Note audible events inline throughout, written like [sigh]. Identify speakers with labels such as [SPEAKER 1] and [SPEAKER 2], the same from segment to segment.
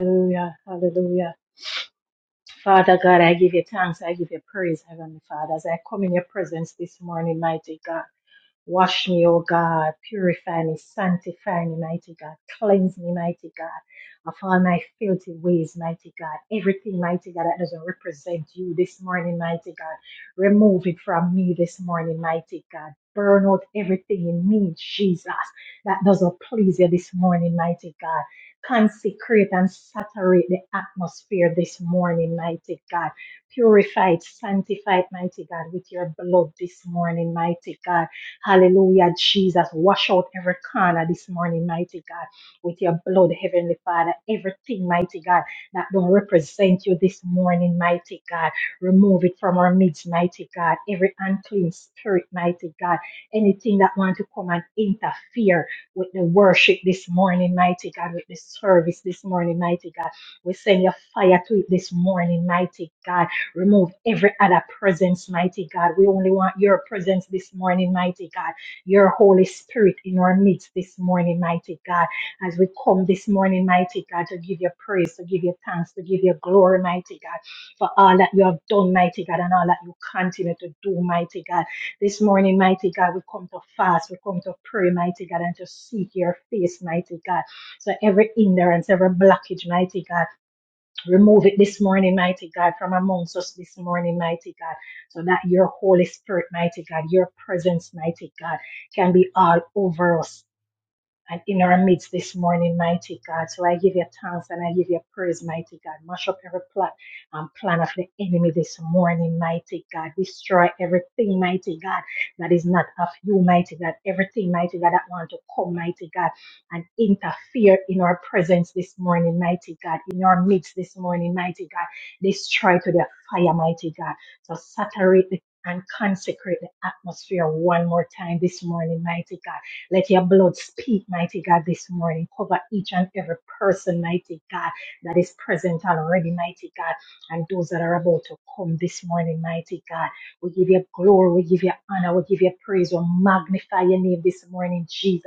[SPEAKER 1] Hallelujah, hallelujah. Father God, I give you thanks, I give you praise, Heavenly Father, as I come in your presence this morning, mighty God. Wash me, O God. Purify me, sanctify me, mighty God. Cleanse me, mighty God, of all my filthy ways, mighty God. Everything, mighty God, that doesn't represent you this morning, mighty God. Remove it from me this morning, mighty God. Burn out everything in me, Jesus, that doesn't please you this morning, mighty God. Consecrate and saturate the atmosphere this morning, mighty God. Purify it, sanctify it, mighty God, with your blood this morning, mighty God Hallelujah, Jesus. Wash out every corner this morning, mighty God, with your blood, Heavenly Father. Everything, mighty God, that don't represent you this morning, mighty God. Remove it from our midst, mighty God. Every unclean spirit, mighty God. Anything that want to come and interfere with the worship this morning, mighty God, with the service this morning, mighty God. We send your fire to it this morning, mighty God. Remove every other presence, mighty God. We only want your presence this morning, mighty God. Your Holy Spirit in our midst this morning, mighty God. As we come this morning, mighty God, to give you praise, to give you thanks, to give you glory, mighty God, for all that you have done, mighty God, and all that you continue to do, mighty God. This morning, mighty God, we come to fast, we come to pray, mighty God, and to seek your face, mighty God. So every hindrance, every blockage, mighty God. Remove it this morning, mighty God, from amongst us this morning, mighty God, so that your Holy Spirit, mighty God, your presence, mighty God, can be all over us and in our midst this morning, mighty God. So I give you thanks and I give you praise, mighty God. Mash up every plot and plan of the enemy this morning, mighty God. Destroy everything, mighty God, that is not of you, mighty God. Everything, mighty God, that want to come, mighty God, and interfere in our presence this morning, mighty God. In our midst this morning, mighty God. Destroy to the fire, mighty God. So saturate the and consecrate the atmosphere one more time this morning, mighty God let your blood speak, mighty God, this morning. Cover each and every person, mighty God, that is present already, mighty God, and those that are about to come this morning, mighty God. We give you glory, we give you honor, we give you praise, we magnify your name this morning, Jesus,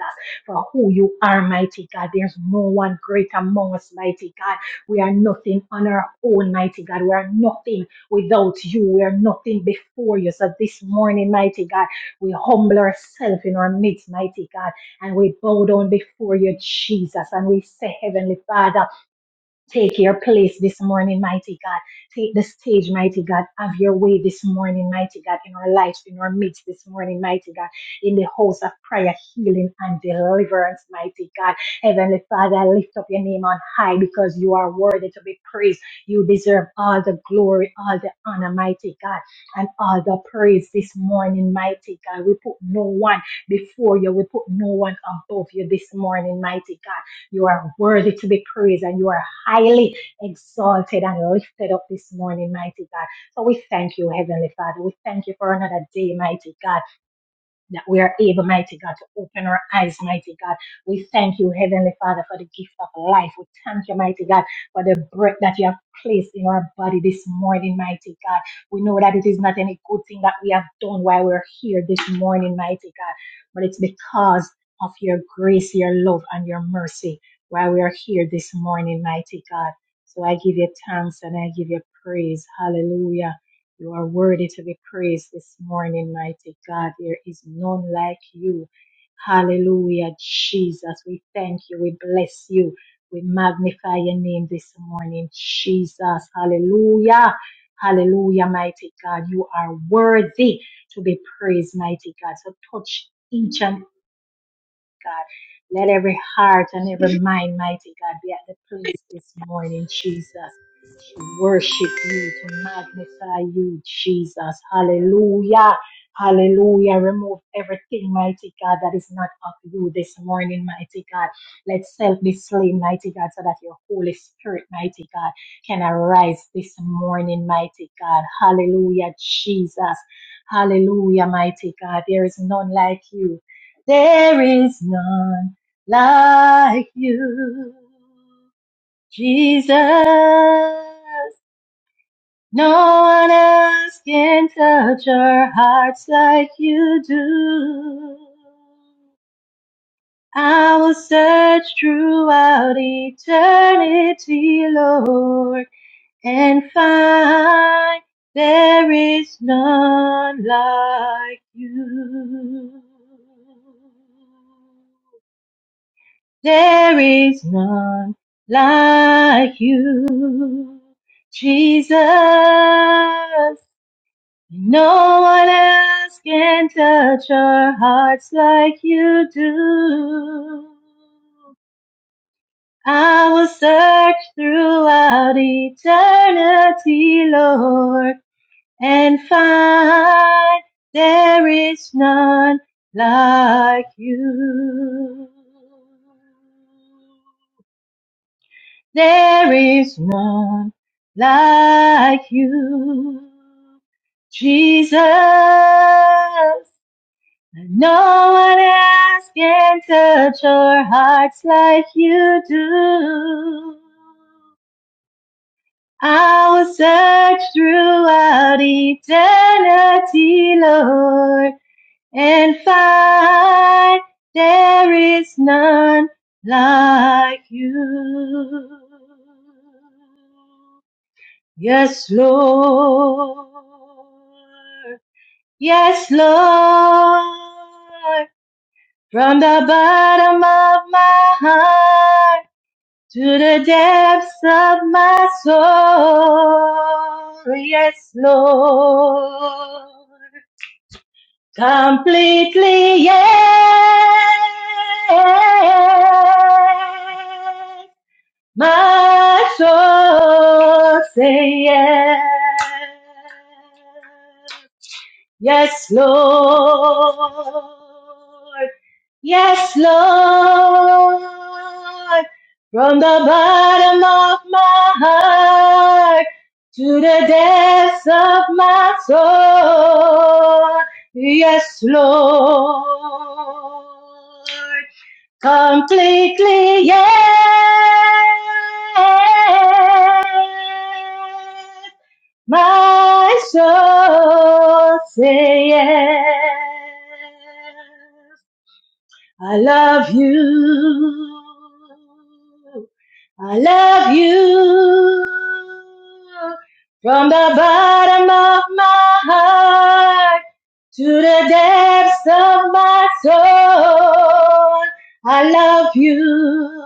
[SPEAKER 1] for who you are, mighty God. There's no one great among us, mighty God. We are nothing on our own, mighty God. We are nothing without you. We are nothing before you. So this morning, mighty God. We humble ourselves in our midst, mighty God, and we bow down before you, Jesus, and we say, Heavenly Father, Take your place this morning, mighty God. Take the stage, mighty God. Have your way this morning, mighty God, in our lives, in our midst this morning, mighty God, in the house of prayer, healing, and deliverance, mighty God. Heavenly Father, I lift up your name on high because you are worthy to be praised. You deserve all the glory, all the honor, mighty God, and all the praise this morning, mighty God. We put no one before you, we put no one above you this morning, mighty God. You are worthy to be praised and you are highly exalted and lifted up this morning, mighty God. So we thank you, Heavenly Father. We thank you for another day, mighty God that we are able, mighty God, to open our eyes, mighty God. We thank you, Heavenly Father, for the gift of life. We thank you, mighty God, for the breath that you have placed in our body this morning, mighty God. We know that it is not any good thing that we have done while we're here this morning, mighty God, but it's because of your grace, your love, and your mercy while we are here this morning, mighty God. So I give you thanks and I give you praise. Hallelujah. You are worthy to be praised this morning, mighty God. There is none like you. Hallelujah, Jesus. We thank you. We bless you. We magnify your name this morning, Jesus. Hallelujah. Hallelujah, mighty God. You are worthy to be praised, mighty God. So touch each and God. Let every heart and every mind, mighty God, be at the place this morning, Jesus to worship you, to magnify you, Jesus. Hallelujah. Hallelujah. Remove everything, mighty God, that is not of you this morning, mighty God. Let self be slain, mighty God, so that your Holy Spirit, mighty God, can arise this morning, mighty God. Hallelujah, Jesus. Hallelujah, mighty God. There is none like you. There is none like you, Jesus. No one else can touch our hearts like you do. I will search throughout eternity, Lord, and find there is none like you. There is none like you, Jesus. No one else can touch our hearts like you do. I will search throughout eternity, Lord, and find there is none like you. There is none like you. Jesus, No one else can touch our hearts like you do. I will search throughout eternity, Lord, and find there is none like you. Yes, Lord. Yes, Lord. From the bottom of my heart to the depths of my soul. Yes, Lord. Completely, yes. My soul say yes. Yes, Lord. Yes, Lord. From the bottom of my heart to the depths of my soul. Yes, Lord. Completely, yes. My soul say yes. I love you. I love you from the bottom of my heart to the depths of my soul. I love you.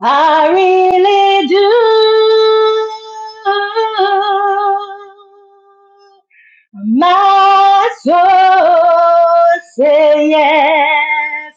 [SPEAKER 1] I really do. My soul say yes.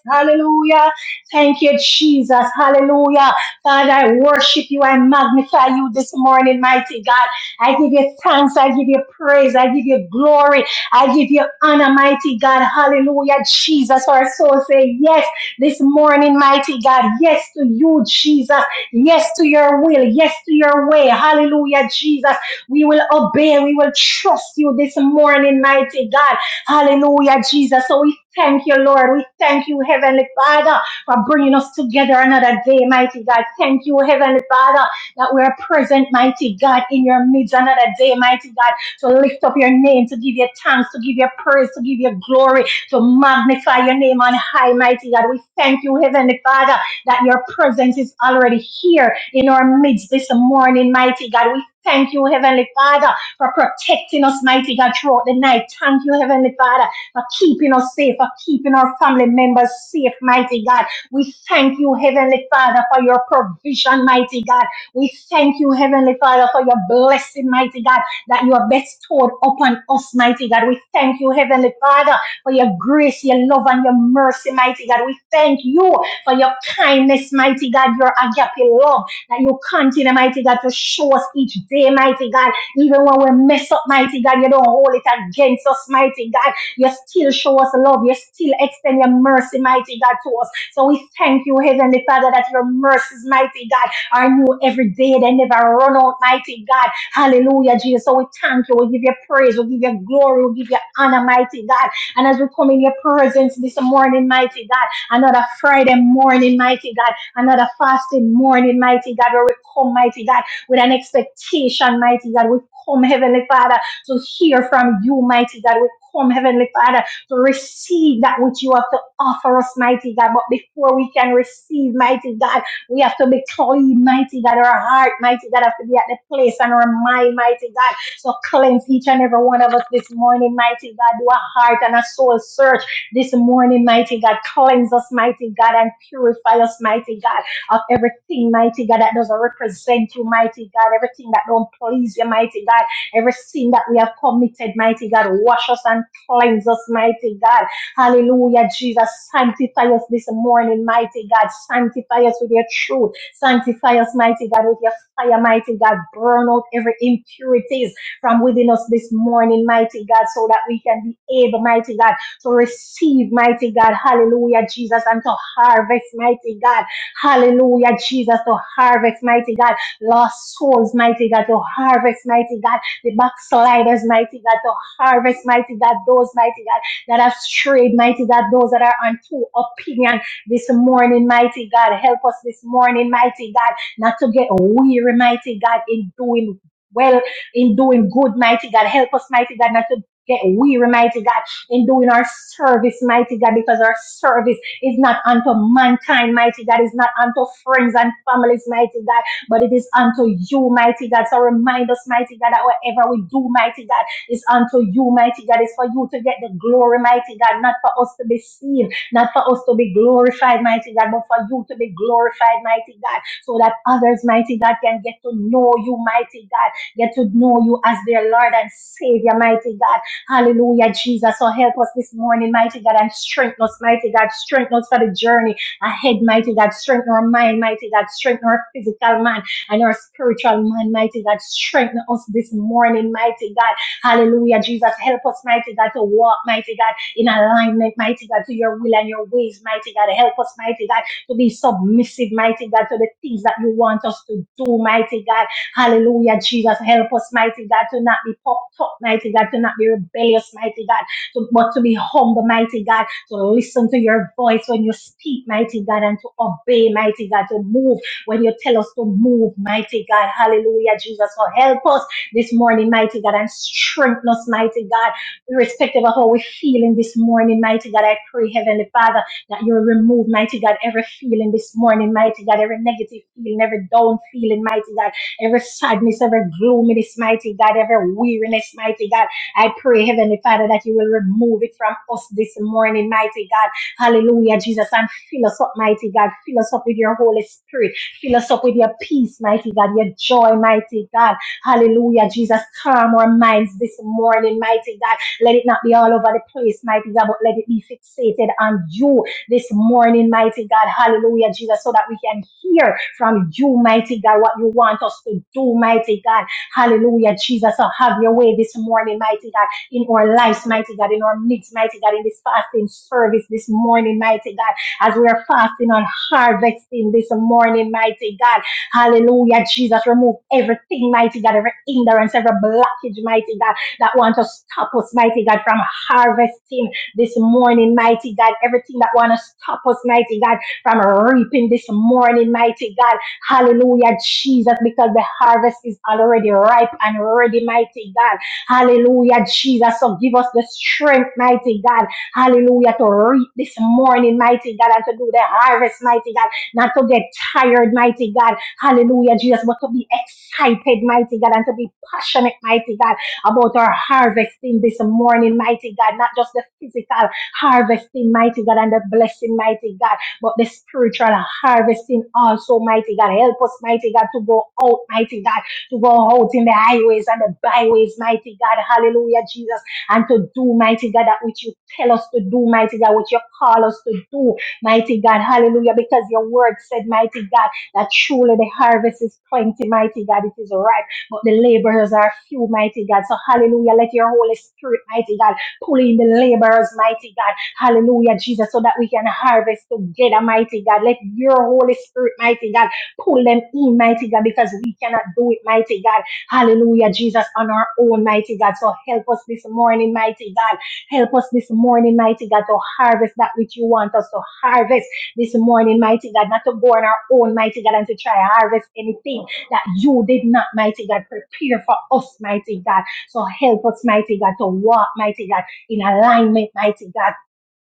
[SPEAKER 1] Hallelujah. Thank you, Jesus. Hallelujah. Father, I worship you. I magnify you this morning, mighty God. I give you thanks. I give you praise. I give you glory. I give you honor, mighty God. Hallelujah. Jesus, our soul say yes this morning, mighty God. Yes to you, Jesus. Yes to your will. Yes to your way. Hallelujah, Jesus. We will obey. We will trust you this morning, mighty God. Hallelujah, Jesus. So we thank you, Lord. We thank you, Heavenly Father, for bringing us together another day, mighty God. Thank you, Heavenly Father, that we are present, mighty God, in your midst another day, mighty God. To lift up your name, to give you thanks, to give you praise, to give you glory, to magnify your name on high, mighty God. We thank you, Heavenly Father that your presence is already here in our midst this morning, mighty God. We thank you, Heavenly Father, for protecting us, mighty God, throughout the night. Thank you, Heavenly Father, for keeping us safe, for keeping our family members safe, mighty God. We thank you, Heavenly Father, for your provision, mighty God. We thank you, Heavenly Father, for your blessing, mighty God, that you have bestowed upon us, mighty God. We thank you, Heavenly Father, for your grace, your love, and your mercy, mighty God. We thank you, for your kindness, mighty God, your agape love that you continue, mighty God, to show us each day, mighty God. Even when we mess up, mighty God, you don't hold it against us, mighty God. You still show us love. You still extend your mercy, mighty God, to us. So we thank you, Heavenly Father, that your mercies, mighty God, are new every day. They never run out, mighty God. Hallelujah, Jesus. So we thank you. We give you praise. We give you glory. We give you honor, mighty God. And as we come in your presence this morning, mighty God, another Friday morning, mighty God, another fasting morning, mighty God, where we come, mighty God, with an expectation, mighty God. We come, Heavenly Father, to hear from you, mighty God. We come, Heavenly Father, to receive that which you have to offer us, mighty God. But before we can receive, mighty God, we have to be clean, mighty God. Our heart, mighty God, have to be at the place and our mind, mighty God. So cleanse each and every one of us this morning, mighty God. Do a heart and a soul search this morning, mighty God. Cleanse us, mighty God, and purify us, mighty God, of everything, mighty God, that doesn't represent you, mighty God, everything that don't please you, mighty God, every sin that we have committed, mighty God. Wash us and cleanse us, mighty God. Hallelujah, Jesus. Sanctify us this morning, mighty God. Sanctify us with your truth. Sanctify us, mighty God, with your fire, mighty God. Burn out every impurities from within us this morning, mighty God, so that we can be able, mighty God to receive, mighty God, hallelujah, Jesus, and to harvest, mighty God, hallelujah, Jesus, to harvest, mighty God, lost souls, mighty God, to harvest, mighty God, the backsliders, mighty God, to harvest, mighty God, those, mighty God, that have strayed, mighty God, those that are on true opinion this morning, mighty God, help us this morning, mighty God, not to get weary, mighty God, in doing well, in doing good, mighty God, help us, mighty God, not to Get weary, mighty God, in doing our service, mighty God, because our service is not unto mankind, mighty God, is not unto friends and families, mighty God, but it is unto you, mighty God. So remind us, mighty God, that whatever we do, mighty God, is unto you, mighty God. It's for you to get the glory, mighty God, not for us to be seen, not for us to be glorified, mighty God, but for you to be glorified, mighty God, so that others, mighty God, can get to know you, mighty God, get to know you as their Lord and Savior, mighty God. Hallelujah, Jesus. So help us this morning, mighty God, and strengthen us, mighty God. Strengthen us for the journey ahead, mighty God. Strengthen our mind, mighty God. Strengthen our physical man and our spiritual man, mighty God. Strengthen us this morning, mighty God. Hallelujah, Jesus. Help us, mighty God, to walk, mighty God, in alignment, mighty God, to your will and your ways, mighty God. Help us, mighty God, to be submissive, mighty God, to the things that you want us to do, mighty God. Hallelujah, Jesus. Help us, mighty God, to not be puffed up, mighty God, to not be rebellious, mighty God, to, but to be humble, mighty God, to listen to your voice when you speak, mighty God, and to obey, mighty God, to move when you tell us to move, mighty God. Hallelujah, Jesus. So help us this morning, mighty God, and strengthen us, mighty God, irrespective of how we're feeling this morning, mighty God. I pray, Heavenly Father, that you remove, mighty God, every feeling this morning, mighty God, every negative feeling, every down feeling, mighty God every sadness, every gloom in this mighty God, every weariness, mighty God. I pray, Heavenly Father, that you will remove it from us this morning, mighty God. Hallelujah, Jesus, and fill us up, mighty God. Fill us up with your Holy Spirit. Fill us up with your peace, mighty God, your joy, mighty God. Hallelujah, Jesus, calm our minds this morning, mighty God. Let it not be all over the place, mighty God, but let it be fixated on you this morning, mighty God. Hallelujah, Jesus, so that we can hear from you, mighty God, what you want us to do, mighty God. Hallelujah, Jesus. So have your way this morning, mighty God, in our lives, mighty God, in our midst, mighty God, in this fasting service this morning, mighty God, as we are fasting on harvesting this morning, mighty God. Hallelujah, Jesus. Remove everything, mighty God, every hindrance, every blockage, mighty God, that want to stop us, mighty God, from harvesting this morning, mighty God. Everything that want to stop us, mighty God, from reaping this morning, mighty God. Hallelujah, Jesus, because the harvest is already ripe and ready, mighty God. Hallelujah, Jesus. So give us the strength, mighty God. Hallelujah, to reap this morning, mighty God, and to do the harvest, mighty God. Not to get tired, mighty God. Hallelujah, Jesus, but to be excited, mighty God, and to be passionate, mighty God about our harvesting this morning, mighty God, not just the physical harvesting, mighty God, and the blessing, mighty God, but the spiritual harvesting also, mighty God. Help us, mighty God, to go out, mighty God, to go out in the highways and the byways, mighty God. Hallelujah, Jesus. And to do, mighty God, that which you tell us to do, mighty God, what you call us to do, mighty God. Hallelujah, because your word said, mighty God, that truly the harvest is plenty, mighty God. It is ripe but the laborers are few, mighty God. So hallelujah, let your Holy Spirit, mighty God, pull in the laborers, mighty God. Hallelujah, Jesus, so that we can harvest together, mighty God. Let your Holy Spirit, mighty God, pull them in, mighty God, because we cannot do it, mighty God. Hallelujah, Jesus, on our own, mighty God. So help us this morning, mighty God. Help us this morning, mighty God, to harvest that which you want us to harvest this morning, mighty God. Not to go on our own, mighty God, and to try harvest anything that you did not, mighty God, prepare for us, mighty God. So help us, mighty God, to walk, mighty God, in alignment, mighty God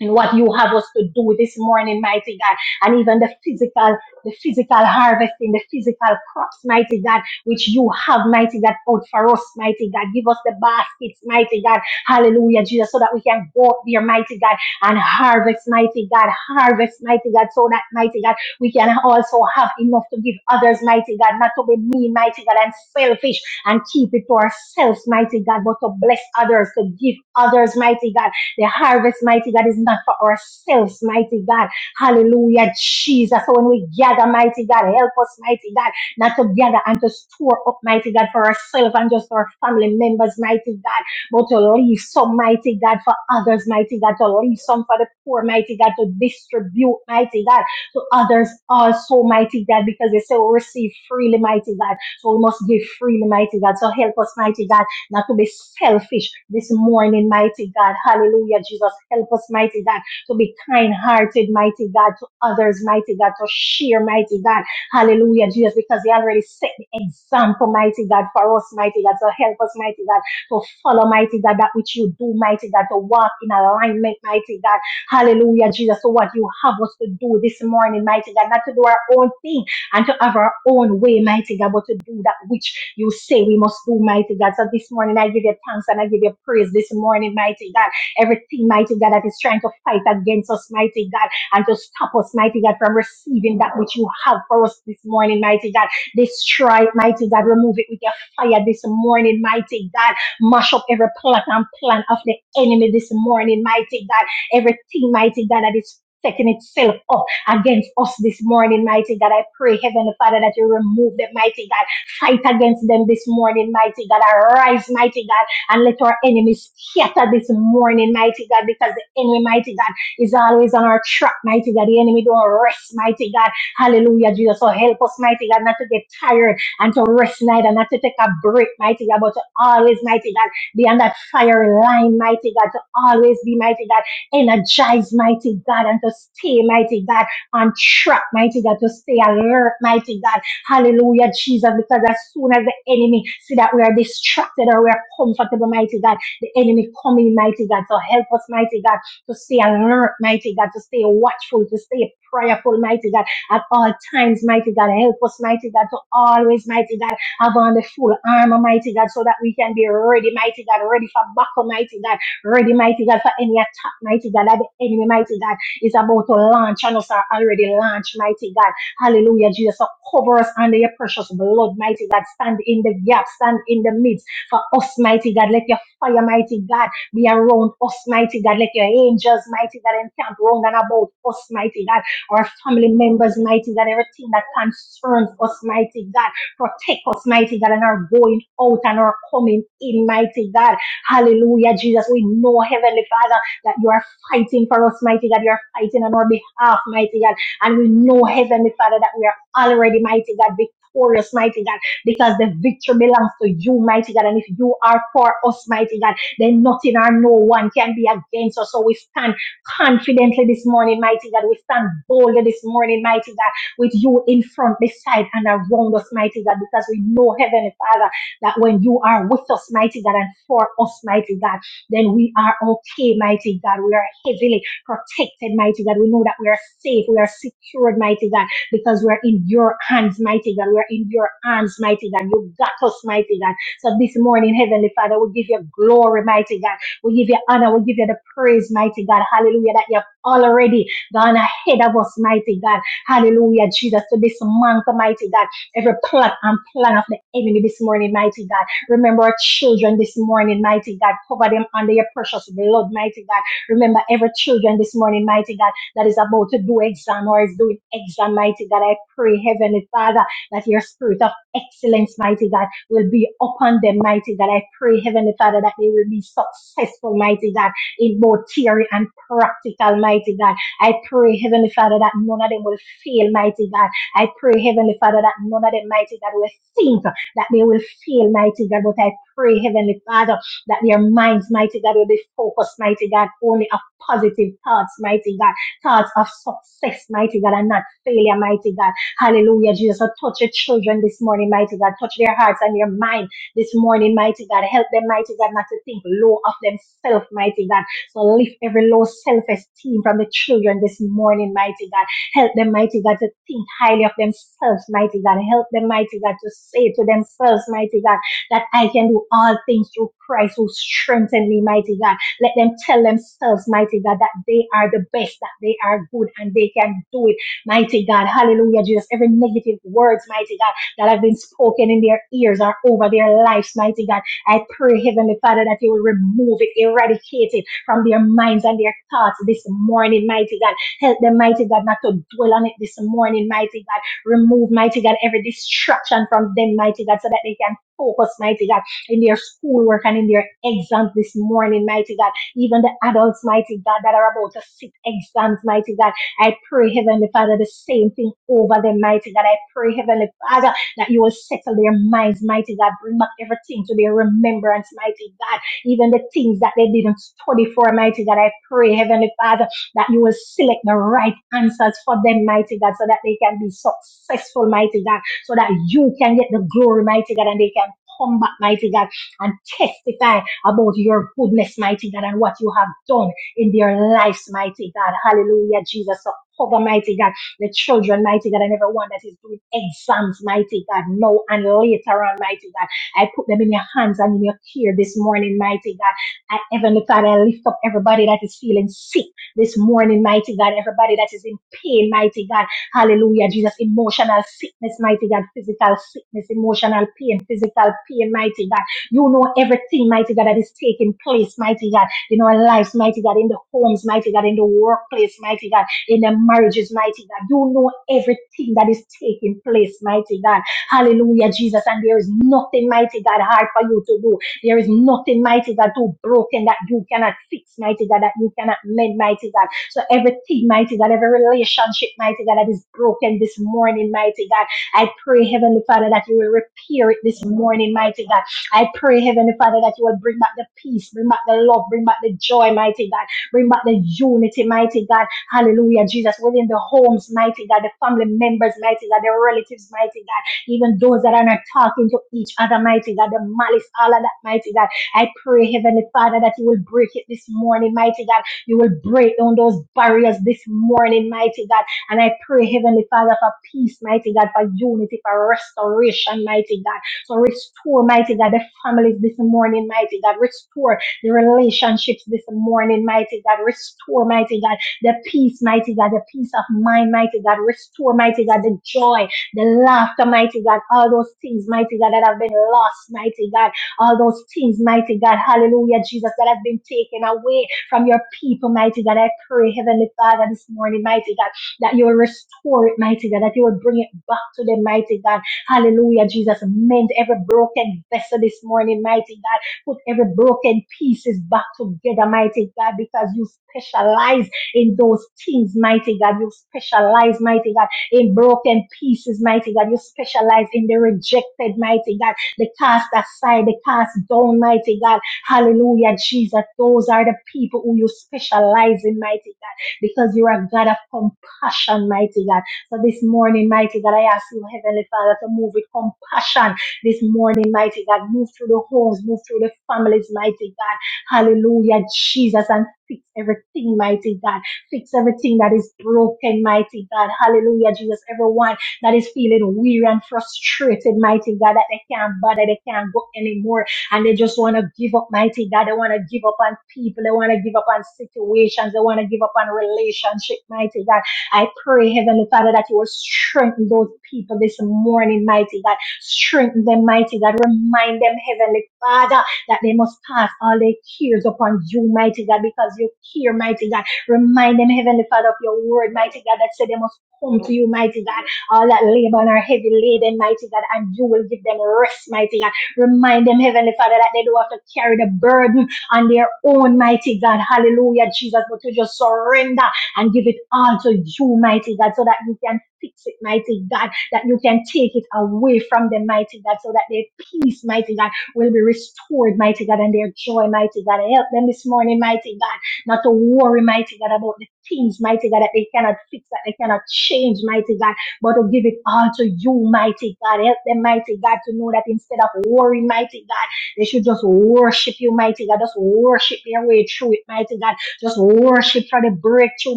[SPEAKER 1] and what you have us to do this morning, mighty God, and even the physical, the physical harvesting, the physical crops, mighty God, which you have, mighty God, out for us, mighty God. Give us the baskets, mighty God. Hallelujah, Jesus, so that we can go up there, mighty God, and harvest, mighty God, harvest, mighty God, so that, mighty God, we can also have enough to give others, mighty God, not to be mean, mighty God, and selfish and keep it to ourselves, mighty God, but to bless others, to give others, mighty God the harvest, mighty God, is not for ourselves, mighty God. Hallelujah, Jesus. So when we gather, mighty God, help us, mighty God, not to gather and to store up, mighty God, for ourselves and just our family members, mighty God, but to leave some, mighty God, for others, mighty God, to leave some for the poor, mighty God, to distribute, mighty God, to others also, mighty God, because they say we receive freely, mighty God. So we must give freely, mighty God. So help us, mighty God not to be selfish this morning, mighty God. Hallelujah, Jesus. Help us, mighty God, to be kind hearted, mighty God, to others, mighty God, to share, mighty God. Hallelujah, Jesus, because He already set the example, mighty God, for us, mighty God. So help us, mighty God, to follow, mighty God, that which you do, mighty God, to walk in alignment, mighty God. Hallelujah, Jesus, to what you have us to do this morning, mighty God, not to do our own thing and to have our own way, mighty God, but to do that which you say we must do, mighty God. So this morning I give you thanks and I give you praise this morning, mighty God. Everything, mighty God, that is trying to fight against us, mighty God, and to stop us, mighty God, from receiving that which you have for us this morning, mighty God. Destroy it, mighty God. Remove it with your fire this morning, mighty God. Mash up every plot and plan of the enemy this morning, mighty God. Everything, mighty God, that is setting itself up against us this morning, mighty God. I pray, Heavenly Father, that you remove them, mighty God. Fight against them this morning, mighty God. Arise, mighty God, and let our enemies scatter this morning, mighty God, because the enemy, mighty God, is always on our track, mighty God. The enemy don't rest, mighty God. Hallelujah, Jesus. So help us, mighty God, not to get tired and to rest neither, not to take a break, mighty God, but to always, mighty God, be on that fire line, mighty God, to always be, mighty God, energized, mighty God, and to stay, mighty God and trap, mighty God, to stay alert, mighty God. Hallelujah, Jesus, because as soon as the enemy see that we are distracted or we are comfortable, mighty God, the enemy coming, mighty God. So help us, mighty God, to stay alert, mighty God, to stay watchful, to stay prayerful, mighty God, at all times, mighty God. Help us, mighty God, to always, mighty God, have on the full armor, mighty God, so that we can be ready, mighty God, ready for battle, mighty God, ready, mighty God, for any attack, mighty God, at the enemy, mighty God is about to launch and us are already launched, mighty God. Hallelujah, Jesus. So cover us under your precious blood, mighty God. Stand in the gap, stand in the midst for us, mighty God. Let your fire, mighty God, be around us, mighty God. Let your angels, mighty God, encamp round and about us, mighty God. Our family members, mighty God. Everything that concerns us, mighty God. Protect us, mighty God, and our going out and our coming in, mighty God. Hallelujah, Jesus. We know, Heavenly Father, that you are fighting for us, mighty God. You're fighting on our behalf, mighty God. And we know, Heavenly Father, that we are already, mighty God, victorious, mighty God, because the victory belongs to you, mighty God. And if you are for us, mighty God, then nothing or no one can be against us. So we stand confidently this morning, mighty God. We stand boldly this morning, mighty God, with you in front, beside, and around us, mighty God, because we know, Heavenly Father, that when you are with us, mighty God, and for us, mighty God then we are okay, mighty God. We are heavily protected, mighty God. We know that we are safe, we are secured, mighty God, because we are in your hands, mighty God. We are in your arms, mighty God. You got us, mighty God. So this morning, Heavenly Father, we give you glory, mighty God. We give you honor, we give you the praise, mighty God. Hallelujah, that you have already gone ahead of us, mighty God. Hallelujah, Jesus, to this month, mighty God. Every plot and plan of the enemy this morning, mighty God. Remember our children this morning, mighty God. Cover them under your precious blood, mighty God. Remember every children this morning, mighty God, that is about to do exam or is doing exam, mighty God. I pray, Heavenly Father, that your spirit of excellence, mighty God, will be upon them, mighty God. I pray, Heavenly Father, that they will be successful, mighty God, in both theory and practical, mighty God. I pray, Heavenly Father, that none of them will fail, mighty God. I pray, Heavenly Father, that none of them, mighty God, will think that they will feel, mighty God. But I pray, Heavenly Father, that their minds, mighty God, will be focused, mighty God, only of positive thoughts, mighty God, thoughts of success, mighty God, and not failure, mighty God. Hallelujah, Jesus. So touch your children this morning, mighty God. Touch their hearts and their mind this morning, mighty God. Help them, mighty God, not to think low of themselves, mighty God. So lift every low self esteem from the children this morning, mighty God. Help them, mighty God, to think highly of themselves, mighty God. Help them, mighty God, to say to themselves, mighty God, that I can do all things through Christ who strengthened me, mighty God. Let them tell themselves, mighty God, that they are the best, that they are good, and they can do it, mighty God. Hallelujah, Jesus. Every negative words, mighty God, that have been spoken in their ears or over their lives, mighty God. I pray, Heavenly Father, that you will remove it, eradicate it from their minds and their thoughts this morning, mighty God Help them, mighty God, not to dwell on it this morning, mighty God. Remove, mighty God, every distraction from them, mighty God, so that they can focus, mighty God, in their schoolwork and in their exams this morning, mighty God. Even the adults, mighty God, that are about to sit exams, mighty God. I pray, Heavenly Father, the same thing over them, mighty God. I pray, Heavenly Father, that you will settle their minds, mighty God. Bring back everything to their remembrance, mighty God. Even the things that they didn't study for, mighty God. I pray, Heavenly Father that you will select the right answers for them, mighty God, so that they can be successful, mighty God, so that you can get the glory, mighty God, and they can come back, mighty God, and testify about your goodness, mighty God, and what you have done in their lives, mighty God. Hallelujah, Jesus. So cover, mighty God, the children, mighty God, and everyone that is doing exams, mighty God, now and later on, mighty God. I put them in your hands and in your care this morning, mighty God. I, Heavenly Father, I lift up everybody that is feeling sick this morning, mighty God. Everybody that is in pain, mighty God. Hallelujah, Jesus. Emotional sickness, mighty God. Physical sickness, emotional pain, physical pain, mighty God. You know everything, mighty God, that is taking place, mighty God, in our lives, mighty God, in the homes, mighty God, in the workplace, mighty God, in the marriages, mighty God. You know everything that is taking place, mighty God. Hallelujah, Jesus. And there is nothing, mighty God, hard for you to do. There is nothing mighty God too broken that you cannot fix, mighty God, that you cannot mend, mighty God. So everything, mighty God, every relationship, mighty God, that is broken this morning, mighty God. I pray, Heavenly Father, that you will repair it this morning, mighty God. I pray, Heavenly Father, that you will bring back the peace, bring back the love, bring back the joy, mighty God. Bring back the unity, mighty God. Hallelujah, Jesus. Within the homes, mighty God, the family members, mighty God, the relatives, mighty God even those that are not talking to each other, mighty God, the malice, all of that, mighty God. I pray, Heavenly Father, that you will break it this morning, mighty God. You will break down those barriers this morning, mighty God. And I pray, Heavenly Father, for peace, mighty God, for unity, for restoration, mighty God. So restore, mighty God, the families this morning, mighty God. Restore the relationships this morning, mighty God. Restore, mighty God, the peace, mighty God, the peace of mind, mighty God. Restore, mighty God, the joy the laughter, mighty God, all those things, mighty God, that have been lost, mighty God, all those things, mighty God, hallelujah, Jesus, that have been taken away from your people, mighty God. I pray, Heavenly Father, this morning, mighty God, that you will restore it, mighty God, that you will bring it back to them, mighty God. Hallelujah, Jesus, mend every broken vessel this morning, mighty God. Put every broken pieces back together, mighty God, because you specialize in those things, mighty God. You specialize, mighty God in broken pieces, mighty God. You specialize in the rejected, mighty God, the cast aside, the cast down, mighty God. Hallelujah, Jesus. Those are the people who you specialize in, mighty God, because you're a God of compassion, mighty God. So this morning, mighty God, I ask you, Heavenly Father, to move with compassion this morning, mighty God. Move through the homes, move through the families, mighty God. Hallelujah, Jesus, and fix everything, mighty God. Fix everything that is broken, mighty God. Hallelujah, Jesus. Everyone that is feeling weary and frustrated, mighty God, that they can't bother, they can't go anymore, and they just want to give up, mighty God. They want to give up on people, they want to give up on situations, they want to give up on relationship, mighty God. I pray, Heavenly Father, that you will strengthen those people this morning, mighty God. Strengthen them, mighty God. Remind them, Heavenly Father, that they must pass all their cares upon you, mighty God, because you care, mighty God Remind them, Heavenly Father, of your word, mighty God, that said they must come to you, mighty God. All that labor and are heavy laden, mighty God, and you will give them rest, mighty God. Remind them, Heavenly Father, that they don't have to carry the burden on their own, mighty God. Hallelujah, Jesus, but to just surrender and give it all to you, mighty God, so that you can fix it, mighty God, that you can take it away from them, mighty God, so that their peace, mighty God, will be restored, mighty God, and their joy, mighty God. Help them this morning, mighty God not to worry, mighty God, about the things, mighty God, that they cannot fix, that they cannot change, mighty God, but to give it all to you, mighty God. Help them, mighty God, to know that instead of worrying, mighty God, they should just worship you, mighty God. Just worship their way through it, mighty God. Just worship for the breakthrough,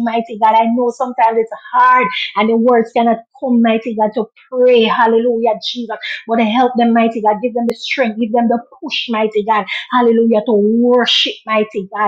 [SPEAKER 1] mighty God. I know sometimes it's hard and the words cannot come, mighty God, to pray. Hallelujah, Jesus. But help them, mighty God. Give them the strength. Give them the push, mighty God. Hallelujah, to worship, mighty God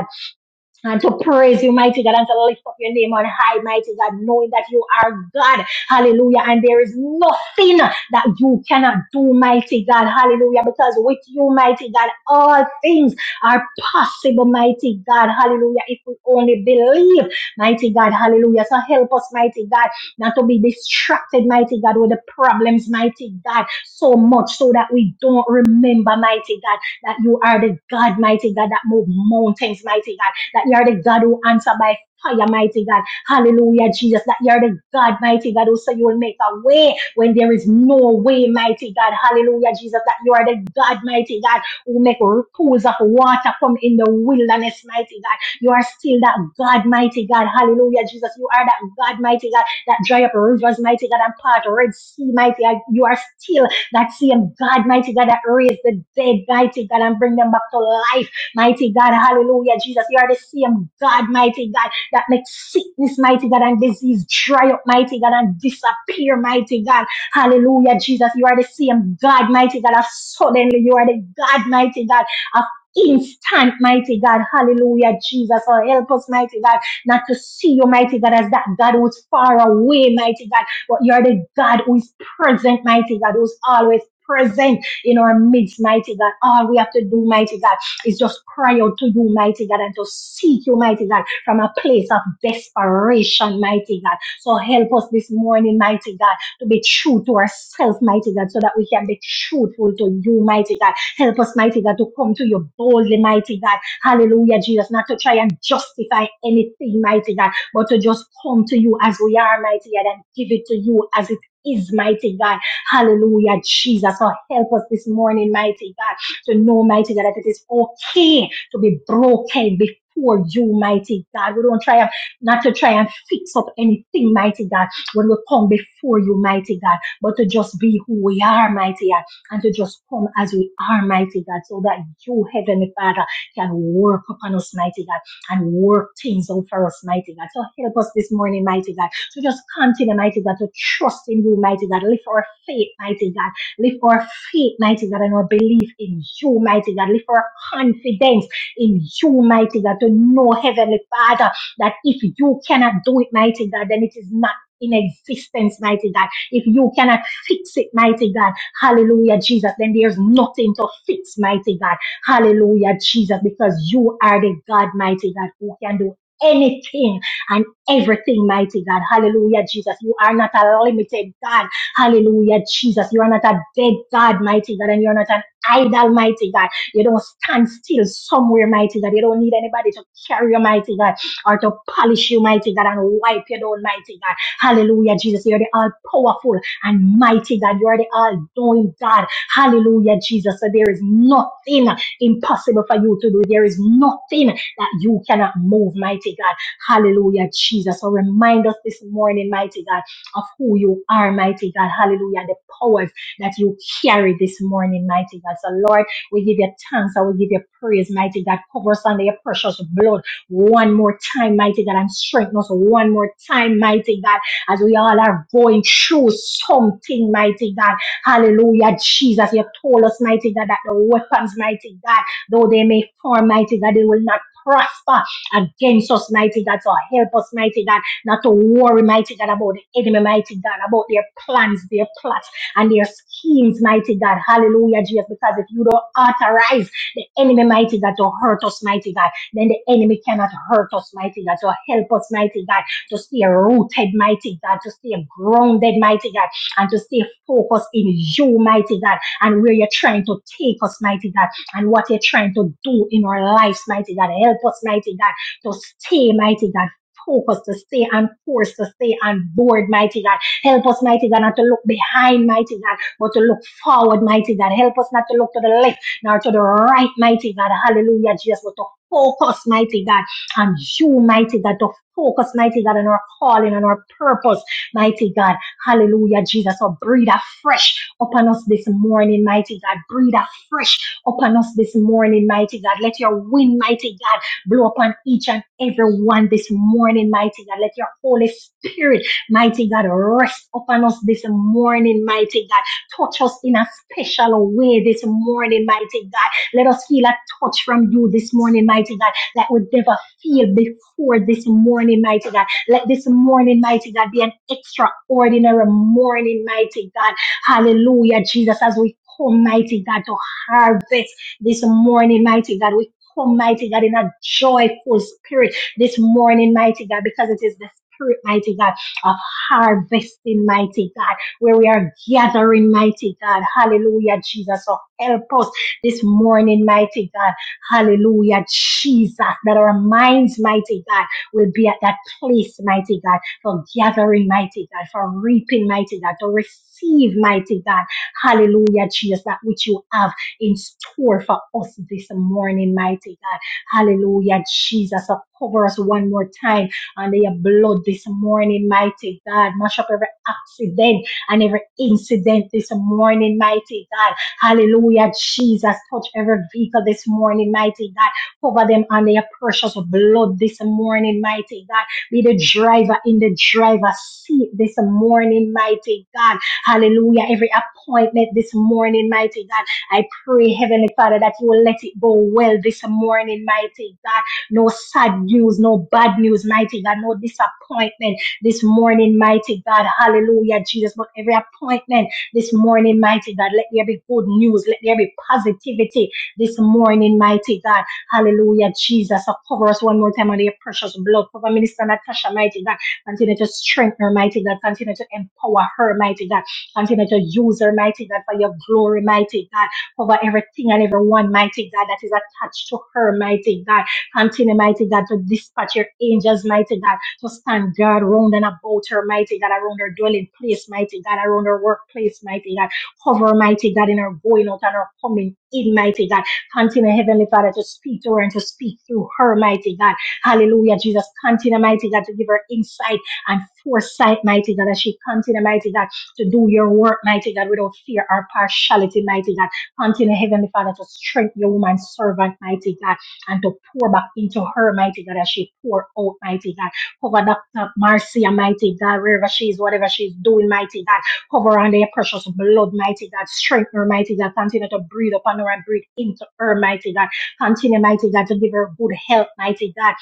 [SPEAKER 1] and to praise you, mighty God, and to lift up your name on high, mighty God, knowing that you are God. Hallelujah. And there is nothing that you cannot do, mighty God. Hallelujah. Because with you, mighty God, all things are possible, mighty God. Hallelujah. If we only believe, mighty God. Hallelujah. So help us, mighty God, not to be distracted, mighty God, with the problems, mighty God, so much so that we don't remember, mighty God, that you are the God, mighty God, that move mountains, mighty God that you are the God who answer by fire, mighty God. Hallelujah, Jesus, that you are the God, mighty God, who say you will make a way when there is no way, mighty God. Hallelujah, Jesus, that you are the God, mighty God, who make pools of water come in the wilderness, mighty God. You are still that God, mighty God. Hallelujah, Jesus. You are that God, mighty God, that dry up rivers, mighty God, and part Red Sea, mighty God. You are still that same God, mighty God, that raised the dead, mighty God, and bring them back to life Mighty God, hallelujah, Jesus. You are the same God, mighty God, that makes sickness, mighty God, and disease dry up, mighty God, and disappear, mighty God. Hallelujah, Jesus. You are the same God, mighty God, of suddenly. You are the God, mighty God, of instant, mighty God. Hallelujah, Jesus. Oh, help us, mighty God, not to see you, mighty God, as that God who is far away, mighty God, but you are the God who is present, mighty God, who's always present in our midst, mighty God. All we have to do, mighty God is just cry out to you, mighty God, and to seek you, mighty God, from a place of desperation, mighty God. So help us this morning, mighty God, to be true to ourselves, mighty God, so that we can be truthful to you, mighty God. Help us, mighty God, to come to you boldly, mighty God. Hallelujah, Jesus, not to try and justify anything, mighty God, but to just come to you as we are, mighty God, and give it to you as it is, mighty God. Hallelujah, Jesus. So help us this morning, mighty God to know, mighty God, that it is okay okay to be broken before you, mighty God. We don't try not to try and fix up anything, mighty God, when we come before you, mighty God, but to just be who we are, mighty God, and to just come as we are, mighty God, so that you, Heavenly Father, can work upon us, mighty God, and work things out for us, mighty God. So help us this morning, mighty God, to just continue, mighty God, to trust in you, mighty God. Lift our faith, mighty God. Lift our faith, mighty God, and our belief in you, mighty God. Lift our confidence in you, mighty God, to know, Heavenly Father, that if you cannot do it, mighty God, then it is not in existence, mighty God. If you cannot fix it, mighty God, hallelujah, Jesus, then there's nothing to fix, mighty God, hallelujah, Jesus, because you are the God, mighty God, who can do anything and everything, mighty God, hallelujah, Jesus. You are not a limited God, hallelujah, Jesus. You are not a dead God, mighty God, and you are not an idol, mighty God. You don't stand still somewhere, mighty God. You don't need anybody to carry you, mighty God, or to polish you, mighty God, and wipe you down, mighty God. Hallelujah, Jesus. You're the all powerful and mighty God. You are the all knowing God. Hallelujah, Jesus. So there is nothing impossible for you to do. There is nothing that you cannot move, mighty God. Hallelujah, Jesus. So remind us this morning, mighty God, of who you are, mighty God. Hallelujah, and the powers that you carry this morning, mighty God. So, Lord, we give you thanks and we give you praise, mighty God. Cover us under your precious blood one more time, mighty God, and strengthen us one more time, mighty God, as we all are going through something, mighty God. Hallelujah, Jesus. You told us, mighty God, that the weapons, mighty God, though they may form, mighty God, they will not prosper against us, mighty God. So help us, mighty God, not to worry, mighty God, about the enemy, mighty God, about their plans, their plots and their schemes, mighty God. Hallelujah, Jesus, because if you don't authorize the enemy, mighty God, to hurt us, mighty God, then the enemy cannot hurt us, mighty God. So help us, mighty God, to stay rooted, mighty God, to stay grounded, mighty God, and to stay focused in you, mighty God, and where you're trying to take us, mighty God, and what you're trying to do in our lives, mighty God. Help us, mighty God, to stay, mighty God. focused, to stay on course, to stay on board, mighty God, Help us, mighty God, not to look behind, mighty God, but to look forward, mighty God. Help us not to look to the left nor to the right, mighty God. Hallelujah, Jesus, but to focus, mighty God, on you, mighty God, to focus, mighty God, on our calling, on our purpose, mighty God. Hallelujah, Jesus. So breathe afresh upon us this morning, mighty God. Breathe afresh upon us this morning, mighty God. Let your wind, mighty God, blow upon each and every one this morning, mighty God. Let your Holy Spirit Mighty God, rest upon us this morning, mighty God. Touch us in a special way this morning, mighty God. Let us feel a touch from you this morning, mighty God, that we never feel before this morning, mighty God. Let this morning, mighty God, be an extraordinary morning, mighty God. Hallelujah, Jesus, as we come, mighty God, to harvest this morning, mighty God. We come, mighty God, in a joyful spirit this morning, mighty God, because it is the spirit, mighty God. of harvesting, mighty God, where we are gathering, mighty God. Hallelujah, Jesus. So help us this morning, mighty God. Hallelujah, Jesus. That our minds, mighty God, will be at that place, mighty God, for gathering, mighty God, for reaping, mighty God, to receive, mighty God. Hallelujah, Jesus, that which you have in store for us this morning, mighty God. Hallelujah, Jesus. So cover us one more time under your blood this morning, mighty God. Mash up every accident and every incident this morning, mighty God. Hallelujah, Jesus. Touch every vehicle this morning, mighty God. Cover them under your precious blood this morning, mighty God. Be the driver in the driver's seat this morning, mighty God. Hallelujah. Every appointment this morning, mighty God. I pray, Heavenly Father, that you will let it go well this morning, mighty God no sad news, no bad news, mighty God, no disappointment this morning, mighty God. Hallelujah, Jesus. But every appointment this morning, mighty God, let there be good news, let there be positivity this morning, mighty God. Hallelujah, Jesus. So cover us one more time under your precious blood. Cover Minister Natasha, mighty God. Continue to strengthen her, mighty God. Continue to empower her, mighty God. Continue to use her, mighty God, for your glory, mighty God. Cover everything and everyone, mighty God, that is attached to her, mighty God. Continue, mighty God, to dispatch your angels, mighty God, to stand guard round and about her, mighty God, around her dwelling place, mighty God, around her workplace, mighty God. Cover, mighty God, in her going out and her coming in, mighty God. Continue, Heavenly Father, to speak to her and to speak through her, mighty God. Hallelujah, Jesus. Continue, mighty God, to give her insight and foresight, mighty God, as she continue, mighty God, to do your work, mighty God, without fear or partiality, mighty God. Continue, Heavenly Father, to strengthen your woman servant, mighty God and to pour back into her, mighty God, as she pour out, mighty God. Cover Dr. Marcia, mighty God, wherever she is, whatever she's doing, mighty God. Cover her under your precious blood, mighty God. Strengthen her, mighty God. Continue to breathe upon her and breathe into her, mighty God. Continue, mighty God, to give her good health, mighty God.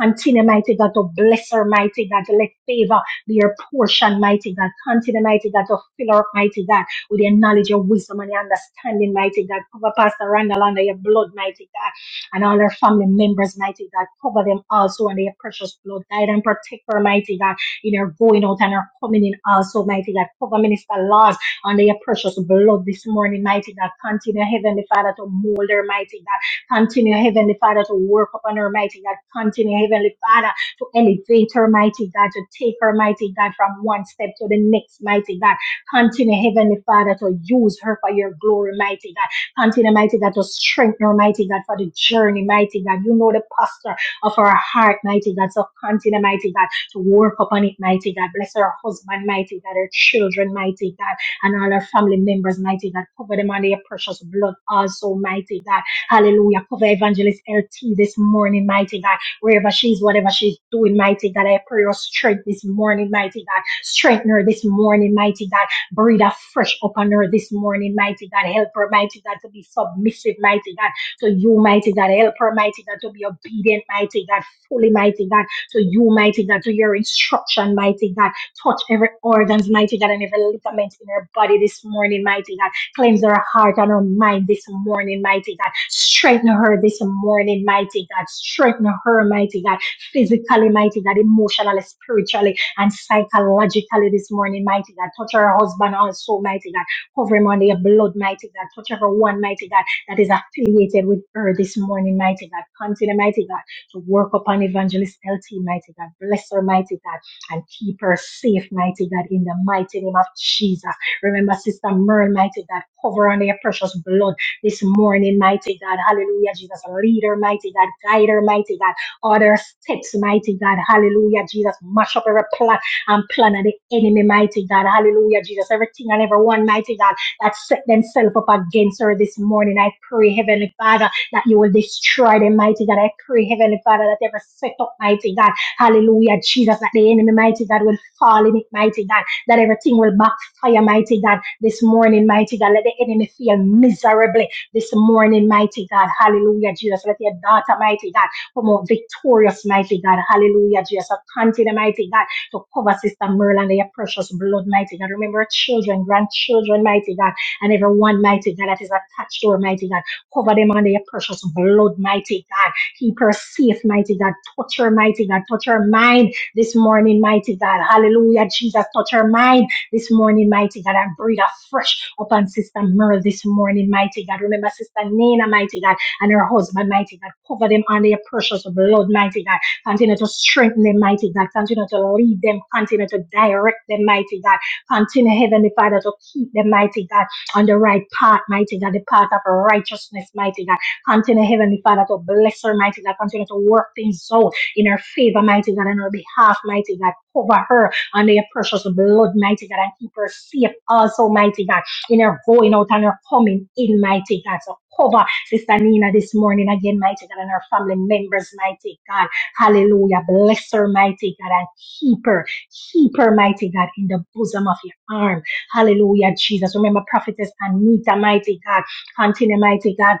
[SPEAKER 1] Continue, mighty God, to bless her, mighty God, to let favor be her portion, mighty God. Continue, mighty God, to fill her up, mighty God, with your knowledge, your wisdom, and your understanding, mighty God. Cover Pastor Randall under your blood, mighty God and all her family members, mighty God. Cover them also in their precious blood. Guide and protect her, mighty God, in her going out and her coming in also, mighty God. Cover Minister Laws under your precious blood this morning, mighty God. Continue, Heavenly Father, to mold her, mighty God. Continue, Heavenly Father, to work upon her, mighty God. Continue, Heavenly Father, to elevate her, mighty God, to take her, mighty God, from one step to the next, mighty God. Continue, Heavenly Father, to use her for your glory, mighty God. Continue, mighty God, to strengthen her, mighty God, for the journey, mighty God. You know the posture of her heart, mighty God. So continue, mighty God, to work upon it, mighty God. Bless her husband, mighty God, her children, mighty God, and all her family members, mighty God. Cover them under your precious blood, also, mighty God. Hallelujah. Cover Evangelist LT this morning, mighty God. Wherever she is, whatever she's doing, mighty God. I pray your strength this morning, mighty God. Strengthen her this morning, mighty God Breathe afresh upon her this morning, mighty God. Help her, mighty God, to be submissive, mighty God, to you, mighty God. Help her, mighty God, to be obedient, mighty God, fully, mighty God, to you, mighty God, to your instruction, mighty God. Touch every organs, mighty God, and every ligament in her body this morning, mighty God. Cleanse her heart and her mind this morning, mighty God. Strengthen her this morning, mighty God. Strengthen her, mighty God. Physically, mighty God. Emotionally, spiritually, and psychologically this morning, mighty God. Touch her husband also, mighty God. Cover him under your blood, mighty God. Touch everyone, mighty God, that is affiliated with her this morning, mighty God. Continue, mighty God, to work upon Evangelist LT, mighty God. Bless her, mighty God, and keep her safe, mighty God, in the mighty name of Jesus. Remember, Sister Merle, mighty God, cover her under your precious blood this morning, mighty God. Hallelujah, Jesus. Lead her, mighty God. Guide her, mighty God all their steps, mighty God. Hallelujah, Jesus. Mash up every plot and plan of the enemy, mighty God. Hallelujah, Jesus. Everything and everyone, mighty God, that set themselves up against her this morning. I pray, Heavenly Father, that you will destroy them, mighty God. I pray, Heavenly Father, that every set up, mighty God. Hallelujah, Jesus, that the enemy, mighty God, will fall in it, mighty God. That everything will backfire, mighty God. This morning, mighty God, let the enemy feel miserably this morning, mighty God. Hallelujah, Jesus. Let your daughter, mighty God. Come out victorious, mighty God. Hallelujah, Jesus. Continue, mighty God, to cover Sister Merlin and your precious blood, mighty God. Remember her children, grandchildren, mighty God, and everyone, mighty God, that is attached to her, mighty God. Cover them under your precious blood, mighty God. Keep her safe, mighty God. Touch her, mighty God. Touch her mind this morning, mighty God. Hallelujah, Jesus. Touch her mind this morning, mighty God. And breathe afresh upon Sister Merle this morning, mighty God. Remember Sister Nina, mighty God and her husband, mighty God. Cover them under your precious blood, mighty God. Continue to strengthen them, mighty God. Continue to lead them. Continue to direct them, mighty God. Continue, Heavenly Father, to keep them, mighty God, on the right path, mighty God, the path of righteousness, mighty God. Continue, Heavenly Father, to bless her, mighty God. Continue to work things out in her favor, mighty God, on her behalf, mighty God. Cover her under your precious blood, mighty God, and keep her safe also, mighty God, in her going out and her coming in, mighty God. So cover Sister Nina this morning again, mighty God, and her family members, mighty God. Hallelujah. Bless her, mighty God, and keep her, keep her, mighty God, in the bosom of your arm. Hallelujah, Jesus. Remember, prophetess Anita, mighty God. Continue, mighty God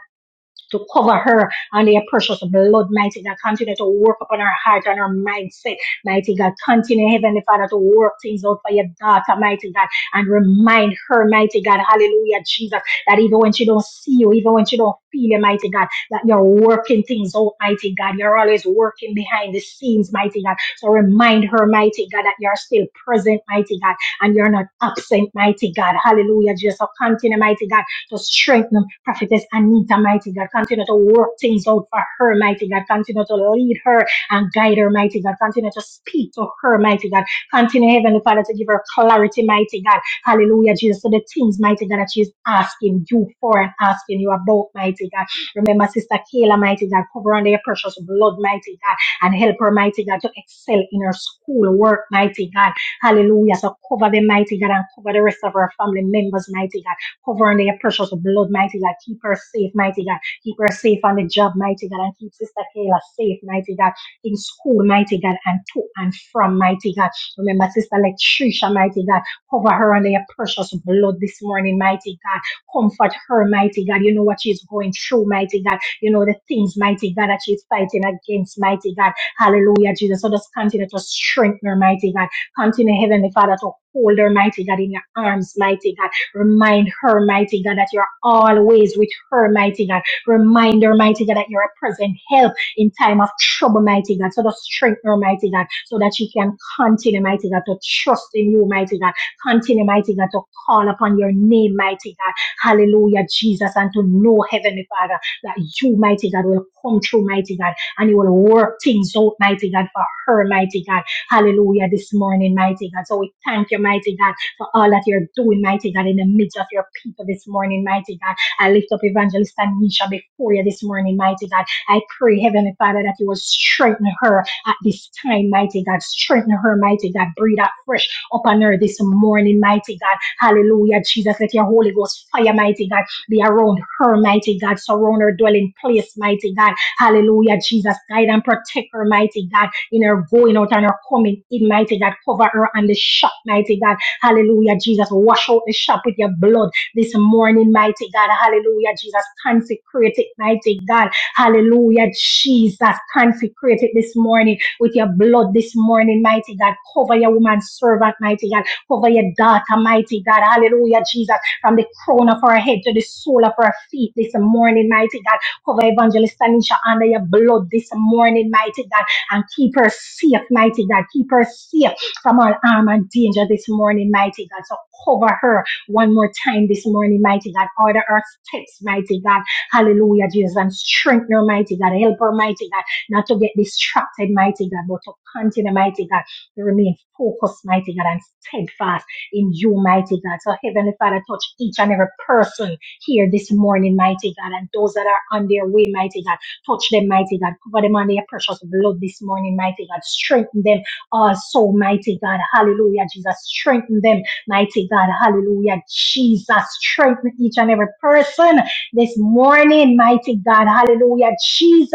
[SPEAKER 1] to cover her and their precious blood, mighty God. Continue to work upon her heart and her mindset, mighty God. Continue, Heavenly Father, to work things out for your daughter, mighty God, and remind her, mighty God, hallelujah, Jesus, that even when she don't see you, even when she don't feel you, mighty God, that you're working things out, mighty God. You're always working behind the scenes, mighty God. So remind her, mighty God, that you're still present, mighty God, and you're not absent, mighty God. Hallelujah, Jesus. So continue, mighty God to strengthen Prophetess Anita, mighty God. Continue to work things out for her, mighty God. Continue to lead her and guide her, mighty God. Continue to speak to her, mighty God. Continue, Heavenly Father, to give her clarity, mighty God. Hallelujah, Jesus. So the things, mighty God, that she's asking you for and asking you about, mighty God. Remember, Sister Kayla, mighty God, cover under your precious blood, mighty God, and help her, mighty God, to excel in her school work, mighty God. Hallelujah. So cover the mighty God and cover the rest of her family members, mighty God. Hover in their precious blood, mighty God. Keep her safe, mighty God. Keep her safe on the job, mighty God. And keep Sister Kayla safe, mighty God. In school, mighty God. And to and from, mighty God. Remember, Sister Latricia, mighty God. Cover her under your precious blood this morning, mighty God. Comfort her, mighty God. You know what she's going through, mighty God. You know the things, mighty God, that she's fighting against, mighty God. Hallelujah, Jesus. So just continue to strengthen her, mighty God. Continue, Heavenly Father, to hold her, mighty God, in your arms, mighty God. Remind her, mighty God, that you're always with her, mighty God. Remind her, mighty God, that you're a present help in time of trouble, mighty God. So just strengthen her, mighty God, so that she can continue, mighty God, to trust in you, mighty God. Continue, mighty God, to call upon your name, mighty God. Hallelujah, Jesus, and to know, Heavenly Father, that you, mighty God, will come through, mighty God, and you will work things out, mighty God, for her, mighty God. Hallelujah, this morning, mighty God. So we thank you, mighty God for all that you're doing, mighty God, in the midst of your people this morning, mighty God. I lift up Evangelist Anisha before you this morning, mighty God. I pray, Heavenly Father, that you will strengthen her at this time, mighty God. Strengthen her, mighty God. Breathe out fresh upon her this morning, mighty God. Hallelujah, Jesus. Let your Holy Ghost fire, mighty God, be around her, mighty God. Surround her dwelling place, mighty God. Hallelujah, Jesus. Guide and protect her, mighty God, in her going out and her coming in, mighty God. Cover her on the shop, mighty God. Hallelujah, Jesus. Wash out the shop with your blood this morning, mighty God. Hallelujah, Jesus. Consecrate it, mighty God. Hallelujah, Jesus. Consecrate it this morning with your blood this morning, mighty God. Cover your woman servant, mighty God. Cover your daughter, mighty God. Hallelujah, Jesus. From the crown of her head to the sole of her feet this morning, mighty God. Cover Evangelist Tanisha under your blood this morning, mighty God. And keep her safe, mighty God. Keep her safe from all harm and danger this morning, mighty God. So cover her one more time this morning, mighty God. Order her steps, mighty God. Hallelujah, Jesus. And strengthen her, mighty God. Help her, mighty God, not to get distracted, mighty God, but to continue, mighty God, to remain focused, mighty God, and steadfast in you, mighty God. So, Heavenly Father, touch each and every person here this morning, mighty God, and those that are on their way, mighty God. Touch them, mighty God. Cover them under your precious blood this morning, mighty God. Strengthen them are so, mighty God. Hallelujah, Jesus. Strengthen them, mighty God. Hallelujah, Jesus. Strengthen each and every person this morning, mighty God. Hallelujah, Jesus.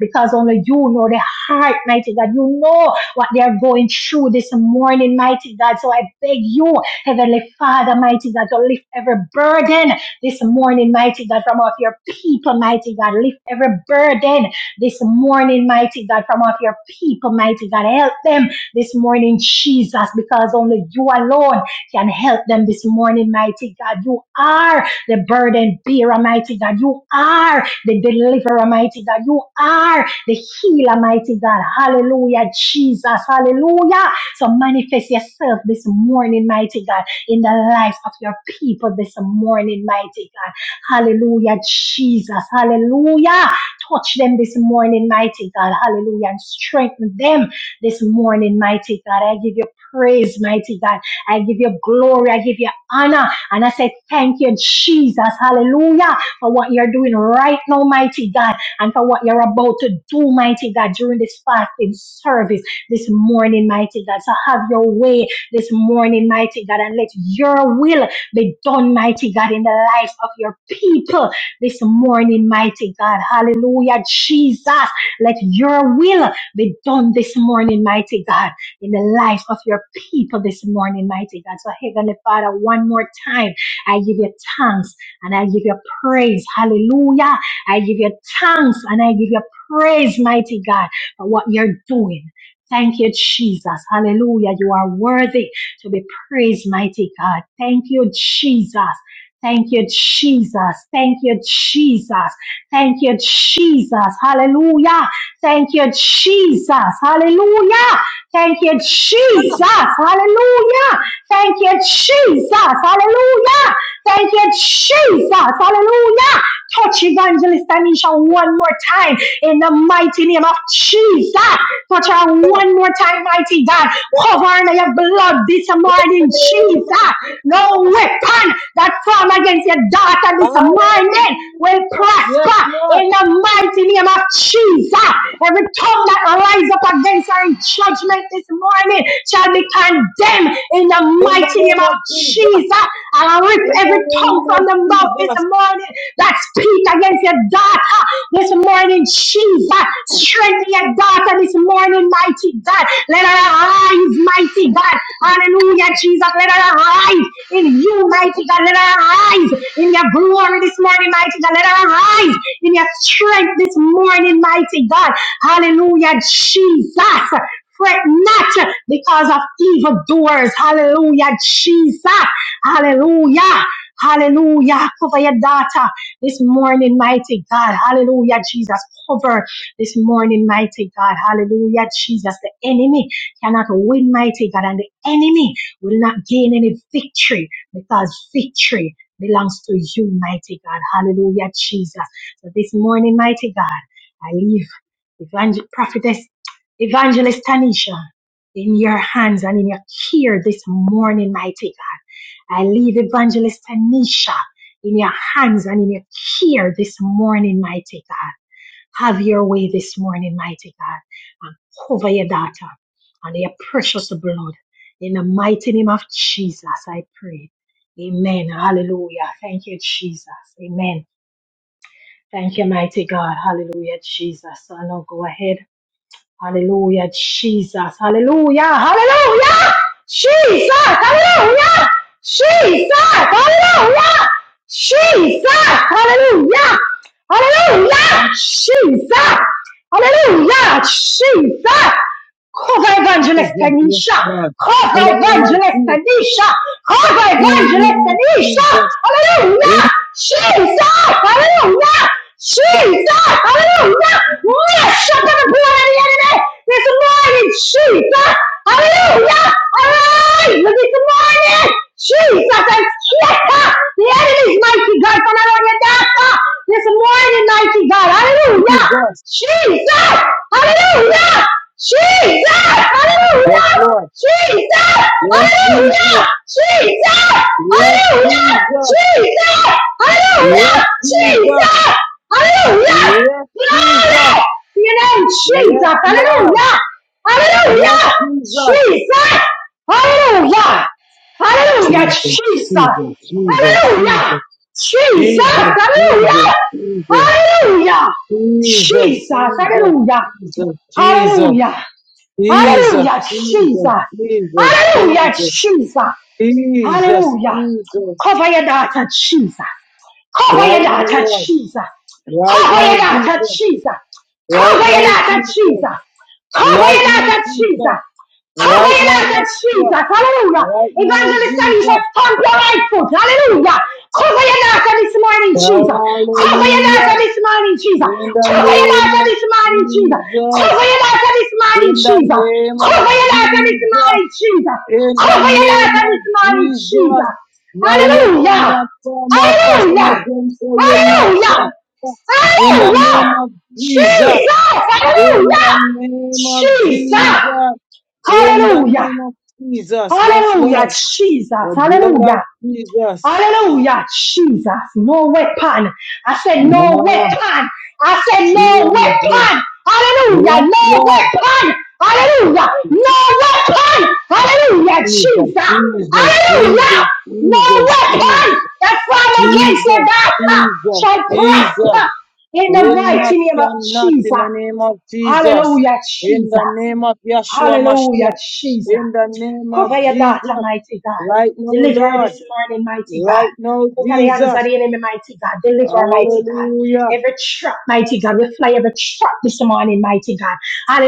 [SPEAKER 1] Because only you know the heart, mighty God. You know what they are going through this morning, mighty God. So I beg you, Heavenly Father, mighty God, to lift every burden this morning, mighty God, from off your people, mighty God. Lift every burden this morning, mighty God, from off your people, mighty God. Help them this morning, Jesus, because only you alone can help them this morning, mighty God. You are the burden bearer, mighty God. You are the deliverer, mighty God. You are the healer, mighty God. Hallelujah, Jesus. Hallelujah. So manifest yourself this morning, mighty God, in the lives of your people this morning, mighty God. Hallelujah, Jesus. Hallelujah. Touch them this morning, mighty God. Hallelujah. And strengthen them this morning, mighty God. I give you praise, mighty God. I give you glory. I give you honor. And I say, thank you, Jesus. Hallelujah. For what you're doing right now, mighty God. And for what you're about to do, mighty God, during this fasting service this morning, mighty God. So have your way this morning, mighty God. And let your will be done, mighty God, in the lives of your people this morning, mighty God. Hallelujah, Jesus. Let your will be done this morning, mighty God, in the life of your people this morning, mighty God. So, Heavenly Father, one more time, I give you thanks and I give you praise. Hallelujah. I give you thanks and I give you praise, mighty God, for what you're doing. Thank you, Jesus. Hallelujah. You are worthy to be praised, mighty God. Thank you, Jesus. Thank you, Jesus. Thank you, Jesus. Thank you, Jesus. Hallelujah. Thank you, Jesus. Hallelujah. Thank you, Jesus. Hallelujah. Thank you, Jesus. Hallelujah. Thank you, Jesus. Hallelujah. Touch Evangelist Anisha one more time in the mighty name of Jesus. Touch her
[SPEAKER 2] In
[SPEAKER 1] one more time, mighty God. Cover her in your blood this
[SPEAKER 2] the
[SPEAKER 1] morning,
[SPEAKER 2] name of
[SPEAKER 1] Jesus. No
[SPEAKER 2] Jesus.
[SPEAKER 1] weapon that form against your daughter this morning
[SPEAKER 2] Hallelujah.
[SPEAKER 1] will
[SPEAKER 2] Yes,
[SPEAKER 1] prosper
[SPEAKER 2] Lord.
[SPEAKER 1] in the mighty name of Jesus. Every tongue that rise up against her in judgment this morning shall be condemned in the
[SPEAKER 2] In the
[SPEAKER 1] mighty name
[SPEAKER 2] name
[SPEAKER 1] of
[SPEAKER 2] of Jesus.
[SPEAKER 1] Jesus. And I rip
[SPEAKER 2] In
[SPEAKER 1] every
[SPEAKER 2] the
[SPEAKER 1] tongue
[SPEAKER 2] name
[SPEAKER 1] from
[SPEAKER 2] of
[SPEAKER 1] the mouth this
[SPEAKER 2] Jesus.
[SPEAKER 1] morning that speak against your daughter this morning, Jesus. Strengthen your daughter this morning, mighty God. Let her arise, mighty God. Hallelujah, Jesus. Let her arise in you, mighty God. Let her arise in your glory this morning, mighty God. Let her arise in your strength this morning, mighty God. Hallelujah, Jesus. Fret not because of evildoers. Hallelujah, Jesus. Hallelujah. Hallelujah. Cover your daughter this morning, mighty God. Hallelujah, Jesus. Cover this morning, mighty God. Hallelujah, Jesus. The enemy cannot win, mighty God, and the enemy will not gain any victory because victory belongs to you, mighty God. Hallelujah, Jesus. So this morning, mighty God, I leave. Evangel- prophetess, evangelist Tanisha, in your hands and in your care this morning, mighty God. I leave evangelist Tanisha in your hands and in your care this morning, mighty God. Have your way this morning, mighty God, and cover your daughter under your precious blood. In the mighty name of Jesus, I pray. Amen. Hallelujah. Thank you, Jesus. Amen. Thank you, mighty God. Hallelujah, Jesus. So now go ahead. Hallelujah, Jesus. Hallelujah. Hallelujah. Jesus. Hallelujah. Jesus. Hallelujah. Jesus. Hallelujah. Hallelujah. Jesus. Hallelujah. Jesus. Cover
[SPEAKER 2] Is
[SPEAKER 1] evangelist
[SPEAKER 2] that yes,
[SPEAKER 1] Tanisha.
[SPEAKER 2] Lord? In
[SPEAKER 1] Cover
[SPEAKER 2] the name of
[SPEAKER 1] evangelist
[SPEAKER 2] Jesus.
[SPEAKER 1] Tanisha. Cover
[SPEAKER 2] No, in the
[SPEAKER 1] evangelist
[SPEAKER 2] name of
[SPEAKER 1] Tanisha.
[SPEAKER 2] Jesus. In
[SPEAKER 1] Hallelujah. Jesus. Hallelujah. Jesus! Hallelujah! Yes, shut up and blood of the enemy this morning, Jesus! Hallelujah! hallelujah. this morning, Jesus! And scatter the enemy's mighty God from around your daughter this morning, mighty God. Hallelujah!
[SPEAKER 2] Jesus.
[SPEAKER 1] Jesus! Hallelujah! Jesus!
[SPEAKER 2] Yes,
[SPEAKER 1] Hallelujah!
[SPEAKER 2] Lord.
[SPEAKER 1] Jesus!
[SPEAKER 2] Yes,
[SPEAKER 1] Hallelujah!
[SPEAKER 2] Jesus.
[SPEAKER 1] Jesus!
[SPEAKER 2] Yes,
[SPEAKER 1] Hallelujah!
[SPEAKER 2] Jesus.
[SPEAKER 1] Jesus!
[SPEAKER 2] Yes,
[SPEAKER 1] Hallelujah!
[SPEAKER 2] Jesus.
[SPEAKER 1] Jesus! Hallelujah!
[SPEAKER 2] Yes, Jesus.
[SPEAKER 1] Glory! To your name,
[SPEAKER 2] Yes,
[SPEAKER 1] Jesus.
[SPEAKER 2] Lord.
[SPEAKER 1] Hallelujah!
[SPEAKER 2] Yes,
[SPEAKER 1] Hallelujah!
[SPEAKER 2] Jesus.
[SPEAKER 1] Jesus! Hallelujah! Hallelujah,
[SPEAKER 2] Jesus,
[SPEAKER 1] Jesus!
[SPEAKER 2] Jesus, Jesus, Jesus.
[SPEAKER 1] Hallelujah!
[SPEAKER 2] Jesus,
[SPEAKER 1] Jesus!
[SPEAKER 2] Jesus,
[SPEAKER 1] Hallelujah! Hallelujah!
[SPEAKER 2] Jesus, Jesus,
[SPEAKER 1] Jesus!
[SPEAKER 2] Jesus,
[SPEAKER 1] Hallelujah!
[SPEAKER 2] Jesus,
[SPEAKER 1] Hallelujah!
[SPEAKER 2] Jesus,
[SPEAKER 1] Hallelujah, Jesus!
[SPEAKER 2] Jesus, Jesus,
[SPEAKER 1] Hallelujah,
[SPEAKER 2] Jesus,
[SPEAKER 1] Jesus!
[SPEAKER 2] Jesus,
[SPEAKER 1] Hallelujah!
[SPEAKER 2] Jesus.
[SPEAKER 1] Cover your daughter, Jesus! Cover your
[SPEAKER 2] Right now,
[SPEAKER 1] daughter,
[SPEAKER 2] Lord.
[SPEAKER 1] Jesus!
[SPEAKER 2] Right
[SPEAKER 1] Cover your
[SPEAKER 2] now,
[SPEAKER 1] daughter,
[SPEAKER 2] Jesus.
[SPEAKER 1] Jesus. Cover
[SPEAKER 2] Right
[SPEAKER 1] your
[SPEAKER 2] now,
[SPEAKER 1] daughter,
[SPEAKER 2] Jesus.
[SPEAKER 1] Jesus. Cover
[SPEAKER 2] Right
[SPEAKER 1] your
[SPEAKER 2] now,
[SPEAKER 1] daughter, Jesus.
[SPEAKER 2] Jesus.
[SPEAKER 1] Cover
[SPEAKER 2] Right
[SPEAKER 1] your
[SPEAKER 2] now,
[SPEAKER 1] life with
[SPEAKER 2] Yeshua.
[SPEAKER 1] Jesus. Hallelujah.
[SPEAKER 2] Right now,
[SPEAKER 1] Evangelist Alicia,
[SPEAKER 2] Jesus.
[SPEAKER 1] stamp your right foot. Hallelujah. Cover your life this morning, Jesus. Cover your life
[SPEAKER 2] Hallelujah.
[SPEAKER 1] this morning, Jesus.
[SPEAKER 2] In the
[SPEAKER 1] Cover your
[SPEAKER 2] name
[SPEAKER 1] life this
[SPEAKER 2] of
[SPEAKER 1] morning, Jesus. Cover
[SPEAKER 2] Jesus.
[SPEAKER 1] your life this morning,
[SPEAKER 2] In the
[SPEAKER 1] Jesus.
[SPEAKER 2] name
[SPEAKER 1] Cover
[SPEAKER 2] of
[SPEAKER 1] your life this
[SPEAKER 2] Jesus.
[SPEAKER 1] morning, Jesus.
[SPEAKER 2] In the
[SPEAKER 1] Cover your life
[SPEAKER 2] name of
[SPEAKER 1] this morning,
[SPEAKER 2] Jesus.
[SPEAKER 1] Jesus.
[SPEAKER 2] No weapon
[SPEAKER 1] Hallelujah.
[SPEAKER 2] that form or fashion
[SPEAKER 1] Hallelujah.
[SPEAKER 2] against you will not
[SPEAKER 1] Hallelujah.
[SPEAKER 2] prosper. In the
[SPEAKER 1] Hallelujah.
[SPEAKER 2] name of Jesus.
[SPEAKER 1] Jesus.
[SPEAKER 2] In the
[SPEAKER 1] Hallelujah.
[SPEAKER 2] name of
[SPEAKER 1] Jesus.
[SPEAKER 2] Jesus. In the
[SPEAKER 1] Hallelujah.
[SPEAKER 2] name of Jesus. Yes,
[SPEAKER 1] Hallelujah,
[SPEAKER 2] Lord.
[SPEAKER 1] Jesus.
[SPEAKER 2] The blood of
[SPEAKER 1] Hallelujah.
[SPEAKER 2] Jesus.
[SPEAKER 1] Hallelujah, Jesus. No weapon. I said, no
[SPEAKER 2] Ah,
[SPEAKER 1] weapon. I said, no
[SPEAKER 2] Jesus.
[SPEAKER 1] weapon.
[SPEAKER 2] Yes,
[SPEAKER 1] Hallelujah. No
[SPEAKER 2] Lord.
[SPEAKER 1] weapon. Hallelujah. No weapon. Hallelujah,
[SPEAKER 2] Jesus,
[SPEAKER 1] Jesus.
[SPEAKER 2] Jesus,
[SPEAKER 1] Hallelujah.
[SPEAKER 2] Jesus,
[SPEAKER 1] No
[SPEAKER 2] Jesus, Jesus,
[SPEAKER 1] weapon that form against
[SPEAKER 2] Jesus,
[SPEAKER 1] the doctor
[SPEAKER 2] Jesus,
[SPEAKER 1] shall
[SPEAKER 2] Jesus
[SPEAKER 1] prosper in the
[SPEAKER 2] will not,
[SPEAKER 1] mighty name of
[SPEAKER 2] cannot
[SPEAKER 1] Jesus.
[SPEAKER 2] in the name of Jesus,
[SPEAKER 1] Hallelujah,
[SPEAKER 2] in
[SPEAKER 1] Jesus.
[SPEAKER 2] the name of Yeshua
[SPEAKER 1] Hallelujah,
[SPEAKER 2] Mashiach,
[SPEAKER 1] Jesus.
[SPEAKER 2] in the name
[SPEAKER 1] Cover
[SPEAKER 2] of
[SPEAKER 1] your
[SPEAKER 2] Jesus,
[SPEAKER 1] daughter, mighty God.
[SPEAKER 2] right now,
[SPEAKER 1] Deliver her
[SPEAKER 2] Lord,
[SPEAKER 1] this morning, mighty God.
[SPEAKER 2] right now,
[SPEAKER 1] Out of the hands of
[SPEAKER 2] Jesus,
[SPEAKER 1] the enemy, mighty God. Deliver, her, mighty God.
[SPEAKER 2] hallelujah,
[SPEAKER 1] Every trap, mighty God. We fly every trap this morning, mighty God.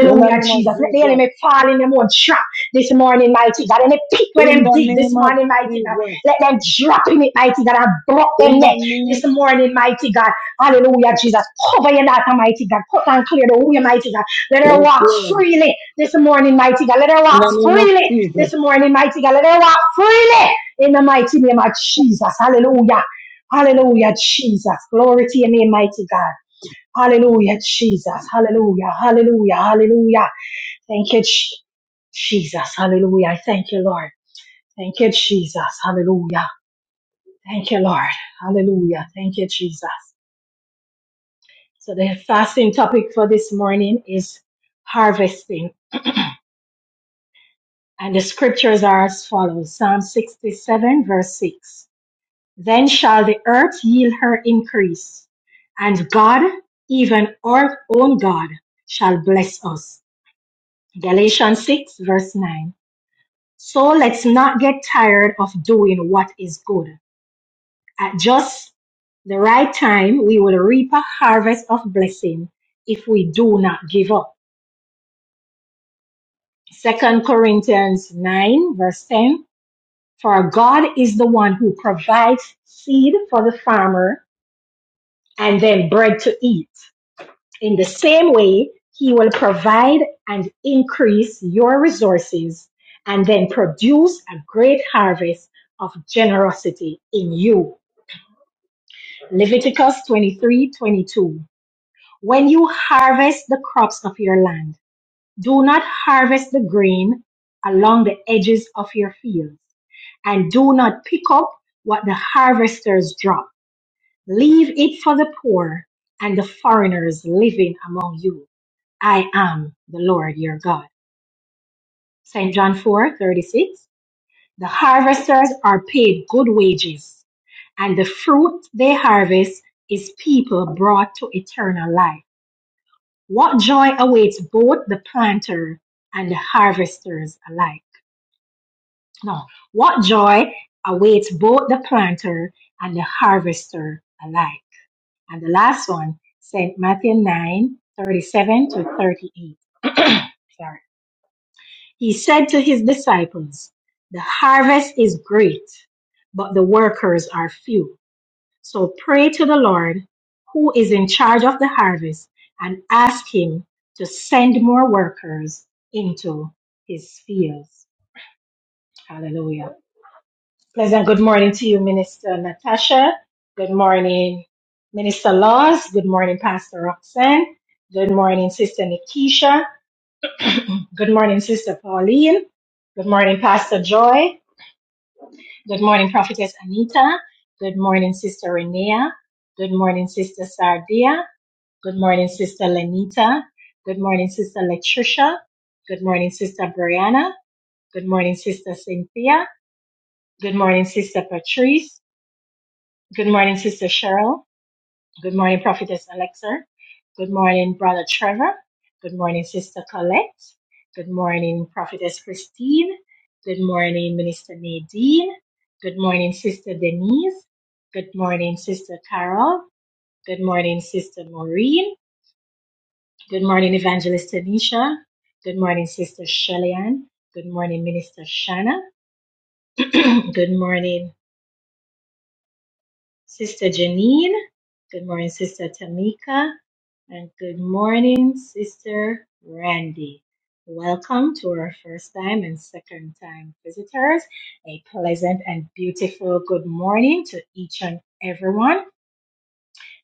[SPEAKER 2] in the name of
[SPEAKER 1] Jesus. Let the
[SPEAKER 2] Jesus,
[SPEAKER 1] enemy fall in them own trap this morning, mighty God. And they pick where
[SPEAKER 2] in
[SPEAKER 1] them
[SPEAKER 2] the
[SPEAKER 1] dig this
[SPEAKER 2] name of
[SPEAKER 1] morning, mighty God.
[SPEAKER 2] Jesus,
[SPEAKER 1] Let them drop in it, mighty God, and block
[SPEAKER 2] in
[SPEAKER 1] them
[SPEAKER 2] the
[SPEAKER 1] neck this
[SPEAKER 2] name,
[SPEAKER 1] morning, mighty God. Hallelujah, Jesus. Cover your daughter, mighty God. Cut and clear the way, mighty God. Let her
[SPEAKER 2] yes,
[SPEAKER 1] walk
[SPEAKER 2] Lord,
[SPEAKER 1] freely this morning, mighty God. Let her
[SPEAKER 2] in
[SPEAKER 1] walk
[SPEAKER 2] the name of
[SPEAKER 1] freely this
[SPEAKER 2] Jesus.
[SPEAKER 1] morning, mighty God. Let them walk freely in the mighty name of Jesus. Hallelujah. Hallelujah, Jesus. Glory to your name, mighty God. Hallelujah, Jesus. Hallelujah. Hallelujah. Hallelujah. Thank you, Je- Jesus. Hallelujah. I Thank you, Lord. Thank you, Jesus. Hallelujah. Thank you, Lord. Hallelujah. Thank you, Jesus. So the fasting topic for this morning is harvesting. And the scriptures are as follows. Psalm 67 verse 6. Then shall the earth yield her increase, and God, even our own God, shall bless us. Galatians 6, verse 9. So let's not get tired of doing what is good. At just the right time, we will reap a harvest of blessing if we do not give up. Second Corinthians 9, verse 10. For God is the one who provides seed for the farmer and then bread to eat. In the same way, He will provide and increase your resources and then produce a great harvest of generosity in you. Leviticus 23:22. When you harvest the crops of your land, do not harvest the grain along the edges of your fields, and do not pick up what the harvesters drop. Leave it for the poor and the foreigners living among you. I am the Lord your God. St. John 4 36. The harvesters are paid good wages, and the fruit they harvest is people brought to eternal life. What joy awaits both the planter and the harvesters alike? No, what joy awaits both the planter and the harvester alike? And the last one, St. Matthew 9 37 to 38. [clears throat] Sorry. He said to his disciples, The harvest is great, but the workers are few. So pray to the Lord, who is in charge of the harvest, and ask him to send more workers into his fields. Hallelujah. Pleasant good morning to you, Minister Natasha. Good morning, Minister Laws. Good morning, Pastor Roxanne. Good morning, Sister Nikisha. Good morning, Sister Pauline. Good morning, Pastor Joy. Good morning, Prophetess Anita. Good morning, Sister Renea. Good morning, Sister Sardia. Good morning, Sister Lenita. Good morning, Sister Latricia. Good morning, Sister Brianna. Good morning, Sister Cynthia. Good morning, Sister Patrice. Good morning, Sister Cheryl. Good morning, Prophetess Alexa. Good morning, Brother Trevor. Good morning, Sister Colette. Good morning, Prophetess Christine. Good morning, Minister Nadine. Good morning, Sister Denise. Good morning, Sister Carol. Good morning, Sister Maureen. Good morning, Evangelist Tanisha. Good morning, Sister Shellyan. Good morning, Minister Shanna. [clears throat] Good morning, Sister Janine. Good morning, Sister Tamika. And good morning, Sister Randy. Welcome to our first time and second time visitors. A pleasant and beautiful good morning to each and everyone.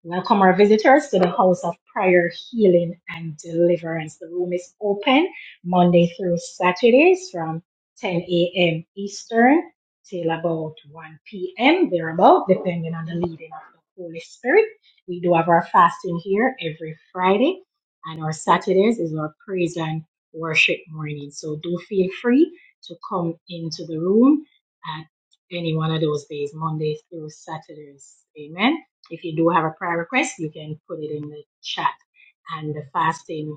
[SPEAKER 1] Welcome our visitors to the House of Prayer, Healing and Deliverance. The room is open Monday through Saturdays from 10 a.m. Eastern till about 1 p.m. thereabout, depending on the leading of the Holy Spirit. We do have our fasting here every Friday, and our Saturdays is our praise and worship morning. So do feel free to come into the room at any one of those days, Monday through Saturdays. Amen. If you do have a prayer request, you can put it in the chat. And the fasting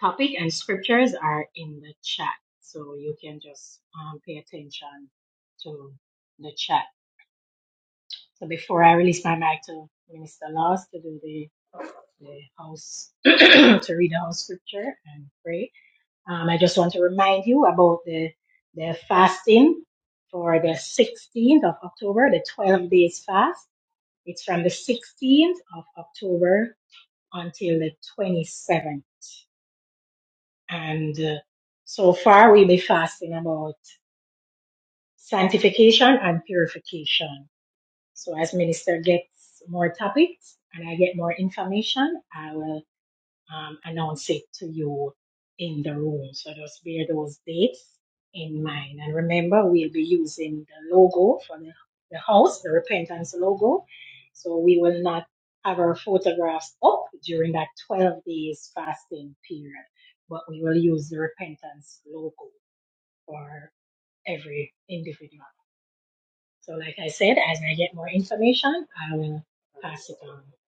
[SPEAKER 1] topic and scriptures are in the chat. So you can just um, pay attention to the chat. So before I release my mic to Minister Laws to do the the house [coughs] [clears throat] to read the house scripture and pray. Um, I just want to remind you about the the fasting for the 16th of October, the 12 days fast. It's from the 16th of October until the 27th. And uh, so far, we'll be fasting about sanctification and purification. So, as minister gets more topics and I get more information, I will. um, announce it to you in the room. So just bear those dates in mind. And remember, we'll be using the logo for the, the house, the repentance logo. So we will not have our photographs up during that 12 days fasting period, but we will use the repentance logo for every individual. So, like I said, as I get more information, I will pass it on. All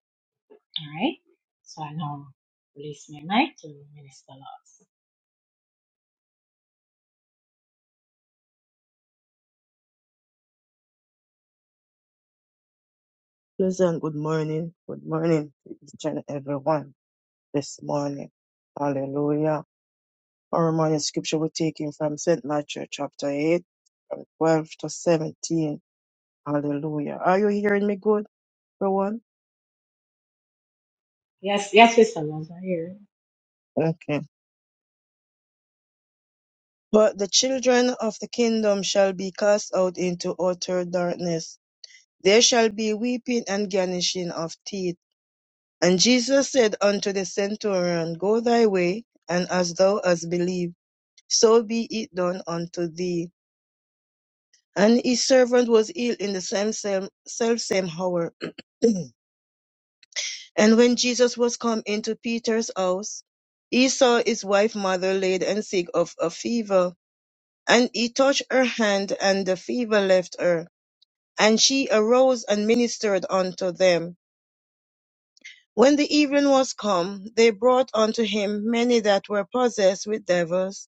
[SPEAKER 1] right. So I now release my mic to Minister Laws.
[SPEAKER 3] Pleasant good morning. Good morning to each and everyone this morning. Hallelujah. Our morning scripture we're taking from St. Matthew chapter 8, from 12 to 17. Hallelujah. Are you hearing me good, everyone?
[SPEAKER 1] Yes, yes, his son was right here.
[SPEAKER 3] Okay. But the children of the kingdom shall be cast out into utter darkness. There shall be weeping and gnashing of teeth. And Jesus said unto the centurion, Go thy way, and as thou hast believed so be it done unto thee. And his servant was healed in the same same, self same hour. [clears throat] and when Jesus was come into Peter's house, he saw his wife mother laid and sick of a fever, and he touched her hand, and the fever left her. And she arose and ministered unto them. When the evening was come, they brought unto him many that were possessed with devils,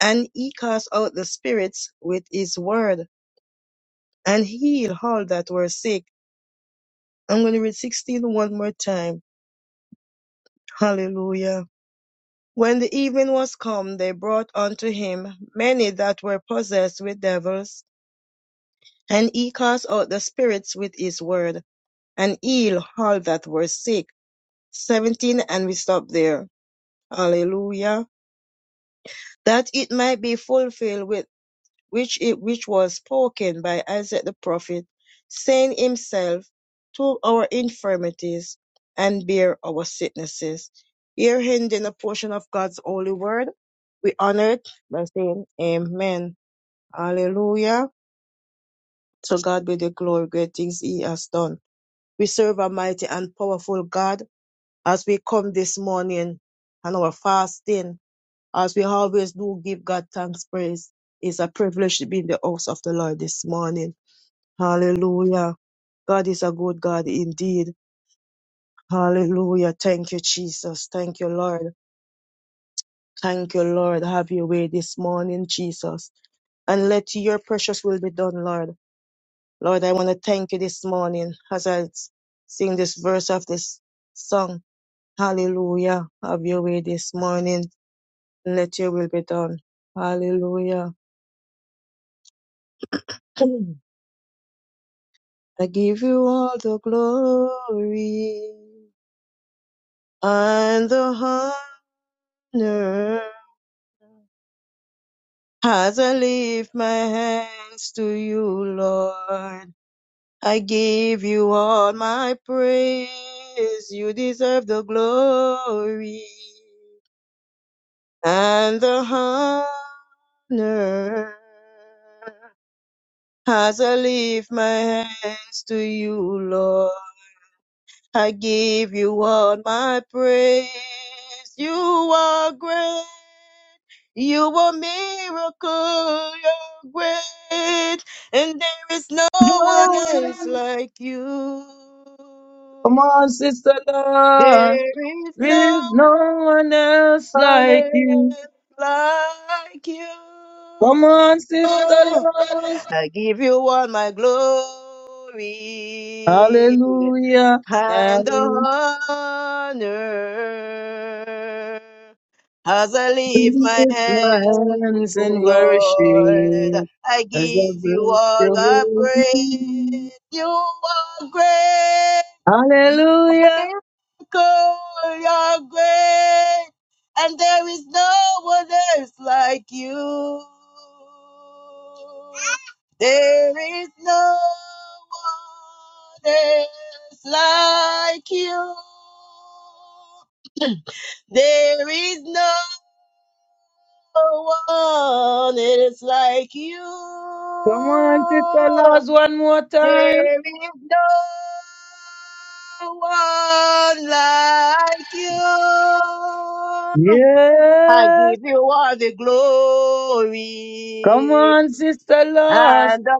[SPEAKER 3] and he cast out the spirits with his word and healed all that were sick. I'm going to read sixteen one more time. Hallelujah. When the evening was come, they brought unto him many that were possessed with devils, and he cast out the spirits with his word, and healed all that were sick. 17, and we stop there. Hallelujah. That it might be fulfilled which which it, which was spoken by Isaiah the prophet, saying himself, took our infirmities and bear our sicknesses. Here ending a portion of God's holy word. We honor it by saying Amen. Hallelujah. To God be the glory, great things He has done. We serve a mighty and powerful God as we come this morning and our fasting, as we always do give God thanks, praise. It's a privilege to be in the house of the Lord this morning. Hallelujah. God is a good God indeed. Hallelujah. Thank you, Jesus. Thank you, Lord. Thank you, Lord. Have your way this morning, Jesus. And let your precious will be done, Lord. Lord, I want to thank you this morning as I s- sing this verse of this song. Hallelujah. Have your way this morning. and Let your will be done. Hallelujah. [clears throat] I give you all the glory and the honor. As I lift my hands to you, Lord, I give you all my praise. You deserve the glory and the honor. As I lift my hands to you, Lord. I give you all my praise. You are great. You are miracle. You're great. And there is no
[SPEAKER 2] No
[SPEAKER 3] one else
[SPEAKER 2] one-
[SPEAKER 3] like you.
[SPEAKER 2] Come on, sister Lord.
[SPEAKER 3] There is
[SPEAKER 2] There
[SPEAKER 3] no
[SPEAKER 2] is no one else
[SPEAKER 3] one
[SPEAKER 2] like you.
[SPEAKER 3] else like you.
[SPEAKER 2] Come on, sister Lance.
[SPEAKER 3] I give you all my glory
[SPEAKER 2] Hallelujah.
[SPEAKER 3] and
[SPEAKER 2] And
[SPEAKER 3] honor as I lift my
[SPEAKER 2] lift my
[SPEAKER 3] hands to you,
[SPEAKER 2] hands in
[SPEAKER 3] Lord.
[SPEAKER 2] worship
[SPEAKER 3] I
[SPEAKER 2] as I
[SPEAKER 3] give you
[SPEAKER 2] bless
[SPEAKER 3] all
[SPEAKER 2] your
[SPEAKER 3] the
[SPEAKER 2] holy
[SPEAKER 3] praise.
[SPEAKER 2] name.
[SPEAKER 3] You are great. You are
[SPEAKER 2] Hallelujah.
[SPEAKER 3] miracle. You are great. And there is no one else like you. There is no one else like you. There is no one else like you.
[SPEAKER 2] Come on, sister Lance, one more time.
[SPEAKER 3] There is no one like you. I
[SPEAKER 2] Yes.
[SPEAKER 3] give you all the
[SPEAKER 2] Come
[SPEAKER 3] glory
[SPEAKER 2] on, sister Lance.
[SPEAKER 3] and the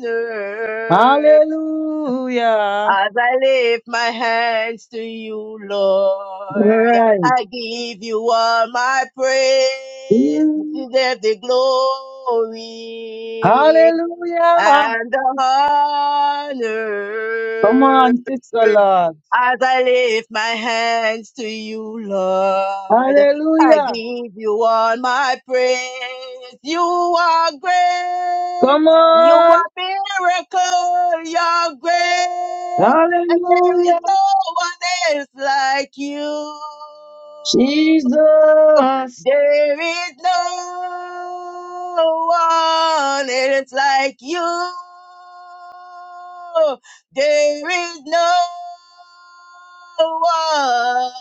[SPEAKER 3] honor.
[SPEAKER 2] Hallelujah.
[SPEAKER 3] As I lift my hands to you,
[SPEAKER 2] All
[SPEAKER 3] Lord,
[SPEAKER 2] right.
[SPEAKER 3] I give you all my praise. You deserve the glory
[SPEAKER 2] Hallelujah.
[SPEAKER 3] and the
[SPEAKER 2] Come
[SPEAKER 3] honor.
[SPEAKER 2] on, Sister Lord.
[SPEAKER 3] As I lift my hands to you, Lord, I
[SPEAKER 2] Hallelujah.
[SPEAKER 3] give you all my praise. You are great.
[SPEAKER 2] Come
[SPEAKER 3] You
[SPEAKER 2] on.
[SPEAKER 3] are miracle. You're great. And there is
[SPEAKER 2] Hallelujah.
[SPEAKER 3] no one else like you.
[SPEAKER 2] Jesus.
[SPEAKER 3] There is no one else like you. There is no one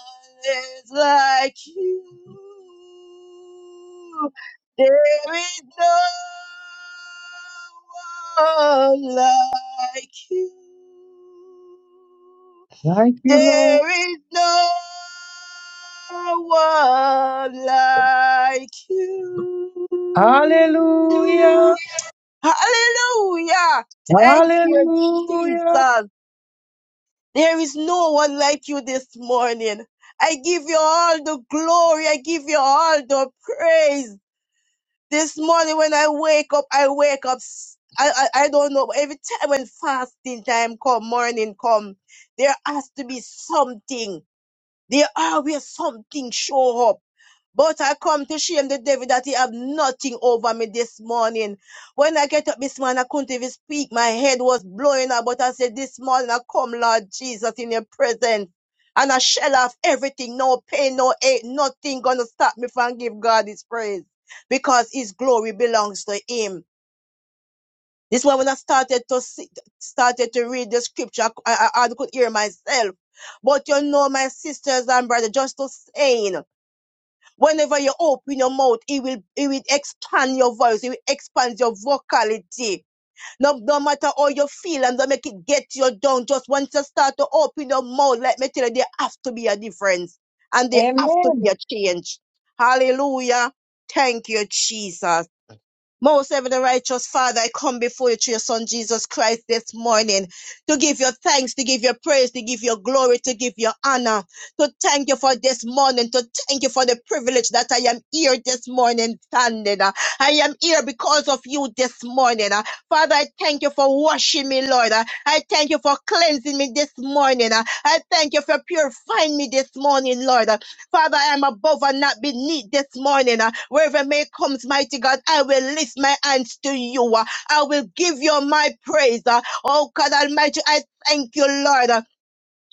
[SPEAKER 3] else like you. There is no one like you.
[SPEAKER 2] Thank you, Lord.
[SPEAKER 3] There is no one like you.
[SPEAKER 2] Hallelujah.
[SPEAKER 3] Hallelujah. Thank you,
[SPEAKER 2] Hallelujah.
[SPEAKER 3] Jesus. There is no one like you this morning. I give you all the glory. I give you all the praise. This morning when I wake up, I wake up. s- I, I, I don't know. but Every time when fasting time come, morning come, there has to be something. There are where something show up. But I come to shame the devil that he have nothing over me this morning. When I get up this morning, I couldn't even speak. My head was blowing up, but I said, this morning I come, Lord Jesus, in your presence. And I shell off everything, no pain, no ache, nothing gonna stop me from give God his praise. Because his glory belongs to him. This one, when I started to see, started to read the scripture, I, I, I could hear myself. But you know, my sisters and brothers, just to saying, whenever you open your mouth, it will, it will expand your voice, it will expand your vocality. No, no matter how you feel and don't make it get you down. Just once you start to open your mouth, let me tell you, there have to be a difference and there have to be a change. Hallelujah. Thank you, Jesus. Most heaven and righteous Father, I come before you through your Son Jesus Christ this morning to give your thanks, to give your praise, to give your glory, to give your honor, to thank you for this morning, to thank you for the privilege that I am here this morning standing. Uh, I am here because of you this morning. Uh, Father, I thank you for washing me, Lord. Uh, I thank you for cleansing me this morning. Uh, I thank you for purifying me this morning, Lord. Uh, Father, I am above and not beneath this morning. Uh, Wherever may comes, mighty God, I will lift my hands to you. Uh, I will give you my praise. Uh, Oh God Almighty, I thank you, Lord. Uh,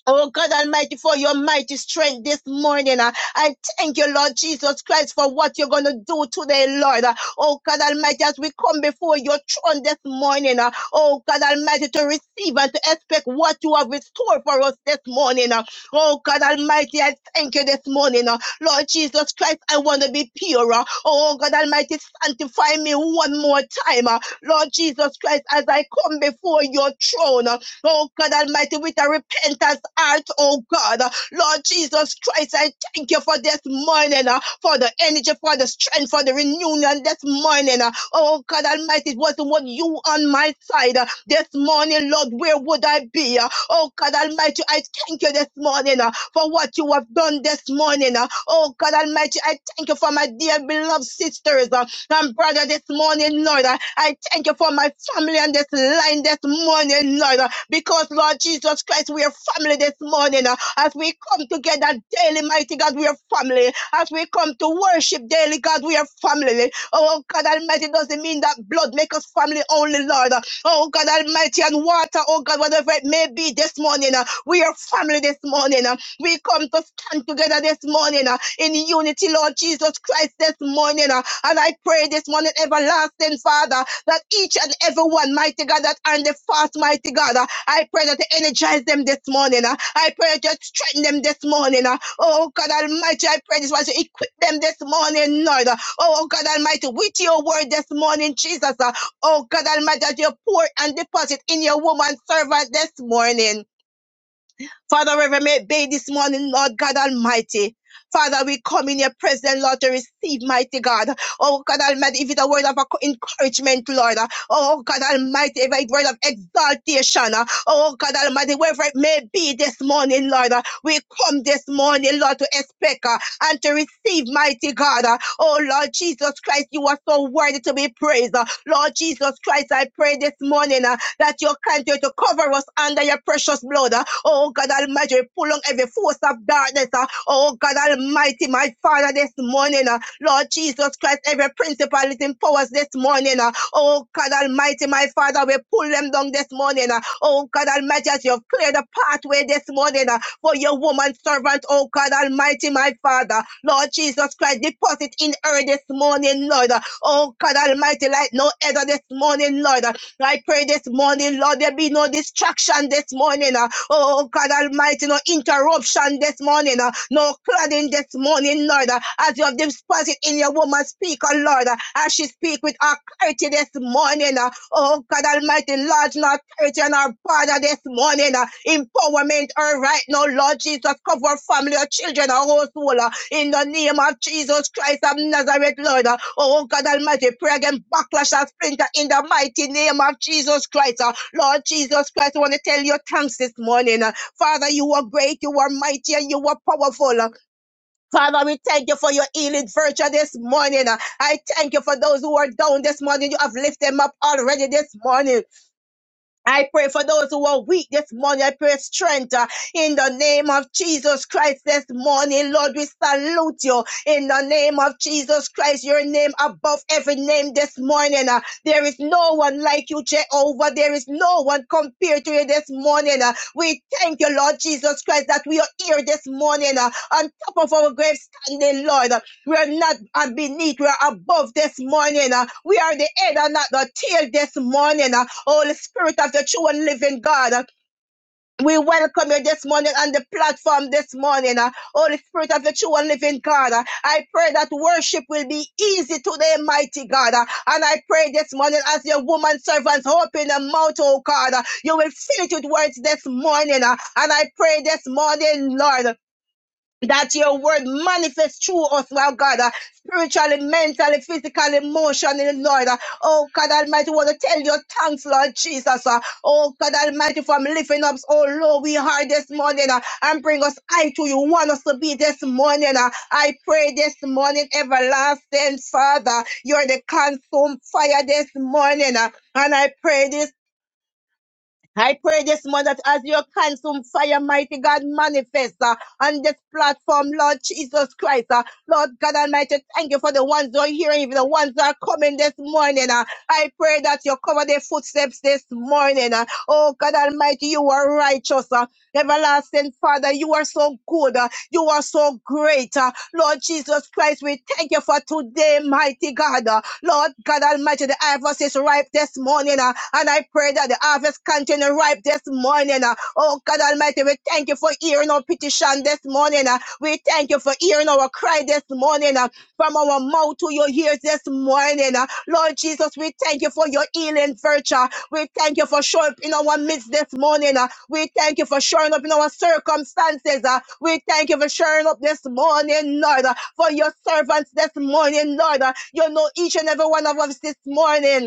[SPEAKER 3] Oh God Almighty, for your mighty strength this morning. uh, I thank you, Lord Jesus Christ, for what you're going to do today, Lord. Uh, Oh God Almighty, as we come before your throne this morning. uh, Oh God Almighty, to receive and to expect what you have restored for us this morning. uh, Oh God Almighty, I thank you this morning. uh, Lord Jesus Christ, I want to be pure. uh, Oh God Almighty, sanctify me one more time. uh, Lord Jesus Christ, as I come before your throne. uh, Oh God Almighty, with a repentance heart, oh God. Lord Jesus Christ, I thank you for this morning, uh, for the energy, for the strength, for the reunion this morning. uh. Oh God Almighty, it wasn't what you on my side uh, this morning, Lord. Where would I be? uh? Oh God Almighty, I thank you this morning uh, for what you have done this morning. uh. Oh God Almighty, I thank you for my dear beloved sisters uh, and brother this morning, Lord. I I thank you for my family and this line this morning, Lord. uh, because, Lord Jesus Christ, we are family this morning. uh, As we come together daily, mighty God, we are family. As we come to worship daily, God, we are family. Oh, God Almighty, doesn't mean that blood make us family only, Lord. uh, Oh, God Almighty, and water, oh, God, whatever it may be this morning, uh, we are family this morning. uh, We come to stand together this morning uh, in unity, Lord Jesus Christ, this morning. uh, And I pray this morning, everlasting Father, that each and every one, mighty God, that are in the fast, mighty God. I pray that you energize them this morning. uh. I pray that you strengthen them this morning. uh. Oh God Almighty, I pray this was to equip them this morning, Lord. uh. Oh God Almighty, with your word this morning, Jesus. uh. Oh God Almighty, that you pour and deposit in your woman servant this morning. Father, wherever it may be this morning, Lord God Almighty. Father, we come in your presence, Lord, to receive, mighty God. Oh, God Almighty, if it's a word of encouragement, Lord. Oh, God Almighty, if it's a word of exaltation. Oh, God Almighty, wherever it may be this morning, Lord. We come this morning, Lord, to expect uh, and to receive, mighty God. Uh, Oh, Lord Jesus Christ, you are so worthy to be praised. Uh, Lord Jesus Christ, I pray this morning. uh, that you continue to cover us under your precious blood. uh. Oh God Almighty, we pull on every force of darkness. uh. Oh God Almighty, my Father, this morning, uh. Lord Jesus Christ, every principality and powers this morning. uh. Oh God Almighty, my Father, we pull them down this morning. uh. Oh God Almighty, as you've cleared the pathway this morning uh, for your woman servant, oh God Almighty, my Father, Lord Jesus Christ, deposit in her this morning, Lord. Oh God Almighty, like no other this morning, Lord. I pray this morning, Lord, there be no distraction this morning. uh, Oh God Almighty, no interruption this morning, uh, no cladding this morning, Lord, uh, as you have deposited in your woman speaker, Lord, uh, as she speak with her clarity this morning. uh, Oh God Almighty, Lord, not church and our father this morning. uh, Empowerment her right now, Lord Jesus. Cover her family, her children, our household. uh, In the name of Jesus Christ of Nazareth, Lord. uh, Oh God Almighty, pray against backlash and splinter in the mighty name of Jesus Christ. uh, Lord Jesus Christ, I want to tell you thanks this morning. uh, Father, you are great, you are mighty, and you are powerful. Uh, Father, we thank you for your healing virtue this morning. I thank you for those who are down this morning. You have lifted them up already this morning. I pray for those who are weak this morning. I pray strength uh, in the name of Jesus Christ this morning. Lord, we salute you in the name of Jesus Christ, your name above every name this morning. uh. there is no one like you, Jehovah. There is no one compared to you this morning. uh. we thank you, Lord Jesus Christ, that we are here this morning uh, on top of our grave standing, Lord. We are not uh, beneath, we are above this morning. uh. We are the head and not the tail this morning. uh. Holy Spirit of the true and living God. uh, We welcome you this morning on the platform this morning. uh. Holy Spirit of the true and living God. uh, I pray that worship will be easy today, mighty God. uh, And I pray this morning as your woman servants open the mouth, oh God, uh, you will fill it with words this morning. uh, And I pray this morning, Lord that your word manifests through us, Lord God, uh, spiritually, mentally, physically, emotionally, Lord. uh, oh God Almighty, we want to tell your thanks, Lord Jesus. uh, oh God Almighty, from lifting up, oh Lord, we are this morning uh, and bring us high to you. Want us to be this morning. uh, I pray this morning, everlasting Father, you're the consumed fire this morning. uh, and I pray this I pray this morning that as your consume fire, mighty God, manifest uh, on this platform, Lord Jesus Christ. uh, Lord God Almighty, thank you for the ones who are hearing, even the ones that are coming this morning. uh. I pray that you cover their footsteps this morning. uh. Oh God Almighty, you are righteous. uh. Everlasting Father, you are so good. uh. You are so great. uh, Lord Jesus Christ, we thank you for today, mighty God. uh, Lord God Almighty, the harvest is ripe this morning. uh, And I pray that the harvest continue ripe this morning. uh. Oh God Almighty, we thank you for hearing our petition this morning. uh. We thank you for hearing our cry this morning. uh, From our mouth to your ears this morning. uh. Lord Jesus, we thank you for your healing virtue. We thank you for showing up in our midst this morning. uh. We thank you for showing up in our circumstances. uh. We thank you for showing up this morning, Lord, uh, for your servants this morning, Lord. uh. You know each and every one of us this morning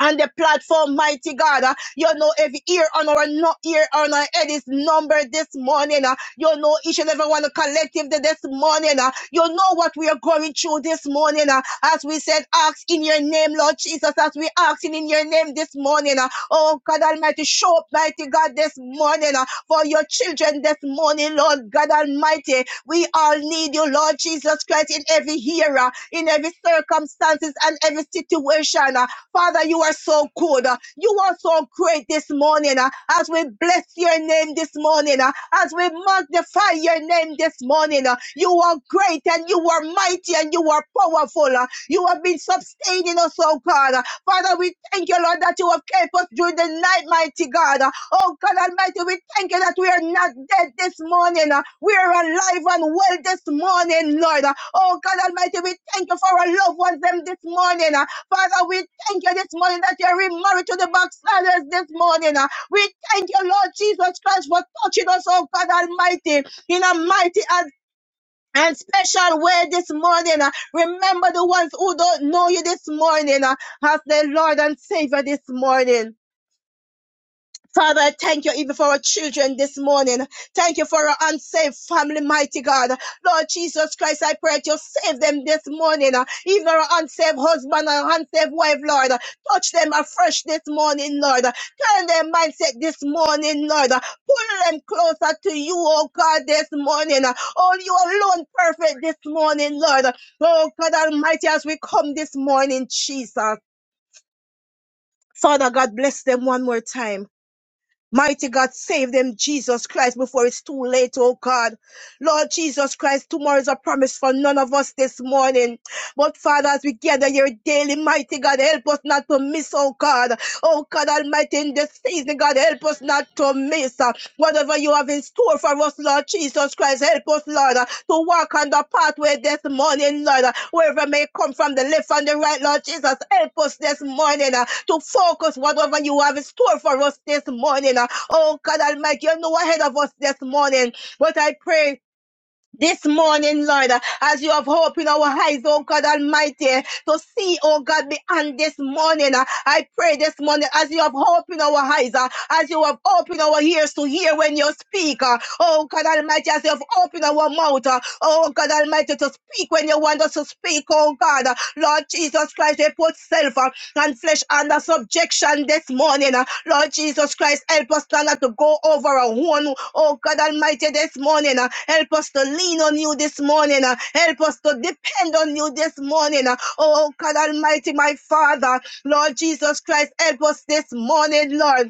[SPEAKER 3] on the platform, mighty God. Uh, you know, every ear on our no ear on our head is numbered this morning. Uh, you know, each and every one collective th- this morning. Uh, you know what we are going through this morning. Uh, as we said, ask in your name, Lord Jesus, as we asking in your name this morning. Uh, oh God Almighty, show up, mighty God, this morning uh, for your children this morning, Lord God Almighty. We all need you, Lord Jesus Christ, in every era, in every circumstances and every situation. uh, Father, you are so good. uh, You are so great this morning. uh, As we bless your name this morning, uh, as we magnify your name this morning, uh, you are great and you are mighty and you are powerful. uh, You have been sustaining us, oh God. uh, Father, we thank you, Lord, that you have kept us during the night, mighty God. uh, Oh God Almighty, we thank you that we are not dead this morning. uh, We are alive and well this morning, Lord. uh, Oh God Almighty, we thank you for our loved ones them this morning. uh, Father, we thank you this morning that you're remarried to the backsliders this morning. uh. We thank you, Lord Jesus Christ, for touching us, oh God Almighty, in a mighty and and special way this morning. uh. Remember the ones who don't know you this morning uh, as the Lord and Savior this morning. Father, I thank you even for our children this morning. Thank you for our unsaved family, mighty God. Lord Jesus Christ, I pray that you save them this morning. Even our unsaved husband and unsaved wife, Lord. Touch them afresh this morning, Lord. Turn their mindset this morning, Lord. Pull them closer to you, oh God, this morning. Oh, you alone perfect this morning, Lord. Oh God Almighty, as we come this morning, Jesus. Father God, bless them one more time. Mighty God, save them, Jesus Christ, before it's too late, oh God. Lord Jesus Christ, tomorrow is a promise for none of us this morning. But Father, as we gather here daily, mighty God, help us not to miss, oh God. Oh God Almighty, in this season, God, help us not to miss. Uh, Whatever you have in store for us, Lord Jesus Christ, help us, Lord, uh, to walk on the pathway this morning, Lord, uh, wherever may come from the left and the right, Lord Jesus, help us this morning uh, to focus whatever you have in store for us this morning. uh. Oh, God Almighty, you know ahead of us this morning, but I pray this morning, Lord, as you have opened our eyes, oh God Almighty, to see, oh God, beyond this morning. uh, I pray this morning, as you have opened our eyes, uh, as you have opened our ears to hear when you speak, uh, oh God Almighty, as you have opened our mouth, uh, oh God Almighty, to speak when you want us to speak speak, oh God. Uh, Lord Jesus Christ, they put self uh, and flesh under subjection this morning. uh. Lord Jesus Christ, help us not to go over our own, oh God Almighty, this morning. uh. Help us to lean on you this morning. uh. Help us to depend on you this morning. uh. Oh God Almighty, my Father, Lord Jesus Christ, help us this morning, Lord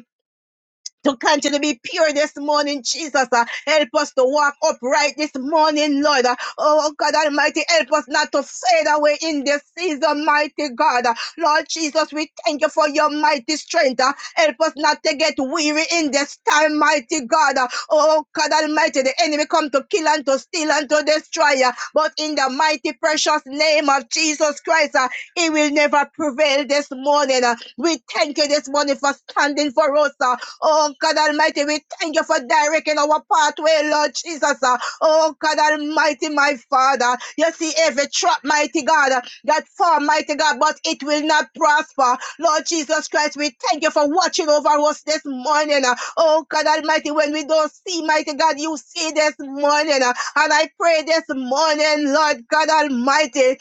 [SPEAKER 3] to continue to be pure this morning, Jesus. Uh, help us to walk upright this morning, Lord. Uh, oh, God Almighty, help us not to fade away in this season, mighty God. Uh, Lord Jesus, we thank you for your mighty strength. Uh, help us not to get weary in this time, mighty God. Uh, oh, God Almighty, the enemy come to kill and to steal and to destroy. Uh, but in the mighty, precious name of Jesus Christ, uh, he will never prevail this morning. Uh, we thank you this morning for standing for us. uh, Oh God Almighty, we thank you for directing our pathway, Lord Jesus. Uh, Oh God Almighty, my Father, you see every trap, mighty God, uh, that form, mighty God, but it will not prosper. Lord Jesus Christ, we thank you for watching over us this morning. uh. Oh God Almighty, when we don't see, mighty God, you see this morning. uh. And I pray this morning, Lord God Almighty,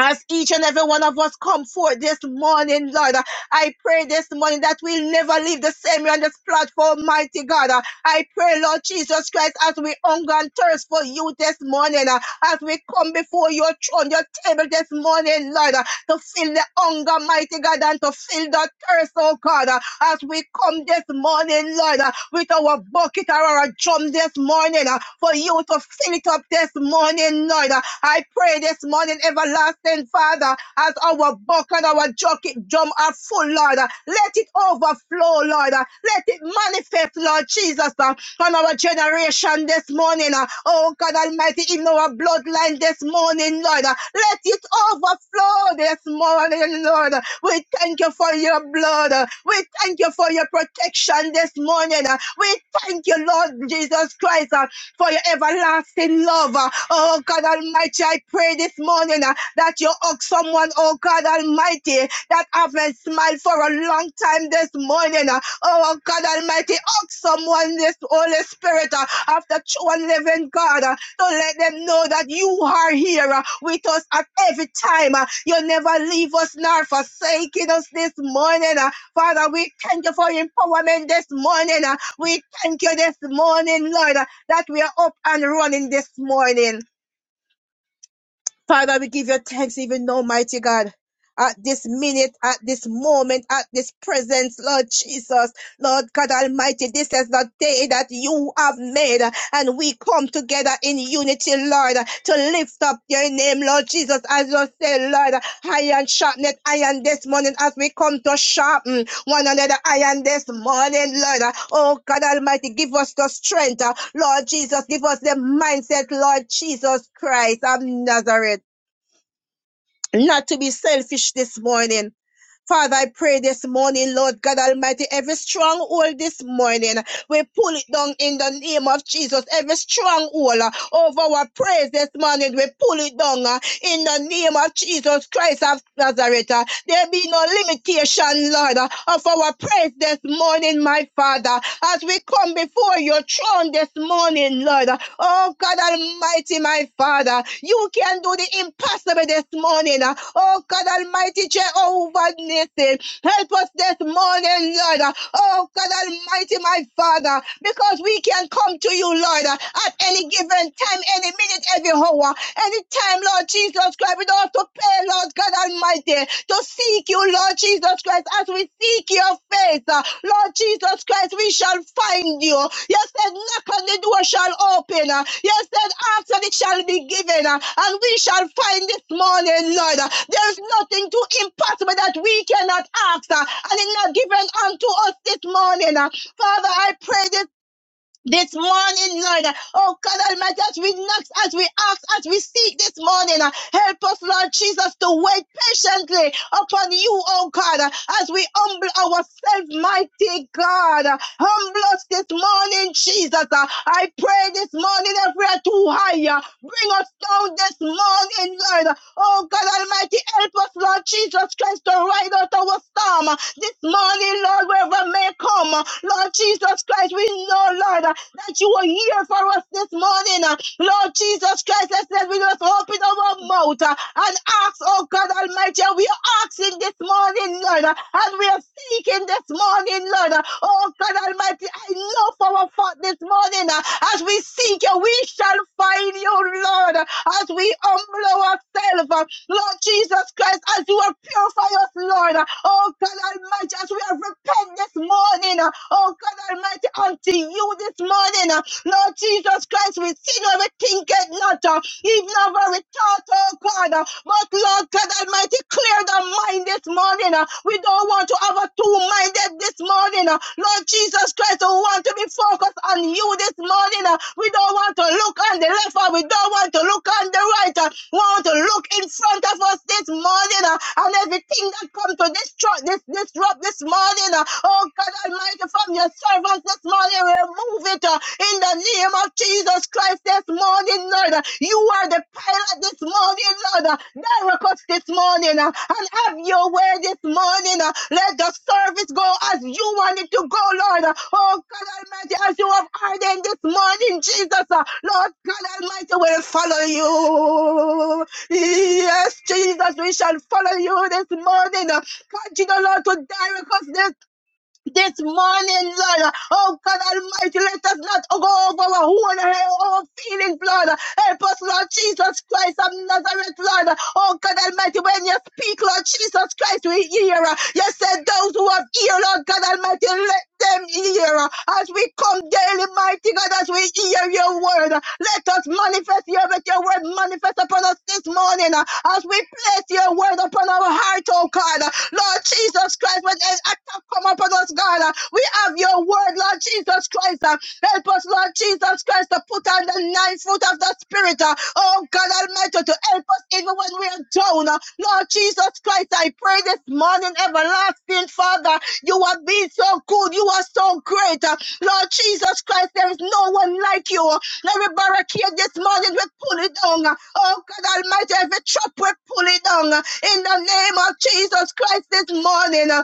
[SPEAKER 3] as each and every one of us come forth this morning, Lord, uh, I pray this morning that we'll never leave the same way on this platform, mighty God. Uh, I pray, Lord Jesus Christ, as we hunger and thirst for you this morning, uh, as we come before your throne, your table this morning, Lord, uh, to fill the hunger, mighty God, and to fill the thirst, oh God. Uh, as we come this morning, Lord, uh, with our bucket or our drum this morning, uh, for you to fill it up this morning, Lord. Uh, I pray this morning, everlasting Father, as our bucket, our bucket drum are full, Lord. uh, Let it overflow, Lord. uh, Let it manifest, Lord Jesus, uh, on our generation this morning. uh, Oh God Almighty, in our bloodline this morning, Lord. uh, Let it overflow this morning, Lord. Uh, We thank you for your blood. Uh, we thank you for your protection this morning. uh. We thank you, Lord Jesus Christ, uh, for your everlasting love. uh. Oh God Almighty, I pray this morning uh, that you hug someone, oh God Almighty, that haven't smiled for a long time this morning. uh. Oh God Almighty, hug someone this Holy Spirit uh, of the true and living God. uh, to let them know that you are here uh, with us at every time. uh. You never leave us nor forsaking us this morning. uh. Father, we thank you for empowerment this morning. uh. We thank you this morning, Lord, uh, that we are up and running this morning. Father, we give you thanks even now, mighty God. At this minute, at this moment, at this presence, Lord Jesus, Lord God Almighty, this is the day that you have made, uh, and we come together in unity, Lord, uh, to lift up your name, Lord Jesus, as you say, Lord, uh, iron sharpened iron this morning as we come to sharpen one another iron this morning, Lord. Oh God Almighty, give us the strength. uh, Lord Jesus, give us the mindset, Lord Jesus Christ of Nazareth. Not to be selfish this morning, Father, I pray this morning, Lord God Almighty, every stronghold this morning, we pull it down in the name of Jesus. Every stronghold uh, over our praise this morning, we pull it down uh, in the name of Jesus Christ of Nazareth. uh. There be no limitation, Lord, uh, of our praise this morning, my Father, as we come before your throne this morning, Lord. uh. Oh God Almighty, my Father, God. uh, You can do the impossible this morning. uh. Oh, God Almighty, Jehovah Nissi, help us this morning, Lord. uh. Oh, God Almighty, my Father, because we can come to you, Lord, uh, at any given time, any minute, every hour, any time, Lord Jesus Christ, without to pay, Lord God Almighty, to seek you, Lord Jesus Christ, as we seek your face, uh, Lord Jesus Christ, we shall find you. You said, knock on the door shall open. uh, You said, ask and it shall be given. uh, And we shall find this morning, Lord. uh, There's nothing too impossible that we cannot ask uh, and it's not given unto us this morning. uh. Father, I pray this this morning, Lord. Oh God Almighty, as we knock, as we ask, as we seek this morning, uh, help us, Lord Jesus, to wait patiently upon you, oh God, uh, as we humble ourselves, mighty God. Uh, Humble us this morning, Jesus. Uh, I pray this morning if we are too high, uh, bring us down this morning, Lord. Oh God Almighty, help us, Lord Jesus Christ, to ride out our storm uh, this morning, Lord, wherever may come. uh, Lord Jesus Christ, we know, Lord, uh, that you are here for us this morning. uh, Lord Jesus Christ, I said we just open our mouth uh, and ask, oh God Almighty, and we are asking this morning, Lord, uh, and we are seeking this morning, Lord. uh, Oh God Almighty, I know for our fact this morning, uh, as we seek you, we shall find you, Lord, uh, as we humble ourselves, uh, Lord Jesus Christ, as you are purify us, Lord. uh, Oh God Almighty, as we have repented this morning, uh, oh God Almighty, unto you this morning. uh, Lord Jesus Christ, we see no rethinketh not, uh, even of our thought, oh God. uh, But Lord God Almighty, clear the mind this morning. uh, We don't want to have a two-minded this morning. uh, Lord Jesus Christ, we want to be focused on you this morning. uh, We don't want to look on the left or we don't want to look on the right. uh, We want to look in front of us this morning uh, and everything that comes to destruct this disrupt this morning. uh, Oh God Almighty, from your servants this morning. Remove it uh, in the name of Jesus Christ this morning, Lord. Uh, You are the pilot this morning, Lord. Uh, Direct us this morning uh, and have your way this morning. uh. Let the service go as you want it to go, Lord. Uh, Oh, God Almighty, as you have ordained this morning, Jesus, uh, Lord God Almighty will follow you. Yes, Jesus, we shall follow you this morning. uh. Continue, Lord, to direct us this this morning, Lord. Oh God Almighty, let us not go over our own, our own feelings, Lord. Help us, Lord Jesus Christ of Nazareth, Lord. Oh God Almighty, when you speak, Lord Jesus Christ, we hear. You said those who have ear, Lord God Almighty, let them hear. As we come daily, mighty God, as we hear your word, let us manifest your, let your word manifest upon us this morning. As we place your word upon our heart, oh God. Lord Jesus Christ, when an attack shall come upon us, God. Uh, We have your word, Lord Jesus Christ. Uh, Help us, Lord Jesus Christ, to put on the nine fruit of the Spirit. uh, Oh, God Almighty, to help us even when we are down. uh, Lord Jesus Christ, I pray this morning, everlasting Father, you have been so good. You are so great. uh, Lord Jesus Christ, there is no one like you. Every barricade this morning, we pull it down. uh, Oh, God Almighty, every trap, we pull it down. uh, In the name of Jesus Christ this morning. uh,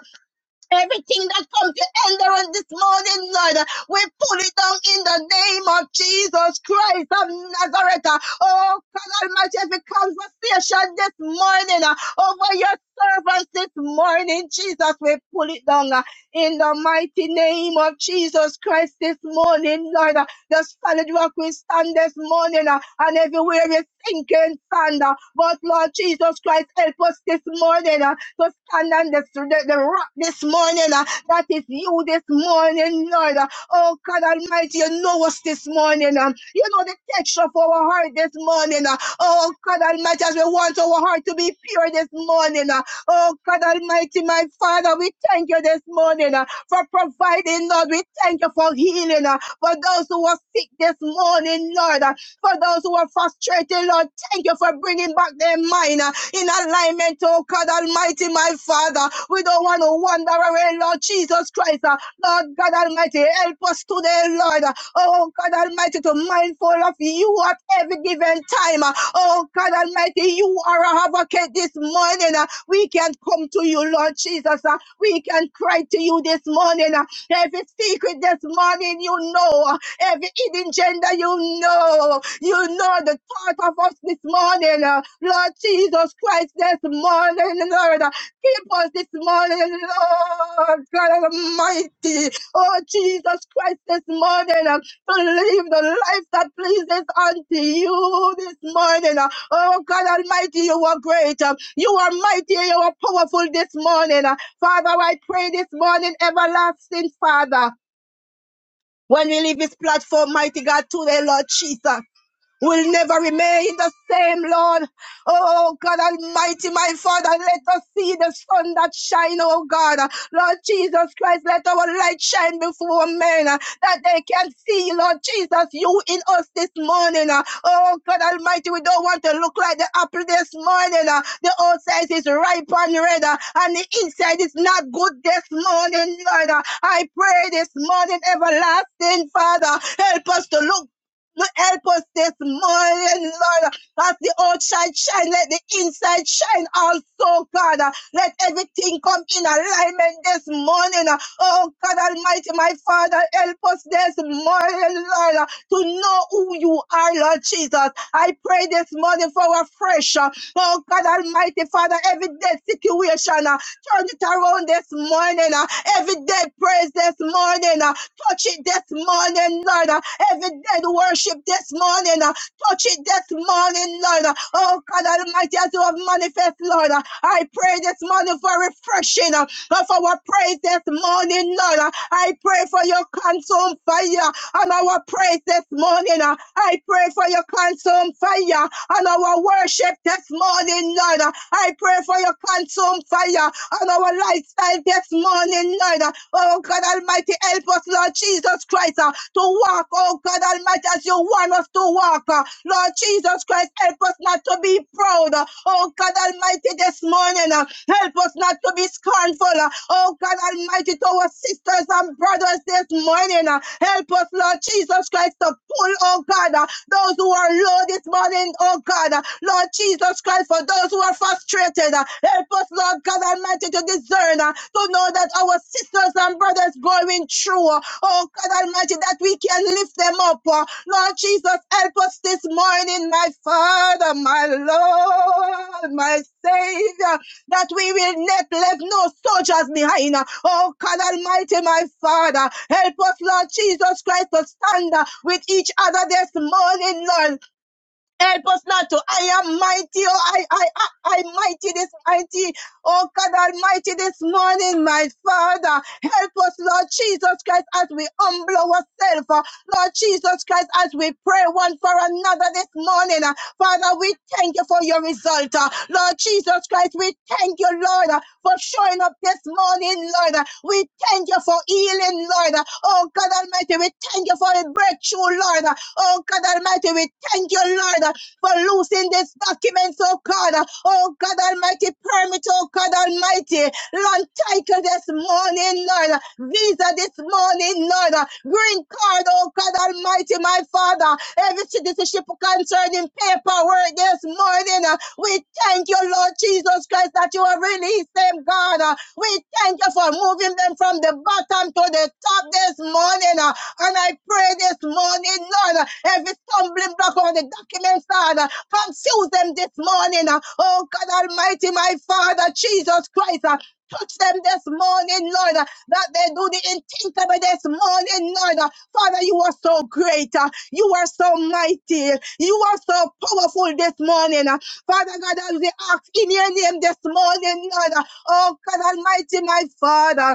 [SPEAKER 3] Everything that comes to hinder us this morning, Lord, we pull it down in the name of Jesus Christ of Nazareth. Oh, God Almighty, every conversation this morning uh, over your servants this morning, Jesus, we pull it down in the mighty name of Jesus Christ this morning, Lord. uh, The solid rock we stand this morning, uh, and everywhere is sinking sand. uh, But Lord Jesus Christ, help us this morning uh, to stand on this, the, the rock this morning. uh, That is you this morning, Lord. uh, Oh God Almighty, you know us this morning. um, You know the texture of our heart this morning. uh, Oh God Almighty, as we want our heart to be pure this morning. uh, Oh God Almighty, my Father, we thank you this morning uh, for providing, Lord. We thank you for healing uh, for those who are sick this morning, Lord. uh, For those who are frustrated, Lord, thank you for bringing back their mind uh, in alignment, oh God Almighty, my Father. We don't want to wander away, Lord Jesus Christ. uh, Lord God Almighty, help us today, Lord. uh, Oh God Almighty, to mindful of you at every given time. uh, Oh God Almighty, you are our advocate this morning. uh, We can come to you, Lord Jesus. uh, We can cry to you this morning. uh, Every secret this morning, you know. uh, Every hidden gender, you know. You know the thought of us this morning. uh, Lord Jesus Christ, this morning, Lord. Keep us this morning, Lord God Almighty. Oh, Jesus Christ, this morning, uh, to live the life that pleases unto you this morning. uh. Oh, God Almighty, you are great. uh. You are mighty. You are powerful this morning. uh. Father, I pray this morning, everlasting Father, when we leave this platform, mighty God, today, Lord Jesus will never remain the same, Lord. Oh God Almighty, my Father, let us see the sun that shine, oh God. Lord Jesus Christ, let our light shine before men uh, that they can see, Lord Jesus, you in us this morning. uh. Oh God Almighty, we don't want to look like the apple this morning. uh. The outside is ripe and red, uh, and the inside is not good this morning, Lord. uh. I pray this morning, everlasting Father, help us to look Lord, help us this morning, Lord. As the outside shine, let the inside shine also, God. Let everything come in alignment this morning. Oh, God Almighty, my Father, help us this morning, Lord, to know who you are, Lord Jesus. I pray this morning for a fresh, uh, oh, God Almighty, Father, every dead situation, uh, turn it around this morning. uh, Every dead praise this morning morning. uh, Touch it this morning, Lord. uh, Every dead worship this morning. uh, Touch it this morning, Lord. uh, Oh, God Almighty, as you have manifest, Lord. uh, I pray this morning for refreshing uh, of our praise this morning, Lord. uh, I pray for your consumed fire on our praise this morning. uh, I pray for your consumed fire on our worship this morning, Lord. uh, I pray for your consumed fire on our life lifestyle this morning, Lord. Oh God Almighty, help us, Lord Jesus Christ, uh, to walk, oh God Almighty, as you want us to walk. uh. Lord Jesus Christ, help us not to be proud. uh. Oh God Almighty, this morning, uh, help us not to be scornful. uh. Oh God Almighty, to our sisters and brothers this morning, uh. help us, Lord Jesus Christ, to pull, oh God, uh, those who are low this morning, oh God. uh, Lord Jesus Christ, for those those who are frustrated. uh, Help us, Lord God Almighty, to discern, uh, to know that our sisters and brothers going through, uh, oh God Almighty, that we can lift them up. uh. Lord Jesus, help us this morning, my Father, my Lord, my Savior, that we will not leave no soldiers behind. uh. Oh God Almighty, my Father, help us, Lord Jesus Christ, to stand uh, with each other this morning, Lord. Help us not to. I am mighty. Oh, I, I, I, I mighty this mighty. Oh God Almighty, this morning, my Father, help us, Lord Jesus Christ, as we humble ourselves. uh, Lord Jesus Christ, as we pray one for another this morning. uh, Father, we thank you for your result. uh, Lord Jesus Christ, we thank you, Lord, uh, for showing up this morning, Lord. uh, We thank you for healing, Lord. uh, Oh God Almighty, we thank you for a breakthrough, Lord. Lord. Oh God Almighty, we thank you, Lord, for loosing these documents, oh God. Oh God Almighty, permit, oh God Almighty, land title this morning, Lord. Visa this morning, Lord. Green card, oh God Almighty, my Father. Every citizenship concerning paperwork this morning. uh, We thank you, Lord Jesus Christ, that you have released them, God. Uh, We thank you for moving them from the bottom to the top this morning. uh, And I pray this morning, Lord, uh, every stumbling block on the documents, Lord, uh, confuse them this morning. uh, Oh God Almighty, my Father, Jesus Christ. uh, Touch them this morning, Lord, uh, that they do the unthinkable this morning, Lord. uh, Father, you are so great. uh, You are so mighty. You are so powerful this morning. uh, Father God, as we ask in your name this morning, Lord. uh, Oh God Almighty, my Father.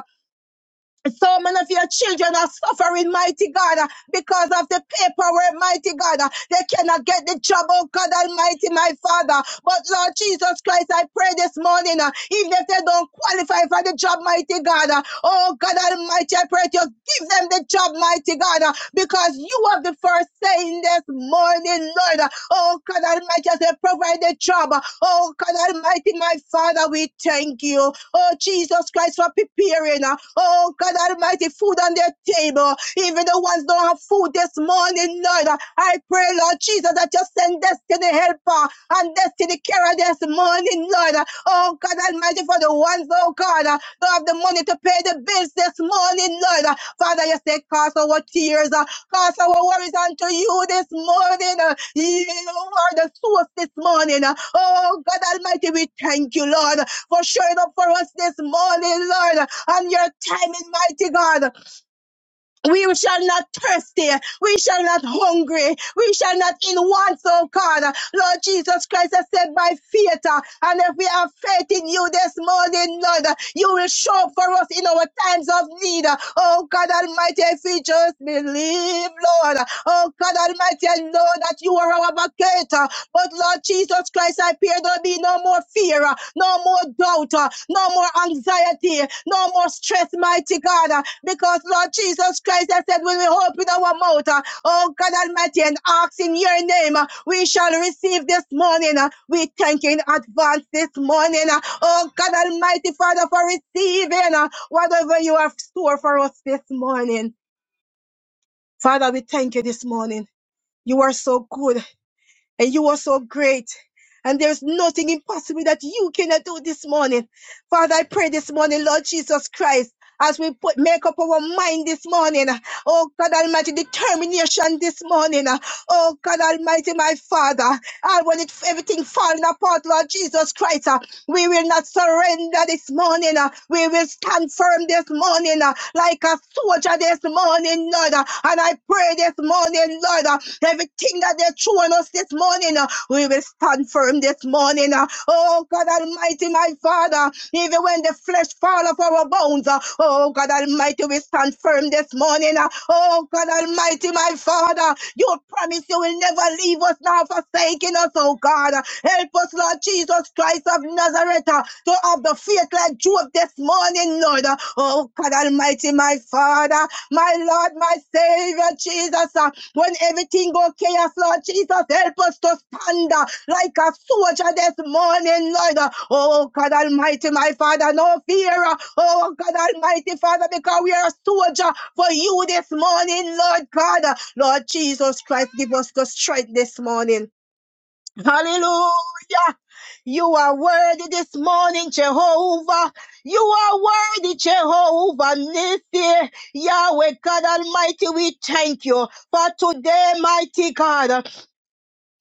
[SPEAKER 3] So many of your children are suffering, mighty God, uh, because of the paperwork, mighty God. uh, They cannot get the job, oh God Almighty, my Father. But Lord Jesus Christ, I pray this morning, uh, even if they don't qualify for the job, mighty God, uh, oh God Almighty, I pray that you give them the job, mighty God, uh, because you have the first say in this, morning, Lord. Oh God Almighty, as they provide the job. Oh God Almighty, my Father, we thank you. Oh Jesus Christ, for preparing. uh, Oh God Almighty, food on their table. Even the ones don't have food this morning, Lord. I pray, Lord Jesus, that you send destiny helper and destiny carrier this morning, Lord. Oh God Almighty, for the ones, oh God, uh, don't have the money to pay the bills this morning, Lord. Uh, Father, you say, cause our tears, uh, cause our worries unto you this morning. uh, You are the source this morning. uh. Oh God Almighty, we thank you, Lord, for showing up for us this morning, Lord, on your timing, mighty God. We shall not thirsty. We shall not hungry. We shall not in want, oh God. Lord Jesus Christ has said by faith. uh, And if we have faith in you this morning, Lord, uh, you will show up for us in our times of need. uh. Oh God Almighty, if we just believe, Lord. uh, Oh God Almighty, I know that you are our advocate. uh, But Lord Jesus Christ, I pray, Lord be no more fear, uh, no more doubt, uh, no more anxiety, no more stress, mighty God. uh, Because Lord Jesus Christ has said, when we open our mouth, uh, oh God Almighty, and ask in your name, uh, we shall receive this morning. uh, We thank you in advance this morning. uh, Oh God Almighty, Father, for receiving uh, whatever you have stored for us this morning. Father, we thank you this morning. You are so good and you are so great. And there's nothing impossible that you cannot do this morning. Father, I pray this morning, Lord Jesus Christ, as we put, make up our mind this morning. Oh God Almighty, determination this morning. Oh God Almighty, my Father. Ah, when it, everything falling apart, Lord Jesus Christ, ah, we will not surrender this morning. ah. we will stand firm this morning ah, like a soldier this morning, Lord. ah. and I pray this morning, Lord, ah, everything that they're throwing us this morning, ah, we will stand firm this morning. ah. oh, God Almighty, my Father, even when the flesh fall off our bones, ah, oh, God Almighty, we stand firm this morning. ah. oh, God Almighty, my Father, you promise you will never leave us now forsake forsaking us, oh God. Help us, Lord Jesus Christ of Nazareth, uh, to have the faith like Job this morning, Lord. Oh God Almighty, my Father, my Lord, my Savior, Jesus. uh, When everything goes chaos, Lord Jesus, help us to stand uh, like a soldier this morning, Lord. Oh God Almighty, my Father, no fear. uh, Oh God Almighty, Father, because we are a soldier for you this morning, Lord God. Lord Jesus Christ, give us the strength this morning. Hallelujah. You are worthy this morning, Jehovah. You are worthy, Jehovah Nissi. Yahweh God Almighty, we thank you for today, mighty God.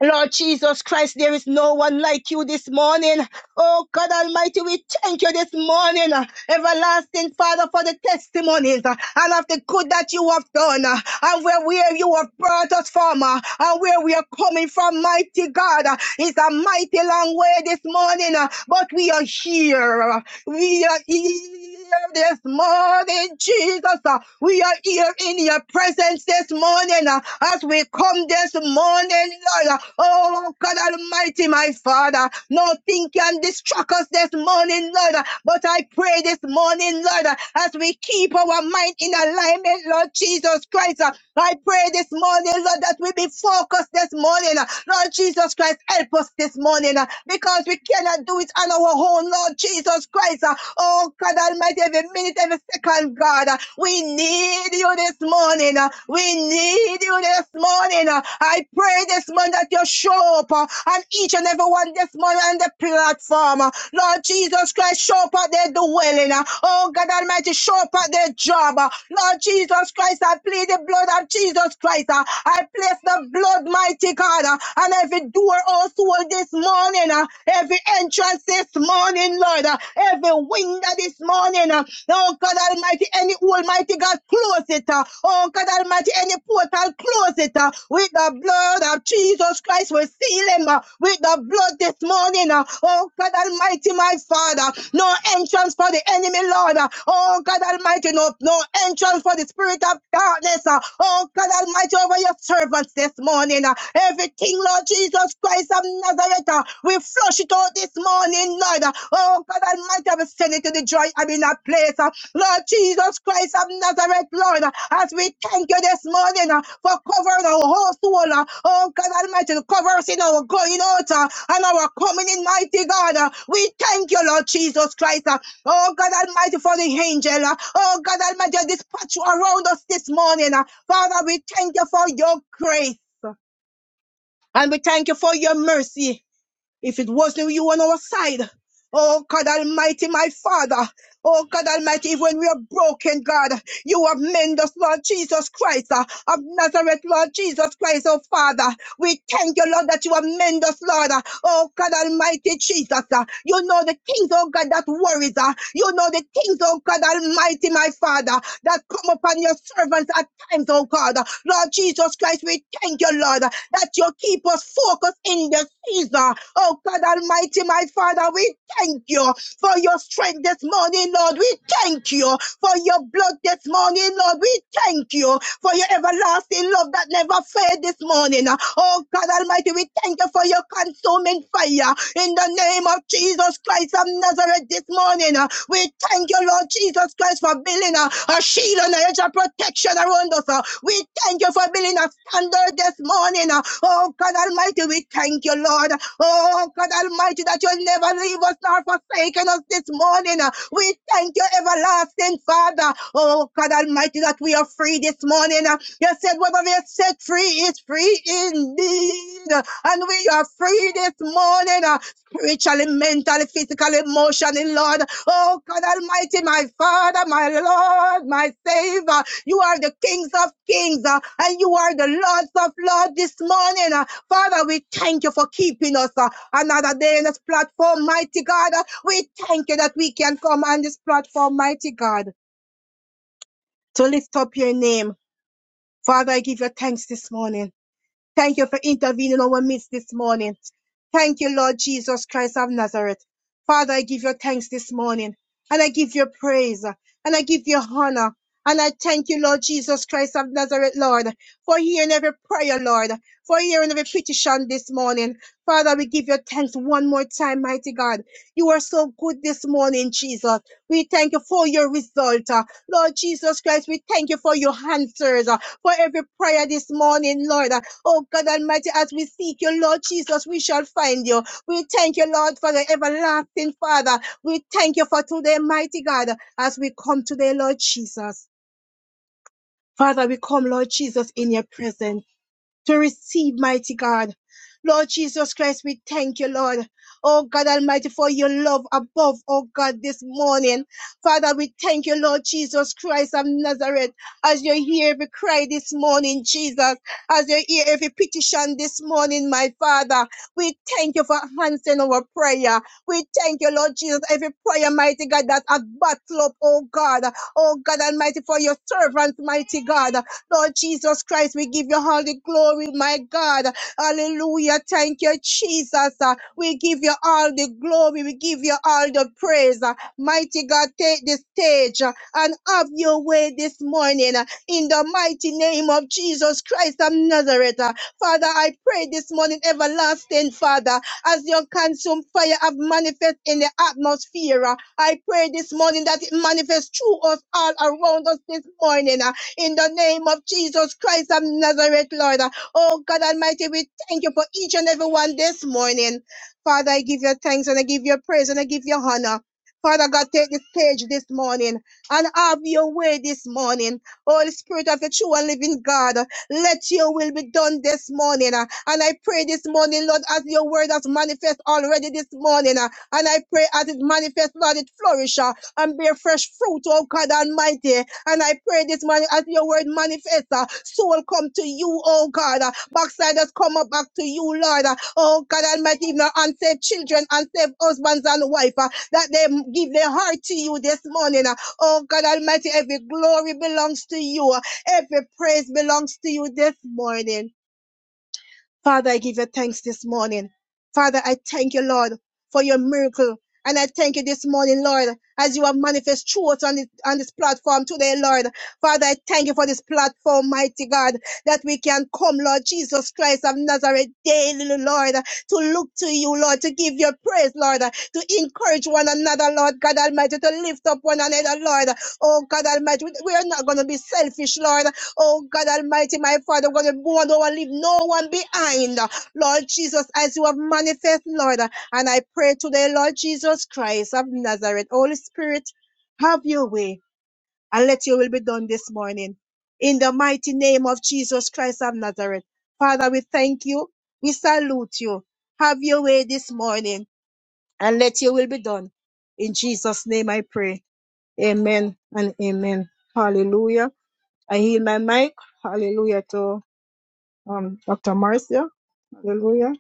[SPEAKER 3] Lord Jesus Christ, there is no one like you this morning. Oh God Almighty, we thank you this morning, uh, everlasting Father, for the testimonies uh, and of the good that you have done, uh, and where, where you have brought us from, uh, and where we are coming from, mighty God. uh, It's a mighty long way this morning, uh, but we are here. We are here this morning, Jesus. Uh, We are here in your presence this morning uh, as we come this morning, Lord. Uh, Oh, God Almighty, my Father, nothing can distract us this morning, Lord. Uh, But I pray this morning, Lord, uh, as we keep our mind in alignment, Lord Jesus Christ. uh, I pray this morning, Lord, that we be focused this morning. uh, Lord Jesus Christ, help us this morning morning uh, because we cannot do it on our own, Lord Jesus Christ. uh, Oh God Almighty, every minute, every second, God, uh, we need you this morning. uh, We need you this morning. uh, I pray this morning that you show up uh, on each and every one this morning on the platform. uh, Lord Jesus Christ, show up at their dwelling. uh, Oh God Almighty, show up at their job. uh, Lord Jesus Christ, I plead the blood of Jesus Christ. uh, I plead Yes, the blood, mighty God, uh, and every door, oh soul, this morning, uh, every entrance this morning, Lord, uh, every window this morning, uh, oh God Almighty, any Almighty God, close it, uh, oh God Almighty, any portal, close it uh, with the blood of Jesus Christ, we seal him uh, with the blood this morning, uh, oh God Almighty, my Father, no entrance for the enemy, Lord, uh, oh God Almighty, no, no entrance bound for the spirit of darkness. uh, Oh God Almighty, over your servants this morning. uh, Everything, Lord Jesus Christ of Nazareth, uh, we flush it out this morning, Lord. uh, Oh God Almighty, we send it to the joy I'm in a place. uh, Lord Jesus Christ of Nazareth, Lord, uh, as we thank you this morning uh, for covering our whole soul. uh, Oh God Almighty, cover us in our going out uh, and our coming in, mighty God. uh, We thank you, Lord Jesus Christ. uh, Oh God Almighty, for the angel. uh, Oh God Almighty, your dispatch you around us this morning. uh. Father, we thank you for your grace. uh, And we thank you for your mercy. If it wasn't you on our side. Oh God Almighty, my Father. Oh God Almighty, even when we are broken, God, you have mended us, Lord Jesus Christ, uh, of Nazareth, Lord Jesus Christ, oh Father. We thank you, Lord, that you amend us, Lord. Oh, God Almighty Jesus. uh, You know the things, oh God, that worries. uh, You know the things, oh God Almighty, my Father, that come upon your servants at times, oh God. Lord Jesus Christ, we thank you, Lord, that you keep us focused in the season. Oh God Almighty, my Father, we thank you for your your strength this morning, Lord. We thank you for your blood this morning, Lord. We thank you for your everlasting love that never fails this morning. Oh God Almighty, we thank you for your consuming fire in the name of Jesus Christ of Nazareth this morning. We thank you, Lord Jesus Christ, for building a, a shield and a hedge of protection around us. We we thank you for building a standard this morning. uh, Oh God Almighty, we thank you, Lord. Oh God Almighty, that you'll never leave us nor forsaken us this morning. uh, We thank you, everlasting Father. Oh God Almighty, that we are free this morning. uh, You said, "Whatever you set free is free indeed. And we are free this morning. uh, spiritually, mentally, physically, emotionally, Lord. Oh, God Almighty, my Father, my Lord, my Savior. You are the kings of kings uh, and you are the lords of lords this morning. uh. Father, we thank you for keeping us uh, another day in this platform, mighty God. Uh, We thank you that we can come on this platform, mighty God, to lift up your name. Father, I give you thanks this morning. Thank you for intervening in our midst this morning. Thank you, Lord Jesus Christ of Nazareth. Father, I give you thanks this morning and I give you praise and I give you honor. And I thank you, Lord Jesus Christ of Nazareth, Lord, for hearing every prayer, Lord, for hearing every petition this morning. Father, we give you thanks one more time, mighty God. You are so good this morning, Jesus. We thank you for your result. uh, Lord Jesus Christ, we thank you for your answers, uh, for every prayer this morning, Lord. Oh God Almighty, as we seek you, Lord Jesus, we shall find you. We thank you, Lord, for the everlasting Father. We thank you for today, mighty God, as we come today, Lord Jesus. Father, we come, Lord Jesus, in your presence to receive, mighty God. Lord Jesus Christ, we thank you, Lord. Oh God Almighty, for your love above, oh God, this morning. Father, we thank you, Lord Jesus Christ of Nazareth, as you hear every cry this morning, Jesus, as you hear every petition this morning, my Father. We thank you for answering our prayer. We thank you, Lord Jesus, every prayer, mighty God, that has battled up, oh God. Oh God Almighty, for your servants, mighty God. Lord Jesus Christ, we give you all the glory, my God. Hallelujah. Thank you, Jesus. Uh, We give you all the glory. We give you all the praise. Uh, Mighty God, take the stage uh, and have your way this morning uh, in the mighty name of Jesus Christ of Nazareth. Uh, Father, I pray this morning, everlasting Father, as your consumed fire have manifest in the atmosphere. uh, I pray this morning that it manifests through us all around us this morning. Uh, in the name of Jesus Christ of Nazareth, Lord. Oh God Almighty, we thank you for each and every one this morning. Father, I give you thanks and I give you praise and I give you honor. Father God, take this page this morning and have your way this morning. Holy Spirit of the true and living God, let your will be done this morning. uh, And I pray this morning, Lord, as your word has manifest already this morning. uh, And I pray as it manifests, Lord, it flourishes and bear fresh fruit, oh God Almighty. And I pray this morning as your word manifests, uh, soul come to you, oh God. Uh, backsliders come up back to you, Lord. Uh, oh God Almighty, even our unsaved children, unsaved husbands and wife, uh, that they give their heart to you this morning. uh, oh God Almighty, every glory belongs to you. uh, every praise belongs to you this morning. Father, I give you thanks this morning. Father, I thank you, Lord, for your miracle. And I thank you this morning, Lord, as you have manifest truth on this, on this platform today, Lord. Father, I thank you for this platform, mighty God, that we can come, Lord Jesus Christ of Nazareth daily, Lord, to look to you, Lord, to give your praise, Lord, to encourage one another, Lord God Almighty, to lift up one another, Lord. Oh God Almighty, we we are not going to be selfish, Lord. Oh God Almighty, my Father, God, we won't leave no one behind. Lord Jesus, as you have manifest, Lord, and I pray today, Lord Jesus Christ of Nazareth, Holy Spirit, have your way and let your will be done this morning. In the mighty name of Jesus Christ of Nazareth. Father, we thank you. We salute you. Have your way this morning and let your will be done. In Jesus' name I pray. Amen and amen. Hallelujah. I heal my mic. Hallelujah to um, Dr. Marcia. Hallelujah.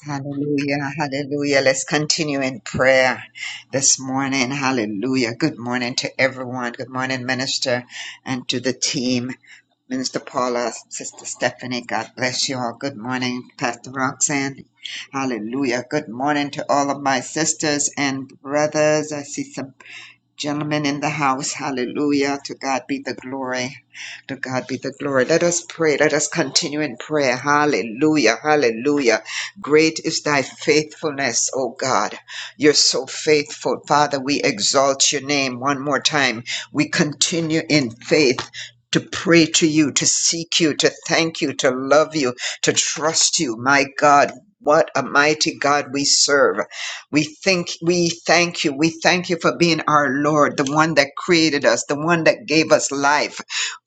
[SPEAKER 4] Hallelujah, hallelujah. Let's continue in prayer this morning. Hallelujah. Good morning to everyone. Good morning, Minister, and to the team. Minister Paula, Sister Stephanie, God bless you all. Good morning, Pastor Roxanne. Hallelujah. Good morning to all of my sisters and brothers. I see some Gentlemen in the house, hallelujah. To God be the glory. To God be the glory. Let us pray. Let us continue in prayer. Hallelujah. Hallelujah. Great is thy faithfulness, O God. You're so faithful. Father, we exalt your name one more time. We continue in faith. To pray to you, to seek you, to thank you, to love you, to trust you. My God, what a mighty God we serve. We think we thank you. We thank you for being our Lord, the one that created us, the one that gave us life.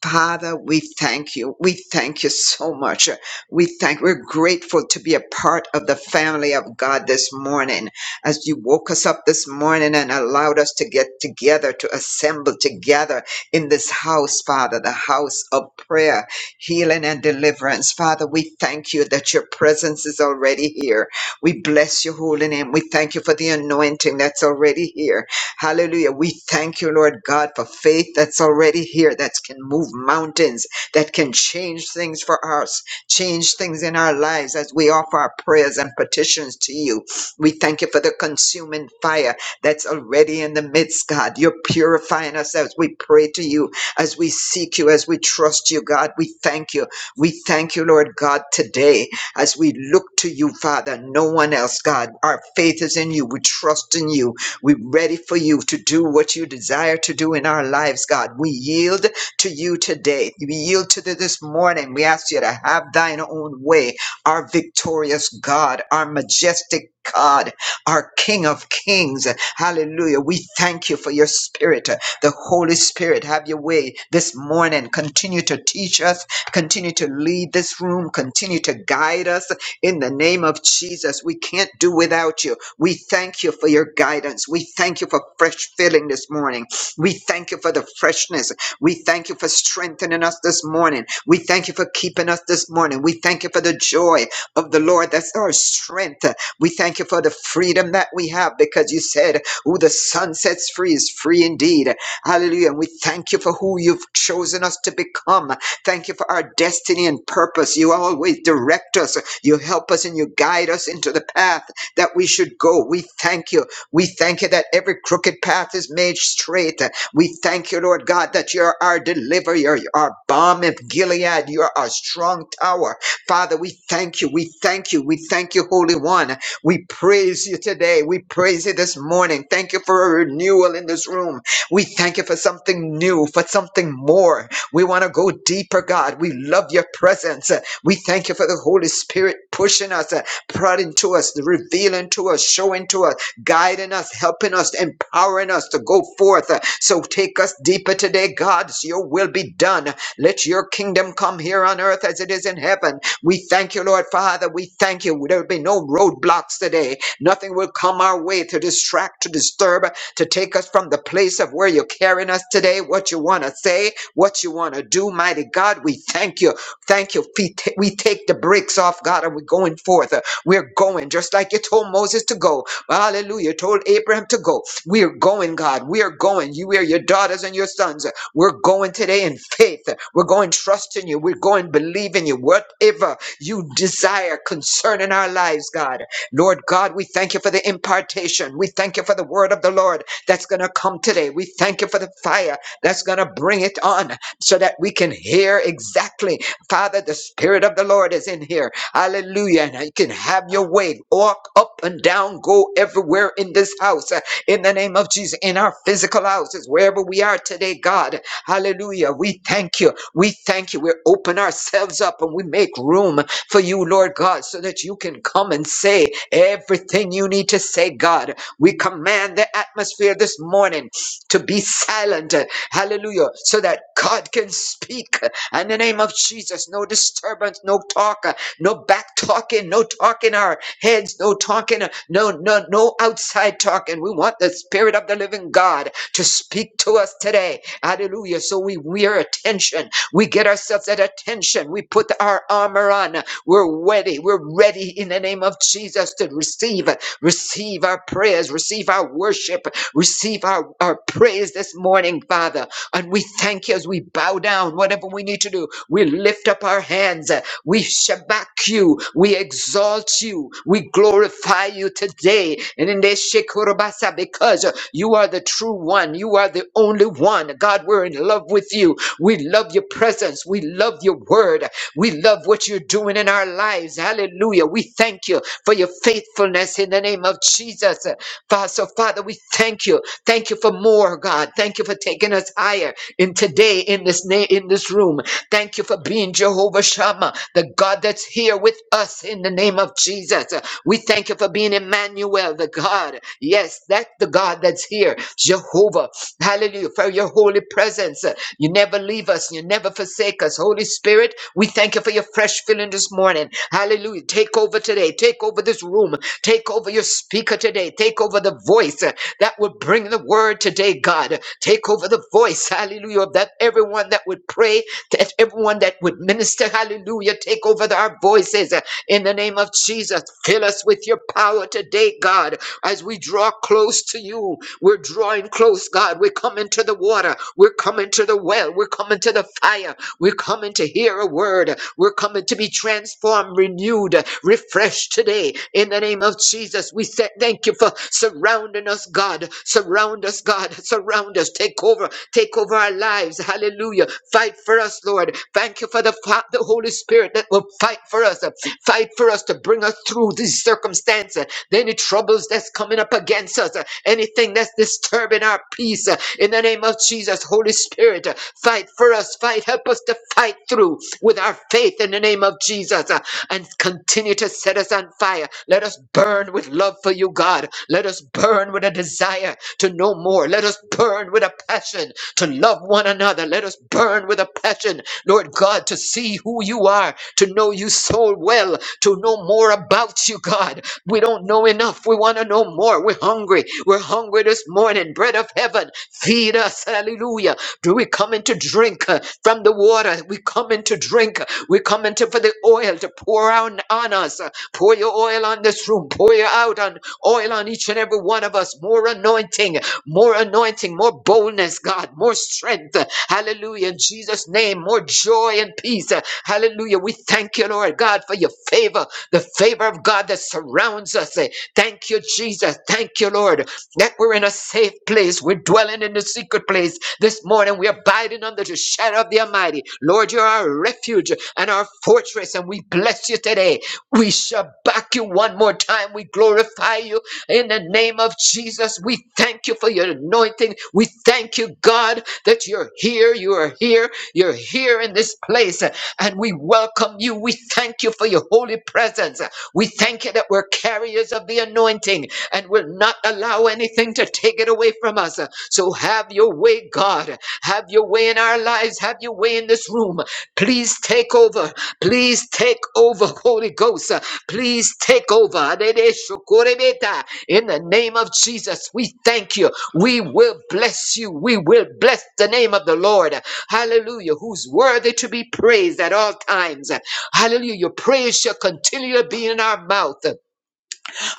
[SPEAKER 4] Father, we thank you. We thank you so much. We thank we're grateful to be a part of the family of God this morning. As you woke us up this morning and allowed us to get together, to assemble together in this house, Father, the house of prayer, healing and deliverance. Father, we thank you that your presence is already here. We bless your holy name. We thank you for the anointing that's already here. Hallelujah. We thank you, Lord God, for faith that's already here, that can move mountains, that can change things for us, change things in our lives as we offer our prayers and petitions to you. We thank you for the consuming fire that's already in the midst, God. You're purifying us as we pray to you, as we seek you, as we trust you, God. We thank you. We thank you, Lord God, today. As we look to you, Father, no one else, God. Our faith is in you. We trust in you. We're ready for you to do what you desire to do in our lives, God. We yield to you today. We yield to the, this morning. We ask you to have thine own way. Our victorious God, our majestic God, our King of Kings. Hallelujah. We thank you for your spirit, the Holy Spirit. Have your way this morning. Continue to teach us Continue to lead this room. Continue to guide us in the name of Jesus. We can't do without you. We thank you for your guidance. We thank you for fresh filling this morning. We thank you for the freshness. We thank you for strengthening us this morning. We thank you for keeping us this morning. We thank you for the joy of the Lord. That's our strength. We thank you for the freedom that we have because you said, Who the sun sets free is free indeed. Hallelujah. And we thank you for who you've chosen us to become. Thank you for our destiny and purpose. You always direct us. You help us and you guide us into the path that we should go. We thank you. We thank you that every crooked path is made straight. We thank you, Lord God, that you're our deliverer. You're our balm of Gilead. You're our strong tower. Father, we thank you. We thank you. We thank you, Holy One. We praise you today. We praise you this morning. Thank you for a renewal in this room. We thank you for something new, for something more. We want to go deeper, God. We love your presence. We thank you for the Holy Spirit pushing us, uh, prodding to us, revealing to us, showing to us, guiding us, helping us, empowering us to go forth. Uh, So take us deeper today, God. So your will be done. Let your kingdom come here on earth as it is in heaven. We thank you, Lord Father. We thank you. There will be no roadblocks today. Nothing will come our way to distract, to disturb, to take us from the place of where you're carrying us today, what you want to say, what you want to do, mighty God. We thank you. Thank you. We ta- we take the brakes off, God, and we're going forth. Uh, We're going just like you told Moses to go. Hallelujah. You Told Abraham to go. We are going, God. We are going. You are your daughters and your sons. Uh, We're going today in faith. Uh, We're going trusting you. We're going believing you. Whatever you desire concerning our lives, God. Lord God, we thank you for the impartation. We thank you for the word of the Lord that's going to come today. We thank you for the fire that's going to bring it on so that we can hear exactly, Father, the Spirit of the Lord is in here. Hallelujah. And you can have your way. Walk up and down, go everywhere in this house. uh, In the name of Jesus, in our physical houses, wherever we are today, God. Hallelujah. We thank you. We thank you. We open ourselves up and we make room for you, Lord God, so that you can come and say everything you need to say, God. We command the atmosphere this morning to be silent. Hallelujah. So that God can speak. In the name of Jesus, no disturbance, no talk, no back talking, no talking our heads, no talking, no, no, no outside talking. We want the Spirit of the living God to speak to us today. Hallelujah. So we wear attention. We get ourselves at attention. We put our armor on. We're ready. We're ready in the name of Jesus to receive. Receive our prayers, receive our worship, receive our, our praise this morning, Father. And we thank you as we bow down, whatever we need to do. We lift up our hands. uh, We shabak you. We exalt you. We glorify you today. And in this Shekurabasa, because uh, you are the true one. You are the only one. God, we're in love with you. We love your presence. We love your word. We love what you're doing in our lives. Hallelujah. We thank you for your faithfulness in the name of Jesus. Father, so Father, we thank you. Thank you for more, God. Thank you for taking us higher in today in this na- in this room. Thank you for being Jehovah Shammah, the God that's here with us in the name of Jesus. We thank you for being Emmanuel, the God. Yes, that's the God that's here. Jehovah. Hallelujah. For your holy presence. You never leave us. You never forsake us. Holy Spirit, we thank you for your fresh filling this morning. Hallelujah. Take over today. Take over this room. Take over your speaker today. Take over the voice uh, that would bring the word today, God. Take over the voice. Hallelujah. Of that everyone that would pray, that everyone that would minister. Hallelujah. Take over the- our voices uh, in the name of Jesus. Fill us with your power today, God, as we draw close to you. We're drawing close, God. We're coming to the water. We're coming to the well. We're coming to the fire. We're coming to hear a word. We're coming to be transformed, renewed, refreshed today. In the name of Jesus, we say thank you for surrounding us, God. Surround us, God. Surround us. Take over. Take over our lives. Hallelujah. Fight for us, Lord. Thank you for the, fa- the Holy Spirit that will fight for us. Fight for us to bring us through these circumstances any troubles that's coming up against us, uh, anything that's disturbing our peace. uh, In the name of Jesus, Holy Spirit, uh, fight for us, fight, help us to fight through with our faith in the name of Jesus uh, and continue to set us on fire. Let us burn with love for you, God. Let us burn with a desire to know more. Let us burn with a passion to love one another. Let us burn with a passion, Lord God, to see who you are, to know you so well, to know more about you, God. We don't know enough. We want to know more. We're hungry. We're hungry this morning. Bread of heaven, feed us. Hallelujah. Do we come in to drink uh, from the water? We come in to drink. We come into for the oil to pour out on us. Pour your oil on this room. Pour your out on oil on each and every one of us. More anointing, more anointing, more boldness, God, more strength. Hallelujah. In Jesus' name, more joy and peace. Hallelujah. We thank you, Lord God, for your favor the favor of God that surrounds us. Eh, Thank you, Jesus. Thank you, Lord, that we're in a safe place. We're dwelling in the secret place this morning. We're abiding under the shadow of the Almighty. Lord, you're our refuge and our fortress, and we bless you today. We shall back you one more time. We glorify you in the name of Jesus. We thank you for your anointing. We thank you, God, that you're here. You are here. You're here in this place and we welcome you. We thank you for your holy presence. We thank you that we're carriers of the anointing and will not allow anything to take it away from us. So have your way, God. Have your way in our lives. Have your way in this room. Please take over. Please take over, Holy Ghost. Please take over. Adedeshokorebeta. In the name of Jesus, we thank you. We will bless you. We will bless the name of the Lord. Hallelujah. Who's worthy to be praised at all times. Hallelujah. Your praise shall continue to be in our mouth.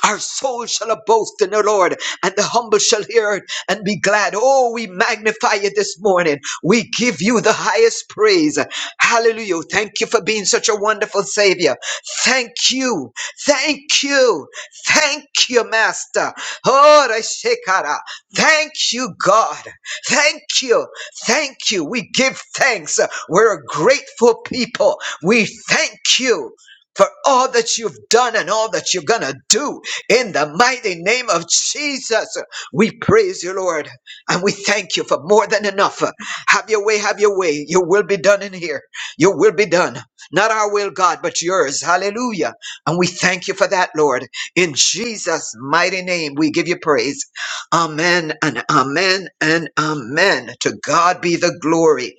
[SPEAKER 4] Our soul shall boast in the Lord, and the humble shall hear it and be glad. Oh, we magnify you this morning. We give you the highest praise. Hallelujah. Thank you for being such a wonderful Savior. Thank you. Thank you. Thank you, Master. Oh, Reshekara. Thank you, God. Thank you. Thank you. We give thanks. We're a grateful people. We thank you for all that you've done and all that you're going to do. In the mighty name of Jesus, we praise you, Lord, and we thank you for more than enough. Have your way, have your way. Your will be done in here. Your will be done. Not our will, God, but yours. Hallelujah. And we thank you for that, Lord. In Jesus' mighty name, we give you praise. Amen and amen and amen. To God be the glory.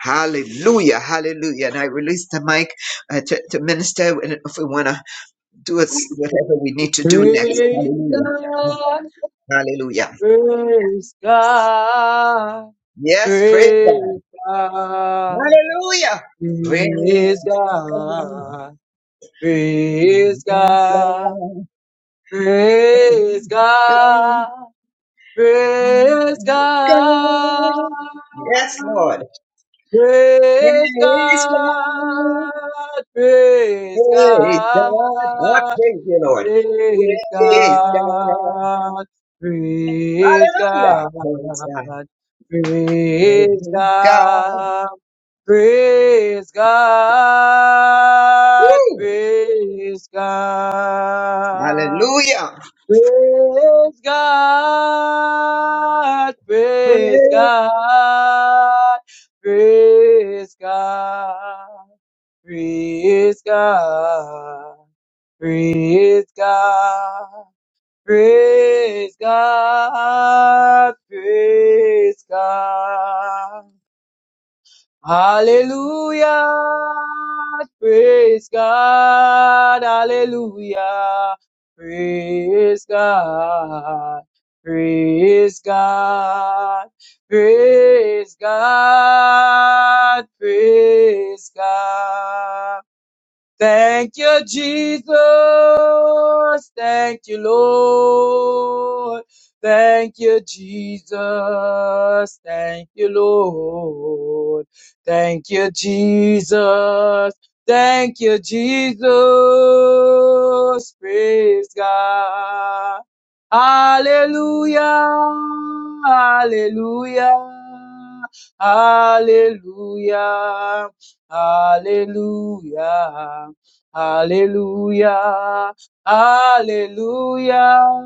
[SPEAKER 4] Hallelujah, hallelujah. And I release the mic uh, to, to minister if we want to do us whatever we need to do next.
[SPEAKER 2] Praise
[SPEAKER 4] Hallelujah.
[SPEAKER 2] God.
[SPEAKER 4] Hallelujah.
[SPEAKER 2] Praise God.
[SPEAKER 4] Yes, praise God.
[SPEAKER 2] Praise God.
[SPEAKER 4] Hallelujah. Praise
[SPEAKER 2] Praise
[SPEAKER 4] God.
[SPEAKER 2] God. Praise
[SPEAKER 4] Praise
[SPEAKER 2] God. Praise
[SPEAKER 4] God.
[SPEAKER 2] God. Praise
[SPEAKER 4] Praise
[SPEAKER 2] God.
[SPEAKER 4] God. Yes, Lord.
[SPEAKER 2] Praise
[SPEAKER 4] Praise God.
[SPEAKER 2] God. Praise
[SPEAKER 4] Praise God. I
[SPEAKER 2] God.
[SPEAKER 4] praise you, Lord.
[SPEAKER 2] Praise
[SPEAKER 4] Praise God.
[SPEAKER 2] God. Praise
[SPEAKER 4] Hallelujah.
[SPEAKER 2] God.
[SPEAKER 4] Praise God.
[SPEAKER 2] Praise God. Praise
[SPEAKER 4] Praise God.
[SPEAKER 2] God.
[SPEAKER 4] Woo.
[SPEAKER 2] Praise God.
[SPEAKER 4] Hallelujah.
[SPEAKER 2] Praise God, praise
[SPEAKER 4] Praise.
[SPEAKER 2] God, praise God, praise God, praise God, praise God, praise God. Hallelujah. Praise God. Hallelujah. Praise God. Praise God. Praise God. Praise God. Thank you, Jesus. Thank you, Lord. Thank you, Jesus. Thank you, Lord. Thank you, Jesus. Thank you, Jesus. Praise God. Hallelujah. Hallelujah. Hallelujah. Hallelujah. Hallelujah. Hallelujah.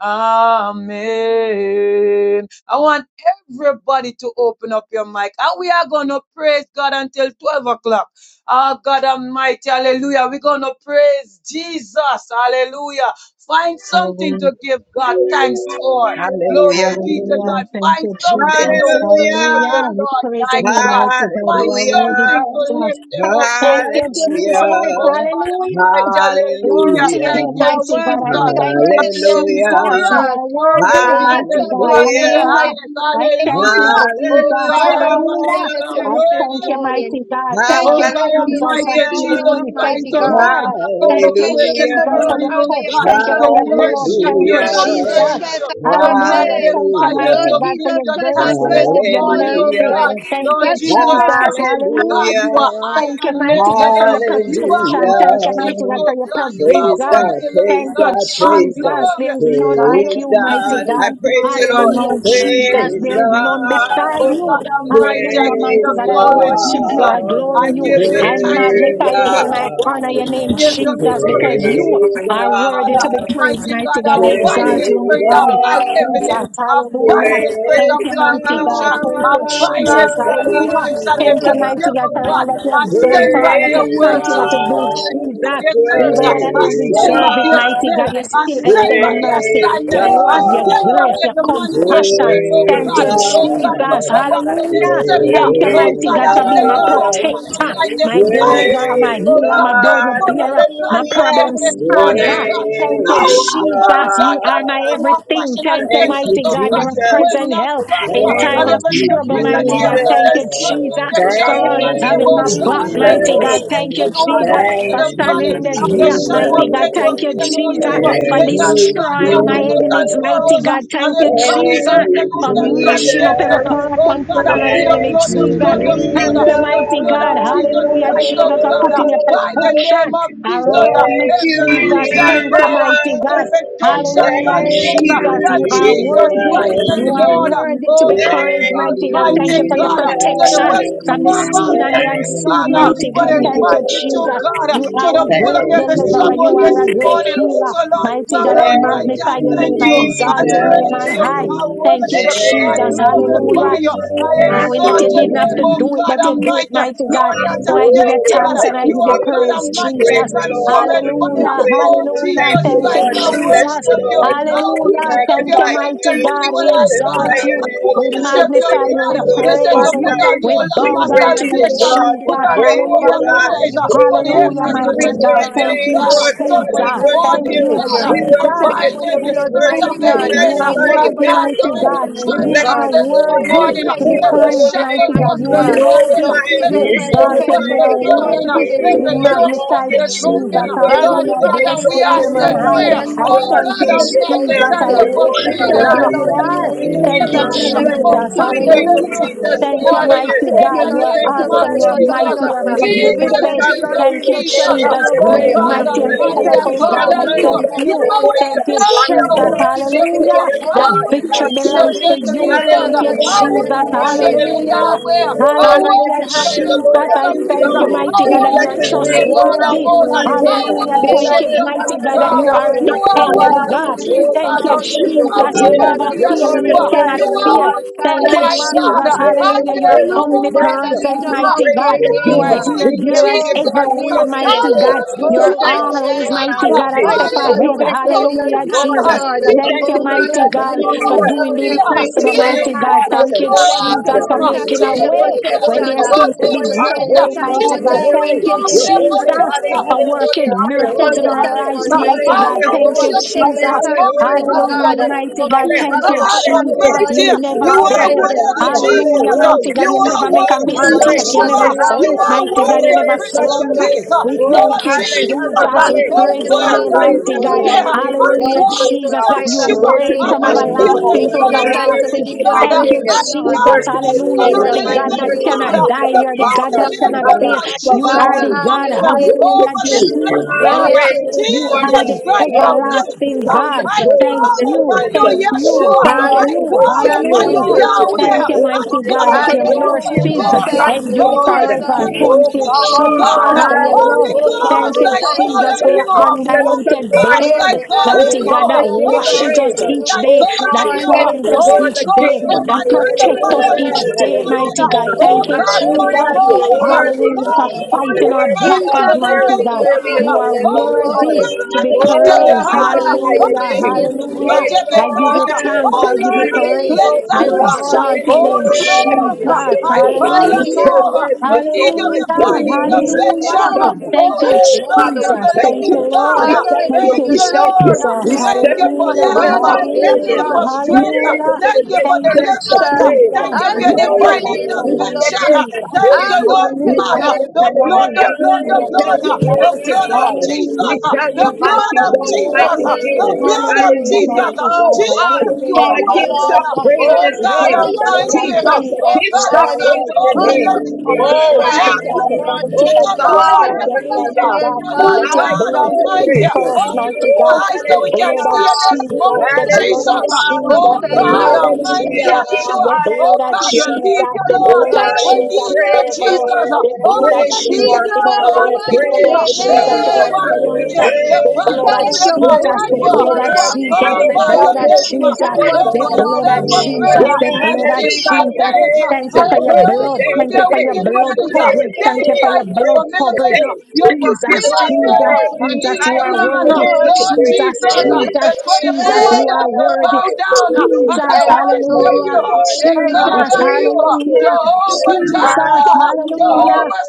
[SPEAKER 2] Amen. I want everybody to open up your mic and we are going to praise God until 12 o'clock. Oh God Almighty, hallelujah. We're going to praise Jesus, hallelujah. Find something
[SPEAKER 1] Hallelujah.
[SPEAKER 2] to give God thanks for. Glory
[SPEAKER 4] Hallelujah.
[SPEAKER 2] be to
[SPEAKER 1] Hallelujah.
[SPEAKER 2] God.
[SPEAKER 1] Thank
[SPEAKER 2] Find
[SPEAKER 1] you, Jesus.
[SPEAKER 2] something
[SPEAKER 3] Thank
[SPEAKER 2] to
[SPEAKER 4] Hallelujah.
[SPEAKER 2] worship
[SPEAKER 1] Hallelujah.
[SPEAKER 2] the
[SPEAKER 1] We
[SPEAKER 2] Lord
[SPEAKER 1] praise your
[SPEAKER 2] thy
[SPEAKER 1] name,
[SPEAKER 2] God.
[SPEAKER 1] mighty God. You
[SPEAKER 2] Find
[SPEAKER 1] are
[SPEAKER 4] Hallelujah.
[SPEAKER 1] worthy,
[SPEAKER 2] something to
[SPEAKER 1] Jesus.
[SPEAKER 2] lift them up, oh
[SPEAKER 1] Thank
[SPEAKER 4] Hallelujah.
[SPEAKER 1] you,
[SPEAKER 3] you
[SPEAKER 1] Jesus.
[SPEAKER 4] Hallelujah.
[SPEAKER 2] God.
[SPEAKER 3] Lord,
[SPEAKER 2] Oh God,
[SPEAKER 1] Hallelujah.
[SPEAKER 2] Almighty,
[SPEAKER 1] Glory
[SPEAKER 2] hallelujah.
[SPEAKER 1] to your
[SPEAKER 2] Thank
[SPEAKER 1] name,
[SPEAKER 2] you,
[SPEAKER 3] for
[SPEAKER 1] mighty God.
[SPEAKER 2] Jesus.
[SPEAKER 3] worthy
[SPEAKER 1] I
[SPEAKER 3] to be
[SPEAKER 4] Hallelujah.
[SPEAKER 1] thank you,
[SPEAKER 3] praised, Lord
[SPEAKER 4] Hallelujah.
[SPEAKER 1] Jesus.
[SPEAKER 2] Hallelujah.
[SPEAKER 1] You
[SPEAKER 3] Jesus.
[SPEAKER 1] are
[SPEAKER 2] Glory
[SPEAKER 1] worthy,
[SPEAKER 3] We
[SPEAKER 2] be to
[SPEAKER 1] mighty
[SPEAKER 3] lift up
[SPEAKER 1] God.
[SPEAKER 2] God
[SPEAKER 3] your
[SPEAKER 2] to the
[SPEAKER 3] name
[SPEAKER 1] Hallelujah.
[SPEAKER 4] Hallelujah.
[SPEAKER 2] highest.
[SPEAKER 1] I
[SPEAKER 3] this
[SPEAKER 1] thank you,
[SPEAKER 2] Hallelujah.
[SPEAKER 3] day.
[SPEAKER 2] Oh
[SPEAKER 1] Jesus.
[SPEAKER 2] God,
[SPEAKER 3] Father, I want to
[SPEAKER 2] Almighty,
[SPEAKER 1] Hallelujah.
[SPEAKER 3] tell you
[SPEAKER 2] you are
[SPEAKER 1] I
[SPEAKER 3] thanks
[SPEAKER 4] Hallelujah.
[SPEAKER 3] this
[SPEAKER 2] worthy.
[SPEAKER 1] thank you,
[SPEAKER 3] morning.
[SPEAKER 1] mighty God.
[SPEAKER 3] Thank
[SPEAKER 1] Thank
[SPEAKER 2] Oh
[SPEAKER 3] you,
[SPEAKER 1] you,
[SPEAKER 2] God
[SPEAKER 3] Lord Jesus,
[SPEAKER 1] Jesus, for
[SPEAKER 3] for
[SPEAKER 2] Almighty,
[SPEAKER 3] keeping
[SPEAKER 1] healing
[SPEAKER 2] Jesus
[SPEAKER 3] us,
[SPEAKER 1] me. Thank
[SPEAKER 2] Christ,
[SPEAKER 3] mighty
[SPEAKER 1] you,
[SPEAKER 2] oh
[SPEAKER 3] God.
[SPEAKER 1] Lord.
[SPEAKER 2] Father, I come
[SPEAKER 3] Father,
[SPEAKER 1] Thank you,
[SPEAKER 2] before you
[SPEAKER 3] continue
[SPEAKER 4] Hallelujah.
[SPEAKER 3] to
[SPEAKER 2] this
[SPEAKER 3] cover
[SPEAKER 1] Jesus, for
[SPEAKER 3] us
[SPEAKER 1] your
[SPEAKER 2] morning, oh
[SPEAKER 3] under your
[SPEAKER 1] touch.
[SPEAKER 2] God,
[SPEAKER 1] Thank you
[SPEAKER 3] precious
[SPEAKER 1] for
[SPEAKER 2] to
[SPEAKER 1] your
[SPEAKER 3] blood.
[SPEAKER 1] blood.
[SPEAKER 2] worship
[SPEAKER 1] Thank
[SPEAKER 4] Hallelujah.
[SPEAKER 2] you,
[SPEAKER 1] you,
[SPEAKER 3] Lord
[SPEAKER 2] to
[SPEAKER 3] Jesus
[SPEAKER 1] Jesus.
[SPEAKER 2] praise
[SPEAKER 3] Christ,
[SPEAKER 2] you,
[SPEAKER 3] I
[SPEAKER 4] Hallelujah.
[SPEAKER 2] to
[SPEAKER 3] never
[SPEAKER 1] Hallelujah.
[SPEAKER 3] fail.
[SPEAKER 1] Thank you,
[SPEAKER 2] magnify you,
[SPEAKER 1] mighty
[SPEAKER 3] Lord
[SPEAKER 4] Hallelujah.
[SPEAKER 2] to
[SPEAKER 1] God, for
[SPEAKER 2] give
[SPEAKER 3] Jesus
[SPEAKER 1] your
[SPEAKER 2] your
[SPEAKER 3] Christ, I
[SPEAKER 1] grace,
[SPEAKER 2] thanks
[SPEAKER 1] your
[SPEAKER 3] pray
[SPEAKER 2] this
[SPEAKER 1] love,
[SPEAKER 3] this
[SPEAKER 1] your
[SPEAKER 2] morning, oh
[SPEAKER 3] morning,
[SPEAKER 1] mercy.
[SPEAKER 2] God.
[SPEAKER 3] Lord,
[SPEAKER 4] Hallelujah.
[SPEAKER 1] Thank
[SPEAKER 2] Lord
[SPEAKER 1] you,
[SPEAKER 3] that
[SPEAKER 2] Jesus
[SPEAKER 3] your
[SPEAKER 1] Jesus.
[SPEAKER 3] precious
[SPEAKER 2] Christ, God,
[SPEAKER 4] Hallelujah.
[SPEAKER 1] Hallelujah.
[SPEAKER 2] you are high
[SPEAKER 1] Thank you,
[SPEAKER 2] and
[SPEAKER 1] mighty God,
[SPEAKER 2] lifted
[SPEAKER 1] for
[SPEAKER 2] up.
[SPEAKER 1] your
[SPEAKER 2] You are
[SPEAKER 1] protection.
[SPEAKER 4] Hallelujah.
[SPEAKER 1] Thank you,
[SPEAKER 2] worshipped,
[SPEAKER 1] mighty God, for
[SPEAKER 2] oh
[SPEAKER 1] your
[SPEAKER 2] God. You are
[SPEAKER 4] Praise
[SPEAKER 1] provision.
[SPEAKER 4] God,
[SPEAKER 2] worthy, Lord
[SPEAKER 4] praise
[SPEAKER 1] Thank you,
[SPEAKER 2] God.
[SPEAKER 4] God,
[SPEAKER 2] Our
[SPEAKER 4] praise God,
[SPEAKER 1] Jesus. There
[SPEAKER 2] glory.
[SPEAKER 1] is none
[SPEAKER 2] God,
[SPEAKER 1] like
[SPEAKER 4] praise
[SPEAKER 1] you,
[SPEAKER 2] I
[SPEAKER 1] mighty
[SPEAKER 4] God. I
[SPEAKER 1] God.
[SPEAKER 2] need
[SPEAKER 4] praise
[SPEAKER 2] your
[SPEAKER 4] you, Lord.
[SPEAKER 1] Hallelujah, Jesus.
[SPEAKER 4] Praise
[SPEAKER 1] There is
[SPEAKER 2] anointing.
[SPEAKER 1] none beside
[SPEAKER 2] Oh
[SPEAKER 4] God,
[SPEAKER 1] you.
[SPEAKER 2] God Almighty, I
[SPEAKER 1] Hallelujah,
[SPEAKER 2] give
[SPEAKER 1] mighty
[SPEAKER 2] you
[SPEAKER 4] praise
[SPEAKER 1] God. I
[SPEAKER 2] glory,
[SPEAKER 1] worship you.
[SPEAKER 2] Jesus.
[SPEAKER 1] I
[SPEAKER 4] God,
[SPEAKER 1] glory
[SPEAKER 2] I
[SPEAKER 1] you.
[SPEAKER 2] give you
[SPEAKER 1] I
[SPEAKER 2] thanks this
[SPEAKER 1] magnify your name.
[SPEAKER 2] morning,
[SPEAKER 1] I
[SPEAKER 2] God.
[SPEAKER 1] honor your
[SPEAKER 2] I
[SPEAKER 1] name,
[SPEAKER 2] give you
[SPEAKER 1] Jesus,
[SPEAKER 2] glory
[SPEAKER 1] because
[SPEAKER 2] this
[SPEAKER 1] you
[SPEAKER 4] praise God, praise
[SPEAKER 1] are worthy
[SPEAKER 2] Father.
[SPEAKER 1] to be
[SPEAKER 4] God.
[SPEAKER 1] praised,
[SPEAKER 2] Mighty
[SPEAKER 1] mighty
[SPEAKER 2] God,
[SPEAKER 1] God.
[SPEAKER 2] I
[SPEAKER 4] Praise God,
[SPEAKER 1] I
[SPEAKER 2] bind
[SPEAKER 1] exalt
[SPEAKER 2] the
[SPEAKER 1] you on
[SPEAKER 2] spirit of
[SPEAKER 1] high.
[SPEAKER 2] eye
[SPEAKER 5] God, in the name
[SPEAKER 2] heaviness.
[SPEAKER 1] Jesus,
[SPEAKER 5] of-
[SPEAKER 2] I bind
[SPEAKER 1] hallelujah.
[SPEAKER 4] praise
[SPEAKER 2] the spirit
[SPEAKER 1] Thank
[SPEAKER 2] of
[SPEAKER 1] you, mighty
[SPEAKER 2] confusion.
[SPEAKER 1] God.
[SPEAKER 4] God,
[SPEAKER 1] Thank
[SPEAKER 2] I
[SPEAKER 1] you,
[SPEAKER 2] bind
[SPEAKER 5] oh
[SPEAKER 1] Jesus.
[SPEAKER 2] every
[SPEAKER 5] God,
[SPEAKER 1] Hallelujah.
[SPEAKER 5] wash
[SPEAKER 2] demons
[SPEAKER 5] me,
[SPEAKER 2] and
[SPEAKER 1] Thank
[SPEAKER 5] mighty
[SPEAKER 1] you,
[SPEAKER 2] every
[SPEAKER 5] God.
[SPEAKER 1] mighty God,
[SPEAKER 2] devil,
[SPEAKER 1] for
[SPEAKER 5] Mighty
[SPEAKER 2] God.
[SPEAKER 1] all
[SPEAKER 5] God,
[SPEAKER 1] that you
[SPEAKER 5] let
[SPEAKER 2] I
[SPEAKER 1] have
[SPEAKER 5] the
[SPEAKER 1] done,
[SPEAKER 5] inner
[SPEAKER 2] send
[SPEAKER 1] for all
[SPEAKER 2] back
[SPEAKER 5] part,
[SPEAKER 1] that you
[SPEAKER 2] their
[SPEAKER 1] have
[SPEAKER 5] mighty
[SPEAKER 4] praise
[SPEAKER 5] God,
[SPEAKER 2] words
[SPEAKER 5] know
[SPEAKER 1] continued to
[SPEAKER 5] wisdom
[SPEAKER 1] do,
[SPEAKER 5] and truth.
[SPEAKER 1] Jesus.
[SPEAKER 5] Lord
[SPEAKER 4] God,
[SPEAKER 2] their curse.
[SPEAKER 1] Even
[SPEAKER 2] I
[SPEAKER 1] when I don't
[SPEAKER 4] praise
[SPEAKER 5] Jesus,
[SPEAKER 2] send
[SPEAKER 5] my
[SPEAKER 1] deserve
[SPEAKER 2] back
[SPEAKER 1] it,
[SPEAKER 2] their
[SPEAKER 5] friend,
[SPEAKER 1] mighty
[SPEAKER 4] God.
[SPEAKER 2] spell.
[SPEAKER 1] God,
[SPEAKER 5] my
[SPEAKER 1] you
[SPEAKER 5] guide,
[SPEAKER 2] I
[SPEAKER 1] still
[SPEAKER 5] my peace,
[SPEAKER 2] send
[SPEAKER 1] extend
[SPEAKER 2] back
[SPEAKER 1] your
[SPEAKER 2] their
[SPEAKER 5] my
[SPEAKER 1] mercy,
[SPEAKER 4] Praise
[SPEAKER 5] strength,
[SPEAKER 2] assignment.
[SPEAKER 4] God,
[SPEAKER 1] your
[SPEAKER 5] oh
[SPEAKER 2] I
[SPEAKER 5] God,
[SPEAKER 1] love, your
[SPEAKER 5] Lord
[SPEAKER 2] send
[SPEAKER 5] Jesus,
[SPEAKER 2] back
[SPEAKER 1] grace,
[SPEAKER 2] their
[SPEAKER 1] your
[SPEAKER 2] demonic
[SPEAKER 5] strengthen me.
[SPEAKER 2] their
[SPEAKER 1] compassion.
[SPEAKER 2] spirit.
[SPEAKER 4] praise
[SPEAKER 2] Oh
[SPEAKER 1] Thank
[SPEAKER 2] God,
[SPEAKER 1] you,
[SPEAKER 5] Strengthen me,
[SPEAKER 4] God,
[SPEAKER 5] Lord
[SPEAKER 2] oh God, to
[SPEAKER 5] Jesus,
[SPEAKER 1] Jesus.
[SPEAKER 2] go
[SPEAKER 5] Father
[SPEAKER 2] back
[SPEAKER 5] God,
[SPEAKER 2] to
[SPEAKER 5] I
[SPEAKER 2] their
[SPEAKER 5] thank
[SPEAKER 1] Hallelujah.
[SPEAKER 5] you for your
[SPEAKER 2] sender.
[SPEAKER 1] Thank you,
[SPEAKER 2] Oh
[SPEAKER 5] strength.
[SPEAKER 4] praise
[SPEAKER 1] mighty
[SPEAKER 2] God,
[SPEAKER 1] God,
[SPEAKER 2] I
[SPEAKER 5] I
[SPEAKER 1] for being
[SPEAKER 2] send
[SPEAKER 1] my
[SPEAKER 5] praise
[SPEAKER 2] them
[SPEAKER 5] you, I
[SPEAKER 2] up,
[SPEAKER 4] God,
[SPEAKER 2] God
[SPEAKER 5] worship
[SPEAKER 1] protector,
[SPEAKER 5] you, I
[SPEAKER 2] Almighty.
[SPEAKER 5] lift you
[SPEAKER 1] my
[SPEAKER 5] up, Holy
[SPEAKER 2] Fire!
[SPEAKER 1] deliverer, my
[SPEAKER 4] praise
[SPEAKER 5] Spirit.
[SPEAKER 2] Oh
[SPEAKER 1] healer,
[SPEAKER 2] God,
[SPEAKER 1] my
[SPEAKER 2] to
[SPEAKER 1] burden
[SPEAKER 4] God,
[SPEAKER 5] Thank
[SPEAKER 2] burn up
[SPEAKER 5] you,
[SPEAKER 1] bearer,
[SPEAKER 2] the
[SPEAKER 1] my
[SPEAKER 2] plans
[SPEAKER 5] Jesus.
[SPEAKER 2] of the
[SPEAKER 4] hallelujah,
[SPEAKER 1] problem
[SPEAKER 2] enemy this morning,
[SPEAKER 1] solver.
[SPEAKER 2] God.
[SPEAKER 1] Thank
[SPEAKER 2] No
[SPEAKER 1] you,
[SPEAKER 4] praise
[SPEAKER 2] weapon,
[SPEAKER 1] Jesus.
[SPEAKER 4] God.
[SPEAKER 2] God,
[SPEAKER 1] You are
[SPEAKER 2] that
[SPEAKER 1] my
[SPEAKER 2] come
[SPEAKER 5] Thank you,
[SPEAKER 2] our
[SPEAKER 1] everything.
[SPEAKER 2] fashion
[SPEAKER 1] Thank
[SPEAKER 5] Jesus.
[SPEAKER 1] you,
[SPEAKER 4] Thank
[SPEAKER 2] against
[SPEAKER 5] You're
[SPEAKER 2] us,
[SPEAKER 4] you,
[SPEAKER 1] mighty
[SPEAKER 2] oh
[SPEAKER 5] good,
[SPEAKER 1] God.
[SPEAKER 2] God,
[SPEAKER 1] You're
[SPEAKER 5] mighty
[SPEAKER 1] a
[SPEAKER 5] God.
[SPEAKER 4] Jesus,
[SPEAKER 2] will
[SPEAKER 5] You're a
[SPEAKER 1] present
[SPEAKER 2] not
[SPEAKER 1] help
[SPEAKER 5] good, good
[SPEAKER 2] prosper.
[SPEAKER 1] in
[SPEAKER 5] Father.
[SPEAKER 1] time
[SPEAKER 2] And
[SPEAKER 1] of
[SPEAKER 4] thank
[SPEAKER 2] every
[SPEAKER 4] you,
[SPEAKER 5] Thank
[SPEAKER 2] tongue
[SPEAKER 5] you
[SPEAKER 1] trouble,
[SPEAKER 2] rise
[SPEAKER 5] you
[SPEAKER 1] mighty
[SPEAKER 5] are.
[SPEAKER 1] God.
[SPEAKER 2] against us
[SPEAKER 1] Thank
[SPEAKER 2] in
[SPEAKER 4] Jesus,
[SPEAKER 1] you,
[SPEAKER 5] Hallelujah.
[SPEAKER 2] judgment,
[SPEAKER 1] Jesus,
[SPEAKER 2] it
[SPEAKER 5] Thank you,
[SPEAKER 2] shall
[SPEAKER 1] for
[SPEAKER 2] be
[SPEAKER 4] thank
[SPEAKER 1] always
[SPEAKER 2] condemned,
[SPEAKER 5] Jesus.
[SPEAKER 4] you,
[SPEAKER 1] having
[SPEAKER 2] oh
[SPEAKER 1] my
[SPEAKER 2] God.
[SPEAKER 5] There's
[SPEAKER 1] back,
[SPEAKER 5] none
[SPEAKER 2] The
[SPEAKER 5] like
[SPEAKER 1] mighty
[SPEAKER 4] Jesus.
[SPEAKER 2] Bible
[SPEAKER 1] God.
[SPEAKER 5] you.
[SPEAKER 2] says,
[SPEAKER 1] Thank
[SPEAKER 2] You
[SPEAKER 1] you,
[SPEAKER 2] do
[SPEAKER 5] There's
[SPEAKER 2] I
[SPEAKER 5] none
[SPEAKER 2] walk
[SPEAKER 1] Jesus,
[SPEAKER 5] like you,
[SPEAKER 2] through
[SPEAKER 1] for
[SPEAKER 4] Thank
[SPEAKER 2] the
[SPEAKER 1] standing
[SPEAKER 2] valley
[SPEAKER 5] Jesus.
[SPEAKER 1] in
[SPEAKER 4] you,
[SPEAKER 2] of
[SPEAKER 1] the
[SPEAKER 2] the
[SPEAKER 1] gap,
[SPEAKER 2] shadow
[SPEAKER 5] Hallelujah.
[SPEAKER 4] Jesus.
[SPEAKER 2] of
[SPEAKER 1] mighty God.
[SPEAKER 2] death,
[SPEAKER 5] Thank
[SPEAKER 2] will
[SPEAKER 1] Thank
[SPEAKER 5] you,
[SPEAKER 1] you,
[SPEAKER 2] fear no
[SPEAKER 1] Jesus,
[SPEAKER 4] Thank you, Jesus. Thank you, Jesus. Thank you, Jesus. Thank you, Jesus. Thank you, Jesus. Thank you, Jesus. Thank
[SPEAKER 2] evil,
[SPEAKER 1] for
[SPEAKER 2] because God, you
[SPEAKER 1] destroying
[SPEAKER 2] are
[SPEAKER 1] my
[SPEAKER 2] with us and
[SPEAKER 1] enemies,
[SPEAKER 2] for
[SPEAKER 1] mighty
[SPEAKER 2] us.
[SPEAKER 1] God.
[SPEAKER 2] And
[SPEAKER 1] Thank you,
[SPEAKER 2] if God is
[SPEAKER 1] Jesus,
[SPEAKER 2] certain, who
[SPEAKER 1] for
[SPEAKER 2] can be
[SPEAKER 1] mashing up
[SPEAKER 2] against
[SPEAKER 1] every
[SPEAKER 2] us?
[SPEAKER 1] plot
[SPEAKER 2] Oh
[SPEAKER 1] and
[SPEAKER 2] God, I
[SPEAKER 1] plan of
[SPEAKER 2] plead
[SPEAKER 1] the
[SPEAKER 2] the
[SPEAKER 1] enemy,
[SPEAKER 2] blood, the
[SPEAKER 1] Jesus.
[SPEAKER 2] blood, the blood,
[SPEAKER 1] Thank you,
[SPEAKER 2] the
[SPEAKER 1] mighty
[SPEAKER 2] blood
[SPEAKER 1] God.
[SPEAKER 2] of Jesus
[SPEAKER 1] Hallelujah,
[SPEAKER 2] Christ, oh
[SPEAKER 1] Jesus, for
[SPEAKER 2] God,
[SPEAKER 1] putting your
[SPEAKER 2] by the name
[SPEAKER 1] perfection
[SPEAKER 2] of Jesus,
[SPEAKER 1] around me,
[SPEAKER 2] every knee
[SPEAKER 1] Jesus.
[SPEAKER 2] shall
[SPEAKER 1] Thank you,
[SPEAKER 2] bow
[SPEAKER 1] mighty
[SPEAKER 2] and
[SPEAKER 1] God.
[SPEAKER 2] every tongue shall
[SPEAKER 1] Hallelujah,
[SPEAKER 2] confess
[SPEAKER 1] Jesus.
[SPEAKER 2] that
[SPEAKER 1] You are
[SPEAKER 2] Jesus
[SPEAKER 1] worthy.
[SPEAKER 2] Christ is
[SPEAKER 1] You are
[SPEAKER 2] Lord.
[SPEAKER 1] worthy to
[SPEAKER 2] Oh
[SPEAKER 1] be
[SPEAKER 2] God,
[SPEAKER 1] praised, mighty God. Thank
[SPEAKER 2] Almighty
[SPEAKER 1] you for your
[SPEAKER 2] God, uh, let the
[SPEAKER 1] protection
[SPEAKER 2] weapon of
[SPEAKER 1] from the
[SPEAKER 2] our
[SPEAKER 1] seen and
[SPEAKER 2] warfare,
[SPEAKER 1] the unseen,
[SPEAKER 2] God, uh,
[SPEAKER 1] mighty
[SPEAKER 2] what
[SPEAKER 1] God.
[SPEAKER 2] is
[SPEAKER 1] Thank
[SPEAKER 4] you,
[SPEAKER 1] you,
[SPEAKER 2] mighty to
[SPEAKER 1] Jesus.
[SPEAKER 2] God, uh,
[SPEAKER 1] You
[SPEAKER 2] to
[SPEAKER 1] are
[SPEAKER 4] Jesus.
[SPEAKER 2] the
[SPEAKER 1] a
[SPEAKER 4] Thank
[SPEAKER 2] pull on
[SPEAKER 1] great
[SPEAKER 2] every
[SPEAKER 1] deliverer.
[SPEAKER 4] you,
[SPEAKER 2] struggle
[SPEAKER 1] You are
[SPEAKER 2] this
[SPEAKER 1] a great
[SPEAKER 2] morning.
[SPEAKER 4] Jesus.
[SPEAKER 1] healer.
[SPEAKER 2] So, Lord
[SPEAKER 1] Mighty
[SPEAKER 2] God
[SPEAKER 1] God, I
[SPEAKER 4] Thank you,
[SPEAKER 2] Almighty, I
[SPEAKER 1] magnify your name.
[SPEAKER 2] thank you.
[SPEAKER 1] I
[SPEAKER 4] Jesus.
[SPEAKER 2] I
[SPEAKER 1] exalt
[SPEAKER 4] Thank
[SPEAKER 1] your name
[SPEAKER 2] praise
[SPEAKER 1] on
[SPEAKER 2] you.
[SPEAKER 1] high.
[SPEAKER 2] I
[SPEAKER 1] Thank you,
[SPEAKER 2] worship you. I
[SPEAKER 1] Jesus. Hallelujah
[SPEAKER 2] glorify you. I
[SPEAKER 1] knowing
[SPEAKER 4] you.
[SPEAKER 1] that
[SPEAKER 2] exalt
[SPEAKER 1] you
[SPEAKER 2] your
[SPEAKER 1] didn't have
[SPEAKER 2] name,
[SPEAKER 1] to
[SPEAKER 2] oh
[SPEAKER 1] do it,
[SPEAKER 2] God
[SPEAKER 1] but you do it,
[SPEAKER 2] Almighty.
[SPEAKER 1] mighty
[SPEAKER 2] You
[SPEAKER 1] God.
[SPEAKER 2] are not
[SPEAKER 1] So
[SPEAKER 2] a
[SPEAKER 1] I give
[SPEAKER 4] Glory,
[SPEAKER 2] dead
[SPEAKER 1] you
[SPEAKER 4] I
[SPEAKER 2] God.
[SPEAKER 1] thanks
[SPEAKER 2] uh,
[SPEAKER 1] and
[SPEAKER 4] take
[SPEAKER 1] I
[SPEAKER 4] the
[SPEAKER 2] You
[SPEAKER 1] give you
[SPEAKER 2] are God
[SPEAKER 4] table
[SPEAKER 1] praise,
[SPEAKER 4] to
[SPEAKER 2] Almighty, the
[SPEAKER 4] praise
[SPEAKER 1] Jesus.
[SPEAKER 4] the Lord.
[SPEAKER 2] consuming
[SPEAKER 4] To
[SPEAKER 2] fire.
[SPEAKER 1] Hallelujah,
[SPEAKER 4] praise you,
[SPEAKER 2] Oh,
[SPEAKER 4] we
[SPEAKER 1] hallelujah.
[SPEAKER 4] thank you,
[SPEAKER 2] Jesus
[SPEAKER 1] Thank
[SPEAKER 2] Christ.
[SPEAKER 1] you,
[SPEAKER 4] Lord.
[SPEAKER 2] I
[SPEAKER 4] We bless
[SPEAKER 1] Jesus.
[SPEAKER 4] you,
[SPEAKER 2] worship you.
[SPEAKER 4] Lord.
[SPEAKER 2] I
[SPEAKER 4] We
[SPEAKER 1] Hallelujah.
[SPEAKER 2] worship
[SPEAKER 1] Thank
[SPEAKER 2] you,
[SPEAKER 1] you,
[SPEAKER 4] magnify We glorify
[SPEAKER 2] Prince
[SPEAKER 1] mighty God.
[SPEAKER 2] Emmanuel,
[SPEAKER 1] We
[SPEAKER 2] I God.
[SPEAKER 1] exalt
[SPEAKER 4] your
[SPEAKER 1] you.
[SPEAKER 2] I
[SPEAKER 4] name. We
[SPEAKER 1] We
[SPEAKER 4] should
[SPEAKER 2] worship
[SPEAKER 4] do
[SPEAKER 2] you,
[SPEAKER 4] it
[SPEAKER 1] magnify
[SPEAKER 4] in
[SPEAKER 1] you.
[SPEAKER 4] our
[SPEAKER 2] God.
[SPEAKER 1] We
[SPEAKER 4] glory
[SPEAKER 2] They
[SPEAKER 4] the
[SPEAKER 2] said to
[SPEAKER 1] praise
[SPEAKER 4] most
[SPEAKER 3] Father, we
[SPEAKER 2] put
[SPEAKER 1] you.
[SPEAKER 4] high.
[SPEAKER 2] on
[SPEAKER 3] thank you
[SPEAKER 1] We
[SPEAKER 2] your
[SPEAKER 3] for
[SPEAKER 4] We
[SPEAKER 2] alarm
[SPEAKER 1] bow
[SPEAKER 2] of
[SPEAKER 3] keeping us
[SPEAKER 1] down
[SPEAKER 4] praise
[SPEAKER 1] to
[SPEAKER 3] another
[SPEAKER 4] you,
[SPEAKER 1] you,
[SPEAKER 3] day,
[SPEAKER 2] salvation,
[SPEAKER 4] God.
[SPEAKER 3] mighty
[SPEAKER 4] We
[SPEAKER 2] put
[SPEAKER 1] Jesus.
[SPEAKER 2] on
[SPEAKER 3] God.
[SPEAKER 2] the
[SPEAKER 4] praise
[SPEAKER 2] robe
[SPEAKER 4] you,
[SPEAKER 2] of
[SPEAKER 3] Father, we
[SPEAKER 1] Hallelujah.
[SPEAKER 4] God. We
[SPEAKER 3] thank
[SPEAKER 2] praise
[SPEAKER 3] you
[SPEAKER 2] uh,
[SPEAKER 3] for
[SPEAKER 2] for
[SPEAKER 4] praise
[SPEAKER 3] keeping
[SPEAKER 2] the
[SPEAKER 3] our
[SPEAKER 4] you.
[SPEAKER 1] Hallelujah,
[SPEAKER 2] heaviness of
[SPEAKER 3] family,
[SPEAKER 4] We
[SPEAKER 2] the
[SPEAKER 1] mighty
[SPEAKER 3] mighty
[SPEAKER 4] praise
[SPEAKER 1] God.
[SPEAKER 2] Spirit
[SPEAKER 3] God.
[SPEAKER 4] your
[SPEAKER 2] of
[SPEAKER 1] Thank
[SPEAKER 4] name,
[SPEAKER 1] you,
[SPEAKER 2] God.
[SPEAKER 3] Father, we
[SPEAKER 1] Jesus.
[SPEAKER 4] Lord
[SPEAKER 2] So
[SPEAKER 3] thank you
[SPEAKER 4] God.
[SPEAKER 3] for
[SPEAKER 4] We
[SPEAKER 2] this
[SPEAKER 3] your
[SPEAKER 4] worship
[SPEAKER 1] Thank
[SPEAKER 2] morning,
[SPEAKER 3] consuming
[SPEAKER 4] you.
[SPEAKER 1] you,
[SPEAKER 2] God,
[SPEAKER 3] fire.
[SPEAKER 2] uh,
[SPEAKER 4] We
[SPEAKER 2] I
[SPEAKER 3] We
[SPEAKER 1] Jesus.
[SPEAKER 4] worship
[SPEAKER 3] thank you
[SPEAKER 4] the
[SPEAKER 2] bind
[SPEAKER 3] for your
[SPEAKER 4] King.
[SPEAKER 2] every
[SPEAKER 4] We
[SPEAKER 3] blood,
[SPEAKER 2] spirit
[SPEAKER 4] worship
[SPEAKER 2] of
[SPEAKER 3] mighty
[SPEAKER 4] you.
[SPEAKER 3] God.
[SPEAKER 1] You
[SPEAKER 2] heaviness uh,
[SPEAKER 1] are
[SPEAKER 3] We
[SPEAKER 4] Magnify
[SPEAKER 3] thank
[SPEAKER 4] you.
[SPEAKER 2] and
[SPEAKER 3] you for
[SPEAKER 1] worthy,
[SPEAKER 3] your
[SPEAKER 4] Bless
[SPEAKER 2] cast
[SPEAKER 3] protection.
[SPEAKER 2] them
[SPEAKER 1] mighty
[SPEAKER 4] God.
[SPEAKER 2] into
[SPEAKER 1] God.
[SPEAKER 4] We
[SPEAKER 2] dry
[SPEAKER 1] You
[SPEAKER 4] bless
[SPEAKER 3] God.
[SPEAKER 1] are
[SPEAKER 4] your
[SPEAKER 2] places this
[SPEAKER 4] holy
[SPEAKER 3] Father,
[SPEAKER 1] worthy
[SPEAKER 3] we
[SPEAKER 4] name. We
[SPEAKER 2] morning.
[SPEAKER 1] to
[SPEAKER 3] thank
[SPEAKER 1] be
[SPEAKER 3] you
[SPEAKER 4] praise
[SPEAKER 3] for
[SPEAKER 4] your
[SPEAKER 2] Every
[SPEAKER 1] praised,
[SPEAKER 4] holy
[SPEAKER 3] providing,
[SPEAKER 4] name.
[SPEAKER 1] mighty
[SPEAKER 2] shackles
[SPEAKER 1] God.
[SPEAKER 2] must
[SPEAKER 3] mighty
[SPEAKER 1] You
[SPEAKER 2] be
[SPEAKER 1] are
[SPEAKER 3] God.
[SPEAKER 2] broken
[SPEAKER 1] worthy
[SPEAKER 3] Lord
[SPEAKER 4] Glorify
[SPEAKER 1] to be
[SPEAKER 4] you.
[SPEAKER 3] Jesus
[SPEAKER 4] We
[SPEAKER 3] Christ, we
[SPEAKER 2] chains
[SPEAKER 3] thank
[SPEAKER 1] exalted.
[SPEAKER 3] you
[SPEAKER 4] glorify
[SPEAKER 2] must
[SPEAKER 1] You
[SPEAKER 3] for
[SPEAKER 2] be
[SPEAKER 4] you,
[SPEAKER 1] are
[SPEAKER 3] making
[SPEAKER 4] God.
[SPEAKER 2] broken.
[SPEAKER 3] possible
[SPEAKER 1] worthy
[SPEAKER 3] this
[SPEAKER 4] We
[SPEAKER 1] to be
[SPEAKER 2] Every
[SPEAKER 3] morning.
[SPEAKER 2] yoke
[SPEAKER 4] exalt
[SPEAKER 2] must
[SPEAKER 1] magnified,
[SPEAKER 4] you,
[SPEAKER 2] be
[SPEAKER 1] Jesus.
[SPEAKER 2] broken.
[SPEAKER 4] We
[SPEAKER 3] Father,
[SPEAKER 4] worship
[SPEAKER 2] Lord
[SPEAKER 3] we
[SPEAKER 4] you
[SPEAKER 1] Hallelujah. I
[SPEAKER 4] and
[SPEAKER 2] God,
[SPEAKER 3] thank you
[SPEAKER 2] and
[SPEAKER 1] Bless
[SPEAKER 3] this
[SPEAKER 2] we
[SPEAKER 1] your
[SPEAKER 4] exalt
[SPEAKER 2] are
[SPEAKER 4] you,
[SPEAKER 1] name
[SPEAKER 3] morning,
[SPEAKER 1] on
[SPEAKER 4] name,
[SPEAKER 3] Lord,
[SPEAKER 2] set
[SPEAKER 3] that we
[SPEAKER 1] high.
[SPEAKER 4] God.
[SPEAKER 2] free.
[SPEAKER 3] can
[SPEAKER 1] I
[SPEAKER 3] come
[SPEAKER 4] You're
[SPEAKER 2] Oh
[SPEAKER 3] in the
[SPEAKER 4] our
[SPEAKER 1] thank
[SPEAKER 2] God
[SPEAKER 1] you,
[SPEAKER 4] King.
[SPEAKER 3] presence,
[SPEAKER 4] You're the
[SPEAKER 3] Lord
[SPEAKER 2] Almighty,
[SPEAKER 1] Jesus.
[SPEAKER 2] thank
[SPEAKER 1] I
[SPEAKER 4] Master for
[SPEAKER 2] you
[SPEAKER 3] Jesus.
[SPEAKER 4] your
[SPEAKER 2] for
[SPEAKER 4] word
[SPEAKER 3] We
[SPEAKER 1] worship
[SPEAKER 4] of
[SPEAKER 1] you
[SPEAKER 4] our
[SPEAKER 1] for
[SPEAKER 3] thank
[SPEAKER 2] freedom.
[SPEAKER 3] you,
[SPEAKER 1] who
[SPEAKER 4] lives.
[SPEAKER 1] you
[SPEAKER 3] Lord
[SPEAKER 2] Thank you
[SPEAKER 1] are.
[SPEAKER 3] Jesus
[SPEAKER 4] We
[SPEAKER 2] for
[SPEAKER 4] thank
[SPEAKER 1] Thank
[SPEAKER 4] you,
[SPEAKER 1] you,
[SPEAKER 3] Christ of
[SPEAKER 2] deliverance.
[SPEAKER 4] Jesus.
[SPEAKER 3] Nazareth, for
[SPEAKER 2] Oh
[SPEAKER 1] Jesus.
[SPEAKER 2] God,
[SPEAKER 4] We
[SPEAKER 3] keeping us.
[SPEAKER 4] thank
[SPEAKER 3] oh
[SPEAKER 4] you,
[SPEAKER 2] deliver
[SPEAKER 1] Hallelujah.
[SPEAKER 3] God.
[SPEAKER 2] us
[SPEAKER 4] Jesus,
[SPEAKER 2] this
[SPEAKER 4] for
[SPEAKER 1] Thank
[SPEAKER 4] your
[SPEAKER 1] you,
[SPEAKER 3] Father,
[SPEAKER 2] morning
[SPEAKER 3] we
[SPEAKER 4] goodness.
[SPEAKER 1] mighty
[SPEAKER 3] thank
[SPEAKER 2] in
[SPEAKER 3] you,
[SPEAKER 1] God.
[SPEAKER 2] the
[SPEAKER 1] You
[SPEAKER 4] We
[SPEAKER 3] Lord
[SPEAKER 1] are
[SPEAKER 4] thank
[SPEAKER 2] name
[SPEAKER 4] you
[SPEAKER 3] Jesus
[SPEAKER 4] for
[SPEAKER 2] of
[SPEAKER 1] awesome.
[SPEAKER 3] Christ,
[SPEAKER 1] You are
[SPEAKER 3] for
[SPEAKER 4] grace.
[SPEAKER 1] mighty.
[SPEAKER 3] loving
[SPEAKER 2] Jesus.
[SPEAKER 1] You
[SPEAKER 3] us.
[SPEAKER 1] are
[SPEAKER 3] God.
[SPEAKER 4] We
[SPEAKER 3] We
[SPEAKER 2] Jesus,
[SPEAKER 4] accept
[SPEAKER 3] thank
[SPEAKER 1] magnificent.
[SPEAKER 4] our
[SPEAKER 3] you, Lord
[SPEAKER 2] Jesus,
[SPEAKER 1] Thank
[SPEAKER 4] praise
[SPEAKER 1] you,
[SPEAKER 4] this
[SPEAKER 3] Jesus Christ,
[SPEAKER 2] Jesus.
[SPEAKER 4] morning.
[SPEAKER 3] for
[SPEAKER 1] Jesus.
[SPEAKER 3] your
[SPEAKER 2] Oh
[SPEAKER 1] Great,
[SPEAKER 4] Hallelujah.
[SPEAKER 3] grace.
[SPEAKER 2] God
[SPEAKER 3] God.
[SPEAKER 1] mighty, and
[SPEAKER 3] We
[SPEAKER 2] Almighty,
[SPEAKER 4] Hallelujah.
[SPEAKER 3] thank
[SPEAKER 2] I
[SPEAKER 3] you
[SPEAKER 4] We
[SPEAKER 1] powerful
[SPEAKER 3] for
[SPEAKER 2] call
[SPEAKER 1] God.
[SPEAKER 4] shout
[SPEAKER 3] your
[SPEAKER 1] I
[SPEAKER 2] on
[SPEAKER 4] unto
[SPEAKER 2] you.
[SPEAKER 1] thank
[SPEAKER 3] mercy
[SPEAKER 4] God
[SPEAKER 3] this
[SPEAKER 1] you.
[SPEAKER 4] the
[SPEAKER 3] morning.
[SPEAKER 4] voice
[SPEAKER 2] Yahweh
[SPEAKER 1] Thank
[SPEAKER 4] of
[SPEAKER 1] you,
[SPEAKER 2] God,
[SPEAKER 1] Jesus.
[SPEAKER 2] I
[SPEAKER 3] Thank
[SPEAKER 4] triumph.
[SPEAKER 3] you, Lord Jesus, that
[SPEAKER 2] worship
[SPEAKER 3] we
[SPEAKER 2] you.
[SPEAKER 1] Hallelujah.
[SPEAKER 3] can
[SPEAKER 4] Victorious
[SPEAKER 3] come
[SPEAKER 2] I
[SPEAKER 1] That
[SPEAKER 4] God, King
[SPEAKER 3] together.
[SPEAKER 1] victory
[SPEAKER 4] of
[SPEAKER 2] worship
[SPEAKER 3] Lord
[SPEAKER 4] kings.
[SPEAKER 1] belongs
[SPEAKER 2] you,
[SPEAKER 1] to
[SPEAKER 3] Jesus
[SPEAKER 1] you.
[SPEAKER 3] Christ
[SPEAKER 2] Jesus.
[SPEAKER 1] Thank
[SPEAKER 3] of
[SPEAKER 1] you,
[SPEAKER 4] Hallelujah.
[SPEAKER 2] I
[SPEAKER 3] Nazareth
[SPEAKER 1] Jesus.
[SPEAKER 3] this
[SPEAKER 4] Hallelujah.
[SPEAKER 2] worship
[SPEAKER 3] morning.
[SPEAKER 2] you,
[SPEAKER 1] Hallelujah.
[SPEAKER 2] Yahweh.
[SPEAKER 4] Hallelujah.
[SPEAKER 2] I
[SPEAKER 4] Oh,
[SPEAKER 3] Father,
[SPEAKER 4] we
[SPEAKER 1] Hallelujah,
[SPEAKER 3] every
[SPEAKER 4] sing
[SPEAKER 2] worship
[SPEAKER 4] unto
[SPEAKER 2] you,
[SPEAKER 4] the
[SPEAKER 1] Jesus.
[SPEAKER 4] Lord a
[SPEAKER 3] hallelujah
[SPEAKER 2] Prince
[SPEAKER 1] I
[SPEAKER 2] of
[SPEAKER 4] new
[SPEAKER 2] Peace.
[SPEAKER 1] thank you,
[SPEAKER 4] song.
[SPEAKER 3] belongs
[SPEAKER 2] I
[SPEAKER 3] to
[SPEAKER 1] mighty
[SPEAKER 4] We
[SPEAKER 1] God,
[SPEAKER 3] you
[SPEAKER 1] that you
[SPEAKER 4] bless
[SPEAKER 1] are
[SPEAKER 4] his
[SPEAKER 2] worship you,
[SPEAKER 4] name. Oh,
[SPEAKER 2] Lord of
[SPEAKER 4] God,
[SPEAKER 1] trustworthy.
[SPEAKER 4] we
[SPEAKER 2] Hosts.
[SPEAKER 4] honor
[SPEAKER 2] I
[SPEAKER 4] him.
[SPEAKER 1] Hallelujah.
[SPEAKER 4] Oh,
[SPEAKER 1] Thank
[SPEAKER 2] worship
[SPEAKER 4] it
[SPEAKER 3] belongs
[SPEAKER 1] you,
[SPEAKER 3] to
[SPEAKER 2] you,
[SPEAKER 4] is
[SPEAKER 2] my
[SPEAKER 1] mighty
[SPEAKER 3] you this
[SPEAKER 4] something.
[SPEAKER 1] God, that you
[SPEAKER 2] God.
[SPEAKER 1] are
[SPEAKER 4] Oh,
[SPEAKER 1] a
[SPEAKER 2] You
[SPEAKER 3] morning.
[SPEAKER 2] are
[SPEAKER 4] God.
[SPEAKER 3] Father,
[SPEAKER 1] dependable
[SPEAKER 3] I
[SPEAKER 2] worthy,
[SPEAKER 1] God.
[SPEAKER 3] want
[SPEAKER 4] God.
[SPEAKER 3] to
[SPEAKER 4] Oh
[SPEAKER 1] Thank
[SPEAKER 2] Jesus.
[SPEAKER 4] God,
[SPEAKER 1] you,
[SPEAKER 4] your
[SPEAKER 3] exalt
[SPEAKER 2] You
[SPEAKER 4] presence
[SPEAKER 3] you.
[SPEAKER 2] are
[SPEAKER 4] is
[SPEAKER 1] Jesus.
[SPEAKER 4] here.
[SPEAKER 1] You
[SPEAKER 3] Father,
[SPEAKER 1] never
[SPEAKER 2] worthy,
[SPEAKER 3] we
[SPEAKER 4] Your
[SPEAKER 1] fail and you
[SPEAKER 2] Yeshua.
[SPEAKER 4] presence is
[SPEAKER 3] glorify
[SPEAKER 1] cannot
[SPEAKER 2] You
[SPEAKER 4] here,
[SPEAKER 2] are
[SPEAKER 3] you.
[SPEAKER 1] fail.
[SPEAKER 4] God.
[SPEAKER 1] Thank
[SPEAKER 2] worthy,
[SPEAKER 3] Father,
[SPEAKER 1] you,
[SPEAKER 3] we
[SPEAKER 2] my God.
[SPEAKER 4] Hallelujah. We
[SPEAKER 1] Jesus.
[SPEAKER 3] magnify
[SPEAKER 4] praise
[SPEAKER 3] your
[SPEAKER 4] you,
[SPEAKER 1] Hallelujah.
[SPEAKER 4] we
[SPEAKER 1] You are
[SPEAKER 3] name.
[SPEAKER 4] praise you, we
[SPEAKER 2] Hallelujah.
[SPEAKER 4] praise
[SPEAKER 3] Father,
[SPEAKER 4] you.
[SPEAKER 3] we
[SPEAKER 1] omnipresent,
[SPEAKER 3] shout
[SPEAKER 4] We
[SPEAKER 3] out
[SPEAKER 1] mighty
[SPEAKER 4] praise you,
[SPEAKER 1] God.
[SPEAKER 3] your
[SPEAKER 4] the
[SPEAKER 1] You
[SPEAKER 4] King.
[SPEAKER 3] name.
[SPEAKER 1] are here,
[SPEAKER 4] We
[SPEAKER 2] Hallelujah,
[SPEAKER 1] dear,
[SPEAKER 4] praise
[SPEAKER 1] and
[SPEAKER 4] you,
[SPEAKER 2] Jesus.
[SPEAKER 4] God.
[SPEAKER 3] Jehovah
[SPEAKER 4] We're so
[SPEAKER 1] everywhere,
[SPEAKER 3] Nissi,
[SPEAKER 1] mighty
[SPEAKER 4] thankful.
[SPEAKER 1] God.
[SPEAKER 4] We're
[SPEAKER 1] You
[SPEAKER 4] so
[SPEAKER 1] are
[SPEAKER 2] Hallelujah,
[SPEAKER 3] Jehovah
[SPEAKER 4] thankful
[SPEAKER 2] Lord
[SPEAKER 4] for you
[SPEAKER 1] always,
[SPEAKER 4] in
[SPEAKER 3] Jireh.
[SPEAKER 4] our
[SPEAKER 1] mighty
[SPEAKER 2] God.
[SPEAKER 1] God, a step
[SPEAKER 3] Mighty
[SPEAKER 4] lives.
[SPEAKER 3] God,
[SPEAKER 4] We
[SPEAKER 3] I
[SPEAKER 1] ahead.
[SPEAKER 3] want to
[SPEAKER 4] thank you
[SPEAKER 3] tell
[SPEAKER 4] for you
[SPEAKER 3] you
[SPEAKER 2] Hallelujah.
[SPEAKER 1] Hallelujah,
[SPEAKER 4] as
[SPEAKER 3] thanks,
[SPEAKER 4] Lord.
[SPEAKER 1] Jesus.
[SPEAKER 3] Lord.
[SPEAKER 4] We
[SPEAKER 2] Jesus,
[SPEAKER 1] Thank
[SPEAKER 4] thank
[SPEAKER 1] you,
[SPEAKER 4] you
[SPEAKER 3] Oh
[SPEAKER 4] for you
[SPEAKER 3] God
[SPEAKER 1] mighty
[SPEAKER 4] as a
[SPEAKER 1] God,
[SPEAKER 2] you
[SPEAKER 3] Almighty, for
[SPEAKER 2] are
[SPEAKER 1] for
[SPEAKER 4] minister.
[SPEAKER 1] doing
[SPEAKER 3] upholding
[SPEAKER 1] the
[SPEAKER 2] worthy.
[SPEAKER 4] We
[SPEAKER 3] us
[SPEAKER 4] thank you
[SPEAKER 1] impossible,
[SPEAKER 3] into
[SPEAKER 4] for
[SPEAKER 3] your
[SPEAKER 4] you,
[SPEAKER 1] mighty God.
[SPEAKER 3] hands.
[SPEAKER 4] God.
[SPEAKER 3] I
[SPEAKER 4] You're
[SPEAKER 2] Jesus,
[SPEAKER 1] Thank
[SPEAKER 4] the
[SPEAKER 2] you
[SPEAKER 1] you,
[SPEAKER 2] are
[SPEAKER 4] Holy
[SPEAKER 3] want to
[SPEAKER 4] God.
[SPEAKER 3] tell
[SPEAKER 1] Jesus, for
[SPEAKER 3] you
[SPEAKER 2] awesome.
[SPEAKER 3] thanks
[SPEAKER 1] making
[SPEAKER 4] You're
[SPEAKER 3] for
[SPEAKER 1] a
[SPEAKER 3] your
[SPEAKER 1] way
[SPEAKER 4] Kadosh,
[SPEAKER 2] Jesus,
[SPEAKER 1] when
[SPEAKER 2] you
[SPEAKER 4] Kadosh,
[SPEAKER 1] there
[SPEAKER 3] protection.
[SPEAKER 2] are
[SPEAKER 1] seems
[SPEAKER 3] We
[SPEAKER 1] to be
[SPEAKER 3] want to
[SPEAKER 4] Kadosh. Our
[SPEAKER 3] tell
[SPEAKER 1] no
[SPEAKER 3] you
[SPEAKER 1] way,
[SPEAKER 2] magnificent.
[SPEAKER 4] Holy
[SPEAKER 3] thanks
[SPEAKER 4] God,
[SPEAKER 3] for
[SPEAKER 1] mighty
[SPEAKER 4] you're
[SPEAKER 1] God.
[SPEAKER 2] Jesus,
[SPEAKER 1] Thank
[SPEAKER 4] holy.
[SPEAKER 2] you
[SPEAKER 3] directing
[SPEAKER 1] you,
[SPEAKER 2] are
[SPEAKER 4] You're
[SPEAKER 3] this
[SPEAKER 4] holy.
[SPEAKER 1] Jesus,
[SPEAKER 4] Hallelujah,
[SPEAKER 2] omnipotent.
[SPEAKER 1] for
[SPEAKER 4] holy, holy,
[SPEAKER 1] working
[SPEAKER 3] we want to
[SPEAKER 4] holy,
[SPEAKER 3] tell
[SPEAKER 1] miracles
[SPEAKER 4] holy,
[SPEAKER 1] in
[SPEAKER 3] you
[SPEAKER 1] our
[SPEAKER 3] thanks for
[SPEAKER 4] holy,
[SPEAKER 1] lives,
[SPEAKER 2] Jesus,
[SPEAKER 1] mighty
[SPEAKER 2] I
[SPEAKER 3] leading us.
[SPEAKER 4] holy,
[SPEAKER 1] God.
[SPEAKER 4] holy.
[SPEAKER 3] We
[SPEAKER 1] Thank
[SPEAKER 4] holy.
[SPEAKER 1] you,
[SPEAKER 3] want to
[SPEAKER 2] worship you
[SPEAKER 3] tell
[SPEAKER 4] Hale,
[SPEAKER 3] you
[SPEAKER 2] this
[SPEAKER 1] Jesus.
[SPEAKER 4] hale,
[SPEAKER 3] thanks,
[SPEAKER 2] morning,
[SPEAKER 4] hole,
[SPEAKER 3] mighty
[SPEAKER 4] hale,
[SPEAKER 2] Lord.
[SPEAKER 3] God,
[SPEAKER 1] Hallelujah,
[SPEAKER 3] uh,
[SPEAKER 4] hale.
[SPEAKER 1] mighty
[SPEAKER 3] for
[SPEAKER 1] God.
[SPEAKER 4] Hale,
[SPEAKER 1] Thank
[SPEAKER 3] keeping
[SPEAKER 4] hale,
[SPEAKER 1] you,
[SPEAKER 3] our
[SPEAKER 2] God
[SPEAKER 4] hale,
[SPEAKER 3] family,
[SPEAKER 4] hale,
[SPEAKER 1] Jesus.
[SPEAKER 3] Lord
[SPEAKER 1] You
[SPEAKER 2] Almighty,
[SPEAKER 4] hale.
[SPEAKER 1] never
[SPEAKER 2] you
[SPEAKER 3] Jesus
[SPEAKER 4] Hale,
[SPEAKER 2] are
[SPEAKER 4] hale,
[SPEAKER 3] Christ,
[SPEAKER 1] fail.
[SPEAKER 3] this
[SPEAKER 2] worthy,
[SPEAKER 4] hale,
[SPEAKER 3] morning.
[SPEAKER 4] hale.
[SPEAKER 1] Hallelujah,
[SPEAKER 2] Jesus.
[SPEAKER 4] Oh,
[SPEAKER 1] mighty God.
[SPEAKER 2] You
[SPEAKER 1] You
[SPEAKER 4] yeah.
[SPEAKER 2] are
[SPEAKER 1] never make a
[SPEAKER 4] Oh,
[SPEAKER 2] worthy,
[SPEAKER 3] Lord
[SPEAKER 4] hale,
[SPEAKER 1] mistake. You
[SPEAKER 3] Jesus,
[SPEAKER 2] Yeshua.
[SPEAKER 1] never
[SPEAKER 4] hale,
[SPEAKER 3] you are
[SPEAKER 4] hale.
[SPEAKER 2] You
[SPEAKER 1] sleep,
[SPEAKER 3] worthy.
[SPEAKER 2] are
[SPEAKER 1] mighty
[SPEAKER 3] to-
[SPEAKER 1] God.
[SPEAKER 2] worthy,
[SPEAKER 4] Hole
[SPEAKER 1] You
[SPEAKER 4] de
[SPEAKER 1] never
[SPEAKER 2] Prince of
[SPEAKER 1] slumber.
[SPEAKER 4] sacare.
[SPEAKER 2] Peace,
[SPEAKER 1] We
[SPEAKER 4] Oh,
[SPEAKER 1] thank
[SPEAKER 2] Lord
[SPEAKER 1] you,
[SPEAKER 4] hale,
[SPEAKER 3] You
[SPEAKER 2] Jesus.
[SPEAKER 4] hale,
[SPEAKER 3] are
[SPEAKER 1] Jesus. We
[SPEAKER 3] worthy
[SPEAKER 4] hale.
[SPEAKER 2] Oh
[SPEAKER 3] to be
[SPEAKER 1] praise your
[SPEAKER 4] What a
[SPEAKER 3] lifted
[SPEAKER 2] God
[SPEAKER 3] up
[SPEAKER 1] name,
[SPEAKER 4] praise
[SPEAKER 3] this
[SPEAKER 1] mighty
[SPEAKER 4] that
[SPEAKER 1] God.
[SPEAKER 2] Almighty,
[SPEAKER 4] God.
[SPEAKER 3] morning.
[SPEAKER 4] We
[SPEAKER 2] I
[SPEAKER 1] Hallelujah,
[SPEAKER 4] worship
[SPEAKER 3] Lord
[SPEAKER 2] call
[SPEAKER 4] you,
[SPEAKER 2] him
[SPEAKER 1] Jesus,
[SPEAKER 3] Jesus
[SPEAKER 4] God.
[SPEAKER 1] that
[SPEAKER 3] Christ
[SPEAKER 1] you
[SPEAKER 3] of
[SPEAKER 4] We
[SPEAKER 2] Yeshua,
[SPEAKER 4] worship
[SPEAKER 1] reign
[SPEAKER 3] Nazareth,
[SPEAKER 4] you,
[SPEAKER 1] from
[SPEAKER 3] Lord.
[SPEAKER 4] Master
[SPEAKER 2] Hamashiach, the
[SPEAKER 4] God.
[SPEAKER 3] We
[SPEAKER 1] everlasting to
[SPEAKER 3] give
[SPEAKER 2] Son
[SPEAKER 3] you
[SPEAKER 2] of
[SPEAKER 4] We
[SPEAKER 2] the
[SPEAKER 3] thanks and we
[SPEAKER 4] worship
[SPEAKER 1] everlasting.
[SPEAKER 2] Living
[SPEAKER 4] you,
[SPEAKER 3] give you
[SPEAKER 4] my
[SPEAKER 2] God.
[SPEAKER 1] Thank
[SPEAKER 3] praise,
[SPEAKER 1] you,
[SPEAKER 3] we
[SPEAKER 4] King.
[SPEAKER 2] I
[SPEAKER 3] give you
[SPEAKER 4] We
[SPEAKER 2] call
[SPEAKER 3] honor.
[SPEAKER 1] Jesus.
[SPEAKER 2] him
[SPEAKER 4] worship
[SPEAKER 2] the
[SPEAKER 4] you,
[SPEAKER 1] Hallelujah.
[SPEAKER 2] Son
[SPEAKER 4] Lord.
[SPEAKER 1] You
[SPEAKER 3] In
[SPEAKER 2] of
[SPEAKER 1] are
[SPEAKER 3] the
[SPEAKER 2] the
[SPEAKER 1] the
[SPEAKER 4] We
[SPEAKER 1] God
[SPEAKER 3] mighty
[SPEAKER 2] Living
[SPEAKER 1] that
[SPEAKER 4] worship
[SPEAKER 3] name
[SPEAKER 1] cannot
[SPEAKER 3] of
[SPEAKER 4] you,
[SPEAKER 2] God.
[SPEAKER 1] die.
[SPEAKER 2] The
[SPEAKER 4] Abba
[SPEAKER 1] You are the
[SPEAKER 2] come
[SPEAKER 1] God
[SPEAKER 2] and
[SPEAKER 4] Father.
[SPEAKER 1] that
[SPEAKER 3] Son of
[SPEAKER 2] take
[SPEAKER 1] cannot
[SPEAKER 2] full
[SPEAKER 4] Abba,
[SPEAKER 1] fail.
[SPEAKER 3] Nazareth.
[SPEAKER 4] Abba
[SPEAKER 2] control
[SPEAKER 1] You
[SPEAKER 3] Father,
[SPEAKER 1] are
[SPEAKER 4] Father.
[SPEAKER 1] the
[SPEAKER 2] this
[SPEAKER 3] have
[SPEAKER 1] God.
[SPEAKER 4] Father,
[SPEAKER 3] your
[SPEAKER 2] morning
[SPEAKER 4] we
[SPEAKER 3] way this
[SPEAKER 4] worship
[SPEAKER 1] Hallelujah,
[SPEAKER 2] over
[SPEAKER 4] you.
[SPEAKER 2] this
[SPEAKER 4] We
[SPEAKER 3] and
[SPEAKER 1] Jesus.
[SPEAKER 2] platform. uh,
[SPEAKER 3] let
[SPEAKER 4] praise
[SPEAKER 3] your will
[SPEAKER 4] this
[SPEAKER 3] be
[SPEAKER 1] You
[SPEAKER 3] done
[SPEAKER 1] are
[SPEAKER 2] Jesus
[SPEAKER 1] the
[SPEAKER 4] morning.
[SPEAKER 2] Christ
[SPEAKER 3] this
[SPEAKER 2] of
[SPEAKER 4] Oh, we
[SPEAKER 3] morning.
[SPEAKER 4] offer
[SPEAKER 1] everlasting
[SPEAKER 2] Nazareth, uh,
[SPEAKER 4] songs
[SPEAKER 1] God.
[SPEAKER 4] of
[SPEAKER 2] I
[SPEAKER 3] Jesus.
[SPEAKER 4] praise
[SPEAKER 1] Thank
[SPEAKER 4] and
[SPEAKER 2] call
[SPEAKER 1] you.
[SPEAKER 2] upon
[SPEAKER 4] deliverance.
[SPEAKER 2] you,
[SPEAKER 1] Thank you.
[SPEAKER 4] Oh,
[SPEAKER 2] Yeshua.
[SPEAKER 1] Thank
[SPEAKER 4] God,
[SPEAKER 2] I
[SPEAKER 4] we
[SPEAKER 1] you.
[SPEAKER 2] call
[SPEAKER 4] worship
[SPEAKER 3] Hallelujah.
[SPEAKER 4] you.
[SPEAKER 2] upon
[SPEAKER 4] We
[SPEAKER 2] you,
[SPEAKER 3] Thank
[SPEAKER 1] Hallelujah.
[SPEAKER 3] you,
[SPEAKER 4] worship
[SPEAKER 3] Jesus.
[SPEAKER 1] Thank
[SPEAKER 4] you.
[SPEAKER 2] Yahweh.
[SPEAKER 1] you,
[SPEAKER 2] I
[SPEAKER 4] Oh,
[SPEAKER 1] mighty
[SPEAKER 4] God, let
[SPEAKER 1] God,
[SPEAKER 2] call
[SPEAKER 4] us
[SPEAKER 1] that your
[SPEAKER 2] upon you,
[SPEAKER 4] adore him.
[SPEAKER 2] Holy
[SPEAKER 1] mercies
[SPEAKER 3] Hallelujah.
[SPEAKER 2] Ghost. uh,
[SPEAKER 3] Thank
[SPEAKER 4] Christ
[SPEAKER 3] you,
[SPEAKER 4] the
[SPEAKER 1] endure
[SPEAKER 2] Holy
[SPEAKER 4] Lord.
[SPEAKER 3] Jesus.
[SPEAKER 1] forever.
[SPEAKER 2] Spirit of
[SPEAKER 1] Thank
[SPEAKER 4] Oh,
[SPEAKER 2] the
[SPEAKER 4] come, oh,
[SPEAKER 1] you,
[SPEAKER 2] living God.
[SPEAKER 1] Jesus,
[SPEAKER 4] come, oh,
[SPEAKER 2] uh,
[SPEAKER 1] for
[SPEAKER 4] come.
[SPEAKER 1] your love.
[SPEAKER 2] Holy
[SPEAKER 4] Oh,
[SPEAKER 3] Hallelujah.
[SPEAKER 4] come,
[SPEAKER 1] Thank
[SPEAKER 2] Ghost,
[SPEAKER 4] oh,
[SPEAKER 3] We
[SPEAKER 1] you,
[SPEAKER 2] I
[SPEAKER 4] come.
[SPEAKER 3] thank
[SPEAKER 2] call
[SPEAKER 3] you.
[SPEAKER 1] Jesus,
[SPEAKER 2] on
[SPEAKER 1] for
[SPEAKER 3] dear
[SPEAKER 4] Oh,
[SPEAKER 1] your
[SPEAKER 3] God.
[SPEAKER 4] come, let
[SPEAKER 2] you.
[SPEAKER 4] us
[SPEAKER 1] undiluted
[SPEAKER 4] adore
[SPEAKER 2] Ghost,
[SPEAKER 4] him.
[SPEAKER 2] I
[SPEAKER 1] blood,
[SPEAKER 3] Every
[SPEAKER 2] call
[SPEAKER 4] Oh,
[SPEAKER 2] on
[SPEAKER 1] mighty
[SPEAKER 4] come,
[SPEAKER 2] you.
[SPEAKER 1] God, that
[SPEAKER 4] let's
[SPEAKER 3] hallelujah
[SPEAKER 4] give him
[SPEAKER 2] Holy
[SPEAKER 1] washes
[SPEAKER 3] belongs
[SPEAKER 1] us
[SPEAKER 4] praise.
[SPEAKER 3] to
[SPEAKER 2] Spirit,
[SPEAKER 3] you.
[SPEAKER 1] each
[SPEAKER 2] I
[SPEAKER 4] Oh,
[SPEAKER 1] day,
[SPEAKER 2] call
[SPEAKER 1] that
[SPEAKER 2] on
[SPEAKER 4] come,
[SPEAKER 2] you.
[SPEAKER 4] let
[SPEAKER 3] Morning
[SPEAKER 4] us
[SPEAKER 1] cleanses us
[SPEAKER 4] adore
[SPEAKER 2] Holy
[SPEAKER 5] Hallelujah.
[SPEAKER 1] each
[SPEAKER 4] the
[SPEAKER 1] day,
[SPEAKER 4] King.
[SPEAKER 2] Ghost, come
[SPEAKER 1] that
[SPEAKER 4] Hallelujah.
[SPEAKER 2] and sit
[SPEAKER 1] protects
[SPEAKER 2] upon
[SPEAKER 1] us
[SPEAKER 2] us
[SPEAKER 1] each
[SPEAKER 2] this
[SPEAKER 1] day,
[SPEAKER 2] morning.
[SPEAKER 1] mighty God.
[SPEAKER 2] Oh
[SPEAKER 1] Thank
[SPEAKER 4] Hallelujah.
[SPEAKER 1] you,
[SPEAKER 2] God, Holy
[SPEAKER 3] for
[SPEAKER 1] Jesus.
[SPEAKER 4] Hallelujah.
[SPEAKER 3] your
[SPEAKER 2] Ghost,
[SPEAKER 3] name.
[SPEAKER 4] Worthy.
[SPEAKER 1] Hallelujah, for
[SPEAKER 2] come, Holy
[SPEAKER 1] fighting our
[SPEAKER 4] Worthy
[SPEAKER 2] Spirit
[SPEAKER 3] We
[SPEAKER 2] of
[SPEAKER 1] battles,
[SPEAKER 4] God.
[SPEAKER 3] shall
[SPEAKER 2] the
[SPEAKER 3] bow
[SPEAKER 1] mighty
[SPEAKER 4] Worthy.
[SPEAKER 2] living
[SPEAKER 3] to
[SPEAKER 1] God.
[SPEAKER 3] your
[SPEAKER 4] Worthy
[SPEAKER 2] God.
[SPEAKER 4] is
[SPEAKER 3] name
[SPEAKER 1] You
[SPEAKER 4] the
[SPEAKER 1] are
[SPEAKER 3] this
[SPEAKER 4] Lamb of
[SPEAKER 2] Holy
[SPEAKER 4] God. Lord.
[SPEAKER 1] worthy
[SPEAKER 3] morning.
[SPEAKER 1] to
[SPEAKER 2] Spirit,
[SPEAKER 1] be
[SPEAKER 2] touch them
[SPEAKER 4] Oh,
[SPEAKER 2] your
[SPEAKER 1] praised.
[SPEAKER 2] heart.
[SPEAKER 3] Glorify
[SPEAKER 4] magnify
[SPEAKER 3] your
[SPEAKER 2] Holy
[SPEAKER 4] your
[SPEAKER 1] Hallelujah.
[SPEAKER 3] name
[SPEAKER 4] name.
[SPEAKER 3] this
[SPEAKER 2] Spirit,
[SPEAKER 4] We
[SPEAKER 1] Hallelujah.
[SPEAKER 2] Touch
[SPEAKER 3] morning.
[SPEAKER 2] every
[SPEAKER 1] I give
[SPEAKER 3] We
[SPEAKER 1] you
[SPEAKER 4] exalt,
[SPEAKER 2] vine.
[SPEAKER 3] thank
[SPEAKER 1] thanks.
[SPEAKER 4] we
[SPEAKER 1] I
[SPEAKER 2] Holy
[SPEAKER 3] you,
[SPEAKER 1] give you
[SPEAKER 3] Lord
[SPEAKER 2] Spirit,
[SPEAKER 1] praise.
[SPEAKER 3] Jesus,
[SPEAKER 4] exalt
[SPEAKER 2] cleanse
[SPEAKER 1] I
[SPEAKER 4] you,
[SPEAKER 2] and
[SPEAKER 3] this
[SPEAKER 4] God.
[SPEAKER 2] wash.
[SPEAKER 4] We
[SPEAKER 3] morning.
[SPEAKER 1] exalt
[SPEAKER 4] exalt
[SPEAKER 1] your
[SPEAKER 4] you,
[SPEAKER 1] name,
[SPEAKER 2] Holy
[SPEAKER 4] God.
[SPEAKER 1] Jesus.
[SPEAKER 2] Ghost,
[SPEAKER 4] You're so
[SPEAKER 2] I
[SPEAKER 5] Thank you,
[SPEAKER 4] good.
[SPEAKER 2] call on
[SPEAKER 3] Mighty
[SPEAKER 4] You're
[SPEAKER 1] Hallelujah.
[SPEAKER 2] you.
[SPEAKER 5] Jesus.
[SPEAKER 3] this
[SPEAKER 4] so
[SPEAKER 3] morning.
[SPEAKER 4] worthy.
[SPEAKER 2] We
[SPEAKER 4] You're so
[SPEAKER 2] need your
[SPEAKER 4] mighty.
[SPEAKER 1] Hallelujah.
[SPEAKER 2] divine
[SPEAKER 4] You're so
[SPEAKER 1] Hallelujah.
[SPEAKER 2] intervention.
[SPEAKER 4] awesome.
[SPEAKER 3] Powerful
[SPEAKER 1] Thank
[SPEAKER 5] Thank
[SPEAKER 1] you,
[SPEAKER 5] you,
[SPEAKER 3] this
[SPEAKER 2] Holy
[SPEAKER 4] Oh,
[SPEAKER 5] Jesus.
[SPEAKER 2] Spirit
[SPEAKER 4] Father, we
[SPEAKER 2] of
[SPEAKER 3] morning.
[SPEAKER 2] the
[SPEAKER 1] Jesus.
[SPEAKER 4] thank
[SPEAKER 1] Thank
[SPEAKER 4] you.
[SPEAKER 2] living
[SPEAKER 1] you,
[SPEAKER 2] God,
[SPEAKER 1] Lord.
[SPEAKER 4] We
[SPEAKER 3] Father, I
[SPEAKER 4] thank
[SPEAKER 1] Thank
[SPEAKER 4] you.
[SPEAKER 3] give
[SPEAKER 2] thank
[SPEAKER 1] you,
[SPEAKER 3] you
[SPEAKER 4] We
[SPEAKER 2] you,
[SPEAKER 4] thank
[SPEAKER 3] thanks
[SPEAKER 4] you.
[SPEAKER 2] Lord.
[SPEAKER 3] this
[SPEAKER 4] We
[SPEAKER 1] Jesus.
[SPEAKER 3] morning.
[SPEAKER 2] Thank
[SPEAKER 4] step
[SPEAKER 2] you for
[SPEAKER 4] into the
[SPEAKER 1] Hallelujah.
[SPEAKER 2] help.
[SPEAKER 4] realm
[SPEAKER 3] Father,
[SPEAKER 4] of
[SPEAKER 3] I give
[SPEAKER 2] Thank
[SPEAKER 3] you
[SPEAKER 2] you
[SPEAKER 4] praises.
[SPEAKER 1] Hallelujah.
[SPEAKER 2] for
[SPEAKER 4] We
[SPEAKER 2] strength.
[SPEAKER 4] step
[SPEAKER 1] Hallelujah.
[SPEAKER 4] into
[SPEAKER 2] Thank
[SPEAKER 4] the
[SPEAKER 2] you for
[SPEAKER 1] Thank you,
[SPEAKER 4] depth of
[SPEAKER 2] deliverance.
[SPEAKER 3] Jesus.
[SPEAKER 1] Jesus.
[SPEAKER 4] praise.
[SPEAKER 2] Thank you
[SPEAKER 3] I
[SPEAKER 2] for
[SPEAKER 4] We
[SPEAKER 2] your
[SPEAKER 4] step,
[SPEAKER 2] divine
[SPEAKER 4] in,
[SPEAKER 3] worship
[SPEAKER 4] we
[SPEAKER 3] you, Lord.
[SPEAKER 4] step
[SPEAKER 2] intervention.
[SPEAKER 4] in and
[SPEAKER 1] Jesus.
[SPEAKER 2] Thank
[SPEAKER 4] praise
[SPEAKER 3] I
[SPEAKER 2] you,
[SPEAKER 4] you.
[SPEAKER 2] Lord
[SPEAKER 4] We
[SPEAKER 1] Hallelujah,
[SPEAKER 2] blood,
[SPEAKER 4] tell
[SPEAKER 2] uh,
[SPEAKER 3] worship
[SPEAKER 4] you
[SPEAKER 2] the
[SPEAKER 1] mighty
[SPEAKER 2] blood,
[SPEAKER 1] God.
[SPEAKER 2] the
[SPEAKER 4] hallelujah.
[SPEAKER 2] blood, the
[SPEAKER 4] We
[SPEAKER 1] Hallelujah,
[SPEAKER 4] tell
[SPEAKER 2] blood,
[SPEAKER 4] you
[SPEAKER 2] uh,
[SPEAKER 1] Jesus.
[SPEAKER 2] the
[SPEAKER 4] glory to
[SPEAKER 2] blood of
[SPEAKER 4] God. God.
[SPEAKER 2] Jesus,
[SPEAKER 1] Hallelujah,
[SPEAKER 4] We
[SPEAKER 2] uh,
[SPEAKER 4] tell you,
[SPEAKER 2] the
[SPEAKER 1] Jesus,
[SPEAKER 3] and
[SPEAKER 2] blood
[SPEAKER 4] mighty
[SPEAKER 1] you
[SPEAKER 2] of
[SPEAKER 1] are
[SPEAKER 4] God,
[SPEAKER 3] magnify
[SPEAKER 2] Jesus,
[SPEAKER 4] mighty
[SPEAKER 3] your
[SPEAKER 1] worthy.
[SPEAKER 2] uh,
[SPEAKER 4] King.
[SPEAKER 2] the
[SPEAKER 3] name.
[SPEAKER 2] blood of
[SPEAKER 1] Hallelujah,
[SPEAKER 4] Hallelujah.
[SPEAKER 2] Jesus.
[SPEAKER 1] mighty
[SPEAKER 2] uh,
[SPEAKER 4] Oh
[SPEAKER 1] God.
[SPEAKER 4] God,
[SPEAKER 2] Jesus, you are
[SPEAKER 1] Hallelujah,
[SPEAKER 4] I
[SPEAKER 3] Thank you,
[SPEAKER 4] can't
[SPEAKER 2] worthy.
[SPEAKER 3] Lord
[SPEAKER 4] stop
[SPEAKER 2] uh,
[SPEAKER 1] hallelujah.
[SPEAKER 4] praising
[SPEAKER 2] Oh
[SPEAKER 3] Jesus,
[SPEAKER 4] his
[SPEAKER 1] We see
[SPEAKER 2] God
[SPEAKER 3] for
[SPEAKER 4] name.
[SPEAKER 1] the
[SPEAKER 3] your
[SPEAKER 1] power of
[SPEAKER 2] Almighty, uh,
[SPEAKER 4] Jesus,
[SPEAKER 3] presence
[SPEAKER 4] I
[SPEAKER 1] Jesus
[SPEAKER 2] oh
[SPEAKER 3] this
[SPEAKER 4] can't
[SPEAKER 2] God
[SPEAKER 1] over
[SPEAKER 2] the
[SPEAKER 4] stop
[SPEAKER 1] our
[SPEAKER 2] Son,
[SPEAKER 3] morning.
[SPEAKER 2] to
[SPEAKER 1] life,
[SPEAKER 4] praising your
[SPEAKER 3] Oh,
[SPEAKER 2] open
[SPEAKER 1] over
[SPEAKER 4] name.
[SPEAKER 2] up
[SPEAKER 1] our
[SPEAKER 3] you
[SPEAKER 2] the
[SPEAKER 1] family,
[SPEAKER 4] Oh
[SPEAKER 2] I
[SPEAKER 3] are
[SPEAKER 1] mighty
[SPEAKER 2] have
[SPEAKER 3] this
[SPEAKER 4] Jesus.
[SPEAKER 1] God, and
[SPEAKER 2] looked
[SPEAKER 3] morning.
[SPEAKER 1] everything
[SPEAKER 4] Oh
[SPEAKER 1] that
[SPEAKER 2] because I
[SPEAKER 3] You are
[SPEAKER 4] God,
[SPEAKER 3] the
[SPEAKER 2] want
[SPEAKER 1] concerns
[SPEAKER 2] to
[SPEAKER 1] us,
[SPEAKER 2] see the,
[SPEAKER 1] mighty
[SPEAKER 4] hallelujah.
[SPEAKER 1] God.
[SPEAKER 3] everlasting
[SPEAKER 2] the Lord
[SPEAKER 1] Let
[SPEAKER 3] Father.
[SPEAKER 1] your
[SPEAKER 4] My
[SPEAKER 2] God
[SPEAKER 1] blood
[SPEAKER 4] God,
[SPEAKER 1] speak
[SPEAKER 2] Almighty.
[SPEAKER 4] praise you.
[SPEAKER 1] for us,
[SPEAKER 2] Open
[SPEAKER 1] mighty
[SPEAKER 2] up our
[SPEAKER 4] Oh
[SPEAKER 1] God.
[SPEAKER 2] eyes so
[SPEAKER 1] The
[SPEAKER 2] we can
[SPEAKER 1] blood
[SPEAKER 4] hallelujah.
[SPEAKER 2] see
[SPEAKER 1] of
[SPEAKER 2] you this
[SPEAKER 1] Jesus,
[SPEAKER 2] morning,
[SPEAKER 1] the
[SPEAKER 3] Just
[SPEAKER 1] blood
[SPEAKER 2] Jesus.
[SPEAKER 1] of
[SPEAKER 3] like
[SPEAKER 4] Hallelujah.
[SPEAKER 3] you want
[SPEAKER 2] Oh
[SPEAKER 1] Jesus, the
[SPEAKER 3] thank
[SPEAKER 2] God
[SPEAKER 3] you.
[SPEAKER 1] blood of
[SPEAKER 2] Almighty,
[SPEAKER 4] Hallelujah. Hallelujah.
[SPEAKER 1] Jesus,
[SPEAKER 2] Yeshua.
[SPEAKER 1] the
[SPEAKER 2] Oh
[SPEAKER 1] blood of
[SPEAKER 4] Oh,
[SPEAKER 2] God, we
[SPEAKER 1] Jesus,
[SPEAKER 2] need you,
[SPEAKER 1] the blood
[SPEAKER 2] Lord.
[SPEAKER 1] of
[SPEAKER 4] I
[SPEAKER 2] We
[SPEAKER 3] Thank
[SPEAKER 4] want to
[SPEAKER 3] you,
[SPEAKER 1] Jesus
[SPEAKER 2] need you,
[SPEAKER 1] over
[SPEAKER 3] Lord.
[SPEAKER 1] us,
[SPEAKER 2] Jesus.
[SPEAKER 1] the
[SPEAKER 2] Oh,
[SPEAKER 1] blood of
[SPEAKER 4] praise
[SPEAKER 2] I
[SPEAKER 4] the Lord. I want to praise the
[SPEAKER 3] We
[SPEAKER 2] need
[SPEAKER 1] Jesus
[SPEAKER 4] Lord.
[SPEAKER 2] you,
[SPEAKER 1] in our
[SPEAKER 4] I
[SPEAKER 2] Lord.
[SPEAKER 4] want
[SPEAKER 2] I
[SPEAKER 4] to
[SPEAKER 1] life, the
[SPEAKER 3] glorify
[SPEAKER 2] need
[SPEAKER 1] blood
[SPEAKER 2] you.
[SPEAKER 4] praise
[SPEAKER 1] of
[SPEAKER 3] your
[SPEAKER 4] the Jesus,
[SPEAKER 1] Jesus in our
[SPEAKER 3] name.
[SPEAKER 2] Everyone need you.
[SPEAKER 1] situation,
[SPEAKER 2] The
[SPEAKER 1] the blood
[SPEAKER 4] I
[SPEAKER 2] bodies
[SPEAKER 1] of
[SPEAKER 2] of
[SPEAKER 3] Thank
[SPEAKER 4] want to
[SPEAKER 2] them
[SPEAKER 3] you for
[SPEAKER 2] are
[SPEAKER 1] Jesus,
[SPEAKER 4] praise
[SPEAKER 3] what
[SPEAKER 4] you
[SPEAKER 1] the
[SPEAKER 2] people
[SPEAKER 3] you
[SPEAKER 4] again.
[SPEAKER 1] blood
[SPEAKER 3] have
[SPEAKER 1] of
[SPEAKER 2] who are
[SPEAKER 3] done
[SPEAKER 4] I
[SPEAKER 1] Jesus,
[SPEAKER 2] called
[SPEAKER 3] this
[SPEAKER 1] the
[SPEAKER 4] don't
[SPEAKER 2] by
[SPEAKER 4] stop
[SPEAKER 2] your
[SPEAKER 1] blood
[SPEAKER 3] morning
[SPEAKER 1] of
[SPEAKER 4] praising you
[SPEAKER 2] name
[SPEAKER 1] Jesus,
[SPEAKER 3] and
[SPEAKER 2] will
[SPEAKER 4] today,
[SPEAKER 3] what
[SPEAKER 1] the
[SPEAKER 3] you're
[SPEAKER 2] humble
[SPEAKER 4] God.
[SPEAKER 3] about
[SPEAKER 1] blood of
[SPEAKER 2] themselves
[SPEAKER 3] to
[SPEAKER 2] for
[SPEAKER 3] do this
[SPEAKER 1] Jesus,
[SPEAKER 2] prayer
[SPEAKER 4] When
[SPEAKER 1] the
[SPEAKER 4] I
[SPEAKER 3] morning.
[SPEAKER 2] and
[SPEAKER 4] am
[SPEAKER 1] blood of
[SPEAKER 2] seek
[SPEAKER 4] every
[SPEAKER 2] thy
[SPEAKER 1] Jesus.
[SPEAKER 2] face
[SPEAKER 4] today, today,
[SPEAKER 2] uh,
[SPEAKER 1] Thank you
[SPEAKER 2] and
[SPEAKER 1] for
[SPEAKER 3] So
[SPEAKER 1] your
[SPEAKER 2] turn
[SPEAKER 3] great.
[SPEAKER 1] blood.
[SPEAKER 4] today,
[SPEAKER 2] from
[SPEAKER 1] Thank
[SPEAKER 2] their
[SPEAKER 1] you for
[SPEAKER 4] today,
[SPEAKER 1] your
[SPEAKER 2] wicked
[SPEAKER 1] blood
[SPEAKER 4] today,
[SPEAKER 2] ways. uh,
[SPEAKER 1] coverage.
[SPEAKER 2] Then
[SPEAKER 1] Thank
[SPEAKER 4] today,
[SPEAKER 1] you
[SPEAKER 2] will
[SPEAKER 1] for
[SPEAKER 2] I
[SPEAKER 4] I
[SPEAKER 1] your
[SPEAKER 2] hear
[SPEAKER 1] blood
[SPEAKER 2] from
[SPEAKER 4] praise you
[SPEAKER 2] heaven,
[SPEAKER 1] coverage.
[SPEAKER 4] today.
[SPEAKER 2] uh, you
[SPEAKER 4] When you
[SPEAKER 3] We
[SPEAKER 1] Jesus,
[SPEAKER 2] forgive us
[SPEAKER 3] are
[SPEAKER 2] sin
[SPEAKER 1] Jesus,
[SPEAKER 4] today,
[SPEAKER 2] uh, and
[SPEAKER 1] Jesus,
[SPEAKER 2] heal
[SPEAKER 4] I
[SPEAKER 1] you
[SPEAKER 2] our
[SPEAKER 1] are
[SPEAKER 3] glad
[SPEAKER 4] give you
[SPEAKER 3] this
[SPEAKER 2] land. uh,
[SPEAKER 1] worthy.
[SPEAKER 4] today to
[SPEAKER 3] morning.
[SPEAKER 2] Lord
[SPEAKER 4] praise
[SPEAKER 1] Jesus,
[SPEAKER 4] you
[SPEAKER 2] Jesus, uh, the
[SPEAKER 1] Jesus,
[SPEAKER 4] today.
[SPEAKER 2] 24
[SPEAKER 1] Jesus,
[SPEAKER 3] Thank
[SPEAKER 4] Lord,
[SPEAKER 1] you
[SPEAKER 4] I
[SPEAKER 1] are
[SPEAKER 2] elders, they
[SPEAKER 1] worthy.
[SPEAKER 4] love
[SPEAKER 2] bow
[SPEAKER 4] you.
[SPEAKER 2] down
[SPEAKER 3] you,
[SPEAKER 2] uh, and
[SPEAKER 1] Jesus,
[SPEAKER 2] they
[SPEAKER 3] Thank you,
[SPEAKER 2] worship
[SPEAKER 3] Lord.
[SPEAKER 2] you.
[SPEAKER 1] hallelujah.
[SPEAKER 2] uh, They
[SPEAKER 3] Thank
[SPEAKER 2] call
[SPEAKER 3] you,
[SPEAKER 4] We
[SPEAKER 1] Jesus,
[SPEAKER 2] on
[SPEAKER 4] pray
[SPEAKER 2] you,
[SPEAKER 3] Jesus.
[SPEAKER 4] for
[SPEAKER 2] uh,
[SPEAKER 1] hallelujah.
[SPEAKER 2] Jehovah
[SPEAKER 1] Jesus,
[SPEAKER 2] Jireh, uh,
[SPEAKER 1] hallelujah.
[SPEAKER 2] Jehovah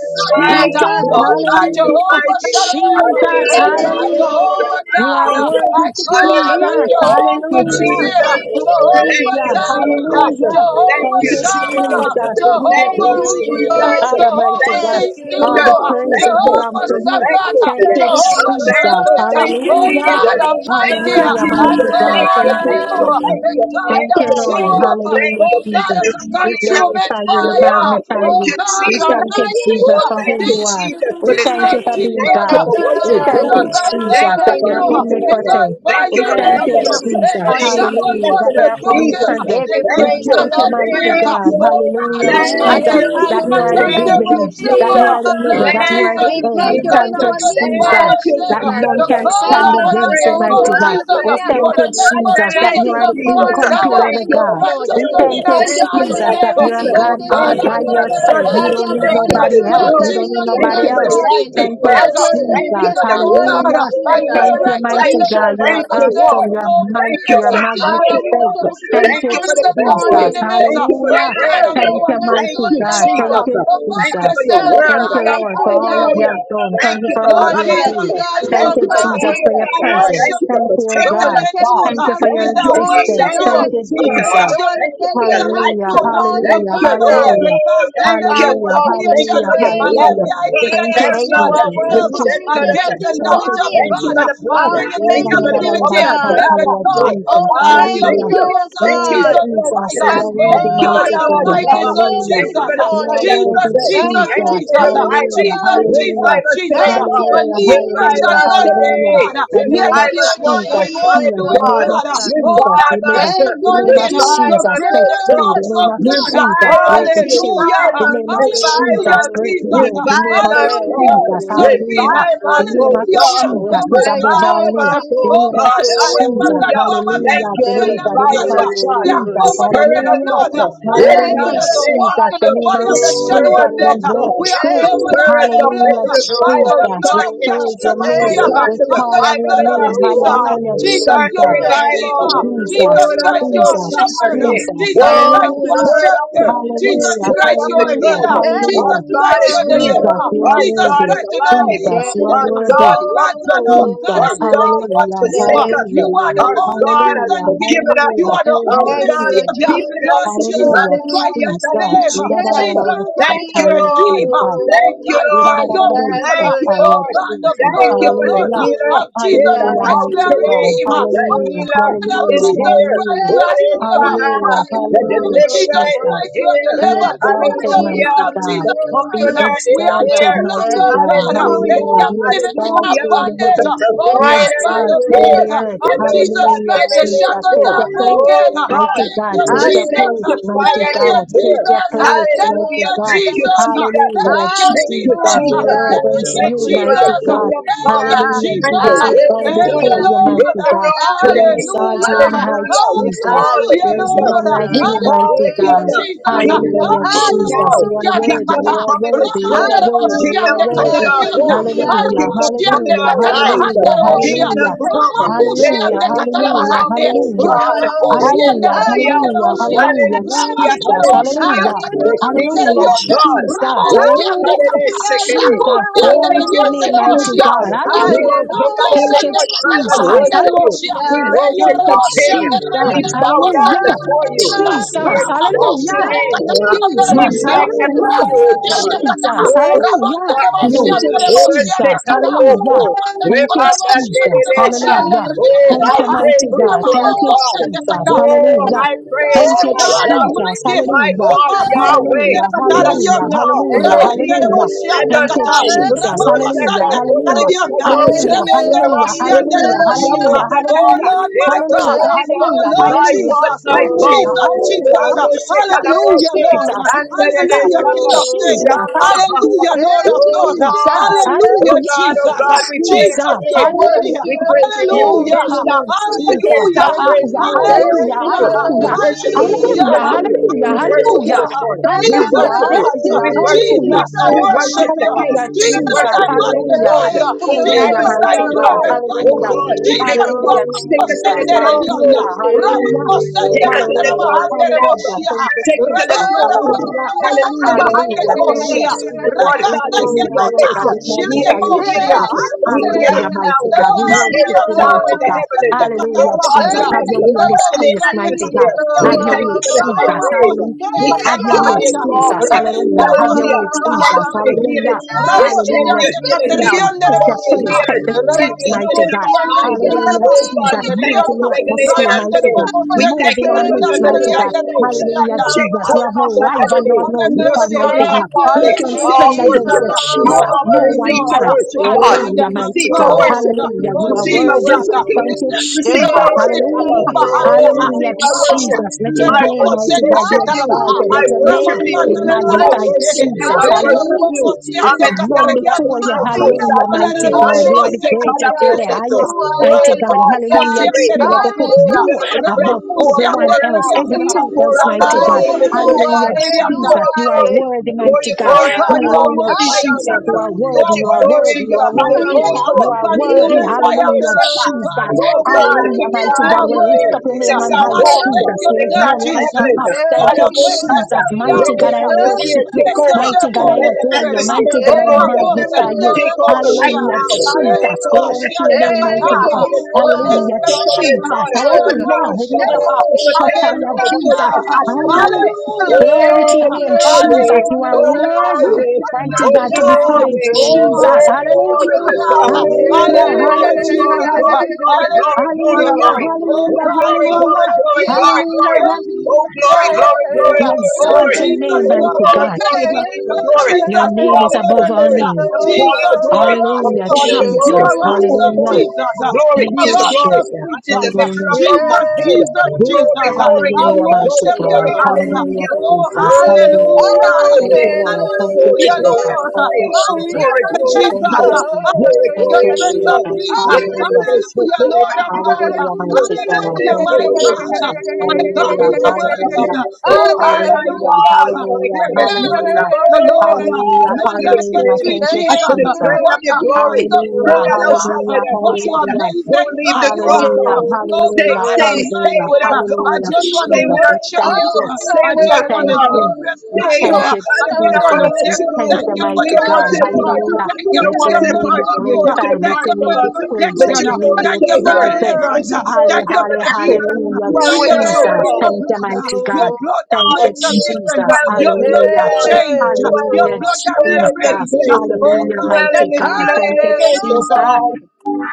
[SPEAKER 3] We
[SPEAKER 2] Samrat,
[SPEAKER 1] Jesus,
[SPEAKER 3] thank
[SPEAKER 2] oh
[SPEAKER 3] you, Jesus.
[SPEAKER 2] God,
[SPEAKER 4] mighty,
[SPEAKER 1] hallelujah.
[SPEAKER 2] Jehovah
[SPEAKER 4] mighty.
[SPEAKER 2] Shalom, uh,
[SPEAKER 1] Jesus,
[SPEAKER 2] oh
[SPEAKER 4] Hallelujah,
[SPEAKER 3] thank
[SPEAKER 2] God,
[SPEAKER 1] hallelujah.
[SPEAKER 3] you,
[SPEAKER 4] hallelujah,
[SPEAKER 2] Jehovah
[SPEAKER 1] You are
[SPEAKER 2] God. uh,
[SPEAKER 4] hallelujah,
[SPEAKER 2] I
[SPEAKER 1] worthy,
[SPEAKER 3] Lord. Thank you,
[SPEAKER 1] Jesus.
[SPEAKER 2] call on
[SPEAKER 4] hallelujah. Thank
[SPEAKER 3] Jesus.
[SPEAKER 4] you,
[SPEAKER 2] Jehovah
[SPEAKER 1] Hallelujah.
[SPEAKER 2] Nissi, uh,
[SPEAKER 4] Jesus.
[SPEAKER 3] Thank you,
[SPEAKER 4] Thank
[SPEAKER 2] Jehovah
[SPEAKER 1] Hallelujah.
[SPEAKER 4] you,
[SPEAKER 2] Jireh, uh,
[SPEAKER 4] Jesus.
[SPEAKER 1] Hallelujah.
[SPEAKER 4] Thank
[SPEAKER 2] Jehovah
[SPEAKER 1] Thank
[SPEAKER 4] you,
[SPEAKER 1] you,
[SPEAKER 2] Shammah,
[SPEAKER 4] Jesus.
[SPEAKER 2] uh,
[SPEAKER 1] Jesus. We give you
[SPEAKER 4] Thank you,
[SPEAKER 2] Jehovah
[SPEAKER 1] glory. We give you
[SPEAKER 2] Ruah,
[SPEAKER 4] Jesus.
[SPEAKER 3] Jesus.
[SPEAKER 1] honor, mighty
[SPEAKER 2] Jehovah
[SPEAKER 4] Thank
[SPEAKER 1] God.
[SPEAKER 4] you,
[SPEAKER 3] Thank you,
[SPEAKER 4] Jesus.
[SPEAKER 1] All
[SPEAKER 2] Tiskinu,
[SPEAKER 1] the
[SPEAKER 4] I'm
[SPEAKER 3] Lord.
[SPEAKER 1] praises
[SPEAKER 4] thankful.
[SPEAKER 1] belong
[SPEAKER 2] Jehovah
[SPEAKER 1] to
[SPEAKER 4] I'm
[SPEAKER 1] you.
[SPEAKER 2] Sabrat,
[SPEAKER 4] thankful
[SPEAKER 1] Thank you,
[SPEAKER 4] today.
[SPEAKER 3] Thank you,
[SPEAKER 4] I'm
[SPEAKER 2] Jehovah
[SPEAKER 1] Jesus.
[SPEAKER 4] thankful.
[SPEAKER 2] Shalomit.
[SPEAKER 3] Lord.
[SPEAKER 4] Thank you,
[SPEAKER 2] Oh
[SPEAKER 4] Jesus.
[SPEAKER 1] Hallelujah.
[SPEAKER 2] God
[SPEAKER 4] Thank
[SPEAKER 2] Almighty,
[SPEAKER 4] you,
[SPEAKER 2] uh,
[SPEAKER 1] Hallelujah,
[SPEAKER 4] Jesus.
[SPEAKER 2] I
[SPEAKER 1] mighty God.
[SPEAKER 4] Thank
[SPEAKER 2] call
[SPEAKER 4] you,
[SPEAKER 1] Thank
[SPEAKER 4] thank you,
[SPEAKER 2] on
[SPEAKER 1] you,
[SPEAKER 2] you,
[SPEAKER 4] thank you,
[SPEAKER 2] uh,
[SPEAKER 1] Jesus.
[SPEAKER 4] thank
[SPEAKER 2] the
[SPEAKER 4] you,
[SPEAKER 2] God
[SPEAKER 1] Thank
[SPEAKER 4] thank
[SPEAKER 1] you,
[SPEAKER 2] that
[SPEAKER 4] you,
[SPEAKER 2] you
[SPEAKER 3] Thank
[SPEAKER 1] Lord.
[SPEAKER 4] thank
[SPEAKER 3] you, Lord. Thank you,
[SPEAKER 4] you,
[SPEAKER 2] up. uh,
[SPEAKER 3] Lord.
[SPEAKER 4] thank
[SPEAKER 1] Hallelujah,
[SPEAKER 2] Oh
[SPEAKER 4] you,
[SPEAKER 2] God
[SPEAKER 1] Jesus.
[SPEAKER 2] of the
[SPEAKER 1] We
[SPEAKER 4] Jesus.
[SPEAKER 2] consuming
[SPEAKER 1] glorify you. We
[SPEAKER 2] fire.
[SPEAKER 4] Oh,
[SPEAKER 2] uh,
[SPEAKER 1] magnify
[SPEAKER 4] thank
[SPEAKER 2] Oh
[SPEAKER 1] you.
[SPEAKER 4] you,
[SPEAKER 2] God
[SPEAKER 1] We
[SPEAKER 4] Jesus.
[SPEAKER 1] thank you,
[SPEAKER 3] Thank you,
[SPEAKER 2] Almighty,
[SPEAKER 4] Oh,
[SPEAKER 1] Jesus,
[SPEAKER 2] uh,
[SPEAKER 1] for
[SPEAKER 4] thank
[SPEAKER 3] Jesus.
[SPEAKER 1] who
[SPEAKER 4] you,
[SPEAKER 1] you
[SPEAKER 5] Thank
[SPEAKER 1] are.
[SPEAKER 4] Jesus,
[SPEAKER 1] We
[SPEAKER 4] for this
[SPEAKER 1] thank
[SPEAKER 4] day.
[SPEAKER 2] Jesus,
[SPEAKER 1] you for being
[SPEAKER 4] Thank you
[SPEAKER 1] God.
[SPEAKER 2] Jesus,
[SPEAKER 3] Thank
[SPEAKER 4] for
[SPEAKER 3] you,
[SPEAKER 4] what
[SPEAKER 1] We
[SPEAKER 2] Jesus,
[SPEAKER 4] you're
[SPEAKER 3] Lord.
[SPEAKER 1] thank you,
[SPEAKER 4] doing.
[SPEAKER 2] I
[SPEAKER 3] We
[SPEAKER 4] Thank
[SPEAKER 1] Jesus,
[SPEAKER 2] call
[SPEAKER 4] you
[SPEAKER 1] that
[SPEAKER 2] on
[SPEAKER 3] thank
[SPEAKER 4] for
[SPEAKER 1] you
[SPEAKER 2] you
[SPEAKER 1] are
[SPEAKER 2] uh,
[SPEAKER 3] you
[SPEAKER 4] keeping us up.
[SPEAKER 2] because
[SPEAKER 1] omnipotent.
[SPEAKER 4] Thank
[SPEAKER 2] by
[SPEAKER 4] you
[SPEAKER 1] We
[SPEAKER 2] your
[SPEAKER 4] for
[SPEAKER 1] thank you,
[SPEAKER 2] name,
[SPEAKER 4] loving
[SPEAKER 2] uh,
[SPEAKER 4] us. up.
[SPEAKER 5] you,
[SPEAKER 1] Jesus.
[SPEAKER 2] every
[SPEAKER 3] on
[SPEAKER 4] Thank you
[SPEAKER 3] it.
[SPEAKER 4] for
[SPEAKER 2] shackles
[SPEAKER 5] Jesus.
[SPEAKER 1] Hallelujah,
[SPEAKER 2] must
[SPEAKER 1] that
[SPEAKER 4] blessing
[SPEAKER 2] be
[SPEAKER 1] you
[SPEAKER 4] us,
[SPEAKER 1] are
[SPEAKER 2] broken,
[SPEAKER 4] Jesus.
[SPEAKER 2] uh,
[SPEAKER 1] omnipresent.
[SPEAKER 2] the
[SPEAKER 3] Every
[SPEAKER 1] We
[SPEAKER 4] Thank
[SPEAKER 3] praise
[SPEAKER 2] gates
[SPEAKER 4] you.
[SPEAKER 2] of
[SPEAKER 1] thank you,
[SPEAKER 2] hell
[SPEAKER 3] belongs to
[SPEAKER 1] mighty
[SPEAKER 2] break.
[SPEAKER 3] you
[SPEAKER 2] uh,
[SPEAKER 4] Thank
[SPEAKER 1] God.
[SPEAKER 4] you.
[SPEAKER 2] Oh God,
[SPEAKER 1] Hallelujah,
[SPEAKER 5] Thank
[SPEAKER 4] Thank
[SPEAKER 2] Almighty,
[SPEAKER 1] Jesus,
[SPEAKER 4] you.
[SPEAKER 3] Hallelu-
[SPEAKER 1] that you
[SPEAKER 2] demons
[SPEAKER 1] are the
[SPEAKER 2] and
[SPEAKER 3] Hallelujah,
[SPEAKER 4] Thank you,
[SPEAKER 2] devils
[SPEAKER 1] beginning,
[SPEAKER 3] Lord. Jesus.
[SPEAKER 1] that
[SPEAKER 2] tremble.
[SPEAKER 1] you
[SPEAKER 2] uh,
[SPEAKER 5] you,
[SPEAKER 1] are the
[SPEAKER 4] Jesus.
[SPEAKER 1] middle,
[SPEAKER 2] Lord
[SPEAKER 4] Thank
[SPEAKER 1] that
[SPEAKER 5] Jesus.
[SPEAKER 1] you are the
[SPEAKER 2] Jesus
[SPEAKER 3] We
[SPEAKER 4] you,
[SPEAKER 1] end. We
[SPEAKER 3] thank
[SPEAKER 2] Christ
[SPEAKER 3] you
[SPEAKER 2] of
[SPEAKER 3] for
[SPEAKER 4] Jesus.
[SPEAKER 3] in
[SPEAKER 1] thank you,
[SPEAKER 3] our
[SPEAKER 2] Nazareth, the
[SPEAKER 3] midst,
[SPEAKER 1] Jesus,
[SPEAKER 3] Lord
[SPEAKER 2] Bible
[SPEAKER 4] Thank you,
[SPEAKER 2] said,
[SPEAKER 1] that
[SPEAKER 2] uh,
[SPEAKER 3] Jesus.
[SPEAKER 4] Jesus.
[SPEAKER 1] none
[SPEAKER 2] to
[SPEAKER 1] can
[SPEAKER 2] call
[SPEAKER 3] Thank
[SPEAKER 1] stand
[SPEAKER 4] I
[SPEAKER 3] you,
[SPEAKER 2] upon the
[SPEAKER 3] Lord,
[SPEAKER 1] against you,
[SPEAKER 4] praise
[SPEAKER 3] for
[SPEAKER 2] name
[SPEAKER 4] you.
[SPEAKER 2] of
[SPEAKER 1] mighty
[SPEAKER 4] I
[SPEAKER 3] upholding
[SPEAKER 1] God.
[SPEAKER 3] us
[SPEAKER 2] Jesus,
[SPEAKER 3] in
[SPEAKER 1] We
[SPEAKER 2] uh,
[SPEAKER 3] your
[SPEAKER 4] thank you.
[SPEAKER 2] for
[SPEAKER 1] thank you,
[SPEAKER 2] the
[SPEAKER 3] hands.
[SPEAKER 4] I
[SPEAKER 2] name of
[SPEAKER 1] Jesus, that
[SPEAKER 3] Thank
[SPEAKER 4] thank
[SPEAKER 2] Jesus
[SPEAKER 1] you
[SPEAKER 3] you
[SPEAKER 4] you,
[SPEAKER 2] is
[SPEAKER 1] are
[SPEAKER 2] a
[SPEAKER 3] for
[SPEAKER 1] the
[SPEAKER 2] strong
[SPEAKER 4] Jesus.
[SPEAKER 3] covering us
[SPEAKER 2] tower.
[SPEAKER 3] under
[SPEAKER 4] Thank
[SPEAKER 1] incomparable
[SPEAKER 2] The
[SPEAKER 3] your
[SPEAKER 4] you for
[SPEAKER 1] God.
[SPEAKER 4] my
[SPEAKER 3] blood.
[SPEAKER 2] righteous
[SPEAKER 1] We
[SPEAKER 2] run
[SPEAKER 4] family.
[SPEAKER 1] thank
[SPEAKER 2] in
[SPEAKER 1] you,
[SPEAKER 2] and we
[SPEAKER 3] Thank you
[SPEAKER 4] Thank
[SPEAKER 3] for
[SPEAKER 4] you
[SPEAKER 2] are
[SPEAKER 4] for
[SPEAKER 3] your
[SPEAKER 1] Jesus,
[SPEAKER 4] my
[SPEAKER 1] that
[SPEAKER 2] saved. uh,
[SPEAKER 1] you are
[SPEAKER 4] sister.
[SPEAKER 3] direction
[SPEAKER 2] Oh
[SPEAKER 1] God
[SPEAKER 3] this
[SPEAKER 2] God,
[SPEAKER 1] all
[SPEAKER 4] Thank you
[SPEAKER 1] by
[SPEAKER 4] for
[SPEAKER 3] morning.
[SPEAKER 4] my
[SPEAKER 2] Almighty, the
[SPEAKER 1] yourself. You
[SPEAKER 3] Thank
[SPEAKER 4] brothers.
[SPEAKER 2] Bible
[SPEAKER 3] you
[SPEAKER 1] don't
[SPEAKER 3] for
[SPEAKER 1] need
[SPEAKER 3] the
[SPEAKER 4] Thank
[SPEAKER 2] said,
[SPEAKER 4] you
[SPEAKER 3] Holy
[SPEAKER 2] uh,
[SPEAKER 4] for
[SPEAKER 1] nobody
[SPEAKER 4] this
[SPEAKER 3] Spirit
[SPEAKER 1] help.
[SPEAKER 3] of
[SPEAKER 2] Lord
[SPEAKER 4] room.
[SPEAKER 3] the
[SPEAKER 1] You don't need
[SPEAKER 2] Jesus
[SPEAKER 3] leading
[SPEAKER 4] Thank you
[SPEAKER 1] nobody
[SPEAKER 3] this
[SPEAKER 2] Christ,
[SPEAKER 4] for
[SPEAKER 1] else.
[SPEAKER 2] the
[SPEAKER 4] the
[SPEAKER 3] morning.
[SPEAKER 2] seeking
[SPEAKER 1] Thank you,
[SPEAKER 4] atmosphere.
[SPEAKER 3] As
[SPEAKER 2] first. uh,
[SPEAKER 3] you
[SPEAKER 2] the
[SPEAKER 3] lead
[SPEAKER 4] Thank you
[SPEAKER 1] Jesus.
[SPEAKER 3] this
[SPEAKER 4] for
[SPEAKER 2] kingdom
[SPEAKER 4] the
[SPEAKER 2] of
[SPEAKER 4] water.
[SPEAKER 2] God
[SPEAKER 3] morning,
[SPEAKER 2] uh,
[SPEAKER 1] Hallelujah.
[SPEAKER 2] and
[SPEAKER 4] Thank you
[SPEAKER 3] Jesus,
[SPEAKER 2] your
[SPEAKER 4] for
[SPEAKER 1] Thank
[SPEAKER 4] the
[SPEAKER 1] you,
[SPEAKER 3] we
[SPEAKER 1] mighty
[SPEAKER 4] fire.
[SPEAKER 2] righteousness, the
[SPEAKER 1] God.
[SPEAKER 3] shall
[SPEAKER 1] You're
[SPEAKER 4] Thank
[SPEAKER 2] Bible
[SPEAKER 3] follow
[SPEAKER 4] you,
[SPEAKER 2] said,
[SPEAKER 3] you.
[SPEAKER 1] awesome. You're
[SPEAKER 4] Lord.
[SPEAKER 2] though the
[SPEAKER 4] Thank
[SPEAKER 1] mighty.
[SPEAKER 4] you
[SPEAKER 2] tears
[SPEAKER 1] You're
[SPEAKER 4] for
[SPEAKER 2] are
[SPEAKER 4] the
[SPEAKER 2] us,
[SPEAKER 3] Father, we are
[SPEAKER 1] magnificent.
[SPEAKER 4] righteousness.
[SPEAKER 3] so
[SPEAKER 2] in
[SPEAKER 1] Thank
[SPEAKER 2] the
[SPEAKER 4] Thank
[SPEAKER 1] you,
[SPEAKER 4] you
[SPEAKER 3] grateful
[SPEAKER 4] for the
[SPEAKER 3] this
[SPEAKER 2] presence of
[SPEAKER 4] valley.
[SPEAKER 2] our
[SPEAKER 1] Jesus.
[SPEAKER 3] morning.
[SPEAKER 2] enemies.
[SPEAKER 4] Thank
[SPEAKER 2] uh,
[SPEAKER 4] you for the
[SPEAKER 2] Oh
[SPEAKER 1] Hallelujah.
[SPEAKER 3] We
[SPEAKER 2] God,
[SPEAKER 3] are
[SPEAKER 4] prayers.
[SPEAKER 2] I'm
[SPEAKER 1] Thank
[SPEAKER 3] so
[SPEAKER 1] you,
[SPEAKER 2] going not to
[SPEAKER 4] Thank
[SPEAKER 3] grateful,
[SPEAKER 1] mighty
[SPEAKER 4] you,
[SPEAKER 2] let it
[SPEAKER 1] God.
[SPEAKER 2] all.
[SPEAKER 1] Thank
[SPEAKER 2] uh,
[SPEAKER 4] Jesus.
[SPEAKER 3] Joshua.
[SPEAKER 1] you,
[SPEAKER 2] The
[SPEAKER 4] Thank you
[SPEAKER 1] Jesus.
[SPEAKER 2] Bible
[SPEAKER 4] for
[SPEAKER 3] We
[SPEAKER 4] your
[SPEAKER 2] said,
[SPEAKER 3] are
[SPEAKER 2] Oh
[SPEAKER 3] so
[SPEAKER 1] Thank
[SPEAKER 4] word.
[SPEAKER 2] God,
[SPEAKER 1] you,
[SPEAKER 2] I'm
[SPEAKER 1] Lord, for
[SPEAKER 3] grateful,
[SPEAKER 1] all
[SPEAKER 2] mighty.
[SPEAKER 1] that
[SPEAKER 3] Yahweh.
[SPEAKER 1] you
[SPEAKER 4] Hallelujah.
[SPEAKER 1] have done.
[SPEAKER 4] Thank
[SPEAKER 1] Thank you
[SPEAKER 4] you
[SPEAKER 1] for
[SPEAKER 4] for
[SPEAKER 1] all that
[SPEAKER 2] Lord
[SPEAKER 1] you
[SPEAKER 4] loving
[SPEAKER 1] have
[SPEAKER 4] us.
[SPEAKER 2] Jesus
[SPEAKER 1] done.
[SPEAKER 3] Almighty God,
[SPEAKER 2] Christ,
[SPEAKER 3] we
[SPEAKER 1] Thank
[SPEAKER 4] Thank
[SPEAKER 2] oh
[SPEAKER 3] are
[SPEAKER 1] you,
[SPEAKER 4] you for
[SPEAKER 2] God,
[SPEAKER 3] grateful
[SPEAKER 1] Jesus,
[SPEAKER 2] uh,
[SPEAKER 1] for
[SPEAKER 4] keeping
[SPEAKER 3] this
[SPEAKER 1] your
[SPEAKER 4] us.
[SPEAKER 2] I
[SPEAKER 4] Thank
[SPEAKER 3] morning.
[SPEAKER 1] presence.
[SPEAKER 2] worship
[SPEAKER 4] you
[SPEAKER 2] you
[SPEAKER 4] for
[SPEAKER 1] Thank
[SPEAKER 2] in
[SPEAKER 1] you, oh
[SPEAKER 3] We
[SPEAKER 2] spirit
[SPEAKER 4] protecting
[SPEAKER 3] want
[SPEAKER 2] and
[SPEAKER 3] to
[SPEAKER 1] God.
[SPEAKER 4] us,
[SPEAKER 2] in
[SPEAKER 3] tell you
[SPEAKER 4] God.
[SPEAKER 2] truth.
[SPEAKER 1] Thank
[SPEAKER 2] uh,
[SPEAKER 1] you
[SPEAKER 3] thanks
[SPEAKER 1] for
[SPEAKER 4] Thank
[SPEAKER 1] your
[SPEAKER 3] this
[SPEAKER 2] Yeah,
[SPEAKER 4] you.
[SPEAKER 3] morning,
[SPEAKER 2] worship
[SPEAKER 1] existence.
[SPEAKER 4] Thank
[SPEAKER 2] you. uh,
[SPEAKER 1] Thank
[SPEAKER 4] you,
[SPEAKER 3] Lord.
[SPEAKER 1] you,
[SPEAKER 2] I
[SPEAKER 4] Jesus.
[SPEAKER 1] Jesus.
[SPEAKER 3] We
[SPEAKER 2] worship
[SPEAKER 3] want
[SPEAKER 2] you.
[SPEAKER 3] to
[SPEAKER 4] Thank
[SPEAKER 2] in
[SPEAKER 4] you
[SPEAKER 3] tell
[SPEAKER 4] for
[SPEAKER 2] spirit
[SPEAKER 3] you
[SPEAKER 4] your
[SPEAKER 2] and in
[SPEAKER 4] light.
[SPEAKER 3] thanks
[SPEAKER 1] Hallelujah,
[SPEAKER 3] this
[SPEAKER 2] truth, uh. The
[SPEAKER 3] morning,
[SPEAKER 4] Thank
[SPEAKER 1] hallelujah,
[SPEAKER 4] you,
[SPEAKER 2] Bible
[SPEAKER 3] Jesus.
[SPEAKER 2] said
[SPEAKER 4] Lord.
[SPEAKER 2] we
[SPEAKER 1] hallelujah,
[SPEAKER 2] cast down
[SPEAKER 3] You
[SPEAKER 4] Thank you,
[SPEAKER 2] every
[SPEAKER 3] are
[SPEAKER 1] hallelujah,
[SPEAKER 4] God.
[SPEAKER 3] worthy to
[SPEAKER 4] Thank
[SPEAKER 3] be
[SPEAKER 2] imagination.
[SPEAKER 4] you
[SPEAKER 2] uh,
[SPEAKER 1] hallelujah,
[SPEAKER 4] for your
[SPEAKER 2] and
[SPEAKER 3] praised
[SPEAKER 4] blood.
[SPEAKER 1] hallelujah.
[SPEAKER 2] every high
[SPEAKER 4] The
[SPEAKER 2] thing that
[SPEAKER 1] Thank
[SPEAKER 2] they
[SPEAKER 4] shed
[SPEAKER 1] you,
[SPEAKER 3] and you
[SPEAKER 4] blood.
[SPEAKER 2] exalt
[SPEAKER 3] are
[SPEAKER 1] Jesus.
[SPEAKER 4] The
[SPEAKER 3] worthy to
[SPEAKER 1] Thank
[SPEAKER 2] themselves
[SPEAKER 3] be
[SPEAKER 1] you,
[SPEAKER 4] shed
[SPEAKER 2] uh,
[SPEAKER 4] blood of
[SPEAKER 3] lifted up
[SPEAKER 2] against
[SPEAKER 1] Jesus.
[SPEAKER 2] the
[SPEAKER 3] this
[SPEAKER 4] Yeshua.
[SPEAKER 1] Thank
[SPEAKER 2] knowledge
[SPEAKER 1] you,
[SPEAKER 2] of
[SPEAKER 3] morning.
[SPEAKER 4] Thank you
[SPEAKER 1] Jesus.
[SPEAKER 2] God
[SPEAKER 4] for
[SPEAKER 2] uh,
[SPEAKER 4] the
[SPEAKER 2] and
[SPEAKER 3] How
[SPEAKER 2] bring
[SPEAKER 4] blood.
[SPEAKER 2] into
[SPEAKER 1] Oh,
[SPEAKER 4] Thank
[SPEAKER 1] da,
[SPEAKER 3] great
[SPEAKER 4] you
[SPEAKER 1] da,
[SPEAKER 3] is
[SPEAKER 4] for
[SPEAKER 1] da,
[SPEAKER 4] the
[SPEAKER 1] da,
[SPEAKER 3] our
[SPEAKER 2] captivity
[SPEAKER 1] da, da,
[SPEAKER 2] uh,
[SPEAKER 4] covenant.
[SPEAKER 1] da,
[SPEAKER 3] God.
[SPEAKER 1] da,
[SPEAKER 2] every
[SPEAKER 1] Lord
[SPEAKER 4] Rabaso.
[SPEAKER 2] thought, oh
[SPEAKER 1] Jesus.
[SPEAKER 3] How
[SPEAKER 2] God,
[SPEAKER 4] Ah,
[SPEAKER 2] to the
[SPEAKER 3] great is
[SPEAKER 4] thank
[SPEAKER 1] Hallelujah.
[SPEAKER 4] you.
[SPEAKER 3] our
[SPEAKER 2] obedience of
[SPEAKER 4] Thank you
[SPEAKER 1] Oh,
[SPEAKER 4] for
[SPEAKER 3] God.
[SPEAKER 4] the
[SPEAKER 2] Jesus
[SPEAKER 4] blood
[SPEAKER 2] Christ.
[SPEAKER 1] Jesus,
[SPEAKER 2] uh,
[SPEAKER 1] you
[SPEAKER 4] shed.
[SPEAKER 1] are
[SPEAKER 3] And
[SPEAKER 2] Oh
[SPEAKER 1] worthy,
[SPEAKER 4] Thank you for
[SPEAKER 2] God
[SPEAKER 4] the
[SPEAKER 3] glory
[SPEAKER 1] mighty
[SPEAKER 4] blood.
[SPEAKER 3] to
[SPEAKER 1] God.
[SPEAKER 2] Almighty,
[SPEAKER 3] your
[SPEAKER 2] so
[SPEAKER 4] [laughs]
[SPEAKER 3] name
[SPEAKER 1] Hallelujah.
[SPEAKER 4] Thank
[SPEAKER 2] Jesus,
[SPEAKER 3] this
[SPEAKER 4] you for the
[SPEAKER 2] uh,
[SPEAKER 1] You
[SPEAKER 4] blood
[SPEAKER 1] are
[SPEAKER 3] morning.
[SPEAKER 4] that
[SPEAKER 2] Jesus,
[SPEAKER 4] was
[SPEAKER 1] worthy,
[SPEAKER 4] shed.
[SPEAKER 2] Jesus,
[SPEAKER 3] Thank
[SPEAKER 4] Thank
[SPEAKER 3] you,
[SPEAKER 4] you
[SPEAKER 1] Jesus.
[SPEAKER 4] for
[SPEAKER 2] Jesus, uh,
[SPEAKER 4] revival.
[SPEAKER 1] Hallelujah.
[SPEAKER 2] Jesus,
[SPEAKER 3] Jesus.
[SPEAKER 2] Jesus,
[SPEAKER 1] Hallelujah.
[SPEAKER 4] Revive us
[SPEAKER 2] Jesus.
[SPEAKER 4] today,
[SPEAKER 2] uh,
[SPEAKER 3] Thank you,
[SPEAKER 2] We
[SPEAKER 4] God.
[SPEAKER 1] Hallelujah.
[SPEAKER 2] need fresh
[SPEAKER 4] Revive
[SPEAKER 1] Hallelujah.
[SPEAKER 4] us
[SPEAKER 2] anointing,
[SPEAKER 3] Jesus.
[SPEAKER 4] today.
[SPEAKER 1] Hallelujah.
[SPEAKER 2] God. uh,
[SPEAKER 1] The name
[SPEAKER 3] Thank
[SPEAKER 1] of
[SPEAKER 4] Revive
[SPEAKER 2] Yesterday
[SPEAKER 3] you,
[SPEAKER 4] us one more
[SPEAKER 1] Jesus,
[SPEAKER 2] anointing won't
[SPEAKER 3] Jesus.
[SPEAKER 4] time,
[SPEAKER 1] heal.
[SPEAKER 2] do
[SPEAKER 1] The
[SPEAKER 2] it,
[SPEAKER 4] God.
[SPEAKER 1] name of
[SPEAKER 2] God. uh, Oh
[SPEAKER 1] Jesus,
[SPEAKER 2] God,
[SPEAKER 4] Revive us.
[SPEAKER 1] deliver.
[SPEAKER 2] fresh
[SPEAKER 3] Thank
[SPEAKER 1] The
[SPEAKER 3] you,
[SPEAKER 1] name of
[SPEAKER 2] anointing uh, to
[SPEAKER 4] Revive
[SPEAKER 1] Jesus,
[SPEAKER 4] us,
[SPEAKER 2] break
[SPEAKER 1] set
[SPEAKER 4] oh
[SPEAKER 2] the
[SPEAKER 1] free. The
[SPEAKER 3] Jesus.
[SPEAKER 2] yokes,
[SPEAKER 4] God.
[SPEAKER 1] name
[SPEAKER 2] oh
[SPEAKER 1] of
[SPEAKER 2] God. uh,
[SPEAKER 1] Jesus,
[SPEAKER 4] Revive
[SPEAKER 3] Thank
[SPEAKER 1] break
[SPEAKER 4] us,
[SPEAKER 1] the
[SPEAKER 3] you,
[SPEAKER 1] chain.
[SPEAKER 2] Hallelujah.
[SPEAKER 4] revive
[SPEAKER 1] The
[SPEAKER 2] uh,
[SPEAKER 4] us,
[SPEAKER 1] name of
[SPEAKER 4] revive
[SPEAKER 1] Jesus,
[SPEAKER 4] us,
[SPEAKER 2] Hallelujah,
[SPEAKER 1] break
[SPEAKER 3] Jesus.
[SPEAKER 1] the
[SPEAKER 2] Jesus.
[SPEAKER 1] yoke. The name
[SPEAKER 4] revive
[SPEAKER 1] of
[SPEAKER 4] us,
[SPEAKER 3] Thank
[SPEAKER 2] Hallelujah,
[SPEAKER 4] God.
[SPEAKER 1] Jesus,
[SPEAKER 3] you,
[SPEAKER 2] Prince of Peace.
[SPEAKER 1] hallelujah.
[SPEAKER 4] Revive
[SPEAKER 1] The
[SPEAKER 4] us,
[SPEAKER 1] name
[SPEAKER 4] oh
[SPEAKER 3] Lord.
[SPEAKER 1] of
[SPEAKER 2] Hallelujah, we
[SPEAKER 4] God.
[SPEAKER 2] are
[SPEAKER 3] Oh,
[SPEAKER 1] Jesus is
[SPEAKER 2] covered
[SPEAKER 3] thank
[SPEAKER 1] above
[SPEAKER 2] under the
[SPEAKER 1] all
[SPEAKER 3] you,
[SPEAKER 4] Revive
[SPEAKER 1] names.
[SPEAKER 2] blood.
[SPEAKER 4] us,
[SPEAKER 1] The
[SPEAKER 4] oh
[SPEAKER 2] Oh
[SPEAKER 1] name of
[SPEAKER 4] God.
[SPEAKER 2] God, no weapon
[SPEAKER 1] Jesus,
[SPEAKER 2] that
[SPEAKER 4] Hallelujah.
[SPEAKER 3] Jesus.
[SPEAKER 2] form
[SPEAKER 4] Thank
[SPEAKER 2] against
[SPEAKER 1] hallelujah,
[SPEAKER 4] you
[SPEAKER 2] us
[SPEAKER 4] for
[SPEAKER 2] will
[SPEAKER 1] deliver.
[SPEAKER 3] Thank
[SPEAKER 2] not
[SPEAKER 1] The
[SPEAKER 3] you,
[SPEAKER 1] name
[SPEAKER 4] reviving
[SPEAKER 1] of
[SPEAKER 2] prosper.
[SPEAKER 4] us, God.
[SPEAKER 2] We are
[SPEAKER 3] Lord.
[SPEAKER 1] Jesus,
[SPEAKER 2] covered under
[SPEAKER 4] Stirring
[SPEAKER 2] the
[SPEAKER 4] us
[SPEAKER 1] hallelujah.
[SPEAKER 4] up.
[SPEAKER 2] blood. And oh
[SPEAKER 3] Thank
[SPEAKER 1] Hallelujah,
[SPEAKER 2] God,
[SPEAKER 3] you,
[SPEAKER 2] as we
[SPEAKER 1] Jesus,
[SPEAKER 2] walk in
[SPEAKER 1] the
[SPEAKER 2] the
[SPEAKER 1] name
[SPEAKER 2] valley
[SPEAKER 1] of
[SPEAKER 2] of the shadow
[SPEAKER 4] Stir
[SPEAKER 2] of
[SPEAKER 1] Jesus,
[SPEAKER 4] us
[SPEAKER 1] the
[SPEAKER 3] Jesus.
[SPEAKER 4] up,
[SPEAKER 2] death, we
[SPEAKER 4] God.
[SPEAKER 2] are
[SPEAKER 1] virtue.
[SPEAKER 3] Thank
[SPEAKER 2] covered
[SPEAKER 3] you,
[SPEAKER 4] Stir
[SPEAKER 2] under
[SPEAKER 4] us
[SPEAKER 2] the
[SPEAKER 4] up. Let
[SPEAKER 2] blood.
[SPEAKER 1] Hallelujah,
[SPEAKER 4] the
[SPEAKER 2] Under
[SPEAKER 4] revival
[SPEAKER 2] the
[SPEAKER 1] Jesus,
[SPEAKER 2] blood
[SPEAKER 1] we
[SPEAKER 4] start
[SPEAKER 2] of
[SPEAKER 3] Jesus.
[SPEAKER 4] in us.
[SPEAKER 1] praise
[SPEAKER 2] Yeshua
[SPEAKER 1] your name.
[SPEAKER 3] Thank
[SPEAKER 2] Mashiach.
[SPEAKER 3] you,
[SPEAKER 4] Start
[SPEAKER 1] We
[SPEAKER 4] the
[SPEAKER 2] Under
[SPEAKER 1] call on
[SPEAKER 2] the
[SPEAKER 3] Jesus.
[SPEAKER 4] revival
[SPEAKER 1] your
[SPEAKER 2] blood
[SPEAKER 4] in
[SPEAKER 2] of
[SPEAKER 1] name.
[SPEAKER 4] us,
[SPEAKER 2] Jesus.
[SPEAKER 4] God.
[SPEAKER 1] Hallelujah,
[SPEAKER 2] Jesus,
[SPEAKER 4] Start the
[SPEAKER 2] your
[SPEAKER 1] Jesus,
[SPEAKER 3] Thank
[SPEAKER 4] revival.
[SPEAKER 3] you,
[SPEAKER 2] Redeemer.
[SPEAKER 1] Jesus,
[SPEAKER 4] Oh,
[SPEAKER 2] Jesus
[SPEAKER 4] no,
[SPEAKER 3] Lord.
[SPEAKER 4] no,
[SPEAKER 2] Christ, you
[SPEAKER 4] no,
[SPEAKER 2] are
[SPEAKER 1] Jesus,
[SPEAKER 2] shepherd.
[SPEAKER 4] Shahande.
[SPEAKER 1] Jesus.
[SPEAKER 2] Jesus
[SPEAKER 4] Oh,
[SPEAKER 3] Thank
[SPEAKER 2] Christ,
[SPEAKER 4] I'm
[SPEAKER 3] you,
[SPEAKER 2] you
[SPEAKER 1] Hallelujah,
[SPEAKER 2] are
[SPEAKER 4] stirred up.
[SPEAKER 3] Lord.
[SPEAKER 2] shelter.
[SPEAKER 4] I'm
[SPEAKER 2] Jesus
[SPEAKER 1] hallelujah,
[SPEAKER 4] stirred
[SPEAKER 2] Christ,
[SPEAKER 4] up
[SPEAKER 2] you are
[SPEAKER 1] hallelujah,
[SPEAKER 4] because
[SPEAKER 2] healer.
[SPEAKER 4] our
[SPEAKER 2] Jesus
[SPEAKER 1] hallelujah.
[SPEAKER 3] Thank you,
[SPEAKER 4] God
[SPEAKER 2] Christ, you
[SPEAKER 4] is
[SPEAKER 2] are
[SPEAKER 4] real.
[SPEAKER 1] Jesus,
[SPEAKER 2] deliverer.
[SPEAKER 3] Lord.
[SPEAKER 1] you are
[SPEAKER 4] Our
[SPEAKER 2] Jesus
[SPEAKER 4] God
[SPEAKER 1] worthy.
[SPEAKER 4] is
[SPEAKER 2] Christ, you don't
[SPEAKER 4] alive.
[SPEAKER 2] need
[SPEAKER 1] Jesus,
[SPEAKER 2] no
[SPEAKER 1] you
[SPEAKER 3] Thank
[SPEAKER 1] are
[SPEAKER 4] Our
[SPEAKER 3] you,
[SPEAKER 2] man.
[SPEAKER 1] worthy.
[SPEAKER 4] God
[SPEAKER 2] Oh God,
[SPEAKER 4] loves
[SPEAKER 2] man,
[SPEAKER 4] us.
[SPEAKER 2] oh
[SPEAKER 3] Lord.
[SPEAKER 2] God,
[SPEAKER 4] Our
[SPEAKER 1] Jesus,
[SPEAKER 4] God
[SPEAKER 2] Almighty, but
[SPEAKER 4] won't
[SPEAKER 1] hallelujah,
[SPEAKER 2] you,
[SPEAKER 4] forsake
[SPEAKER 3] Thank
[SPEAKER 4] us.
[SPEAKER 3] you,
[SPEAKER 2] you
[SPEAKER 1] hallelujah,
[SPEAKER 2] are the
[SPEAKER 4] Our
[SPEAKER 2] only
[SPEAKER 3] Lord.
[SPEAKER 4] God has
[SPEAKER 2] risen
[SPEAKER 1] hallelujah,
[SPEAKER 2] King.
[SPEAKER 4] forgiven us.
[SPEAKER 2] You
[SPEAKER 1] hallelujah,
[SPEAKER 2] are the
[SPEAKER 1] hey,
[SPEAKER 4] Our
[SPEAKER 2] only
[SPEAKER 3] Thank
[SPEAKER 4] God
[SPEAKER 3] you,
[SPEAKER 1] hallelujah,
[SPEAKER 4] is
[SPEAKER 2] Savior.
[SPEAKER 4] keeping us.
[SPEAKER 2] Lord
[SPEAKER 3] Jesus.
[SPEAKER 2] Jesus
[SPEAKER 1] hallelujah,
[SPEAKER 2] Christ,
[SPEAKER 4] Hallelujah.
[SPEAKER 2] the
[SPEAKER 1] Jesus,
[SPEAKER 4] Thank you,
[SPEAKER 2] savior.
[SPEAKER 1] hallelujah,
[SPEAKER 4] Jesus.
[SPEAKER 3] Thank
[SPEAKER 2] Jesus
[SPEAKER 1] hallelujah,
[SPEAKER 3] you,
[SPEAKER 2] Christ,
[SPEAKER 4] Thank
[SPEAKER 2] the
[SPEAKER 4] you, Lord.
[SPEAKER 2] Redeemer.
[SPEAKER 1] hallelujah,
[SPEAKER 2] Oh
[SPEAKER 4] Thank you,
[SPEAKER 3] Jesus.
[SPEAKER 2] God, by your
[SPEAKER 4] Lord.
[SPEAKER 3] Thank
[SPEAKER 2] blood.
[SPEAKER 4] Thank
[SPEAKER 3] you,
[SPEAKER 4] you,
[SPEAKER 2] Oh
[SPEAKER 3] Jesus.
[SPEAKER 4] Lord.
[SPEAKER 2] God, the
[SPEAKER 1] Jesus,
[SPEAKER 4] Thank
[SPEAKER 2] blood,
[SPEAKER 4] you
[SPEAKER 2] the
[SPEAKER 4] for the
[SPEAKER 2] blood
[SPEAKER 1] hallelujah,
[SPEAKER 4] healer
[SPEAKER 2] of
[SPEAKER 1] hallelujah, Jesus, hallelujah,
[SPEAKER 4] in
[SPEAKER 2] Jesus
[SPEAKER 4] the
[SPEAKER 1] hallelujah,
[SPEAKER 3] Thank
[SPEAKER 2] Christ,
[SPEAKER 1] my
[SPEAKER 4] house
[SPEAKER 2] the
[SPEAKER 3] you,
[SPEAKER 1] Jesus,
[SPEAKER 4] today.
[SPEAKER 2] Redeemer
[SPEAKER 4] The
[SPEAKER 1] hallelujah,
[SPEAKER 3] Lord.
[SPEAKER 4] healer
[SPEAKER 2] blood of
[SPEAKER 4] is
[SPEAKER 1] hallelujah,
[SPEAKER 2] Jesus
[SPEAKER 4] here.
[SPEAKER 2] Christ,
[SPEAKER 1] hallelujah,
[SPEAKER 2] you
[SPEAKER 3] Thank
[SPEAKER 4] What
[SPEAKER 2] are saved.
[SPEAKER 4] is
[SPEAKER 3] you,
[SPEAKER 4] Sahaha?
[SPEAKER 1] hallelujah,
[SPEAKER 2] By the
[SPEAKER 4] The
[SPEAKER 2] blood of
[SPEAKER 1] hallelujah,
[SPEAKER 3] Jesus.
[SPEAKER 2] Jesus
[SPEAKER 4] deliverer
[SPEAKER 1] Jesus.
[SPEAKER 4] is
[SPEAKER 2] Christ, you are
[SPEAKER 4] here.
[SPEAKER 1] Be
[SPEAKER 2] delivered.
[SPEAKER 3] Thank
[SPEAKER 2] By
[SPEAKER 3] you,
[SPEAKER 1] exalted,
[SPEAKER 2] the
[SPEAKER 4] Hallelujah.
[SPEAKER 2] blood
[SPEAKER 1] mighty
[SPEAKER 2] of
[SPEAKER 3] Jesus.
[SPEAKER 1] God.
[SPEAKER 2] Jesus
[SPEAKER 4] The
[SPEAKER 1] Be
[SPEAKER 2] praise. uh,
[SPEAKER 4] comforter
[SPEAKER 2] We
[SPEAKER 4] is
[SPEAKER 2] are
[SPEAKER 1] exalted,
[SPEAKER 2] no
[SPEAKER 4] here.
[SPEAKER 1] mighty
[SPEAKER 2] longer,
[SPEAKER 3] Thank
[SPEAKER 1] God.
[SPEAKER 2] God,
[SPEAKER 3] you,
[SPEAKER 2] uh, in
[SPEAKER 4] Hallelujah.
[SPEAKER 1] Hallelujah. We
[SPEAKER 3] Lord.
[SPEAKER 2] captivity
[SPEAKER 1] exalt
[SPEAKER 2] of
[SPEAKER 1] you in the
[SPEAKER 4] Hallelujah. The
[SPEAKER 2] bondage. uh,
[SPEAKER 1] heavens.
[SPEAKER 2] Oh
[SPEAKER 1] We
[SPEAKER 3] Thank
[SPEAKER 2] God,
[SPEAKER 4] provider
[SPEAKER 2] by
[SPEAKER 3] you,
[SPEAKER 4] is
[SPEAKER 1] exalt
[SPEAKER 2] the
[SPEAKER 1] you in
[SPEAKER 2] blood
[SPEAKER 1] the
[SPEAKER 4] here.
[SPEAKER 1] earth.
[SPEAKER 2] uh, of Jesus
[SPEAKER 3] Lord.
[SPEAKER 1] Hallelujah,
[SPEAKER 2] Christ, the
[SPEAKER 1] Jesus.
[SPEAKER 2] shackles
[SPEAKER 1] Take your
[SPEAKER 2] are
[SPEAKER 1] place,
[SPEAKER 4] Oh
[SPEAKER 2] broken. uh,
[SPEAKER 3] Hallelujah.
[SPEAKER 4] God,
[SPEAKER 1] mighty
[SPEAKER 2] Thank
[SPEAKER 1] God.
[SPEAKER 2] you,
[SPEAKER 1] Take
[SPEAKER 4] the
[SPEAKER 1] your
[SPEAKER 2] Jesus.
[SPEAKER 3] Hallelujah.
[SPEAKER 2] uh,
[SPEAKER 1] place, mighty
[SPEAKER 4] sanctifier
[SPEAKER 2] Thank you,
[SPEAKER 4] is
[SPEAKER 1] God. Take
[SPEAKER 4] here.
[SPEAKER 1] your
[SPEAKER 2] Jesus. uh,
[SPEAKER 1] place,
[SPEAKER 2] Thank
[SPEAKER 1] mighty
[SPEAKER 4] Hallelujah.
[SPEAKER 2] you,
[SPEAKER 3] Hallelujah.
[SPEAKER 1] God.
[SPEAKER 4] Thank you,
[SPEAKER 3] Hallelujah.
[SPEAKER 2] Jesus. uh,
[SPEAKER 4] Jesus.
[SPEAKER 1] Hallelujah,
[SPEAKER 2] Thank you,
[SPEAKER 3] Hallelujah,
[SPEAKER 4] Thank you,
[SPEAKER 2] Jesus.
[SPEAKER 1] Jesus. We
[SPEAKER 2] uh,
[SPEAKER 3] hallelujah,
[SPEAKER 4] Jesus.
[SPEAKER 2] Thank
[SPEAKER 1] reverence
[SPEAKER 2] you,
[SPEAKER 4] Thank
[SPEAKER 1] you,
[SPEAKER 4] you for
[SPEAKER 1] mighty
[SPEAKER 4] your
[SPEAKER 2] Jesus. uh,
[SPEAKER 1] God.
[SPEAKER 4] kingdom
[SPEAKER 2] Thank
[SPEAKER 4] come
[SPEAKER 2] you,
[SPEAKER 1] Hallelujah,
[SPEAKER 4] and
[SPEAKER 3] hallelujah,
[SPEAKER 2] Jesus.
[SPEAKER 4] your
[SPEAKER 1] Jesus.
[SPEAKER 2] uh,
[SPEAKER 1] We
[SPEAKER 4] will
[SPEAKER 1] bow
[SPEAKER 4] be
[SPEAKER 2] Thank
[SPEAKER 4] done
[SPEAKER 2] you,
[SPEAKER 1] before you,
[SPEAKER 4] in
[SPEAKER 2] Lord.
[SPEAKER 1] mighty
[SPEAKER 2] uh,
[SPEAKER 4] the
[SPEAKER 1] God.
[SPEAKER 4] room
[SPEAKER 1] We
[SPEAKER 4] today.
[SPEAKER 1] exalt
[SPEAKER 3] hallelujah,
[SPEAKER 1] you
[SPEAKER 2] Hallelujah.
[SPEAKER 1] on
[SPEAKER 2] uh,
[SPEAKER 1] high,
[SPEAKER 4] Hallelujah. We
[SPEAKER 3] hallelujah,
[SPEAKER 1] Jesus.
[SPEAKER 4] call the
[SPEAKER 2] Hallelujah,
[SPEAKER 1] There is
[SPEAKER 4] kingdom.
[SPEAKER 1] none
[SPEAKER 2] Lord. uh,
[SPEAKER 3] hallelujah,
[SPEAKER 1] like
[SPEAKER 4] We
[SPEAKER 1] you,
[SPEAKER 4] call
[SPEAKER 2] Hallelujah.
[SPEAKER 3] yeah.
[SPEAKER 1] mighty
[SPEAKER 4] the
[SPEAKER 2] Dear
[SPEAKER 1] God.
[SPEAKER 4] kingdom.
[SPEAKER 2] Jesus, uh,
[SPEAKER 4] Kingdom
[SPEAKER 1] Hallelujah,
[SPEAKER 4] come now.
[SPEAKER 1] Jesus.
[SPEAKER 2] hallelujah.
[SPEAKER 1] You are worthy.
[SPEAKER 4] Kingdom
[SPEAKER 1] You
[SPEAKER 2] Yandakata,
[SPEAKER 1] are
[SPEAKER 4] come in this
[SPEAKER 1] worthy. You are
[SPEAKER 4] room.
[SPEAKER 1] worthy.
[SPEAKER 2] Ramandarabosya,
[SPEAKER 1] You
[SPEAKER 4] Kingdom
[SPEAKER 1] are
[SPEAKER 3] hallelujah,
[SPEAKER 4] come in
[SPEAKER 1] worthy.
[SPEAKER 4] our
[SPEAKER 2] Nekatalabionda,
[SPEAKER 4] homes.
[SPEAKER 3] hallelujah,
[SPEAKER 1] Hallelujah.
[SPEAKER 4] Kingdom kingdom
[SPEAKER 2] Arabosya,
[SPEAKER 4] come in
[SPEAKER 1] Hallelujah.
[SPEAKER 3] hallelujah,
[SPEAKER 4] our lives.
[SPEAKER 3] hallelujah.
[SPEAKER 1] Hallelujah.
[SPEAKER 2] Nekatalabahandarabosya,
[SPEAKER 4] Kingdom
[SPEAKER 1] Hallelujah.
[SPEAKER 3] Hey,
[SPEAKER 4] come. Let
[SPEAKER 2] Ramakusya,
[SPEAKER 3] Jesus,
[SPEAKER 4] your
[SPEAKER 1] Hallelujah.
[SPEAKER 4] kingdom
[SPEAKER 1] Hallelujah.
[SPEAKER 3] Jesus,
[SPEAKER 4] come,
[SPEAKER 2] Nekatalabahande,
[SPEAKER 4] oh
[SPEAKER 1] Hallelujah.
[SPEAKER 4] God.
[SPEAKER 3] Jesus,
[SPEAKER 2] Ramakusya,
[SPEAKER 1] Hallelujah.
[SPEAKER 4] Hallelujah.
[SPEAKER 1] Hallelujah.
[SPEAKER 2] Nerabiondarabosya,
[SPEAKER 1] Hallelujah.
[SPEAKER 3] hallelujah,
[SPEAKER 4] Hallelujah.
[SPEAKER 1] Jesus.
[SPEAKER 4] Hallelujah.
[SPEAKER 1] Hallelujah.
[SPEAKER 2] Ramama
[SPEAKER 4] The kingdom
[SPEAKER 1] Hallelujah.
[SPEAKER 4] of
[SPEAKER 3] hallelujah.
[SPEAKER 4] God.
[SPEAKER 1] Jesus.
[SPEAKER 4] Oh,
[SPEAKER 1] Hallelujah.
[SPEAKER 4] hallelujah.
[SPEAKER 3] Hallelujah,
[SPEAKER 1] Jesus.
[SPEAKER 3] hallelujah,
[SPEAKER 4] Oh, we
[SPEAKER 1] Glory to the name,
[SPEAKER 4] worship
[SPEAKER 3] hallelujah,
[SPEAKER 4] you,
[SPEAKER 1] mighty God.
[SPEAKER 4] God. We gonna
[SPEAKER 1] Hallelujah.
[SPEAKER 4] take a
[SPEAKER 3] hallelujah,
[SPEAKER 4] little
[SPEAKER 1] Thank
[SPEAKER 4] bit
[SPEAKER 1] you,
[SPEAKER 4] more time and
[SPEAKER 1] Jesus.
[SPEAKER 4] worship
[SPEAKER 1] Hallelujah.
[SPEAKER 4] you. We
[SPEAKER 3] hallelujah.
[SPEAKER 4] worship
[SPEAKER 1] Thank
[SPEAKER 4] the
[SPEAKER 1] you,
[SPEAKER 3] Thank
[SPEAKER 4] King.
[SPEAKER 3] you,
[SPEAKER 4] We
[SPEAKER 1] Jesus.
[SPEAKER 4] bow down
[SPEAKER 1] Hallelujah.
[SPEAKER 3] Jesus.
[SPEAKER 4] before you.
[SPEAKER 3] Thank
[SPEAKER 4] We
[SPEAKER 1] Jesus.
[SPEAKER 4] exalt your
[SPEAKER 1] Hallelujah.
[SPEAKER 4] name.
[SPEAKER 3] you,
[SPEAKER 4] uh, We
[SPEAKER 1] Jesus.
[SPEAKER 3] Jesus.
[SPEAKER 4] magnify
[SPEAKER 1] Hallelujah.
[SPEAKER 4] you, O God.
[SPEAKER 1] Jesus.
[SPEAKER 4] Oh,
[SPEAKER 1] Hallelujah.
[SPEAKER 4] Shabbat
[SPEAKER 3] Thank
[SPEAKER 4] you.
[SPEAKER 1] Thank
[SPEAKER 3] you,
[SPEAKER 1] you,
[SPEAKER 4] Ora se
[SPEAKER 1] Jesus.
[SPEAKER 3] Jesus.
[SPEAKER 1] Hallelujah.
[SPEAKER 4] taraboko.
[SPEAKER 1] Thank you,
[SPEAKER 4] Reba
[SPEAKER 1] Jesus.
[SPEAKER 4] bandereresha.
[SPEAKER 1] Hallelujah.
[SPEAKER 3] Thank you,
[SPEAKER 4] Oh,
[SPEAKER 1] Thank
[SPEAKER 4] high
[SPEAKER 1] you, mighty
[SPEAKER 4] praises
[SPEAKER 1] God.
[SPEAKER 4] to
[SPEAKER 1] Thank
[SPEAKER 4] our
[SPEAKER 1] you,
[SPEAKER 3] Jesus.
[SPEAKER 4] God.
[SPEAKER 1] Jesus.
[SPEAKER 2] Ramama
[SPEAKER 4] Oh,
[SPEAKER 1] Hallelujah.
[SPEAKER 4] high praise
[SPEAKER 1] Thank
[SPEAKER 4] to
[SPEAKER 2] Oh
[SPEAKER 1] you,
[SPEAKER 3] Thank
[SPEAKER 4] my
[SPEAKER 2] God
[SPEAKER 4] God.
[SPEAKER 3] you,
[SPEAKER 1] Jesus.
[SPEAKER 2] Almighty.
[SPEAKER 4] My
[SPEAKER 1] Hallelujah.
[SPEAKER 2] Oh
[SPEAKER 4] God,
[SPEAKER 3] Jesus.
[SPEAKER 2] Marco
[SPEAKER 4] Yahweh,
[SPEAKER 2] Sande
[SPEAKER 1] Hallelujah. Hallelujah.
[SPEAKER 2] Kataribiona.
[SPEAKER 4] Yeshua,
[SPEAKER 1] Hallelujah.
[SPEAKER 3] Thank
[SPEAKER 2] Rebende
[SPEAKER 3] you,
[SPEAKER 4] Elohim,
[SPEAKER 2] de
[SPEAKER 1] Hallelujah.
[SPEAKER 2] Boshianda
[SPEAKER 1] Thank you,
[SPEAKER 2] Kata.
[SPEAKER 4] Adonai,
[SPEAKER 1] Jesus.
[SPEAKER 3] Jesus.
[SPEAKER 2] Rabako
[SPEAKER 4] Moshe,
[SPEAKER 1] Hallelujah.
[SPEAKER 2] Sande
[SPEAKER 1] Hallelujah.
[SPEAKER 4] Kadosh,
[SPEAKER 2] Kataribiona.
[SPEAKER 4] Kadosh,
[SPEAKER 3] Thank
[SPEAKER 1] Hallelujah.
[SPEAKER 3] you,
[SPEAKER 2] Rebende de
[SPEAKER 1] Hallelujah.
[SPEAKER 4] Barak,
[SPEAKER 3] Jesus.
[SPEAKER 2] Boshianda de
[SPEAKER 1] Hallelujah. Hallelujah.
[SPEAKER 2] Oh
[SPEAKER 4] Yabotatai,
[SPEAKER 1] Hallelujah.
[SPEAKER 2] Lord my
[SPEAKER 4] Erabos,
[SPEAKER 2] God.
[SPEAKER 1] Hallelujah,
[SPEAKER 3] Thank
[SPEAKER 2] Oh
[SPEAKER 1] hallelujah,
[SPEAKER 3] you,
[SPEAKER 4] Katida.
[SPEAKER 2] Lord
[SPEAKER 4] My
[SPEAKER 1] hallelujah,
[SPEAKER 4] God,
[SPEAKER 2] Jesus.
[SPEAKER 4] my God.
[SPEAKER 2] Jesus,
[SPEAKER 1] hallelujah,
[SPEAKER 2] Jesus,
[SPEAKER 1] hallelujah,
[SPEAKER 3] Jesus.
[SPEAKER 2] Jesus.
[SPEAKER 1] hallelujah.
[SPEAKER 3] Thank
[SPEAKER 2] Hallelujah,
[SPEAKER 4] Dorodoshekalabote,
[SPEAKER 3] you,
[SPEAKER 2] Lord.
[SPEAKER 1] Jesus,
[SPEAKER 3] Jesus.
[SPEAKER 1] hallelujah.
[SPEAKER 2] Hallelujah, King
[SPEAKER 4] Anderedeshana,
[SPEAKER 2] of
[SPEAKER 1] Jesus,
[SPEAKER 2] Kings.
[SPEAKER 4] Shamaha.
[SPEAKER 2] Hallelujah,
[SPEAKER 1] hallelujah.
[SPEAKER 2] Lord
[SPEAKER 3] Thank
[SPEAKER 2] of
[SPEAKER 3] you,
[SPEAKER 4] Oh
[SPEAKER 2] Lords.
[SPEAKER 1] Jesus,
[SPEAKER 4] God,
[SPEAKER 3] Jesus.
[SPEAKER 4] oh
[SPEAKER 2] Hallelujah,
[SPEAKER 4] God,
[SPEAKER 1] hallelujah.
[SPEAKER 4] oh
[SPEAKER 2] Jesus.
[SPEAKER 4] God, we
[SPEAKER 3] Thank
[SPEAKER 4] praise
[SPEAKER 2] Jesus,
[SPEAKER 4] your
[SPEAKER 1] Jesus,
[SPEAKER 2] you
[SPEAKER 4] name.
[SPEAKER 2] are worthy.
[SPEAKER 1] hallelujah.
[SPEAKER 4] We
[SPEAKER 3] you,
[SPEAKER 4] praise your name. We
[SPEAKER 1] Glory
[SPEAKER 2] Hallelujah.
[SPEAKER 1] to
[SPEAKER 4] can't
[SPEAKER 1] your
[SPEAKER 4] stop.
[SPEAKER 3] Jesus.
[SPEAKER 1] name,
[SPEAKER 4] We can't
[SPEAKER 1] Jesus.
[SPEAKER 4] stop
[SPEAKER 2] Hallelujah.
[SPEAKER 4] praising
[SPEAKER 1] Hallelujah,
[SPEAKER 4] you and
[SPEAKER 3] Thank
[SPEAKER 1] hallelujah,
[SPEAKER 4] worshiping
[SPEAKER 2] Hallelujah.
[SPEAKER 3] you,
[SPEAKER 4] you. We
[SPEAKER 1] hallelujah.
[SPEAKER 4] worship you. We
[SPEAKER 3] Jesus.
[SPEAKER 2] Hallelujah.
[SPEAKER 1] Hallelujah,
[SPEAKER 4] worship you.
[SPEAKER 1] hallelujah,
[SPEAKER 4] We worship you
[SPEAKER 1] hallelujah.
[SPEAKER 4] this
[SPEAKER 2] Hallelujah.
[SPEAKER 4] morning. We
[SPEAKER 3] Thank
[SPEAKER 2] Jesus
[SPEAKER 1] Hallelujah,
[SPEAKER 3] you,
[SPEAKER 4] worship you.
[SPEAKER 2] Christ,
[SPEAKER 1] hallelujah,
[SPEAKER 4] We worship
[SPEAKER 1] hallelujah.
[SPEAKER 4] you.
[SPEAKER 2] Jesus,
[SPEAKER 3] Jesus.
[SPEAKER 2] I
[SPEAKER 4] We
[SPEAKER 2] worship
[SPEAKER 4] worship the
[SPEAKER 2] you.
[SPEAKER 4] King.
[SPEAKER 1] Hallelujah,
[SPEAKER 4] We
[SPEAKER 1] Jesus.
[SPEAKER 2] Jesus, I
[SPEAKER 4] worship you in
[SPEAKER 1] Hallelujah.
[SPEAKER 2] magnify
[SPEAKER 4] throne,
[SPEAKER 2] you.
[SPEAKER 3] Thank you,
[SPEAKER 4] in
[SPEAKER 1] Hallelujah,
[SPEAKER 2] Jesus,
[SPEAKER 4] majesty
[SPEAKER 2] I
[SPEAKER 1] mighty
[SPEAKER 4] on
[SPEAKER 1] God.
[SPEAKER 4] high.
[SPEAKER 2] glorify
[SPEAKER 4] Oh
[SPEAKER 2] you.
[SPEAKER 1] Hallelujah.
[SPEAKER 4] God, we take
[SPEAKER 2] Jesus,
[SPEAKER 4] us
[SPEAKER 2] you
[SPEAKER 4] up,
[SPEAKER 2] are
[SPEAKER 1] Hallelujah,
[SPEAKER 4] take
[SPEAKER 2] my
[SPEAKER 4] us
[SPEAKER 3] Jesus.
[SPEAKER 4] in
[SPEAKER 1] Jesus.
[SPEAKER 4] the throne
[SPEAKER 2] extended.
[SPEAKER 1] Hallelujah.
[SPEAKER 4] room.
[SPEAKER 3] Thank
[SPEAKER 1] Hallelujah.
[SPEAKER 3] you,
[SPEAKER 2] Ramabosende
[SPEAKER 4] Take us to the
[SPEAKER 1] Hallelujah.
[SPEAKER 4] throne
[SPEAKER 3] Lord.
[SPEAKER 2] Katarabahande
[SPEAKER 4] room now,
[SPEAKER 1] Hallelujah.
[SPEAKER 4] God.
[SPEAKER 2] Boshia,
[SPEAKER 1] Thank you,
[SPEAKER 4] Take us to
[SPEAKER 3] Oh,
[SPEAKER 4] the
[SPEAKER 1] Jesus.
[SPEAKER 2] Rabendo
[SPEAKER 4] throne room.
[SPEAKER 1] Hallelujah.
[SPEAKER 2] Rabosende
[SPEAKER 4] Hallelujah.
[SPEAKER 2] Katarabahande
[SPEAKER 1] Hallelujah. Thank you,
[SPEAKER 4] Hallelujah.
[SPEAKER 2] Boshia,
[SPEAKER 4] And
[SPEAKER 1] Jesus.
[SPEAKER 4] Lord
[SPEAKER 1] Bless
[SPEAKER 4] God, we
[SPEAKER 1] your
[SPEAKER 2] Rekasende
[SPEAKER 1] name,
[SPEAKER 4] see your
[SPEAKER 1] mighty
[SPEAKER 2] Kota,
[SPEAKER 4] face.
[SPEAKER 1] God. We
[SPEAKER 3] Lord.
[SPEAKER 4] We
[SPEAKER 2] Shile
[SPEAKER 1] magnify you,
[SPEAKER 3] Yes,
[SPEAKER 2] Moshia,
[SPEAKER 4] experience
[SPEAKER 1] Jesus.
[SPEAKER 4] you. We hear
[SPEAKER 2] Hallelujah!
[SPEAKER 4] the
[SPEAKER 1] Hallelujah, mighty
[SPEAKER 4] sound.
[SPEAKER 1] God. We
[SPEAKER 4] We hear
[SPEAKER 1] worship
[SPEAKER 4] the
[SPEAKER 1] you,
[SPEAKER 2] Yarriande
[SPEAKER 4] sound
[SPEAKER 1] mighty
[SPEAKER 4] in the
[SPEAKER 1] God.
[SPEAKER 4] heavens.
[SPEAKER 2] Rabosende
[SPEAKER 4] Oh
[SPEAKER 1] Hallelujah,
[SPEAKER 4] God, we
[SPEAKER 1] Jesus.
[SPEAKER 2] Katarabahanda,
[SPEAKER 1] Have
[SPEAKER 4] thank
[SPEAKER 1] your
[SPEAKER 4] you
[SPEAKER 1] way in
[SPEAKER 3] Lord.
[SPEAKER 1] this
[SPEAKER 4] for the
[SPEAKER 3] Thank
[SPEAKER 1] place,
[SPEAKER 2] Raboshiande
[SPEAKER 1] mighty
[SPEAKER 3] you, Jesus.
[SPEAKER 1] God.
[SPEAKER 4] atmosphere. We
[SPEAKER 1] Have
[SPEAKER 2] Katarabianda,
[SPEAKER 1] your way,
[SPEAKER 4] thank you for the high
[SPEAKER 1] Jesus.
[SPEAKER 2] Ramamapos.
[SPEAKER 4] praise.
[SPEAKER 1] Hallelujah.
[SPEAKER 2] Rabosende
[SPEAKER 4] We
[SPEAKER 3] Thank
[SPEAKER 1] Have
[SPEAKER 4] thank
[SPEAKER 1] your
[SPEAKER 4] you for
[SPEAKER 3] you,
[SPEAKER 1] way,
[SPEAKER 4] the
[SPEAKER 2] Katarabahanda,
[SPEAKER 1] Jesus.
[SPEAKER 4] exalting.
[SPEAKER 3] Jesus.
[SPEAKER 2] Rebende
[SPEAKER 1] Hallelujah. Have your
[SPEAKER 4] Hallelujah.
[SPEAKER 1] way,
[SPEAKER 4] Thank
[SPEAKER 1] Jesus.
[SPEAKER 4] you for the
[SPEAKER 2] Rabosende,
[SPEAKER 4] healing.
[SPEAKER 1] Hallelujah.
[SPEAKER 2] Hallelujah.
[SPEAKER 4] We
[SPEAKER 3] Thank
[SPEAKER 4] send
[SPEAKER 1] Hallelujah.
[SPEAKER 3] you,
[SPEAKER 4] your healing now.
[SPEAKER 1] Jesus. Take
[SPEAKER 4] Send
[SPEAKER 1] your
[SPEAKER 4] your
[SPEAKER 1] place. Take
[SPEAKER 4] healing.
[SPEAKER 1] the
[SPEAKER 4] Send
[SPEAKER 1] stage,
[SPEAKER 4] your
[SPEAKER 1] mighty
[SPEAKER 4] healing of
[SPEAKER 1] God.
[SPEAKER 4] our mind.
[SPEAKER 1] Hallelujah.
[SPEAKER 4] Oh God,
[SPEAKER 1] Jesus.
[SPEAKER 4] we
[SPEAKER 3] Jesus. Thank
[SPEAKER 4] thank
[SPEAKER 1] Move
[SPEAKER 4] you for
[SPEAKER 1] in
[SPEAKER 3] you,
[SPEAKER 1] the
[SPEAKER 3] Jesus.
[SPEAKER 4] regulating
[SPEAKER 1] atmosphere,
[SPEAKER 4] us
[SPEAKER 1] mighty
[SPEAKER 4] today.
[SPEAKER 1] God.
[SPEAKER 3] Thank
[SPEAKER 4] We
[SPEAKER 1] Move
[SPEAKER 4] thank you
[SPEAKER 1] in
[SPEAKER 4] for
[SPEAKER 1] our
[SPEAKER 4] putting
[SPEAKER 1] midst,
[SPEAKER 4] us on
[SPEAKER 3] you,
[SPEAKER 4] the
[SPEAKER 1] mighty
[SPEAKER 4] right
[SPEAKER 1] God.
[SPEAKER 4] place.
[SPEAKER 3] Jesus.
[SPEAKER 1] Hallelujah,
[SPEAKER 4] Shake
[SPEAKER 1] Jesus. You have no rival. You
[SPEAKER 4] today.
[SPEAKER 1] have no equal, mighty
[SPEAKER 2] Hallelujah.
[SPEAKER 1] God.
[SPEAKER 3] Thank you,
[SPEAKER 1] You can
[SPEAKER 2] Hallelujah,
[SPEAKER 4] All
[SPEAKER 1] stand
[SPEAKER 3] Jesus.
[SPEAKER 1] against
[SPEAKER 2] Jesus.
[SPEAKER 4] worship.
[SPEAKER 1] the
[SPEAKER 2] You
[SPEAKER 4] I
[SPEAKER 1] Jesus.
[SPEAKER 2] are
[SPEAKER 4] offer
[SPEAKER 1] No
[SPEAKER 2] worthy,
[SPEAKER 1] one
[SPEAKER 4] receive
[SPEAKER 2] Lord.
[SPEAKER 4] my
[SPEAKER 1] can.
[SPEAKER 4] worship,
[SPEAKER 2] Oh
[SPEAKER 4] God.
[SPEAKER 2] God,
[SPEAKER 3] Thank
[SPEAKER 2] the
[SPEAKER 1] Hallelujah,
[SPEAKER 3] you,
[SPEAKER 1] mighty
[SPEAKER 4] Receive
[SPEAKER 2] anchor
[SPEAKER 4] my
[SPEAKER 1] God.
[SPEAKER 2] holds.
[SPEAKER 4] worship.
[SPEAKER 3] Lord.
[SPEAKER 1] Hallelujah. You
[SPEAKER 2] Oh
[SPEAKER 1] are
[SPEAKER 4] Receive my
[SPEAKER 2] Jesus.
[SPEAKER 1] worthy.
[SPEAKER 4] worship, King.
[SPEAKER 1] Thank
[SPEAKER 2] In
[SPEAKER 1] you,
[SPEAKER 2] this
[SPEAKER 4] Receive
[SPEAKER 1] Jesus.
[SPEAKER 4] my
[SPEAKER 2] terrible
[SPEAKER 3] Thank
[SPEAKER 2] ship,
[SPEAKER 4] worship,
[SPEAKER 3] you,
[SPEAKER 4] Abba.
[SPEAKER 1] Hallelujah.
[SPEAKER 4] Oh,
[SPEAKER 2] Rabahanda,
[SPEAKER 3] Lord.
[SPEAKER 1] Hallelujah,
[SPEAKER 4] receive
[SPEAKER 2] Rabahanda,
[SPEAKER 4] my worship.
[SPEAKER 1] Jesus. Let your
[SPEAKER 4] I
[SPEAKER 1] name,
[SPEAKER 4] want to
[SPEAKER 1] mighty God, be
[SPEAKER 4] worship
[SPEAKER 2] Rabahanda,
[SPEAKER 4] you.
[SPEAKER 3] Hallelujah.
[SPEAKER 2] Rabahanda,
[SPEAKER 1] exalted.
[SPEAKER 4] I
[SPEAKER 1] Let your
[SPEAKER 2] Oh God,
[SPEAKER 1] name
[SPEAKER 4] worship you.
[SPEAKER 1] be
[SPEAKER 4] I
[SPEAKER 1] magnified,
[SPEAKER 4] worship you.
[SPEAKER 1] Jesus.
[SPEAKER 4] I worship
[SPEAKER 1] Hallelujah.
[SPEAKER 3] Hallelujah.
[SPEAKER 4] you.
[SPEAKER 1] We
[SPEAKER 4] I'm
[SPEAKER 1] put none
[SPEAKER 4] enthroned at the
[SPEAKER 1] before you.
[SPEAKER 4] time,
[SPEAKER 1] Hallelujah,
[SPEAKER 4] Posada.
[SPEAKER 1] mighty
[SPEAKER 4] I
[SPEAKER 1] God. You
[SPEAKER 4] will
[SPEAKER 1] are the
[SPEAKER 4] say, God, I
[SPEAKER 1] greatest. You are the
[SPEAKER 3] Hallelujah.
[SPEAKER 1] highest.
[SPEAKER 4] Oh
[SPEAKER 1] Mighty God,
[SPEAKER 4] God,
[SPEAKER 1] hallelujah,
[SPEAKER 3] Hallelujah.
[SPEAKER 4] saturate. Oh,
[SPEAKER 1] Jesus. We put
[SPEAKER 4] fill
[SPEAKER 3] Hallelujah.
[SPEAKER 1] you
[SPEAKER 4] us afresh.
[SPEAKER 1] above
[SPEAKER 4] Pour,
[SPEAKER 1] everyone
[SPEAKER 4] pour
[SPEAKER 1] else,
[SPEAKER 4] out.
[SPEAKER 1] everything
[SPEAKER 3] Hallelujah,
[SPEAKER 4] Pour
[SPEAKER 1] else,
[SPEAKER 4] out the
[SPEAKER 1] mighty God.
[SPEAKER 4] glory in this
[SPEAKER 3] hallelujah,
[SPEAKER 4] room,
[SPEAKER 1] Hallelujah,
[SPEAKER 4] God. Pour
[SPEAKER 1] Jesus.
[SPEAKER 4] your
[SPEAKER 1] You are
[SPEAKER 4] glory.
[SPEAKER 1] worthy,
[SPEAKER 4] Pour
[SPEAKER 1] mighty
[SPEAKER 4] your
[SPEAKER 1] God.
[SPEAKER 4] glory and your
[SPEAKER 2] you
[SPEAKER 3] hallelujah.
[SPEAKER 2] are
[SPEAKER 4] power and
[SPEAKER 1] Hallelujah,
[SPEAKER 4] your
[SPEAKER 2] worthy,
[SPEAKER 4] fire on
[SPEAKER 1] Jesus.
[SPEAKER 2] Jesus.
[SPEAKER 4] us.
[SPEAKER 1] You are
[SPEAKER 2] You
[SPEAKER 4] Let
[SPEAKER 1] worthy.
[SPEAKER 2] are
[SPEAKER 4] your
[SPEAKER 1] You are
[SPEAKER 2] worthy,
[SPEAKER 4] glory
[SPEAKER 1] worthy.
[SPEAKER 4] and
[SPEAKER 1] You
[SPEAKER 2] Jesus.
[SPEAKER 4] your
[SPEAKER 1] are
[SPEAKER 4] fire and
[SPEAKER 1] worthy.
[SPEAKER 2] Oh
[SPEAKER 3] Hallelujah,
[SPEAKER 4] power.
[SPEAKER 2] God,
[SPEAKER 1] You are worthy.
[SPEAKER 4] Oh,
[SPEAKER 2] consuming fire of
[SPEAKER 4] Saturday,
[SPEAKER 2] the
[SPEAKER 1] Hallelujah,
[SPEAKER 2] living
[SPEAKER 1] Jesus.
[SPEAKER 2] God,
[SPEAKER 3] Jesus.
[SPEAKER 4] Saturday.
[SPEAKER 2] you
[SPEAKER 4] Oh
[SPEAKER 2] are
[SPEAKER 4] God,
[SPEAKER 2] worthy.
[SPEAKER 1] Hallelujah,
[SPEAKER 3] Thank
[SPEAKER 4] fix
[SPEAKER 3] you,
[SPEAKER 4] our
[SPEAKER 1] mighty
[SPEAKER 2] You
[SPEAKER 1] God.
[SPEAKER 2] are
[SPEAKER 1] We lift
[SPEAKER 3] Jesus.
[SPEAKER 4] atmosphere.
[SPEAKER 1] up your
[SPEAKER 2] worthy.
[SPEAKER 1] name
[SPEAKER 4] Fix
[SPEAKER 2] uh,
[SPEAKER 1] on
[SPEAKER 4] our
[SPEAKER 1] high,
[SPEAKER 4] homes.
[SPEAKER 2] Manifest
[SPEAKER 1] Jesus. There
[SPEAKER 4] Fix
[SPEAKER 1] is
[SPEAKER 2] yourself,
[SPEAKER 4] our
[SPEAKER 1] none like
[SPEAKER 2] Jesus.
[SPEAKER 1] you.
[SPEAKER 4] families.
[SPEAKER 2] uh,
[SPEAKER 1] Thank
[SPEAKER 3] Thank
[SPEAKER 4] Father,
[SPEAKER 1] you,
[SPEAKER 4] most
[SPEAKER 3] you,
[SPEAKER 2] Manifest
[SPEAKER 1] Jesus.
[SPEAKER 2] yourself,
[SPEAKER 1] Mighty
[SPEAKER 4] Let the
[SPEAKER 1] God,
[SPEAKER 2] Yahweh.
[SPEAKER 3] Jesus.
[SPEAKER 1] I
[SPEAKER 2] uh,
[SPEAKER 4] atmosphere
[SPEAKER 1] worship you.
[SPEAKER 4] take
[SPEAKER 2] Manifest
[SPEAKER 4] over.
[SPEAKER 1] Mighty
[SPEAKER 2] yourself,
[SPEAKER 1] God, I
[SPEAKER 4] Let
[SPEAKER 2] Holy
[SPEAKER 4] the
[SPEAKER 1] adore you.
[SPEAKER 2] Spirit. uh,
[SPEAKER 4] atmosphere of
[SPEAKER 1] Mighty
[SPEAKER 4] the
[SPEAKER 1] God,
[SPEAKER 2] Oh,
[SPEAKER 1] I
[SPEAKER 2] my
[SPEAKER 3] Thank
[SPEAKER 4] glory of
[SPEAKER 3] you,
[SPEAKER 2] Holy Spirit.
[SPEAKER 1] magnify
[SPEAKER 4] heaven
[SPEAKER 1] you.
[SPEAKER 2] uh,
[SPEAKER 4] Take
[SPEAKER 3] Lord.
[SPEAKER 4] over right
[SPEAKER 1] Hallelujah,
[SPEAKER 4] now. Take
[SPEAKER 1] Jesus.
[SPEAKER 4] over,
[SPEAKER 1] Glory to
[SPEAKER 4] take
[SPEAKER 1] your
[SPEAKER 4] over.
[SPEAKER 1] name,
[SPEAKER 3] Thank
[SPEAKER 1] mighty
[SPEAKER 4] Take
[SPEAKER 3] you,
[SPEAKER 1] God.
[SPEAKER 4] over your sons.
[SPEAKER 1] Hallelujah,
[SPEAKER 4] Take over your
[SPEAKER 1] Jesus.
[SPEAKER 4] daughters.
[SPEAKER 2] Oh,
[SPEAKER 3] Lord.
[SPEAKER 4] Overtake
[SPEAKER 1] Hallelujah.
[SPEAKER 2] my
[SPEAKER 4] us, God.
[SPEAKER 3] Thank you,
[SPEAKER 4] Overtake us
[SPEAKER 1] Hallelujah,
[SPEAKER 4] with your
[SPEAKER 3] Lord.
[SPEAKER 1] Jesus.
[SPEAKER 4] goodness. I
[SPEAKER 2] Hallelujah.
[SPEAKER 4] tell you
[SPEAKER 1] Hallelujah.
[SPEAKER 2] Hallelujah,
[SPEAKER 1] Glory
[SPEAKER 2] Lord.
[SPEAKER 1] to
[SPEAKER 4] Oh,
[SPEAKER 1] your
[SPEAKER 3] Thank
[SPEAKER 1] name,
[SPEAKER 3] you,
[SPEAKER 2] uh,
[SPEAKER 1] Jesus.
[SPEAKER 4] glory.
[SPEAKER 1] You are
[SPEAKER 4] Oh,
[SPEAKER 1] worthy,
[SPEAKER 4] glory.
[SPEAKER 2] Hallelujah.
[SPEAKER 1] mighty
[SPEAKER 4] Oh,
[SPEAKER 1] God, to be
[SPEAKER 2] Hallelujah.
[SPEAKER 3] Jesus.
[SPEAKER 4] glory.
[SPEAKER 1] praised, Jesus.
[SPEAKER 2] Oh,
[SPEAKER 4] Oh,
[SPEAKER 1] Hallelujah.
[SPEAKER 4] glory to God.
[SPEAKER 2] hallelujah.
[SPEAKER 3] Yes,
[SPEAKER 4] Oh,
[SPEAKER 1] Hallelujah,
[SPEAKER 2] Hallelujah,
[SPEAKER 4] glory,
[SPEAKER 1] hallelujah,
[SPEAKER 4] glory,
[SPEAKER 2] Jesus.
[SPEAKER 4] glory,
[SPEAKER 1] hallelujah,
[SPEAKER 4] glory, glory, glory,
[SPEAKER 2] Hallelujah.
[SPEAKER 1] hallelujah,
[SPEAKER 4] glory. Oh,
[SPEAKER 2] Oh,
[SPEAKER 3] Lord.
[SPEAKER 1] hallelujah,
[SPEAKER 2] God, you
[SPEAKER 4] glory,
[SPEAKER 2] are
[SPEAKER 4] glory,
[SPEAKER 1] hallelujah,
[SPEAKER 4] glory,
[SPEAKER 2] worthy.
[SPEAKER 4] glory,
[SPEAKER 3] Yes.
[SPEAKER 1] hallelujah.
[SPEAKER 4] glory.
[SPEAKER 2] Oh,
[SPEAKER 1] hall-
[SPEAKER 4] Oh,
[SPEAKER 2] Jesus, you
[SPEAKER 4] glory,
[SPEAKER 2] are
[SPEAKER 4] glory,
[SPEAKER 3] Yes,
[SPEAKER 2] worthy.
[SPEAKER 4] glory,
[SPEAKER 1] We
[SPEAKER 4] glory,
[SPEAKER 2] Oh,
[SPEAKER 1] exalt
[SPEAKER 4] glory.
[SPEAKER 1] your
[SPEAKER 2] Jesus,
[SPEAKER 1] name,
[SPEAKER 4] Oh,
[SPEAKER 2] you are
[SPEAKER 1] mighty
[SPEAKER 4] glory,
[SPEAKER 1] God.
[SPEAKER 4] glory.
[SPEAKER 2] worthy.
[SPEAKER 3] Jesus.
[SPEAKER 4] We need the
[SPEAKER 2] Oh,
[SPEAKER 4] glory.
[SPEAKER 1] Your
[SPEAKER 2] Jesus,
[SPEAKER 4] I'm
[SPEAKER 2] you
[SPEAKER 1] name
[SPEAKER 2] are
[SPEAKER 1] is
[SPEAKER 4] calling for the
[SPEAKER 1] above our
[SPEAKER 2] worthy.
[SPEAKER 4] glory.
[SPEAKER 1] name.
[SPEAKER 4] I'm calling the
[SPEAKER 2] Jesus, you
[SPEAKER 4] glory.
[SPEAKER 2] are
[SPEAKER 4] I'm
[SPEAKER 1] Hallelujah,
[SPEAKER 4] calling
[SPEAKER 2] awesome.
[SPEAKER 4] the
[SPEAKER 2] You
[SPEAKER 4] glory.
[SPEAKER 2] are
[SPEAKER 1] Jesus.
[SPEAKER 3] Thank
[SPEAKER 4] I'm
[SPEAKER 3] you,
[SPEAKER 2] awesome,
[SPEAKER 1] Hallelujah.
[SPEAKER 4] calling
[SPEAKER 2] Jesus.
[SPEAKER 4] the
[SPEAKER 2] You
[SPEAKER 4] glory.
[SPEAKER 3] Lord.
[SPEAKER 1] Thank
[SPEAKER 4] He
[SPEAKER 2] are
[SPEAKER 1] you,
[SPEAKER 4] is the glory.
[SPEAKER 2] awesome,
[SPEAKER 1] Jesus.
[SPEAKER 4] I need the lifter
[SPEAKER 2] Jesus.
[SPEAKER 1] Hallelujah.
[SPEAKER 4] up of my
[SPEAKER 2] Jesus,
[SPEAKER 4] head.
[SPEAKER 2] Jesus,
[SPEAKER 4] Glory,
[SPEAKER 2] Jesus.
[SPEAKER 3] Yes,
[SPEAKER 4] glory,
[SPEAKER 2] I
[SPEAKER 1] Hallelujah,
[SPEAKER 4] glory,
[SPEAKER 3] Jesus.
[SPEAKER 1] mighty
[SPEAKER 4] glory,
[SPEAKER 2] worship you,
[SPEAKER 1] God.
[SPEAKER 4] glory.
[SPEAKER 2] Lord.
[SPEAKER 1] Hallelujah,
[SPEAKER 4] Hallelujah.
[SPEAKER 2] Oh,
[SPEAKER 1] Jesus. Hallelujah.
[SPEAKER 2] hallelujah.
[SPEAKER 1] Thank
[SPEAKER 4] Glory.
[SPEAKER 1] you,
[SPEAKER 3] Hallelujah.
[SPEAKER 1] Lord. Thank you,
[SPEAKER 4] Glory,
[SPEAKER 2] Hallelujah,
[SPEAKER 4] glory, and
[SPEAKER 1] Jesus.
[SPEAKER 2] Lord.
[SPEAKER 1] Thank you,
[SPEAKER 4] fire.
[SPEAKER 3] Hallelujah.
[SPEAKER 1] Jesus.
[SPEAKER 4] Glory, glory,
[SPEAKER 2] Hallelujah,
[SPEAKER 4] and
[SPEAKER 1] Thank you,
[SPEAKER 4] power.
[SPEAKER 2] Jesus
[SPEAKER 1] Jesus.
[SPEAKER 4] Glory,
[SPEAKER 1] Thank
[SPEAKER 2] your
[SPEAKER 4] glory,
[SPEAKER 1] you,
[SPEAKER 4] and
[SPEAKER 2] Prince of
[SPEAKER 4] love.
[SPEAKER 1] Jesus.
[SPEAKER 2] Peace. uh,
[SPEAKER 4] It
[SPEAKER 1] Hallelujah.
[SPEAKER 4] is so
[SPEAKER 2] Hallelujah,
[SPEAKER 4] glory in
[SPEAKER 2] Lord
[SPEAKER 4] our
[SPEAKER 2] of
[SPEAKER 4] heart.
[SPEAKER 2] Lords. uh,
[SPEAKER 1] Hallelujah, mighty God.
[SPEAKER 2] Hallelujah,
[SPEAKER 1] Thank
[SPEAKER 2] my
[SPEAKER 1] you,
[SPEAKER 2] God. uh,
[SPEAKER 1] Jesus.
[SPEAKER 2] My God,
[SPEAKER 1] Hallelujah,
[SPEAKER 2] you are worthy.
[SPEAKER 1] hallelujah,
[SPEAKER 2] uh, Oh,
[SPEAKER 4] My
[SPEAKER 1] hallelujah,
[SPEAKER 2] hallelujah.
[SPEAKER 4] God,
[SPEAKER 2] uh,
[SPEAKER 4] how
[SPEAKER 1] hallelujah,
[SPEAKER 2] There is
[SPEAKER 4] excellent.
[SPEAKER 2] none
[SPEAKER 1] hallelujah,
[SPEAKER 2] like the
[SPEAKER 4] Oh
[SPEAKER 2] Lord, uh,
[SPEAKER 4] God,
[SPEAKER 1] hallelujah,
[SPEAKER 4] I
[SPEAKER 2] none
[SPEAKER 4] see the
[SPEAKER 2] like the
[SPEAKER 1] hallelujah.
[SPEAKER 4] train.
[SPEAKER 2] three
[SPEAKER 1] Thank you,
[SPEAKER 4] I
[SPEAKER 2] Jesus.
[SPEAKER 3] Thank
[SPEAKER 4] see the
[SPEAKER 2] uh,
[SPEAKER 1] Jesus.
[SPEAKER 3] you,
[SPEAKER 4] train
[SPEAKER 2] What
[SPEAKER 4] of your
[SPEAKER 2] an
[SPEAKER 4] glory.
[SPEAKER 2] awesome
[SPEAKER 1] Hallelujah,
[SPEAKER 2] God you
[SPEAKER 3] Jesus.
[SPEAKER 2] are. uh,
[SPEAKER 1] hallelujah,
[SPEAKER 2] What an
[SPEAKER 1] hallelujah.
[SPEAKER 4] Don't
[SPEAKER 2] amazing
[SPEAKER 4] leave
[SPEAKER 2] God
[SPEAKER 4] the
[SPEAKER 2] you
[SPEAKER 4] room,
[SPEAKER 2] are.
[SPEAKER 1] Hallelujah,
[SPEAKER 2] uh,
[SPEAKER 4] God.
[SPEAKER 3] Thank
[SPEAKER 2] Oh,
[SPEAKER 3] you,
[SPEAKER 4] Stay,
[SPEAKER 1] hallelujah,
[SPEAKER 2] God
[SPEAKER 4] stay,
[SPEAKER 3] Lord.
[SPEAKER 4] stay
[SPEAKER 1] hallelujah,
[SPEAKER 2] Almighty.
[SPEAKER 4] with us,
[SPEAKER 2] uh, I
[SPEAKER 4] God.
[SPEAKER 1] hallelujah,
[SPEAKER 2] just want to
[SPEAKER 4] Stay
[SPEAKER 1] Jesus.
[SPEAKER 4] with us,
[SPEAKER 1] We
[SPEAKER 2] worship
[SPEAKER 1] thank
[SPEAKER 4] God.
[SPEAKER 3] Oh,
[SPEAKER 2] you.
[SPEAKER 1] you.
[SPEAKER 2] uh,
[SPEAKER 4] Stay
[SPEAKER 2] I
[SPEAKER 4] with
[SPEAKER 1] We
[SPEAKER 2] just
[SPEAKER 4] us,
[SPEAKER 3] hallelujah.
[SPEAKER 2] want
[SPEAKER 1] thank
[SPEAKER 2] to
[SPEAKER 4] God.
[SPEAKER 1] you. We
[SPEAKER 2] glorify
[SPEAKER 4] Stay.
[SPEAKER 2] you.
[SPEAKER 1] thank
[SPEAKER 2] uh,
[SPEAKER 1] you,
[SPEAKER 2] I
[SPEAKER 4] Father, we're
[SPEAKER 2] just
[SPEAKER 4] not
[SPEAKER 2] want to
[SPEAKER 4] going to
[SPEAKER 1] Jesus.
[SPEAKER 4] let
[SPEAKER 1] We
[SPEAKER 2] tell
[SPEAKER 4] you
[SPEAKER 2] you
[SPEAKER 4] go.
[SPEAKER 1] thank
[SPEAKER 2] thank
[SPEAKER 1] the
[SPEAKER 2] you
[SPEAKER 1] mighty
[SPEAKER 2] for
[SPEAKER 4] We
[SPEAKER 2] your
[SPEAKER 4] don't want
[SPEAKER 1] God.
[SPEAKER 4] to
[SPEAKER 2] mercy. uh,
[SPEAKER 4] depart.
[SPEAKER 1] Hallelujah.
[SPEAKER 2] Thank
[SPEAKER 4] We
[SPEAKER 2] you
[SPEAKER 1] Let
[SPEAKER 4] don't
[SPEAKER 2] for
[SPEAKER 4] want
[SPEAKER 1] your
[SPEAKER 2] your
[SPEAKER 4] to
[SPEAKER 1] name
[SPEAKER 4] depart
[SPEAKER 1] be
[SPEAKER 2] blood
[SPEAKER 4] your
[SPEAKER 2] coverage. huh?
[SPEAKER 4] glory to
[SPEAKER 1] glorified. Let
[SPEAKER 2] Thank
[SPEAKER 4] depart
[SPEAKER 2] you
[SPEAKER 1] your
[SPEAKER 4] from
[SPEAKER 2] for
[SPEAKER 1] name
[SPEAKER 2] your
[SPEAKER 1] be
[SPEAKER 4] us.
[SPEAKER 1] praised.
[SPEAKER 4] Let
[SPEAKER 1] Let
[SPEAKER 2] protection.
[SPEAKER 4] your
[SPEAKER 1] your
[SPEAKER 2] uh,
[SPEAKER 1] name
[SPEAKER 3] Hallelujah.
[SPEAKER 4] glory
[SPEAKER 1] be
[SPEAKER 2] Thank
[SPEAKER 4] stay
[SPEAKER 2] you for
[SPEAKER 4] here.
[SPEAKER 1] exalted.
[SPEAKER 3] Hallelujah.
[SPEAKER 4] Let
[SPEAKER 2] deliverance. uh,
[SPEAKER 4] your glory
[SPEAKER 1] Halle,
[SPEAKER 2] Thank you for
[SPEAKER 1] Halle,
[SPEAKER 4] tabernacle.
[SPEAKER 2] healing. uh,
[SPEAKER 1] hallelujah,
[SPEAKER 4] Dwell
[SPEAKER 2] Thank
[SPEAKER 4] with
[SPEAKER 2] you
[SPEAKER 4] us,
[SPEAKER 2] for
[SPEAKER 4] oh
[SPEAKER 1] Jesus.
[SPEAKER 2] shedding
[SPEAKER 4] God.
[SPEAKER 2] your
[SPEAKER 1] Thank
[SPEAKER 3] Yes,
[SPEAKER 1] the
[SPEAKER 2] blood. uh,
[SPEAKER 1] mighty
[SPEAKER 2] Your
[SPEAKER 1] God.
[SPEAKER 2] blood that
[SPEAKER 1] Thank you,
[SPEAKER 2] makes a difference. uh,
[SPEAKER 1] Jesus.
[SPEAKER 4] Dwell with
[SPEAKER 2] Your
[SPEAKER 4] us,
[SPEAKER 2] blood
[SPEAKER 4] oh
[SPEAKER 1] Hallelujah.
[SPEAKER 2] that
[SPEAKER 4] God.
[SPEAKER 2] change. uh,
[SPEAKER 3] Yes,
[SPEAKER 4] Dwell,
[SPEAKER 2] Your
[SPEAKER 1] Hallelujah,
[SPEAKER 2] blood that
[SPEAKER 4] dwell in this
[SPEAKER 1] Jesus.
[SPEAKER 2] rearrange. uh,
[SPEAKER 4] place.
[SPEAKER 2] Oh
[SPEAKER 1] Hallelujah,
[SPEAKER 2] God,
[SPEAKER 4] Dwell in
[SPEAKER 2] thank
[SPEAKER 1] mighty
[SPEAKER 4] this
[SPEAKER 1] God. Thank you,
[SPEAKER 2] you,
[SPEAKER 4] place,
[SPEAKER 3] Hallelujah.
[SPEAKER 4] oh
[SPEAKER 2] Jesus.
[SPEAKER 1] Jesus.
[SPEAKER 4] God.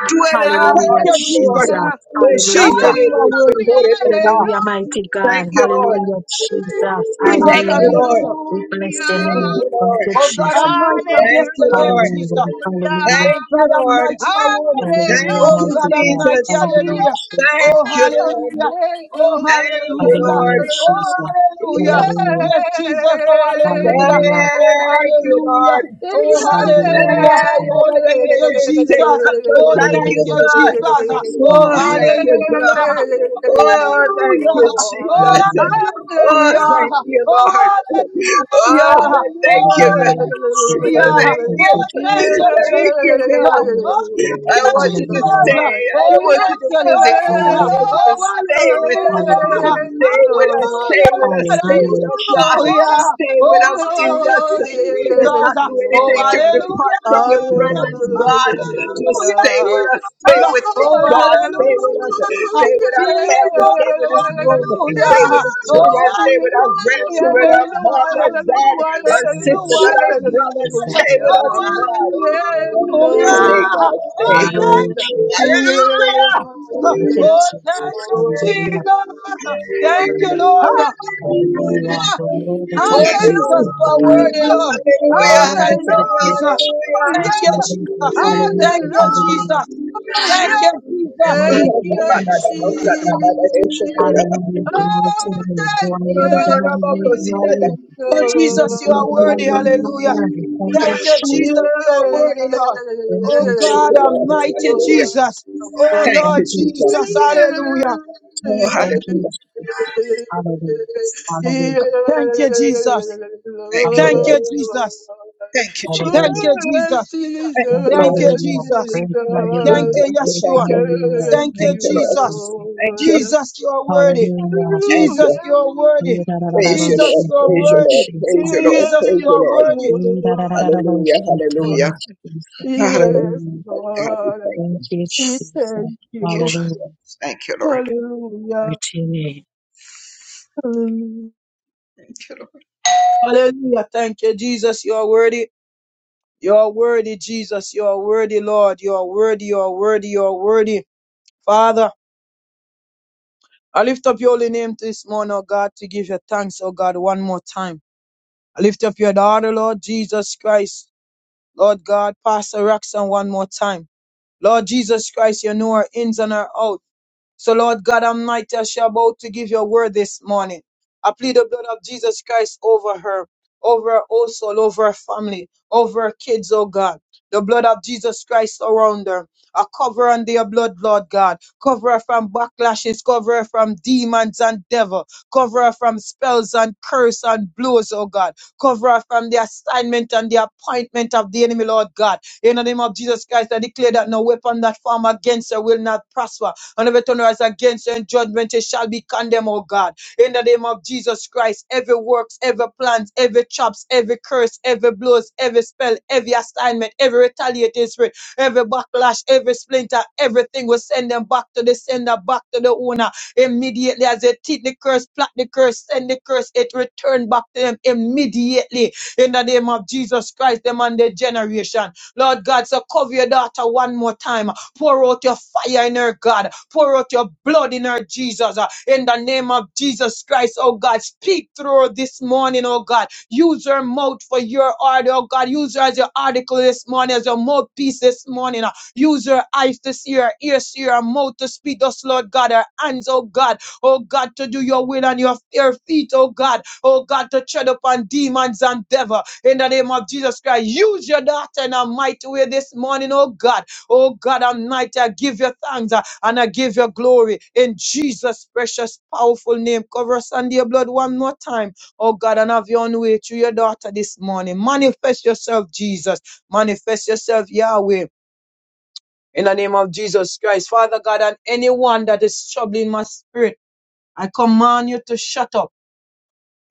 [SPEAKER 4] Dwell in our
[SPEAKER 2] Thank
[SPEAKER 1] Hallelujah,
[SPEAKER 2] you,
[SPEAKER 4] hearts, Lord.
[SPEAKER 2] Jesus.
[SPEAKER 3] Hallelujah.
[SPEAKER 1] Jesus.
[SPEAKER 4] Thank
[SPEAKER 1] Hallelujah.
[SPEAKER 2] Jesus, you
[SPEAKER 3] Hallelujah,
[SPEAKER 2] are worthy.
[SPEAKER 3] hallelujah,
[SPEAKER 1] Hallelujah, mighty God.
[SPEAKER 4] you, Lord.
[SPEAKER 3] hallelujah,
[SPEAKER 1] Hallelujah, Jesus.
[SPEAKER 2] Jesus,
[SPEAKER 4] Thank
[SPEAKER 2] I
[SPEAKER 4] you,
[SPEAKER 1] Hallelujah.
[SPEAKER 2] bless
[SPEAKER 4] Lord.
[SPEAKER 2] you.
[SPEAKER 1] We bless your
[SPEAKER 4] Thank
[SPEAKER 1] name.
[SPEAKER 4] you,
[SPEAKER 1] Thank
[SPEAKER 4] Lord.
[SPEAKER 1] you,
[SPEAKER 2] Oh God
[SPEAKER 1] Jesus.
[SPEAKER 2] Almighty, I
[SPEAKER 4] Thank
[SPEAKER 2] bless
[SPEAKER 4] you,
[SPEAKER 2] your name,
[SPEAKER 3] hallelujah,
[SPEAKER 4] Lord.
[SPEAKER 1] Hallelujah.
[SPEAKER 2] Jesus.
[SPEAKER 1] Hallelujah.
[SPEAKER 2] Oh
[SPEAKER 4] Thank you,
[SPEAKER 2] God, I'm
[SPEAKER 4] Lord.
[SPEAKER 2] mighty, you are holy.
[SPEAKER 1] Hallelujah,
[SPEAKER 4] Thank
[SPEAKER 2] Oh
[SPEAKER 4] you,
[SPEAKER 3] hallelujah.
[SPEAKER 1] mighty
[SPEAKER 2] God, I'm
[SPEAKER 1] God.
[SPEAKER 2] mighty,
[SPEAKER 4] Jesus.
[SPEAKER 3] Oh,
[SPEAKER 1] Hallelujah,
[SPEAKER 2] hallelujah.
[SPEAKER 1] Jesus.
[SPEAKER 4] Thank
[SPEAKER 2] Oh
[SPEAKER 4] you, Lord.
[SPEAKER 2] hallelujah. Oh
[SPEAKER 4] Thank you,
[SPEAKER 2] hallelujah.
[SPEAKER 4] Lord.
[SPEAKER 1] Hallelujah,
[SPEAKER 2] Oh
[SPEAKER 1] Jesus.
[SPEAKER 2] hallelujah.
[SPEAKER 1] Hallelujah.
[SPEAKER 2] Yes, Jesus, oh hallelujah.
[SPEAKER 1] Hallelujah.
[SPEAKER 2] Oh
[SPEAKER 4] Thank you,
[SPEAKER 2] hallelujah.
[SPEAKER 4] Lord.
[SPEAKER 2] Oh
[SPEAKER 1] Hallelujah,
[SPEAKER 2] hallelujah.
[SPEAKER 1] mighty God.
[SPEAKER 2] Oh thank you, Jesus. Oh
[SPEAKER 4] Thank
[SPEAKER 2] thank
[SPEAKER 4] you,
[SPEAKER 1] Hallelujah.
[SPEAKER 2] you,
[SPEAKER 4] God.
[SPEAKER 2] Jesus.
[SPEAKER 1] Jesus.
[SPEAKER 2] Oh
[SPEAKER 4] Oh,
[SPEAKER 1] Hallelujah.
[SPEAKER 4] thank you, God.
[SPEAKER 2] hallelujah.
[SPEAKER 4] Oh, thank
[SPEAKER 2] Hallelujah.
[SPEAKER 4] you,
[SPEAKER 2] Oh,
[SPEAKER 4] Jesus.
[SPEAKER 1] Hallelujah.
[SPEAKER 4] Oh, thank
[SPEAKER 2] hallelujah.
[SPEAKER 3] yeah.
[SPEAKER 4] you,
[SPEAKER 2] Oh,
[SPEAKER 4] Lord. Oh,
[SPEAKER 2] hallelujah.
[SPEAKER 3] Hallelujah.
[SPEAKER 4] thank
[SPEAKER 2] Oh,
[SPEAKER 4] you, God.
[SPEAKER 1] Hallelujah. Hallelujah.
[SPEAKER 2] hallelujah.
[SPEAKER 4] Thank
[SPEAKER 1] Thank
[SPEAKER 4] you.
[SPEAKER 2] Oh,
[SPEAKER 1] you,
[SPEAKER 2] thank
[SPEAKER 1] Jesus.
[SPEAKER 2] you,
[SPEAKER 4] Thank you,
[SPEAKER 2] Jesus.
[SPEAKER 4] God.
[SPEAKER 2] Oh, thank
[SPEAKER 4] I
[SPEAKER 2] you,
[SPEAKER 4] want you to
[SPEAKER 1] Hallelujah.
[SPEAKER 4] stay.
[SPEAKER 2] Jesus.
[SPEAKER 4] I
[SPEAKER 2] Oh,
[SPEAKER 4] don't want you
[SPEAKER 2] thank
[SPEAKER 4] to
[SPEAKER 2] you,
[SPEAKER 4] visit, God.
[SPEAKER 2] Lord.
[SPEAKER 4] I
[SPEAKER 1] Hallelujah.
[SPEAKER 4] want you
[SPEAKER 2] Oh,
[SPEAKER 4] to stay with us.
[SPEAKER 2] hallelujah.
[SPEAKER 1] Hallelujah.
[SPEAKER 4] Stay with us. Stay
[SPEAKER 2] Hallelujah,
[SPEAKER 4] with
[SPEAKER 2] Lord.
[SPEAKER 4] us. Stay with
[SPEAKER 1] Hallelujah,
[SPEAKER 4] us,
[SPEAKER 2] Hallelujah
[SPEAKER 4] God.
[SPEAKER 2] hallelujah.
[SPEAKER 1] Jesus.
[SPEAKER 4] Stay with
[SPEAKER 2] Oh,
[SPEAKER 4] us, Jesus.
[SPEAKER 2] hallelujah,
[SPEAKER 4] Let us
[SPEAKER 2] Jesus.
[SPEAKER 4] not do
[SPEAKER 2] Oh,
[SPEAKER 4] anything to
[SPEAKER 2] hallelujah.
[SPEAKER 4] depart from your
[SPEAKER 1] Lord,
[SPEAKER 4] presence,
[SPEAKER 1] I
[SPEAKER 2] Oh,
[SPEAKER 4] God.
[SPEAKER 1] thank you
[SPEAKER 2] hallelujah,
[SPEAKER 4] Just stay with us. Stay
[SPEAKER 2] Jesus.
[SPEAKER 4] with me,
[SPEAKER 2] Oh,
[SPEAKER 4] God. Stay with us.
[SPEAKER 2] hallelujah.
[SPEAKER 4] Stay with our
[SPEAKER 2] Jesus,
[SPEAKER 4] family. Stay
[SPEAKER 2] oh,
[SPEAKER 4] with this room.
[SPEAKER 1] and praise
[SPEAKER 4] Stay
[SPEAKER 1] you
[SPEAKER 4] with
[SPEAKER 2] hallelujah.
[SPEAKER 4] the children
[SPEAKER 1] and
[SPEAKER 2] Oh,
[SPEAKER 4] children, stay with our grandchildren, our
[SPEAKER 2] hallelujah.
[SPEAKER 4] mom, our
[SPEAKER 2] Oh,
[SPEAKER 4] dad, our
[SPEAKER 1] salute
[SPEAKER 4] sisters, and
[SPEAKER 1] you
[SPEAKER 4] our
[SPEAKER 3] Hallelujah.
[SPEAKER 4] brothers.
[SPEAKER 1] and
[SPEAKER 2] hallelujah.
[SPEAKER 1] love
[SPEAKER 4] Stay
[SPEAKER 1] you.
[SPEAKER 4] with us, God.
[SPEAKER 3] Yes,
[SPEAKER 2] Oh,
[SPEAKER 4] Stay,
[SPEAKER 3] Lord.
[SPEAKER 4] God,
[SPEAKER 2] hallelujah.
[SPEAKER 4] stay.
[SPEAKER 2] Oh, thank
[SPEAKER 1] Hallelujah,
[SPEAKER 2] you,
[SPEAKER 1] Jesus.
[SPEAKER 3] Yes,
[SPEAKER 4] Hallelujah!
[SPEAKER 2] Jesus.
[SPEAKER 1] Thank you,
[SPEAKER 2] Oh, thank
[SPEAKER 1] Jesus.
[SPEAKER 2] you,
[SPEAKER 3] Lord.
[SPEAKER 1] Hallelujah.
[SPEAKER 2] Jesus. Thank you, Lord.
[SPEAKER 1] Hallelujah.
[SPEAKER 3] Hallelujah.
[SPEAKER 1] The Lord is to be
[SPEAKER 2] Oh, Jesus,
[SPEAKER 1] praised and
[SPEAKER 2] you
[SPEAKER 1] to
[SPEAKER 2] are
[SPEAKER 1] God.
[SPEAKER 2] worthy,
[SPEAKER 3] Hallelujah.
[SPEAKER 2] Lord.
[SPEAKER 1] You are
[SPEAKER 4] Hallelujah,
[SPEAKER 2] Oh,
[SPEAKER 1] worthy
[SPEAKER 2] thank
[SPEAKER 1] to
[SPEAKER 2] you,
[SPEAKER 1] be praised.
[SPEAKER 2] Jesus.
[SPEAKER 4] hallelujah,
[SPEAKER 1] Yes,
[SPEAKER 2] Thank you,
[SPEAKER 1] Hallelujah.
[SPEAKER 2] Jesus. Thank
[SPEAKER 1] Hallelujah.
[SPEAKER 2] you,
[SPEAKER 3] Hallelujah.
[SPEAKER 1] Hallelujah.
[SPEAKER 2] Jesus. Thank
[SPEAKER 3] Hallelujah.
[SPEAKER 2] you,
[SPEAKER 1] The
[SPEAKER 2] Jesus.
[SPEAKER 1] word
[SPEAKER 3] Thank
[SPEAKER 1] is to be
[SPEAKER 3] you,
[SPEAKER 4] hallelujah.
[SPEAKER 1] praised and God.
[SPEAKER 3] Jesus.
[SPEAKER 1] Hallelujah.
[SPEAKER 3] Oh,
[SPEAKER 1] Glory to the Lord.
[SPEAKER 3] thank
[SPEAKER 1] Glory
[SPEAKER 3] you,
[SPEAKER 1] to the
[SPEAKER 3] Jesus.
[SPEAKER 2] Oh,
[SPEAKER 1] You
[SPEAKER 2] Jesus,
[SPEAKER 3] Oh,
[SPEAKER 2] you
[SPEAKER 1] are
[SPEAKER 2] are
[SPEAKER 1] worthy, you are
[SPEAKER 2] worthy.
[SPEAKER 1] worthy, you are
[SPEAKER 2] Hallelujah.
[SPEAKER 1] worthy. Thank you,
[SPEAKER 2] Thank you,
[SPEAKER 4] Hallelujah.
[SPEAKER 1] Jesus.
[SPEAKER 2] Jesus. You are worthy, Lord.
[SPEAKER 1] Thank
[SPEAKER 2] Oh,
[SPEAKER 1] you, Jesus.
[SPEAKER 4] Thank
[SPEAKER 2] God
[SPEAKER 4] you, Lord.
[SPEAKER 2] Almighty
[SPEAKER 4] Hallelujah.
[SPEAKER 2] Jesus. Oh,
[SPEAKER 4] Thank
[SPEAKER 2] Lord
[SPEAKER 1] Thank
[SPEAKER 4] you,
[SPEAKER 1] you,
[SPEAKER 4] Jesus.
[SPEAKER 2] Jesus.
[SPEAKER 1] Jesus.
[SPEAKER 2] Hallelujah.
[SPEAKER 4] Oh,
[SPEAKER 1] Thank you,
[SPEAKER 4] hallelujah.
[SPEAKER 1] Jesus. Hallelujah. Hallelujah.
[SPEAKER 2] Thank you, Jesus.
[SPEAKER 4] Thank you,
[SPEAKER 2] Thank
[SPEAKER 1] Hallelujah.
[SPEAKER 4] Lord.
[SPEAKER 2] you, Jesus.
[SPEAKER 4] Thank you,
[SPEAKER 2] Thank
[SPEAKER 4] Jesus.
[SPEAKER 2] you, Jesus.
[SPEAKER 3] Jesus,
[SPEAKER 1] Hallelujah.
[SPEAKER 4] Thank
[SPEAKER 1] Great
[SPEAKER 4] you,
[SPEAKER 3] Jesus.
[SPEAKER 2] Thank
[SPEAKER 1] are
[SPEAKER 4] Lord.
[SPEAKER 2] you,
[SPEAKER 1] you, Lord.
[SPEAKER 2] Jesus.
[SPEAKER 1] Great are
[SPEAKER 4] Thank
[SPEAKER 1] you,
[SPEAKER 4] you,
[SPEAKER 2] Thank
[SPEAKER 1] Lord.
[SPEAKER 2] you,
[SPEAKER 4] thank you,
[SPEAKER 1] Great
[SPEAKER 4] thank
[SPEAKER 2] Yeshua.
[SPEAKER 4] you.
[SPEAKER 1] are you, Lord.
[SPEAKER 2] Thank
[SPEAKER 3] Thank
[SPEAKER 2] you,
[SPEAKER 4] Thank
[SPEAKER 1] Thank
[SPEAKER 3] you,
[SPEAKER 4] you,
[SPEAKER 1] you,
[SPEAKER 4] Lord.
[SPEAKER 2] Jesus.
[SPEAKER 1] Jesus.
[SPEAKER 4] Thank you,
[SPEAKER 3] Lord.
[SPEAKER 2] Jesus, you are worthy.
[SPEAKER 1] Hallelujah.
[SPEAKER 4] thank
[SPEAKER 2] Jesus,
[SPEAKER 4] you.
[SPEAKER 2] you are worthy.
[SPEAKER 4] Praise
[SPEAKER 1] Hallelujah.
[SPEAKER 4] you,
[SPEAKER 2] Jesus,
[SPEAKER 3] Hallelujah.
[SPEAKER 4] Lord.
[SPEAKER 2] you are
[SPEAKER 4] Praise
[SPEAKER 1] Thank
[SPEAKER 4] you,
[SPEAKER 1] you,
[SPEAKER 4] Lord.
[SPEAKER 2] worthy.
[SPEAKER 1] Jesus. Hallelujah.
[SPEAKER 4] Praise you, Lord.
[SPEAKER 3] Yes,
[SPEAKER 2] Jesus,
[SPEAKER 4] Praise
[SPEAKER 2] you
[SPEAKER 4] you,
[SPEAKER 2] are
[SPEAKER 4] Lord.
[SPEAKER 2] worthy.
[SPEAKER 3] Lord.
[SPEAKER 4] Hallelujah,
[SPEAKER 1] Thank
[SPEAKER 4] hallelujah.
[SPEAKER 1] you, Jesus.
[SPEAKER 4] Hallelujah.
[SPEAKER 3] Yes,
[SPEAKER 1] Hallelujah.
[SPEAKER 4] God, we
[SPEAKER 3] Lord.
[SPEAKER 4] thank
[SPEAKER 1] Thank
[SPEAKER 4] you.
[SPEAKER 1] you,
[SPEAKER 3] We
[SPEAKER 1] Jesus.
[SPEAKER 3] thank
[SPEAKER 4] Thank you,
[SPEAKER 3] you.
[SPEAKER 1] Hallelujah.
[SPEAKER 4] Jesus. Thank you, Lord.
[SPEAKER 1] Glory
[SPEAKER 3] Hallelujah.
[SPEAKER 1] to your name.
[SPEAKER 3] Hallelujah.
[SPEAKER 4] Thank you, Lord.
[SPEAKER 2] Hallelujah. Thank you, Jesus. You are worthy. You are worthy, Jesus. You are worthy, Lord. You are worthy. You are worthy. You are worthy. Father, I lift up your holy name this morning, oh God, to give you thanks, oh God, one more time. I lift up your daughter, Lord Jesus Christ. Lord God, Pastor Roxanne, one more time. Lord Jesus Christ, you know her ins and her outs. So, Lord God Almighty, as she about to give your word this morning, I plead the blood of Jesus Christ over her, over her whole soul, over her family, over her kids, oh God. The blood of Jesus Christ around her. I cover her under your blood, Lord God. Cover her from backlashes. Cover her from demons and devil. Cover her from spells and curse and blows, oh God. Cover her from the assignment and the appointment of the enemy, Lord God. In the name of Jesus Christ, I declare that no weapon that form against her will not prosper and every everything rise against you in judgment, it shall be condemned, O God. In the name of Jesus Christ, every works, every plans, every traps, every curse, every blows, every spell, every assignment, every retaliating spirit, every backlash, every splinter, everything will send them back to the sender, back to the owner immediately as they teach the curse, plot the curse, send the curse, it return back to them immediately in the name of Jesus Christ, them and their generation. Lord God, so cover your daughter one more time. Pour out your fire in her, God. Pour out your blood in her, Jesus. Uh, In the name of Jesus Christ, oh God, speak through her this morning, oh God. Use her mouth for your order, oh God. Use her as your article this morning, as your mouthpiece this morning. uh. Use her eyes to see, her ears to hear, her mouth to speak, us, Lord God. Her hands, oh God, oh God, to do your will and your your feet, oh God, oh God, to tread upon demons and devil. In the name of Jesus Christ, use your daughter in a mighty way this morning, oh God. Oh God Almighty, I give you thanks uh, and I give you glory in Jesus' precious, powerful name. Cover us under your blood one more time. Oh God, and have your own way through your daughter this morning. Manifest yourself, Jesus. Manifest yourself, Yahweh. In the name of Jesus Christ, Father God, and anyone that is troubling my spirit, I command you to shut up.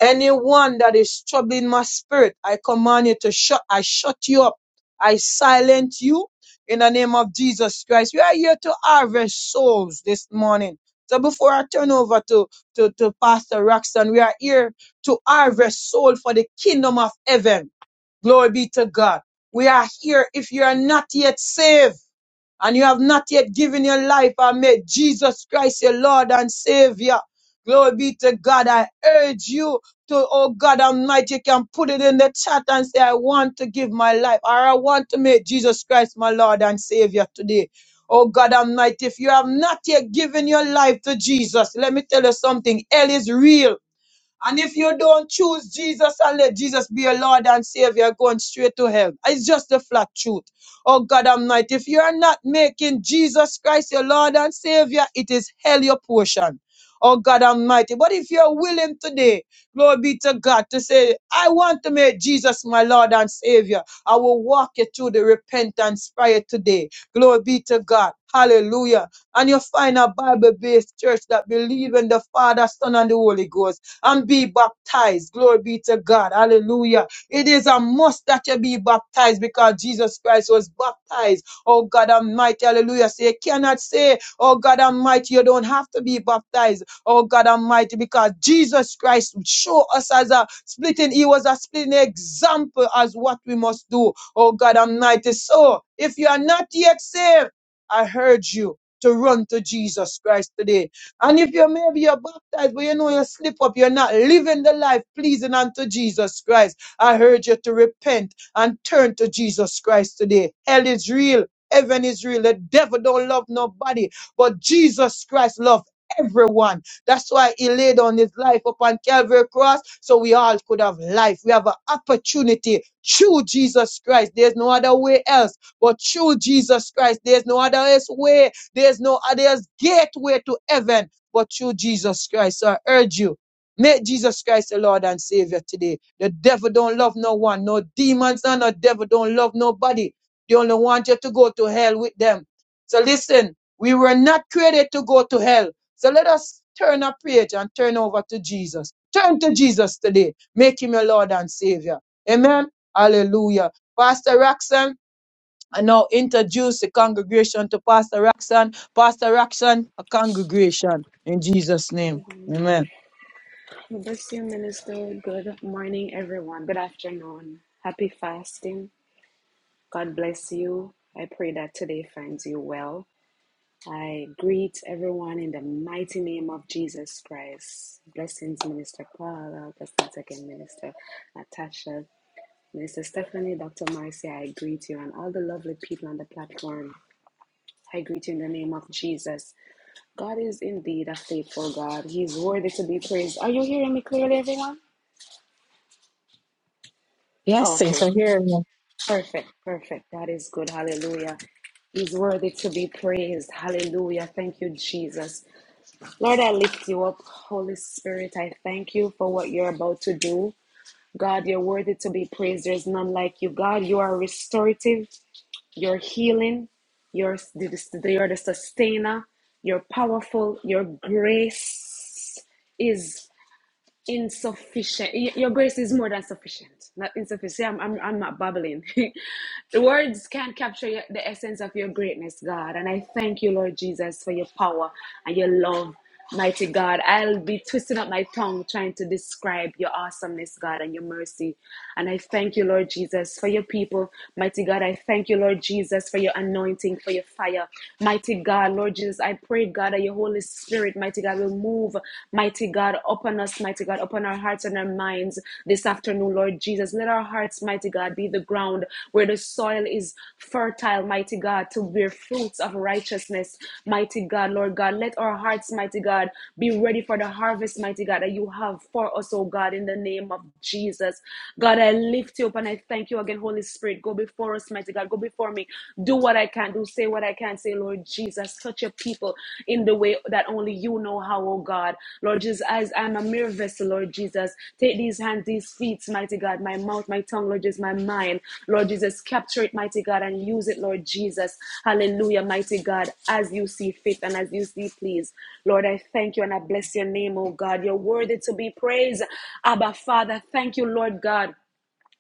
[SPEAKER 2] Anyone that is troubling my spirit, I command you to shut, I shut you up. I silent you in the name of Jesus Christ. We are here to harvest souls this morning. So before I turn over to, to, to Pastor Roxanne, we are here to harvest soul for the kingdom of heaven. Glory be to God. We are here. If you are not yet saved, and you have not yet given your life and made Jesus Christ your Lord and Savior, glory be to God. I urge you to, oh God Almighty, you can put it in the chat and say, I want to give my life, or I want to make Jesus Christ my Lord and Savior today. Oh God Almighty, if you have not yet given your life to Jesus, let me tell you something. Hell is real. And if you don't choose Jesus and let Jesus be your Lord and Savior, you're going straight to hell. It's just the flat truth. Oh God Almighty, if you're not making Jesus Christ your Lord and Savior, it is hell your portion. Oh God Almighty. But if you're willing today, glory be to God, to say, I want to make Jesus my Lord and Savior, I will walk you through the repentance prayer today. Glory be to God. Hallelujah. And you find a Bible based church that believes in the Father, Son, and the Holy Ghost and be baptized. Glory be to God. Hallelujah. It is a must that you be baptized because Jesus Christ was baptized. Oh God Almighty. Hallelujah. So you cannot say, Oh God Almighty, you don't have to be baptized. Oh God Almighty, because Jesus Christ showed us as a splitting, He was a splitting example as what we must do. Oh God Almighty. So if you are not yet saved, I urge you to run to Jesus Christ today and if you maybe you're baptized, but you know you slip up, you're not living the life pleasing unto Jesus Christ. I urge you to repent and turn to Jesus Christ today. Hell is real. Heaven is real. The devil don't love nobody, but Jesus Christ loves everyone. That's why he laid on his life upon Calvary cross, so we all could have life. We have an opportunity through Jesus Christ. There's no other way else but through Jesus Christ. There's no other else way. There's no other else gateway to heaven but through Jesus Christ. So I urge you, make Jesus Christ the Lord and Savior today. The devil don't love no one. No demons and the devil don't love nobody. They only want you to go to hell with them. So listen, we were not created to go to hell. So let us turn our page and turn over to Jesus. Turn to Jesus today. Make him your Lord and Savior. Amen. Hallelujah. Pastor Roxanne, I now introduce the congregation to Pastor Roxanne. Pastor Roxanne, a congregation in Jesus' name. Amen.
[SPEAKER 5] bless you, Minister. Good morning, everyone. Good afternoon. Happy fasting. God bless you. I pray that today finds you well. I greet everyone in the mighty name of Jesus Christ. Blessings, Minister Paula. Blessings again, Minister Natasha. Minister Stephanie, Dr. Marcia, I greet you and all the lovely people on the platform. I greet you in the name of Jesus. God is indeed a faithful God. He's worthy to be praised. Are you hearing me clearly, everyone?
[SPEAKER 1] Yes,
[SPEAKER 5] Oh,
[SPEAKER 1] sis,
[SPEAKER 5] okay.
[SPEAKER 1] I hear you.
[SPEAKER 5] Perfect, perfect. That is good. Hallelujah. He's worthy to be praised. Hallelujah. Thank you, Jesus. Lord, I lift you up. Holy Spirit, I thank you for what you're about to do. God, you're worthy to be praised. There's none like you. God, you are restorative. You're healing. You're, you're the sustainer. You're powerful. Your grace is insufficient. Your grace is more than sufficient. Not insufficient. See, I'm, I'm, I'm not babbling. [laughs] the words can't capture your, the essence of your greatness, God. And I thank you, Lord Jesus, for your power and your love, mighty God. I'll be twisting up my tongue trying to describe your awesomeness, God, and your mercy. And I thank you, Lord Jesus, for your people, mighty God. I thank you, Lord Jesus, for your anointing, for your fire, mighty God. Lord Jesus, I pray, God. God, that your Holy Spirit, mighty God, will move, mighty God, upon us, mighty God, upon our hearts and our minds this afternoon, Lord Jesus. Let our hearts, mighty God, be the ground where the soil is fertile, mighty God, to bear fruits of righteousness, mighty God, Lord God. Let our hearts, mighty God, be ready for the harvest, mighty God, that you have for us, oh God, in the name of Jesus. God, I lift you up and I thank you again, Holy Spirit. Go before us, mighty God. Go before me do what I can do, say what I can say, Lord Jesus. Touch your people in the way that only you know how, oh God. Lord Jesus, as I'm a mere vessel, Lord Jesus, take these hands, these feet, mighty God, my mouth, my tongue, Lord Jesus, my mind, Lord Jesus, capture it, mighty God, and use it, Lord Jesus. Hallelujah, mighty God, as you see fit and as you see please. Lord, I thank you and I bless your name, oh God. You're worthy to be praised. Abba, Father, thank you, Lord God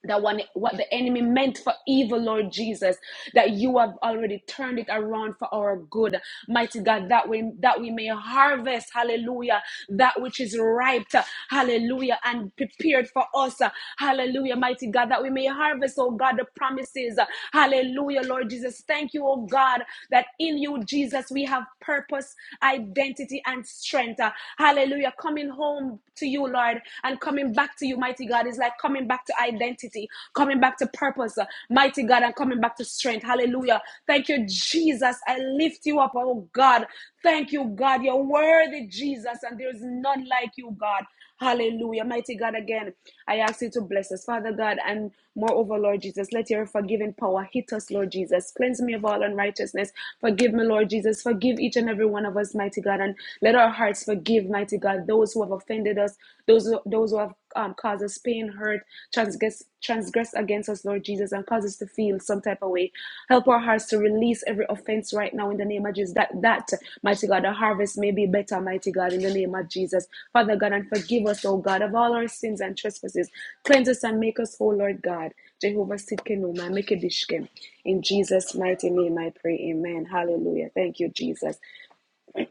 [SPEAKER 5] that one what the enemy meant for evil lord jesus that you have already turned it around for our good mighty god that we that we may harvest hallelujah that which is ripe hallelujah and prepared for us hallelujah mighty god that we may harvest oh god the promises hallelujah lord jesus thank you oh god that in you jesus we have purpose identity and strength hallelujah coming home to you lord and coming back to you, mighty God, is like coming back to identity, coming back to purpose, uh, mighty God, and coming back to strength. Hallelujah. Thank you, Jesus. I lift you up, oh God. Thank you, God. You're worthy, Jesus, and there is none like you, God. Hallelujah. Mighty God, again, I ask you to bless us, Father God, and moreover, Lord Jesus, let your forgiving power hit us, Lord Jesus. Cleanse me of all unrighteousness. Forgive me, Lord Jesus. Forgive each and every one of us, mighty God, and let our hearts forgive. Mighty God, those who have offended us, those who, those who have um, caused us pain, hurt, transgress, transgress against us, Lord Jesus, and cause us to feel some type of way. Help our hearts to release every offense right now in the name of Jesus. That, that, mighty God, the harvest may be better, mighty God, in the name of Jesus. Father God, and forgive us, oh God, of all our sins and trespasses. Cleanse us and make us whole, Lord God. Jehovah Sidkenu, my Mekedishkem. In Jesus' mighty name I pray. Amen. Hallelujah. Thank you, Jesus.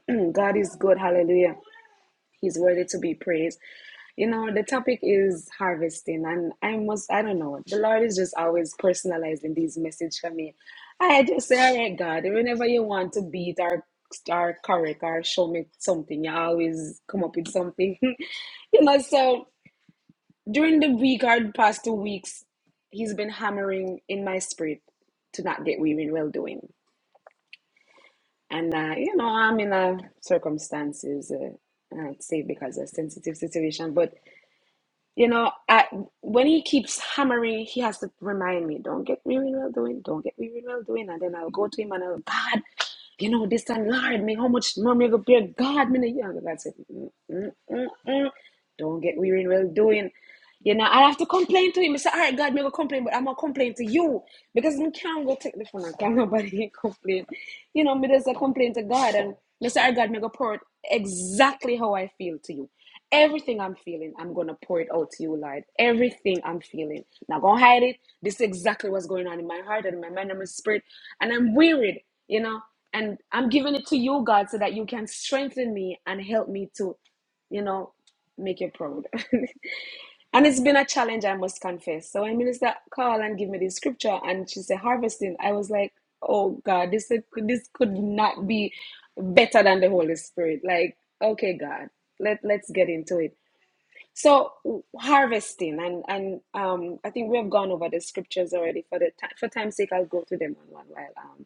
[SPEAKER 5] [clears throat] God is good. Hallelujah. He's worthy to be praised. You know, the topic is harvesting, and I must, I don't know, the Lord is just always personalizing these message for me. I just say, all right, God, whenever you want to beat or, or correct or show me something, you always come up with something. [laughs] you know, so during the week or the past two weeks, He's been hammering in my spirit to not get weary in well doing. And, uh, you know, I'm in uh, circumstances, uh, I'd say because of a sensitive situation, but You know, I, when he keeps hammering, he has to remind me, don't get weary well doing, don't get weary well doing. And then I'll go to him and I'll, God, you know, this time, Lord, me, how much more me go pray? God, me, you know, God said, "Mm, mm, mm, mm. don't get weary well doing. You know, I have to complain to him. I say, all right, God, me go complain, but I'm going to complain to you because I can't go take the phone and can nobody [laughs] complain. You know, me just a complain to God and I say, all right, God, me go pour out exactly how I feel to you. Everything I'm feeling, I'm gonna pour it out to you, Lord. Everything I'm feeling. Not gonna hide it. This is exactly what's going on in my heart and in my mind and my spirit. And I'm wearied, you know. And I'm giving it to you, God, so that you can strengthen me and help me to, you know, make you proud. [laughs] And it's been a challenge, I must confess. So when Minister called and gave me the scripture and she said harvesting, I was like, oh God, this could this could not be better than the Holy Spirit. Like, okay, God, let let's get into it. So harvesting and and um, I think we have gone over the scriptures already. For the time for time's sake, I'll go through them on one while um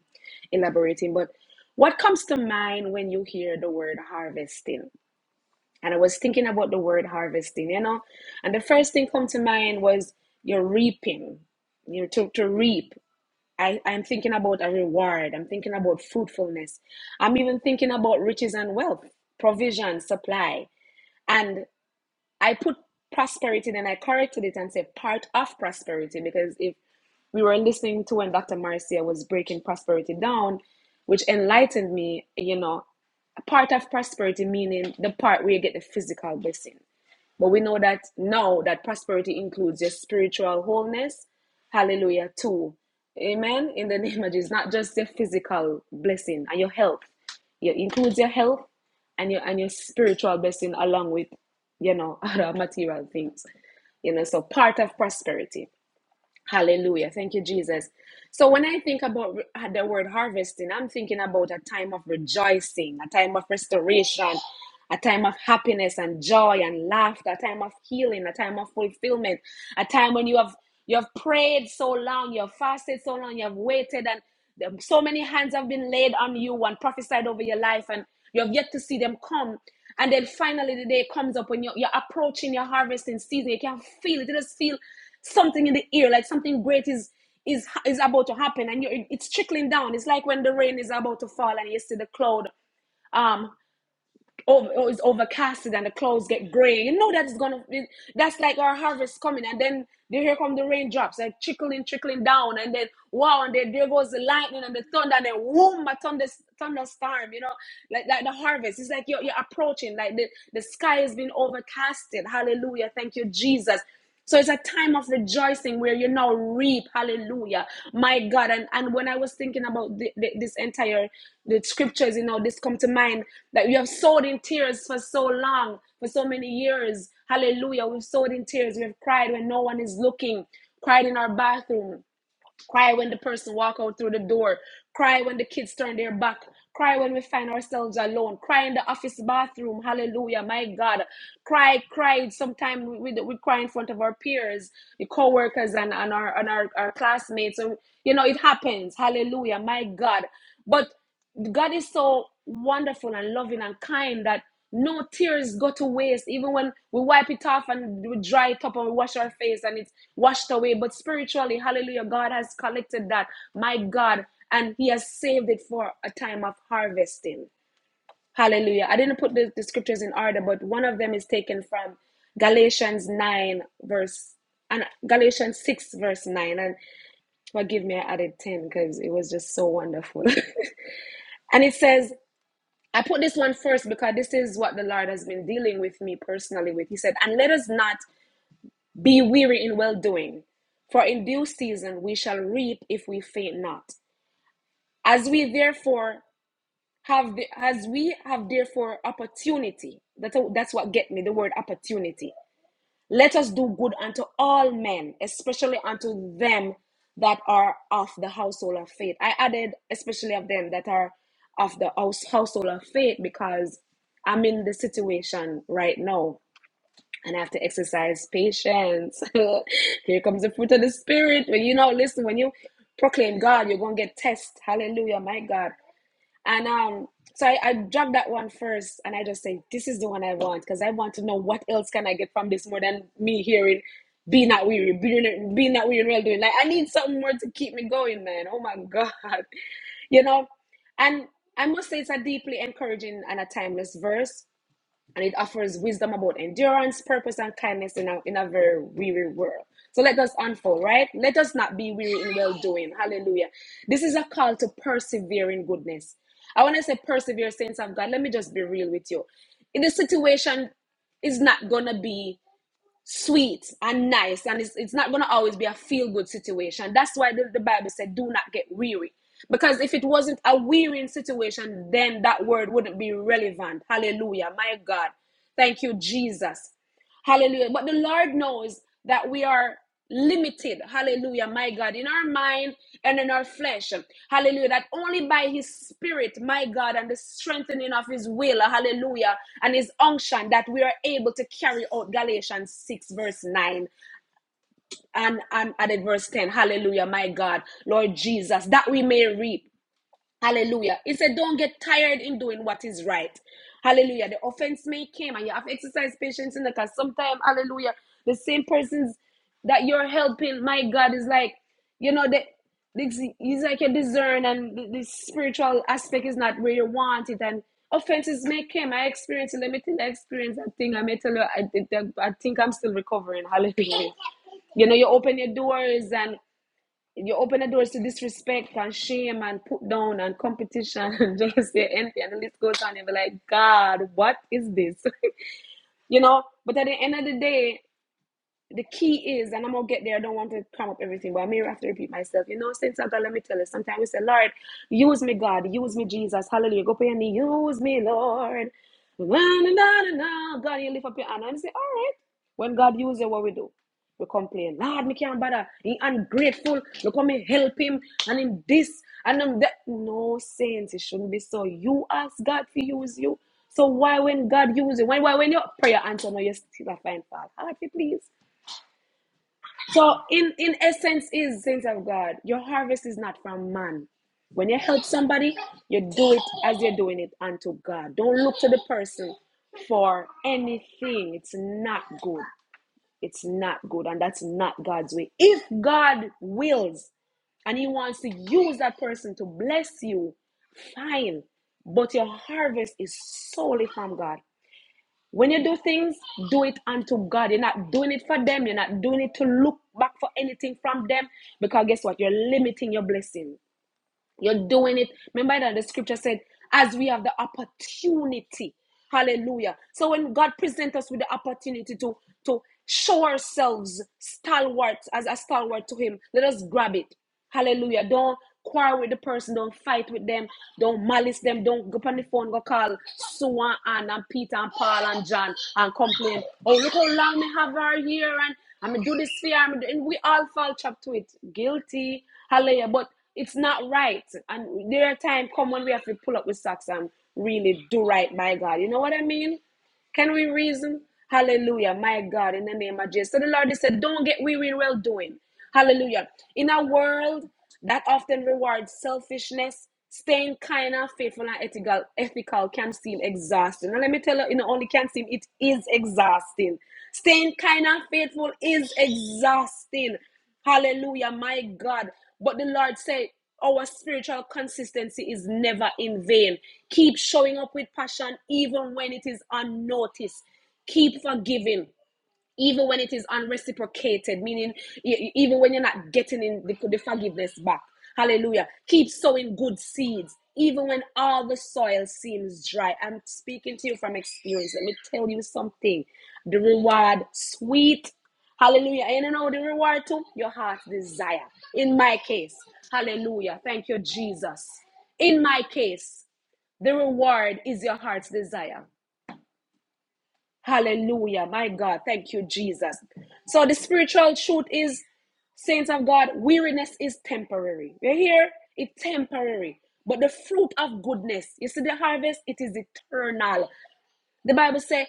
[SPEAKER 5] elaborating. But what comes to mind when you hear the word harvesting? and I was thinking about the word harvesting, you know, and the first thing come to mind was you're reaping, you know, to, to reap. I, I'm thinking about a reward. I'm thinking about fruitfulness. I'm even thinking about riches and wealth, provision, supply. And I put prosperity, then I corrected it and said part of prosperity because if we were listening to when Dr. Marcia was breaking prosperity down, which enlightened me, you know, part of prosperity meaning the part where you get the physical blessing but we know that now that prosperity includes your spiritual wholeness. Hallelujah, too. Amen. In the [laughs] name of Jesus, not just your physical blessing and your health. It includes your health and your and your spiritual blessing along with, you know, [laughs] other material things. You know, so part of prosperity. Hallelujah. Thank you, Jesus. So when I think about re- uh, the word harvesting, I'm thinking about a time of rejoicing, a time of restoration, a time of happiness and joy and laughter, a time of healing, a time of fulfillment, a time when you have you have prayed so long, you have fasted so long, you have waited, and the- so many hands have been laid on you and prophesied over your life, and you have yet to see them come. And then finally, the day comes up when you're, you're approaching your harvesting season. You can feel it. You just feel something in the ear, like something great is is is about to happen, and you're, it's trickling down. It's like when the rain is about to fall, and you see the cloud um over, oh, is overcasted, and the clouds get gray. You know that's gonna be, that's like our harvest coming, and then there here come the raindrops, like trickling, trickling down, and then wow, and then there goes the lightning and the thunder, and then whoom, a thunder thunderstorm. You know, like like the harvest. It's like you're you're approaching, like the the sky has been overcasted. Hallelujah, thank you, Jesus so it's a time of rejoicing where you now reap. Hallelujah. My God. And, and when I was thinking about the, the- this entire the scriptures, you know, this come to mind that we have sowed in tears for so long, for so many years. Hallelujah. We've sowed in tears. We have cried when no one is looking, cried in our bathroom Cry when the person walk out through the door. Cry when the kids turn their back. Cry when we find ourselves alone. Cry in the office bathroom. Hallelujah, my God. Cry, cry. Sometimes we, we, we cry in front of our peers, the co-workers and, and, our, and our, our classmates. So, you know, it happens. Hallelujah, my God. But God is so wonderful and loving and kind that no tears go to waste, even when we wipe it off and we dry it up and we wash our face and it's washed away. But spiritually, hallelujah, God has collected that, my God, and He has saved it for a time of harvesting. Hallelujah. I didn't put the, the scriptures in order, but one of them is taken from Galatians 9, verse and Galatians 6, verse 9. And forgive me, I added 10 because it was just so wonderful. [laughs] and it says, I put this one first because this is what the Lord has been dealing with me personally with. He said, And let us not be weary in well doing, for in due season we shall reap if we faint not. As we therefore have the, as we have therefore opportunity. That's a, that's what get me the word opportunity. Let us do good unto all men, especially unto them that are of the household of faith. I added especially of them that are of the house, household of faith because I'm in the situation right now and I have to exercise patience. [laughs] Here comes the fruit of the spirit. When you know, listen, when you proclaim God, you're gonna get tests. Hallelujah, my God. And um, so I, I dropped that one first, and I just say, this is the one I want because I want to know what else can I get from this more than me hearing, be not weary, be not, be not weary in well doing. Like I need something more to keep me going, man. Oh my God, [laughs] you know. And I must say, it's a deeply encouraging and a timeless verse and it offers wisdom about endurance, purpose, and kindness in a, in a very weary world. So let us unfold, right? Let us not be weary in well doing. Hallelujah. This is a call to persevere in goodness. I want to say persevere, saints of God. Let me just be real with you. In this situation, is not going to be sweet and nice and it's, it's not going to always be a feel good situation that's why the, the bible said do not get weary because if it wasn't a wearying situation then that word wouldn't be relevant hallelujah my god thank you jesus Hallelujah. But the Lord knows that we are limited. Hallelujah. My God, in our mind and in our flesh. Hallelujah. That only by His Spirit, my God, and the strengthening of His will, hallelujah, and His unction, that we are able to carry out Galatians 6, verse 9 and, and added verse 10. Hallelujah. My God, Lord Jesus, that we may reap. Hallelujah. It said, don't get tired in doing what is right. Hallelujah. The offense may come and you have to exercise patience in the because sometimes, hallelujah, the same persons that you're helping, my God, is like, you know, the, this is like a discern and the, the spiritual aspect is not where you want it. And offenses may come. I experienced it. Let me tell you, I experienced that thing. I may tell you, I I think I'm still recovering. Hallelujah. You know, you open your doors and you open the doors to disrespect and shame and put down and competition [laughs] and jealousy and envy and the list goes on and be like, God, what is this? [laughs] you know, but at the end of the day, the key is, and I'm gonna get there. I don't want to cram up everything, but I may have to repeat myself. You know, since I got, let me tell you. Sometimes we say, Lord, use me, God, use me, Jesus, Hallelujah. Go pray and use me, Lord. Na, na, na, na, na. God, you lift up your hand and say, All right. When God uses you, what we do? We complain. Lord, me can't bother. He ungrateful. Look how me help him and him this and him that. No saints, it shouldn't be so. You ask God to use you. So why when God uses you, when why when your prayer answer, no, you still a find fault. Heart, you please. So in in essence is saints of God, your harvest is not from man. When you help somebody, you do it as you're doing it unto God. Don't look to the person for anything. It's not good. It's not good. And that's not God's way. If God wills and He wants to use that person to bless you, fine. But your harvest is solely from God. When you do things, do it unto God. You're not doing it for them. You're not doing it to look back for anything from them. Because guess what? You're limiting your blessing. You're doing it. Remember that the scripture said, as we have the opportunity. Hallelujah. So when God presents us with the opportunity to, to show ourselves stalwarts as a stalwart to Him, let us grab it. Hallelujah. Don't quarrel with the person. Don't fight with them. Don't malice them. Don't go up on the phone, go call Sue and Ann and Peter and Paul and John and complain. Oh, look how long me have her here and I'm do this fear. And we all fall trapped to it. Guilty. Hallelujah. But it's not right. And there are times come when we have to pull up with socks and really do right by God. You know what I mean? Can we reason? Hallelujah. My God, in the name of Jesus. So the Lord said, Don't get weary in well doing. Hallelujah. In a world that often rewards selfishness, staying kind and faithful and ethical, ethical can seem exhausting. And let me tell you, it not only can seem, it is exhausting. Staying kind and faithful is exhausting. Hallelujah, my God. But the Lord said, our spiritual consistency is never in vain. Keep showing up with passion even when it is unnoticed. Keep forgiving even when it is unreciprocated, meaning e- e- even when you're not getting in the, the forgiveness back. Hallelujah. Keep sowing good seeds, even when all the soil seems dry. I'm speaking to you from experience. Let me tell you something. The reward, sweet. Hallelujah. And you know the reward to your heart's desire. In my case, hallelujah. Thank you, Jesus. In my case, the reward is your heart's desire. Hallelujah. My God. Thank you, Jesus. So the spiritual truth is, saints of God, weariness is temporary. You hear? It's temporary. But the fruit of goodness, you see the harvest, it is eternal. The Bible says,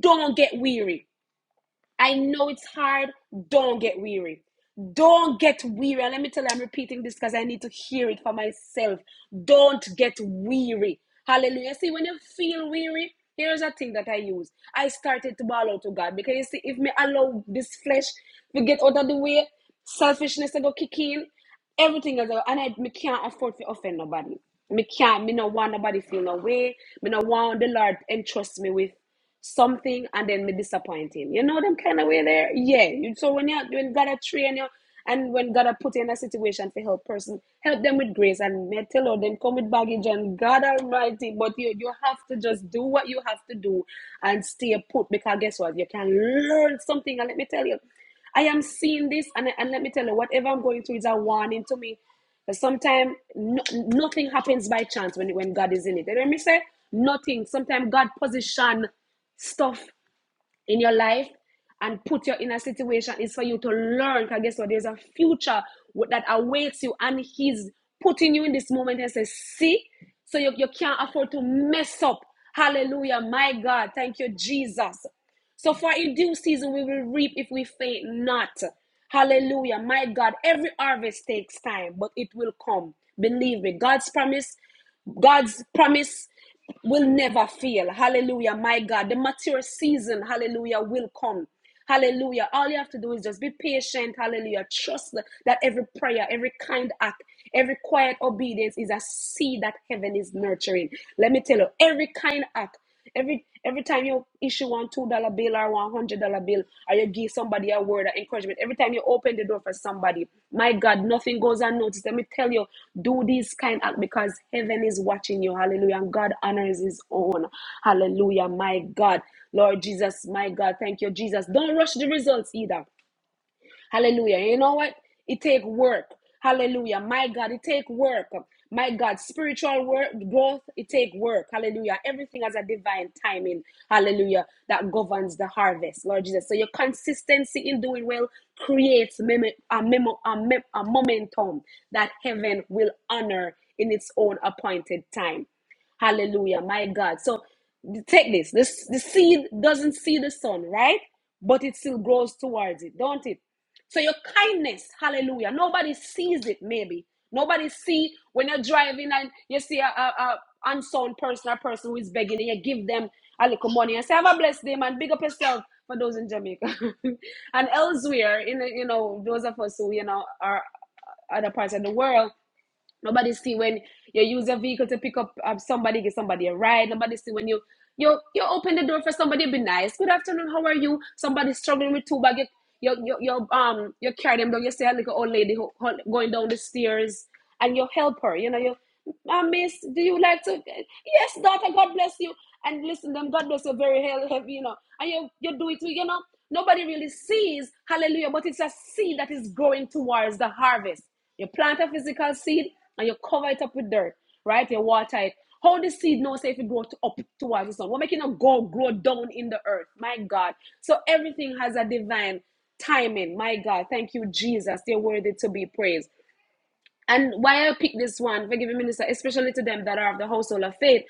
[SPEAKER 5] don't get weary. I know it's hard. Don't get weary. Don't get weary. And let me tell you, I'm repeating this because I need to hear it for myself. Don't get weary. Hallelujah. See, when you feel weary, here's a thing that I use. I started to bawl out to God because you see, if me allow this flesh to get out of the way, selfishness to go kick in, everything as well. And I me can't afford to offend nobody. Me can't, me no want nobody feel no way. Me no want the Lord entrust me with something and then me disappoint him. You know them kind of way there? Yeah. You so when you when God a train you and when God a put you in a situation to help person, help them with grace and metal or then come with baggage and God almighty. But you you have to just do what you have to do and stay put because guess what? You can learn something and let me tell you. I am seeing this, and, and let me tell you, whatever I'm going through is a warning to me. Because Sometimes no, nothing happens by chance when, when God is in it. And when me say nothing, sometimes God position stuff in your life and put you in a situation is for you to learn. Because guess what? There's a future that awaits you, and He's putting you in this moment and says, See, so you, you can't afford to mess up. Hallelujah, my God. Thank you, Jesus. So for in due season we will reap if we faint not. Hallelujah. My God, every harvest takes time, but it will come. Believe me. God's promise, God's promise will never fail. Hallelujah. My God, the mature season, hallelujah, will come. Hallelujah. All you have to do is just be patient. Hallelujah. Trust that every prayer, every kind act, every quiet obedience is a seed that heaven is nurturing. Let me tell you, every kind act. Every every time you issue one two dollar bill or one hundred dollar bill, or you give somebody a word of encouragement, every time you open the door for somebody, my God, nothing goes unnoticed. Let me tell you, do this kind act because heaven is watching you. Hallelujah. And God honors his own. Hallelujah. My God. Lord Jesus, my God. Thank you, Jesus. Don't rush the results either. Hallelujah. You know what? It take work. Hallelujah. My God, it take work. My God, spiritual work, growth, it take work. Hallelujah. Everything has a divine timing. Hallelujah. That governs the harvest, Lord Jesus. So your consistency in doing well creates mem- a, memo- a, mem- a momentum that heaven will honor in its own appointed time. Hallelujah, my God. So take this. This the seed doesn't see the sun, right? But it still grows towards it, don't it? So your kindness, hallelujah. Nobody sees it, maybe. Nobody see when you're driving and you see a, a, a unsound person, a person who is begging, and you give them a little money and say, "Have a blessed day, man. Big up yourself." For those in Jamaica [laughs] and elsewhere, in you know, those of us who you know are other parts of the world, Nobody see when you use your vehicle to pick up um, somebody, give somebody a ride. Nobody see when you you you open the door for somebody, be nice. Good afternoon, how are you? Somebody struggling with two bag. You, you, you, you um you carry them down. You see a little old lady who, who going down the stairs, and you help her. You know you uh, miss, do you like to? Yes, daughter, God bless you. And listen, them, God bless you, very hell heavy, you know. And you, you do it, you know. Nobody really sees, hallelujah, but it's a seed that is growing towards the harvest. You plant a physical seed and you cover it up with dirt, right? You water it. How the seed knows if it grows up towards the sun? We're making it go grow down in the earth. My God. So everything has a divine timing. My God. Thank you, Jesus. they are worthy to be praised. And why I pick this one, forgiving minister, especially to them that are of the household of faith,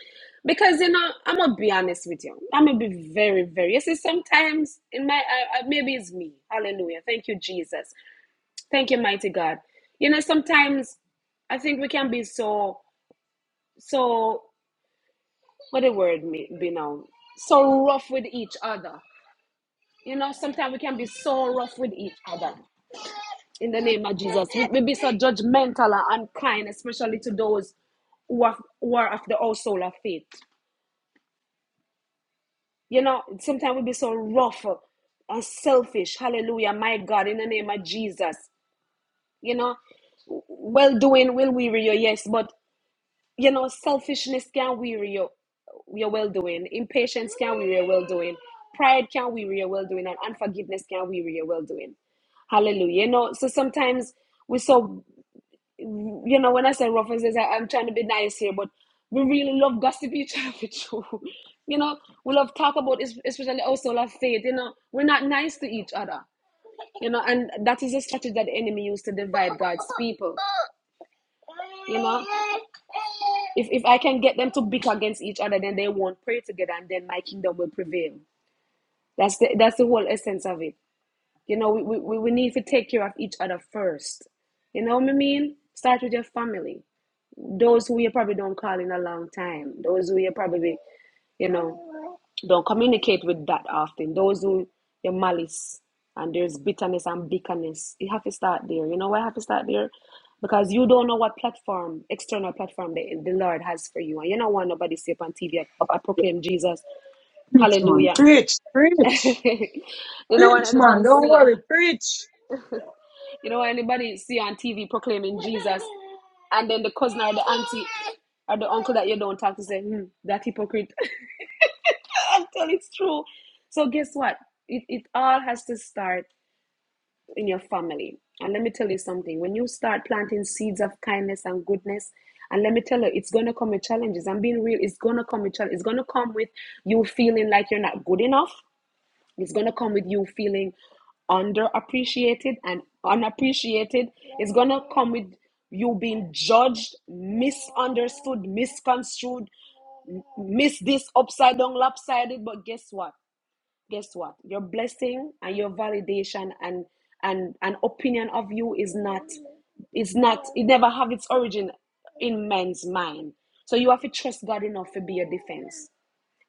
[SPEAKER 5] because you know I'm gonna be honest with you. I'm gonna be very, very. You see, sometimes in my I, I, maybe it's me. Hallelujah. Thank you, Jesus. Thank you, mighty God. You know, sometimes I think we can be so so. What the word me be now? So rough with each other. You know, sometimes we can be so rough with each other. in the name of Jesus. we be so judgmental and unkind, especially to those who are, who are of the household of faith. You know, sometimes we be so rough and selfish. Hallelujah, my God, in the name of Jesus. You know, well doing will weary you, yes, but you know, selfishness can weary you. Your well doing, impatience can weary your well doing, pride can weary your well doing, and unforgiveness can weary your well doing. Hallelujah. You know, so sometimes we're so you know, when I say rough I, I'm trying to be nice here, but we really love gossip each other too. [laughs] You know, we love talk about es- especially also love faith. You know, we're not nice to each other. You know, and that is a strategy that the enemy used to divide God's people. You know, if if I can get them to bicker against each other, then they won't pray together, and then my kingdom will prevail. That's the that's the whole essence of it. You know, we we, we we need to take care of each other first. You know what I mean? Start with your family those who you probably don't call in a long time, those who you probably, you know, don't communicate with that often, those who your malice and there's bitterness and bitterness. You have to start there. You know why you have to start there? Because you don't know what platform, external platform the, the Lord has for you. And you don't want nobody to say on TV, I I proclaim Jesus.
[SPEAKER 2] Preach, man.
[SPEAKER 5] Hallelujah.
[SPEAKER 2] Preach,
[SPEAKER 5] [laughs]
[SPEAKER 2] preach,
[SPEAKER 5] you don't want
[SPEAKER 2] preach,
[SPEAKER 5] anybody
[SPEAKER 2] man.
[SPEAKER 5] to
[SPEAKER 2] Don't
[SPEAKER 5] see you.
[SPEAKER 2] worry. Preach.
[SPEAKER 5] You know, anybody see on TV proclaiming Jesus, and then the cousin or the auntie or the uncle that you don't talk to say, hmm, that hypocrite. [laughs] Until it's true. So guess what? It, it all has to start in your family. And let me tell you something. When you start planting seeds of kindness and goodness, and let me tell you, it's gonna come with challenges. I'm being real, it's gonna come with challenges. It's gonna come with you feeling like you're not good enough. It's going to come with you feeling underappreciated and unappreciated. It's going to come with you being judged, misunderstood, misconstrued, m- miss this upside down, lopsided. But guess what? Guess what? Your blessing and your validation and and an opinion of you is not is not it never have its origin in men's mind. So you have to trust God enough to be your defense.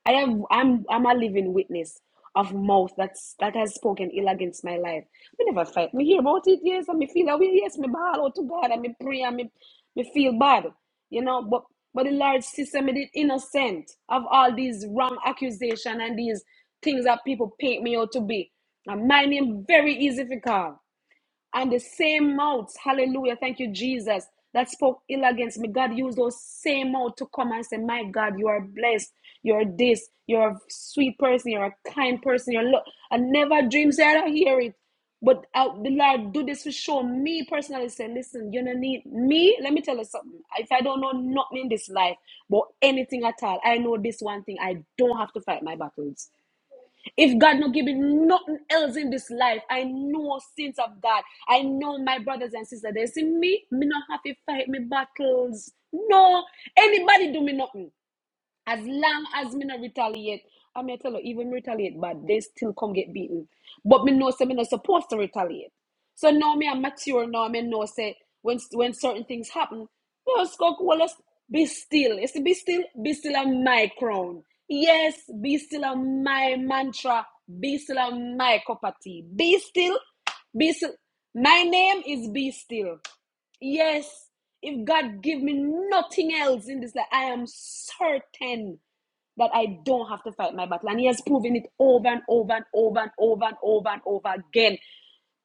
[SPEAKER 5] I have I'm I'm a living witness of mouth that's that has spoken ill against my life. Me never fight. Me hear about it, yes, and me feel that way, yes, me ball out to God and me pray and me, me feel bad. You know, but but the large system made it innocent of all these wrong accusation and these things that people paint me out to be. And my name very easy to call. And the same mouths, hallelujah, thank you, Jesus, that spoke ill against me. God used those same mouths to come and say, My God, you are blessed. You're this. You're a sweet person. You're a kind person. You're lo-. I never dreamed, say, I don't hear it. But uh, the Lord do this for sure. Me personally say, listen, you don't need me. Let me tell you something. If I don't know nothing in this life, but anything at all, I know this one thing. I don't have to fight my battles. If God not give me nothing else in this life, I know sins of God. I know my brothers and sisters. They see me, me not have to fight me battles. No, anybody do me nothing. As long as me no retaliate, I may tell you, even me retaliate, but they still come get beaten. But me know say me not supposed to retaliate. So now me I'm mature now. Me know say when when certain things happen, no skunk well us be still. It's be still, be still on my crown. Yes, be still on my mantra. Be still on my cup of tea. Be still, be still. My name is Be Still. Yes, if God give me nothing else in this life, I am certain that I don't have to fight my battle. And he has proven it over and over and over and over and over and over again.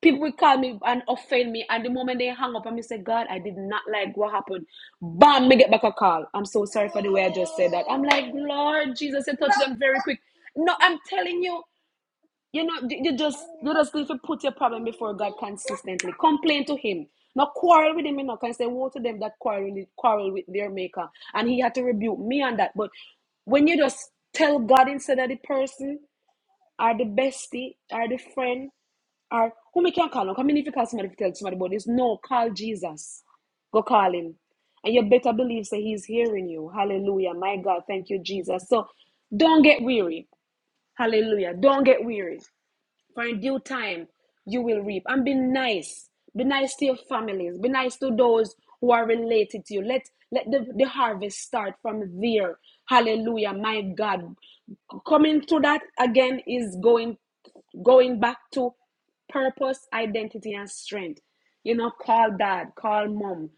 [SPEAKER 5] People will call me and offend me, and the moment they hang up, I'm say, God, I did not like what happened. Bam, me get back a call. I'm so sorry for the way I just said that. I'm like, Lord Jesus, you touched them very quick. No, I'm telling you, you know, you just you just need to put your problem before God consistently. Complain to Him, not quarrel with Him. You know, can say woe to them that quarrel with- quarrel with their Maker, and He had to rebuke me on that. But when you just tell God instead of the person, or the bestie, or the friend, or whom you can call, how many if you call somebody to tell somebody about this? No, call Jesus. Go call Him, and you better believe that He's hearing you. Hallelujah, my God, thank you, Jesus. So don't get weary. Hallelujah, don't get weary for in due time you will reap. And be nice. Be nice to your families. Be nice to those who are related to you. Let let the, the harvest start from there. Hallelujah. My God. Coming to that again is going going back to purpose, identity, and strength. You know, call dad, call mom,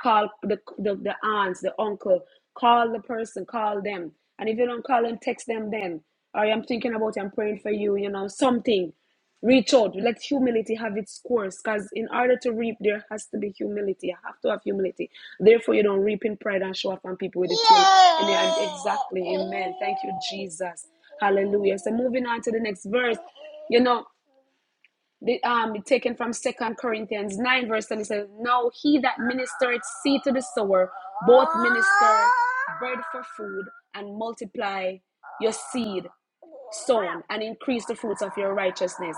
[SPEAKER 5] call the, the, the aunts, the uncle, call the person, call them. And if you don't call them, text them then. Or I'm thinking about you, I'm praying for you, you know, something reach out let humility have its course because in order to reap there has to be humility you have to have humility therefore you don't reap in pride and show up on people with it truth exactly amen thank you jesus hallelujah so moving on to the next verse you know the, um, taken from Second Corinthians 9, verse 10, it says, Now he that ministereth seed to the sower, both minister bread for food, and multiply your seed sown, and increase the fruits of your righteousness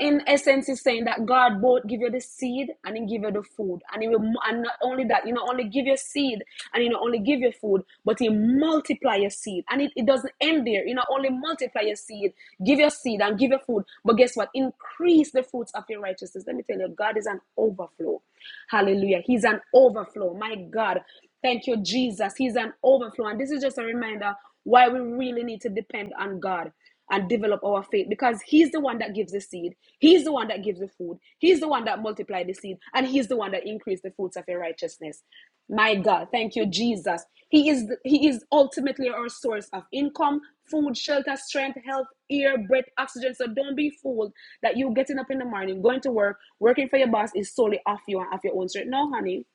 [SPEAKER 5] in essence is saying that God both give you the seed and he give you the food. And he will and not only that, you know, only give your seed and you know only give your food, but he multiply your seed. And it, it doesn't end there. You know, only multiply your seed, give your seed and give your food. But guess what? Increase the fruits of your righteousness. Let me tell you, God is an overflow. Hallelujah. He's an overflow. My God. Thank you, Jesus. He's an overflow. And this is just a reminder why we really need to depend on God and develop our faith because he's the one that gives the seed he's the one that gives the food he's the one that multiplies the seed and he's the one that increases the fruits of your righteousness my God, thank you, Jesus. He is He is ultimately our source of income, food, shelter, strength, health, air, breath, oxygen. So don't be fooled that you getting up in the morning, going to work, working for your boss is solely off you and off your own strength. No, honey.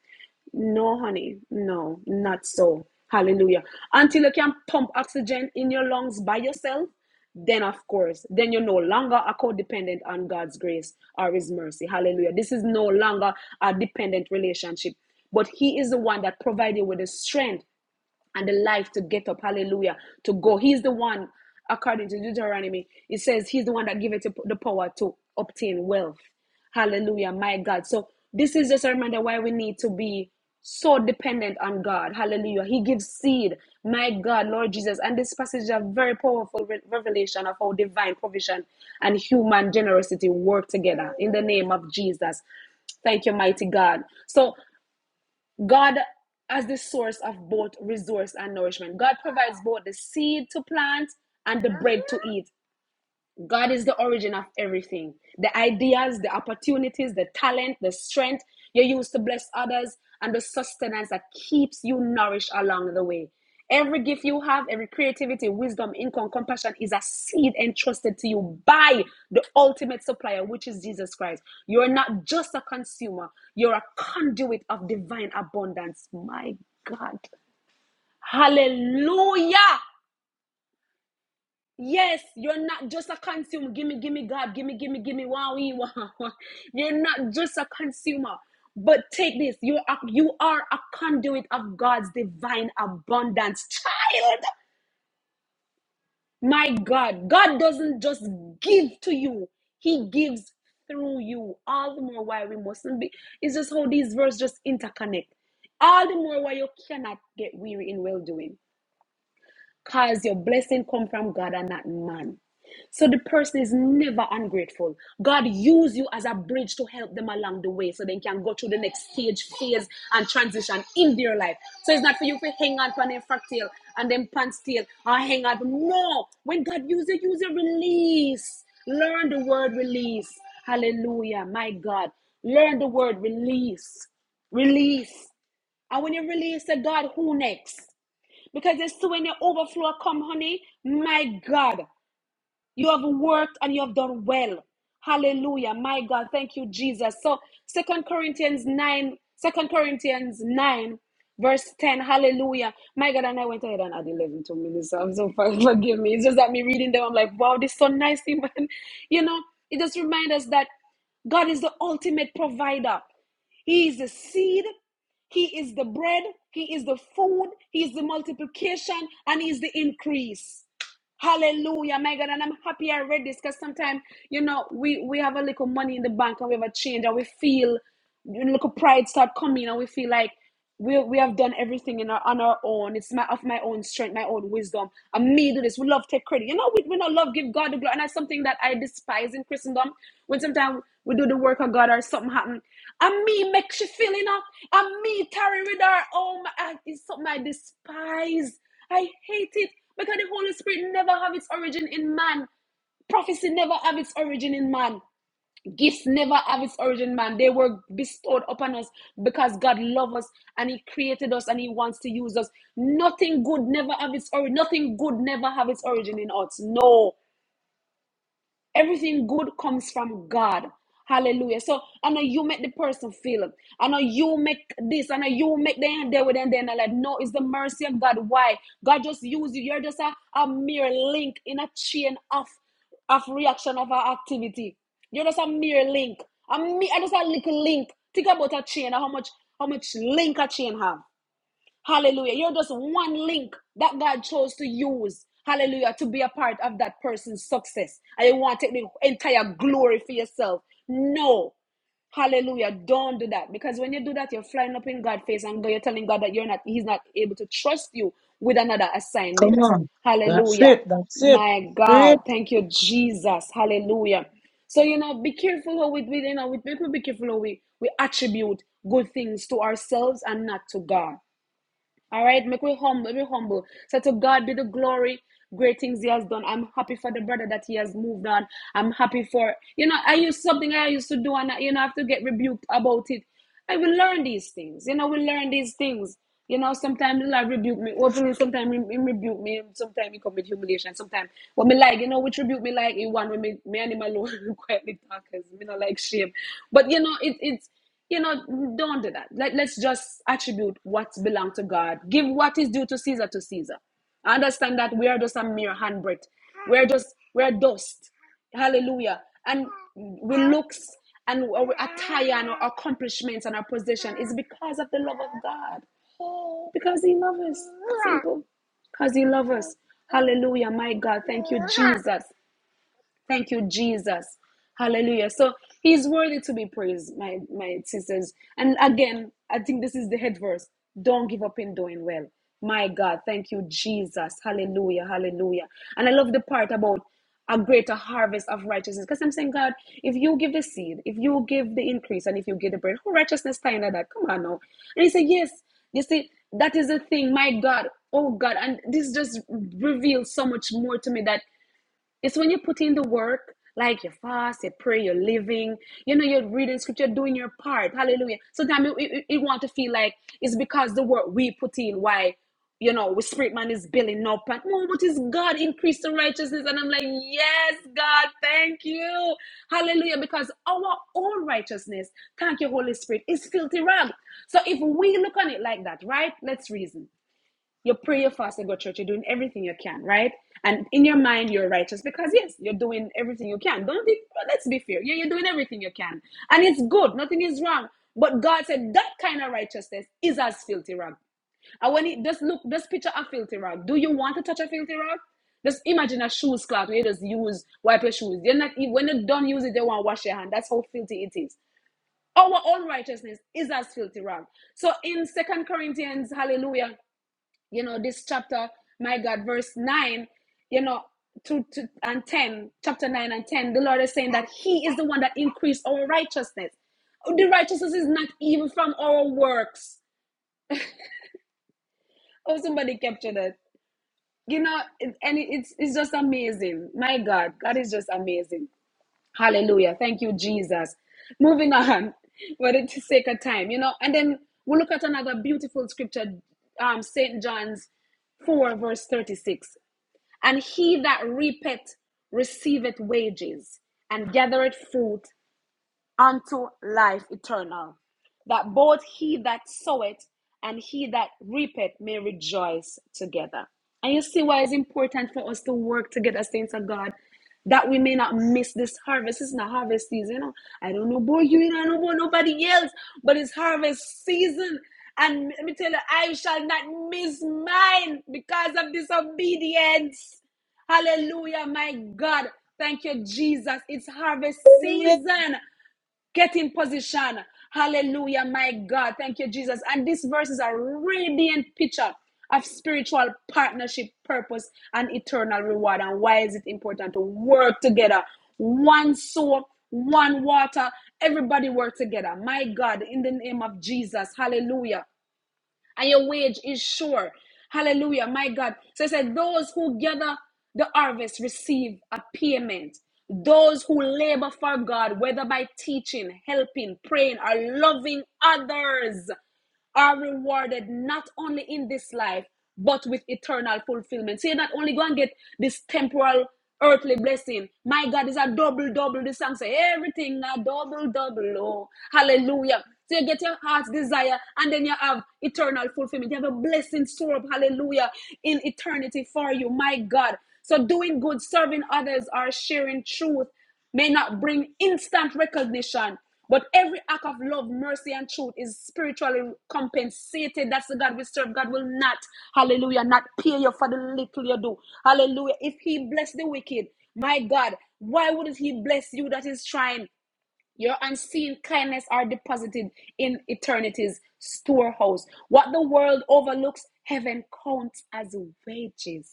[SPEAKER 5] No, honey. No, not so. Hallelujah. Until you can pump oxygen in your lungs by yourself, then of course, then you're no longer a codependent on God's grace or His mercy. Hallelujah. This is no longer a dependent relationship, but He is the one that provides you with the strength and the life to get up. Hallelujah. To go. He's the one, according to Deuteronomy, it says he's the one that giveth the power to obtain wealth. Hallelujah, my God. So this is just a reminder why we need to be so dependent on God. Hallelujah. He gives seed, my God, Lord Jesus. And this passage is a very powerful re- revelation of how divine provision and human generosity work together in the name of Jesus. Thank you, mighty God. So God, as the source of both resource and nourishment, God provides both the seed to plant and the bread to eat. God is the origin of everything the ideas, the opportunities, the talent, the strength you use to bless others, and the sustenance that keeps you nourished along the way. Every gift you have, every creativity, wisdom, income, compassion is a seed entrusted to you by the ultimate supplier, which is Jesus Christ. You're not just a consumer, you're a conduit of divine abundance. My God. Hallelujah. Yes, you're not just a consumer. Gimme, gimme, God, gimme, gimme, gimme, wow, wee, wow. wow. [laughs] You're not just a consumer. But take this, you are you are a conduit of God's divine abundance. Child, my God, God doesn't just give to you, He gives through you. All the more why we mustn't be. It's just how these verses just interconnect. All the more why you cannot get weary in well doing. Cause your blessing come from God and not man. So the person is never ungrateful. God use you as a bridge to help them along the way so they can go through the next stage, phase, and transition in their life. So it's not for you to hang on for them fracktail and then pants tail or hang on. No. When God uses, you, use a release. Learn the word release. Hallelujah. My God. Learn the word release. Release. And when you release to God, who next? Because it's so when the overflow come, honey, my God, you have worked and you have done well. Hallelujah. My God, thank you, Jesus. So Second Corinthians 9, Second Corinthians 9, verse 10. Hallelujah. My God, and I went ahead and added 11 to minister. I'm so far, [laughs] forgive me. It's just that me reading them, I'm like, wow, this is so nice. [laughs] man. You know, it just reminds us that God is the ultimate provider. He is the seed. He is the bread. He is the food. He is the multiplication. And He is the increase. Hallelujah, my God. And I'm happy I read this because sometimes, you know, we, we have a little money in the bank and we have a change and we feel you know, little pride start coming and we feel like we, we have done everything in our, on our own. It's my of my own strength, my own wisdom. And me do this. We love take credit. You know, we, we not love give God the glory. And that's something that I despise in Christendom. When sometimes we do the work of God or something happen. And me makes you feel, you know, and me tarry with our own. Oh, it's something I despise. I hate it because the Holy Spirit never have its origin in man. Prophecy never have its origin in man. Gifts never have its origin in man. They were bestowed upon us because God loves us and He created us and He wants to use us. Nothing good never have its origin. Nothing good never have its origin in us. No. Everything good comes from God. Hallelujah. So I know you make the person feel it. I know you make this. I know you make them there with them. Then I like, no, it's the mercy of God. Why? God just use you. You're just a, a mere link in a chain of of reaction of our activity. You're just a mere link. A me, I just a little link. Think about a chain. How much how much link a chain have? Hallelujah. You're just one link that God chose to use. Hallelujah. To be a part of that person's success. And you want to take the entire glory for yourself. No. Hallelujah. Don't do that. Because when you do that, you're flying up in God's face and you're telling God that you're not, He's not able to trust you with another
[SPEAKER 2] Come
[SPEAKER 5] assignment.
[SPEAKER 2] on. That's
[SPEAKER 5] Hallelujah.
[SPEAKER 2] it. That's it.
[SPEAKER 5] My
[SPEAKER 2] Preach.
[SPEAKER 5] God. Thank you, Jesus. Hallelujah. So you know, be careful how we, you know, we people be careful how we, we attribute good things to ourselves and not to God. All right, make we humble, Make we humble. So to God be the glory. Great things he has done. I'm happy for the brother that he has moved on. I'm happy for you know. I used something I used to do, and I, you know, I have to get rebuked about it. I will learn these things. You know, we learn these things. You know, sometimes Lord rebuke me. Hopefully, sometimes he, he rebuke me. Sometimes he commit humiliation. Sometimes what me like, you know, which rebuke me like he want when me me and him alone [laughs] quietly talk, cause me not like shame. But you know, it, it's you know, don't do that. Let, let's just attribute what belongs to God. Give what is due to Caesar to Caesar. I understand that we are just a mere handbreadth. We're just, we're dust. Hallelujah. And we looks and our attire and our accomplishments and our possession is because of the love of God. Because he loves us. Simple. Because he loves us. Hallelujah. My God. Thank you, Jesus. Thank you, Jesus. Hallelujah. So he's worthy to be praised, my, my sisters. And again, I think this is the head verse. Don't give up in doing well. My God, thank you, Jesus. Hallelujah. Hallelujah. And I love the part about a greater harvest of righteousness. Because I'm saying, God, if you give the seed, if you give the increase, and if you give the bread, who righteousness tying that? Come on now. And he said, Yes, you see, that is the thing, my God, oh God. And this just reveals so much more to me that it's when you put in the work, like you fast, you pray, you're living, you know, you're reading scripture, doing your part. Hallelujah. Sometimes it, it, it want to feel like it's because the work we put in, why, you know, we spirit man is building up. And, oh, but is God increased in righteousness? And I'm like, yes, God, thank you. Hallelujah. Because our own righteousness, thank you, Holy Spirit, is filthy rag. So if we look on it like that, right? Let's reason you pray, you fast, you go to church. You're doing everything you can, right? And in your mind, you're righteous because yes, you're doing everything you can. Don't be, well, let's be fair. Yeah, you're doing everything you can, and it's good. Nothing is wrong. But God said that kind of righteousness is as filthy rag. And when it just look, just picture a filthy rag. Do you want to touch a filthy rag? Just imagine a shoes cloth where you just use wipe your shoes. You're not e- when you don't use it, they want to wash your hand. That's how filthy it is. Our own righteousness is as filthy rag. So in Second Corinthians, Hallelujah, you know this chapter my god verse 9 you know two to and 10 chapter 9 and 10 the lord is saying that he is the one that increased our righteousness the righteousness is not even from our works oh somebody capture that you know it- and it's it's just amazing my god god is just amazing hallelujah thank you jesus moving [laughs] on for the sake of time you know and then we'll look at another beautiful scripture um saint john's 4 verse 36 And he that reapeth receiveth wages and gathereth fruit unto life eternal, that both he that soweth and he that reapeth may rejoice together. And you see why it's important for us to work together, saints of God, that we may not miss this harvest. It's not harvest season. You know? I don't know about you, I don't know about nobody else, but it's harvest season. And let me tell you, I shall not miss mine because of disobedience. Hallelujah, my God. Thank you, Jesus. It's harvest
[SPEAKER 2] Amen.
[SPEAKER 5] season. Get in position. Hallelujah, my God. Thank you, Jesus. And this verse is a radiant picture of spiritual partnership, purpose, and eternal reward. And why is it important to work together? One soul, one water, everybody work together. My God, in the name of Jesus. Hallelujah and your wage is sure. Hallelujah, my God. So it said, Those who gather the harvest receive a payment. Those who labor for God, whether by teaching, helping, praying, or loving others are rewarded not only in this life, but with eternal fulfillment. So you not only go and get this temporal earthly blessing. My God is a double, double. The song say everything a double, double. Oh, hallelujah. So you get your heart's desire and then you have eternal fulfillment. You have a blessing store up, hallelujah, in eternity for you. My God. So doing good, serving others, or sharing truth may not bring instant recognition, but every act of love, mercy, and truth is spiritually compensated. That's the God we serve. God will not, hallelujah, not pay you for the little you do. Hallelujah. If He bless the wicked, my God, why wouldn't He bless you that is trying? Your unseen kindness are deposited in eternity's storehouse. What the world overlooks, heaven counts as wages.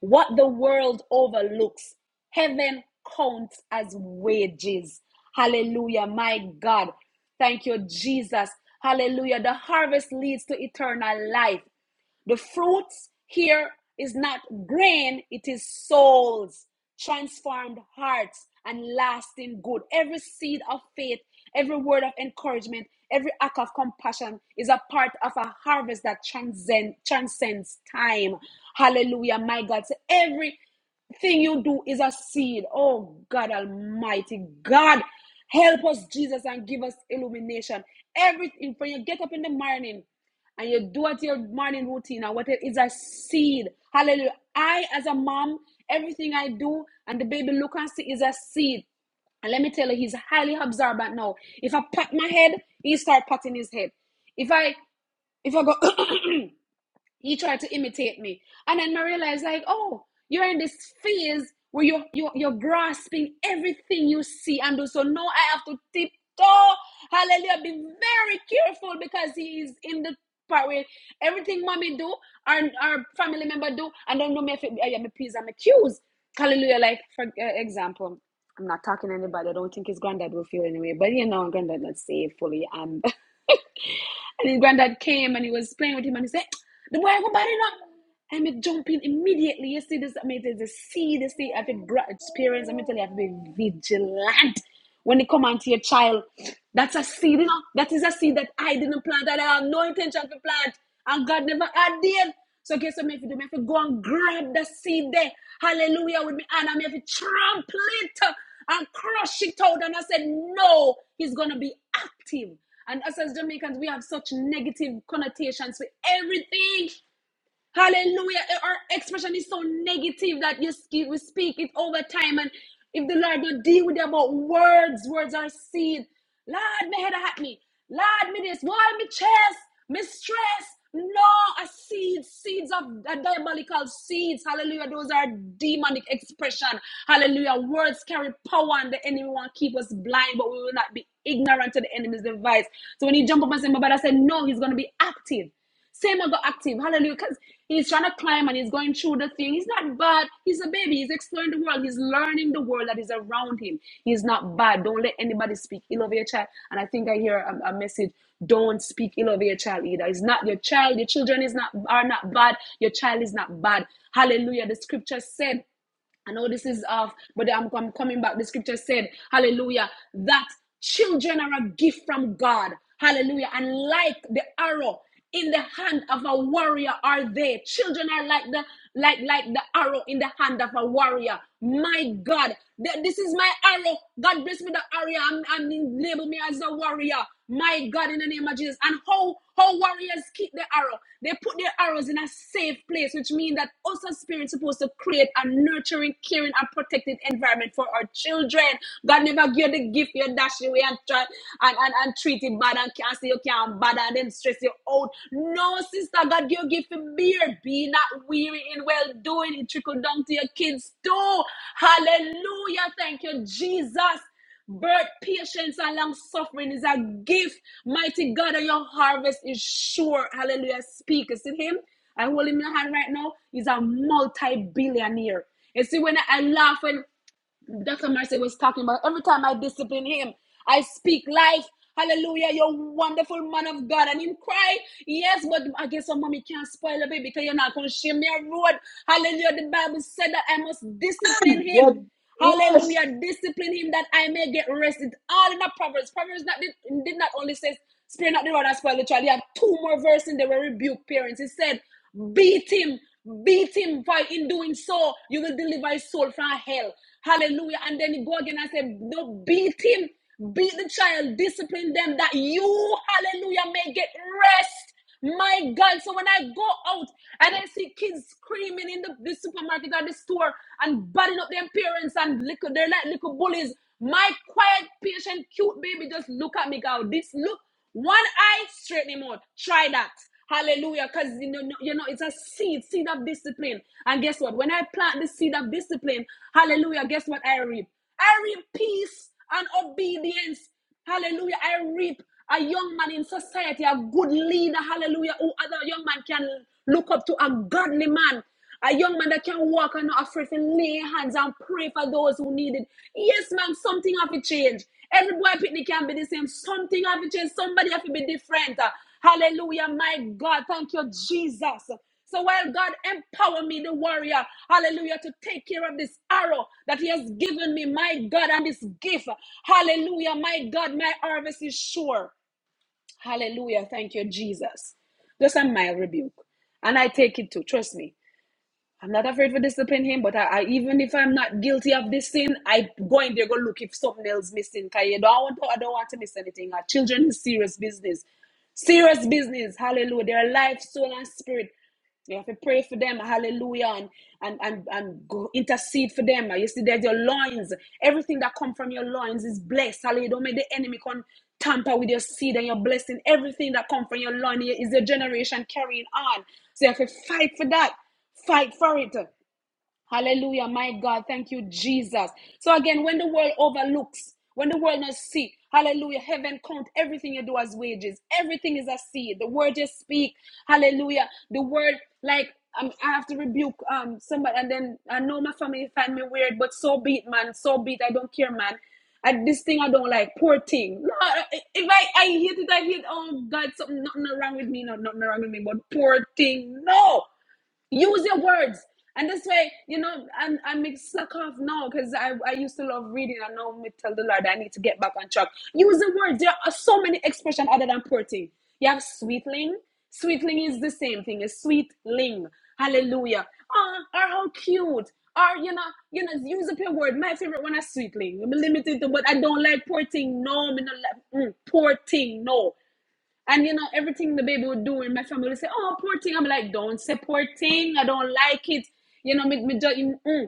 [SPEAKER 5] What the world overlooks, heaven counts as wages. Hallelujah, my God. Thank you, Jesus. Hallelujah. The harvest leads to eternal life. The fruits here is not grain, it is souls, transformed hearts, and lasting good. Every seed of faith, every word of encouragement, every act of compassion is a part of a harvest that transcend, transcends time. Hallelujah, my God. So every thing you do is a seed. Oh God Almighty, God help us, Jesus, and give us illumination. Everything when you get up in the morning and you do at your morning routine and whatever is a seed. Hallelujah. I, as a mom, everything I do and the baby look and see is a seed. And let me tell you, he's highly observant now. If I pat my head, he start patting his head. If I if I go he tried to imitate me. And then I realized, like, oh, you're in this phase where you're, you're, you're grasping everything you see and do. So now I have to tiptoe. Hallelujah. Be very careful because he is in the part where everything mommy do, our, our family member do, and don't know me if it, yeah, my P's and my Q's. Hallelujah. Like, for uh, example, I'm not talking to anybody. I don't think his granddad will feel anyway. But, you know, granddad not say it fully. And, [laughs] and his granddad came and he was playing with him and he said, the boy go bad enough. I make jump in immediately. You see this, I mean, there's a see this thing. I think bra- experience. I mean, tell you, I have to be vigilant when they come onto your child. That's a seed, you know. That is a seed that I didn't plant, that I have no intention to plant, and God never had did. So guess what? Me have to do? Me have to go and grab the seed there. Hallelujah with me, and I may have to trample it and crush it out. And I said, no, he's gonna be active. And us as Jamaicans, we have such negative connotations with everything. Hallelujah. Our expression is so negative that you sk- we speak it all the time. And if the Lord don't deal with them about words, words are seed. Lord, me head at me. Lord, me this. Why me chest? Me stress. No, a seed, seeds of a diabolical seeds. Hallelujah. Those are demonic expression. Hallelujah. Words carry power and the enemy won't keep us blind, but we will not be ignorant to the enemy's device. So when he jump up and say, my brother said, no, he's going to be active. Same I got active. Hallelujah. Because he's trying to climb and he's going through the thing. He's not bad. He's a baby. He's exploring the world. He's learning the world that is around him. He's not bad. Don't let anybody speak ill of your child. And I think I hear a, a message. Don't speak ill of your child either. It's not your child. Your children is not are not bad. Your child is not bad. Hallelujah. The scripture said. I know this is off, but I'm, I'm coming back. The scripture said, Hallelujah, that children are a gift from God. Hallelujah. And like the arrow in the hand of a warrior are they. Children are like the like like the arrow in the hand of a warrior. My God, th- this is my arrow. God bless me the arrow. I'm, I'm label me as a warrior. My God, in the name of Jesus. And how how warriors keep the arrow. They put their arrows in a safe place, which means that us as parents are supposed to create a nurturing, caring, and protected environment for our children. God never give you the gift you dash it away and try and, and, and treat it bad and can't say you can't bad and then stress you out. No, sister, God give you gift for beer. Be not weary in well doing. It trickle down to your kids too. Hallelujah. Thank you, Jesus. Birth, patience, and long suffering is a gift. Mighty God, and your harvest is sure. Hallelujah. Speak. You see him? I hold him in my hand right now. He's a multi billionaire. You see, when I laugh, when Dr. Marcy was talking about every time I discipline him, I speak life. Hallelujah, you're a wonderful man of God. And him cry, yes, but I guess some mommy can't spoil a baby because you're not going to shame me a road. Hallelujah, the Bible said that I must discipline him.
[SPEAKER 2] Yeah. Yes.
[SPEAKER 5] Hallelujah, discipline him that I may get rested. All in the Proverbs. Proverbs not, did, did not only says, spare not the rod and spoil the child. He had two more verses in there where rebuke parents. He said, Beat him. Beat him. For in doing so, you will deliver his soul from hell. Hallelujah. And then he go again and say, No, beat him. Beat the child. Discipline them that you, hallelujah, may get rest. My God. So when I go out and I see kids screaming in the, the supermarket or the store and butting up their parents and little, they're like little bullies. My quiet, patient, cute baby just look at me, girl. This look. One eye, straighten him out. Try that. Hallelujah. Because you know, no, you know, it's a seed, seed of discipline. And guess what? When I plant the seed of discipline, hallelujah, guess what I reap? I reap peace and obedience. Hallelujah. I reap a young man in society, a good leader, hallelujah, who other young man can look up to, a godly man. A young man that can walk and not afraid to lay hands and pray for those who need it. Yes, ma'am, something have to change. Every boy picnic can be the same. Something have to change. Somebody have to be different. Hallelujah, my God. Thank you, Jesus. So while God empower me, the warrior, hallelujah, to take care of this arrow that He has given me, my God, and this gift. Hallelujah, my God, my harvest is sure. Hallelujah. Thank you, Jesus. Just a mild rebuke. And I take it too. Trust me. I'm not afraid to discipline him, but I, I even if I'm not guilty of this sin, I go in there go look if something else missing. Cause you don't want to, I don't want to miss anything. Our children is serious business, serious business. Hallelujah! Their life, soul, and spirit. You have to pray for them, hallelujah, and and and, and go intercede for them. You see, there's your loins. Everything that come from your loins is blessed. Hallelujah. Don't make the enemy come tamper with your seed and your blessing. Everything that come from your loins is your generation carrying on. So you have to fight for that. Fight for it. Hallelujah. My God. Thank you, Jesus. So again, when the world overlooks, when the world not see, hallelujah, heaven count everything you do as wages. Everything is a seed. The word you speak, hallelujah. The word, like, um, I have to rebuke um somebody, and then I know my family find me weird, but so be it, man. So be it. I don't care, man. I, this thing I don't like, poor thing. No, if I, I hate it, I hate. Oh God, something nothing wrong with me. No, nothing wrong with me, but poor thing. No, use your words and this way you know i'm i'm a suck off now because i i used to love reading and now me tell the lord i need to get back on track use the words there are so many expressions other than poor thing you have sweetling sweetling is the same thing as sweetling hallelujah oh or how cute or you know you know use up your word my favorite one is sweetling i'm limited to but i don't like poor thing no me not like, mm, poor thing no and you know, everything the baby would do and my family would say, Oh, poor thing. I'm like, Don't say poor thing. I don't like it. You know, me, me, ju- mm.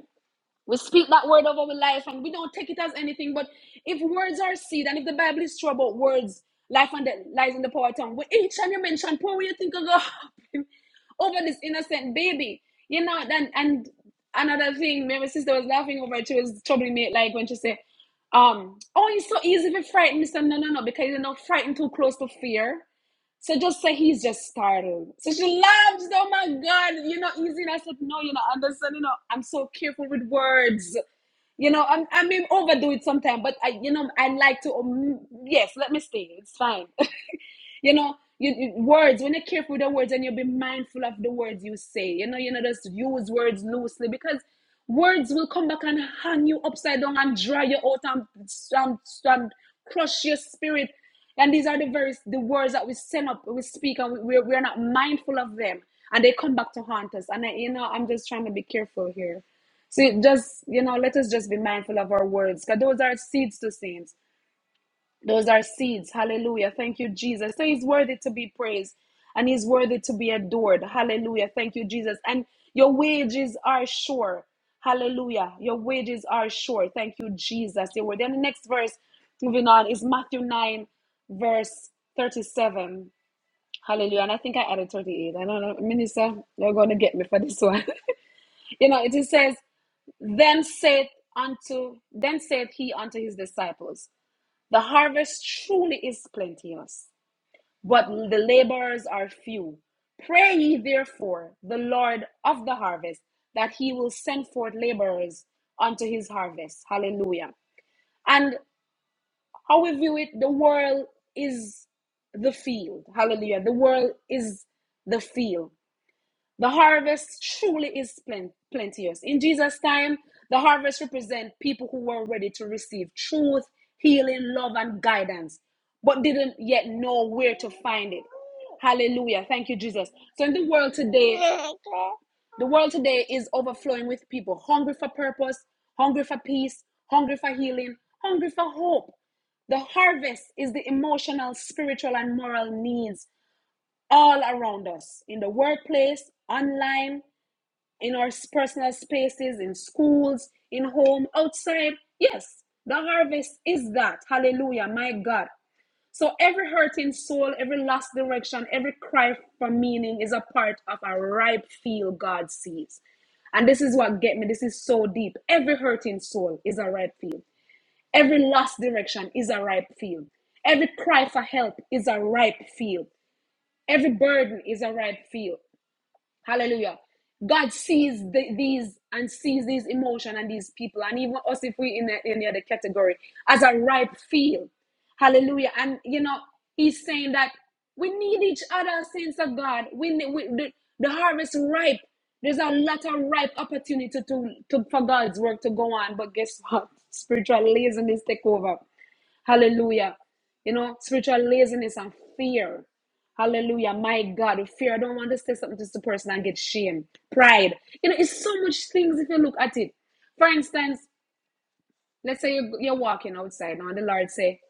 [SPEAKER 5] we speak that word of our life and we don't take it as anything. But if words are seed and if the Bible is true about words, life and death lies in the power of tongue, with each time you mention poor, you think of God [laughs] over this innocent baby. You know, then and another thing, my sister was laughing over it. She was troubling me like when she said, um, oh, it's so easy to frighten, Mr. No, no, no, because you're not frightened too close to fear. So just say he's just startled. So she laughs. Oh my God, you know, easy. And I said, no, you know, understand, you know, I'm so careful with words. You know, I'm, I may overdo it sometimes, but I, you know, I like to, um, yes, let me stay. It's fine you know, you, you- words, when you're careful with the words and you be mindful of the words you say, you know, you know, just use words loosely because words will come back and hang you upside down and dry you out and, and, and crush your spirit. And these are the very the words that we send up, we speak, and we, we're, we're not mindful of them. And they come back to haunt us. And, I, you know, I'm just trying to be careful here. So it just, you know, let us just be mindful of our words because those are seeds to saints. Those are seeds. Hallelujah. Thank you, Jesus. So he's worthy to be praised and he's worthy to be adored. Hallelujah. Thank you, Jesus. And your wages are sure. Hallelujah. Your wages are sure. Thank you, Jesus. Your word. Then the next verse, moving on, is Matthew 9, verse 37. Hallelujah. And I think I added 38. I don't know. Minister, you're going to get me for this one. [laughs] you know, it says, Then saith unto then saith he unto his disciples the harvest truly is plenteous, but the laborers are few. Pray ye therefore the Lord of the harvest that he will send forth laborers unto his harvest. Hallelujah. And how we view it, the world is the field. Hallelujah. The world is the field. The harvest truly is plen- plenteous. In Jesus' time, the harvest represents people who were ready to receive truth, healing, love, and guidance, but didn't yet know where to find it. Hallelujah. Thank you, Jesus. So in the world today, the world today is overflowing with people hungry for purpose, hungry for peace, hungry for healing, hungry for hope. The harvest is the emotional, spiritual, and moral needs all around us in the workplace, online, in our personal spaces, in schools, in home, outside. Yes, the harvest is that. Hallelujah, my God. So every hurting soul, every lost direction, every cry for meaning is a part of a ripe field God sees. And this is what get me. This is so deep. Every hurting soul is a ripe field. Every lost direction is a ripe field. Every cry for help is a ripe field. Every burden is a ripe field. Hallelujah. God sees the, these and sees these emotion and these people, and even us if we in the, in the other category as a ripe field. Hallelujah. And you know, He's saying that we need each other, saints of God. We, ne- we the, the harvest ripe. There's a lot of ripe opportunity to, to for God's work to go on. But guess what? [laughs] Spiritual laziness take over. Hallelujah. You know, spiritual laziness and fear. Hallelujah. My God, fear. I don't want to say something to the person and get shame. Pride. You know, it's so much things if you look at it. For instance, let's say you, you're walking outside now and the Lord say,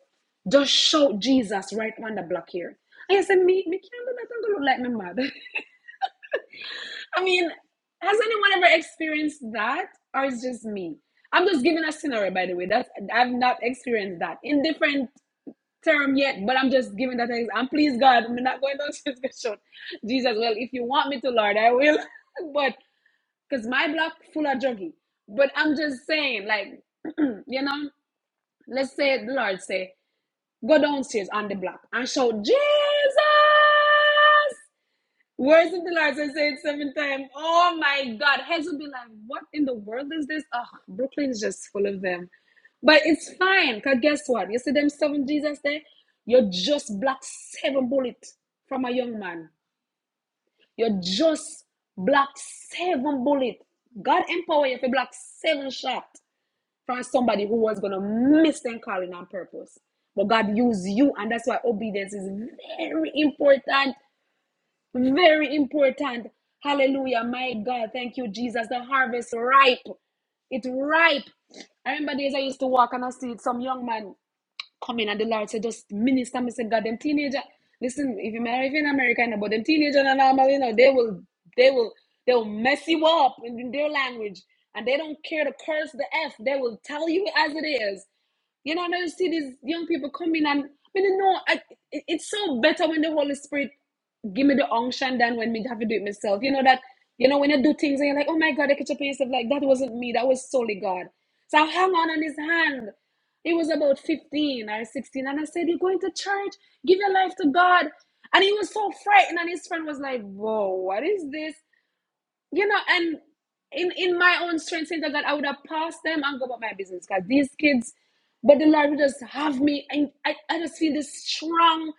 [SPEAKER 5] just shout Jesus right on the block here. And you say, me, me can't do that. I'm going to look like my mother. [laughs] I mean, has anyone ever experienced that? Or it's just me? I'm just giving a scenario, by the way. That's I've not experienced that in different term yet, but I'm just giving that ex- and please God, I'm not going down [laughs] to this discussion. Jesus, well, if you want me to, Lord, I will. [laughs] but because my block full of juggy. But I'm just saying, like, [clears throat] you know, let's say the Lord say, go downstairs on the block and shout, Jesus. Words of the Lord, I say it seven times. Oh my God. Heads will be like, what in the world is this? Oh, Brooklyn is just full of them. But it's fine, because guess what? You see them seven Jesus there? You just blocked seven bullets from a young man. You just blocked seven bullets. God empower you to block seven shots from somebody who was going to miss them calling on purpose. But God used you, and that's why obedience is very important. Very important. Hallelujah. My God. Thank you, Jesus. The harvest ripe. It's ripe. I remember days I used to walk and I see some young man coming and the Lord said, just minister. Me said God, them teenager. Listen, if you marry if you're in America, you know, but them teenager and normal, you know, they will, they will, they will mess you up in, in their language. And they don't care to curse the F. They will tell you as it is. You know, and I just see these young people coming and I mean, you know, I, it, it's so better when the Holy Spirit give me the unction then when me have to do it myself. You know that you know when you do things and you're like, oh my god, I catch up on yourself like that wasn't me, that was solely God. So I hung on on his hand. He was about 15 or 16, and I said, You're going to church, give your life to God. And he was so frightened, and his friend was like, Whoa, what is this? you know, and in in my own strength, saying that God, I would have passed them and go about my business. Because these kids, but the Lord would just have me, and I, I just feel this strong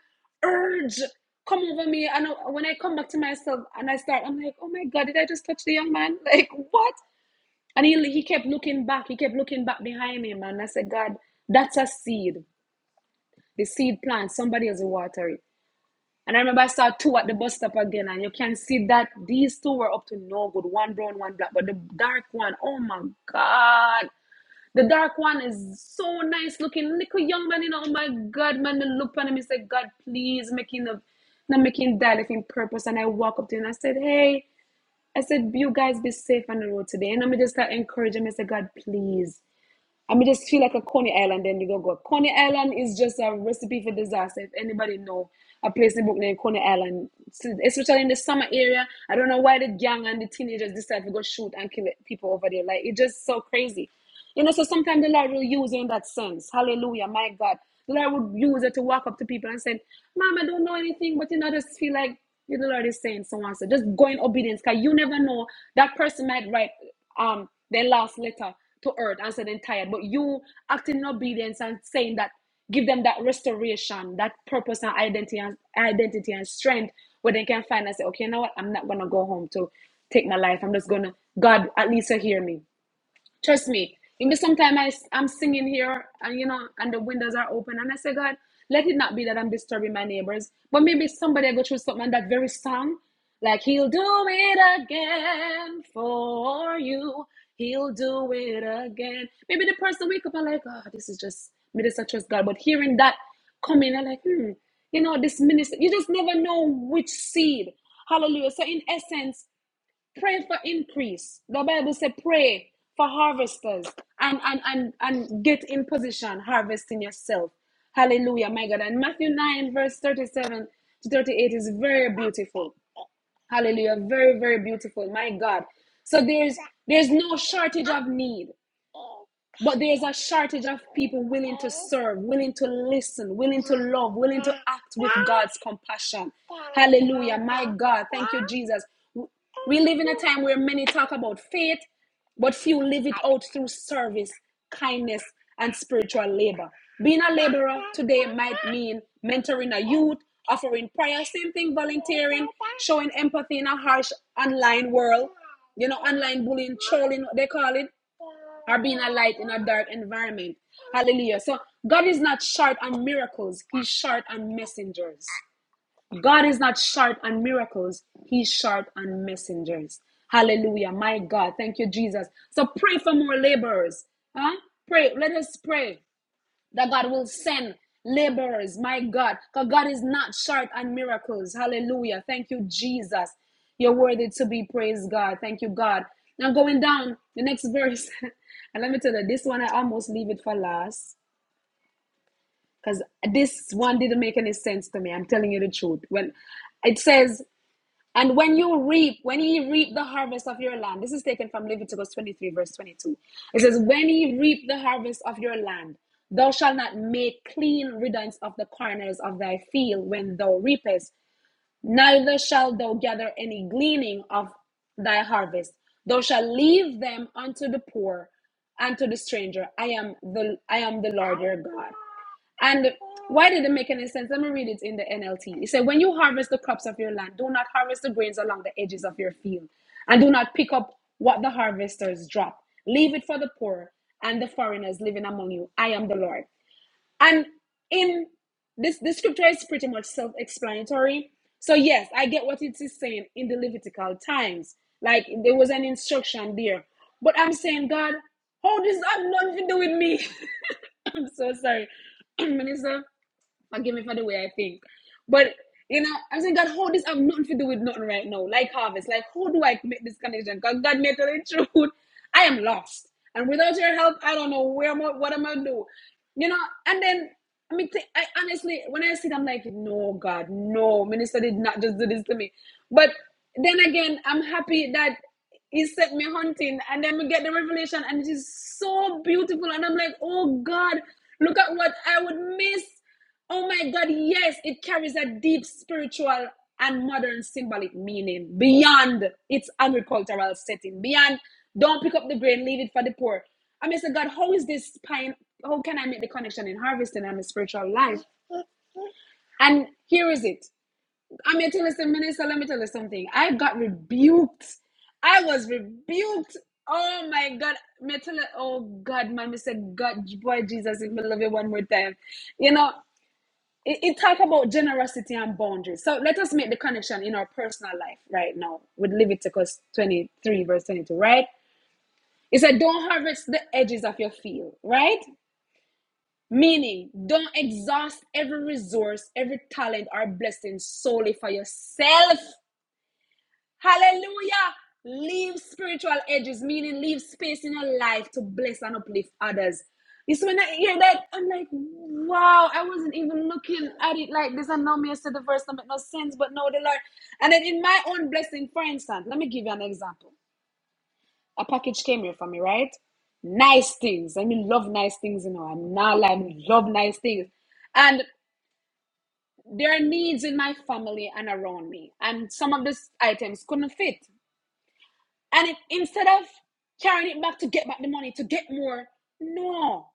[SPEAKER 5] urge come over me. And uh, when I come back to myself and I start, I'm like, oh my God, did I just touch the young man? [laughs] Like what? And he he kept looking back. He kept looking back behind him, and I said, God, that's a seed. The seed plant. Somebody has to water it. And I remember I saw two at the bus stop again, and you can see that these two were up to no good. One brown, one black. But the dark one, oh my God. The dark one is so nice looking. Little young man, you know, oh my God, man. I look at him and say, God, please, making a, not making that if in purpose. And I walk up to him and I said, hey, I said, you guys be safe on the road today. And I'm just like encouraging. him. I said, God, please. I mean, just feel like a Coney Island, then you go go. Coney Island is just a recipe for disaster. If anybody know a place in Brooklyn, named Coney Island, so- especially in the summer area, I don't know why the gang and the teenagers decide to go shoot and kill people over there. Like it's just so crazy, you know. So sometimes the Lord will use it in that sense. Hallelujah, my God, the Lord would use it to walk up to people and say, "Mom, I don't know anything, but you know, I just feel like." The Lord is saying so and so. Just go in obedience, cause you never know that person might write um their last letter to earth and said they're tired. But you acting in obedience and saying that give them that restoration, that purpose and identity and identity and strength where they can find and say, okay, you know what? I'm not gonna go home to take my life. I'm just gonna God, at least you hear me. Trust me. You know, sometimes I, s- I'm singing here and, you know, and the windows are open. And I say, God, let it not be that I'm disturbing my neighbors. But maybe somebody go through something and that very song, like, He'll do it again for you. He'll do it again. Maybe the person wake up and like, oh, this is just, me just I trust God. But hearing that coming, I'm like, hmm, you know, this minister, you just never know which seed. Hallelujah. So in essence, Pray for increase. The Bible says, pray for harvesters and, and, and, and get in position harvesting yourself. Hallelujah, my God. And Matthew 9, verse 37 to 38 is very beautiful. Hallelujah. Very, very beautiful. My God. So there's there's no shortage of need, but there's a shortage of people willing to serve, willing to listen, willing to love, willing to act with God's compassion. Hallelujah. My God. Thank you, Jesus. We live in a time where many talk about faith but few live it out through service, kindness, and spiritual labor. Being a laborer today might mean mentoring a youth, offering prayer, same thing, volunteering, showing empathy in a harsh online world, you know, online bullying, trolling, what they call it, or being a light in a dark environment. Hallelujah. So God is not short on miracles, He's short on messengers. God is not short on miracles, He's short on messengers. Hallelujah. My God. Thank you, Jesus. So pray for more laborers. Huh? Pray. Let us pray that God will send laborers. My God. Because God is not short on miracles. Hallelujah. Thank you, Jesus. You're worthy to be praised, God. Thank you, God. Now going down the next verse. [laughs] and let me tell you, this one I almost leave it for last because this one didn't make any sense to me. I'm telling you the truth. When it says, and when you reap, when ye reap the harvest of your land, this is taken from Leviticus 23, verse 22. It says, When ye reap the harvest of your land, thou shalt not make clean riddance of the corners of thy field when thou reapest, neither shalt thou gather any gleaning of thy harvest. Thou shalt leave them unto the poor and to the stranger. I am the I am the Lord your God. And why did it make any sense? Let me read it in the NLT. It said, When you harvest the crops of your land, do not harvest the grains along the edges of your field, and do not pick up what the harvesters drop. Leave it for the poor and the foreigners living among you. I am the Lord. And in this, this scripture is pretty much self explanatory. So, yes, I get what it is saying in the Levitical times. Like there was an instruction there. But I'm saying, God, how does that have nothing to do with me? [laughs] I'm so sorry, [clears throat] Minister. Forgive me for the way I think. But you know, I'm saying, God, how this have nothing to do with nothing right now. Like harvest. Like how do I make this connection? Because God may tell the [laughs] truth. I am lost. And without your help, I don't know where am I, what am I gonna do. You know, and then I mean th- I honestly when I see it, I'm like, no God, no, minister did not just do this to me. But then again, I'm happy that he sent me hunting and then we get the revelation and it is so beautiful and i'm like oh god look at what i would miss Oh my God, yes, it carries a deep spiritual and modern symbolic meaning beyond its agricultural setting, beyond don't pick up the grain, leave it for the poor. I mean, say, God, how is this pine? How can I make the connection in harvesting and my spiritual life? And here is it. I mean, tell us, minister, let me tell you something. I got rebuked. I was rebuked. Oh my God. Me tell you, oh God, man, me say, God, boy, Jesus, if me love you one more time. You know, it, it talk about generosity and boundaries. So let us make the connection in our personal life right now with Leviticus 23, verse 22, right? It said, Don't harvest the edges of your field, right? Meaning, don't exhaust every resource, every talent, or blessing solely for yourself. Hallelujah. Leave spiritual edges, meaning leave space in your life to bless and uplift others. It's when I hear that, I'm like, wow, I wasn't even looking at it like this. And now me, I said the verse, that make no sense, but no, the Lord. And then in my own blessing, for instance, let me give you an example. A package came here for me, right? Nice things. I mean, love nice things, you know. I'm not like, love nice things. And there are needs in my family and around me. And some of these items couldn't fit. And if instead of carrying it back to get back the money, to get more, no.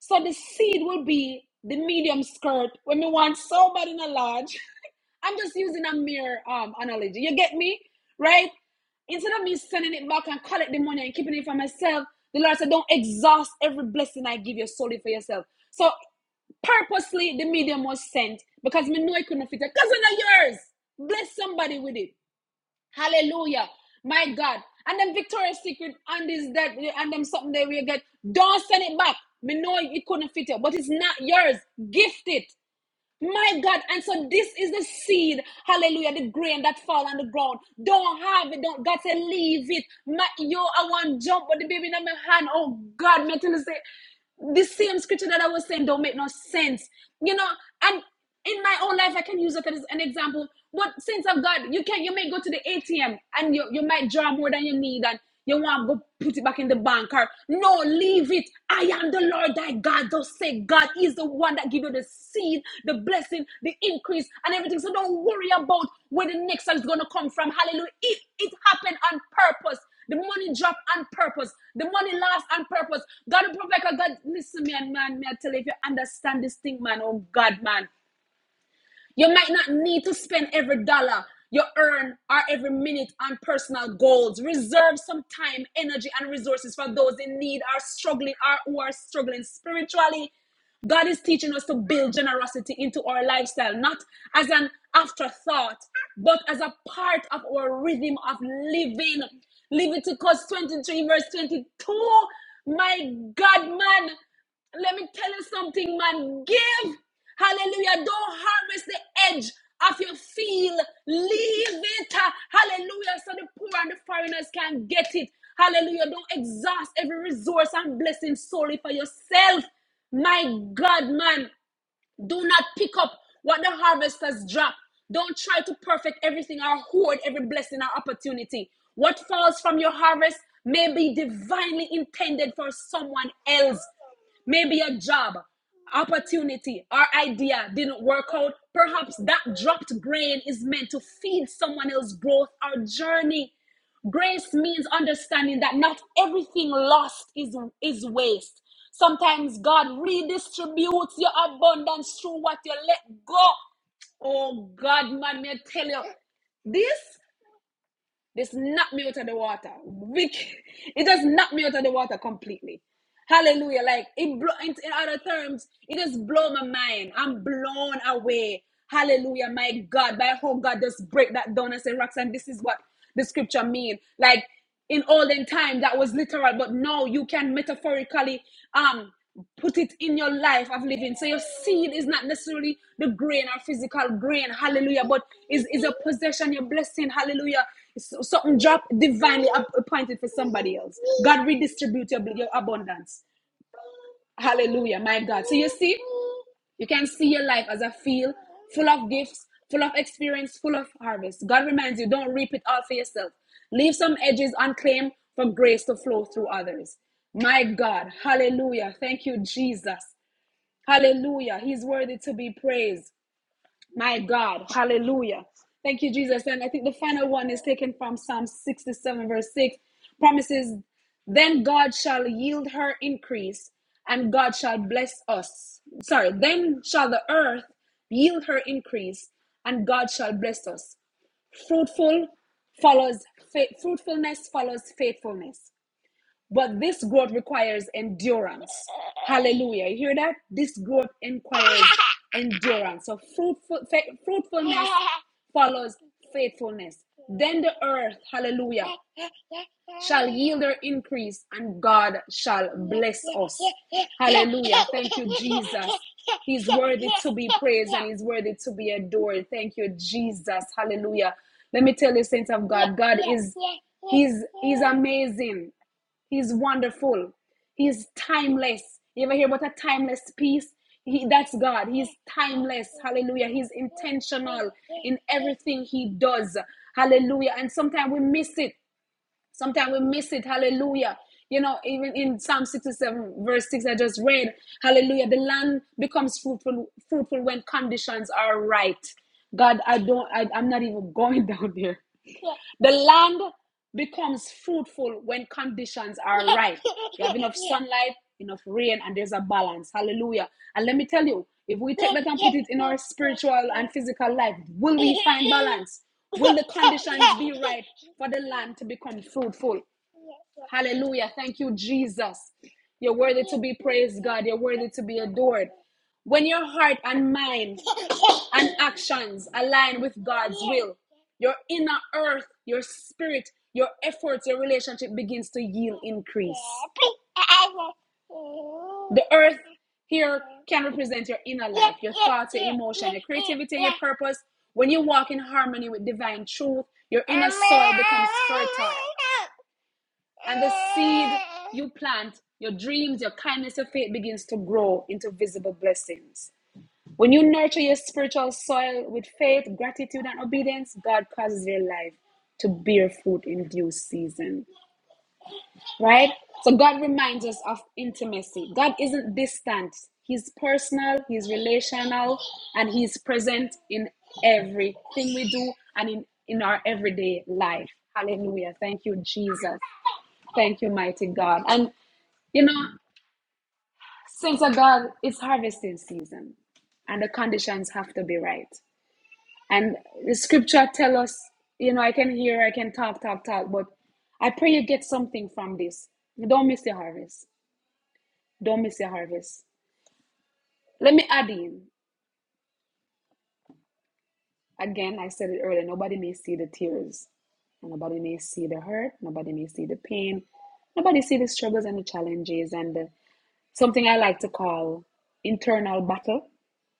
[SPEAKER 5] So the seed will be the medium skirt when we want somebody in a large. [laughs] I'm just using a mere um, analogy. You get me? Right? Instead of me sending it back and collect the money and keeping it for myself, the Lord said, Don't exhaust every blessing I give you solely for yourself. So purposely the medium was sent because me know it couldn't fit it. because it's not yours. Bless somebody with it. Hallelujah. My God. And then Victoria's Secret and this that and them something that we get. Don't send it back. Me know it couldn't fit you, but it's not yours. Gift it. My God. And so this is the seed, hallelujah, the grain that fall on the ground. Don't have it. Don't God say leave it. My, yo, I want jump, but the baby in my hand. Oh God, me tell you say the same scripture that I was saying don't make no sense. You know, and in my own life, I can use it as an example. But saints of God, you can you may go to the ATM and you, you might draw more than you need and you want to go put it back in the bank or no, leave it. I am the Lord thy God. Thus say God is the one that give you the seed, the blessing, the increase, and everything. So don't worry about where the next one is gonna come from. Hallelujah. It it happened on purpose. The money drop on purpose. The money lost on purpose. God, provide God, listen, man, man, me I tell you, if you understand this thing, man, oh God, man. You might not need to spend every dollar you earn or every minute on personal goals. Reserve some time, energy, and resources for those in need or struggling or who are struggling spiritually. God is teaching us to build generosity into our lifestyle, not as an afterthought, but as a part of our rhythm of living. Leviticus 23, verse 22. My God, man. Let me tell you something, man. Give. Hallelujah. Don't harvest the edge of your field. Leave it. uh, Hallelujah. So the poor and the foreigners can get it. Hallelujah. Don't exhaust every resource and blessing solely for yourself. My God, man. Do not pick up what the harvesters drop. Don't try to perfect everything or hoard every blessing or opportunity. What falls from your harvest may be divinely intended for someone else. Maybe a job, opportunity, or idea didn't work out. Perhaps that dropped grain is meant to feed someone else's growth or journey. Grace means understanding that not everything lost is, is waste. Sometimes God redistributes your abundance through what you let go. Oh God, man, may I tell you, this this knocked me out of the water. It just knocked me out of the water completely. Hallelujah! Like it blow, in, in other terms, it just blow my mind. I'm blown away. Hallelujah, my God! By how God just break that down and say, Roxanne, this is what the scripture mean. Like in olden time that was literal but now you can metaphorically um put it in your life of living so your seed is not necessarily the grain or physical grain hallelujah but is is a possession your blessing hallelujah It's something drop divinely up- appointed for somebody else god redistribute your, your abundance Hallelujah, my God. So you see, you can see your life as a field full of gifts, full of experience, full of harvest. God reminds you, don't reap it all for yourself. Leave some edges unclaimed for grace to flow through others. My God, hallelujah. Thank you, Jesus. Hallelujah. He's worthy to be praised. My God, hallelujah. Thank you, Jesus. And I think the final one is taken from Psalm 67, verse 6. Promises, then God shall yield her increase, and God shall bless us. Sorry, then shall the earth yield her increase, and God shall bless us. Fruitful follows fa- fruitfulness follows faithfulness. But this growth requires endurance. Hallelujah. You hear that? This growth requires endurance. So fruitful, fruitfulness follows faithfulness. Then the earth, hallelujah, shall yield her increase and God shall bless us. Hallelujah. Thank you, Jesus. He's worthy to be praised and he's worthy to be adored. Thank you, Jesus. Hallelujah. Let me tell you, saints of God, God is He's He's amazing. He's wonderful. He's timeless. You ever hear about a timeless piece? He, that's God. He's timeless. Hallelujah. He's intentional in everything he does. Hallelujah. And sometimes we miss it. Sometimes we miss it. Hallelujah. You know, even in Psalm 67, verse 6, I just read, Hallelujah. The land becomes fruitful, fruitful when conditions are right. God, I don't, I, I'm not even going [laughs] down there. The land becomes fruitful when conditions are right. You have enough [laughs] sunlight, enough rain, and there's a balance. Hallelujah. And let me tell you, if we take that and put it in our spiritual and physical life, will we find balance? Will the conditions be right for the land to become fruitful? Hallelujah. Thank you, Jesus. You're worthy to be praised, God. You're worthy to be adored. When your heart and mind and actions align with God's will, your inner earth, your spirit, your efforts, your relationship begins to yield increase. The earth here can represent your inner life, your thoughts, your emotion, your creativity, and your purpose. When you walk in harmony with divine truth, your inner soil becomes fertile. And the seed you plant, your dreams, your kindness, your faith begins to grow into visible blessings. When you nurture your spiritual soil with faith, gratitude, and obedience, God causes your life to bear fruit in due season. Right? So God reminds us of intimacy. God isn't distant. He's personal, he's relational, and he's present in everything we do and in, in our everyday life. Hallelujah. Thank you, Jesus. Thank you, mighty God. And you know, saints of God, it's harvesting season and the conditions have to be right. And the scripture tell us, you know, I can hear, I can talk, talk, talk, but I pray you get something from this. Don't miss your harvest. Don't miss your harvest. Let me add in. Again, I said it earlier, nobody may see the tears. nobody may see the hurt. Nobody may see the pain. Nobody see the struggles and the challenges and the, something I like to call internal battle.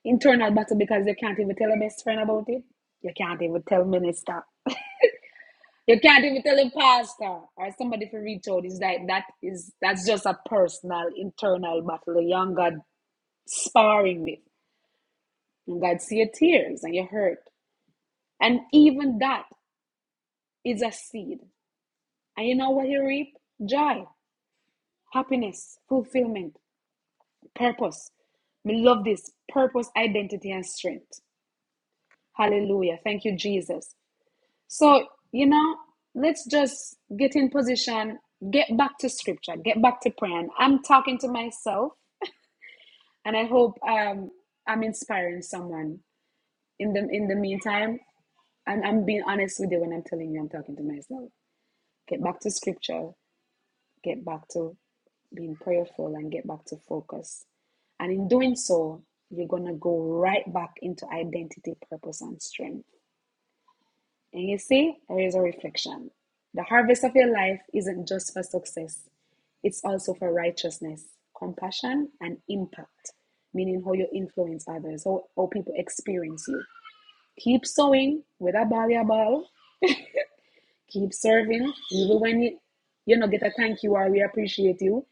[SPEAKER 5] Internal battle because you can't even tell a best friend about it. You can't even tell minister. You can't even tell him pastor or somebody for reach out. It's like that is that's just a personal internal battle. The young God sparring with. And God see your tears and your hurt. And even that is a seed. And you know what you reap? Joy, happiness, fulfillment, purpose. We love this. Purpose, identity, and strength. Hallelujah. Thank you, Jesus. So, you know, let's just get in position, get back to scripture, get back to prayer. And I'm talking to myself, and I hope um, I'm inspiring someone. In the in the meantime, and I'm being honest with you when I'm telling you I'm talking to myself. Get back to scripture, get back to being prayerful, and get back to focus. And in doing so, you're gonna go right back into identity, purpose, and strength And you see, there is a reflection. The harvest of your life isn't just for success, it's also for righteousness, compassion, and impact, meaning how you influence others, how, how people experience you. Keep sowing with a ball, your ball. Keep serving, even when you, you know, get a thank you or we appreciate you,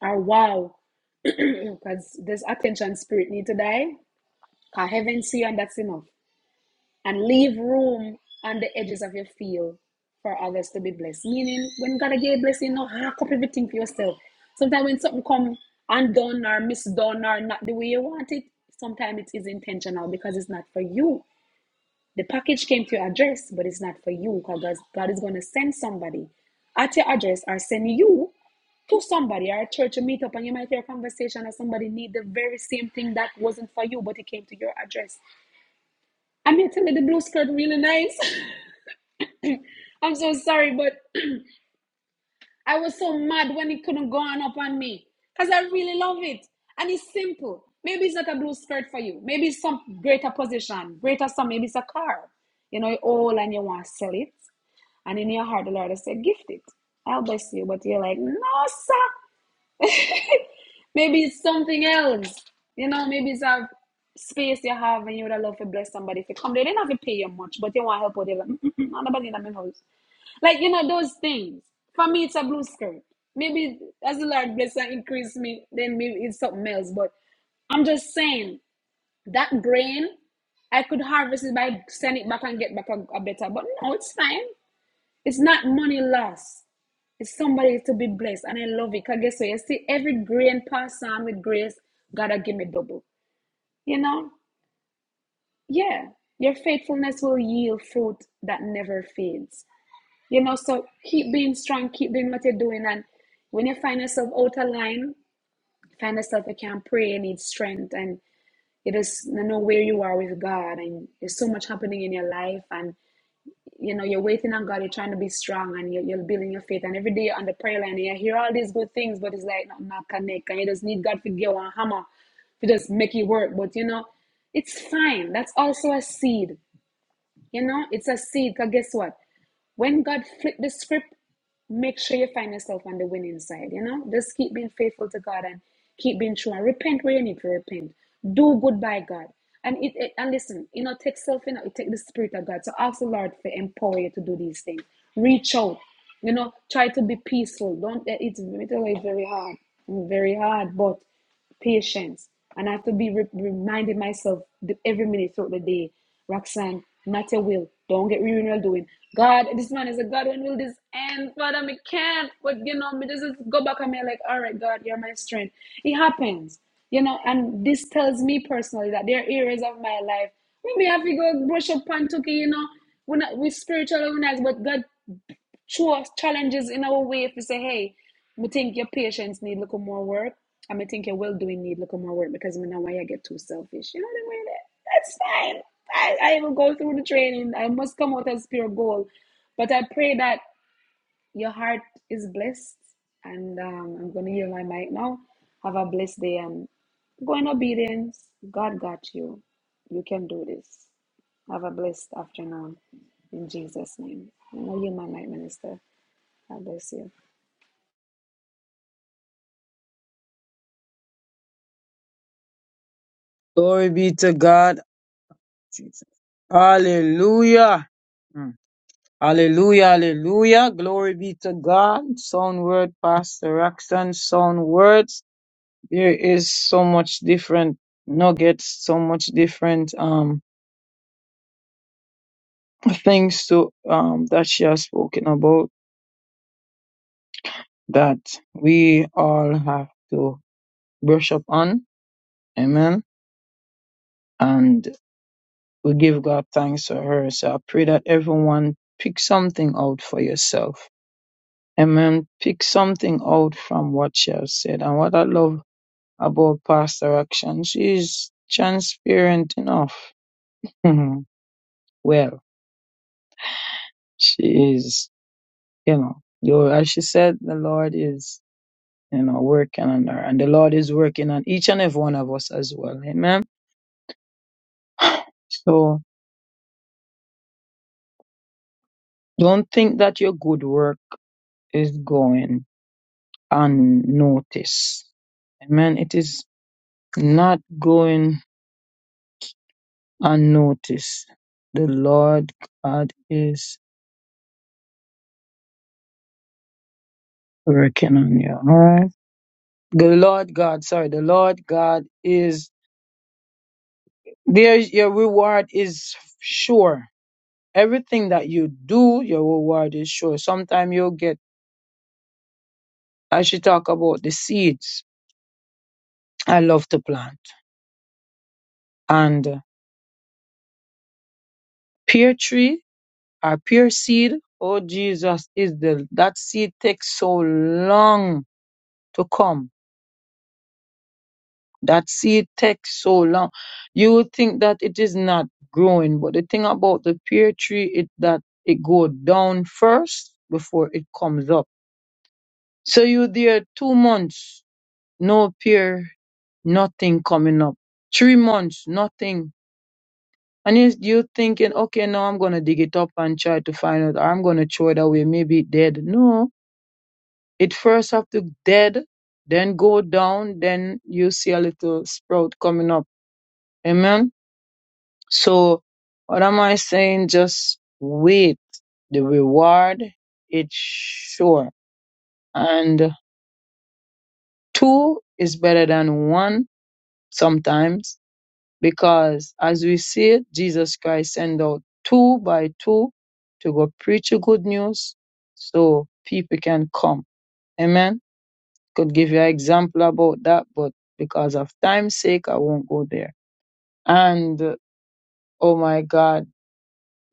[SPEAKER 5] or wow, because [clears throat] this attention spirit need to die. Can heaven see and that's enough. and leave room on the edges of your field for others to be blessed. Meaning, when God give a blessing, no hack up everything for yourself. Sometimes when something come undone or misdone or not the way you want it, sometimes it is intentional because it's not for you. The package came to your address, but it's not for you because God is going to send somebody at your address or send you to somebody or a church to meet up and you might hear a conversation or somebody need the very same thing that wasn't for you but it came to your address. I'm here telling you the blue skirt really nice. [laughs] I'm so sorry, but [clears throat] I was so mad when it couldn't go on up on me because I really love it and it's simple. Maybe it's not a blue skirt for you. Maybe it's some greater position, greater some. Maybe it's a car. You know, all and you want to sell it, and in your heart, the Lord has said, "Gift it. I'll bless you." But you're like, "No, sir." Maybe it's something else. You know, maybe it's a space you have and you would have loved to bless somebody if you come They did not have to pay you much, but they want to help out. They're like, "Mm-mm, mm, nobody in my house. Like, you know, those things. For me, it's a blue skirt. Maybe as the Lord bless and increase me, then maybe it's something else. But I'm just saying that grain, I could harvest it by send it back and get back a, a better. But no, it's fine. It's not money lost. It's somebody to be blessed. And I love it. Because guess what? You see, every grain passed on with grace, God will give me double. You know? Yeah. Your faithfulness will yield fruit that never fades. You know, so keep being strong, keep doing what you're doing. And when you find yourself out of line, find yourself you can't pray, you need strength, and you just know where you are with God. And there's so much happening in your life, and you know, you're waiting on God, you're trying to be strong, and you're, you're building your faith. And every day you're on the prayer line, and you hear all these good things, but it's like not, not connect, and you just need God to give you a hammer to just make it work. But you know, it's fine. That's also a seed. You know, it's a seed. Because guess what? When God flipped the script, make sure you find yourself on the winning side. You know, just keep being faithful to God and keep being true and repent where you need to repent. Do good by God. And it, it- and listen, you know, take self, you know, take the spirit of God. So ask the Lord to empower you to do these things. Reach out. You know, try to be peaceful. Don't it's it's very hard. Very hard, but patience. And I have to be re- reminding myself every minute throughout the day, Roxanne, not your will. Don't get really well doing. God, this man is a God. When will this end? Father, me can't. But you know, me just go back and me like, all right, God, you're my strength. It happens, you know. And this tells me personally that there are areas of my life we may have to go brush up and took it, you know. We're not we spiritual organized, but God show us challenges in our way if we say, hey, I think your patients need a little more work, and I think your well doing need a little more work because I know why you get too selfish. You know what I mean? That's fine. I, I will go through the training. I must come out as pure gold. But I pray that your heart is blessed. And um, I'm going to hear my mic now. Have a blessed day and go in obedience. God got you. You can do this. Have a blessed afternoon in Jesus' name. I know you, my light minister. I bless you.
[SPEAKER 2] Glory be to God. Jesus. Hallelujah. Mm. Hallelujah, hallelujah. Glory be to God. Sound word, Pastor Roxanne. Sound words. There is so much different nuggets, so much different um things to um that she has spoken about that we all have to brush up on. Amen. And we give God thanks for her. So I pray that everyone pick something out for yourself. Amen. Pick something out from what she has said. And what I love about Pastor Action, she is transparent enough. [laughs] well, she is. You know, though as she said, the Lord is, you know, working on her and the Lord is working on each and every one of us as well. Amen. So don't think that your good work is going unnoticed. Amen. It is not going unnoticed. The Lord God is working on you. All right. The Lord God, sorry, the Lord God is there. Your reward is sure. Everything that you do, your reward is sure. Sometimes you'll get, as she talk about the seeds, I love to plant. And uh, pear tree or pear seed, oh Jesus, is the, that seed takes so long to come. That seed takes so long. You would think that it is not growing, but the thing about the pear tree is that it go down first before it comes up. So you there two months, no pear nothing coming up. Three months, nothing. And yes, you thinking, okay, now I'm gonna dig it up and try to find out, or I'm gonna throw it away, maybe it dead. No, it first have to dead, then go down, then you see a little sprout coming up. Amen. So, what am I saying? Just wait. The reward, it's sure. And two is better than one sometimes Because as we see it, Jesus Christ sent out two by two to go preach the good news so people can come. Amen. Could give you an example about that, but because of time's sake, I won't go there. And uh, oh my God,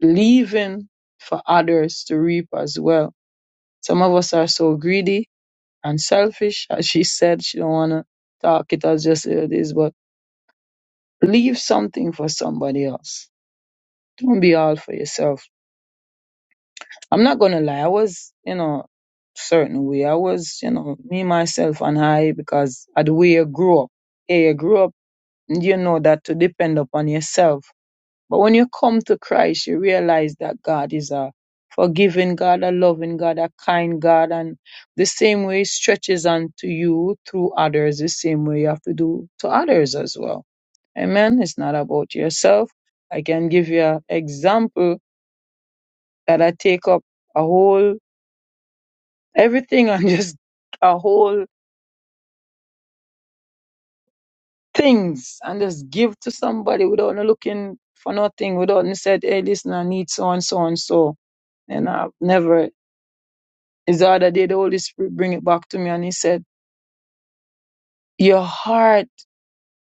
[SPEAKER 2] leaving for others to reap as well. Some of us are so greedy and selfish, as she said, she don't wanna talk it as just it is, but leave something for somebody else. Don't be all for yourself I'm not gonna lie, I was, you know, certain way. I was, you know, me myself and I because of the way you grew up. Yeah, you grew up you know that to depend upon yourself. But when you come to Christ, you realize that God is a forgiving God, a loving God, a kind God, and the same way He stretches onto you through others, the same way you have to do to others as well. Amen. It's not about yourself. I can give you an example that I take up a whole everything and [laughs] just a whole things and just give to somebody without no looking for nothing, without no said, hey, listen, I need so and so and so. And I've never, it's the other day, the Holy Spirit bring it back to me and he said, your heart,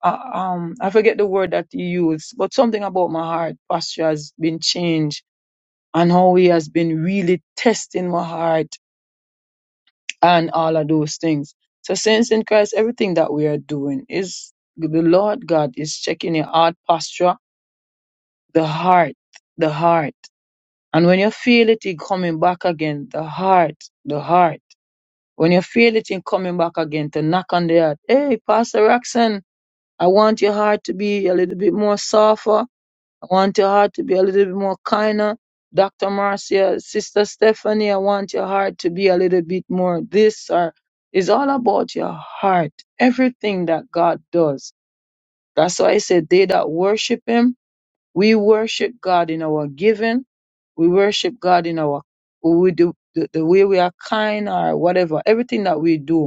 [SPEAKER 2] uh, um, I forget the word that he used, but something about my heart posture has been changed and how he has been really testing my heart and all of those things. So, saints in Christ, everything that we are doing is the Lord God is checking your heart posture, the heart, the heart. And when you feel it in coming back again, the heart, the heart. When you feel it in coming back again, to knock on the heart. Hey, Pastor Roxanne, I want your heart to be a little bit more softer. I want your heart to be a little bit more kinder. Dr. Marcia, Sister Stephanie, I want your heart to be a little bit more this or it's all about your heart. Everything that God does. That's why I said they that worship him, we worship God in our giving. We worship God in our we do the, the way we are kind or whatever. Everything that we do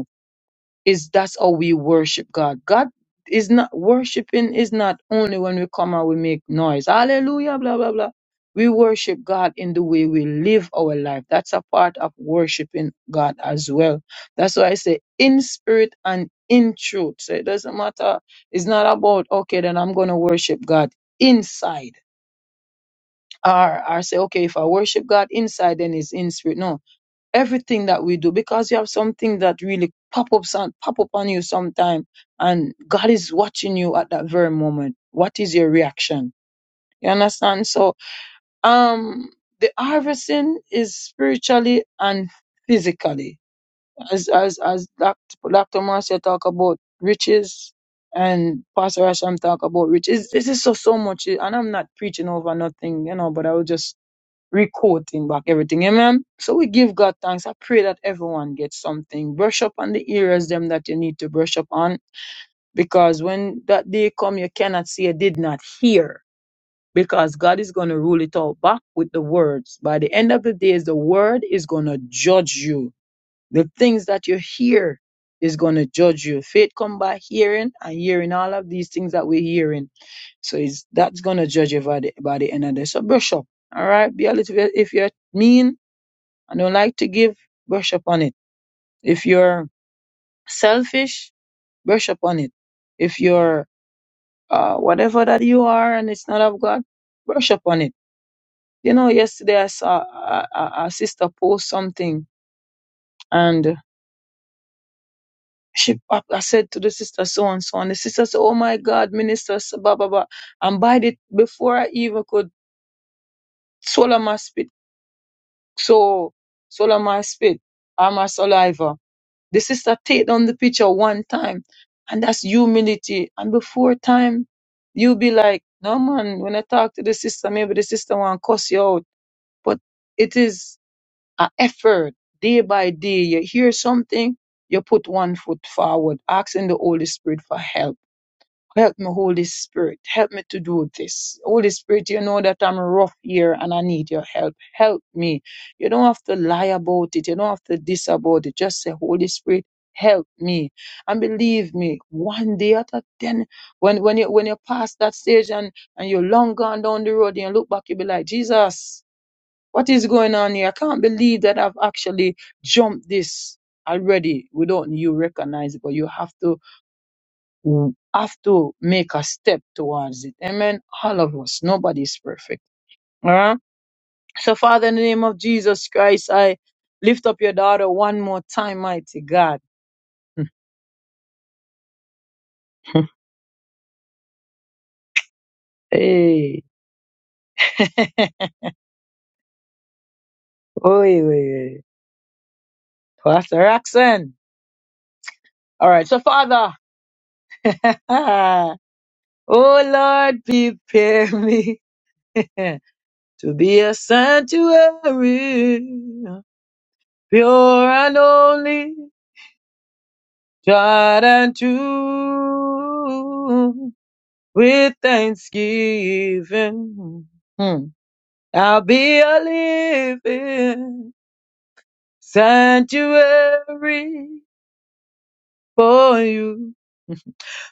[SPEAKER 2] is that's how we worship God. God is not worshiping is not only when we come and we make noise. Hallelujah, blah blah blah. We worship God in the way we live our life. That's a part of worshiping God as well. That's why I say in spirit and in truth. So it doesn't matter. It's not about okay, then I'm gonna worship God inside. Or I say, okay, if I worship God inside, then it's in spirit. No, everything that we do because you have something that really pop ups and pop up on you sometime and God is watching you at that very moment. What is your reaction? You understand? So um the harvesting is spiritually and physically. As as as Dr. Dr. Marcia talk about riches and Pastor Asham talk about riches. This is so so much and I'm not preaching over nothing, you know, but I will just recording back everything. Amen. So we give God thanks. I pray that everyone gets something. Brush up on the areas them that you need to brush up on. Because when that day come, you cannot see, you did not hear. Because God is going to rule it all back with the words. By the end of the days, the word is going to judge you the things that you hear is going to judge you. Faith come by hearing and hearing all of these things that we're hearing. So it's, that's going to judge you by the, by the end of the day. So brush up. All right. Be a little bit, if you're mean and don't like to give, brush up on it. If you're selfish, brush up on it. If you're, uh, whatever that you are and it's not of God, brush up on it. You know, yesterday I saw a, a, a sister post something and. she I I said to the sister so and so, and the sister said, "Oh my God, minister, so blah blah blah." And by the before I even could swallow my spit, so swallow my spit or my saliva, the sister take down the picture one time, and that's humility. And before time, you be like, "No man, when I talk to the sister, maybe the sister want cuss you out," but it is an effort day by day. You hear something, you put one foot forward, asking the Holy Spirit for help Help me, Holy Spirit. Help me to do this. Holy Spirit, you know that I'm rough here and I need your help. Help me. You don't have to lie about it. You don't have to this about it. Just say, Holy Spirit, help me. And believe me, one day at a ten, when, when you when you pass that stage and, and you're long gone down the road and you look back, you'll be like, Jesus, what is going on here? I can't believe that I've actually jumped this already without you recognizing, but you have to w- have to make a step towards it. Amen. All of us. Nobody's perfect. All right. So, Father, in the name of Jesus Christ, I lift up your daughter one more time, mighty God. [laughs] hey. [laughs] Oy, oy, oy. Pastor Roxanne. All right. So, Father, [laughs] oh Lord, prepare me [laughs] to be a sanctuary, pure and holy. tried and true with thanksgiving. Hmm. I'll be a living sanctuary for you.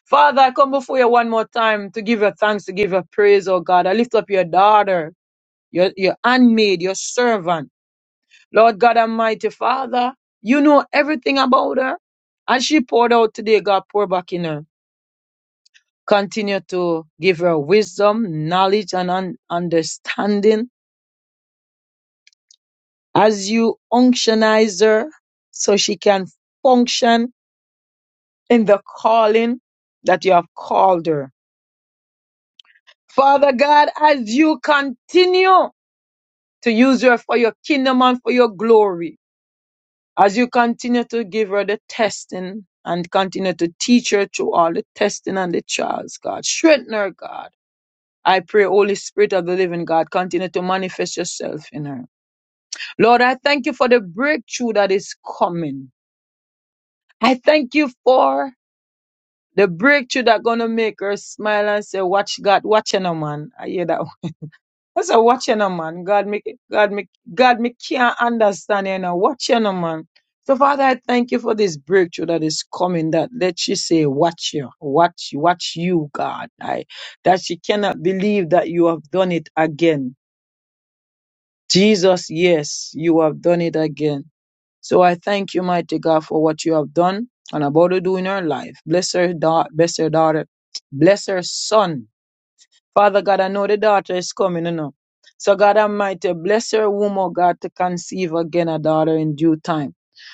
[SPEAKER 2] Father, I come before you one more time to give your thanks, to give your praise, oh God. I lift up your daughter, your, your handmaid, your servant. Lord God Almighty, Father, you know everything about her. As she poured out today, God, pour back in her. Continue to give her wisdom, knowledge, and un- understanding as you unctionize her so she can function in the calling that you have called her. Father God, as you continue to use her for your kingdom and for your glory, as you continue to give her the testing and continue to teach her through all the testing and the trials, God, strengthen her, God. I pray, Holy Spirit of the living God, continue to manifest yourself in her. Lord, I thank you for the breakthrough that is coming. I thank you for the breakthrough that gonna make her smile and say, "Watch God, watching a man." I hear that. one. [laughs] I said, "Watching a man." God, me, God, me, God, me can't understand you know. Watching a man. So, Father, I thank you for this breakthrough that is coming. That let she say, "Watch you, watch, watch you, God." I that she cannot believe that you have done it again. Jesus, yes, you have done it again. So I thank you, mighty God, for what you have done and about to do in her life. Bless her, da- bless her daughter, bless her son. Father God, I know the daughter is coming, you know. So God Almighty, bless her womb, oh God, to conceive again a daughter in due time.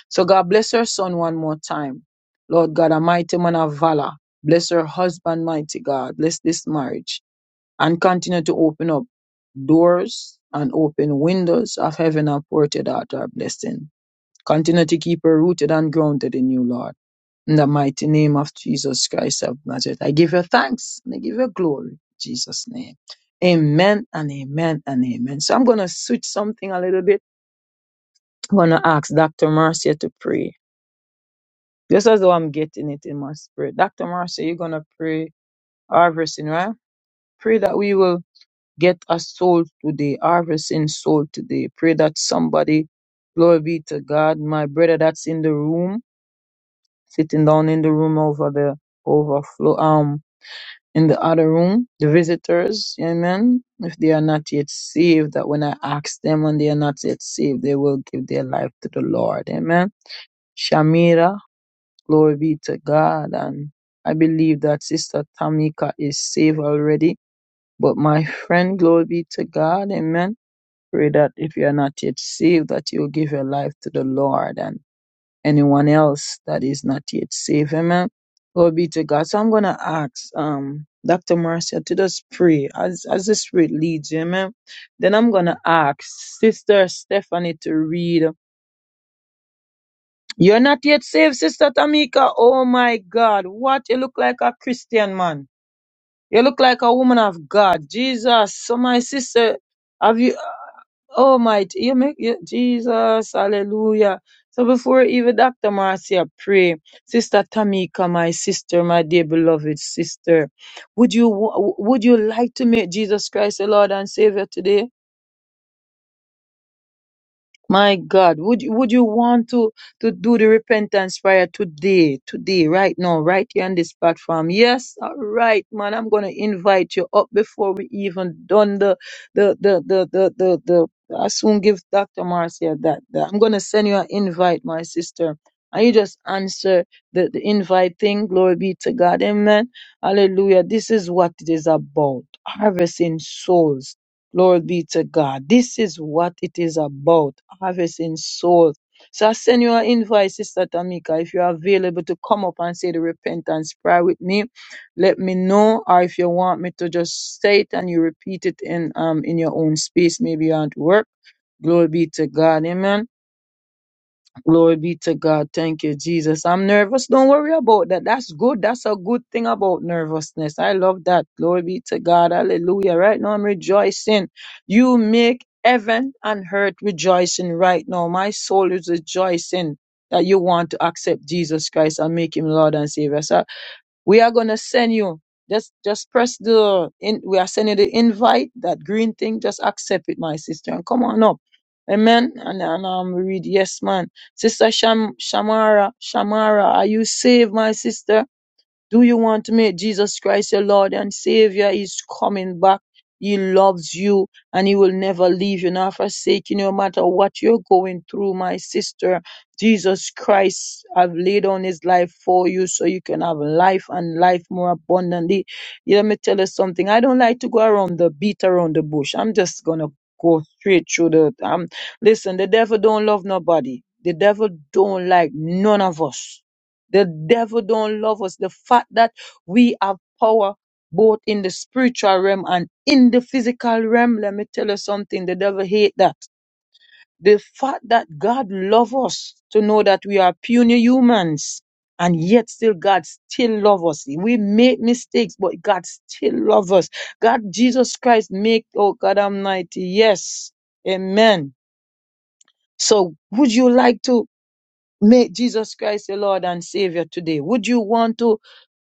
[SPEAKER 2] So God, bless her son one more time. Lord God, a mighty man of valor. Bless her husband, mighty God. Bless this marriage and continue to open up doors and open windows of heaven and pour to daughter a blessing. Continue to keep her rooted and grounded in you, Lord. In the mighty name of Jesus Christ of Nazareth, I give you thanks and I give you glory. In Jesus' name. Amen and amen and amen. So I'm going to switch something a little bit. I'm going to ask Dr. Marcia to pray. Just as though I'm getting it in my spirit. Dr. Marcia, you're going to pray harvesting, right? Pray that we will get a soul today, harvesting soul today. Pray that somebody, glory be to God, my brother that's in the room, sitting down in the room over the overflow um in the other room the visitors amen if they are not yet saved that when i ask them when they are not yet saved they will give their life to the lord amen shamira glory be to god and i believe that sister tamika is saved already but my friend glory be to god amen pray that if you are not yet saved that you will give your life to the lord and anyone else that is not yet saved. Amen. Glory be to God. So I'm gonna ask um Dr. Marcia to just pray as as the spirit leads you, amen. Then I'm gonna ask Sister Stephanie to read. You're not yet saved, Sister Tamika. Oh my God, what you look like a Christian man. You look like a woman of God. Jesus. So my sister, have you? Oh my, you make you, Jesus, hallelujah. So before even Dr. Marcia pray, Sister Tamika, my sister, my dear beloved sister, would you wa- would you like to make Jesus Christ the Lord and Savior today? My God, would you, would you want to, to do the repentance prayer today, today, right now, right here on this platform? Yes, all right, man. I'm gonna invite you up before we even done the the the the the the. the I soon give Dr. Marcia that, that. I'm gonna send you an invite, my sister, and you just answer the the invite thing. Glory be to God, Amen, Hallelujah. This is what it is about: harvesting souls Glory be to God. This is what it is about harvesting souls. So I send you an invite, Sister Tamika, if you're available to come up and say the repentance prayer with me. Let me know, or if you want me to just say it and you repeat it in um in your own space, maybe you're at work. Glory be to God, Amen. Glory be to God. Thank you, Jesus. I'm nervous. Don't worry about that. That's good. That's a good thing about nervousness. I love that. Glory be to God. Hallelujah. Right now, I'm rejoicing. You make heaven and earth rejoicing right now. My soul is rejoicing that you want to accept Jesus Christ and make him Lord and Savior. So we are gonna send you. Just just press the in we are sending the invite, that green thing, just accept it, my sister, and come on up. Amen. And and um we read, yes, man. Sister Sham Shamara, Shamara, are you saved, my sister? Do you want to make Jesus Christ your Lord and Savior? He's coming back. He loves you and he will never leave you nor forsake you no matter what you're going through, my sister. Jesus Christ have laid down his life for you so you can have life and life more abundantly. Let me tell you something. I don't like to go around the beat around the bush. I'm just gonna go straight through the um listen, the devil don't love nobody. The devil don't like none of us. The devil don't love us. The fact that we have power both in the spiritual realm and in the physical realm, let me tell you something. The devil hate that. The fact that God love us to know that we are puny humans and yet still God still love us. We make mistakes, but God still love us. God, Jesus Christ make, oh God Almighty. Yes. Amen. So would you like to make Jesus Christ your Lord and Savior today? Would you want to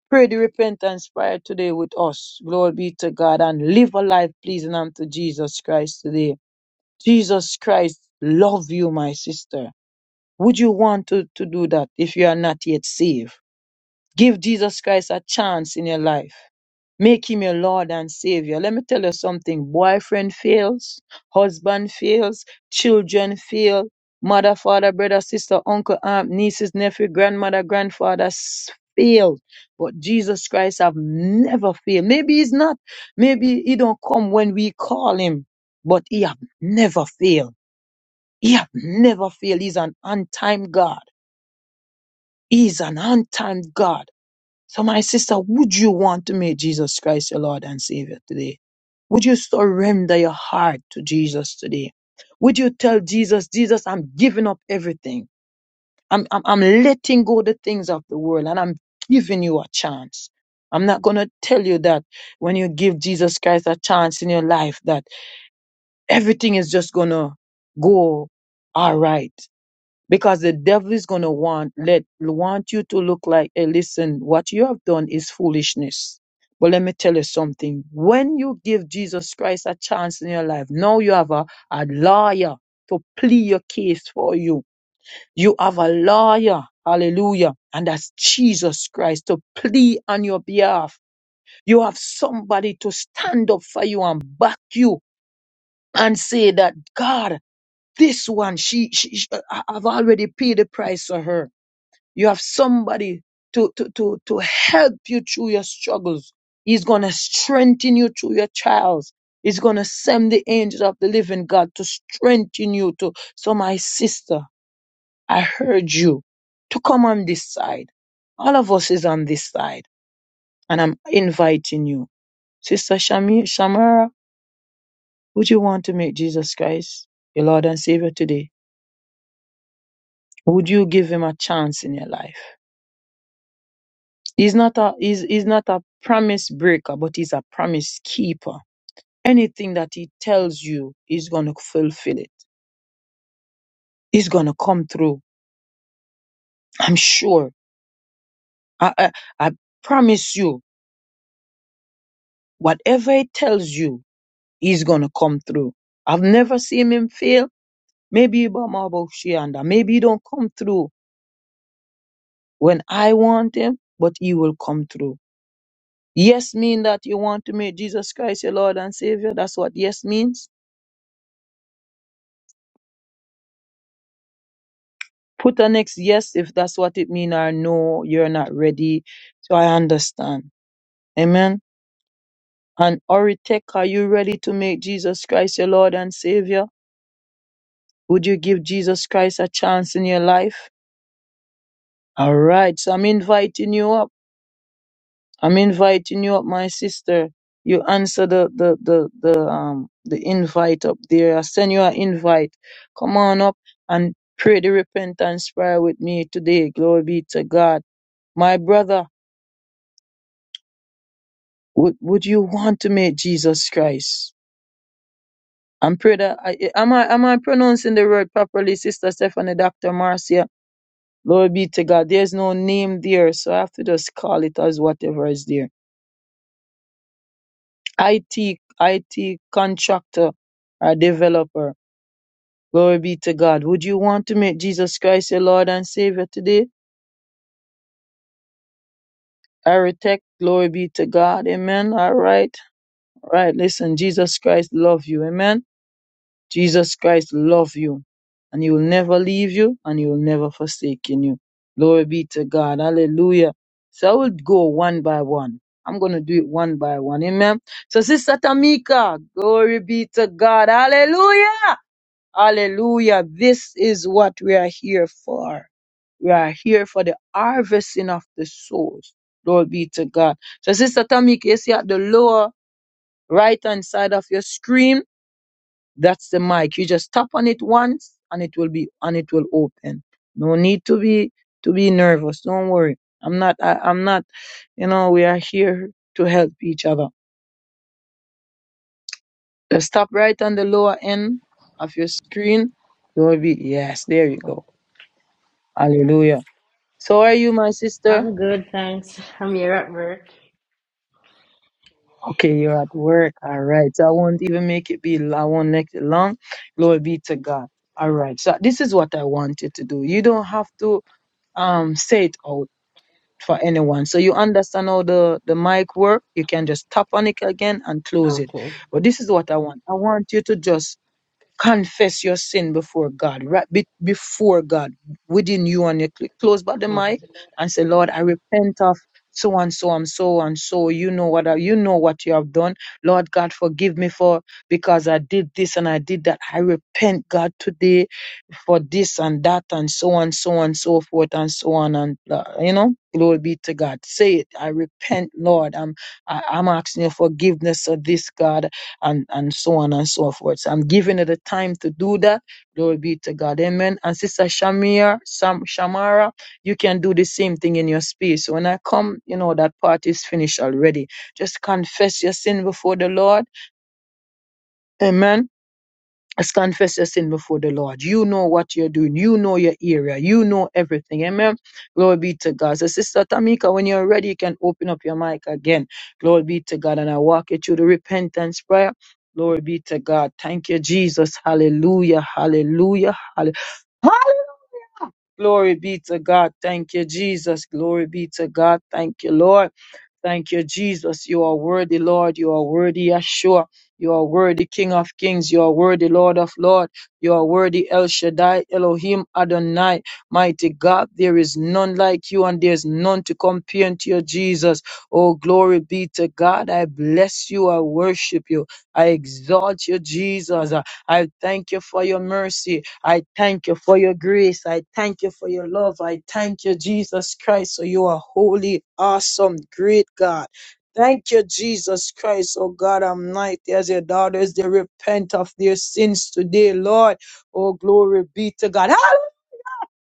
[SPEAKER 2] Pray the repentance prayer today with us. Glory be to God and live a life pleasing unto Jesus Christ today. Jesus Christ love you, my sister. Would you want to, to do that if you are not yet saved? Give Jesus Christ a chance in your life. Make him your Lord and Savior. Let me tell you something. Boyfriend fails, husband fails, children fail, mother, father, brother, sister, uncle, aunt, nieces, nephew, grandmother, grandfather s- fail. But Jesus Christ have never failed. Maybe he's not. Maybe he don't come when we call him, but he have never failed. He have never failed. He's an on-time God. He's an on-time God. So, my sister, would you want to make Jesus Christ your Lord and Savior today? Would you surrender your heart to Jesus today? Would you tell Jesus, Jesus, I'm giving up everything. I'm, I'm, I'm letting go the things of the world and I'm giving you a chance. I'm not going to tell you that when you give Jesus Christ a chance in your life, that everything is just going to go all right because the devil is going to want let want you to look like hey listen what you have done is foolishness but let me tell you something when you give jesus christ a chance in your life now you have a, a lawyer to plead your case for you you have a lawyer hallelujah and that's jesus christ to plead on your behalf you have somebody to stand up for you and back you and say that god this one she, she, she I- i've already paid the price for her you have somebody to, to, to, to help you through your struggles. He's going to strengthen you through your trials. He's going to send the angels of the living God to strengthen you to. So my sister, I heard you to come on this side. All of us is on this side and I'm inviting you. Sister Shami, Shamara, would you want to make Jesus Christ your Lord and Savior today? Would you give him a chance in your life? He's not a he's, he's not a promise breaker, but he's a promise keeper. Anything that he tells you, he's gonna fulfill it. He's gonna come through. I'm sure. I I, I promise you, whatever he tells you, he's gonna come through. I've never seen him fail. Maybe Ibamabokshianda. Maybe he don't come through when I want him, but he will come through. Yes mean that you want to make Jesus Christ your Lord and Savior. That's what yes means Put a next yes if that's what it means, or no, you're not ready. So I understand. Amen. And Oritek, are you ready to make Jesus Christ your Lord and Savior? Would you give Jesus Christ a chance in your life? All right. So I'm inviting you up. I'm inviting you up, my sister. You answer the the the the um the invite up there. I send you an invite. Come on up and pray the repentance prayer with me today. Glory be to God. My brother, Would would you want to meet Jesus Christ? I'm pray that I, am I am I pronouncing the word properly, Sister Stephanie, Doctor Marcia. Glory be to God. There's no name there, so I have to just call it as whatever is there. IT IT contractor or developer. Glory be to God. Would you want to make Jesus Christ your Lord and Savior today? Architect, glory be to God. Amen. All right. All right. Listen, Jesus Christ love you. Amen. Jesus Christ love you and he will never leave you and he will never forsaken you. Glory be to God. Hallelujah. So I will go one by one. I'm going to do it one by one. Amen. So Sister Tamika, glory be to God. Hallelujah. Hallelujah. This is what we are here for. We are here for the harvesting of the souls. Glory be to God. So Sister Tamika, you see at the lower right hand side of your screen, that's the mic. You just tap on it once and it will be and it will open. No need to be to be nervous. Don't worry. I'm not I, I'm not you know, we are here to help each other. Just tap right on the lower end of your screen. You'll be yes, there you go. Hallelujah. So are you my sister?
[SPEAKER 6] I'm good, thanks. I'm here at work.
[SPEAKER 2] Okay, you're at work. All right. So I won't even make it be I won't make it long. Glory be to God. All right. So this is what I want you to do. You don't have to um say it out. for anyone. So you understand how the, the mic work. You can just tap on it again and close it.
[SPEAKER 6] Okay.
[SPEAKER 2] But this is what I want. I want you to just confess your sin before God, right be- before God, within you and your cl- close by the
[SPEAKER 6] Okay.
[SPEAKER 2] mic and say, Lord, I repent of so and so and so and so. You know what I, you know what you have done. Lord God, forgive me for because I did this and I did that. I repent, God, today for this and that and so on, so on, so forth and so on and uh, you know, glory be to God. Say it. I repent, Lord. I'm I, I'm asking your forgiveness of this, God, and and so on and so forth. So I'm giving it the time to do that. Glory be to God. Amen. And Sister Shamir, Sam Shamara, you can do the same thing in your space. So When I come, you know that part is finished already. Just confess your sin before the Lord. Amen Let's confess your sin before the Lord. You know what you're doing. You know your area. You know everything. Amen. Glory be to God. So, Sister Tamika, when you're ready, you can open up your mic again. Glory be to God. And I walk you through the repentance prayer. Glory be to God. Thank you, Jesus. Hallelujah. Hallelujah. Hallelujah. Glory be to God. Thank you, Jesus. Glory be to God. Thank you, Lord. Thank you, Jesus. You are worthy, Lord. You are worthy, Yeshua. You are worthy, King of Kings. You are worthy, Lord of Lord. You are worthy, El Shaddai, Elohim, Adonai. Mighty God, there is none like you and there is none to compare unto you, Jesus. Oh, glory be to God. I bless you. I worship you. I exalt you, Jesus. I thank you for your mercy. I thank you for your grace. I thank you for your love. I thank you, Jesus Christ. So you are holy, awesome, great God. Thank you, Jesus Christ, oh God Almighty, as your daughters, they repent of their sins today, Lord. Oh, glory be to God.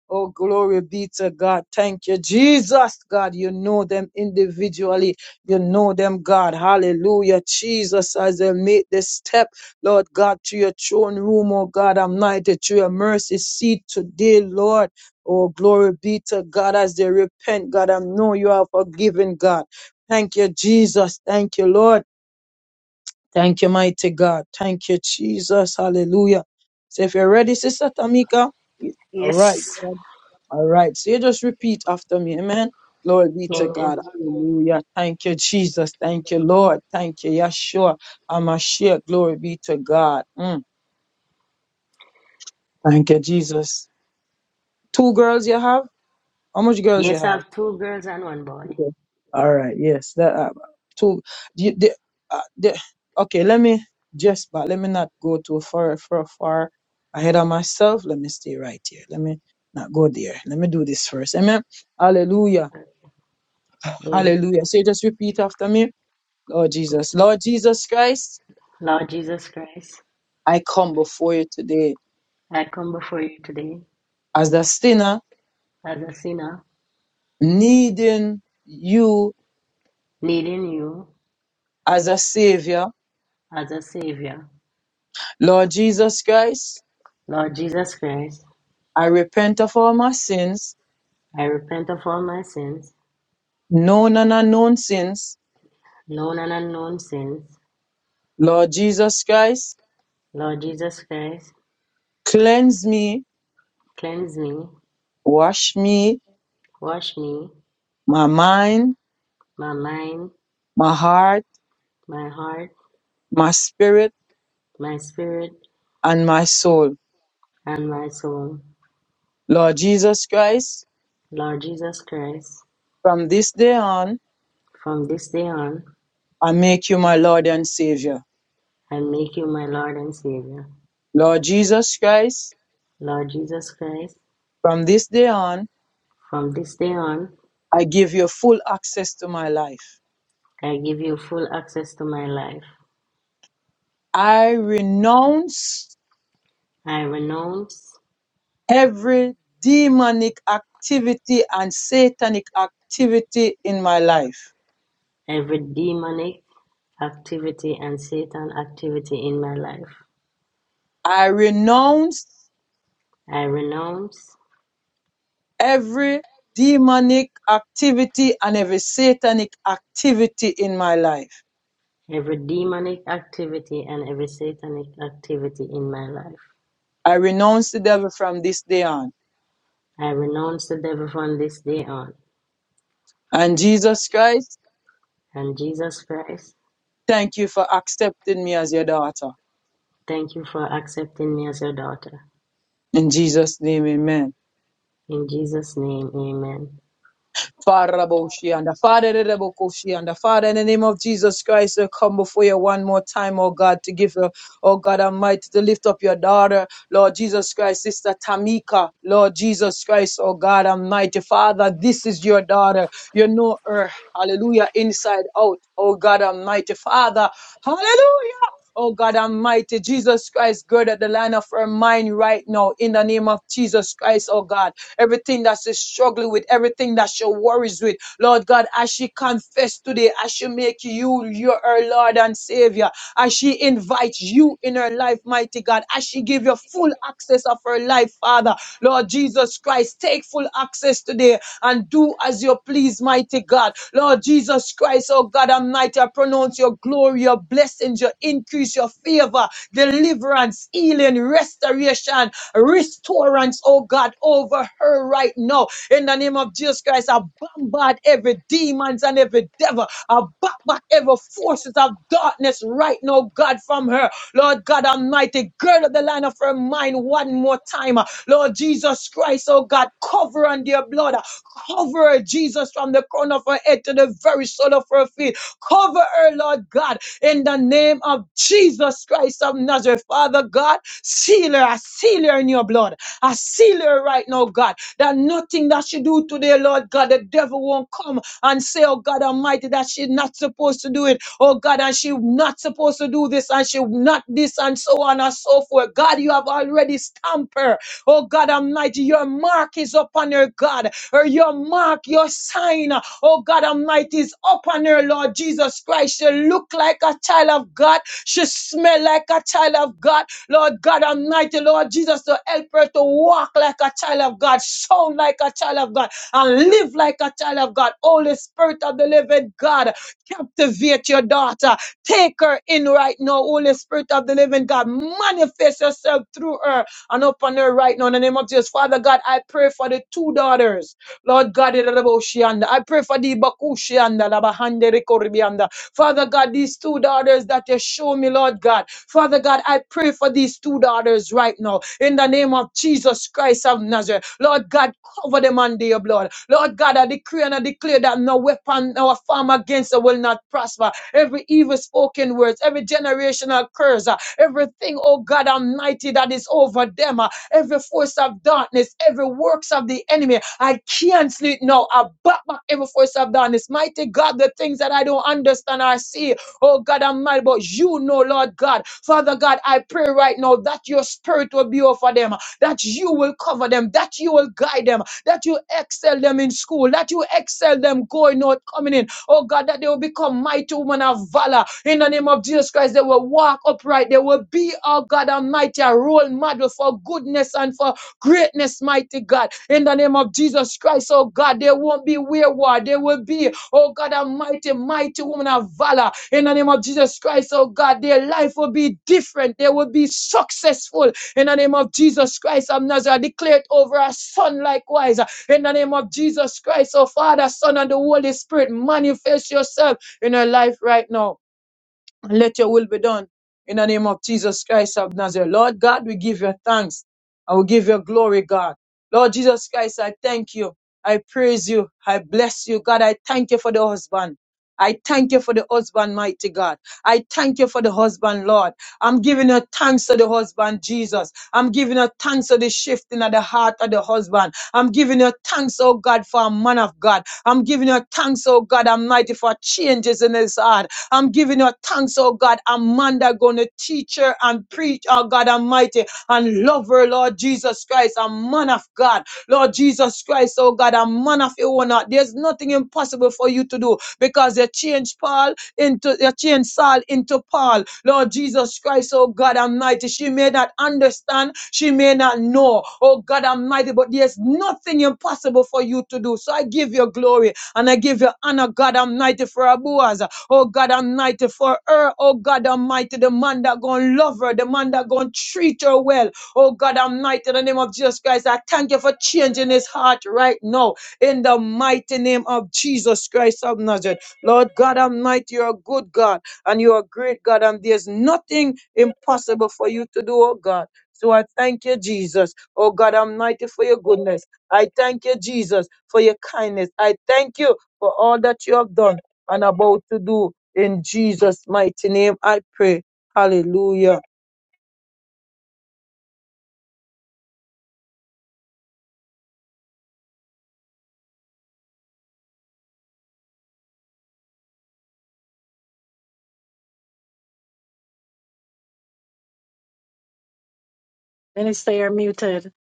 [SPEAKER 2] Oh, glory be to God. Thank you, Jesus. God, you know them individually. You know them, God. Hallelujah. Jesus, as they make this step, Lord God, to your throne room, oh God, I'm knighted to your mercy seat today, Lord. Oh, glory be to God as they repent, God. I know you are forgiven, God. Thank you, Jesus. Thank you, Lord. Thank you, mighty God. Thank you, Jesus. Hallelujah. So if you're ready, Sister Tamika, all
[SPEAKER 6] Yes.
[SPEAKER 2] right. All right. So you just repeat after me. Amen. Glory be to
[SPEAKER 6] Amen.
[SPEAKER 2] God. Hallelujah. Thank you, Jesus. Thank you, Lord. Thank you, Yeshua. Amashia. Glory be to God. Mm. Thank you, Jesus. Two girls you have? How much girls you
[SPEAKER 6] Yes, I
[SPEAKER 2] have?
[SPEAKER 6] have two girls and one boy.
[SPEAKER 2] Okay. All right. Yes. That uh, two. The, the, uh, the, okay. Let me just, but let me not go too far, far, far ahead of myself. Let me stay right here. Let me not go there. Let me do this first. Amen. Hallelujah.
[SPEAKER 6] Amen.
[SPEAKER 2] Hallelujah. So you just repeat after me. Lord Jesus. Lord Jesus Christ,
[SPEAKER 6] Lord Jesus Christ,
[SPEAKER 2] I come before you today
[SPEAKER 6] I come before you today
[SPEAKER 2] as a sinner,
[SPEAKER 6] as a sinner,
[SPEAKER 2] needing you
[SPEAKER 6] needing you
[SPEAKER 2] as a savior.
[SPEAKER 6] as a Savior.
[SPEAKER 2] Lord Jesus Christ,
[SPEAKER 6] Lord Jesus Christ,
[SPEAKER 2] I repent of all my sins,
[SPEAKER 6] I repent of all my sins,
[SPEAKER 2] known and unknown sins.
[SPEAKER 6] known and unknown sins.
[SPEAKER 2] Lord Jesus Christ,
[SPEAKER 6] Lord Jesus Christ,
[SPEAKER 2] cleanse me,
[SPEAKER 6] cleanse me,
[SPEAKER 2] wash me,
[SPEAKER 6] wash me,
[SPEAKER 2] my mind,
[SPEAKER 6] my mind,
[SPEAKER 2] my heart,
[SPEAKER 6] my heart,
[SPEAKER 2] my spirit,
[SPEAKER 6] my spirit,
[SPEAKER 2] and my soul.
[SPEAKER 6] and my soul.
[SPEAKER 2] Lord Jesus Christ,
[SPEAKER 6] Lord Jesus Christ,
[SPEAKER 2] from this day on,
[SPEAKER 6] from this day on,
[SPEAKER 2] I make you my Lord and Savior.
[SPEAKER 6] I make you my Lord and Savior.
[SPEAKER 2] Lord Jesus Christ,
[SPEAKER 6] Lord Jesus Christ,
[SPEAKER 2] from this day on,
[SPEAKER 6] from this day on,
[SPEAKER 2] I give you full access to my life.
[SPEAKER 6] I give you full access to my life.
[SPEAKER 2] I renounce
[SPEAKER 6] I renounce
[SPEAKER 2] every demonic activity and satanic activity in my life.
[SPEAKER 6] every demonic activity and Satan activity in my life.
[SPEAKER 2] I renounce
[SPEAKER 6] I renounce
[SPEAKER 2] every demonic activity and every satanic activity in my life.
[SPEAKER 6] every demonic activity and every satanic activity in my life.
[SPEAKER 2] I renounce the devil from this day on.
[SPEAKER 6] I renounce the devil from this day on.
[SPEAKER 2] And Jesus Christ,
[SPEAKER 6] And Jesus Christ,
[SPEAKER 2] thank you for accepting me as your daughter.
[SPEAKER 6] thank you for accepting me as your daughter.
[SPEAKER 2] In Jesus' name, amen.
[SPEAKER 6] In Jesus' name, amen.
[SPEAKER 2] Father, Raboshianda, Father, Rabokoshianda, Father, in the name of Jesus Christ, I come before you one more time, oh God, to give you, oh God Almighty, to lift up your daughter, Lord Jesus Christ, Sister Tamika, Lord Jesus Christ, oh God Almighty, Father, this is your daughter. You know her, hallelujah, inside out, oh God Almighty, Father, hallelujah. Oh God Almity, Jesus Christ, gird at the line of her mind right now in the name of Jesus Christ, oh God. everything that she's struggling with, everything that she worries with. Lord God, as she confess today, as she make you your her Lord and Savior, as she invites you in her life, mighty God, as she give you full access of her life, Father, Lord Jesus Christ, take full access today and do as you please, mighty God. Lord Jesus Christ, oh God Almighty, I pronounce your glory, your blessings, your increase, your favor, deliverance, healing, restoration. Restorance, oh God, over her right now. In the name of Jesus Christ, I bombard every demons and every devil. I back back every forces of darkness right now, God, from her. Lord God Almighty, gird up the line of her mind one more time. Lord Jesus Christ, oh God, cover on their blood. Cover her, Jesus, from the crown of her head to the very sole of her feet. Cover her, Lord God, in the name of Jesus Christ of Nazareth. Father God, Seal her. I seal her in your blood. I seal her right now, God. That nothing that she do today, Lord God, the devil won't come and say, oh God Almighty, that she's not supposed to do it. Oh God, and she's not supposed to do this and she not this and so on and so forth. God, you have already stamped her. Oh God Almighty, your mark is upon her, God. Or your mark, your sign, oh God Almighty, is upon her, Lord Jesus Christ. She look like a child of God. She smell like a child of God. Lord God Almighty, Lord Jesus, to help her to walk like a child of God, sound like a child of God, and live like a child of God. Holy Spirit of the living God, captivate your daughter. Take her in right now, Holy Spirit of the living God. Manifest yourself through her and upon her right now in the name of Jesus. Father God, I pray for the two daughters. Lord God, I pray for the Bakushianda, Labahande Rekoribianda. Father God, these two daughters that you show me, Lord God. Father God, I pray for these two daughters right now. In the name of Jesus Christ of Nazareth. Lord God, cover them under your blood. Lord God, I decree and I declare that no weapon, no farm against them will not prosper. Every evil spoken words, every generational curse, uh, everything, oh God Almighty, that is over them. uh, every force of darkness, every works of the enemy. I cancel it now. I back back every force of darkness. Mighty God, the things that I don't understand or see, oh God I'm Almighty, but you know, Lord God. Father God, I pray right now that your spirit will be over them, that you will cover them, that you will guide them, that you excel them in school, that you excel them going out, coming in, Oh God, that they will become mighty women of valor. In the name of Jesus Christ, they will walk upright. They will be, oh God Almighty, a role model for goodness and for greatness, mighty God. In the name of Jesus Christ, oh God, they won't be wayward. They will be, oh God Almighty, mighty women of valor. In the name of Jesus Christ, oh God, their life will be different. They will be successful. In the name of Jesus Christ of Nazareth, declared over our son likewise. In the name of Jesus Christ, oh Father, Son, and the Holy Spirit, manifest yourself in her life right now let your will be done in the name of Jesus Christ of Nazareth. Lord God, we give you thanks and we give you glory, God. Lord Jesus Christ, I thank you. I praise you. I bless you, God. I thank you for the husband. I thank you for the husband, mighty God. I thank you for the husband, Lord. I'm giving you thanks to the husband, Jesus. I'm giving you thanks to the shifting of the heart of the husband. I'm giving you thanks, oh God, for a man of God. I'm giving you thanks, oh God, Almighty, for changes in his heart. I'm giving her thanks, oh God. Amanda gonna teach her and preach, oh God Almighty, and love her, Lord Jesus Christ, a man of God. Lord Jesus Christ, oh God, a man of your honor. There's nothing impossible for you to do because you changed Paul into you changed Saul into Paul. Lord Jesus Christ, oh God Almighty. She may not understand, she may not know, oh God Almighty, but there's nothing impossible for you to do. So I give you glory and I give you honor, God Almighty, for our Boaz oh God Almighty, for her, oh God Almighty, the man that gonna love her, the man that gonna treat her well, oh God Almighty, in the name of Jesus Christ, I thank you for changing his heart right now, in the mighty name of Jesus Christ of Nazareth. Lord God Almighty, you're a good God, and you're a great God, and there's nothing impossible for you to do, oh God. So I thank you, Jesus. Oh God Almighty, for your goodness. I thank you, Jesus, for your kindness. I thank you for all that you have done and about to do. In Jesus' mighty name, I pray. Hallelujah.
[SPEAKER 1] Minister, you're muted.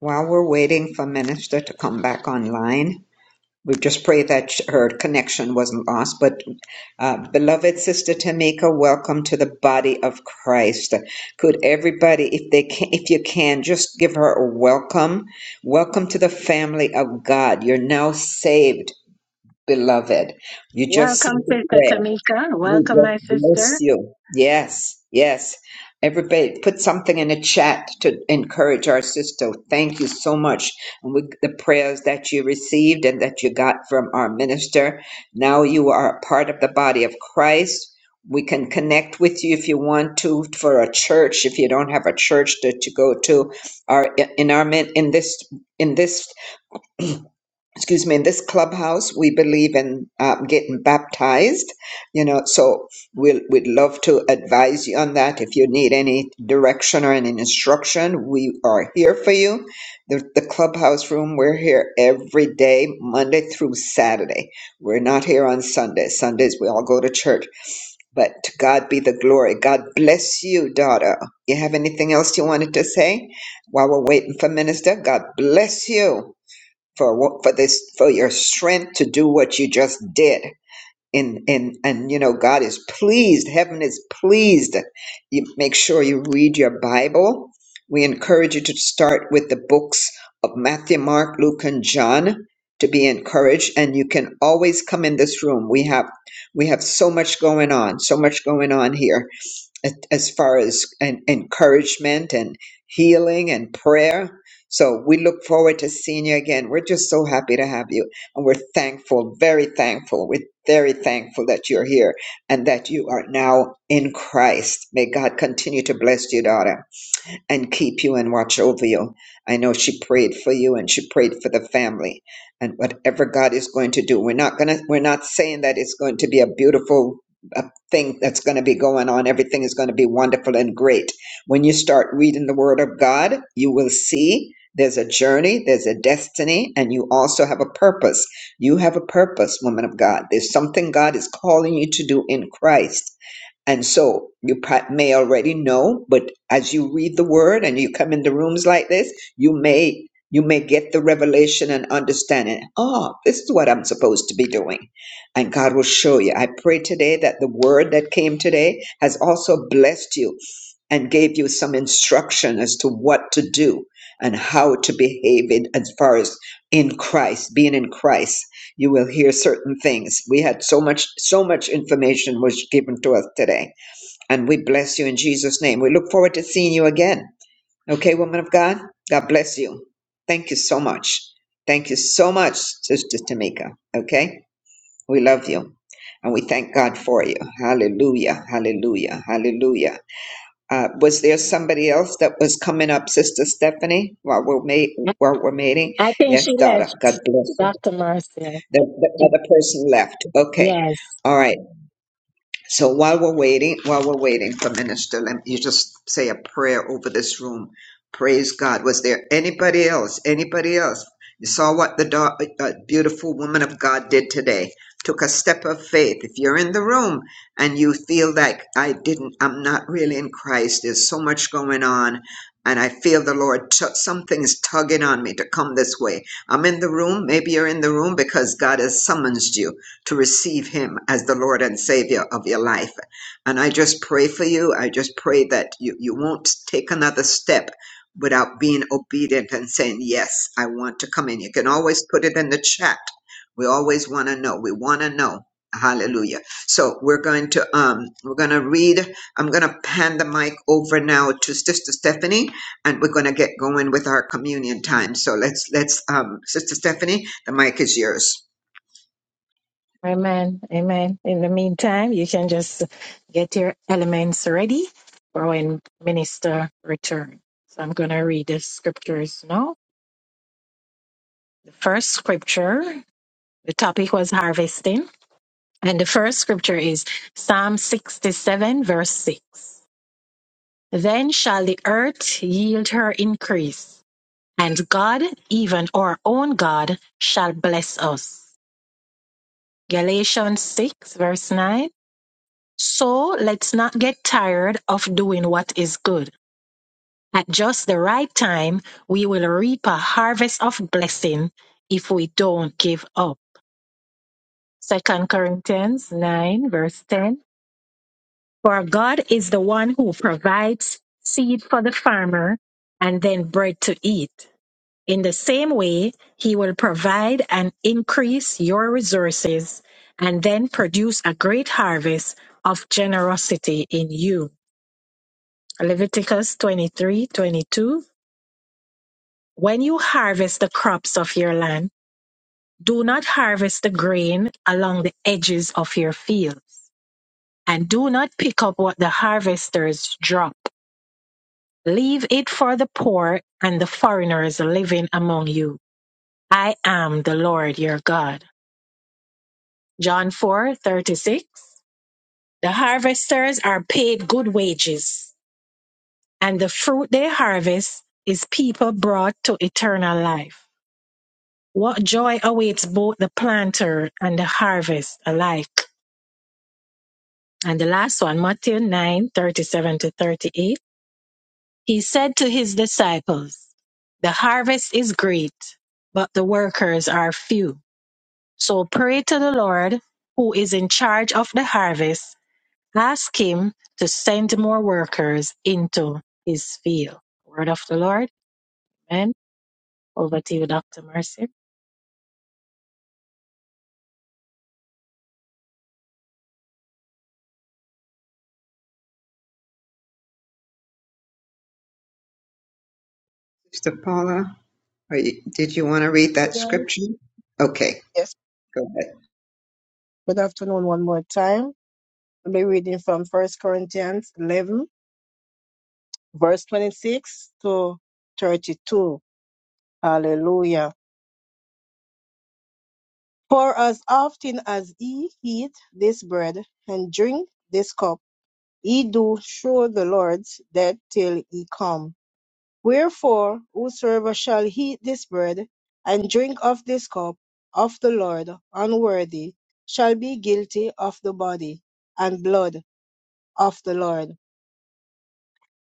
[SPEAKER 4] While we're waiting for Minister to come back online, we just pray that her connection wasn't lost. But, uh, beloved Sister Tamika, welcome to the body of Christ. Could everybody, if they can, if you can, just give her a welcome. Welcome to the family of God. You're now saved, beloved. You just said
[SPEAKER 1] Welcome,
[SPEAKER 4] the
[SPEAKER 1] Sister
[SPEAKER 4] prayer.
[SPEAKER 1] Tamika.
[SPEAKER 4] We
[SPEAKER 1] Welcome, my
[SPEAKER 4] just bless
[SPEAKER 1] sister.
[SPEAKER 4] you. Yes, yes. Everybody put something in the chat to encourage our sister. Thank you so much. And with the prayers that you received and that you got from our minister, now you are a part of the body of Christ. We can connect with you if you want to for a church. If you don't have a church that you go to, our in our min- in this in this excuse me, in this clubhouse, we believe in uh, getting baptized, you know, so we'll, we'd love to advise you on that. If you need any direction or any instruction, we are here for you. The, the clubhouse room, we're here every day, Monday through Saturday. We're not here on Sundays. Sundays, we all go to church, but to God be the glory. God bless you, daughter. You have anything else you wanted to say while we're waiting for minister? God bless you for wo- for this for your strength to do what you just did and and and you know god is pleased heaven is pleased you make sure you read your bible we encourage you to start with the books of matthew mark luke and john to be encouraged and you can always come in this room we have we have so much going on so much going on here as as far as an encouragement and healing and prayer. So we look forward to seeing you again. We're just so happy to have you. And we're thankful, very thankful. We're very thankful that you're here and that you are now in Christ. May God continue to bless you, daughter and keep you and watch over you. I know she prayed for you and she prayed for the family. And whatever God is going to do, we're not going to we're not saying that it's going to be a beautiful a thing that's going to be going on. Everything is going to be wonderful and great. When you start reading the word of God, you will see there's a journey, there's a destiny, and you also have a purpose. You have a purpose, woman of God. There's something God is calling you to do in Christ and so you pa- may already know, but as you read the word and you come into rooms like this, you may you may get the revelation and understanding. Oh, this is what I'm supposed to be doing. And God will show you. I pray today that the word that came today has also blessed you and gave you some instruction as to what to do and how to behave in, as far as in Christ, being in Christ. You will hear certain things. We had so much, so much information was given to us today and we bless you in Jesus' name. We look forward to seeing you again. Okay, woman of God? God bless you. Thank you so much. Thank you so much, Sister Tamika. Okay? We love you. And we thank God for you. Hallelujah. Hallelujah. Hallelujah. Uh, was there somebody else that was coming up, Sister Stephanie, while we're, ma-
[SPEAKER 1] I
[SPEAKER 4] while we're meeting?
[SPEAKER 1] I think
[SPEAKER 4] Yes,
[SPEAKER 1] she
[SPEAKER 4] daughter. God
[SPEAKER 1] left.
[SPEAKER 4] bless you.
[SPEAKER 1] Dr. Marcia.
[SPEAKER 4] The, the
[SPEAKER 1] She-
[SPEAKER 4] other person left. Okay.
[SPEAKER 1] Yes.
[SPEAKER 4] All right. So while we're waiting, while we're waiting for Minister, let you just say a prayer over this room. Praise God. Was there anybody else? Anybody else? You saw what the da- uh, beautiful woman of God did today. Took a step of faith. If you're in the room and you feel like I didn't, I'm not really in Christ. There's so much going on, and I feel the Lord. T- something is tugging on me to come this way. I'm in the room. Maybe you're in the room because God has summoned you to receive him as the Lord and Savior of your life. And I just pray for you. I just pray that you, you won't take another step without being obedient and saying, Yes, I want to come in. You can always put it in the chat. We always want to know. We want to know. Hallelujah. So we're going to um we're gonna read. I'm gonna pan the mic over now, Tiffany, and we're gonna get going. So Let's um Tiffany, the mic
[SPEAKER 1] Amen. Amen. In the meantime, you can just get your elements ready for when Minister returns. So I'm going to read the scriptures now. The first scripture, the topic was harvesting. And the first scripture is Psalm 67, verse 6. Then shall the earth yield her increase, and God, even our own God, shall bless us. Galatians 6, verse 9. So let's not get tired of doing what is good. At just the right time, we will reap a harvest of blessing if we don't give up. Second Corinthians 9, verse 10. For God is the one who provides seed for the farmer and then bread to eat. In the same way, he will provide and increase your resources and then produce a great harvest of generosity in you. Leviticus 23:22. When you harvest the crops of your land, do not harvest the grain along the edges of your field, and do not pick up what the harvesters drop. Leave it for the poor and the foreigners living among you. I am the Lord your God. John 4 36. The harvesters are paid good wages, and the fruit they harvest is people brought to eternal life. What joy awaits both the planter and the harvest alike. And the last one, Matthew 9 37 to 38. He said to his disciples, The harvest is great, but the workers are few. So pray to the Lord who is in charge of the harvest Ask him to send more workers into his field. Word of the Lord. Amen. Over to you, Dr. Mercy.
[SPEAKER 4] Sister Paula, are you, did you want to read that scripture? Okay,
[SPEAKER 3] Yes,
[SPEAKER 4] go ahead.
[SPEAKER 3] good afternoon one more time. I'll be reading from First Corinthians 11, verse 26 to 32. Hallelujah. For as often as ye eat this bread and drink this cup, ye do show the Lord's death till he come. Wherefore whosoever shall eat this bread, and drink of this cup of the Lord unworthy, shall be guilty of the body and blood of the Lord.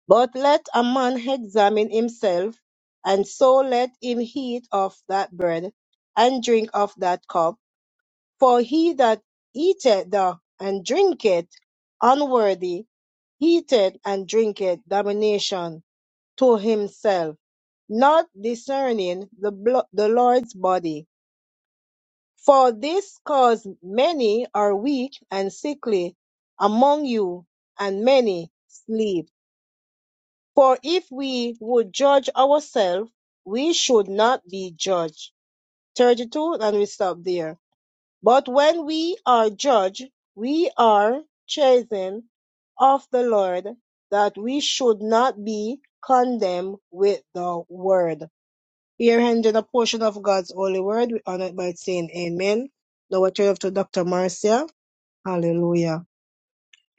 [SPEAKER 3] But let a man examine himself, and so let him eat of that bread, and drink of that cup. For he that eateth the and drinketh unworthy, eateth and drinketh damnation to himself not discerning the, blo- the Lord's body. For this cause many are weak and sickly among you, and many sleep. For if we would judge ourselves, we should not be judged. 32, and we stop there. But when we are judged, we are chastened of the Lord, that we should not be condemned with the world. Here ending a portion of God's holy word, we honor it by saying amen. Now I turn it to Dr. Marcia. Hallelujah.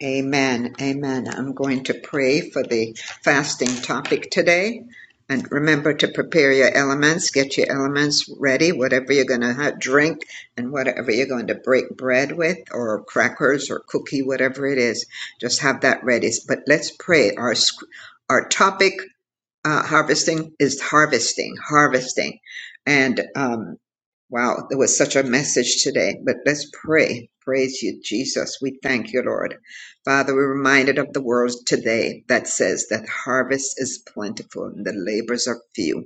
[SPEAKER 4] Amen. Amen. I'm going to pray for the fasting topic today. And remember to prepare your elements, get your elements ready, whatever you're going to drink and whatever you're going to break bread with or crackers or cookie, whatever it is, just have that ready. But let's pray. Our, our topic, uh, harvesting is harvesting, harvesting. And, um, Wow, there was such a message today, but let's pray. Praise you, Jesus. We thank you, Lord. Father, we're reminded of the world today that says that harvest is plentiful and the labors are few.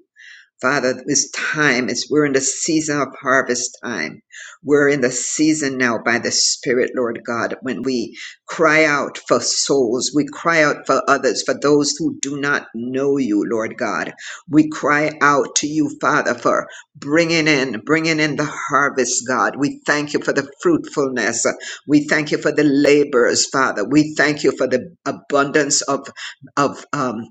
[SPEAKER 4] Father, this time is we're in the season of harvest time. We're in the season now by the Spirit, Lord God, when we cry out for souls. We cry out for others, for those who do not know you, Lord God. We cry out to you, Father, for bringing in, bringing in the harvest, God. We thank you for the fruitfulness. We thank you for the laborers, Father. We thank you for the abundance of, of, um,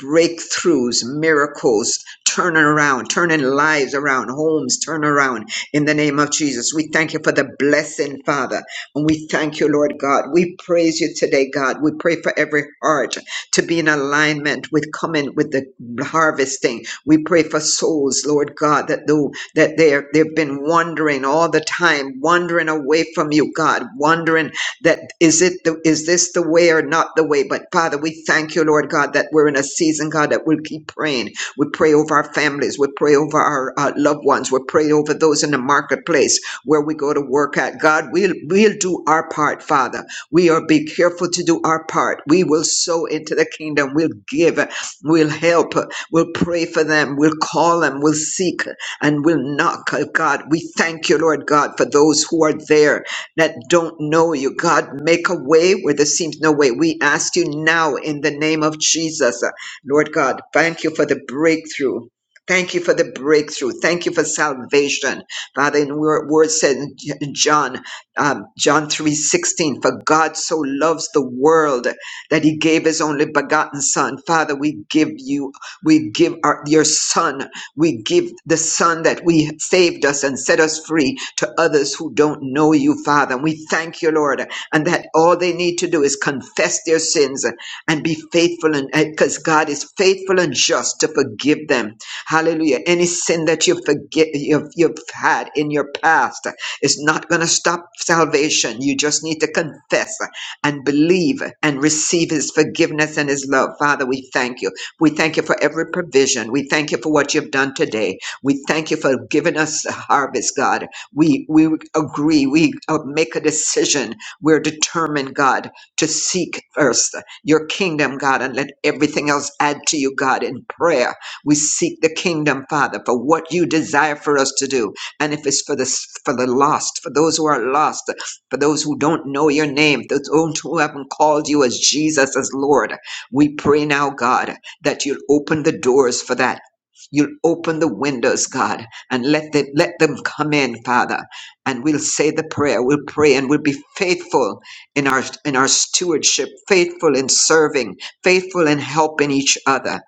[SPEAKER 4] breakthroughs, miracles, turn around, turning lives around, homes, turn around in the name of Jesus. We thank you for the blessing, Father. And we thank you, Lord God. We praise you today, God. We pray for every heart to be in alignment with coming with the harvesting. We pray for souls, Lord God, that though that they are they've been wandering all the time, wandering away from you, God, wandering that is it the, is this the way or not the way but father we thank you lord god that we're in a season god that we'll keep praying we pray over our families we pray over our uh, loved ones we pray over those in the marketplace where we go to work at god we'll we'll do our part father we are be careful to do our part we will sow into the kingdom we'll give we'll help we'll pray for them we'll call them we'll seek and we'll knock god we thank you lord god for those who are there that don't know you. God, make a way where there seems no way. We ask you now in the name of Jesus. Uh, Lord God, thank you for the breakthrough. Thank you for the breakthrough. Thank you for salvation. Father, in your word said in J- John, um, John three sixteen. for God so loves the world that he gave his only begotten son. Father, we give you, we give our, your son we give the Son that we saved us and set us free to others who don't know you, Father. And we thank you, Lord, and that all they need to do is confess their sins and be faithful, and because God is faithful and just to forgive them. Hallelujah. Any sin that you forget you've, you've had in your past is not going to stop salvation. You just need to confess and believe and receive His forgiveness and His love. Father, we thank you. We thank you for every provision. We thank you for what you've done today. We thank you for giving us the harvest, God. We we agree. We uh, make a decision. We're determined, God, to seek first your kingdom, God, and let everything else add to you, God, in prayer. We seek the kingdom, Father, for what you desire for us to do. And if it's for the for the lost, for those who are lost, for those who don't know your name, those who haven't called you as Jesus as Lord, we pray now, God that you'll open the doors for that. You'll open the windows, God, and let them, let them come in, Father. And we'll say the prayer, we'll pray, and we'll be faithful in our, in our stewardship, faithful in serving, faithful in helping each other.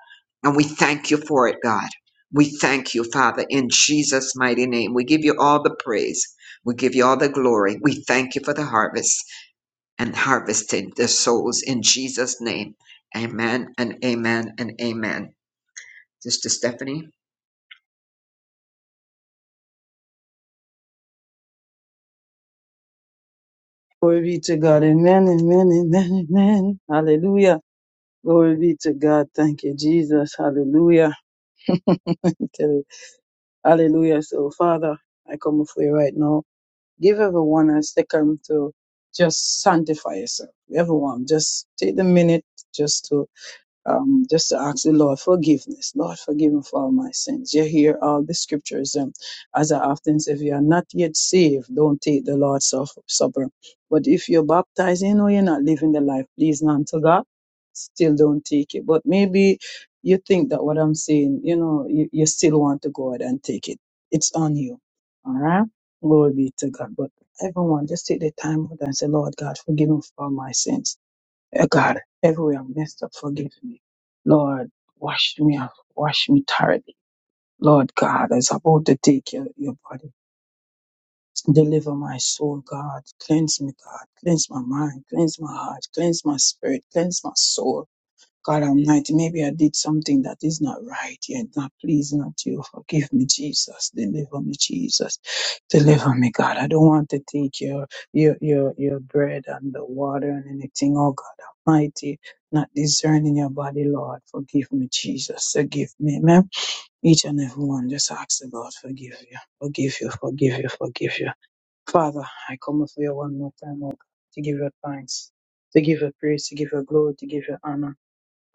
[SPEAKER 4] And we thank you for it, God. We thank you, Father, in Jesus' mighty name. We give you all the praise. We give you all the glory. We thank you for the harvest and harvesting the souls in Jesus' name. Amen and amen and amen. Sister Stephanie.
[SPEAKER 2] Glory be to God. Amen, amen, amen, amen. Hallelujah. Glory be to God. Thank you, Jesus. Hallelujah. [laughs] Hallelujah. So, Father, I come before you right now. Give everyone a second to just sanctify yourself. Everyone, just take the minute just to um, just to ask the Lord forgiveness. Lord, forgive me for all my sins. You hear all the scriptures. Um, as I often say, if you are not yet saved, don't take the Lord's Suff- Supper. But if you're baptized, you know you're not living the life pleasing unto God, still don't take it. But maybe you think that what I'm saying, you know, you, you still want to go ahead and take it. It's on you. All right? Glory be to God. But everyone, just take the time out and say, Lord God, forgive me for all my sins. Uh, God, everywhere I messed up, forgive me. Lord, wash me up, wash me thoroughly. Lord God, as I'm about to take your, your body, deliver my soul, God. Cleanse me, God. Cleanse my mind, cleanse my heart, cleanse my spirit, cleanse my soul. God Almighty, maybe I did something that is not right yet, not pleasing unto you. Forgive me, Jesus. Deliver me, Jesus. Deliver me, God. I don't want to take your your your your bread and the water and anything, oh mighty, not discerning your body, Lord. Forgive me, Jesus. Forgive me, Amen. Each and every one just ask the Lord, forgive you, forgive you, forgive you, forgive you. Father, I come before you one more time, Lord, to give you thanks, to give you praise, to give you glory, to give you honor.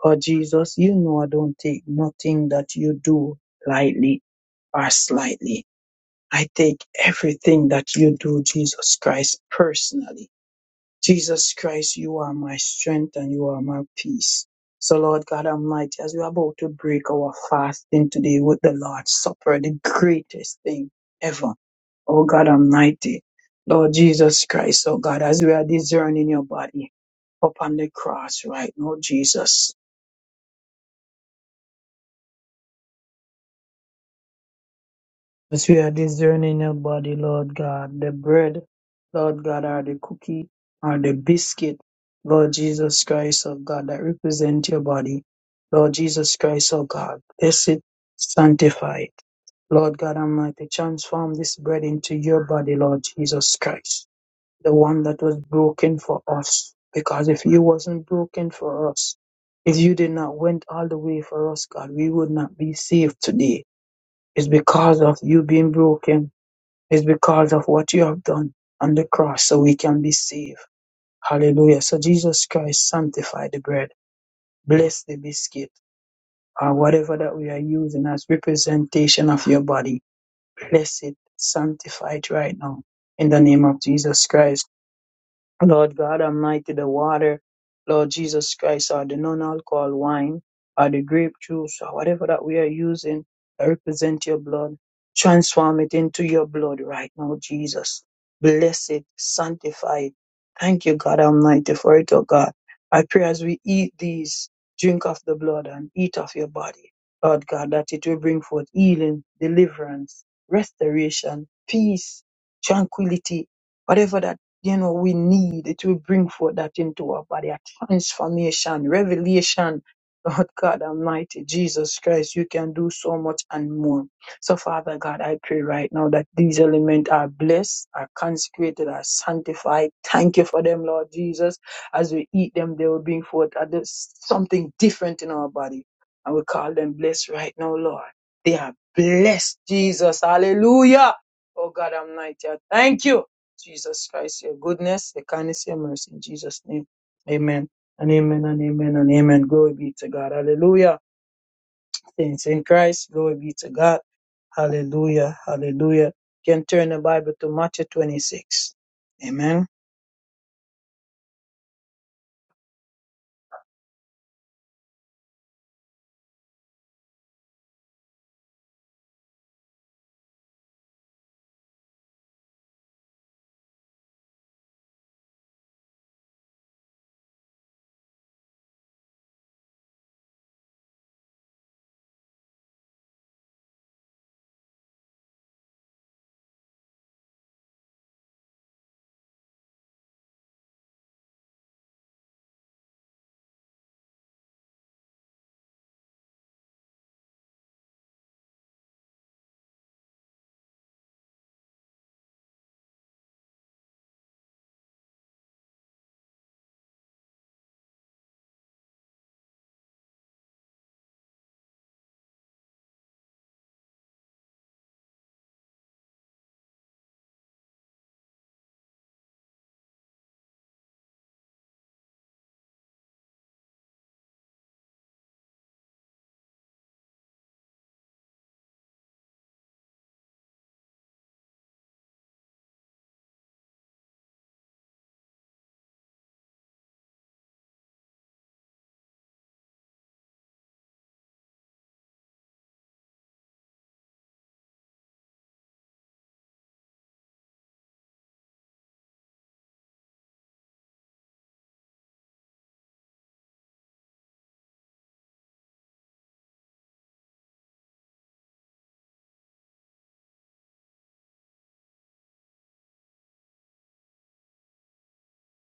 [SPEAKER 2] Oh, Jesus, you know I don't take nothing that you do lightly or slightly. I take everything that you do, Jesus Christ, personally. Jesus Christ, you are my strength and you are my peace. So, Lord God Almighty, as we're about to break our fasting today with the Lord's Supper, the greatest thing ever, oh God Almighty, Lord Jesus Christ, oh God, as we are discerning your body upon the cross right now, Jesus, as we are discerning your body, Lord God, the bread, Lord God, are the cookie, are the biscuit, Lord, Lord, so God, bless it, sanctify it, Lord God Almighty, Lord Jesus Christ, the one that was broken for us, because He wasn't broken for us. If you did not went all the way for us, God, we would not be saved today. It's because of you being broken. It's because of what you have done on the cross so we can be saved. Hallelujah. So Jesus Christ sanctify the bread, bless the biscuit, or whatever that we are using as representation of your body. Bless it, sanctify it right now. In the name of Jesus Christ. Lord God Almighty, the water, Lord Jesus Christ, or the non-alcohol wine, or the grape juice, or whatever that we are using, that represent your blood. Transform it into your blood right now, Jesus. Bless it, sanctify it. Thank you, God Almighty, for it, oh God. I pray as we eat these, drink of the blood and eat of your body, Lord God, that it will bring forth healing, deliverance, restoration, peace, tranquility, whatever that you know, we need. It will bring forth that into our body, a transformation, revelation. [laughs] Lord God Almighty, Jesus Christ, you can do so much and more. So, Father God, I pray right now that these elements are blessed, are consecrated, are sanctified. Thank you for them, Lord Jesus. As we eat them, they will bring forth other- something different in our body. And we call them blessed right now, Lord. They are blessed, Jesus. Hallelujah. Oh God Almighty, I thank you. Jesus Christ, your goodness, your kindness, your mercy. In Jesus' name. Amen. And amen and amen and amen. Glory be to God. Hallelujah. Saints in Christ, glory be to God. Hallelujah. Hallelujah. You can turn the Bible to Matthew 26. Amen.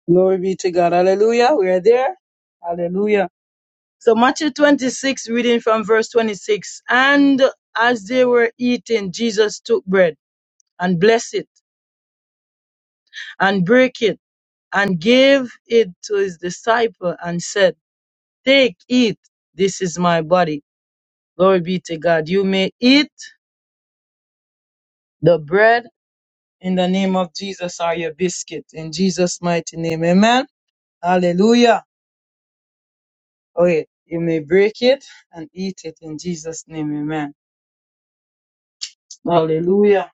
[SPEAKER 2] Glory be to God. Hallelujah. We are there. Hallelujah. So Matthew 26, reading from verse 26. And as they were eating, Jesus took bread and blessed it and break it and gave it to his disciple and said, Take, eat, this is my body. Glory be to God. You may eat the bread in the name of Jesus or your biscuit in Jesus' mighty name. Amen. Hallelujah. Okay, you may break it and eat it in Jesus' name. Amen. Hallelujah.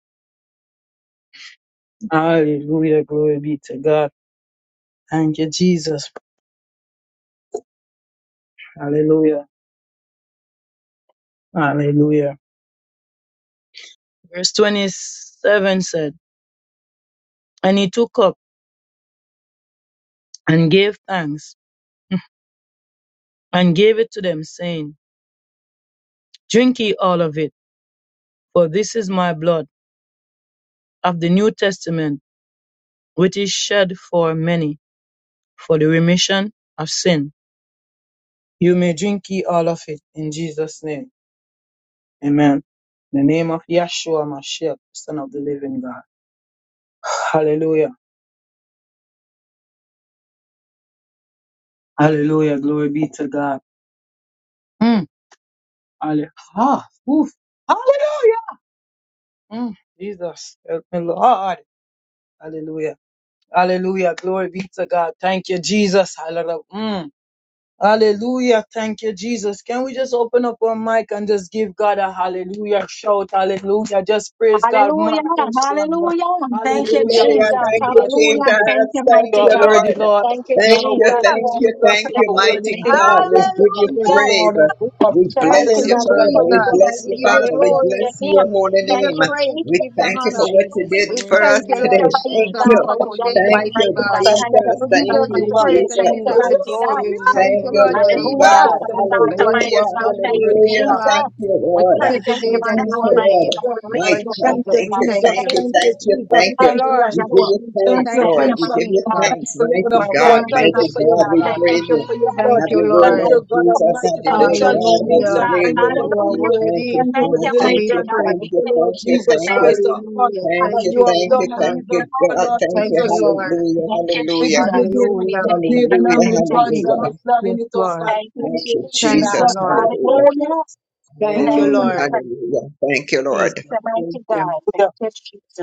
[SPEAKER 2] Hallelujah. Glory be to God. Thank you, Jesus. Hallelujah. Hallelujah. Verse 27 said, And he took up and gave thanks and gave it to them, saying, Drink ye all of it, for this is my blood of the New Testament, which are many for the remission of sin. You may drink ye all of it in Jesus' name. Amen. In the name of Yahshua Mashiach, Son of the Living God. [sighs] Hallelujah. Hallelujah. Glory be to God. Mm. Halle- ah, oof. Hallelujah. Mm. Jesus. Help me, Lord. Hallelujah. Hallelujah. Glory be to God. Thank you, Jesus. Hallelujah. Mm. Hallelujah. Thank you, Jesus. Can we just open up our mic and just give God a hallelujah shout? Hallelujah. Just praise God.
[SPEAKER 1] Hallelujah. Hallelujah. Thank you,
[SPEAKER 2] Hallelujah,
[SPEAKER 4] Hallelujah.
[SPEAKER 1] Jesus.
[SPEAKER 2] mighty
[SPEAKER 4] Thank you,
[SPEAKER 2] God. Thank
[SPEAKER 1] Hallelujah.
[SPEAKER 2] you.
[SPEAKER 1] Thank
[SPEAKER 4] Jesus.
[SPEAKER 1] you,
[SPEAKER 4] Thank
[SPEAKER 2] You
[SPEAKER 1] mighty
[SPEAKER 2] are
[SPEAKER 4] you,
[SPEAKER 1] God.
[SPEAKER 2] worthy,
[SPEAKER 4] Lord.
[SPEAKER 2] Lord.
[SPEAKER 1] Thank you,
[SPEAKER 2] You
[SPEAKER 4] Thank
[SPEAKER 2] are
[SPEAKER 1] Jesus.
[SPEAKER 4] you,
[SPEAKER 2] worthy,
[SPEAKER 1] You
[SPEAKER 4] thank
[SPEAKER 1] are
[SPEAKER 4] you,
[SPEAKER 1] worthy
[SPEAKER 2] Jesus.
[SPEAKER 4] thank
[SPEAKER 1] to
[SPEAKER 2] You
[SPEAKER 1] be
[SPEAKER 4] you,
[SPEAKER 2] are
[SPEAKER 1] praised,
[SPEAKER 2] worthy,
[SPEAKER 4] mighty
[SPEAKER 2] King
[SPEAKER 1] mighty
[SPEAKER 2] of
[SPEAKER 4] God.
[SPEAKER 1] God.
[SPEAKER 4] We
[SPEAKER 1] Thank
[SPEAKER 2] Kings.
[SPEAKER 3] Hallelujah.
[SPEAKER 1] you,
[SPEAKER 2] You
[SPEAKER 4] give
[SPEAKER 2] are
[SPEAKER 4] you
[SPEAKER 2] worthy,
[SPEAKER 1] Jesus.
[SPEAKER 4] praise.
[SPEAKER 2] Lord of
[SPEAKER 1] We
[SPEAKER 2] Lords.
[SPEAKER 1] thank
[SPEAKER 4] We
[SPEAKER 1] you,
[SPEAKER 3] Thank
[SPEAKER 4] bless
[SPEAKER 1] mighty
[SPEAKER 4] you,
[SPEAKER 3] you,
[SPEAKER 1] God. We
[SPEAKER 2] Hallelujah,
[SPEAKER 4] Father.
[SPEAKER 1] praise
[SPEAKER 4] We
[SPEAKER 3] Jesus.
[SPEAKER 1] you,
[SPEAKER 2] Jesus.
[SPEAKER 4] bless
[SPEAKER 3] We
[SPEAKER 4] you,
[SPEAKER 1] mighty
[SPEAKER 3] give
[SPEAKER 1] God.
[SPEAKER 3] you
[SPEAKER 1] We
[SPEAKER 4] Father. We
[SPEAKER 1] bless
[SPEAKER 3] glory.
[SPEAKER 1] your
[SPEAKER 4] bless
[SPEAKER 1] name.
[SPEAKER 4] your
[SPEAKER 3] We
[SPEAKER 4] holy
[SPEAKER 3] give
[SPEAKER 1] Thank
[SPEAKER 3] you
[SPEAKER 4] name.
[SPEAKER 1] you,
[SPEAKER 3] praise. We
[SPEAKER 4] We
[SPEAKER 1] Jesus.
[SPEAKER 3] give you
[SPEAKER 5] Thank
[SPEAKER 4] thank you
[SPEAKER 5] you,
[SPEAKER 3] honor.
[SPEAKER 4] for what you
[SPEAKER 5] Jesus.
[SPEAKER 1] Hallelujah.
[SPEAKER 4] did
[SPEAKER 5] You're
[SPEAKER 3] We
[SPEAKER 4] for
[SPEAKER 5] worthy
[SPEAKER 4] us
[SPEAKER 5] to
[SPEAKER 3] thank you,
[SPEAKER 5] be
[SPEAKER 1] Thank you,
[SPEAKER 3] Lord
[SPEAKER 4] today.
[SPEAKER 5] praised,
[SPEAKER 1] mighty
[SPEAKER 5] God.
[SPEAKER 4] Thank
[SPEAKER 3] Jesus,
[SPEAKER 1] God,
[SPEAKER 5] Thank
[SPEAKER 4] you.
[SPEAKER 3] for
[SPEAKER 1] for
[SPEAKER 5] you,
[SPEAKER 1] what you have
[SPEAKER 3] today,
[SPEAKER 4] Thank
[SPEAKER 1] done,
[SPEAKER 5] Jesus.
[SPEAKER 3] mighty
[SPEAKER 4] you,
[SPEAKER 1] mighty
[SPEAKER 3] God.
[SPEAKER 1] God.
[SPEAKER 2] I
[SPEAKER 1] Thank
[SPEAKER 2] thank
[SPEAKER 1] you,
[SPEAKER 4] Jesus.
[SPEAKER 3] You
[SPEAKER 2] you for
[SPEAKER 4] Thank
[SPEAKER 1] Jesus,
[SPEAKER 2] who
[SPEAKER 3] deserve
[SPEAKER 1] for
[SPEAKER 3] the
[SPEAKER 4] you,
[SPEAKER 2] you
[SPEAKER 5] Thank
[SPEAKER 2] are.
[SPEAKER 1] today.
[SPEAKER 3] praise
[SPEAKER 5] you,
[SPEAKER 3] and you
[SPEAKER 1] Thank
[SPEAKER 4] Jesus.
[SPEAKER 1] you,
[SPEAKER 3] deserve the
[SPEAKER 1] mighty
[SPEAKER 5] Jesus.
[SPEAKER 3] glory.
[SPEAKER 1] God.
[SPEAKER 2] Hallelujah.
[SPEAKER 3] We thank
[SPEAKER 4] Thank
[SPEAKER 3] you,
[SPEAKER 4] you,
[SPEAKER 5] Hallelujah.
[SPEAKER 2] Oh
[SPEAKER 3] Lord
[SPEAKER 2] God
[SPEAKER 5] Thank
[SPEAKER 4] Lord
[SPEAKER 5] you,
[SPEAKER 1] Hallelujah.
[SPEAKER 2] Almighty,
[SPEAKER 3] Jesus,
[SPEAKER 2] I
[SPEAKER 4] God.
[SPEAKER 1] From the
[SPEAKER 5] Jesus.
[SPEAKER 2] thank
[SPEAKER 1] God
[SPEAKER 2] you,
[SPEAKER 3] for what you
[SPEAKER 1] Almighty
[SPEAKER 4] Hallelujah.
[SPEAKER 3] have
[SPEAKER 2] Jesus,
[SPEAKER 1] God.
[SPEAKER 2] for
[SPEAKER 3] done this
[SPEAKER 1] Thank you,
[SPEAKER 2] worthy
[SPEAKER 3] day,
[SPEAKER 4] Hallelujah.
[SPEAKER 2] God.
[SPEAKER 1] Jesus.
[SPEAKER 3] God.
[SPEAKER 4] Thank you,
[SPEAKER 1] We
[SPEAKER 4] Lord.
[SPEAKER 3] This
[SPEAKER 5] Thank
[SPEAKER 1] praise
[SPEAKER 3] is
[SPEAKER 5] you,
[SPEAKER 1] you,
[SPEAKER 3] the day
[SPEAKER 1] your
[SPEAKER 3] that
[SPEAKER 1] honor,
[SPEAKER 4] Thank
[SPEAKER 3] you
[SPEAKER 5] Jesus.
[SPEAKER 4] you,
[SPEAKER 3] have
[SPEAKER 1] Almighty
[SPEAKER 3] made.
[SPEAKER 4] Lord.
[SPEAKER 1] God. We
[SPEAKER 4] My
[SPEAKER 1] lift
[SPEAKER 3] Lord
[SPEAKER 1] you
[SPEAKER 4] God,
[SPEAKER 1] up
[SPEAKER 2] Thank
[SPEAKER 3] Jesus,
[SPEAKER 1] to
[SPEAKER 2] you,
[SPEAKER 4] thank
[SPEAKER 3] we
[SPEAKER 1] God.
[SPEAKER 4] you,
[SPEAKER 1] We
[SPEAKER 3] thank
[SPEAKER 5] Um,
[SPEAKER 4] thank
[SPEAKER 2] Jesus.
[SPEAKER 5] in
[SPEAKER 3] you.
[SPEAKER 1] thank
[SPEAKER 4] you,
[SPEAKER 2] Thank
[SPEAKER 1] you.
[SPEAKER 2] you,
[SPEAKER 4] thank
[SPEAKER 5] Jesus'
[SPEAKER 4] you,
[SPEAKER 5] name.
[SPEAKER 2] Jesus.
[SPEAKER 4] thank
[SPEAKER 3] Thank you,
[SPEAKER 4] you.
[SPEAKER 2] Thank you,
[SPEAKER 3] Lord.
[SPEAKER 4] We
[SPEAKER 1] Hallelujah,
[SPEAKER 4] give
[SPEAKER 2] Yeshua.
[SPEAKER 4] you
[SPEAKER 1] Jesus.
[SPEAKER 2] Thank
[SPEAKER 4] thanks,
[SPEAKER 2] you,
[SPEAKER 3] Thank
[SPEAKER 1] Thank
[SPEAKER 3] you,
[SPEAKER 1] you,
[SPEAKER 4] Lord.
[SPEAKER 2] Prince.
[SPEAKER 4] We
[SPEAKER 2] of-
[SPEAKER 4] give
[SPEAKER 1] mighty
[SPEAKER 4] you
[SPEAKER 2] Peace.
[SPEAKER 1] God.
[SPEAKER 3] Jesus.
[SPEAKER 2] Thank
[SPEAKER 4] thanks,
[SPEAKER 2] you, Lord
[SPEAKER 4] mighty
[SPEAKER 2] of
[SPEAKER 1] Our
[SPEAKER 4] God,
[SPEAKER 2] Lord.
[SPEAKER 1] word,
[SPEAKER 3] Thank you,
[SPEAKER 2] Thank you
[SPEAKER 4] mighty
[SPEAKER 2] for
[SPEAKER 1] mighty
[SPEAKER 2] your
[SPEAKER 4] God.
[SPEAKER 3] Jesus.
[SPEAKER 1] God.
[SPEAKER 4] We
[SPEAKER 2] body.
[SPEAKER 1] Thank you,
[SPEAKER 2] Thank
[SPEAKER 4] praise
[SPEAKER 2] you
[SPEAKER 4] you.
[SPEAKER 1] Jesus.
[SPEAKER 2] for your blood.
[SPEAKER 3] Thank
[SPEAKER 4] Have
[SPEAKER 3] you,
[SPEAKER 1] There's
[SPEAKER 4] your
[SPEAKER 1] no
[SPEAKER 4] way,
[SPEAKER 2] Thank
[SPEAKER 3] Lord.
[SPEAKER 1] like
[SPEAKER 2] you,
[SPEAKER 4] Lord
[SPEAKER 1] you.
[SPEAKER 2] God
[SPEAKER 4] Jesus. Have
[SPEAKER 2] Almighty, for
[SPEAKER 4] your
[SPEAKER 2] the
[SPEAKER 1] Thank
[SPEAKER 4] way,
[SPEAKER 1] you,
[SPEAKER 4] God. Have
[SPEAKER 1] Jesus.
[SPEAKER 4] your
[SPEAKER 2] transformation.
[SPEAKER 3] Hallelujah.
[SPEAKER 4] way,
[SPEAKER 2] Thank you for
[SPEAKER 4] Lord.
[SPEAKER 3] You
[SPEAKER 2] the
[SPEAKER 3] are
[SPEAKER 1] Hallelujah.
[SPEAKER 2] healing.
[SPEAKER 4] Thank
[SPEAKER 3] worthy
[SPEAKER 4] you,
[SPEAKER 2] Thank you
[SPEAKER 1] Thank
[SPEAKER 2] for
[SPEAKER 4] God.
[SPEAKER 2] the
[SPEAKER 1] you,
[SPEAKER 3] to
[SPEAKER 4] Thank
[SPEAKER 3] be
[SPEAKER 1] mighty
[SPEAKER 4] you,
[SPEAKER 2] deliverance.
[SPEAKER 1] God.
[SPEAKER 3] praised.
[SPEAKER 4] thank
[SPEAKER 1] We
[SPEAKER 2] Thank
[SPEAKER 4] you,
[SPEAKER 2] you,
[SPEAKER 1] thank
[SPEAKER 2] Lord
[SPEAKER 4] thank you,
[SPEAKER 1] you.
[SPEAKER 2] Jesus
[SPEAKER 4] thank
[SPEAKER 1] Thank
[SPEAKER 4] you.
[SPEAKER 2] Christ, our God,
[SPEAKER 3] Hallelujah.
[SPEAKER 4] Thank
[SPEAKER 2] that
[SPEAKER 4] you,
[SPEAKER 3] Thank
[SPEAKER 2] you
[SPEAKER 3] you,
[SPEAKER 2] have
[SPEAKER 4] thank you,
[SPEAKER 2] done and
[SPEAKER 3] Jesus.
[SPEAKER 4] thank
[SPEAKER 2] even
[SPEAKER 4] you,
[SPEAKER 1] you,
[SPEAKER 2] more,
[SPEAKER 4] God.
[SPEAKER 1] Lord.
[SPEAKER 2] Lord
[SPEAKER 4] Thank you.
[SPEAKER 3] Thank you,
[SPEAKER 2] Jesus
[SPEAKER 3] Lord.
[SPEAKER 4] Hallelujah,
[SPEAKER 2] Christ.
[SPEAKER 1] Thank you,
[SPEAKER 2] This
[SPEAKER 4] hallelujah,
[SPEAKER 2] is
[SPEAKER 1] Jesus.
[SPEAKER 2] the
[SPEAKER 1] We
[SPEAKER 2] day that
[SPEAKER 1] praise
[SPEAKER 2] you
[SPEAKER 1] your
[SPEAKER 2] have
[SPEAKER 3] Hallelujah.
[SPEAKER 1] name,
[SPEAKER 2] made, and
[SPEAKER 4] hallelujah,
[SPEAKER 2] I'm
[SPEAKER 1] Almighty God. Thank you,
[SPEAKER 2] rejoiced I'm
[SPEAKER 4] hallelujah.
[SPEAKER 1] Lord.
[SPEAKER 3] Jesus.
[SPEAKER 2] planning
[SPEAKER 3] Yes,
[SPEAKER 2] it, oh
[SPEAKER 3] Lord.
[SPEAKER 2] God.
[SPEAKER 1] Thank you,
[SPEAKER 2] Thank
[SPEAKER 4] Thank
[SPEAKER 2] you,
[SPEAKER 4] you,
[SPEAKER 1] Jesus.
[SPEAKER 3] Thank you,
[SPEAKER 2] Jesus.
[SPEAKER 4] Jesus.
[SPEAKER 2] You are
[SPEAKER 3] Lord.
[SPEAKER 4] Hallelujah,
[SPEAKER 2] worthy.
[SPEAKER 1] Hallelujah.
[SPEAKER 3] Thank you,
[SPEAKER 1] Thank you,
[SPEAKER 4] hallelujah,
[SPEAKER 2] Mm.
[SPEAKER 3] Lord.
[SPEAKER 1] Lord.
[SPEAKER 4] hallelujah. Thank you,
[SPEAKER 3] Jesus.
[SPEAKER 4] Lord.
[SPEAKER 1] The mighty
[SPEAKER 3] Thank
[SPEAKER 1] God. Thank you,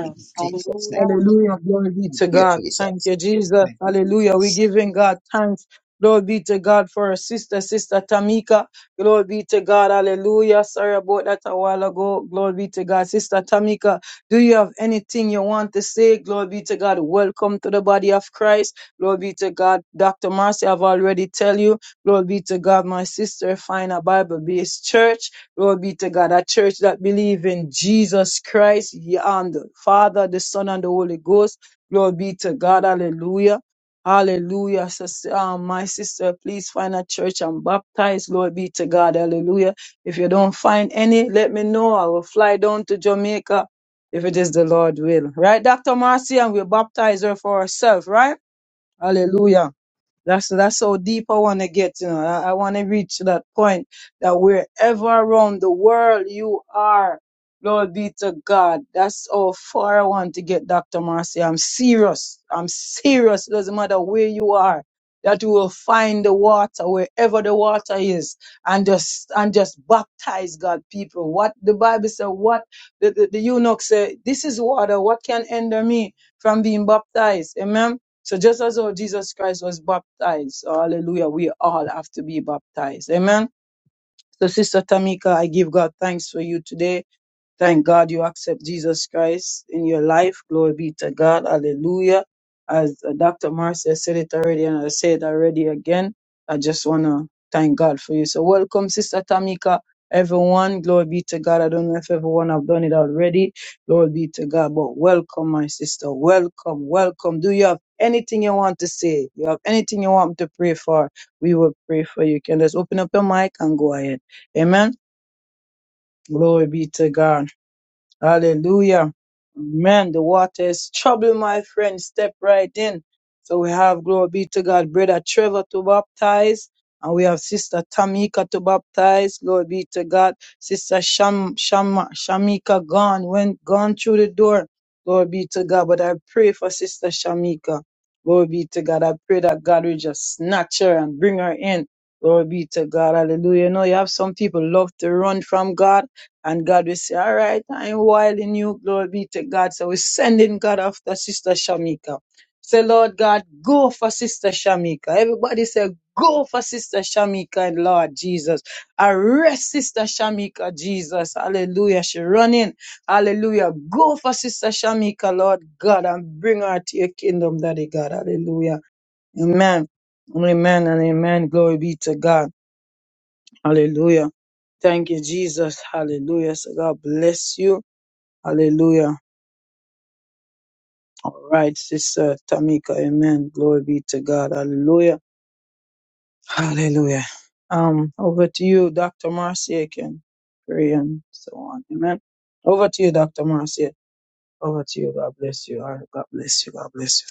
[SPEAKER 4] In Jesus' name.
[SPEAKER 1] Hallelujah.
[SPEAKER 2] Hallelujah. Glory be to
[SPEAKER 3] you.
[SPEAKER 4] you,
[SPEAKER 2] God. Thank
[SPEAKER 4] Jesus.
[SPEAKER 2] you, Jesus.
[SPEAKER 4] Thank you,
[SPEAKER 2] Hallelujah. We're
[SPEAKER 4] Jesus.
[SPEAKER 2] giving God thanks. Glory be to God for our sister, Sister Tamika. Glory be to God. Hallelujah. Sorry about that a while ago. Glory be to God. Sister Tamika, do you have anything you want to say? Glory be to God. Welcome to the body of Christ. Glory be to God. Dr. Marcy, I've already tell you. Glory be to God. My sister, find a Bible-based church. Glory be to God. A church that believes in Jesus Christ ye- and the Father, the Son, and the Holy Ghost. Glory be to God. Hallelujah. Hallelujah. Sis- um, my sister, please find a church and baptize. Glory be to God. Hallelujah. If you don't find any, let me know. I will fly down to Jamaica if it is the Lord will. Right, Dr. Marcy? And we'll baptize her for herself, right? Hallelujah. That's that's how deep I want to get. You know, I, I want to reach that point that wherever around the world you are, Lord be to God. That's how far I want to get, Doctor Marcy. I'm serious. I'm serious. Doesn't matter where you are, that you will find the water wherever the water is, and just and just baptize God people. What the Bible said. What the the, the eunuch said. This is water. What can hinder me from being baptized? Amen. So just as how Jesus Christ was baptized, hallelujah, we all have to be baptized. Amen. So Sister Tamika, I give God thanks for you today. Thank God you accept Jesus Christ in your life. Glory be to God. Hallelujah. As uh, Dr. Marcia said it already, and I say it already again, I just want to thank God for you. So, welcome, Sister Tamika, everyone. Glory be to God. I don't know if everyone have done it already. Glory be to God. But welcome, my sister. Welcome, welcome. Do you have anything you want to say? You have anything you want to pray for? We will pray for you. You can just open up your mic and go ahead. Amen. Glory be to God. Hallelujah. Man, the water is trouble, my friend. Step right in. So we have, glory be to God, Brother Trevor to baptize. And we have Sister Tamika to baptize. Glory be to God. Sister Sham, Sham, Shamika gone, went, gone through the door. Glory be to God. But I pray for Sister Shamika. Glory be to God. I pray that God will just snatch her and bring her in. Glory be to God. Hallelujah. You know, you have some people love to run from God and God will say, All right, I'm wild in you, glory be to God. So we're sending God after Sister Shamika. Say, Lord God, go for Sister Shamika. Everybody say, Go for Sister Shamika and Lord Jesus. Arrest Sister Shamika, Jesus. Hallelujah. She running. Hallelujah. Go for Sister Shamika, Lord God, and bring her to your kingdom, Daddy God. Hallelujah. Amen. Amen and amen. Glory be to God. Hallelujah. Thank you, Jesus. Hallelujah. So God bless you. Hallelujah. All right, Sister Tamika. Amen. Glory be to God. Hallelujah. Hallelujah. Um, over to you, Dr. Marcia. Can pray and so on. Amen. Over to you, Dr. Marcia. Over to you. God bless you. All right, God bless you. God bless you.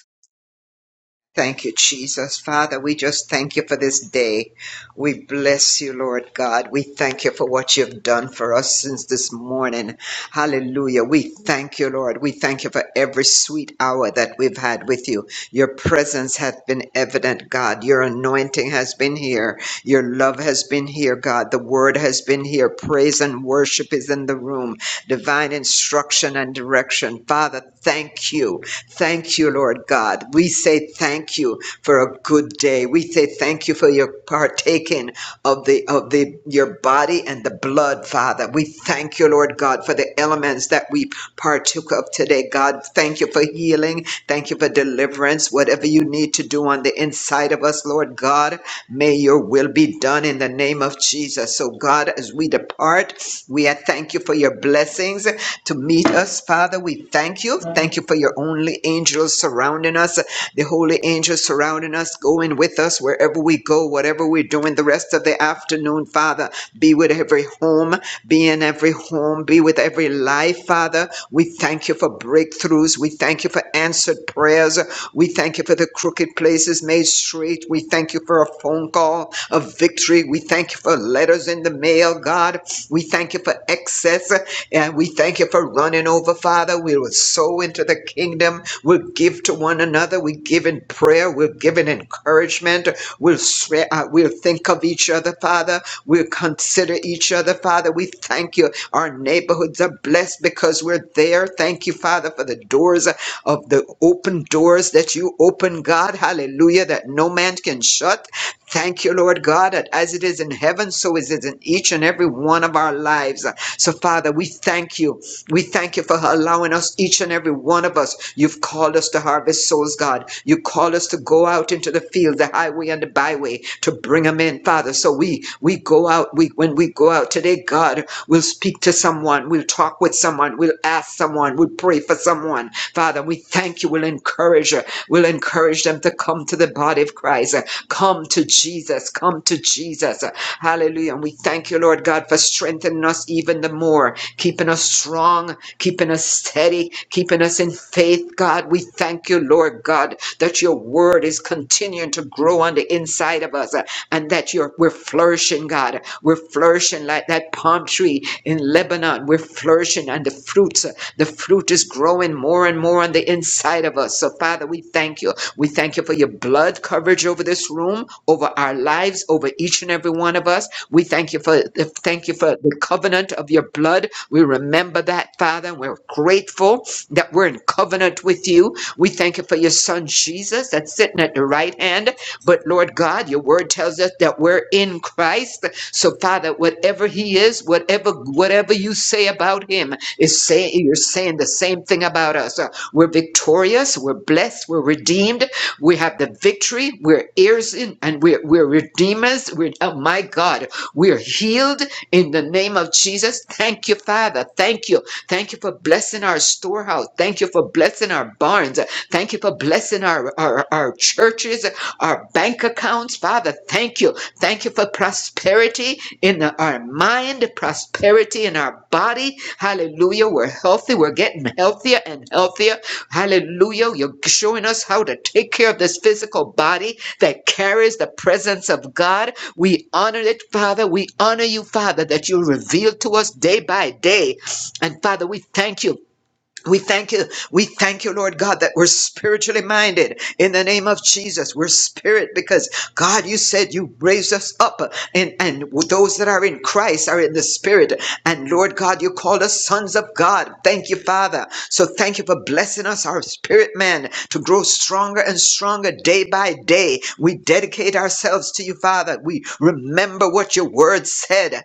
[SPEAKER 4] Thank you, Jesus. Father, we just thank you for this day. We bless you, Lord God. We thank you for what you've done for us since this morning. Hallelujah. We thank you, Lord. We thank you for every sweet hour that we've had with you. Your presence hath been evident, God. Your anointing has been here. Your love has been here, God. The word has been here. Praise and worship is in the room. Divine instruction and direction. Father, thank you. Thank you, Lord God. We say thank you for a good day. We say thank you for your partaking of the of the your body and the blood, Father. We thank you, Lord God, for the elements that we partook of today. God, thank you for healing. Thank you for deliverance. Whatever you need to do on the inside of us, Lord God, may your will be done in the name of Jesus. So God, as we depart, we thank you for your blessings to meet us, Father, we thank you. Thank you for your only angels surrounding us, the holy angels surrounding us, going with us wherever we go, whatever we're doing the rest of the afternoon, Father. Be with every home, be in every home, be with every life, Father. We thank you for breakthroughs. We thank you for answered prayers. We thank you for the crooked places made straight. We thank you for a phone call of victory. We thank you for letters in the mail, God. We thank you for excess. And we thank you for running over, Father. We will sow into the kingdom. We'll give to one another. We give in prayer. We'll give in encouragement. We'll, swe- uh, we'll think of each other, Father. We'll consider each other, Father. We thank you. Our neighborhoods are blessed because we're there. Thank you, Father, for the doors of the open doors that you open, God. Hallelujah, that no man can shut. Thank you, Lord God, that as it is in heaven, so is it in each and every one of our lives. So, Father, we thank you. We thank you for allowing us, each and every one of us. You've called us to harvest souls, God. You call us to go out into the field, the highway and the byway, to bring them in, Father. So we we go out. We when we go out today, God, we'll speak to someone. We'll talk with someone. We'll ask someone. We'll pray for someone, Father. We thank you. We'll encourage. We'll encourage them to come to the body of Christ. Come to Jesus. Come to Jesus. Hallelujah. And we thank you, Lord God, for strengthening us even the more, keeping us strong, keeping us steady, keeping us in faith, God. We thank you, Lord God, that your word is continuing to grow on the inside of us uh, and that you're, we're flourishing, God. We're flourishing like that palm tree in Lebanon. We're flourishing and the fruits, uh, the fruit is growing more and more on the inside of us. So, Father, we thank you we thank you for your blood coverage over this room, over our lives, over each and every one of us. We thank you for thank you for the covenant of your blood. We remember that, Father, and we're grateful that we're in covenant with you. We thank you for your son Jesus that's sitting at the right hand. But Lord God, your word tells us that we're in Christ. So Father, whatever he is, whatever whatever you say about him is saying you're saying the same thing about us. Uh, We're victorious, we're blessed, we're redeemed, we have the victory. We're heirs in, and we're, we're redeemers. We're, oh my God, we're healed in the name of Jesus. Thank you, Father. Thank you. Thank you for blessing our storehouse. Thank you for blessing our barns. Thank you for blessing our, our, our churches, our bank accounts. Father, thank you. Thank you for prosperity in the- our mind, prosperity in our body. Hallelujah. We're healthy. We're getting healthier and healthier Hallelujah. You're showing us how to take care of this physical body that carries the presence of God. We honor it, Father. We honor you, Father, that you reveal to us day by day. And Father, we thank you we thank you. We thank you, Lord God, that we're spiritually minded in the name of Jesus. We're spirit because God, you said you raised us up and, and those that are in Christ are in the spirit. And Lord God, you called us sons of God. Thank you, Father. So thank you for blessing us, our spirit man, to grow and stronger day by day. We dedicate ourselves to you, Father. We remember what your word said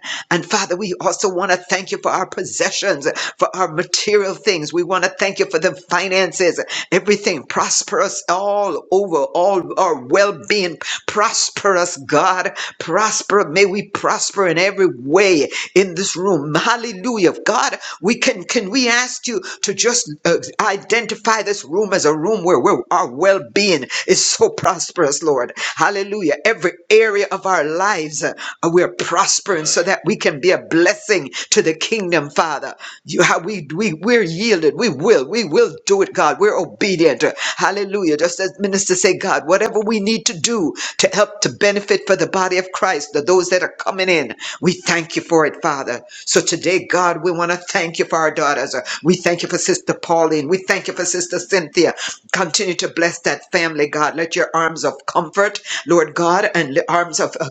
[SPEAKER 4] also want to thank you for our possessions, for our material things. We want to thank you for the finances, everything us all over, all our well being. prosperous, God. Prosper. May we prosper in every way in this room. Hallelujah. God, we can can we ask you to just uh, identify this room as a room where, where our well being is so prosperous, Lord. Hallelujah. Every area of our lives, uh, we're prospering so that we can be a blessing to the kingdom, Father. You have, we, we, we're yielded. We will. We will do it, God. We're obedient. Hallelujah. Just as minister say, God, whatever we need to do to help to benefit for the body of Christ, the, those that are coming in, we thank you for it, Father. So today, God, we want to thank you for our daughters. We thank you for Sister Pauline. We thank you for Sister Cynthia. Come, family, God, let your arms of comfort, Lord, le- arms of uh,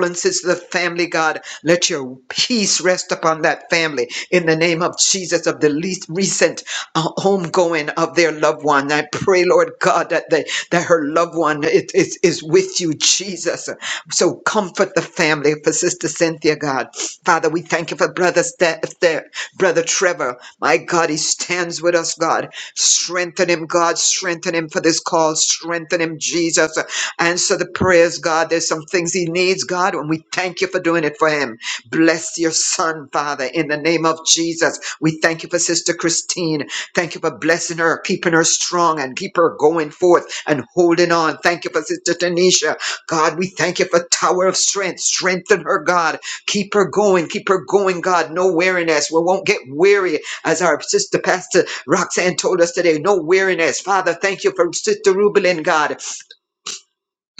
[SPEAKER 4] condolences to the family, God. Let your peace rest upon that family in the name of Jesus of the least recent uh, homegoing of their loved one. I pray, Lord God, that they, that her loved one is, is, is with you, Jesus. So comfort the family for Sister Cynthia, God. Father, we thank you for Brother, St- Brother Trevor. My God, he stands with us, God. Strengthen him, God. Strengthen him for this call. Strengthen him, Jesus. Answer the prayers, God. There's some things he needs, God, and we thank you for doing it for him. Bless your son, Father, in the name of Jesus. We thank you for Sister Christine. Thank you for blessing her, keeping her strong, and keep her going forth and holding on. Thank you for Sister Tanisha. God, we thank you for Tower of Strength. Strengthen her, God. Keep her going. Keep her going, God. No weariness. We won't get weary, as our sister Pastor Roxanne told us today. No weariness. Father, thank you for Sister Rubelin, God.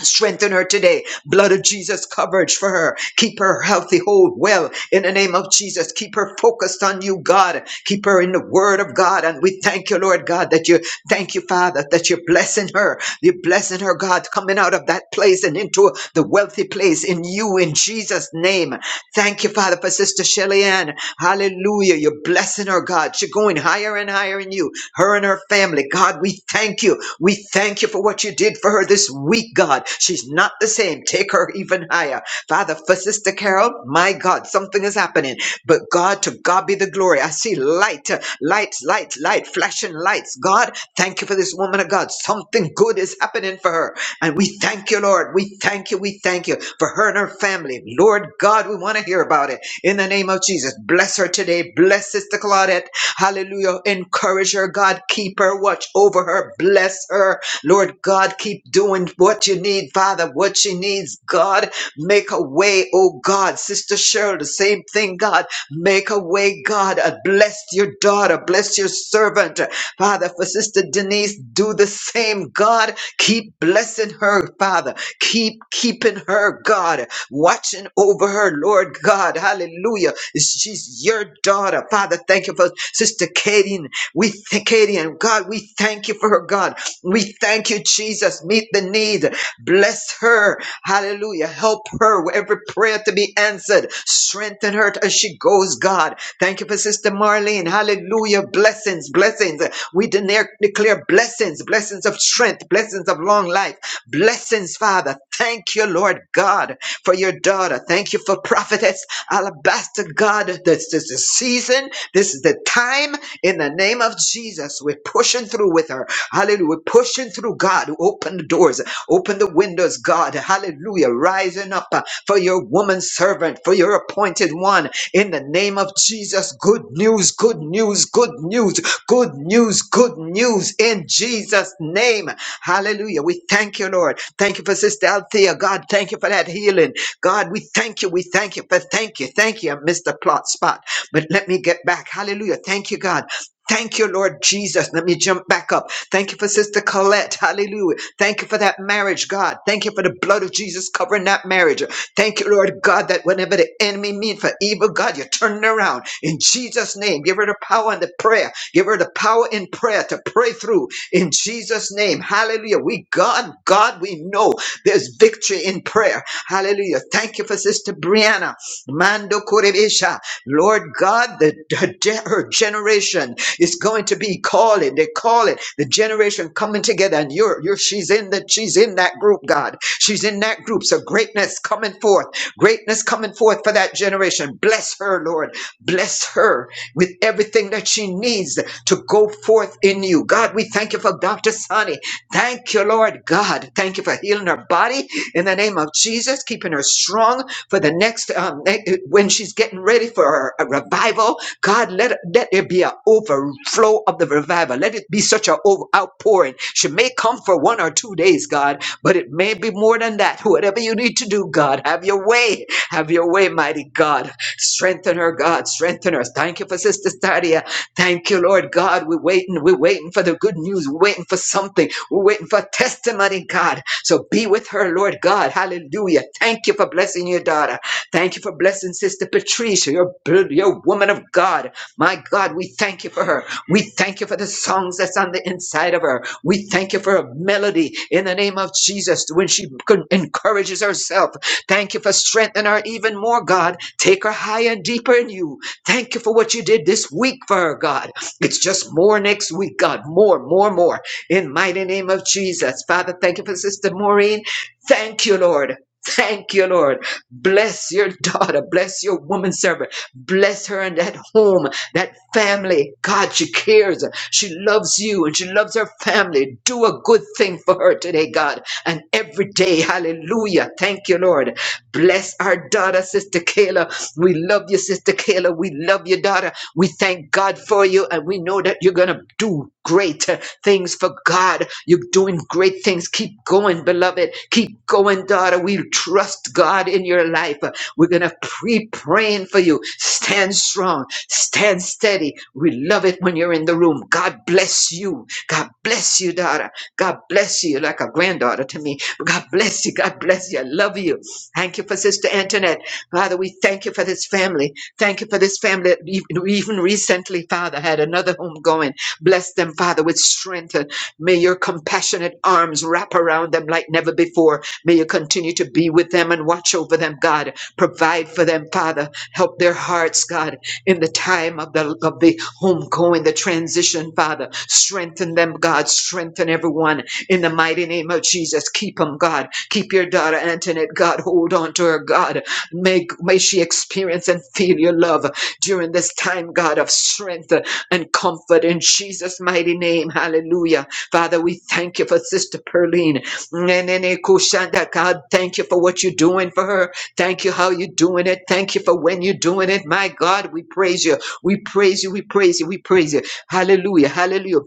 [SPEAKER 4] Strengthen her today. Blood of Jesus coverage for her. Keep her healthy, whole, well in the name of Jesus. Keep her focused on you, God. Keep her in the word of God. And we thank you, Lord God, that you thank you, Father, that you're blessing her. You're blessing her, God, coming out of that place and into the wealthy place in you in Jesus' name. Thank you, Father, for Sister Shelly Ann. Hallelujah. You're blessing her, God. She's going higher and higher in you, her and her family. God, we thank you. We thank you for what you did for her this week, God. She's not the same. Take her even higher. Father, for Sister Carol, my God, something is happening. But God, to God be the glory. I see light, uh, light, light, light, flashing lights. God, thank you for this woman of God. Something good is happening for her. And we thank you, Lord. We thank you. We thank you for her and her family. Lord God, we want to hear about it. In the name of Jesus, bless her today. Bless Sister Claudette. Hallelujah. Encourage her, God. Keep her. Watch over her. Bless her. Lord God, keep doing what you need, Father, what she needs, God. Make a way, oh God. Sister Cheryl, the same thing, God. Make a way, God. Uh, Bless your daughter. Bless your servant. Father, for Sister Denise, do the same, God. Keep blessing her, Father. Keep keeping her, God watching over her, Lord God. Hallelujah. She's your daughter. Father, thank you for Sister Katie. and We thank Katie and God, we thank you for her, God. We thank you, Jesus. Meet the need. Bless her. Hallelujah. Help her with every prayer to be answered. Strengthen her as she goes, God. Thank you for Sister Marlene. Hallelujah. Blessings, blessings. We declare, declare blessings, blessings of strength, blessings of long life, blessings, Father. Thank you, Lord God for your daughter. Thank you for prophetess Alabaster God. This is the season. This is the time. In the name of Jesus, we're pushing through with her. Hallelujah. We're pushing through God. Open the doors. Open the windows, God. Hallelujah. Rising up uh, for your woman servant, for your appointed one. In the name of Jesus, good news, good news, good news, good news, good news in Jesus' name. Hallelujah. We thank you, Lord. Thank you for Sister Althea. God, thank you for that healing. God, we thank you. We thank you. But thank you. Thank you. I missed the plot spot. But let me get back. Hallelujah. Thank you, God. Thank you, Lord Jesus. Let me jump back up. Thank you for Sister Colette. Hallelujah. Thank you for that marriage, God. Thank you for the blood of Jesus covering that marriage. Thank you, Lord God, that whenever the enemy means for evil, God, you turn it around. In Jesus' name, give her the power and the prayer. Give her the power in prayer to pray through. In Jesus' name, hallelujah. We, God, God, we know there's victory in prayer. Hallelujah. Thank you for Sister Brianna. Mando Kurebesha. Lord God, the, the ge- her generation is going to be call it. They call it the generation coming together. And you're you're she's in that she's in that group, God. She's in that group. So greatness coming forth. Greatness coming forth for that generation. Bless her, Lord. Bless her with everything that she needs to go forth in you. God, we thank you for Dr. Sonny. Thank you, Lord God. Thank you for healing her body in the name of Jesus, keeping her strong for the next, um, eh, eh, when she's getting ready for her a revival. God, let, let there be an overflow of the revival. Let it be such an outpouring. She may come for one or two days, God, but it may be more than that. Whatever you need to do, God, have your way. Have your way, mighty God. Strengthen her, God. Strengthen her. Thank you for Sister Stadia. Thank you, Lord God. We're waiting. We're waiting for the good news. We're waiting for something. We're waiting for testimony, God. So be with her, Lord God. Hallelujah. Thank you for blessing your daughter. Thank you for blessing Sister Patricia, your, your woman of God. My God, we thank you for her. We thank you for the songs that's on the inside of her. We thank you for a melody in the name of Jesus when she con- encourages herself. Thank you for strengthening her even more, God. Take her higher and deeper in you. Thank you for what you did this week for her, God. It's just more next week, God. More, more, more in mighty name of Jesus. Father, thank you for Sister Maureen. Thank you, Lord. Thank you, Lord. Bless your [laughs] daughter. Bless your woman servant. Bless her in that home, that family. God, she cares. She loves you and she loves her family. Do a good thing for her today, God, and every day. Hallelujah. Thank you, Lord. Bless our daughter, Sister Kayla. We love you, Sister Kayla. We love your daughter. We thank God for you, and we know that you're going to do great things for God. You're doing great things. Keep going, beloved. Keep going, daughter. We trust God in your life. We're going to be praying for you. Stand strong. Stand steady. We love it when you're in the room. God bless you. God bless you, daughter. God bless you. You're like a granddaughter to me. God bless you. God bless you. I love you. Thank you for Sister Antoinette. Father, we thank you for this family. Thank you for this family. that e-, Even recently, Father, had another homegoing. Bless them, Father, with strength. May your compassionate arms wrap around them like never before. May you continue to be with them and watch over them, God. Provide for them, Father. Help their hearts, God, in the time of the of the homegoing, the transition, Father. Strengthen them, God. Strengthen everyone in the mighty name of Jesus. Keep them, God. Keep your daughter Antoinette, God. Hold on to her, God. May, may she experience and feel your love during this time, God, of strength and comfort in Jesus' mighty name. Hallelujah. Father, we thank you for Sister Perline. Nene, kushanda. God, thank you for what you're doing for her. Thank you how you're doing it. Thank you for when you're doing it. My God, we praise you. We praise you. We praise you. We praise you. Hallelujah. Hallelujah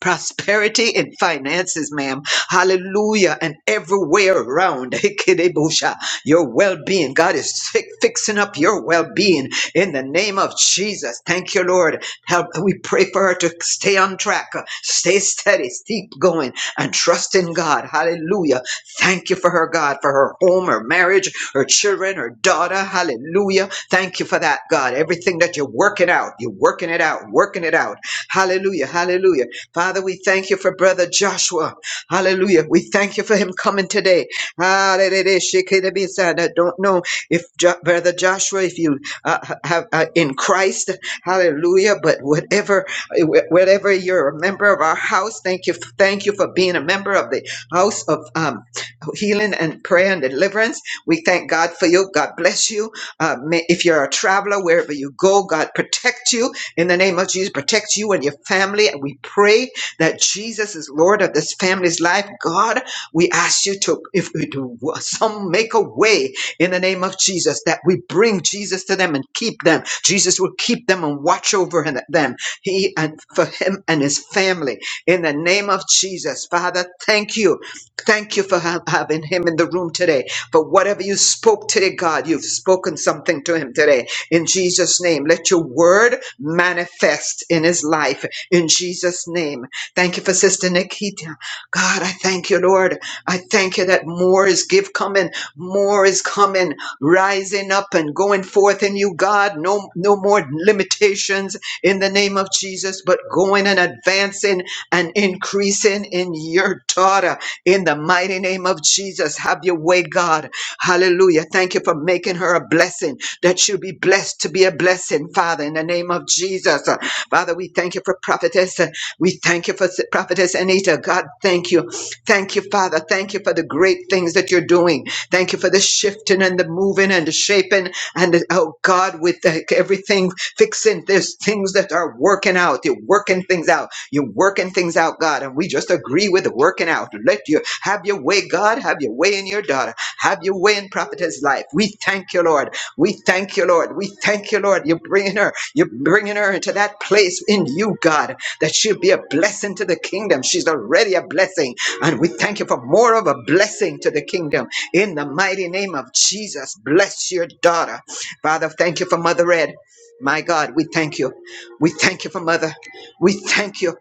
[SPEAKER 4] prosperity in finances, ma'am. Hallelujah. And everywhere around, [laughs] Ikidibusha, your well being. God is fi- fixing up your well being in the name of Jesus. Thank you, Lord. Help. We pray for her to stay on track, uh, stay steady, keep going, and trust in God. Hallelujah. Thank you for her, God, for her home, her marriage, her children, her daughter. Hallelujah. Thank you for that, God. Everything that you're working out, you're working it out, working it out. Hallelujah. Hallelujah. Father, we thank you for Brother Joshua. Hallelujah. We thank you for him coming today. Hallelujah. I don't know if jo- Brother Joshua, if you uh, have uh, in Christ, hallelujah, but whatever, whatever you're a member of our house, thank you. Thank you for being a member of the house of um, healing and prayer and deliverance. We thank God for you. God bless you. Uh, may, if you're a traveler, wherever you go, God protect you in the name of Jesus. Protect you and your family. And we pray that Jesus is Lord of this family's life. God, we ask you to, if we do some make a way in the name of Jesus, that we bring Jesus to them and keep them. Jesus will keep them and watch over him- them. He and for him and his family in the name of Jesus. Father, thank you Thank you for ha- having him in the room today. For whatever you spoke today, God, you've spoken something to him today. In Jesus' name, let your word manifest in his life. In Jesus' name. Thank you for Sister Nikita. God, I thank you, Lord. I thank you that more is give coming, more is coming, rising up and going forth in you, God. No, no more limitations in the name of Jesus, but going and advancing and increasing in your daughter in the mighty name of Jesus, have your way, God. Hallelujah. Thank you for making her a blessing, that she'll be blessed to be a blessing, Father, in the name of Jesus. Uh, Father, we thank you for prophetess. Uh, We thank you for s- prophetess Anita. God, thank you. Thank you, Father. Thank you for the great things that you're doing. Thank you for the shifting and the moving and the shaping and the- oh God, with the, everything fixing. There's things that are working out. You're working things out. You're working things out, God, and we just agree with the working out. Let you have your way, God. Have your way in your daughter. Have your way in prophetess life. We thank you, Lord. We thank you, Lord. We thank you, Lord. You're bringing her. You're bringing her into that place in you, God, that she'll be a blessing to the kingdom. She's already a blessing, and we thank you for more of a blessing to the kingdom. In the mighty name of Jesus, bless your daughter, Father. Thank you for Mother Red, My God, we thank you. We thank you for Mother. We thank you.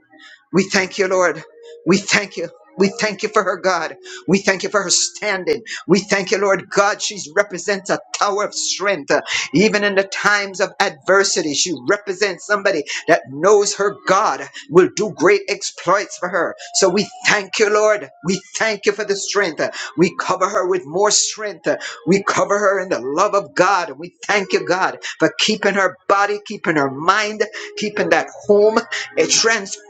[SPEAKER 4] We thank you, Lord. We thank you. We thank you for her, God. We thank you for her standing. We thank you, Lord God. She represents a tower of strength. Uh, Even in the times of adversity, she represents somebody that knows her God will do great exploits for her. So we thank you, Lord. We thank you for the strength. Uh, We cover her with more strength. Uh, We cover her in the love of God. We thank you, God, for keeping her body, keeping her mind, keeping that home transformed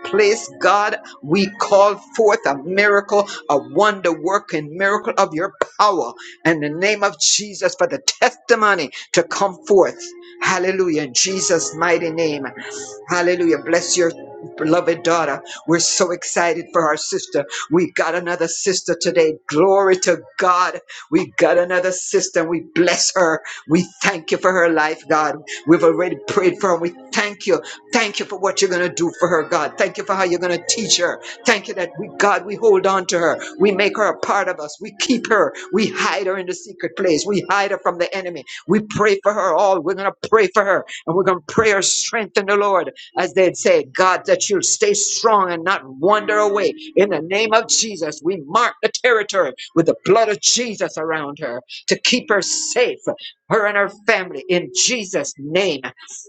[SPEAKER 4] that place, God, we call forth a miracle, a wonder working miracle of your power in the name of Jesus for the testimony to come forth. Hallelujah. In Jesus' mighty name. Hallelujah. Bless your beloved daughter. We're so excited for our sister. We got another sister today. Glory to God. We got another sister. and We bless her. We thank you for her life, God. We've already prayed for her. We thank you. Thank you for what you're going to do for her, God. Thank you for how you're going to teach her. Thank you that we, God, we hold on to her. We make her a part of us. We keep her. We hide her in the secret place. We hide her from the enemy. We pray for her all. We're going to pray for her and we're going to pray her strength in the Lord as they'd say, God, that you'll stay strong and not wander away. In the name of Jesus, we mark the territory with the blood of Jesus around her to keep her safe, her and her family, in Jesus' name.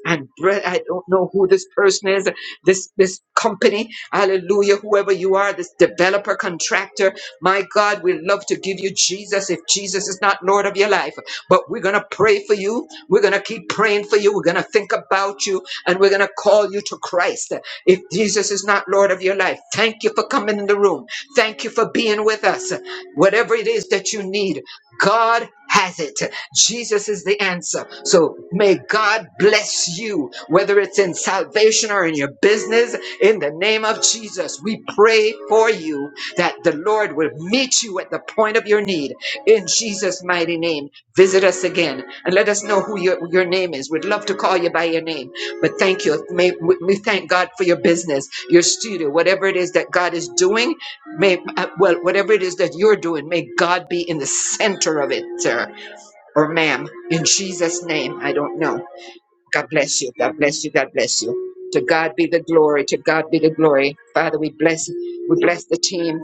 [SPEAKER 4] And bre- I don't know who this person is, this this company, hallelujah, whoever you are, this developer, contractor. My God, we love to give you Jesus if Jesus is not Lord of your life. But we're gonna pray for you. We're gonna keep praying for you. We're gonna think about you and we're going to call you to Christ. If Jesus is not Lord of your life, thank you for coming in the room. Thank you for being with us. Whatever it is that you need, God has it. Jesus is the answer. So may God bless you, whether it's in salvation or in your business. In the name of Jesus, we pray for you that the Lord will meet you at the point of your need. In Jesus' mighty name, visit us again and let us know who your, your name is. We'd love to call you by your name. But thank you. May we thank God for your business, your studio, whatever it is that God is doing. May uh, well, whatever it is that you're doing, may God be in the center of it, sir or ma'am. In Jesus' name, I don't know. God bless you. God bless you. God bless you. To God be the glory. To God be the glory. Father, we bless we bless the team.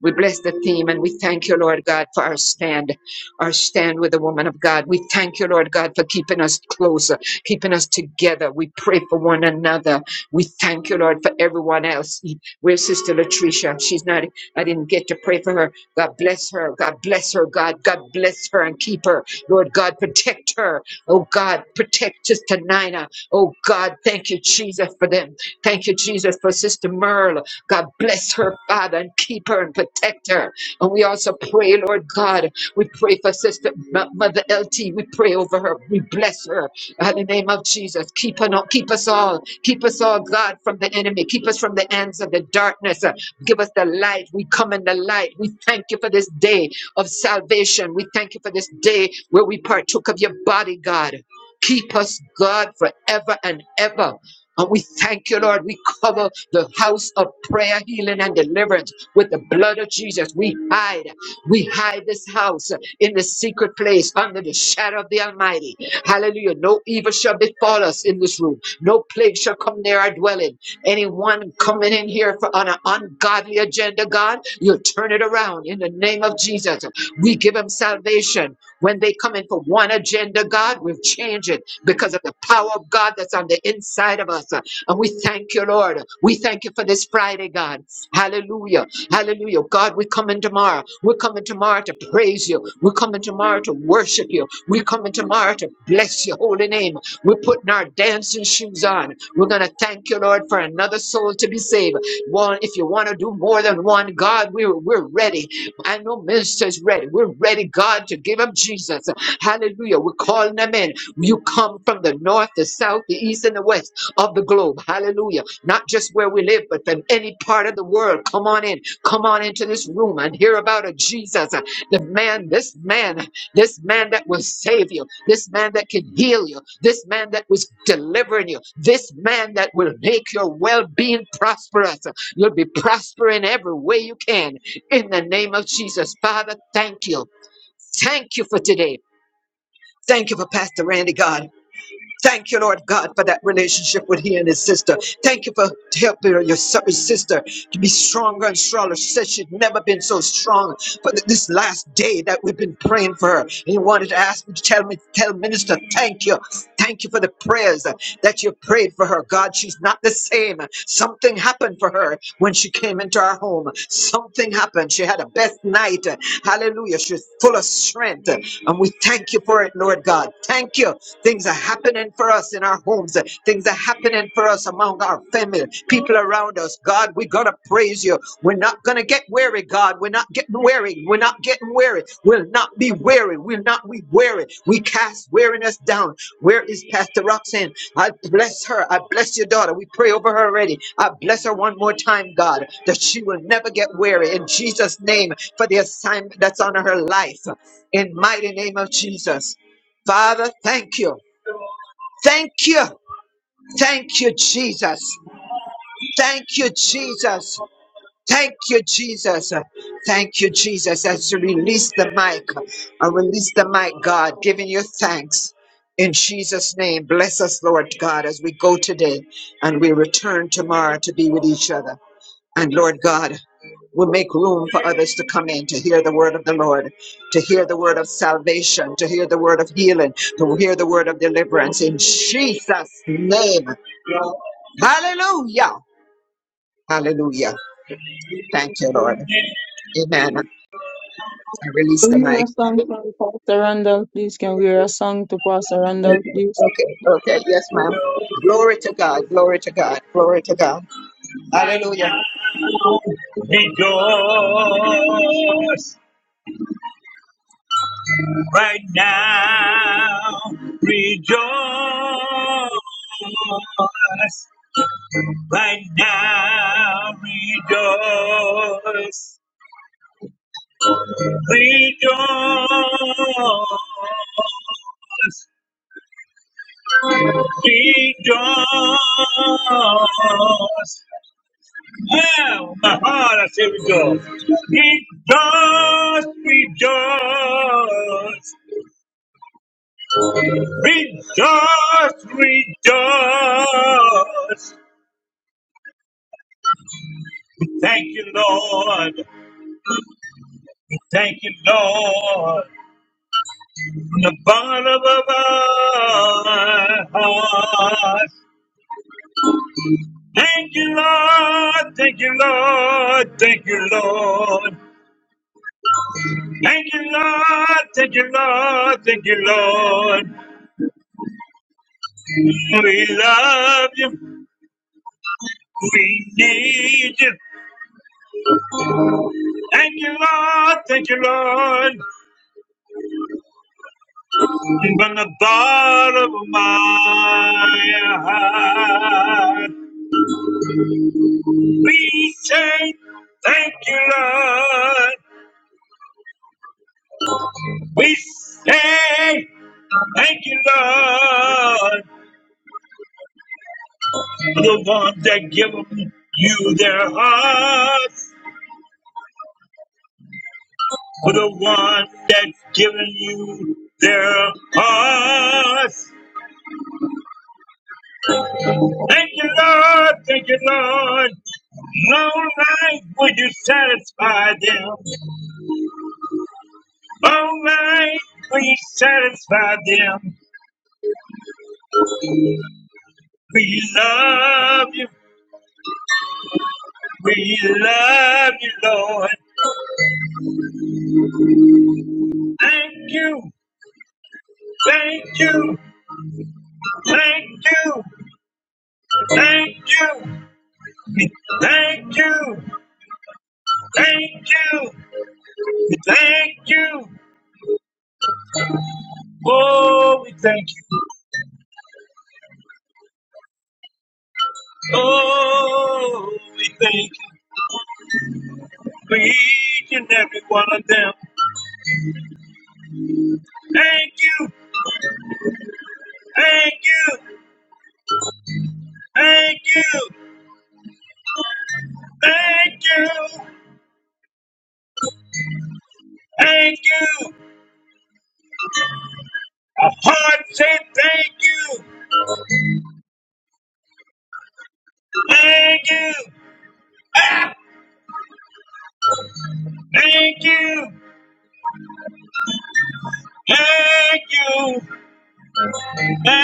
[SPEAKER 4] We bless the theme and we thank you, Lord God, for our stand, our stand with the woman of God. We thank you, Lord God, for keeping us closer, keeping us together. We pray for one another. We thank you, Lord, for everyone else. Where's Sister Latricia? She's not, I didn't get to pray for her. God bless her. God bless her, God. God bless her and keep her. Lord God, protect her. Oh God, protect Sister Nina. Oh God, thank you, Jesus, for them. Thank you, Jesus, for Sister Merle. God bless her, Father, and keep her and protect her. And we also pray, Lord God, we pray for Sister M- Mother LT. We pray over her. We bless her. In the name of Jesus, keep, on, keep us all. Keep us all, God, from the enemy. Keep us from the hands of the darkness. Uh, Give us the light. We come in the light. We thank you for this day of salvation. We thank you for this day where we partook of your body, God. Keep us, God, forever and ever. And we thank you, Lord. We cover the house of prayer, healing, and deliverance with the blood of Jesus. We hide. We hide this house in the secret place under the shadow of the Almighty. Hallelujah. No evil shall befall us in this room. No plague shall come near our dwelling. Anyone coming in here for, on an ungodly agenda, God, you'll turn it around in the name of Jesus. We give them salvation. When they come in for one agenda, God, we'll change it because of the power of God that's on the inside of us. And we thank you, Lord. We thank you for this Friday, God. Hallelujah. Hallelujah. God, we come in tomorrow. God. We're coming tomorrow to praise you. We're coming tomorrow to worship you. We're coming tomorrow to bless your holy name. We're putting our dancing shoes on. We're going to thank you, Lord, for another soul to be saved. One, if you want to do more than one, God, we're, we're ready. I know ministers ready. We're ready, God, to give up Jesus. Hallelujah. We're calling them in. You come from the north, the south, the east, and the west of the globe. Hallelujah. Not just where we live, but from any part of the world. Come on in. Come on into this room and hear about a Jesus. uh, The man, this man, this man that will save you, this man that can heal you, this man that was delivering you, this man that will make your well being prosperous. You'll be prospering every way you can in the name of Jesus. Father, thank you. Thank you for today. Thank you for Pastor Randy God. Thank you, Lord God, for that relationship with he and his sister. Thank you for helping your s- sister to be stronger and stronger. She Said she'd never been so strong. But th- this last day that we've been praying for her, and you wanted to ask me to tell me, tell minister, thank you, thank you for the prayers uh, that you prayed for her. God, she's not the same. Something happened for her when she came into our home. Something happened. She had a best night. Hallelujah. She's full of strength, and we thank you for it, Lord God. Thank you. Things are happening for us in our homes. Things are happening for us among our family, people around us. God, we got to praise you. We're not going to get weary, God. We're not getting weary. We're not getting weary. We'll not be weary. We'll not be weary. We cast weariness down. Where is Pastor Roxanne? I bless her. I bless your daughter. We pray over her already. I bless her one more time, God, that she will never get weary. In Jesus' name, for the assignment that's on her life. In mighty name of Jesus. Father, thank you. Thank you. Thank you, Jesus. Thank you, Jesus. Thank you, Jesus. Thank you, Jesus. As you release the mic, I release the mic, God, giving you thanks. In Jesus' name, bless us, Lord God, as we go today and we return tomorrow to be with each other. And Lord God, will make room for others to come in to hear the word of the Lord, to hear the word of salvation, to hear the word of healing, to hear the word of deliverance in Jesus' name. Hallelujah. Hallelujah. Thank you, Lord. Amen. I release
[SPEAKER 2] Can
[SPEAKER 4] the
[SPEAKER 2] we hear a
[SPEAKER 4] mic.
[SPEAKER 2] song from Pastor Randall, please? Can we hear a song to Pastor Randall, please?
[SPEAKER 4] Okay, okay, yes, ma'am. Glory to God, glory to God, glory to God. Hallelujah. Rejoice. right now. Rejoice right now. Rejoice. Rejoice. Rejoice. Now, my heart, I say rejoice. Rejoice, rejoice, rejoice, rejoice. Thank you, Lord. Thank you, Lord. From the bottom of our hearts. Thank you, Lord. Thank you, Lord. Thank you, Lord. Thank you, Lord. Thank you, Lord. Thank you, Lord. We love you. We need you. Thank you, Lord. Thank you, Lord. From the bottom of my heart. We say thank you, Lord. We say thank you, Lord, for the ones that give you their hearts, for the ones that given you their hearts. Thank you, Lord. Thank you, Lord. Long life would you satisfy them. Long life would you satisfy them. We love you. We love you, Lord. Thank you, thank you, thank you, thank you, We thank you, thank you, we thank you. Oh, we thank you. Oh, we thank you for each and every one of them. Thank you, thank you, thank you, thank you, thank you. A heart say thank you, thank you, thank you. Thank you. Thank,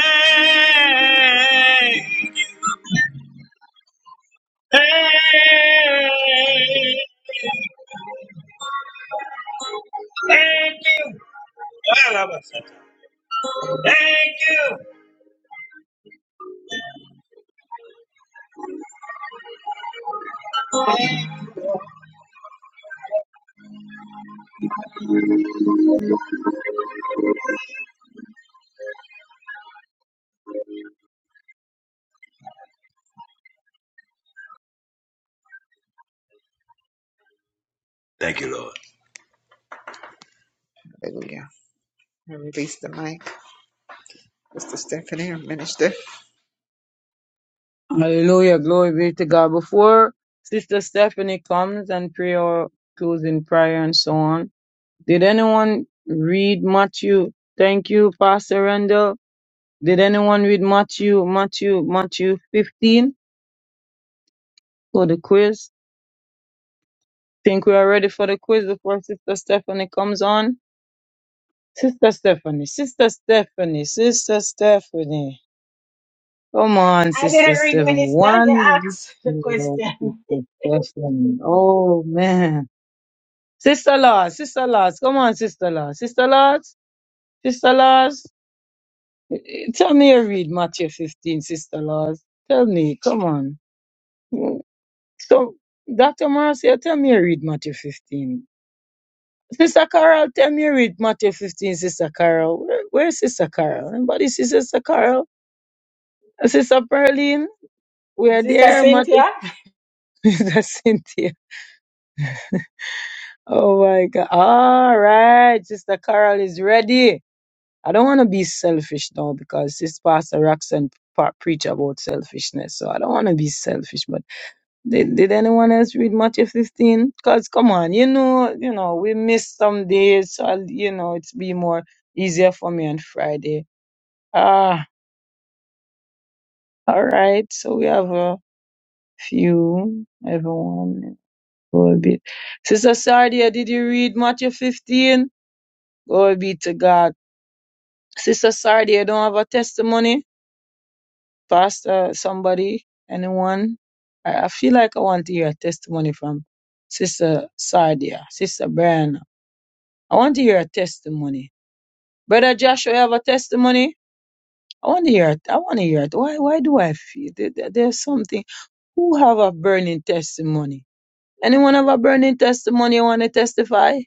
[SPEAKER 4] thank, thank you. Thank you. Let's give it up
[SPEAKER 2] Hallelujah. Glory be to God. Before Sister Stephanie comes and pray or closing prayer and so on, did anyone read Matthew? Thank you, Pastor Randall. Did anyone read Matthew, Matthew, Matthew 15 for the quiz? Think we are ready for the quiz before Sister Stephanie comes on? Sister Stephanie, Sister Stephanie, Sister Stephanie. Come on,
[SPEAKER 1] I
[SPEAKER 2] Sister
[SPEAKER 1] didn't read,
[SPEAKER 2] Stephanie.
[SPEAKER 1] Minister. You
[SPEAKER 2] One.
[SPEAKER 1] asked the question.
[SPEAKER 2] Sister Stephanie. Oh, man. Sister Laws, Sister Laws, come on, Sister Laws, Sister Laws, Sister Laws. eh, eh, Tell me you read Matthew 15, Sister Laws. Tell me, come on. Mm, So, Dr. Marcia, tell me you read Matthew 15. Sister Carol, tell me you read Matthew 15, Sister Carol. Where, where's Sister Carol? Anybody see Sister Carol? Sister Pearline, we
[SPEAKER 1] [laughs]
[SPEAKER 2] are
[SPEAKER 1] Sister
[SPEAKER 2] there, Matthew.
[SPEAKER 1] Cynthia.
[SPEAKER 2] [laughs] Sister Cynthia. Oh my God. All right, Sister Carol is ready. I don't want to be selfish now because this Pastor Roxanne pa- preach about selfishness. So I don't want to be selfish. But did, did anyone else read Matthew 15? Because come on, you know, you know, we miss some days. So I'll, you know, it's be more easier for me on Friday. Ah, all right. So we have a few, everyone. Glory be. Sister Sardia, did you read Matthew 15? Glory be to God. Sister Sardia, don't have a testimony? Pastor, somebody, anyone? I, I feel like I want to hear a testimony from Sister Sardia, Sister Brianna. I want to hear a testimony. Brother Joshua, you have a testimony? I want to hear it. I want to hear it. Why, why do I feel there, there- there's something? Who have a burning testimony? Anyone have a burning testimony you want to testify?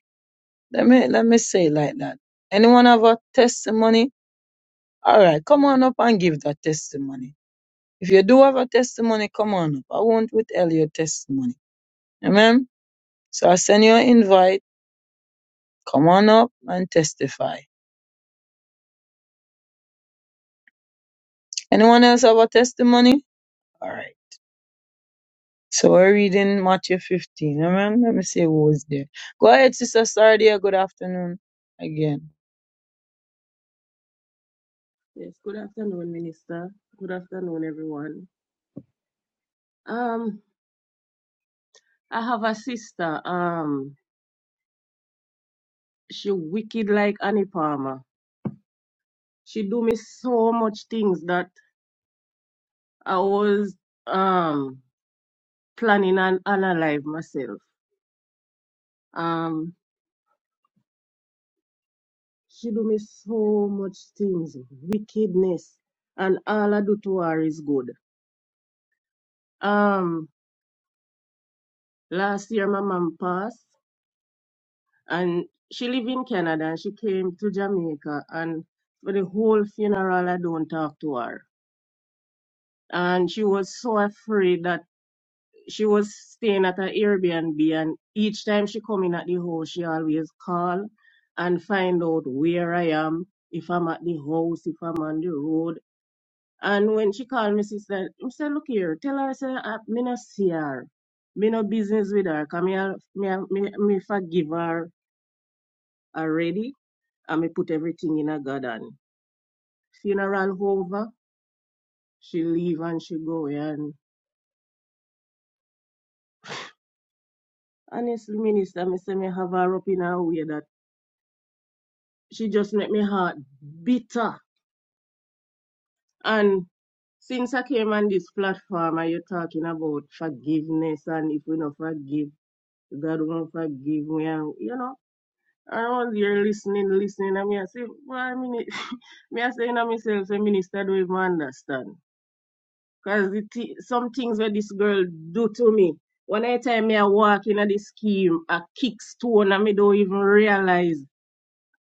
[SPEAKER 2] Let me, let me say it like that. Anyone have a testimony? All right, come on up and give that testimony. If you do have a testimony, come on up. I want to tell your testimony. Amen. So I send you an invite. Come on up and testify. Anyone else have a testimony? All right. So we're reading Matthew 15. Amen. Let me see who was there. Go ahead, Sister Sardia. Good afternoon again.
[SPEAKER 7] Yes, good afternoon, Minister. Good afternoon, everyone. Um, I have a sister. Um, she wicked like Annie Palmer. She do me so much things that I was um planning on alive myself. Um, she do me so much things, wickedness, and all I do to her is good. Um, last year my mom passed, and she lived in Canada and she came to Jamaica and for the whole funeral I don't talk to her. And she was so afraid that she was staying at her Airbnb and each time she come in at the house she always call and find out where I am, if I'm at the house, if I'm on the road. And when she called me, she said, I said, look here, tell her, say, I, me no see her. Me no business with her, 'cause me, al- me, me, me forgive her already And me put everything in a God and funeral over, she leave and she go. And honestly, minister, me say me have her up in a way that she just make me heart bitter. And since I came on this platform and you're talking about forgiveness and if we do not forgive, God won't forgive me and you know, and I was here listening, listening, and me I say, why minute [laughs] me I say to myself, say minister don't even understand. Cause the some things where this girl do to me. When I time me I walk in the scheme, a kick stone and me don't even realize.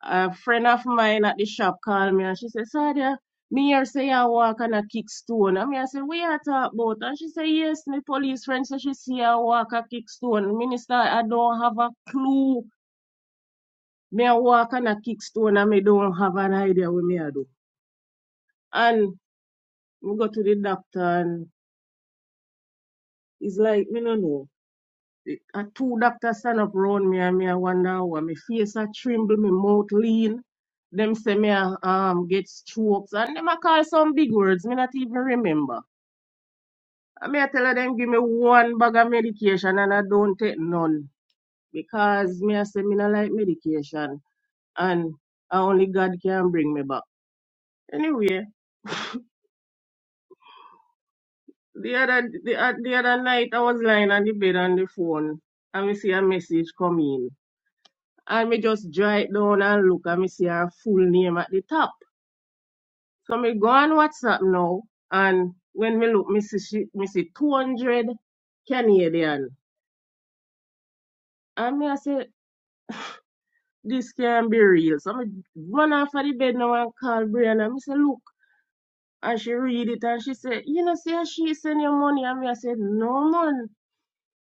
[SPEAKER 7] A friend of mine at the shop called me and she said, Sadia, me here say I walk and a kick stone. And me I said, we are talk about? And she said, yes, my police friend so she see I walk a kick stone. Minister, I don't have a clue. Me I walk and a kick stone and me don't have an idea what me I do. And we go to the doctor and it's like, me no know. A two doctor stand up round me and me I wonder how my face a tremble, my mouth lean. Them say me a um get strokes and them a call some big words, me not even remember. I me I tell her them give me one bag of medication and I don't take none. Because me I say me not like medication and a only God can bring me back. Anyway, the other the, oth- the other night I was lying on the bed on the phone and we see a message come in. And me just draw it down and look and me see her full name at the top. So me go on WhatsApp now and when me look me see she, me see 200 Canadian. And me I say this can be real. So me run off of the bed now and call Brianna. Me say look and she read it and she said, you know, say she send you money. And me I said, no man.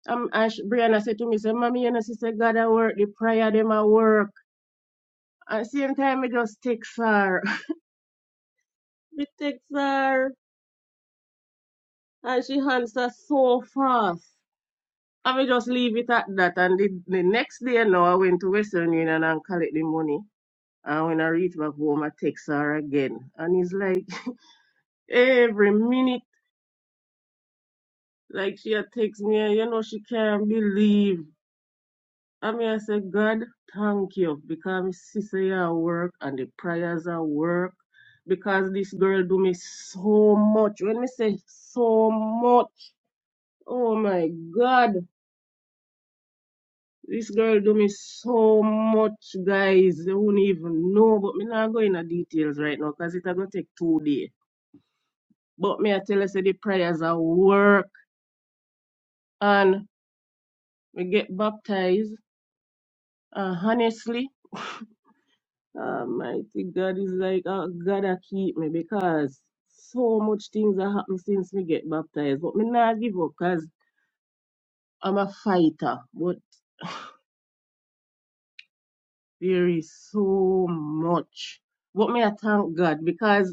[SPEAKER 7] Um, and she, Brianna said to me, say, mommy, you know, she said, God, I work, the prayer, them I work. At same time, me just text her. [laughs] Me text her. And she answered so fast. I will just leave it at that. And the, the next day now I went to Western Union and collect the money. And when I reach back home, I text her again. And it's like [laughs] every minute, like she a text me, and you know, she can't believe. I mean, I say, God, thank you. Because my sister here work and the prayers are work. Because this girl do me so much. When me say so much, oh my God. This girl do me so much, guys. You won't even know. But me not go in the details right now, cause it a gonna take two days. But me I tell you, say the prayers are work, and we get baptized. Uh, honestly, Almighty God is like, uh, God a keep me because so much things have happened since me get baptized. But me not give up, cause I'm a fighter. But there is so much. But me I thank God because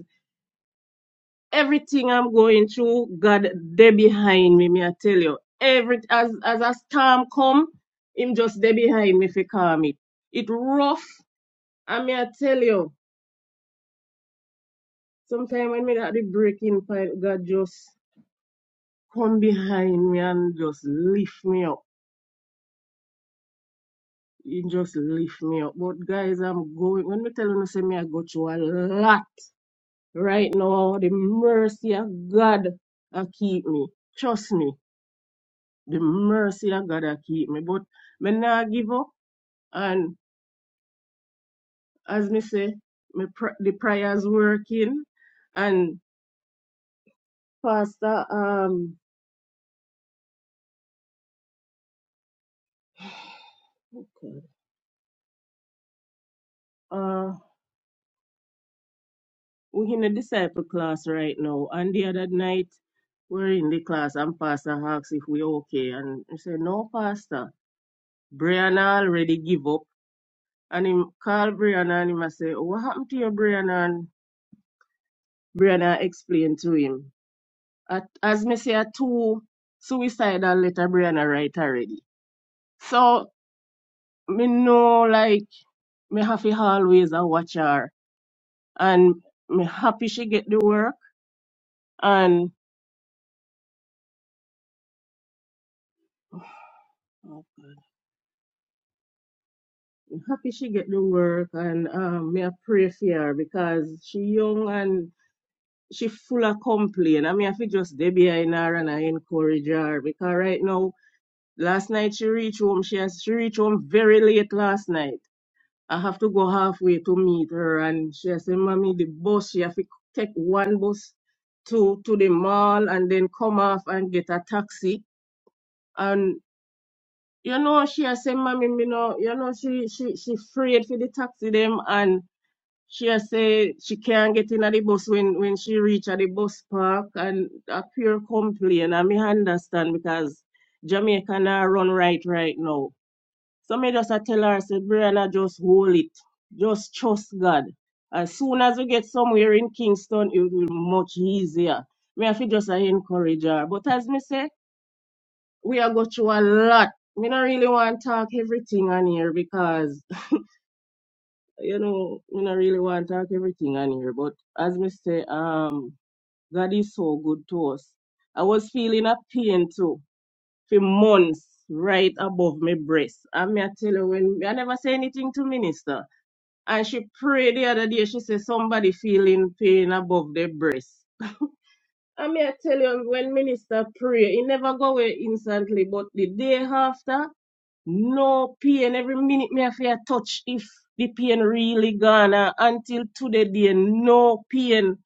[SPEAKER 7] everything I'm going through, God there behind me, me I tell you. Every as as a storm come, him just there behind me if you calm it. It rough, and me I tell you, sometimes when me at the breaking point, God just come behind me and just lift me up. He just lift me up. But guys, I'm going when me tell you say me I go through a lot right now. The mercy of God I keep me. Trust me. the mercy of God a keep me. But me nah give up. And as me say, me pr- the prayers working. And Pastor, um, okay. uh, we in a disciple class right now. And the other night, we're in the class and Pastor asks if we okay. And he say, no, Pastor, Brianna already give up. And him call Brianna and him a say, what happened to your Brianna? And Brianna explained to him. At, as me say, a two suicidal letter Brianna write already. So me know like me have to always a watch her, and me happy she get the work, and me happy she get the work, and um, me a pray for her because she young and she full of complain. I mean, I feel just dey behind her and I encourage her because right now, last night she reached home. She has she reached home very late last night I have to go halfway to meet her. And she has said, Mommy, the bus, she have to take one bus to, to the mall and then come off and get a taxi. And, you know, she has said, Mommy, me know, you know, she, she, she afraid for the taxi them. And she has said she can't get in at the bus when, when she reach at the bus park. And a pure complaint. And I me understand because Jamaica now run right right now so me just a tell her, say, Brianna, just hold it. Just trust God. As soon as we get somewhere in Kingston, it will be much easier. Me have to just uh, encourage her. But as me say, we are go through a lot. Me not really want to talk everything on here because, [laughs] you know, me not really want to talk everything on here. But as me say, um, God is so good to us. I was feeling a pain too for months right above my breast. And me I tell you when I never say anything to minister. And she prayed the other day, she said somebody feeling pain above their breast. I may I tell you, when minister pray, it never go away instantly, but the day after, no pain. Every minute me have to touch if the pain really gone. And until today, there no pain.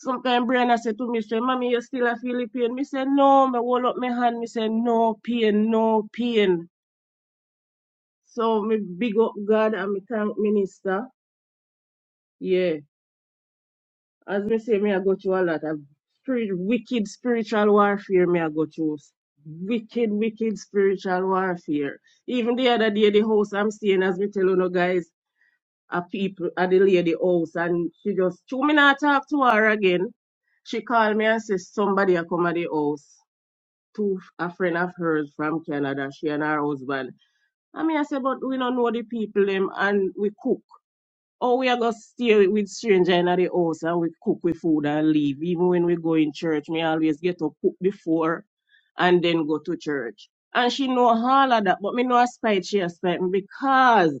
[SPEAKER 7] Sometimes Brianna said to me, say, Mommy, you still a feel the pain? Me say, no, me hold up my hand, me say, no pain, no pain. So me big up God and me thank minister. Yeah. As me say, me I go through a lot of spirit, wicked spiritual warfare. Me I go through s- wicked, wicked spiritual warfare. Even the other day, the house I'm staying, as me tell you, no guys, a people at the lady house, and she just, two me not talk to her again. She called me and says somebody a come at the house. To a friend of hers from Canada, she and her husband. I mean, I say, but we don't know the people them, and we cook. Or we are gonna stay with stranger in the house and we cook with food and leave. Even when we go in church, me always get up cook before and then go to church. And she know all of that, but me know a spite she a spite me because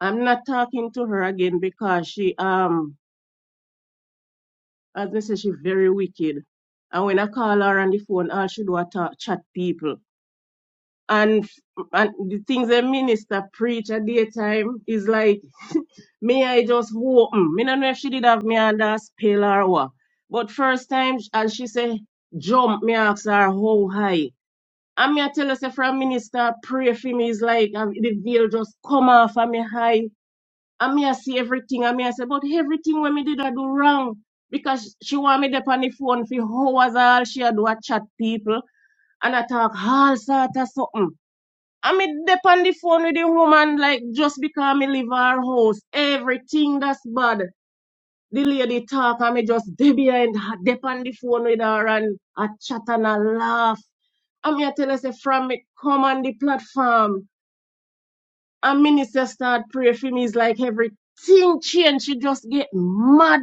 [SPEAKER 7] I'm not talking to her again because she um as me say she very wicked. And when I call her on the phone, all she do a talk, chat people. and and the things the minister preach at daytime is like [laughs] me I just open. Me no know if she did have me under a spell or what. But first time sh- and she say jump, me ask her how high. And me I tell her say from minister pray for me is like um, the veil just come off of me high. And me I see everything and me I say but everything when me did I do wrong. Because she want me there on the phone for hours all she a do a chat people and I talk all sort of something. I mean, dep on the phone with the woman, like, just because me leave her house. Everything that's bad. The lady talk, I me just [laughs] dey behind her, dep on the phone with her and I chat and I laugh. I'm here tell us from me come on the platform. And minister start pray for me. It's like everything change. She just get mad.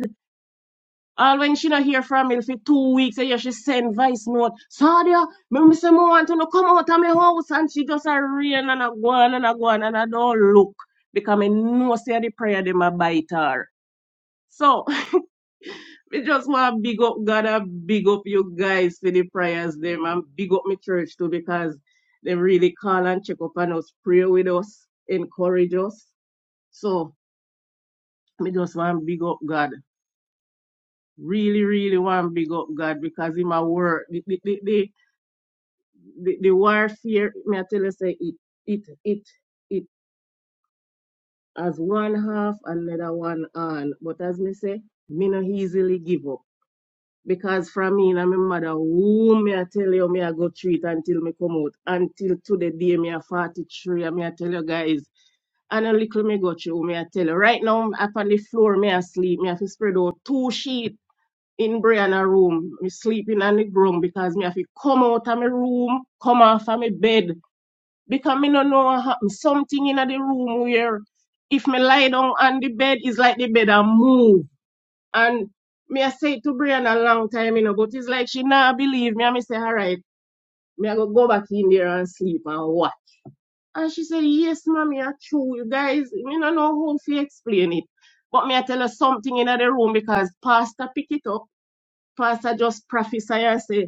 [SPEAKER 7] All when she not hear from me for two weeks, and yeah, she send voice note. Sadia, me say me want to come out of my house, and she just a rain and a go on and a go on, and I don't look because I know say the prayer them a bite her. So [laughs] we just want to big up God, and big up you guys for the prayers them, and big up my church too because they really call and check up on us, pray with us, encourage us. So we just want to big up God really, really want to big up God because Him a work. The, the, the, the the, the warfare, may I tell you, say it, it, it, it has one half and another one on. But as me say, me no easily give up. Because from me and my mother, who me I tell you, me I go treat until me come out. Until to the day me I 43, and me I tell you guys, and a little me go through, me I tell you. Right now, I'm up on the floor, me I sleep, me I to spread out two sheets in Brianna room. Me sleeping on the ground because me have to come out of my room, come off of my bed because me no know what happen. Something in the room where if me lie down on the bed, it's like the bed a move. And me I say to Brianna a long time, you know, but it's like she not believe me. And me say, all right, me I go go back in there and sleep and what? And she said, yes, mommy, I true. You guys, me no know how to explain it. But me I tell her something in the room because Pastor pick it up. Pastor just prophesy and say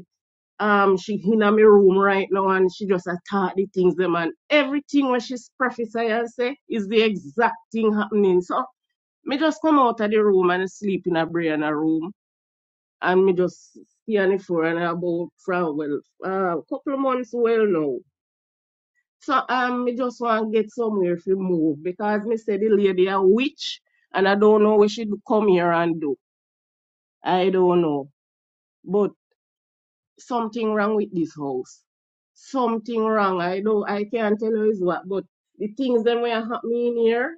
[SPEAKER 7] um she in my room right now and she just attack the things them and everything when she's prophesy and say is the exact thing happening. So me just come out of the room and sleep in a brain a room and me just stay on the floor and about from well uh, couple of months well now. So um me just want to get somewhere to move because me say the lady a witch and I don't know what she do come here and do. I don't know. but. something wrong with this house. Something wrong. I know I can't tell you is what, but the things that were happening here,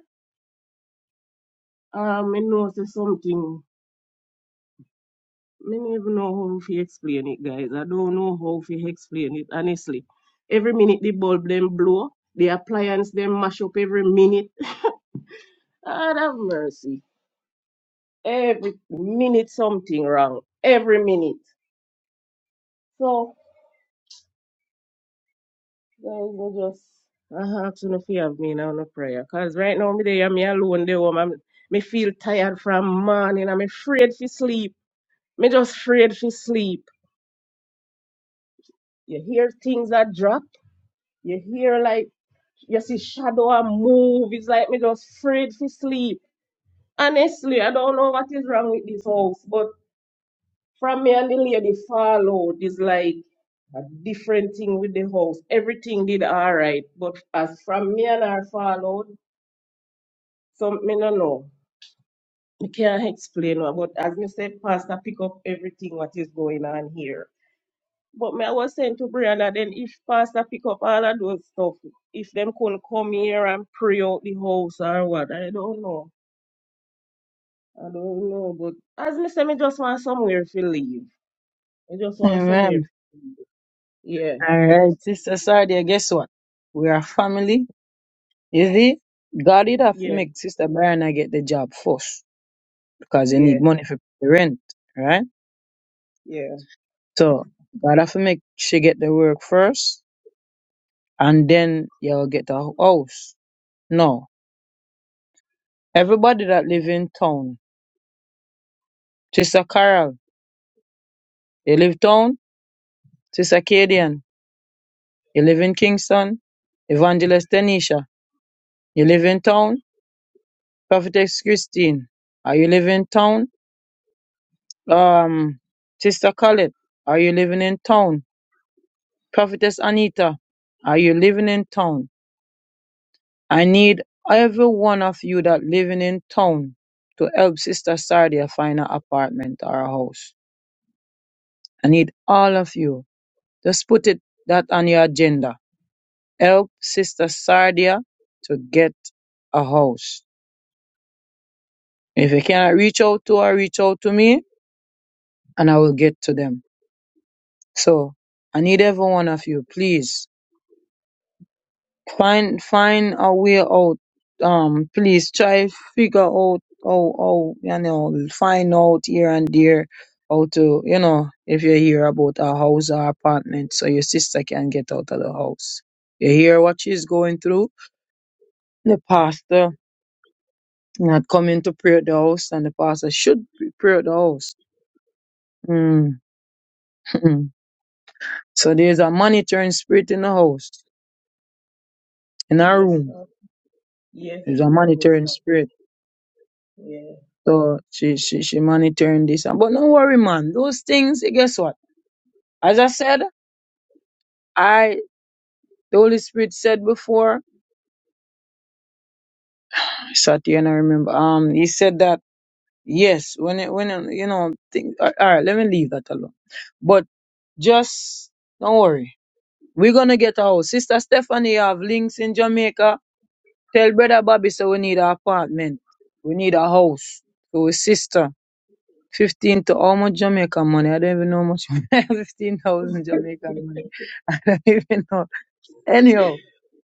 [SPEAKER 7] um, I know say something. I don't even know how to explain it, guys. I don't know how to explain it, honestly. Every minute the bulb them blow, the appliance them mash up every minute. [laughs] God have mercy. Every minute something wrong. Every minute. So. Guys, me just I ask you if you have me now no prayer. Cause right now me there, I'm alone there, woman, me feel tired from morning. I'm afraid for sleep. Me just afraid for sleep. You hear things that drop. You hear like you see shadow a move. It's like me just afraid for sleep. Honestly, I don't know what is wrong with this house, but from me and the lady follow is like a different thing with the house. Everything did all right, but as from me and her followed. So me no know. Me can't explain what, but as me said, Pastor pick up everything what is going on here. But me I was saying to Brianna then if Pastor pick up all of those stuff, if them could come here and pray out the house or what, I don't know. I don't know. But as me said, me just want somewhere to live. I just want somewhere.
[SPEAKER 2] Amen.
[SPEAKER 7] Yeah,
[SPEAKER 2] All right, Sister Sardia. Guess what? We are family. You see, God did have to
[SPEAKER 7] yeah,
[SPEAKER 2] make Sister Brianna get the job first because you
[SPEAKER 7] yeah,
[SPEAKER 2] need money for the rent, right?
[SPEAKER 7] yeah.
[SPEAKER 2] So God have to make she get the work first, and then you'll get a house. No, everybody that
[SPEAKER 7] Mm.
[SPEAKER 2] live in town, Sister Carol, you live town. Sister Cadian, you live in Kingston. Evangelist Tanisha, you live in town. Prophetess Christine, are you live in town? Um, Sister Colette, are you living in town? Prophetess Anita, are you living in town? I need every one of you that living in town to help Sister Sardia find an apartment or a house. I need all of you. Just put it that on your agenda. Help Sister Sardia to get a house. If you cannot reach out to her, reach out to me and I will get to them. So I need every one of you, please find find a way out. Um, please try figure out how how you know find out here and there how to you know if you hear about a house or apartment so your sister can get out of the house. You hear what she's going through. The pastor not coming to pray at the house, and the pastor should be pray at the house. Mm. [laughs] so there's a monitoring spirit in the house, in our
[SPEAKER 7] Yes,
[SPEAKER 2] room.
[SPEAKER 7] sir. Yes,
[SPEAKER 2] There's a monitoring
[SPEAKER 7] Minister.
[SPEAKER 2] spirit
[SPEAKER 7] Yeah.
[SPEAKER 2] So she she she monitoring this. But don't worry, man. Those things, eh, guess what? As I said, I the Holy Spirit said before. I sat here and I remember. Um, he said that yes, when it when it, you know things. All right, let me leave that alone. But just don't worry. We're gonna get a house. Sister Stephanie have links in Jamaica. Tell brother Bobby so we need an apartment. We need a house. So his sister. Fifteen to how much Jamaican money? I don't even know how much. [laughs] Fifteen thousand Jamaican money [laughs] even know. Anyhow,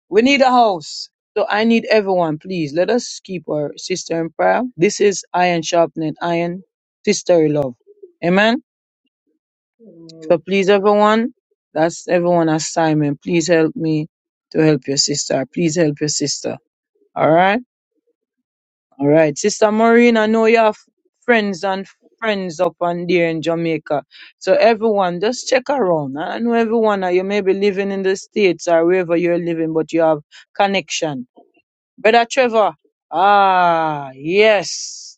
[SPEAKER 2] we need a house. So I need everyone, please. Let us keep our sister in prayer. This is iron sharpening iron, sisterly love. Amen.
[SPEAKER 7] Mm.
[SPEAKER 2] So please, everyone, that's everyone assignment. Please help me to help your sister. Please help your sister. All right. All right, Sister Maureen, I know you have friends and friends up and there in Jamaica. So everyone, just check around. I know everyone, uh, you may be living in the States or wherever you're living, but you have connection. Brother Trevor, ah, yes.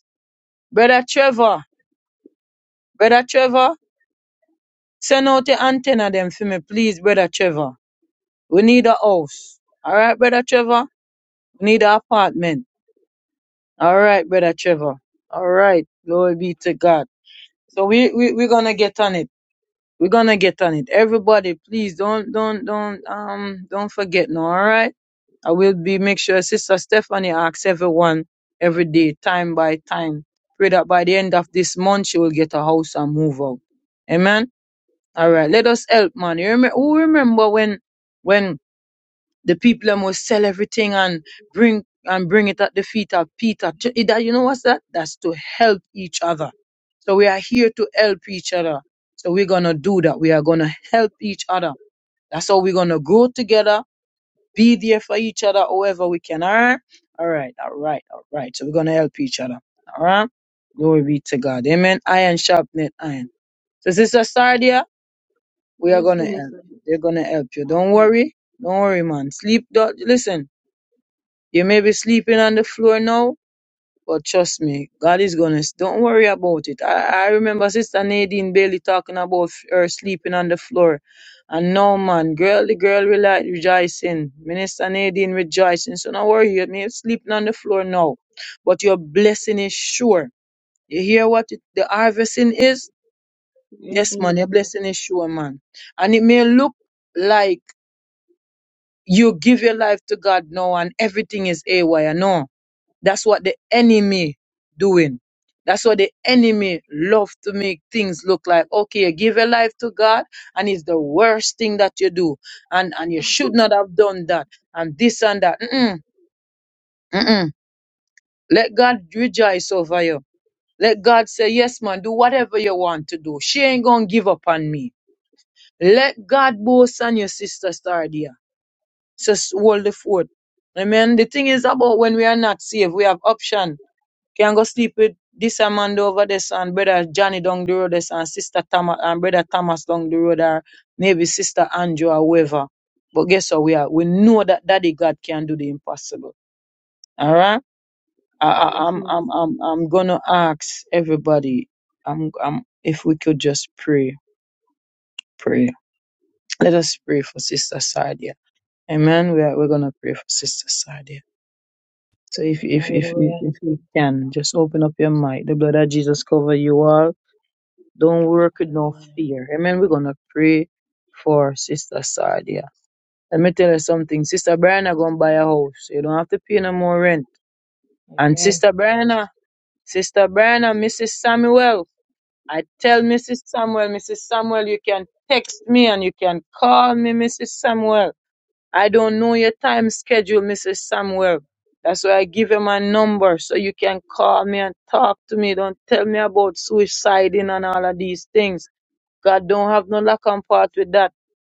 [SPEAKER 2] Brother Trevor, Brother Trevor, send out the antenna them for me, please, Brother Trevor. We need a house. All right, Brother Trevor, we need an apartment. All right, Brother Trevor. All right, glory be to God. So we, we we're gonna get on it. We're gonna get on it. Everybody, please don't don't don't um don't forget no, all right? I will be make sure Sister Stephanie asks everyone every day, time by time. Pray that by the end of this month she will get a house and move out. Amen. All right, let us help, man. You remember, who remember when when the people them will sell everything and bring and bring it at the feet of Peter. Ju- it- that- You know what's that? That's to help each other. So we are here to help each other. So we're gonna do that. We are gonna help each other. That's how we're gonna grow together, be there for each other however we can. All right, all right, all right, all right. So we're gonna help each other. All right. Glory be to God. Amen. Iron sharpened iron. So Sister Sardia, we are
[SPEAKER 7] Yes,
[SPEAKER 2] gonna help
[SPEAKER 7] Minister.
[SPEAKER 2] you. They're gonna help you. Don't
[SPEAKER 7] Okay.
[SPEAKER 2] worry. Don't worry, man. Sleep. Don't, listen. You may be sleeping on the floor now, but trust me, God is gonna. Don't worry about it. I, I remember Sister Nadine Bailey talking about her sleeping on the floor, and no man, girl, the girl rela- rejoicing. Minister Nadine rejoicing. So don't worry, you may be sleeping on the floor now, but your blessing is sure. You hear what it, the harvesting is?
[SPEAKER 7] Yes,
[SPEAKER 2] Yes, man, your
[SPEAKER 7] Minister.
[SPEAKER 2] blessing is sure, man. And it may look like you give your life to God now, and everything is a wire, No That's what the enemy doing. That's what the enemy love to make things look like. Okay, you give your life to God, and it's the worst thing that you do, and and you should not have done that, and this and that. Mm-mm, mm-mm. Let God rejoice over you. Let God say, yes, man, do whatever you want to do. She ain't gonna give up on me. Let God boast on your sister Stardia. Just hold the fort. Amen. The thing is about when we are not saved, we have option Can go sleep with this Amanda over this and brother Johnny down the road this and sister Thomas and brother Thomas down the road or maybe sister Andrew or whoever. But guess what we are? We know that Daddy God can do the impossible. All right. I, I,
[SPEAKER 7] Yes,
[SPEAKER 2] I'm I'm
[SPEAKER 7] Minister.
[SPEAKER 2] I'm I'm gonna ask everybody. I'm I'm if we could just pray, pray. Let us pray for Sister Sadia. Amen. We are we're gonna pray for Sister Sadia. So if if if if,
[SPEAKER 1] Hallelujah.
[SPEAKER 2] if you can, just open up your mind. The blood of Jesus cover you all. Don't work with no
[SPEAKER 1] Hallelujah.
[SPEAKER 2] fear. Amen. We're gonna pray for Sister Sadia. Let me tell you something. Sister Brianna gonna buy a house. You don't have to pay no more rent. And
[SPEAKER 1] Amen.
[SPEAKER 2] Sister Brianna, Sister Brianna, Mrs. Samuel, I tell Mrs. Samuel, Mrs. Samuel, you can text me and you can call me, Mrs. Samuel. I don't know your time schedule, Mrs. Samuel. That's why I give you my number so you can call me and talk to me. Don't tell me about suiciding and all of these things. God don't have no lack and part with that.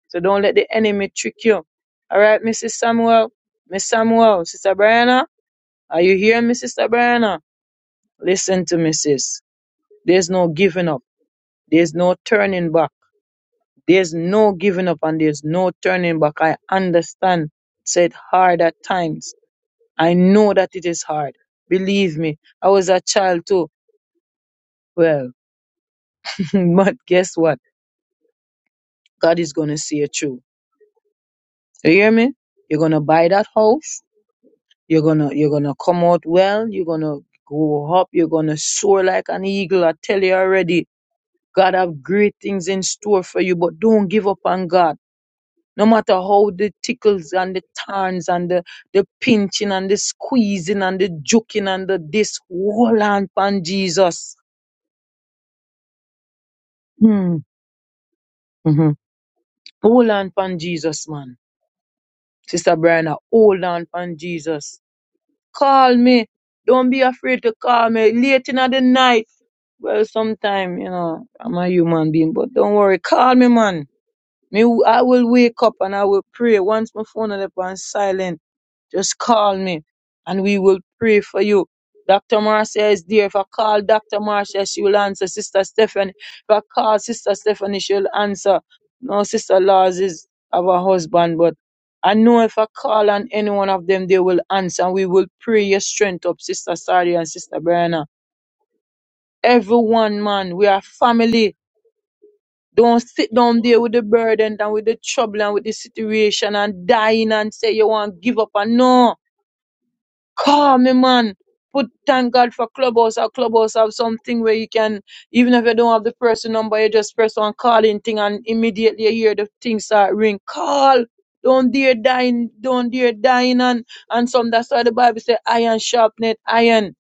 [SPEAKER 2] So don't let the enemy trick you. All right, Mrs. Samuel. Miss Samuel, Sister Brianna, are you here, Mrs. Sister Brianna? Listen to me, sis. There's no giving up. There's no turning back. There's no giving up and there's no turning back. I understand. Said hard at times. I know that it is hard. Believe me, I was a child too. Well, [laughs] but guess what? God is gonna see you through. You hear me? You're gonna buy that house. You're gonna you're gonna come out well. You're gonna grow up. You're gonna soar like an eagle. I tell you already, God have great things in store for you. But don't give up on God. No matter how the tickles and the turns and the, the pinching and the squeezing and the joking and the this, hold on, pan Jesus. Hmm. hmm Hold on, pan Jesus, man. Sister Brianna, hold on, pan Jesus. Call me. Don't be afraid to call me late in the night. Well, sometime, you know, I'm a human being, but don't worry. Call me, man. Me, w- I will wake up and I will pray. Once my phone is up on silent, just call me and we will pray for you. Dr. Marcia is there. If I call Dr. Marcia, she will answer. Sister Stephanie, if I call Sister Stephanie, she'll answer. No, Sister Laws is of her husband, but I know if I call on any one of them, they will answer. And we will pray your strength up, Sister Sari and Sister Brianna everyone, man. We are family. Don't sit down there with the burden and with the trouble and with the situation and dying and say you want to give up. And no, call me, man. Put thank God for Clubhouse or Clubhouse have something where you can, even if you don't have the person number, you just press on calling thing and immediately you hear the thing start ring. Call. Don't dare dying, don't dare dying and and some that's why the Bible said iron sharpened iron.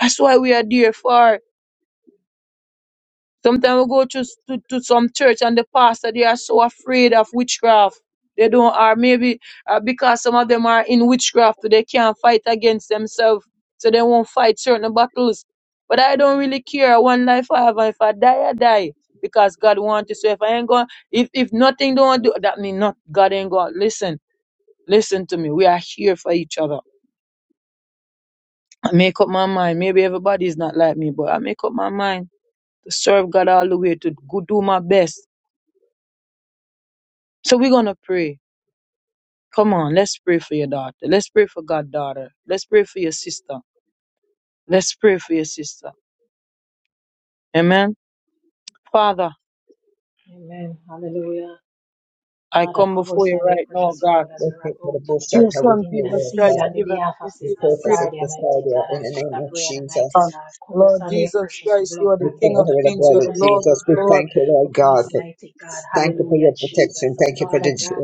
[SPEAKER 2] That's why we are there for. Sometimes we go to, s- to, to some church and the pastor, they are so afraid of witchcraft. They don't, or maybe uh, because some of them are in witchcraft, they can't fight against themselves. So they won't fight certain battles. But I don't really care. One life I have, and if I die, I die. Because God wants to. So if I ain't going, if, if nothing don't do, that mean not, God ain't going. Listen, listen to me. We are here for each other. I make up my mind. Maybe everybody is not like me, but I make up my mind to serve God all the way, to go do my best So we're going to pray. Come on, let's pray for your daughter. Let's pray for God, daughter. Let's pray for your sister. Let's pray for your sister. Amen. Father,
[SPEAKER 1] Amen. Hallelujah.
[SPEAKER 2] I
[SPEAKER 1] Father,
[SPEAKER 2] come
[SPEAKER 1] cover
[SPEAKER 2] before
[SPEAKER 1] us
[SPEAKER 2] you
[SPEAKER 1] under your
[SPEAKER 2] right now,
[SPEAKER 1] precious
[SPEAKER 2] God.
[SPEAKER 1] blood as we're about to
[SPEAKER 2] To your son, Jesus
[SPEAKER 1] Intercede
[SPEAKER 2] Christ,
[SPEAKER 1] on
[SPEAKER 2] to
[SPEAKER 1] the
[SPEAKER 2] give us
[SPEAKER 1] behalf of
[SPEAKER 2] thanks, to give
[SPEAKER 1] Sister
[SPEAKER 2] you praise,
[SPEAKER 1] Sardi, Almighty God, and Sister Brian, Almighty
[SPEAKER 2] God.
[SPEAKER 1] God. Cover us
[SPEAKER 2] Lord
[SPEAKER 1] under your
[SPEAKER 2] Jesus
[SPEAKER 1] precious
[SPEAKER 2] Christ, you
[SPEAKER 1] blood
[SPEAKER 2] are
[SPEAKER 1] from
[SPEAKER 2] the
[SPEAKER 1] head
[SPEAKER 2] King of
[SPEAKER 1] to toe.
[SPEAKER 2] kings, you are
[SPEAKER 1] Put
[SPEAKER 2] the
[SPEAKER 1] on
[SPEAKER 4] to
[SPEAKER 1] your
[SPEAKER 2] Lord
[SPEAKER 4] you,
[SPEAKER 1] full
[SPEAKER 2] of
[SPEAKER 1] armor
[SPEAKER 2] lords.
[SPEAKER 4] Lord
[SPEAKER 1] upon
[SPEAKER 4] God,
[SPEAKER 1] us,
[SPEAKER 4] for
[SPEAKER 1] mighty God.
[SPEAKER 4] thank you
[SPEAKER 1] Hallelujah,
[SPEAKER 4] for
[SPEAKER 1] Jesus.
[SPEAKER 4] protection.
[SPEAKER 1] So,
[SPEAKER 4] Thank you for the
[SPEAKER 1] Father God,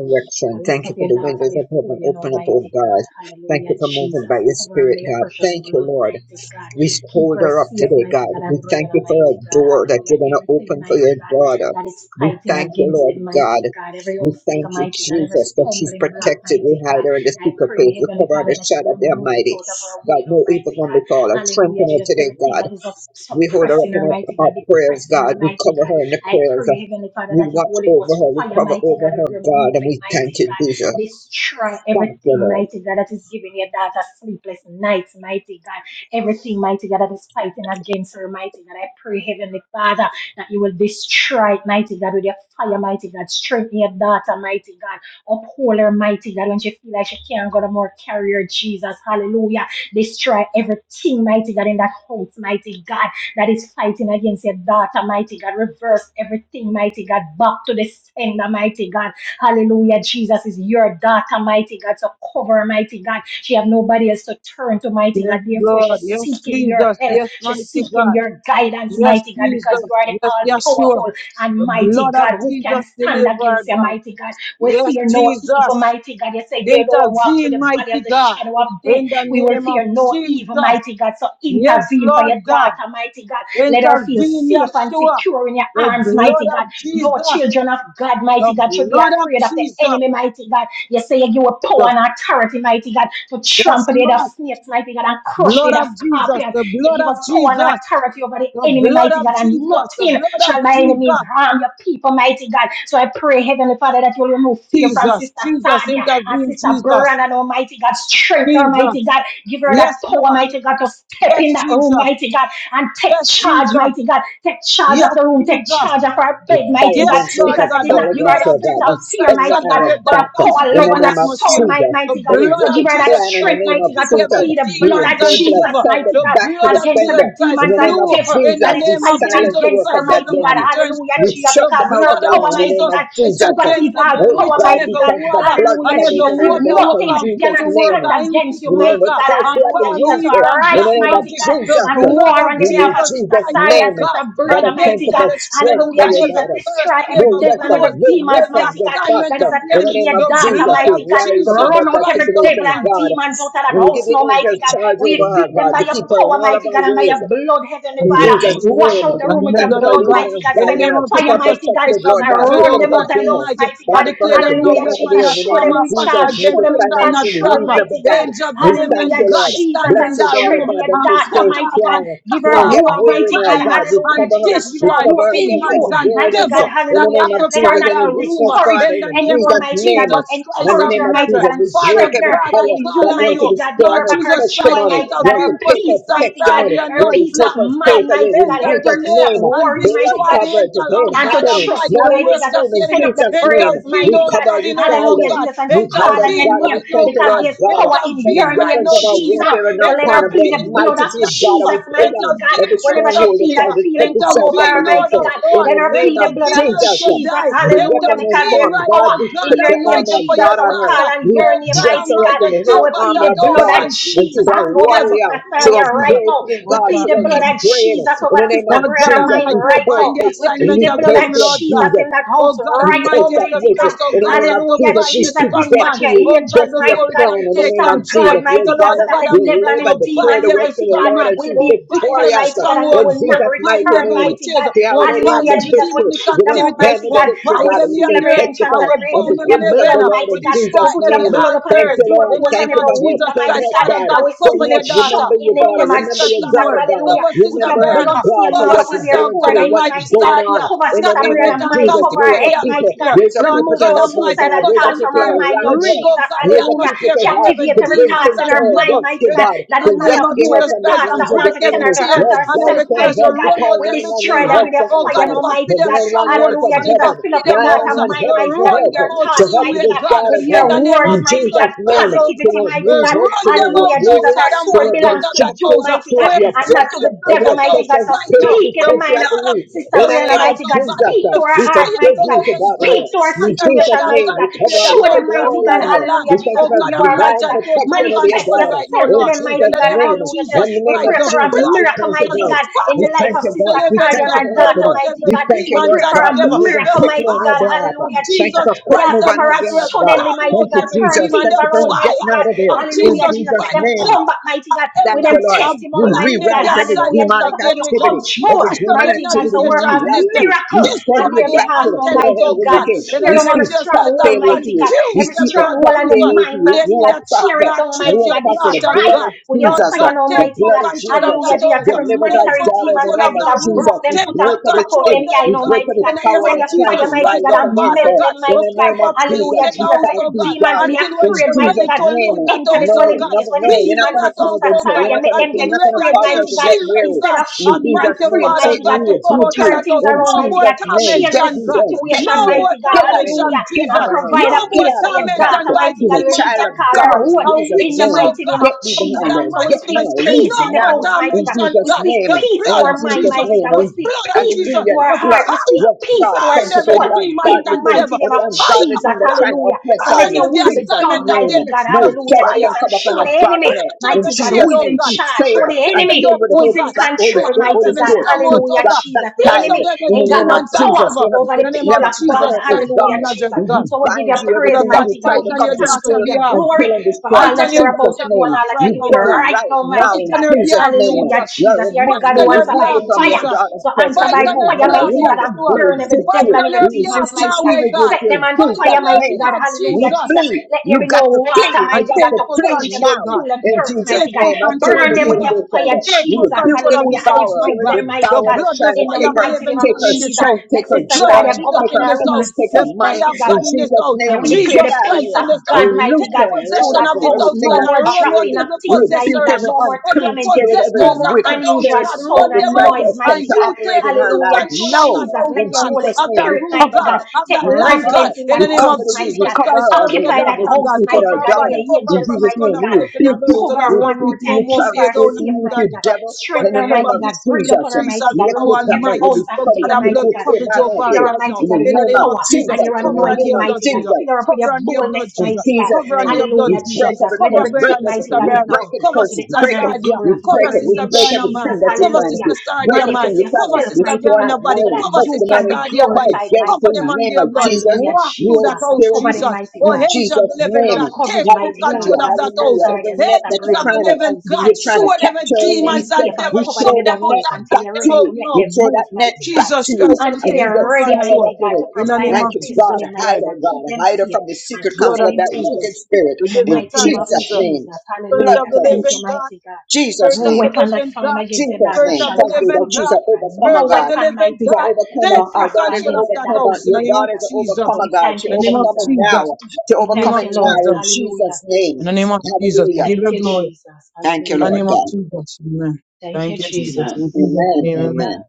[SPEAKER 1] I lift
[SPEAKER 4] Thank
[SPEAKER 1] up
[SPEAKER 4] you for
[SPEAKER 1] your
[SPEAKER 4] the
[SPEAKER 1] daughter
[SPEAKER 4] windows of
[SPEAKER 1] before
[SPEAKER 4] heaven
[SPEAKER 1] you, know,
[SPEAKER 4] open up, oh
[SPEAKER 1] mighty God.
[SPEAKER 4] God. Thank you
[SPEAKER 1] Hallelujah,
[SPEAKER 4] for moving
[SPEAKER 1] Jesus.
[SPEAKER 4] by your
[SPEAKER 1] Cover her
[SPEAKER 4] spirit,
[SPEAKER 1] under your
[SPEAKER 4] God.
[SPEAKER 1] precious
[SPEAKER 4] Thank you,
[SPEAKER 1] blood,
[SPEAKER 4] Lord.
[SPEAKER 1] mighty God.
[SPEAKER 4] We
[SPEAKER 1] Keep
[SPEAKER 4] hold
[SPEAKER 1] her
[SPEAKER 4] her up
[SPEAKER 1] safe,
[SPEAKER 4] today,
[SPEAKER 1] mighty
[SPEAKER 4] God.
[SPEAKER 1] God,
[SPEAKER 4] We
[SPEAKER 1] and
[SPEAKER 4] thank
[SPEAKER 1] Brian,
[SPEAKER 4] you for a
[SPEAKER 1] Almighty God.
[SPEAKER 4] door that
[SPEAKER 1] Hallelujah.
[SPEAKER 4] you're going to
[SPEAKER 1] Everything,
[SPEAKER 4] open for
[SPEAKER 1] mighty
[SPEAKER 4] your
[SPEAKER 1] God,
[SPEAKER 4] daughter.
[SPEAKER 1] that is fighting against the
[SPEAKER 4] God,
[SPEAKER 1] mighty God. Every
[SPEAKER 4] we
[SPEAKER 1] obstacle, mighty God. Every stumbling block,
[SPEAKER 4] protect
[SPEAKER 1] mighty God.
[SPEAKER 4] this
[SPEAKER 1] I pray,
[SPEAKER 4] place,
[SPEAKER 1] Heavenly Father, that you remove it
[SPEAKER 4] lady.
[SPEAKER 1] out of our way,
[SPEAKER 4] God,
[SPEAKER 1] Almighty God. Hallelujah, Jesus.
[SPEAKER 4] today, God.
[SPEAKER 1] Everything that is up,
[SPEAKER 4] We
[SPEAKER 1] suppressing her,
[SPEAKER 4] hope
[SPEAKER 1] mighty
[SPEAKER 4] our
[SPEAKER 1] God, depressing her,
[SPEAKER 4] God with
[SPEAKER 1] mighty God.
[SPEAKER 4] the
[SPEAKER 1] I
[SPEAKER 4] prayers.
[SPEAKER 1] pray, Heavenly Father,
[SPEAKER 4] We
[SPEAKER 1] that your
[SPEAKER 4] watch
[SPEAKER 1] Holy Ghost
[SPEAKER 4] over
[SPEAKER 1] fire, mighty God,
[SPEAKER 4] Kahog.
[SPEAKER 1] will remove it,
[SPEAKER 4] We
[SPEAKER 1] mighty
[SPEAKER 4] thank you,
[SPEAKER 1] God.
[SPEAKER 4] Jesus.
[SPEAKER 1] Destroy
[SPEAKER 4] Thank you,
[SPEAKER 1] everything,
[SPEAKER 4] Lord.
[SPEAKER 1] mighty God, that is giving your daughter sleepless nights, mighty God. Everything, mighty God, that is fighting against her, mighty God. I pray, Heavenly Father, that you will destroy it, mighty God, with your fire, mighty God. Strengthen your daughter, mighty God. Uphold her, mighty God, when she feel like she can't go no more. Carry her, Jesus. Hallelujah. Destroy everything, mighty God, in that house, mighty God, that is fighting against your daughter, mighty God. Reverse everything, mighty God. Back to the sender, mighty God. Hallelujah. Jesus is your daughter, mighty God. So cover her, mighty God. She have nobody else to turn to, mighty
[SPEAKER 2] Yes,
[SPEAKER 1] God. Therefore,
[SPEAKER 2] Lord.
[SPEAKER 1] she's
[SPEAKER 2] Yes,
[SPEAKER 1] seeking your
[SPEAKER 2] Jesus.
[SPEAKER 1] help.
[SPEAKER 2] Yes,
[SPEAKER 1] She's
[SPEAKER 2] mighty
[SPEAKER 1] seeking
[SPEAKER 2] God.
[SPEAKER 1] your guidance,
[SPEAKER 2] Yes,
[SPEAKER 1] mighty God,
[SPEAKER 2] Jesus.
[SPEAKER 1] because you are
[SPEAKER 2] Yes,
[SPEAKER 1] the all
[SPEAKER 2] Yeshua.
[SPEAKER 1] powerful and
[SPEAKER 2] The
[SPEAKER 1] mighty
[SPEAKER 2] blood of
[SPEAKER 1] God who can
[SPEAKER 2] Jesus
[SPEAKER 1] stand
[SPEAKER 2] deliver,
[SPEAKER 1] against your
[SPEAKER 2] God.
[SPEAKER 1] mighty God. We
[SPEAKER 2] Yes,
[SPEAKER 1] fear no evil,
[SPEAKER 2] Jesus.
[SPEAKER 1] mighty God. You say, you know, we walk through
[SPEAKER 2] Intervene,
[SPEAKER 1] the valley of
[SPEAKER 2] mighty
[SPEAKER 1] the
[SPEAKER 2] God,
[SPEAKER 1] shadow of death.
[SPEAKER 2] in the
[SPEAKER 1] We will
[SPEAKER 2] name of
[SPEAKER 1] fear no evil,
[SPEAKER 2] Jesus.
[SPEAKER 1] mighty God. So
[SPEAKER 2] Yes,
[SPEAKER 1] intervene for your
[SPEAKER 2] Lord God,
[SPEAKER 1] daughter, mighty God. Let her feel
[SPEAKER 2] intervene,
[SPEAKER 1] safe and
[SPEAKER 2] Yeshua.
[SPEAKER 1] secure in your
[SPEAKER 2] The
[SPEAKER 1] arms,
[SPEAKER 2] blood
[SPEAKER 1] mighty
[SPEAKER 2] of
[SPEAKER 1] God. No
[SPEAKER 2] Jesus,
[SPEAKER 1] children of God,
[SPEAKER 2] the
[SPEAKER 1] mighty God, should be
[SPEAKER 2] blood of
[SPEAKER 1] afraid of the
[SPEAKER 2] Jesus.
[SPEAKER 1] enemy, mighty God. You say you give a power and authority, mighty God, to
[SPEAKER 2] Yes,
[SPEAKER 1] trample the head of
[SPEAKER 2] Lord,
[SPEAKER 1] snakes, mighty God, and crush the head
[SPEAKER 2] blood
[SPEAKER 1] of
[SPEAKER 2] of Jesus,
[SPEAKER 1] scorpion.
[SPEAKER 2] the
[SPEAKER 1] You give
[SPEAKER 2] blood
[SPEAKER 1] us
[SPEAKER 2] of
[SPEAKER 1] power and
[SPEAKER 2] Jesus,
[SPEAKER 1] authority over the
[SPEAKER 2] the
[SPEAKER 1] enemy,
[SPEAKER 2] blood
[SPEAKER 1] mighty
[SPEAKER 2] of
[SPEAKER 1] God, and
[SPEAKER 2] Jesus, the
[SPEAKER 1] nothing
[SPEAKER 2] blood of
[SPEAKER 1] shall by any means
[SPEAKER 2] Jesus.
[SPEAKER 1] harm your people, mighty God. So I pray, Heavenly Father, that you'll remove fear from
[SPEAKER 2] Jesus,
[SPEAKER 1] Sister
[SPEAKER 2] Jesus,
[SPEAKER 1] Sadia and
[SPEAKER 2] intervene,
[SPEAKER 1] Sister
[SPEAKER 2] Jesus,
[SPEAKER 1] Brandon, Almighty God. Strengthen her, mighty
[SPEAKER 2] Jesus.
[SPEAKER 1] God. Give her that
[SPEAKER 2] Yes,
[SPEAKER 1] power,
[SPEAKER 2] Lord.
[SPEAKER 1] mighty God, to step in
[SPEAKER 2] Yes,
[SPEAKER 1] that room,
[SPEAKER 2] Jesus.
[SPEAKER 1] mighty God, and take
[SPEAKER 2] Yes,
[SPEAKER 1] charge,
[SPEAKER 2] Jesus.
[SPEAKER 1] mighty God. Take charge of
[SPEAKER 2] Yes,
[SPEAKER 1] the room, take
[SPEAKER 2] Jesus.
[SPEAKER 1] charge of her bed,
[SPEAKER 4] Fight
[SPEAKER 1] mighty God,
[SPEAKER 2] Yes,
[SPEAKER 4] against those
[SPEAKER 2] Lord
[SPEAKER 4] that
[SPEAKER 1] because you
[SPEAKER 2] God,
[SPEAKER 1] did
[SPEAKER 2] the
[SPEAKER 4] fight
[SPEAKER 1] not give her
[SPEAKER 2] blood
[SPEAKER 1] the
[SPEAKER 4] against our
[SPEAKER 2] of
[SPEAKER 1] spirit
[SPEAKER 4] God.
[SPEAKER 1] of
[SPEAKER 4] We
[SPEAKER 2] Jesus
[SPEAKER 1] fear,
[SPEAKER 2] Christ
[SPEAKER 4] send the
[SPEAKER 1] mighty God,
[SPEAKER 4] arrow
[SPEAKER 2] saturate
[SPEAKER 1] but a
[SPEAKER 2] and
[SPEAKER 4] back
[SPEAKER 1] power,
[SPEAKER 4] in
[SPEAKER 1] love,
[SPEAKER 2] consecrate
[SPEAKER 4] the
[SPEAKER 1] and
[SPEAKER 2] the
[SPEAKER 1] a
[SPEAKER 4] name of
[SPEAKER 1] sound,
[SPEAKER 2] atmosphere.
[SPEAKER 1] might-
[SPEAKER 4] Jesus.
[SPEAKER 2] The
[SPEAKER 1] mighty God.
[SPEAKER 4] Every
[SPEAKER 2] blood
[SPEAKER 1] So give
[SPEAKER 4] wicked
[SPEAKER 2] of
[SPEAKER 1] her that
[SPEAKER 2] Jesus
[SPEAKER 4] plan in the
[SPEAKER 2] Christ
[SPEAKER 1] strength,
[SPEAKER 4] name
[SPEAKER 1] mighty
[SPEAKER 4] of
[SPEAKER 1] God,
[SPEAKER 2] evict
[SPEAKER 1] to
[SPEAKER 4] Jesus.
[SPEAKER 2] every
[SPEAKER 1] plead the
[SPEAKER 4] We
[SPEAKER 1] blood
[SPEAKER 2] demons
[SPEAKER 1] of
[SPEAKER 2] and
[SPEAKER 4] reverse it and
[SPEAKER 1] Jesus,
[SPEAKER 2] devil.
[SPEAKER 4] send it
[SPEAKER 1] mighty
[SPEAKER 2] The
[SPEAKER 1] God
[SPEAKER 4] back to
[SPEAKER 2] blood
[SPEAKER 4] the
[SPEAKER 2] of
[SPEAKER 1] against
[SPEAKER 2] Jesus
[SPEAKER 1] every
[SPEAKER 4] sender. In
[SPEAKER 2] Christ
[SPEAKER 1] demons
[SPEAKER 4] the
[SPEAKER 1] and
[SPEAKER 4] name of
[SPEAKER 2] flew
[SPEAKER 1] devil
[SPEAKER 2] in the
[SPEAKER 1] that
[SPEAKER 4] Jesus,
[SPEAKER 1] is
[SPEAKER 4] we
[SPEAKER 2] name of
[SPEAKER 1] fighting
[SPEAKER 4] silence
[SPEAKER 2] Jesus
[SPEAKER 4] the
[SPEAKER 1] against
[SPEAKER 4] work
[SPEAKER 1] her,
[SPEAKER 4] of
[SPEAKER 2] Christ,
[SPEAKER 4] that
[SPEAKER 2] every
[SPEAKER 1] mighty God.
[SPEAKER 4] enemy.
[SPEAKER 2] monitoring
[SPEAKER 1] Hallelujah,
[SPEAKER 4] We
[SPEAKER 2] spirit.
[SPEAKER 1] Jesus,
[SPEAKER 4] shut
[SPEAKER 2] The
[SPEAKER 4] the
[SPEAKER 1] because
[SPEAKER 4] mouth
[SPEAKER 1] your
[SPEAKER 4] of
[SPEAKER 2] blood
[SPEAKER 4] the
[SPEAKER 2] of
[SPEAKER 1] power,
[SPEAKER 4] lion in the
[SPEAKER 1] mighty
[SPEAKER 4] name
[SPEAKER 2] Jesus
[SPEAKER 1] God,
[SPEAKER 4] of
[SPEAKER 2] is
[SPEAKER 4] Jesus.
[SPEAKER 2] against
[SPEAKER 1] supersedes
[SPEAKER 2] every
[SPEAKER 1] all
[SPEAKER 4] Oh
[SPEAKER 2] witch
[SPEAKER 1] power,
[SPEAKER 2] and
[SPEAKER 4] God,
[SPEAKER 1] mighty
[SPEAKER 4] we
[SPEAKER 2] every
[SPEAKER 1] God.
[SPEAKER 4] thank the
[SPEAKER 2] warlock
[SPEAKER 4] blood
[SPEAKER 1] Hallelujah,
[SPEAKER 2] and every
[SPEAKER 4] coverage
[SPEAKER 1] Jesus,
[SPEAKER 4] over
[SPEAKER 1] and
[SPEAKER 4] your
[SPEAKER 2] warrior
[SPEAKER 4] daughter in
[SPEAKER 2] worker
[SPEAKER 1] nothing
[SPEAKER 2] and
[SPEAKER 4] Jesus'
[SPEAKER 2] voodoo
[SPEAKER 1] cannot stand
[SPEAKER 4] name.
[SPEAKER 2] worker,
[SPEAKER 1] against
[SPEAKER 2] iniquity
[SPEAKER 1] you,
[SPEAKER 4] You know, We
[SPEAKER 1] mighty
[SPEAKER 4] will
[SPEAKER 2] worker,
[SPEAKER 1] God.
[SPEAKER 4] curse
[SPEAKER 2] and
[SPEAKER 4] you at the
[SPEAKER 1] Hallelujah,
[SPEAKER 2] palm
[SPEAKER 1] Jesus.
[SPEAKER 4] root
[SPEAKER 1] So
[SPEAKER 2] evil
[SPEAKER 4] uh,
[SPEAKER 2] and
[SPEAKER 4] in the
[SPEAKER 1] arise,
[SPEAKER 2] black
[SPEAKER 4] name of
[SPEAKER 1] mighty
[SPEAKER 2] magic.
[SPEAKER 1] God,
[SPEAKER 2] The
[SPEAKER 4] Jesus.
[SPEAKER 1] and
[SPEAKER 4] uh,
[SPEAKER 2] blood
[SPEAKER 1] war
[SPEAKER 2] of
[SPEAKER 1] on the behalf
[SPEAKER 4] In
[SPEAKER 1] of
[SPEAKER 2] Jesus
[SPEAKER 1] Sister
[SPEAKER 4] Jesus'
[SPEAKER 2] Christ,
[SPEAKER 1] Sardi
[SPEAKER 2] oh
[SPEAKER 1] and
[SPEAKER 4] name, uh,
[SPEAKER 2] God
[SPEAKER 1] Sister
[SPEAKER 4] God, I
[SPEAKER 1] Brenna,
[SPEAKER 4] thank
[SPEAKER 2] against
[SPEAKER 1] mighty
[SPEAKER 4] you
[SPEAKER 1] God.
[SPEAKER 4] for
[SPEAKER 2] every spell
[SPEAKER 4] strength for
[SPEAKER 1] Hallelujah,
[SPEAKER 2] and
[SPEAKER 4] your
[SPEAKER 1] Jesus.
[SPEAKER 2] every
[SPEAKER 4] daughter.
[SPEAKER 2] curse
[SPEAKER 1] Destroy
[SPEAKER 2] and
[SPEAKER 4] No
[SPEAKER 1] every
[SPEAKER 2] every
[SPEAKER 1] devil and
[SPEAKER 2] blow,
[SPEAKER 1] every
[SPEAKER 4] weapon, no
[SPEAKER 2] and
[SPEAKER 1] demons,
[SPEAKER 2] every
[SPEAKER 4] weapon
[SPEAKER 1] mighty God
[SPEAKER 4] will
[SPEAKER 2] assignment
[SPEAKER 1] that is
[SPEAKER 4] prosper
[SPEAKER 2] of the
[SPEAKER 4] in the
[SPEAKER 2] enemy.
[SPEAKER 1] attacking
[SPEAKER 4] name
[SPEAKER 1] your
[SPEAKER 4] of
[SPEAKER 2] The
[SPEAKER 1] daughter,
[SPEAKER 4] Jesus.
[SPEAKER 2] blood
[SPEAKER 4] to
[SPEAKER 2] of
[SPEAKER 1] mighty God.
[SPEAKER 4] rise up
[SPEAKER 2] Jesus
[SPEAKER 1] Run
[SPEAKER 4] above
[SPEAKER 1] out
[SPEAKER 4] that
[SPEAKER 1] every
[SPEAKER 2] Christ, oh
[SPEAKER 1] devil
[SPEAKER 4] situation,
[SPEAKER 1] and
[SPEAKER 4] God.
[SPEAKER 1] demons out of that
[SPEAKER 4] And we give
[SPEAKER 1] house
[SPEAKER 4] the
[SPEAKER 1] now, mighty
[SPEAKER 4] angels
[SPEAKER 1] God.
[SPEAKER 4] charge
[SPEAKER 1] We
[SPEAKER 4] over her,
[SPEAKER 1] evict them
[SPEAKER 4] God,
[SPEAKER 1] by
[SPEAKER 4] to
[SPEAKER 2] God.
[SPEAKER 1] your
[SPEAKER 4] keep her in
[SPEAKER 1] power,
[SPEAKER 4] all of
[SPEAKER 1] mighty
[SPEAKER 4] our
[SPEAKER 1] God, and by your
[SPEAKER 4] ways.
[SPEAKER 1] blood, heavenly
[SPEAKER 2] Thank
[SPEAKER 4] In
[SPEAKER 2] you,
[SPEAKER 1] Father.
[SPEAKER 4] Jesus'
[SPEAKER 2] Christ.
[SPEAKER 1] Wash
[SPEAKER 4] name,
[SPEAKER 1] out
[SPEAKER 2] But
[SPEAKER 1] the
[SPEAKER 2] I'm
[SPEAKER 1] room with
[SPEAKER 2] the
[SPEAKER 4] thank
[SPEAKER 1] your
[SPEAKER 4] you
[SPEAKER 2] blood,
[SPEAKER 4] for
[SPEAKER 2] oh
[SPEAKER 1] blood,
[SPEAKER 4] leading
[SPEAKER 2] God.
[SPEAKER 1] mighty
[SPEAKER 4] and
[SPEAKER 1] God.
[SPEAKER 2] In the
[SPEAKER 1] Send your
[SPEAKER 4] guiding
[SPEAKER 2] name
[SPEAKER 4] her.
[SPEAKER 2] of
[SPEAKER 4] Keep
[SPEAKER 1] fire,
[SPEAKER 4] her
[SPEAKER 2] Jesus
[SPEAKER 1] mighty God,
[SPEAKER 2] Christ
[SPEAKER 4] protected,
[SPEAKER 2] of
[SPEAKER 4] Lord
[SPEAKER 1] and
[SPEAKER 4] God.
[SPEAKER 2] Nazareth,
[SPEAKER 1] run
[SPEAKER 2] oh
[SPEAKER 4] Open
[SPEAKER 1] them
[SPEAKER 4] up
[SPEAKER 1] out
[SPEAKER 4] a
[SPEAKER 2] God,
[SPEAKER 1] of the
[SPEAKER 2] I'm
[SPEAKER 1] house,
[SPEAKER 4] door,
[SPEAKER 2] not
[SPEAKER 1] mighty
[SPEAKER 2] I
[SPEAKER 1] God.
[SPEAKER 4] Father, for
[SPEAKER 2] declare
[SPEAKER 4] her
[SPEAKER 2] that
[SPEAKER 4] to
[SPEAKER 2] no
[SPEAKER 4] get
[SPEAKER 1] Hallelujah,
[SPEAKER 4] out of
[SPEAKER 2] weapon
[SPEAKER 1] Jesus.
[SPEAKER 4] here
[SPEAKER 2] that
[SPEAKER 4] in the
[SPEAKER 1] Show
[SPEAKER 4] name
[SPEAKER 2] form
[SPEAKER 1] them
[SPEAKER 4] of
[SPEAKER 1] who
[SPEAKER 2] or
[SPEAKER 1] in
[SPEAKER 2] fashion
[SPEAKER 1] charge.
[SPEAKER 4] Jesus. Make
[SPEAKER 1] Show
[SPEAKER 2] against
[SPEAKER 1] them
[SPEAKER 4] it
[SPEAKER 1] who
[SPEAKER 2] us
[SPEAKER 1] in
[SPEAKER 2] shall not
[SPEAKER 4] financially
[SPEAKER 1] control,
[SPEAKER 2] prosper.
[SPEAKER 4] reasonable,
[SPEAKER 1] mighty God.
[SPEAKER 4] God.
[SPEAKER 2] Angels of the
[SPEAKER 4] We thank
[SPEAKER 2] living
[SPEAKER 1] Hallelujah,
[SPEAKER 4] you, Lord.
[SPEAKER 2] God,
[SPEAKER 1] Jesus,
[SPEAKER 2] stand
[SPEAKER 4] Bless
[SPEAKER 2] in
[SPEAKER 1] and
[SPEAKER 4] your
[SPEAKER 2] that
[SPEAKER 4] daughter,
[SPEAKER 2] room
[SPEAKER 1] strengthen
[SPEAKER 4] God,
[SPEAKER 1] your
[SPEAKER 4] that
[SPEAKER 2] and
[SPEAKER 4] you
[SPEAKER 1] daughter,
[SPEAKER 4] stay
[SPEAKER 2] cut off
[SPEAKER 1] mighty God.
[SPEAKER 2] and
[SPEAKER 4] strong.
[SPEAKER 1] Give
[SPEAKER 2] tap
[SPEAKER 4] She
[SPEAKER 1] her
[SPEAKER 4] won't
[SPEAKER 2] off
[SPEAKER 4] get
[SPEAKER 1] hope,
[SPEAKER 2] and
[SPEAKER 4] weary,
[SPEAKER 1] mighty God.
[SPEAKER 4] Lord
[SPEAKER 2] bind
[SPEAKER 4] God. We
[SPEAKER 1] Hallelujah,
[SPEAKER 2] and
[SPEAKER 4] cover her.
[SPEAKER 1] Jesus. Give
[SPEAKER 4] We
[SPEAKER 1] her
[SPEAKER 2] destroy
[SPEAKER 4] cover
[SPEAKER 1] hope
[SPEAKER 4] her
[SPEAKER 1] in
[SPEAKER 4] against
[SPEAKER 2] demons
[SPEAKER 1] you,
[SPEAKER 4] any
[SPEAKER 2] and
[SPEAKER 1] mighty
[SPEAKER 4] weariness.
[SPEAKER 1] God.
[SPEAKER 2] devil
[SPEAKER 4] In
[SPEAKER 2] that
[SPEAKER 4] the
[SPEAKER 1] Hallelujah,
[SPEAKER 4] name
[SPEAKER 1] Jesus.
[SPEAKER 4] of
[SPEAKER 1] Let her
[SPEAKER 2] occupy
[SPEAKER 4] Jesus,
[SPEAKER 1] not
[SPEAKER 2] that
[SPEAKER 4] any
[SPEAKER 1] feel
[SPEAKER 2] room
[SPEAKER 4] weakness,
[SPEAKER 1] discouraged
[SPEAKER 4] Father,
[SPEAKER 2] in the
[SPEAKER 4] in
[SPEAKER 2] name
[SPEAKER 1] anymore,
[SPEAKER 4] Jesus'
[SPEAKER 2] of
[SPEAKER 4] Jesus'
[SPEAKER 1] mighty God,
[SPEAKER 4] name.
[SPEAKER 1] but
[SPEAKER 2] Jesus
[SPEAKER 4] And
[SPEAKER 2] Christ
[SPEAKER 4] In the
[SPEAKER 1] encourage
[SPEAKER 2] of
[SPEAKER 4] name
[SPEAKER 1] her,
[SPEAKER 4] of
[SPEAKER 1] mighty
[SPEAKER 2] Nazareth.
[SPEAKER 1] God,
[SPEAKER 4] Jesus,
[SPEAKER 1] and
[SPEAKER 4] we
[SPEAKER 2] Father
[SPEAKER 4] break
[SPEAKER 1] strengthen
[SPEAKER 4] every
[SPEAKER 1] her
[SPEAKER 2] God, I
[SPEAKER 4] power
[SPEAKER 1] in you,
[SPEAKER 2] call
[SPEAKER 4] that
[SPEAKER 2] on
[SPEAKER 4] wants to
[SPEAKER 2] you.
[SPEAKER 1] mighty God. Give
[SPEAKER 4] destroy
[SPEAKER 2] Lord
[SPEAKER 1] her
[SPEAKER 4] her
[SPEAKER 1] back her
[SPEAKER 2] Jesus Christ,
[SPEAKER 1] joy,
[SPEAKER 4] testimony,
[SPEAKER 1] mighty God,
[SPEAKER 4] wants
[SPEAKER 1] her
[SPEAKER 4] to
[SPEAKER 2] intervene for
[SPEAKER 4] take her
[SPEAKER 1] peace,
[SPEAKER 2] Sister
[SPEAKER 1] mighty God,
[SPEAKER 4] testimony,
[SPEAKER 2] Stadia,
[SPEAKER 1] her
[SPEAKER 4] wants
[SPEAKER 2] no
[SPEAKER 4] to
[SPEAKER 1] peace
[SPEAKER 2] blood
[SPEAKER 1] of
[SPEAKER 4] take her
[SPEAKER 2] stop,
[SPEAKER 4] faith
[SPEAKER 1] mind,
[SPEAKER 4] away.
[SPEAKER 1] mighty
[SPEAKER 4] In
[SPEAKER 2] end
[SPEAKER 1] God.
[SPEAKER 2] the
[SPEAKER 1] Help her
[SPEAKER 4] Jesus'
[SPEAKER 1] to
[SPEAKER 2] delay,
[SPEAKER 1] stop
[SPEAKER 4] name,
[SPEAKER 2] and
[SPEAKER 1] worrying,
[SPEAKER 4] blood
[SPEAKER 1] mighty
[SPEAKER 2] destroy
[SPEAKER 1] God
[SPEAKER 2] the
[SPEAKER 4] coverage is
[SPEAKER 2] intel,
[SPEAKER 4] being
[SPEAKER 2] oh
[SPEAKER 1] and to
[SPEAKER 2] God
[SPEAKER 4] happening.
[SPEAKER 1] trust
[SPEAKER 2] Almighty,
[SPEAKER 1] you,
[SPEAKER 4] Not
[SPEAKER 2] the
[SPEAKER 4] in
[SPEAKER 1] mighty
[SPEAKER 4] this
[SPEAKER 2] works
[SPEAKER 1] God, to
[SPEAKER 2] of
[SPEAKER 4] room,
[SPEAKER 2] the
[SPEAKER 4] in
[SPEAKER 1] send
[SPEAKER 2] enemy.
[SPEAKER 1] up the
[SPEAKER 4] Jesus'
[SPEAKER 1] praises,
[SPEAKER 4] name.
[SPEAKER 2] Intervene,
[SPEAKER 4] We
[SPEAKER 1] mighty
[SPEAKER 2] oh
[SPEAKER 1] God.
[SPEAKER 4] cover,
[SPEAKER 2] God,
[SPEAKER 4] we
[SPEAKER 2] in her,
[SPEAKER 4] hide
[SPEAKER 2] oh
[SPEAKER 1] Hallelujah,
[SPEAKER 4] her.
[SPEAKER 2] God.
[SPEAKER 1] Jesus, and to
[SPEAKER 4] We hide
[SPEAKER 1] call
[SPEAKER 4] our
[SPEAKER 1] on your
[SPEAKER 2] Intervene
[SPEAKER 4] God and
[SPEAKER 1] name
[SPEAKER 4] we
[SPEAKER 2] right now,
[SPEAKER 4] thank you,
[SPEAKER 1] because
[SPEAKER 2] God.
[SPEAKER 4] Lord
[SPEAKER 1] there's
[SPEAKER 4] God,
[SPEAKER 1] power in
[SPEAKER 4] for the
[SPEAKER 2] Intervene
[SPEAKER 1] your
[SPEAKER 2] right
[SPEAKER 1] name,
[SPEAKER 4] weapons
[SPEAKER 2] now,
[SPEAKER 4] of our
[SPEAKER 1] Jesus.
[SPEAKER 2] Jesus.
[SPEAKER 4] warfare and
[SPEAKER 1] So
[SPEAKER 4] not
[SPEAKER 1] let her
[SPEAKER 4] carnal, but
[SPEAKER 1] plead
[SPEAKER 4] are
[SPEAKER 1] the
[SPEAKER 2] Intervene right
[SPEAKER 1] blood
[SPEAKER 4] mighty
[SPEAKER 1] of
[SPEAKER 2] now,
[SPEAKER 4] to you,
[SPEAKER 2] yes.
[SPEAKER 4] God, and
[SPEAKER 1] Jesus,
[SPEAKER 4] we pull
[SPEAKER 1] mighty
[SPEAKER 4] down
[SPEAKER 1] God.
[SPEAKER 2] Intervene,
[SPEAKER 4] every
[SPEAKER 2] Prince
[SPEAKER 1] Whenever she
[SPEAKER 2] of
[SPEAKER 4] stronghold that
[SPEAKER 1] feel that
[SPEAKER 4] tries
[SPEAKER 2] Peter.
[SPEAKER 4] to set
[SPEAKER 1] feeling come
[SPEAKER 4] itself
[SPEAKER 1] over
[SPEAKER 4] up
[SPEAKER 2] Intervene,
[SPEAKER 1] her,
[SPEAKER 4] against
[SPEAKER 2] Lord
[SPEAKER 1] mighty
[SPEAKER 2] of
[SPEAKER 1] God.
[SPEAKER 4] us. In
[SPEAKER 2] Lord.
[SPEAKER 1] Let
[SPEAKER 4] the
[SPEAKER 1] her
[SPEAKER 4] name
[SPEAKER 1] plead the
[SPEAKER 4] of
[SPEAKER 1] blood of
[SPEAKER 2] Intervene, El
[SPEAKER 4] Jesus,
[SPEAKER 1] Jesus.
[SPEAKER 2] Shaddai.
[SPEAKER 4] the
[SPEAKER 1] Hallelujah.
[SPEAKER 4] weapon then
[SPEAKER 1] Because
[SPEAKER 2] Intervene
[SPEAKER 4] formed.
[SPEAKER 1] there's
[SPEAKER 2] right
[SPEAKER 4] God,
[SPEAKER 1] power
[SPEAKER 2] now,
[SPEAKER 4] we
[SPEAKER 1] in
[SPEAKER 2] God
[SPEAKER 4] put
[SPEAKER 1] your
[SPEAKER 4] the
[SPEAKER 1] name,
[SPEAKER 2] Almighty,
[SPEAKER 4] armor of
[SPEAKER 2] for
[SPEAKER 1] Jesus.
[SPEAKER 2] your
[SPEAKER 4] God
[SPEAKER 1] So
[SPEAKER 4] on
[SPEAKER 1] we
[SPEAKER 4] her.
[SPEAKER 1] call
[SPEAKER 2] daughter.
[SPEAKER 1] on
[SPEAKER 4] We
[SPEAKER 1] your
[SPEAKER 2] Oh,
[SPEAKER 1] name,
[SPEAKER 2] God
[SPEAKER 4] dress
[SPEAKER 1] mighty
[SPEAKER 4] her
[SPEAKER 1] God.
[SPEAKER 4] up
[SPEAKER 2] Almighty,
[SPEAKER 4] in the
[SPEAKER 2] take
[SPEAKER 1] And
[SPEAKER 4] whole
[SPEAKER 1] we
[SPEAKER 2] back
[SPEAKER 1] plead
[SPEAKER 4] armor
[SPEAKER 2] that
[SPEAKER 1] the
[SPEAKER 4] of
[SPEAKER 1] blood
[SPEAKER 2] house
[SPEAKER 1] of
[SPEAKER 4] God.
[SPEAKER 2] and
[SPEAKER 4] And
[SPEAKER 1] Jesus
[SPEAKER 4] she's
[SPEAKER 2] demons
[SPEAKER 4] a
[SPEAKER 2] and
[SPEAKER 1] over
[SPEAKER 2] devil.
[SPEAKER 4] warrior.
[SPEAKER 1] Sister
[SPEAKER 4] She's
[SPEAKER 2] Oh,
[SPEAKER 1] Sardia
[SPEAKER 4] going to
[SPEAKER 1] right
[SPEAKER 2] Jesus.
[SPEAKER 4] pray
[SPEAKER 1] now.
[SPEAKER 4] through
[SPEAKER 1] We
[SPEAKER 2] Oh,
[SPEAKER 4] God.
[SPEAKER 1] plead
[SPEAKER 2] God.
[SPEAKER 4] She's
[SPEAKER 1] the
[SPEAKER 4] going to
[SPEAKER 2] Mm.
[SPEAKER 1] blood
[SPEAKER 4] keep
[SPEAKER 1] of
[SPEAKER 4] praying.
[SPEAKER 1] Jesus
[SPEAKER 4] In
[SPEAKER 1] over
[SPEAKER 4] the name
[SPEAKER 1] Sister
[SPEAKER 4] of
[SPEAKER 2] Lord God
[SPEAKER 1] Brianna
[SPEAKER 4] Jesus,
[SPEAKER 1] mine
[SPEAKER 4] we
[SPEAKER 2] Almighty, will
[SPEAKER 1] right
[SPEAKER 4] curse
[SPEAKER 2] bind
[SPEAKER 1] now.
[SPEAKER 2] the
[SPEAKER 4] it.
[SPEAKER 1] We
[SPEAKER 4] And
[SPEAKER 1] plead
[SPEAKER 2] assignment
[SPEAKER 4] we
[SPEAKER 1] the
[SPEAKER 2] of
[SPEAKER 1] blood
[SPEAKER 2] the
[SPEAKER 4] curse
[SPEAKER 1] of
[SPEAKER 2] enemy,
[SPEAKER 4] the
[SPEAKER 2] Lord God.
[SPEAKER 1] Jesus
[SPEAKER 4] abuser.
[SPEAKER 1] in that house
[SPEAKER 2] Oh God
[SPEAKER 4] We
[SPEAKER 1] right
[SPEAKER 4] curse
[SPEAKER 1] now,
[SPEAKER 2] Almighty, it's
[SPEAKER 4] that
[SPEAKER 2] the
[SPEAKER 1] mighty
[SPEAKER 4] witch in
[SPEAKER 1] God.
[SPEAKER 2] first. Oh
[SPEAKER 4] the
[SPEAKER 2] God, we
[SPEAKER 4] name of
[SPEAKER 2] have to
[SPEAKER 1] Hallelujah.
[SPEAKER 4] Jesus. We
[SPEAKER 2] bind the
[SPEAKER 1] Jesus,
[SPEAKER 4] speak
[SPEAKER 2] strong
[SPEAKER 4] back
[SPEAKER 1] dispatch
[SPEAKER 2] man.
[SPEAKER 4] to
[SPEAKER 1] your
[SPEAKER 4] you,
[SPEAKER 2] Oh God,
[SPEAKER 1] angels,
[SPEAKER 4] back to your
[SPEAKER 2] before
[SPEAKER 1] mighty
[SPEAKER 2] we
[SPEAKER 1] God,
[SPEAKER 2] can
[SPEAKER 4] plan in
[SPEAKER 1] to
[SPEAKER 4] the
[SPEAKER 2] take
[SPEAKER 4] name of
[SPEAKER 1] stand
[SPEAKER 2] control.
[SPEAKER 4] Jesus.
[SPEAKER 1] guard,
[SPEAKER 4] Your
[SPEAKER 2] So
[SPEAKER 1] mighty God, so
[SPEAKER 2] Lord
[SPEAKER 4] daughter
[SPEAKER 1] that
[SPEAKER 2] God
[SPEAKER 1] the
[SPEAKER 4] will
[SPEAKER 1] devil
[SPEAKER 2] Almighty,
[SPEAKER 1] and
[SPEAKER 4] live
[SPEAKER 1] the
[SPEAKER 4] and
[SPEAKER 2] oh
[SPEAKER 4] declare
[SPEAKER 1] demons,
[SPEAKER 2] bind
[SPEAKER 4] the
[SPEAKER 2] every
[SPEAKER 4] works of
[SPEAKER 1] mighty
[SPEAKER 4] the
[SPEAKER 2] strong
[SPEAKER 1] God,
[SPEAKER 4] Lord
[SPEAKER 2] man.
[SPEAKER 4] and
[SPEAKER 1] will
[SPEAKER 4] she's
[SPEAKER 1] be
[SPEAKER 2] Oh bind
[SPEAKER 1] evicted,
[SPEAKER 2] every
[SPEAKER 4] victorious
[SPEAKER 1] mighty God, and they
[SPEAKER 2] stronghold.
[SPEAKER 4] in
[SPEAKER 1] will not
[SPEAKER 2] Oh
[SPEAKER 4] Jesus'
[SPEAKER 2] bind
[SPEAKER 4] mighty
[SPEAKER 2] every
[SPEAKER 1] return,
[SPEAKER 4] name.
[SPEAKER 1] mighty God.
[SPEAKER 2] witches.
[SPEAKER 4] They
[SPEAKER 2] Oh
[SPEAKER 4] already have
[SPEAKER 2] bind
[SPEAKER 1] Hallelujah,
[SPEAKER 4] the
[SPEAKER 2] every
[SPEAKER 1] Jesus. We
[SPEAKER 4] victory.
[SPEAKER 2] demonic
[SPEAKER 1] kick
[SPEAKER 4] We're
[SPEAKER 1] them
[SPEAKER 4] going to
[SPEAKER 1] out,
[SPEAKER 2] activity.
[SPEAKER 4] stand
[SPEAKER 1] mighty
[SPEAKER 4] in
[SPEAKER 2] Oh
[SPEAKER 4] the
[SPEAKER 1] God.
[SPEAKER 4] victory,
[SPEAKER 1] And
[SPEAKER 2] bind
[SPEAKER 1] we
[SPEAKER 4] God,
[SPEAKER 2] them
[SPEAKER 4] and we're
[SPEAKER 2] here
[SPEAKER 1] seal
[SPEAKER 2] on
[SPEAKER 4] going to
[SPEAKER 1] every
[SPEAKER 2] earth. I
[SPEAKER 1] entrance
[SPEAKER 4] testify
[SPEAKER 1] and
[SPEAKER 2] will
[SPEAKER 1] every
[SPEAKER 4] of
[SPEAKER 1] exit
[SPEAKER 4] the
[SPEAKER 2] bound
[SPEAKER 1] with
[SPEAKER 2] them
[SPEAKER 1] your
[SPEAKER 2] in
[SPEAKER 4] goodness of the
[SPEAKER 1] blood,
[SPEAKER 2] heaven. We
[SPEAKER 4] Lord
[SPEAKER 1] mighty
[SPEAKER 4] in
[SPEAKER 1] God.
[SPEAKER 2] destroy
[SPEAKER 1] We
[SPEAKER 4] Jesus'
[SPEAKER 1] put your
[SPEAKER 2] every
[SPEAKER 4] name.
[SPEAKER 1] blood upon
[SPEAKER 4] Thank
[SPEAKER 2] altars.
[SPEAKER 1] every
[SPEAKER 4] you,
[SPEAKER 2] In
[SPEAKER 4] Lord.
[SPEAKER 2] the
[SPEAKER 1] doorpost and
[SPEAKER 2] name
[SPEAKER 4] Thank you
[SPEAKER 1] every
[SPEAKER 2] of
[SPEAKER 4] for help.
[SPEAKER 2] Jesus
[SPEAKER 1] window,
[SPEAKER 4] Send
[SPEAKER 1] mighty
[SPEAKER 2] Christ,
[SPEAKER 4] help,
[SPEAKER 1] God.
[SPEAKER 2] Father
[SPEAKER 4] God.
[SPEAKER 1] And
[SPEAKER 2] God,
[SPEAKER 1] we
[SPEAKER 4] Send
[SPEAKER 2] cover
[SPEAKER 1] seal
[SPEAKER 4] help.
[SPEAKER 2] your
[SPEAKER 1] it shut
[SPEAKER 2] daughter.
[SPEAKER 4] Remember
[SPEAKER 1] in
[SPEAKER 4] your
[SPEAKER 1] the
[SPEAKER 4] daughter.
[SPEAKER 2] Cover
[SPEAKER 1] name of
[SPEAKER 2] Sister
[SPEAKER 4] Remember your
[SPEAKER 1] Jesus.
[SPEAKER 2] Samuel.
[SPEAKER 4] daughter, God.
[SPEAKER 1] Hallelujah.
[SPEAKER 2] Cover
[SPEAKER 1] Put
[SPEAKER 2] Sister
[SPEAKER 4] Remember
[SPEAKER 1] your
[SPEAKER 4] her,
[SPEAKER 1] blood
[SPEAKER 2] Brianna.
[SPEAKER 4] God,
[SPEAKER 1] stain
[SPEAKER 4] for
[SPEAKER 1] mark
[SPEAKER 2] Cover,
[SPEAKER 4] what
[SPEAKER 1] upon
[SPEAKER 4] she's
[SPEAKER 2] sister
[SPEAKER 1] their
[SPEAKER 4] going
[SPEAKER 2] of God
[SPEAKER 4] through,
[SPEAKER 1] foreheads,
[SPEAKER 4] what's
[SPEAKER 2] Almighty,
[SPEAKER 1] mighty God.
[SPEAKER 4] going
[SPEAKER 2] start here.
[SPEAKER 4] on.
[SPEAKER 1] Cover
[SPEAKER 4] In the
[SPEAKER 1] Sister
[SPEAKER 4] name
[SPEAKER 2] Saturate
[SPEAKER 4] of
[SPEAKER 1] Brianna
[SPEAKER 2] and
[SPEAKER 1] mind.
[SPEAKER 4] Jesus,
[SPEAKER 1] Cover her
[SPEAKER 4] raise
[SPEAKER 2] consecrate the
[SPEAKER 1] head,
[SPEAKER 4] up people.
[SPEAKER 1] mighty God.
[SPEAKER 2] atmosphere.
[SPEAKER 4] Raise up
[SPEAKER 2] Lord
[SPEAKER 4] people
[SPEAKER 1] Remove
[SPEAKER 4] to
[SPEAKER 2] God
[SPEAKER 4] help
[SPEAKER 1] those
[SPEAKER 4] her,
[SPEAKER 2] Almighty,
[SPEAKER 1] suicidal
[SPEAKER 4] God.
[SPEAKER 2] cut
[SPEAKER 4] Raise up
[SPEAKER 1] thoughts
[SPEAKER 2] and
[SPEAKER 1] from
[SPEAKER 4] people
[SPEAKER 1] her
[SPEAKER 2] clear.
[SPEAKER 1] mind, oh
[SPEAKER 4] around
[SPEAKER 2] Rig,
[SPEAKER 4] her.
[SPEAKER 1] Jesus.
[SPEAKER 2] oh God, the
[SPEAKER 4] Raise up
[SPEAKER 1] Hallelujah.
[SPEAKER 4] people
[SPEAKER 2] atmosphere
[SPEAKER 4] to
[SPEAKER 2] from
[SPEAKER 4] heart
[SPEAKER 2] every
[SPEAKER 1] Captivate
[SPEAKER 4] to
[SPEAKER 1] every
[SPEAKER 4] bring
[SPEAKER 2] demons
[SPEAKER 1] thoughts
[SPEAKER 4] things
[SPEAKER 1] in
[SPEAKER 4] to
[SPEAKER 1] her
[SPEAKER 2] and
[SPEAKER 4] her
[SPEAKER 1] mind,
[SPEAKER 2] devil.
[SPEAKER 1] mighty
[SPEAKER 4] rescue,
[SPEAKER 2] In
[SPEAKER 1] God.
[SPEAKER 4] God,
[SPEAKER 1] That
[SPEAKER 2] in
[SPEAKER 1] is
[SPEAKER 4] to
[SPEAKER 2] the
[SPEAKER 1] not
[SPEAKER 2] name
[SPEAKER 1] of
[SPEAKER 2] of
[SPEAKER 4] rescue
[SPEAKER 1] you.
[SPEAKER 4] her
[SPEAKER 2] Jesus
[SPEAKER 1] Every
[SPEAKER 4] from the
[SPEAKER 2] Christ
[SPEAKER 1] thought
[SPEAKER 2] and
[SPEAKER 1] that
[SPEAKER 4] hands of the
[SPEAKER 2] break
[SPEAKER 1] wants to tell
[SPEAKER 2] every
[SPEAKER 1] her
[SPEAKER 4] enemy.
[SPEAKER 1] to
[SPEAKER 2] chain
[SPEAKER 1] hurt
[SPEAKER 4] Lord
[SPEAKER 2] and
[SPEAKER 4] God,
[SPEAKER 1] herself,
[SPEAKER 2] every
[SPEAKER 4] send
[SPEAKER 2] curse
[SPEAKER 1] mighty
[SPEAKER 2] or
[SPEAKER 4] help. We
[SPEAKER 1] God.
[SPEAKER 2] run
[SPEAKER 4] call
[SPEAKER 2] out
[SPEAKER 1] We
[SPEAKER 2] every
[SPEAKER 1] destroy
[SPEAKER 4] 911
[SPEAKER 1] that
[SPEAKER 2] demon.
[SPEAKER 4] help
[SPEAKER 1] with your
[SPEAKER 4] from
[SPEAKER 2] Oh
[SPEAKER 4] her,
[SPEAKER 1] fire,
[SPEAKER 2] God,
[SPEAKER 1] and
[SPEAKER 4] God.
[SPEAKER 2] if I feed
[SPEAKER 4] The
[SPEAKER 1] Almighty
[SPEAKER 2] them
[SPEAKER 1] God.
[SPEAKER 2] stronghold
[SPEAKER 4] 911 from
[SPEAKER 1] Hallelujah,
[SPEAKER 2] and if
[SPEAKER 1] Jesus.
[SPEAKER 2] I
[SPEAKER 4] heaven,
[SPEAKER 1] Fill
[SPEAKER 2] feed
[SPEAKER 1] up
[SPEAKER 2] them
[SPEAKER 1] your daughter
[SPEAKER 2] house, uh,
[SPEAKER 4] 911
[SPEAKER 2] we
[SPEAKER 1] mind,
[SPEAKER 4] heaven
[SPEAKER 1] mighty
[SPEAKER 4] to
[SPEAKER 1] God,
[SPEAKER 2] run
[SPEAKER 1] with
[SPEAKER 4] help
[SPEAKER 2] them
[SPEAKER 1] your
[SPEAKER 2] out
[SPEAKER 4] to
[SPEAKER 1] thoughts,
[SPEAKER 2] same
[SPEAKER 4] help
[SPEAKER 2] way,
[SPEAKER 1] mighty
[SPEAKER 4] this
[SPEAKER 1] God,
[SPEAKER 2] God.
[SPEAKER 1] with
[SPEAKER 4] daughter,
[SPEAKER 2] In
[SPEAKER 1] your
[SPEAKER 4] God.
[SPEAKER 2] the name
[SPEAKER 1] words,
[SPEAKER 4] In
[SPEAKER 2] of
[SPEAKER 1] mighty
[SPEAKER 2] Jesus
[SPEAKER 1] God.
[SPEAKER 4] Jesus'
[SPEAKER 2] Christ,
[SPEAKER 4] name,
[SPEAKER 2] oh
[SPEAKER 4] she
[SPEAKER 1] Positivity,
[SPEAKER 2] God,
[SPEAKER 4] won't
[SPEAKER 2] we
[SPEAKER 1] mighty
[SPEAKER 4] lose
[SPEAKER 1] God.
[SPEAKER 4] hope,
[SPEAKER 2] run
[SPEAKER 4] she won't
[SPEAKER 2] them
[SPEAKER 4] be
[SPEAKER 1] Hallelujah,
[SPEAKER 2] out, oh
[SPEAKER 1] Jesus.
[SPEAKER 4] weary,
[SPEAKER 1] Our
[SPEAKER 2] God, and
[SPEAKER 4] she
[SPEAKER 1] sword
[SPEAKER 2] might
[SPEAKER 4] won't be
[SPEAKER 2] out
[SPEAKER 1] belongs
[SPEAKER 2] of
[SPEAKER 1] to
[SPEAKER 2] that
[SPEAKER 1] you,
[SPEAKER 2] house.
[SPEAKER 4] distracted,
[SPEAKER 2] uh,
[SPEAKER 1] mighty
[SPEAKER 4] she
[SPEAKER 1] God,
[SPEAKER 2] We
[SPEAKER 4] won't be
[SPEAKER 1] and not
[SPEAKER 2] evict
[SPEAKER 1] to
[SPEAKER 4] oppressed,
[SPEAKER 2] them
[SPEAKER 1] the
[SPEAKER 2] from
[SPEAKER 4] every
[SPEAKER 1] devil,
[SPEAKER 2] that
[SPEAKER 1] mighty
[SPEAKER 2] house
[SPEAKER 1] God. So
[SPEAKER 4] oppression
[SPEAKER 2] right now.
[SPEAKER 4] spirit we
[SPEAKER 1] speak in
[SPEAKER 2] The
[SPEAKER 1] the
[SPEAKER 4] curse you
[SPEAKER 1] mind
[SPEAKER 4] at
[SPEAKER 1] of
[SPEAKER 4] the
[SPEAKER 2] blood of
[SPEAKER 4] root.
[SPEAKER 1] Sister
[SPEAKER 4] In the
[SPEAKER 2] Jesus
[SPEAKER 1] Brianna,
[SPEAKER 4] name
[SPEAKER 2] Christ,
[SPEAKER 4] of
[SPEAKER 1] mighty
[SPEAKER 2] oh
[SPEAKER 1] God.
[SPEAKER 2] God.
[SPEAKER 4] Jesus,
[SPEAKER 1] Speak to
[SPEAKER 2] The
[SPEAKER 1] her
[SPEAKER 4] we
[SPEAKER 1] heart,
[SPEAKER 2] fire of
[SPEAKER 4] forbid
[SPEAKER 1] mighty God.
[SPEAKER 4] you
[SPEAKER 2] the living
[SPEAKER 4] about
[SPEAKER 2] God,
[SPEAKER 4] her.
[SPEAKER 1] Speak to her
[SPEAKER 4] In
[SPEAKER 2] saturate
[SPEAKER 4] Jesus'
[SPEAKER 1] situation,
[SPEAKER 2] and
[SPEAKER 1] mighty
[SPEAKER 4] name, we
[SPEAKER 1] God.
[SPEAKER 2] consecrate
[SPEAKER 4] cover,
[SPEAKER 2] that
[SPEAKER 4] we
[SPEAKER 1] Show
[SPEAKER 4] put
[SPEAKER 2] house,
[SPEAKER 1] them,
[SPEAKER 4] the
[SPEAKER 2] that
[SPEAKER 1] mighty
[SPEAKER 4] oil
[SPEAKER 2] room,
[SPEAKER 1] God.
[SPEAKER 4] on
[SPEAKER 2] that
[SPEAKER 4] her.
[SPEAKER 2] land.
[SPEAKER 4] We
[SPEAKER 1] Hallelujah,
[SPEAKER 4] thank
[SPEAKER 1] Jesus,
[SPEAKER 4] you
[SPEAKER 2] Oh
[SPEAKER 4] for
[SPEAKER 1] who
[SPEAKER 2] God,
[SPEAKER 1] you
[SPEAKER 2] I'm
[SPEAKER 1] are, mighty
[SPEAKER 4] divine
[SPEAKER 2] and
[SPEAKER 1] God.
[SPEAKER 2] take full
[SPEAKER 4] protection of your
[SPEAKER 1] Manifest
[SPEAKER 2] control
[SPEAKER 4] daughter.
[SPEAKER 2] right now,
[SPEAKER 1] yourself
[SPEAKER 4] In
[SPEAKER 1] to
[SPEAKER 2] Lord.
[SPEAKER 1] them,
[SPEAKER 2] In
[SPEAKER 1] mighty
[SPEAKER 4] Jesus'
[SPEAKER 2] the
[SPEAKER 1] God.
[SPEAKER 2] name of
[SPEAKER 4] name,
[SPEAKER 1] Hallelujah, Jesus.
[SPEAKER 4] in
[SPEAKER 2] Jesus
[SPEAKER 4] the
[SPEAKER 1] We
[SPEAKER 4] name
[SPEAKER 2] Christ,
[SPEAKER 4] of
[SPEAKER 1] pray
[SPEAKER 2] the
[SPEAKER 1] for a
[SPEAKER 4] Jesus,
[SPEAKER 2] blood
[SPEAKER 4] we
[SPEAKER 2] of
[SPEAKER 1] miracle,
[SPEAKER 4] thank you,
[SPEAKER 2] God,
[SPEAKER 1] mighty
[SPEAKER 2] the
[SPEAKER 4] God.
[SPEAKER 1] God,
[SPEAKER 2] fire
[SPEAKER 1] in
[SPEAKER 4] We
[SPEAKER 1] the life
[SPEAKER 4] thank
[SPEAKER 1] of
[SPEAKER 4] you,
[SPEAKER 2] the
[SPEAKER 1] Sister
[SPEAKER 4] God. We
[SPEAKER 1] Sardi
[SPEAKER 2] living
[SPEAKER 1] and
[SPEAKER 4] thank you for
[SPEAKER 1] her
[SPEAKER 2] God, burn
[SPEAKER 4] helping
[SPEAKER 1] daughter,
[SPEAKER 2] out
[SPEAKER 4] us.
[SPEAKER 1] mighty
[SPEAKER 4] We
[SPEAKER 2] every
[SPEAKER 1] God.
[SPEAKER 4] thank you,
[SPEAKER 1] We
[SPEAKER 2] demons
[SPEAKER 1] pray
[SPEAKER 4] Lord
[SPEAKER 1] for
[SPEAKER 2] and
[SPEAKER 1] a
[SPEAKER 4] God, for
[SPEAKER 2] devil.
[SPEAKER 4] moving
[SPEAKER 2] The
[SPEAKER 1] miracle,
[SPEAKER 4] quickly on
[SPEAKER 1] mighty
[SPEAKER 4] her
[SPEAKER 1] God.
[SPEAKER 2] fire
[SPEAKER 4] behalf.
[SPEAKER 2] of
[SPEAKER 1] Hallelujah,
[SPEAKER 4] Thank
[SPEAKER 1] Jesus.
[SPEAKER 4] you
[SPEAKER 2] Jesus
[SPEAKER 4] for
[SPEAKER 1] We
[SPEAKER 4] quick
[SPEAKER 2] Christ
[SPEAKER 1] ask
[SPEAKER 4] move
[SPEAKER 1] you
[SPEAKER 2] of
[SPEAKER 4] on
[SPEAKER 1] for
[SPEAKER 4] her
[SPEAKER 1] a
[SPEAKER 4] behalf,
[SPEAKER 2] Nazareth,
[SPEAKER 4] God.
[SPEAKER 1] suddenly,
[SPEAKER 2] burn
[SPEAKER 1] mighty
[SPEAKER 2] out
[SPEAKER 4] Thank you,
[SPEAKER 1] God.
[SPEAKER 2] every
[SPEAKER 1] Turn
[SPEAKER 4] Jesus.
[SPEAKER 2] demon.
[SPEAKER 1] things
[SPEAKER 4] Thank
[SPEAKER 2] The
[SPEAKER 4] you for
[SPEAKER 1] around,
[SPEAKER 4] her
[SPEAKER 1] mighty
[SPEAKER 4] getting out
[SPEAKER 1] God.
[SPEAKER 4] of
[SPEAKER 2] fire of
[SPEAKER 4] there. In
[SPEAKER 2] Jesus
[SPEAKER 1] Hallelujah, Jesus.
[SPEAKER 4] Jesus'
[SPEAKER 1] Let them
[SPEAKER 2] Christ,
[SPEAKER 4] name,
[SPEAKER 2] block
[SPEAKER 1] come back, mighty
[SPEAKER 2] and
[SPEAKER 1] God, with
[SPEAKER 4] thank
[SPEAKER 2] ender
[SPEAKER 4] you,
[SPEAKER 1] them
[SPEAKER 4] Lord.
[SPEAKER 2] and
[SPEAKER 4] We
[SPEAKER 1] testimony,
[SPEAKER 2] blind
[SPEAKER 1] mighty God.
[SPEAKER 2] every
[SPEAKER 4] reroute every
[SPEAKER 1] Hallelujah,
[SPEAKER 2] assignment
[SPEAKER 1] Jesus.
[SPEAKER 4] demonic
[SPEAKER 2] of the
[SPEAKER 1] Oh, you
[SPEAKER 2] enemy, God.
[SPEAKER 1] come
[SPEAKER 4] activity.
[SPEAKER 1] true,
[SPEAKER 4] Every
[SPEAKER 2] Mash up
[SPEAKER 4] demon
[SPEAKER 2] their
[SPEAKER 1] mighty God.
[SPEAKER 4] activity
[SPEAKER 1] So
[SPEAKER 4] we
[SPEAKER 1] work
[SPEAKER 2] navigation
[SPEAKER 1] a
[SPEAKER 4] reroute
[SPEAKER 2] system.
[SPEAKER 4] you. We
[SPEAKER 1] miracle on
[SPEAKER 4] send
[SPEAKER 2] Destroy
[SPEAKER 4] you
[SPEAKER 1] their
[SPEAKER 2] their
[SPEAKER 4] back
[SPEAKER 1] behalf,
[SPEAKER 4] to the
[SPEAKER 1] no,
[SPEAKER 4] pit of
[SPEAKER 2] antennas,
[SPEAKER 4] hell
[SPEAKER 1] mighty
[SPEAKER 2] oh
[SPEAKER 4] where you
[SPEAKER 1] God.
[SPEAKER 2] God.
[SPEAKER 4] came.
[SPEAKER 2] In the
[SPEAKER 1] Tear
[SPEAKER 4] We
[SPEAKER 2] name
[SPEAKER 1] down every
[SPEAKER 2] of
[SPEAKER 4] speak
[SPEAKER 2] Jesus
[SPEAKER 4] crop
[SPEAKER 2] Christ, and
[SPEAKER 1] stronghold,
[SPEAKER 4] failure to
[SPEAKER 1] mighty
[SPEAKER 4] you.
[SPEAKER 1] God.
[SPEAKER 4] We
[SPEAKER 2] confuse
[SPEAKER 1] Every
[SPEAKER 2] them,
[SPEAKER 4] speak a
[SPEAKER 2] Lord
[SPEAKER 1] stronghold
[SPEAKER 4] crop
[SPEAKER 1] on
[SPEAKER 2] Jesus.
[SPEAKER 1] the
[SPEAKER 4] failure to
[SPEAKER 1] mind,
[SPEAKER 2] But
[SPEAKER 4] you.
[SPEAKER 2] they
[SPEAKER 4] You
[SPEAKER 1] mighty
[SPEAKER 2] need
[SPEAKER 1] God.
[SPEAKER 2] a
[SPEAKER 4] won't
[SPEAKER 2] track,
[SPEAKER 1] Tear it
[SPEAKER 4] prosper.
[SPEAKER 2] not
[SPEAKER 1] down,
[SPEAKER 4] You
[SPEAKER 2] trace
[SPEAKER 1] mighty
[SPEAKER 4] won't
[SPEAKER 2] your
[SPEAKER 1] God.
[SPEAKER 4] prosper. The
[SPEAKER 2] daughter,
[SPEAKER 1] Destroy
[SPEAKER 4] blood
[SPEAKER 2] God.
[SPEAKER 4] of
[SPEAKER 1] with your
[SPEAKER 2] Lord
[SPEAKER 4] Jesus,
[SPEAKER 1] fire,
[SPEAKER 4] uh,
[SPEAKER 2] God,
[SPEAKER 1] Almighty
[SPEAKER 4] the
[SPEAKER 2] take full
[SPEAKER 4] blood
[SPEAKER 1] God.
[SPEAKER 4] of
[SPEAKER 2] control of
[SPEAKER 4] Jesus
[SPEAKER 2] that
[SPEAKER 1] Hallelujah,
[SPEAKER 4] uh,
[SPEAKER 1] Jesus.
[SPEAKER 2] house.
[SPEAKER 1] Every
[SPEAKER 4] delivers
[SPEAKER 2] Take
[SPEAKER 4] our
[SPEAKER 1] monetary
[SPEAKER 2] full
[SPEAKER 4] daughter in
[SPEAKER 1] demons,
[SPEAKER 4] the
[SPEAKER 2] control
[SPEAKER 4] name
[SPEAKER 2] of
[SPEAKER 1] mighty
[SPEAKER 4] of
[SPEAKER 2] that
[SPEAKER 1] God,
[SPEAKER 2] room.
[SPEAKER 1] block
[SPEAKER 4] Jesus.
[SPEAKER 1] them
[SPEAKER 4] We
[SPEAKER 2] Take
[SPEAKER 1] foot and
[SPEAKER 4] break
[SPEAKER 2] full
[SPEAKER 4] every
[SPEAKER 1] pluck out
[SPEAKER 2] control
[SPEAKER 1] them,
[SPEAKER 4] sin.
[SPEAKER 1] yeah,
[SPEAKER 2] now,
[SPEAKER 4] We
[SPEAKER 1] Almighty
[SPEAKER 4] break
[SPEAKER 2] God.
[SPEAKER 4] every
[SPEAKER 1] God.
[SPEAKER 2] In the name
[SPEAKER 4] power
[SPEAKER 1] Send
[SPEAKER 2] of
[SPEAKER 1] your
[SPEAKER 4] that's trying
[SPEAKER 1] fire,
[SPEAKER 4] to
[SPEAKER 2] Jesus
[SPEAKER 1] mighty
[SPEAKER 2] Christ,
[SPEAKER 4] rise
[SPEAKER 1] God,
[SPEAKER 2] oh
[SPEAKER 4] up
[SPEAKER 1] and
[SPEAKER 4] against
[SPEAKER 2] Father
[SPEAKER 1] melt
[SPEAKER 4] her
[SPEAKER 2] God,
[SPEAKER 1] them,
[SPEAKER 4] in
[SPEAKER 2] we
[SPEAKER 1] mighty
[SPEAKER 4] the
[SPEAKER 2] pray
[SPEAKER 1] God.
[SPEAKER 4] name
[SPEAKER 2] for
[SPEAKER 4] of
[SPEAKER 2] peace
[SPEAKER 4] Jesus.
[SPEAKER 1] Hallelujah,
[SPEAKER 2] in the
[SPEAKER 4] We
[SPEAKER 1] Jesus.
[SPEAKER 2] house,
[SPEAKER 1] Let
[SPEAKER 4] cast
[SPEAKER 2] oh
[SPEAKER 1] the
[SPEAKER 4] you
[SPEAKER 2] God,
[SPEAKER 1] demons
[SPEAKER 4] down
[SPEAKER 1] be
[SPEAKER 2] until when
[SPEAKER 4] in
[SPEAKER 1] afraid,
[SPEAKER 2] she's
[SPEAKER 1] mighty
[SPEAKER 2] ready
[SPEAKER 4] Jesus'
[SPEAKER 1] God,
[SPEAKER 2] to
[SPEAKER 1] to
[SPEAKER 2] leave
[SPEAKER 4] name.
[SPEAKER 2] that
[SPEAKER 1] enter the
[SPEAKER 2] house,
[SPEAKER 4] No,
[SPEAKER 2] oh
[SPEAKER 1] dwelling
[SPEAKER 4] no,
[SPEAKER 2] God.
[SPEAKER 4] no,
[SPEAKER 1] place When the
[SPEAKER 4] no.
[SPEAKER 2] Peace
[SPEAKER 4] You're
[SPEAKER 2] in
[SPEAKER 4] not
[SPEAKER 1] demons
[SPEAKER 2] that
[SPEAKER 1] is
[SPEAKER 4] gonna come
[SPEAKER 2] house,
[SPEAKER 1] sister
[SPEAKER 2] oh
[SPEAKER 4] against her.
[SPEAKER 1] Sarah
[SPEAKER 2] God,
[SPEAKER 4] You're
[SPEAKER 1] and
[SPEAKER 4] not
[SPEAKER 1] make
[SPEAKER 4] gonna.
[SPEAKER 1] them get
[SPEAKER 2] until
[SPEAKER 4] You're not
[SPEAKER 2] ready,
[SPEAKER 4] gonna
[SPEAKER 1] afraid,
[SPEAKER 4] cause
[SPEAKER 2] until
[SPEAKER 4] her
[SPEAKER 1] mighty
[SPEAKER 4] to
[SPEAKER 1] God,
[SPEAKER 2] she
[SPEAKER 4] get
[SPEAKER 2] ready,
[SPEAKER 4] weary.
[SPEAKER 1] instead
[SPEAKER 2] God.
[SPEAKER 1] of
[SPEAKER 4] In
[SPEAKER 1] she being
[SPEAKER 4] Jesus'
[SPEAKER 2] Almighty
[SPEAKER 4] name,
[SPEAKER 1] afraid,
[SPEAKER 2] Father
[SPEAKER 1] mighty
[SPEAKER 4] Satan,
[SPEAKER 1] God.
[SPEAKER 2] God,
[SPEAKER 4] we
[SPEAKER 2] to come
[SPEAKER 1] So
[SPEAKER 4] rebuke
[SPEAKER 2] out of
[SPEAKER 4] you.
[SPEAKER 1] turn
[SPEAKER 2] that
[SPEAKER 1] things
[SPEAKER 2] house.
[SPEAKER 4] In
[SPEAKER 1] around,
[SPEAKER 2] No
[SPEAKER 1] mighty
[SPEAKER 2] more
[SPEAKER 1] God.
[SPEAKER 4] Jesus' name,
[SPEAKER 1] Change
[SPEAKER 4] get
[SPEAKER 1] the
[SPEAKER 2] tormentation,
[SPEAKER 4] thee
[SPEAKER 2] God.
[SPEAKER 4] home. Get
[SPEAKER 2] No
[SPEAKER 1] situation,
[SPEAKER 4] thee in.
[SPEAKER 2] more
[SPEAKER 1] mighty God.
[SPEAKER 4] Get out of here.
[SPEAKER 2] tormentation,
[SPEAKER 1] Hallelujah.
[SPEAKER 4] Get
[SPEAKER 1] And
[SPEAKER 4] out
[SPEAKER 2] Jesus.
[SPEAKER 4] of her
[SPEAKER 2] No
[SPEAKER 1] provide
[SPEAKER 4] way.
[SPEAKER 1] a
[SPEAKER 4] Get
[SPEAKER 2] more
[SPEAKER 1] place
[SPEAKER 4] out
[SPEAKER 1] for
[SPEAKER 4] of
[SPEAKER 1] your
[SPEAKER 4] her path.
[SPEAKER 2] tormentation
[SPEAKER 1] daughter,
[SPEAKER 2] by
[SPEAKER 1] mighty
[SPEAKER 4] She's
[SPEAKER 1] God,
[SPEAKER 4] a
[SPEAKER 1] where she
[SPEAKER 2] demons
[SPEAKER 4] child
[SPEAKER 1] can
[SPEAKER 2] and
[SPEAKER 4] of
[SPEAKER 1] call
[SPEAKER 2] devil
[SPEAKER 1] her
[SPEAKER 4] God
[SPEAKER 1] own
[SPEAKER 4] in
[SPEAKER 2] and
[SPEAKER 4] Jesus'
[SPEAKER 1] in the
[SPEAKER 2] witches,
[SPEAKER 4] name.
[SPEAKER 2] oh
[SPEAKER 1] mighty
[SPEAKER 2] God.
[SPEAKER 1] name of
[SPEAKER 4] Get thee
[SPEAKER 2] Oh
[SPEAKER 1] Jesus.
[SPEAKER 2] God
[SPEAKER 4] behind her.
[SPEAKER 1] So we
[SPEAKER 2] Almighty,
[SPEAKER 4] Get
[SPEAKER 2] third
[SPEAKER 1] speak
[SPEAKER 4] now.
[SPEAKER 2] spirit,
[SPEAKER 4] Leave
[SPEAKER 1] peace
[SPEAKER 2] no
[SPEAKER 1] in the
[SPEAKER 2] more
[SPEAKER 4] now.
[SPEAKER 1] house, mighty
[SPEAKER 4] In
[SPEAKER 1] God.
[SPEAKER 2] tormentation,
[SPEAKER 1] We
[SPEAKER 4] Jesus'
[SPEAKER 2] God.
[SPEAKER 1] speak
[SPEAKER 2] The
[SPEAKER 4] name.
[SPEAKER 1] peace
[SPEAKER 4] And
[SPEAKER 1] to
[SPEAKER 2] blood
[SPEAKER 4] in
[SPEAKER 1] our
[SPEAKER 2] of
[SPEAKER 1] mind,
[SPEAKER 4] Jesus'
[SPEAKER 1] mighty
[SPEAKER 2] Jesus,
[SPEAKER 4] name,
[SPEAKER 1] God. We
[SPEAKER 4] we
[SPEAKER 2] the
[SPEAKER 1] speak
[SPEAKER 2] blood of
[SPEAKER 1] peace
[SPEAKER 2] Jesus,
[SPEAKER 1] to
[SPEAKER 4] Hallelujah.
[SPEAKER 1] our
[SPEAKER 2] the
[SPEAKER 1] heart.
[SPEAKER 4] Lord,
[SPEAKER 1] We speak
[SPEAKER 2] fire
[SPEAKER 4] yes,
[SPEAKER 1] peace
[SPEAKER 4] God,
[SPEAKER 1] to our
[SPEAKER 4] thank
[SPEAKER 2] burn
[SPEAKER 4] you for
[SPEAKER 2] every
[SPEAKER 4] every
[SPEAKER 1] soul
[SPEAKER 2] demon
[SPEAKER 1] in
[SPEAKER 4] ungodly
[SPEAKER 1] the
[SPEAKER 2] and
[SPEAKER 4] thing,
[SPEAKER 1] mighty
[SPEAKER 2] devil.
[SPEAKER 1] name
[SPEAKER 4] every
[SPEAKER 1] of
[SPEAKER 2] Fire
[SPEAKER 4] ungodly
[SPEAKER 2] of
[SPEAKER 1] Jesus.
[SPEAKER 4] thing that's
[SPEAKER 2] God
[SPEAKER 4] trying to
[SPEAKER 1] Hallelujah.
[SPEAKER 4] oppress
[SPEAKER 1] So
[SPEAKER 4] her
[SPEAKER 1] let
[SPEAKER 2] burn
[SPEAKER 4] in
[SPEAKER 1] your
[SPEAKER 2] every
[SPEAKER 1] will be
[SPEAKER 4] Jesus'
[SPEAKER 2] assignment
[SPEAKER 1] done,
[SPEAKER 2] of the
[SPEAKER 4] name.
[SPEAKER 1] mighty
[SPEAKER 2] enemy.
[SPEAKER 1] God.
[SPEAKER 4] No
[SPEAKER 2] The
[SPEAKER 1] Hallelujah,
[SPEAKER 4] devil
[SPEAKER 1] Jesus.
[SPEAKER 2] fire
[SPEAKER 4] can
[SPEAKER 2] of
[SPEAKER 1] And
[SPEAKER 4] come up
[SPEAKER 1] show
[SPEAKER 4] and
[SPEAKER 1] the
[SPEAKER 2] God
[SPEAKER 4] bother
[SPEAKER 1] enemy,
[SPEAKER 2] break
[SPEAKER 4] her. In
[SPEAKER 1] mighty
[SPEAKER 2] every
[SPEAKER 1] God, who
[SPEAKER 2] chain,
[SPEAKER 4] Jesus'
[SPEAKER 1] is
[SPEAKER 2] oh
[SPEAKER 4] name,
[SPEAKER 1] in
[SPEAKER 2] God.
[SPEAKER 4] she's
[SPEAKER 1] charge. Show
[SPEAKER 2] Break
[SPEAKER 4] saved
[SPEAKER 1] the
[SPEAKER 4] and
[SPEAKER 2] every
[SPEAKER 1] enemy
[SPEAKER 4] filled
[SPEAKER 2] yoke,
[SPEAKER 4] with the
[SPEAKER 1] who
[SPEAKER 2] oh
[SPEAKER 1] is
[SPEAKER 4] Holy,
[SPEAKER 1] in
[SPEAKER 2] God.
[SPEAKER 4] Holy,
[SPEAKER 1] control,
[SPEAKER 2] Break down
[SPEAKER 4] Holy
[SPEAKER 1] mighty
[SPEAKER 2] every
[SPEAKER 1] God.
[SPEAKER 4] Spirit.
[SPEAKER 2] stronghold,
[SPEAKER 4] She's
[SPEAKER 1] Hallelujah,
[SPEAKER 2] oh
[SPEAKER 4] bap-
[SPEAKER 2] God.
[SPEAKER 1] Jesus. The
[SPEAKER 2] Break down
[SPEAKER 4] baptized
[SPEAKER 1] enemy
[SPEAKER 4] in
[SPEAKER 2] every
[SPEAKER 1] ain't
[SPEAKER 4] the
[SPEAKER 1] got
[SPEAKER 4] name
[SPEAKER 1] no
[SPEAKER 4] of
[SPEAKER 2] demons and
[SPEAKER 1] power
[SPEAKER 4] Jesus. We
[SPEAKER 2] devil.
[SPEAKER 1] over
[SPEAKER 4] have
[SPEAKER 2] In
[SPEAKER 1] the
[SPEAKER 2] the name
[SPEAKER 4] we have
[SPEAKER 1] people
[SPEAKER 2] of
[SPEAKER 1] of
[SPEAKER 4] a
[SPEAKER 1] God.
[SPEAKER 2] Jesus
[SPEAKER 4] covenant with
[SPEAKER 2] Christ of
[SPEAKER 1] Hallelujah,
[SPEAKER 4] God.
[SPEAKER 1] Jesus.
[SPEAKER 2] Nazareth,
[SPEAKER 4] And we
[SPEAKER 2] God.
[SPEAKER 1] So we'll give you
[SPEAKER 4] bind you
[SPEAKER 1] praise,
[SPEAKER 2] Father
[SPEAKER 4] everything that
[SPEAKER 2] God,
[SPEAKER 4] we're
[SPEAKER 1] mighty God.
[SPEAKER 4] trying
[SPEAKER 2] fight
[SPEAKER 1] We'll
[SPEAKER 4] to
[SPEAKER 1] give
[SPEAKER 2] on
[SPEAKER 1] you
[SPEAKER 4] come
[SPEAKER 2] your
[SPEAKER 4] to
[SPEAKER 1] thanks. We'll
[SPEAKER 4] steal
[SPEAKER 2] daughter's
[SPEAKER 1] give you
[SPEAKER 2] behalf.
[SPEAKER 4] and
[SPEAKER 1] glory
[SPEAKER 4] kill and
[SPEAKER 1] for
[SPEAKER 4] destroy.
[SPEAKER 2] Fight
[SPEAKER 1] all
[SPEAKER 4] In
[SPEAKER 1] that
[SPEAKER 2] on your
[SPEAKER 1] you're about
[SPEAKER 4] Jesus'
[SPEAKER 1] to
[SPEAKER 2] daughter's
[SPEAKER 1] do and
[SPEAKER 4] name,
[SPEAKER 2] behalf
[SPEAKER 1] all that you're
[SPEAKER 2] right
[SPEAKER 4] you
[SPEAKER 2] now,
[SPEAKER 1] doing
[SPEAKER 4] go
[SPEAKER 2] God.
[SPEAKER 1] right
[SPEAKER 4] right
[SPEAKER 1] now,
[SPEAKER 4] now
[SPEAKER 2] Fight
[SPEAKER 1] mighty
[SPEAKER 4] in
[SPEAKER 2] on
[SPEAKER 1] God.
[SPEAKER 2] her
[SPEAKER 4] Jesus'
[SPEAKER 2] behalf,
[SPEAKER 4] name.
[SPEAKER 1] Hallelujah,
[SPEAKER 2] Jesus.
[SPEAKER 4] Lord,
[SPEAKER 1] Jesus. You're the
[SPEAKER 4] remove
[SPEAKER 1] God
[SPEAKER 2] Fight
[SPEAKER 4] you,
[SPEAKER 1] who
[SPEAKER 2] on her
[SPEAKER 1] answer by
[SPEAKER 4] remove you
[SPEAKER 2] behalf,
[SPEAKER 4] from your
[SPEAKER 1] fire.
[SPEAKER 2] Jesus.
[SPEAKER 4] daughter's
[SPEAKER 1] So answer
[SPEAKER 4] presence.
[SPEAKER 2] Fight
[SPEAKER 1] by
[SPEAKER 2] on her
[SPEAKER 4] Remove
[SPEAKER 1] fire,
[SPEAKER 4] now,
[SPEAKER 2] behalf,
[SPEAKER 1] mighty God,
[SPEAKER 4] remove it.
[SPEAKER 1] and
[SPEAKER 4] We
[SPEAKER 2] Yeshua.
[SPEAKER 1] burn every
[SPEAKER 4] resist
[SPEAKER 1] devil
[SPEAKER 2] Fight
[SPEAKER 4] you,
[SPEAKER 1] and
[SPEAKER 2] on
[SPEAKER 1] every
[SPEAKER 2] her
[SPEAKER 4] we
[SPEAKER 2] behalf,
[SPEAKER 1] demons,
[SPEAKER 4] resist you,
[SPEAKER 1] mighty
[SPEAKER 4] she
[SPEAKER 1] God.
[SPEAKER 2] Yahweh God.
[SPEAKER 4] resists
[SPEAKER 1] Set
[SPEAKER 4] you.
[SPEAKER 1] them
[SPEAKER 4] In
[SPEAKER 1] on
[SPEAKER 2] Fight
[SPEAKER 1] fire,
[SPEAKER 2] on
[SPEAKER 4] Jesus'
[SPEAKER 2] her
[SPEAKER 1] mighty
[SPEAKER 4] name,
[SPEAKER 1] God.
[SPEAKER 2] behalf,
[SPEAKER 4] you
[SPEAKER 1] Hallelujah,
[SPEAKER 2] Jesus.
[SPEAKER 1] Jesus.
[SPEAKER 4] flee.
[SPEAKER 1] Let there
[SPEAKER 4] You
[SPEAKER 1] be no
[SPEAKER 4] got to flee,
[SPEAKER 1] water,
[SPEAKER 4] you
[SPEAKER 2] And
[SPEAKER 1] mighty
[SPEAKER 4] got
[SPEAKER 1] God,
[SPEAKER 2] take
[SPEAKER 4] to
[SPEAKER 1] to
[SPEAKER 2] full
[SPEAKER 4] flee
[SPEAKER 1] quench them, to
[SPEAKER 2] control,
[SPEAKER 4] now.
[SPEAKER 2] God.
[SPEAKER 1] cool them
[SPEAKER 4] In
[SPEAKER 1] thirst,
[SPEAKER 4] Jesus'
[SPEAKER 2] Take
[SPEAKER 1] mighty God.
[SPEAKER 2] full
[SPEAKER 4] name, I take
[SPEAKER 2] control,
[SPEAKER 1] Burn them with
[SPEAKER 4] potato
[SPEAKER 2] Jesus.
[SPEAKER 1] your
[SPEAKER 4] this
[SPEAKER 1] fire,
[SPEAKER 2] Take
[SPEAKER 4] we
[SPEAKER 1] Jesus.
[SPEAKER 2] full
[SPEAKER 4] rebuke the
[SPEAKER 2] control of
[SPEAKER 1] Hallelujah.
[SPEAKER 2] this
[SPEAKER 1] And
[SPEAKER 2] house
[SPEAKER 4] devourer,
[SPEAKER 2] now,
[SPEAKER 1] evict
[SPEAKER 4] every
[SPEAKER 2] God.
[SPEAKER 1] them, mighty
[SPEAKER 2] The
[SPEAKER 4] devourer
[SPEAKER 1] God,
[SPEAKER 4] that's
[SPEAKER 2] blood, the
[SPEAKER 4] trying to
[SPEAKER 1] in the
[SPEAKER 2] fire
[SPEAKER 4] take
[SPEAKER 2] of the
[SPEAKER 4] her,
[SPEAKER 1] mighty name
[SPEAKER 2] living
[SPEAKER 1] of
[SPEAKER 4] take
[SPEAKER 2] God
[SPEAKER 4] her
[SPEAKER 2] in this
[SPEAKER 1] Jesus.
[SPEAKER 2] house.
[SPEAKER 4] strength,
[SPEAKER 1] Make
[SPEAKER 4] take
[SPEAKER 2] The
[SPEAKER 4] her
[SPEAKER 1] Sister
[SPEAKER 2] blood
[SPEAKER 4] joy,
[SPEAKER 2] of
[SPEAKER 1] Sadia go
[SPEAKER 2] Jesus
[SPEAKER 1] back
[SPEAKER 4] take
[SPEAKER 1] in
[SPEAKER 2] in
[SPEAKER 4] her
[SPEAKER 1] her
[SPEAKER 2] this
[SPEAKER 1] room and
[SPEAKER 4] peace,
[SPEAKER 2] house.
[SPEAKER 4] take
[SPEAKER 2] The
[SPEAKER 4] her
[SPEAKER 1] sleep,
[SPEAKER 4] money.
[SPEAKER 2] fire
[SPEAKER 1] mighty
[SPEAKER 2] of
[SPEAKER 1] God.
[SPEAKER 4] In
[SPEAKER 2] God in this
[SPEAKER 4] Jesus'
[SPEAKER 2] house.
[SPEAKER 1] And we
[SPEAKER 4] name,
[SPEAKER 1] declare
[SPEAKER 4] get
[SPEAKER 1] the
[SPEAKER 2] Jesus
[SPEAKER 4] out of
[SPEAKER 2] Christ
[SPEAKER 1] peace of
[SPEAKER 2] in
[SPEAKER 4] here.
[SPEAKER 2] this house.
[SPEAKER 1] God, mighty
[SPEAKER 4] Loose
[SPEAKER 2] Take
[SPEAKER 1] God,
[SPEAKER 4] her and let
[SPEAKER 1] through
[SPEAKER 2] possession
[SPEAKER 4] her
[SPEAKER 1] that
[SPEAKER 2] of
[SPEAKER 4] go.
[SPEAKER 2] this
[SPEAKER 1] house.
[SPEAKER 2] house,
[SPEAKER 4] Everything
[SPEAKER 1] No
[SPEAKER 2] God,
[SPEAKER 4] that's
[SPEAKER 2] and
[SPEAKER 1] more
[SPEAKER 2] run out
[SPEAKER 1] dropping
[SPEAKER 4] operating,
[SPEAKER 1] of
[SPEAKER 2] every
[SPEAKER 1] things, mighty
[SPEAKER 4] rebuke
[SPEAKER 1] God.
[SPEAKER 2] possessors.
[SPEAKER 4] every
[SPEAKER 1] No more
[SPEAKER 2] Every
[SPEAKER 4] unclean
[SPEAKER 1] tormenting.
[SPEAKER 4] spirit, every
[SPEAKER 1] No
[SPEAKER 2] possessors
[SPEAKER 1] more
[SPEAKER 2] of
[SPEAKER 4] wicked
[SPEAKER 2] that house,
[SPEAKER 1] unusual
[SPEAKER 4] spirit
[SPEAKER 2] God,
[SPEAKER 4] that
[SPEAKER 1] sound
[SPEAKER 2] run
[SPEAKER 4] will
[SPEAKER 2] them
[SPEAKER 1] and
[SPEAKER 4] try
[SPEAKER 2] out
[SPEAKER 4] to
[SPEAKER 1] noise,
[SPEAKER 2] and
[SPEAKER 1] mighty
[SPEAKER 4] attempt to
[SPEAKER 1] God.
[SPEAKER 2] you take
[SPEAKER 4] operate in her
[SPEAKER 2] full
[SPEAKER 4] life.
[SPEAKER 1] Hallelujah,
[SPEAKER 2] control of
[SPEAKER 4] No,
[SPEAKER 2] that
[SPEAKER 1] Jesus.
[SPEAKER 2] house,
[SPEAKER 4] in
[SPEAKER 1] Let your
[SPEAKER 2] God,
[SPEAKER 1] Holy
[SPEAKER 4] Jesus'
[SPEAKER 2] of
[SPEAKER 4] name,
[SPEAKER 2] that
[SPEAKER 1] Spirit,
[SPEAKER 4] we
[SPEAKER 2] room,
[SPEAKER 1] mighty
[SPEAKER 4] cover
[SPEAKER 2] God,
[SPEAKER 1] God,
[SPEAKER 4] her.
[SPEAKER 2] of
[SPEAKER 1] take
[SPEAKER 2] that
[SPEAKER 4] We cover
[SPEAKER 2] land,
[SPEAKER 4] her.
[SPEAKER 2] God.
[SPEAKER 1] residence in
[SPEAKER 2] In
[SPEAKER 1] that
[SPEAKER 4] We
[SPEAKER 2] the name of
[SPEAKER 1] house,
[SPEAKER 4] cover the room.
[SPEAKER 1] mighty
[SPEAKER 4] We
[SPEAKER 1] God.
[SPEAKER 2] Jesus
[SPEAKER 4] cover
[SPEAKER 2] Christ,
[SPEAKER 4] her and
[SPEAKER 2] cover
[SPEAKER 4] her
[SPEAKER 2] your
[SPEAKER 1] Occupy
[SPEAKER 4] room
[SPEAKER 1] that
[SPEAKER 4] where
[SPEAKER 2] daughter,
[SPEAKER 4] sleep
[SPEAKER 1] house,
[SPEAKER 2] God,
[SPEAKER 4] sleeping,
[SPEAKER 2] cover
[SPEAKER 1] mighty
[SPEAKER 4] her
[SPEAKER 2] her
[SPEAKER 1] God, with
[SPEAKER 2] body,
[SPEAKER 1] your
[SPEAKER 4] daughter.
[SPEAKER 2] cover
[SPEAKER 4] In
[SPEAKER 2] her
[SPEAKER 1] angels,
[SPEAKER 2] from the
[SPEAKER 4] Jesus'
[SPEAKER 1] mighty
[SPEAKER 2] corner
[SPEAKER 4] name,
[SPEAKER 2] of
[SPEAKER 4] we
[SPEAKER 2] her head to
[SPEAKER 1] God.
[SPEAKER 2] the
[SPEAKER 1] And
[SPEAKER 4] rebuke
[SPEAKER 2] very
[SPEAKER 4] you.
[SPEAKER 1] cover
[SPEAKER 2] soul of
[SPEAKER 1] her
[SPEAKER 4] We
[SPEAKER 2] her
[SPEAKER 1] one
[SPEAKER 4] rebuke
[SPEAKER 1] more
[SPEAKER 2] feet.
[SPEAKER 4] you,
[SPEAKER 2] No
[SPEAKER 1] time.
[SPEAKER 4] you
[SPEAKER 2] more
[SPEAKER 1] Keep
[SPEAKER 4] proud
[SPEAKER 2] fear,
[SPEAKER 1] her
[SPEAKER 4] spirit,
[SPEAKER 2] down
[SPEAKER 1] safe,
[SPEAKER 4] you
[SPEAKER 2] on
[SPEAKER 1] mighty
[SPEAKER 4] wicked
[SPEAKER 2] dirty
[SPEAKER 1] God.
[SPEAKER 2] God,
[SPEAKER 4] devil.
[SPEAKER 2] but
[SPEAKER 4] In
[SPEAKER 1] Strengthen
[SPEAKER 4] the
[SPEAKER 1] her,
[SPEAKER 2] favor,
[SPEAKER 4] name
[SPEAKER 1] mighty
[SPEAKER 4] of
[SPEAKER 1] God.
[SPEAKER 2] blessing,
[SPEAKER 1] Breathe
[SPEAKER 2] and
[SPEAKER 4] Jesus.
[SPEAKER 1] upon her,
[SPEAKER 2] increase,
[SPEAKER 1] mighty
[SPEAKER 2] and
[SPEAKER 1] God.
[SPEAKER 4] Let
[SPEAKER 1] Remove
[SPEAKER 4] it
[SPEAKER 2] power and
[SPEAKER 4] come
[SPEAKER 1] every
[SPEAKER 4] out.
[SPEAKER 2] might.
[SPEAKER 1] ounce
[SPEAKER 4] We
[SPEAKER 1] of
[SPEAKER 2] For God
[SPEAKER 4] promise
[SPEAKER 1] fear,
[SPEAKER 2] and
[SPEAKER 4] to
[SPEAKER 2] blood
[SPEAKER 1] mighty
[SPEAKER 4] cook
[SPEAKER 1] God.
[SPEAKER 4] in
[SPEAKER 2] coverage
[SPEAKER 1] But
[SPEAKER 2] over
[SPEAKER 4] another
[SPEAKER 2] her
[SPEAKER 1] fill her
[SPEAKER 4] day.
[SPEAKER 1] up,
[SPEAKER 2] right now.
[SPEAKER 1] mighty
[SPEAKER 4] In the
[SPEAKER 1] God, with
[SPEAKER 2] In
[SPEAKER 1] your
[SPEAKER 2] the
[SPEAKER 4] name
[SPEAKER 2] name
[SPEAKER 4] of
[SPEAKER 1] power
[SPEAKER 2] of
[SPEAKER 1] and
[SPEAKER 2] Jesus,
[SPEAKER 4] Jesus.
[SPEAKER 1] your
[SPEAKER 4] In the
[SPEAKER 2] cover and
[SPEAKER 4] name
[SPEAKER 1] anointing,
[SPEAKER 2] their
[SPEAKER 4] of
[SPEAKER 2] blood,
[SPEAKER 1] mighty God.
[SPEAKER 2] Jesus.
[SPEAKER 4] Jesus.
[SPEAKER 1] Fill her up with
[SPEAKER 2] Cover
[SPEAKER 1] your
[SPEAKER 2] and their blood,
[SPEAKER 1] boldness,
[SPEAKER 4] In
[SPEAKER 2] Jesus.
[SPEAKER 1] mighty God.
[SPEAKER 4] Jesus'
[SPEAKER 2] Cover and their
[SPEAKER 4] name,
[SPEAKER 2] blood,
[SPEAKER 1] Hallelujah,
[SPEAKER 4] we
[SPEAKER 2] Jesus.
[SPEAKER 4] break
[SPEAKER 1] Jesus.
[SPEAKER 4] every
[SPEAKER 1] Let
[SPEAKER 2] Cover
[SPEAKER 4] curse,
[SPEAKER 2] Brianna,
[SPEAKER 4] break
[SPEAKER 1] everything, mighty
[SPEAKER 2] Sister
[SPEAKER 4] everything,
[SPEAKER 1] God,
[SPEAKER 4] we
[SPEAKER 1] be
[SPEAKER 2] Brianna.
[SPEAKER 4] break
[SPEAKER 1] done
[SPEAKER 4] every
[SPEAKER 2] Cover
[SPEAKER 1] to the
[SPEAKER 4] curses,
[SPEAKER 2] Sister
[SPEAKER 1] honor
[SPEAKER 4] break
[SPEAKER 1] and
[SPEAKER 4] it,
[SPEAKER 1] the
[SPEAKER 2] Sadia.
[SPEAKER 1] glory
[SPEAKER 4] we
[SPEAKER 1] of
[SPEAKER 2] Cover
[SPEAKER 4] break it,
[SPEAKER 1] your
[SPEAKER 4] we
[SPEAKER 2] Sister
[SPEAKER 1] name,
[SPEAKER 4] break
[SPEAKER 2] Brianna, man.
[SPEAKER 1] Jesus.
[SPEAKER 4] everything that you're
[SPEAKER 2] Cover
[SPEAKER 4] trying to
[SPEAKER 1] Hallelujah.
[SPEAKER 2] Sister
[SPEAKER 4] do.
[SPEAKER 2] Star,
[SPEAKER 4] Break
[SPEAKER 2] dear man.
[SPEAKER 1] Manifest
[SPEAKER 4] everything you're trying
[SPEAKER 2] Cover
[SPEAKER 4] to
[SPEAKER 1] yourself,
[SPEAKER 2] Sister
[SPEAKER 1] mighty
[SPEAKER 4] destroy,
[SPEAKER 1] God,
[SPEAKER 2] Brianna body.
[SPEAKER 1] so
[SPEAKER 4] mine
[SPEAKER 1] that
[SPEAKER 4] and
[SPEAKER 2] Cover
[SPEAKER 1] you
[SPEAKER 2] Sister
[SPEAKER 1] can
[SPEAKER 4] testimony.
[SPEAKER 1] be
[SPEAKER 2] Star, dear body.
[SPEAKER 4] Come
[SPEAKER 1] glorified,
[SPEAKER 4] against you
[SPEAKER 2] Cover
[SPEAKER 1] mighty
[SPEAKER 4] in
[SPEAKER 2] them
[SPEAKER 4] the
[SPEAKER 1] God.
[SPEAKER 2] on
[SPEAKER 4] name
[SPEAKER 2] their
[SPEAKER 4] of
[SPEAKER 2] blood.
[SPEAKER 4] Jesus,
[SPEAKER 1] Hallelujah,
[SPEAKER 2] Walk
[SPEAKER 4] you
[SPEAKER 2] through
[SPEAKER 1] Jesus.
[SPEAKER 2] that
[SPEAKER 4] old
[SPEAKER 1] So
[SPEAKER 2] house,
[SPEAKER 4] spirit,
[SPEAKER 1] cover them,
[SPEAKER 2] Jesus.
[SPEAKER 1] mighty
[SPEAKER 2] Oh,
[SPEAKER 4] in
[SPEAKER 1] God.
[SPEAKER 2] angel of the
[SPEAKER 4] Jesus'
[SPEAKER 2] living
[SPEAKER 1] Lord,
[SPEAKER 4] name.
[SPEAKER 2] God, take
[SPEAKER 1] coverage,
[SPEAKER 2] full
[SPEAKER 1] mighty God,
[SPEAKER 2] control
[SPEAKER 4] Hallelujah,
[SPEAKER 1] over
[SPEAKER 2] of that
[SPEAKER 1] Sister
[SPEAKER 2] house.
[SPEAKER 4] hallelujah.
[SPEAKER 1] Sardia,
[SPEAKER 4] Every net
[SPEAKER 1] Sister
[SPEAKER 4] that
[SPEAKER 2] Angels
[SPEAKER 4] you're
[SPEAKER 2] of
[SPEAKER 1] Brianna,
[SPEAKER 2] the
[SPEAKER 1] and
[SPEAKER 4] trying
[SPEAKER 1] that
[SPEAKER 4] to
[SPEAKER 2] living
[SPEAKER 1] house,
[SPEAKER 2] God,
[SPEAKER 4] you're
[SPEAKER 1] mighty
[SPEAKER 4] trying
[SPEAKER 1] God.
[SPEAKER 4] to
[SPEAKER 2] sewer them with
[SPEAKER 4] capture
[SPEAKER 1] Keep
[SPEAKER 4] in,
[SPEAKER 1] them
[SPEAKER 4] we
[SPEAKER 2] demons
[SPEAKER 4] said
[SPEAKER 1] safe
[SPEAKER 2] and
[SPEAKER 1] and
[SPEAKER 4] we
[SPEAKER 2] devils.
[SPEAKER 1] cover
[SPEAKER 2] Shut
[SPEAKER 1] them
[SPEAKER 4] throw
[SPEAKER 1] in
[SPEAKER 4] the
[SPEAKER 2] them
[SPEAKER 1] that
[SPEAKER 2] out
[SPEAKER 1] house
[SPEAKER 4] net
[SPEAKER 2] and
[SPEAKER 1] until
[SPEAKER 2] knock
[SPEAKER 4] back
[SPEAKER 1] you're
[SPEAKER 2] them
[SPEAKER 4] to
[SPEAKER 1] ready
[SPEAKER 2] out
[SPEAKER 1] to
[SPEAKER 4] you.
[SPEAKER 1] let
[SPEAKER 4] We
[SPEAKER 2] now.
[SPEAKER 1] them
[SPEAKER 4] throw
[SPEAKER 1] move,
[SPEAKER 4] that net
[SPEAKER 1] mighty
[SPEAKER 4] back
[SPEAKER 1] God.
[SPEAKER 4] to
[SPEAKER 2] Jesus Christ,
[SPEAKER 4] you,
[SPEAKER 2] and
[SPEAKER 1] Until
[SPEAKER 4] and
[SPEAKER 2] take
[SPEAKER 4] you get
[SPEAKER 1] you're
[SPEAKER 2] full
[SPEAKER 1] ready,
[SPEAKER 4] swallowed
[SPEAKER 2] control.
[SPEAKER 1] mighty
[SPEAKER 4] up
[SPEAKER 1] God,
[SPEAKER 4] in
[SPEAKER 1] to
[SPEAKER 4] it.
[SPEAKER 2] In the
[SPEAKER 1] provide
[SPEAKER 2] name
[SPEAKER 1] a
[SPEAKER 4] Thank
[SPEAKER 2] of
[SPEAKER 4] you,
[SPEAKER 1] place for
[SPEAKER 4] God.
[SPEAKER 2] Jesus
[SPEAKER 1] them, mighty
[SPEAKER 4] Hide
[SPEAKER 2] Christ,
[SPEAKER 1] God.
[SPEAKER 4] her, God.
[SPEAKER 1] Keep them
[SPEAKER 4] Hide her
[SPEAKER 1] safe
[SPEAKER 4] from the
[SPEAKER 1] and
[SPEAKER 4] secret
[SPEAKER 1] keep
[SPEAKER 2] blood
[SPEAKER 4] counsel
[SPEAKER 1] them
[SPEAKER 2] of
[SPEAKER 4] of
[SPEAKER 1] in
[SPEAKER 4] that wicked
[SPEAKER 2] Jesus.
[SPEAKER 1] peace.
[SPEAKER 4] spirit.
[SPEAKER 2] We
[SPEAKER 1] In the
[SPEAKER 2] give you
[SPEAKER 4] In
[SPEAKER 1] mighty name
[SPEAKER 2] thanks,
[SPEAKER 1] of
[SPEAKER 4] Jesus'
[SPEAKER 2] Jesus.
[SPEAKER 4] name.
[SPEAKER 1] Jesus.
[SPEAKER 2] Spirit
[SPEAKER 4] Blood
[SPEAKER 1] Hallelujah.
[SPEAKER 2] of the
[SPEAKER 1] Thank
[SPEAKER 4] coverage.
[SPEAKER 1] you,
[SPEAKER 2] living God.
[SPEAKER 1] mighty God.
[SPEAKER 4] Jesus'
[SPEAKER 2] Spirit
[SPEAKER 1] No
[SPEAKER 2] of
[SPEAKER 4] name.
[SPEAKER 2] the
[SPEAKER 1] weapon that
[SPEAKER 2] living
[SPEAKER 1] form
[SPEAKER 2] God,
[SPEAKER 1] against your
[SPEAKER 4] Jesus'
[SPEAKER 1] daughter
[SPEAKER 2] Spirit
[SPEAKER 4] name.
[SPEAKER 2] of
[SPEAKER 1] shall
[SPEAKER 2] the
[SPEAKER 4] Thank you
[SPEAKER 1] prosper,
[SPEAKER 2] living
[SPEAKER 4] that she's
[SPEAKER 2] God,
[SPEAKER 4] an
[SPEAKER 1] mighty God.
[SPEAKER 4] overcomer,
[SPEAKER 2] Spirit
[SPEAKER 1] No
[SPEAKER 2] of
[SPEAKER 4] God.
[SPEAKER 2] the
[SPEAKER 1] weapon,
[SPEAKER 2] living
[SPEAKER 4] She's
[SPEAKER 1] mighty
[SPEAKER 4] an
[SPEAKER 2] God,
[SPEAKER 1] God, will
[SPEAKER 2] take
[SPEAKER 4] overcomer. Our
[SPEAKER 2] full
[SPEAKER 4] God
[SPEAKER 1] prosper
[SPEAKER 4] is an
[SPEAKER 2] control of
[SPEAKER 1] against your
[SPEAKER 2] that
[SPEAKER 4] overcomer.
[SPEAKER 2] house
[SPEAKER 1] daughters,
[SPEAKER 2] in
[SPEAKER 4] Your
[SPEAKER 2] the
[SPEAKER 1] mighty
[SPEAKER 2] name of
[SPEAKER 4] God is
[SPEAKER 1] God.
[SPEAKER 4] an
[SPEAKER 1] So
[SPEAKER 2] Jesus.
[SPEAKER 4] overcomer,
[SPEAKER 1] we
[SPEAKER 4] God.
[SPEAKER 1] thank
[SPEAKER 4] She
[SPEAKER 1] you,
[SPEAKER 2] In the name of
[SPEAKER 1] Jesus.
[SPEAKER 4] overcoming
[SPEAKER 2] Jesus.
[SPEAKER 4] now. She
[SPEAKER 2] In
[SPEAKER 1] We
[SPEAKER 2] the name
[SPEAKER 1] thank
[SPEAKER 2] of
[SPEAKER 1] you,
[SPEAKER 4] overcoming
[SPEAKER 1] Lord.
[SPEAKER 4] now
[SPEAKER 2] Jesus.
[SPEAKER 4] in
[SPEAKER 1] Hallelujah.
[SPEAKER 4] Jesus' name.
[SPEAKER 2] In the name of Jesus.
[SPEAKER 1] We
[SPEAKER 2] We give
[SPEAKER 4] Hallelujah.
[SPEAKER 1] thank
[SPEAKER 2] you
[SPEAKER 1] you,
[SPEAKER 2] glory.
[SPEAKER 1] Jesus.
[SPEAKER 4] Thank you,
[SPEAKER 2] In the
[SPEAKER 4] Lord
[SPEAKER 1] Hallelujah.
[SPEAKER 2] name of
[SPEAKER 4] God.
[SPEAKER 2] Jesus. Amen.
[SPEAKER 1] Thank you,
[SPEAKER 2] Thank you, Jesus.
[SPEAKER 4] Amen.
[SPEAKER 2] In
[SPEAKER 1] Jesus.
[SPEAKER 2] Jesus'
[SPEAKER 4] Amen.
[SPEAKER 2] name, amen.
[SPEAKER 4] Amen.
[SPEAKER 1] Hallelujah.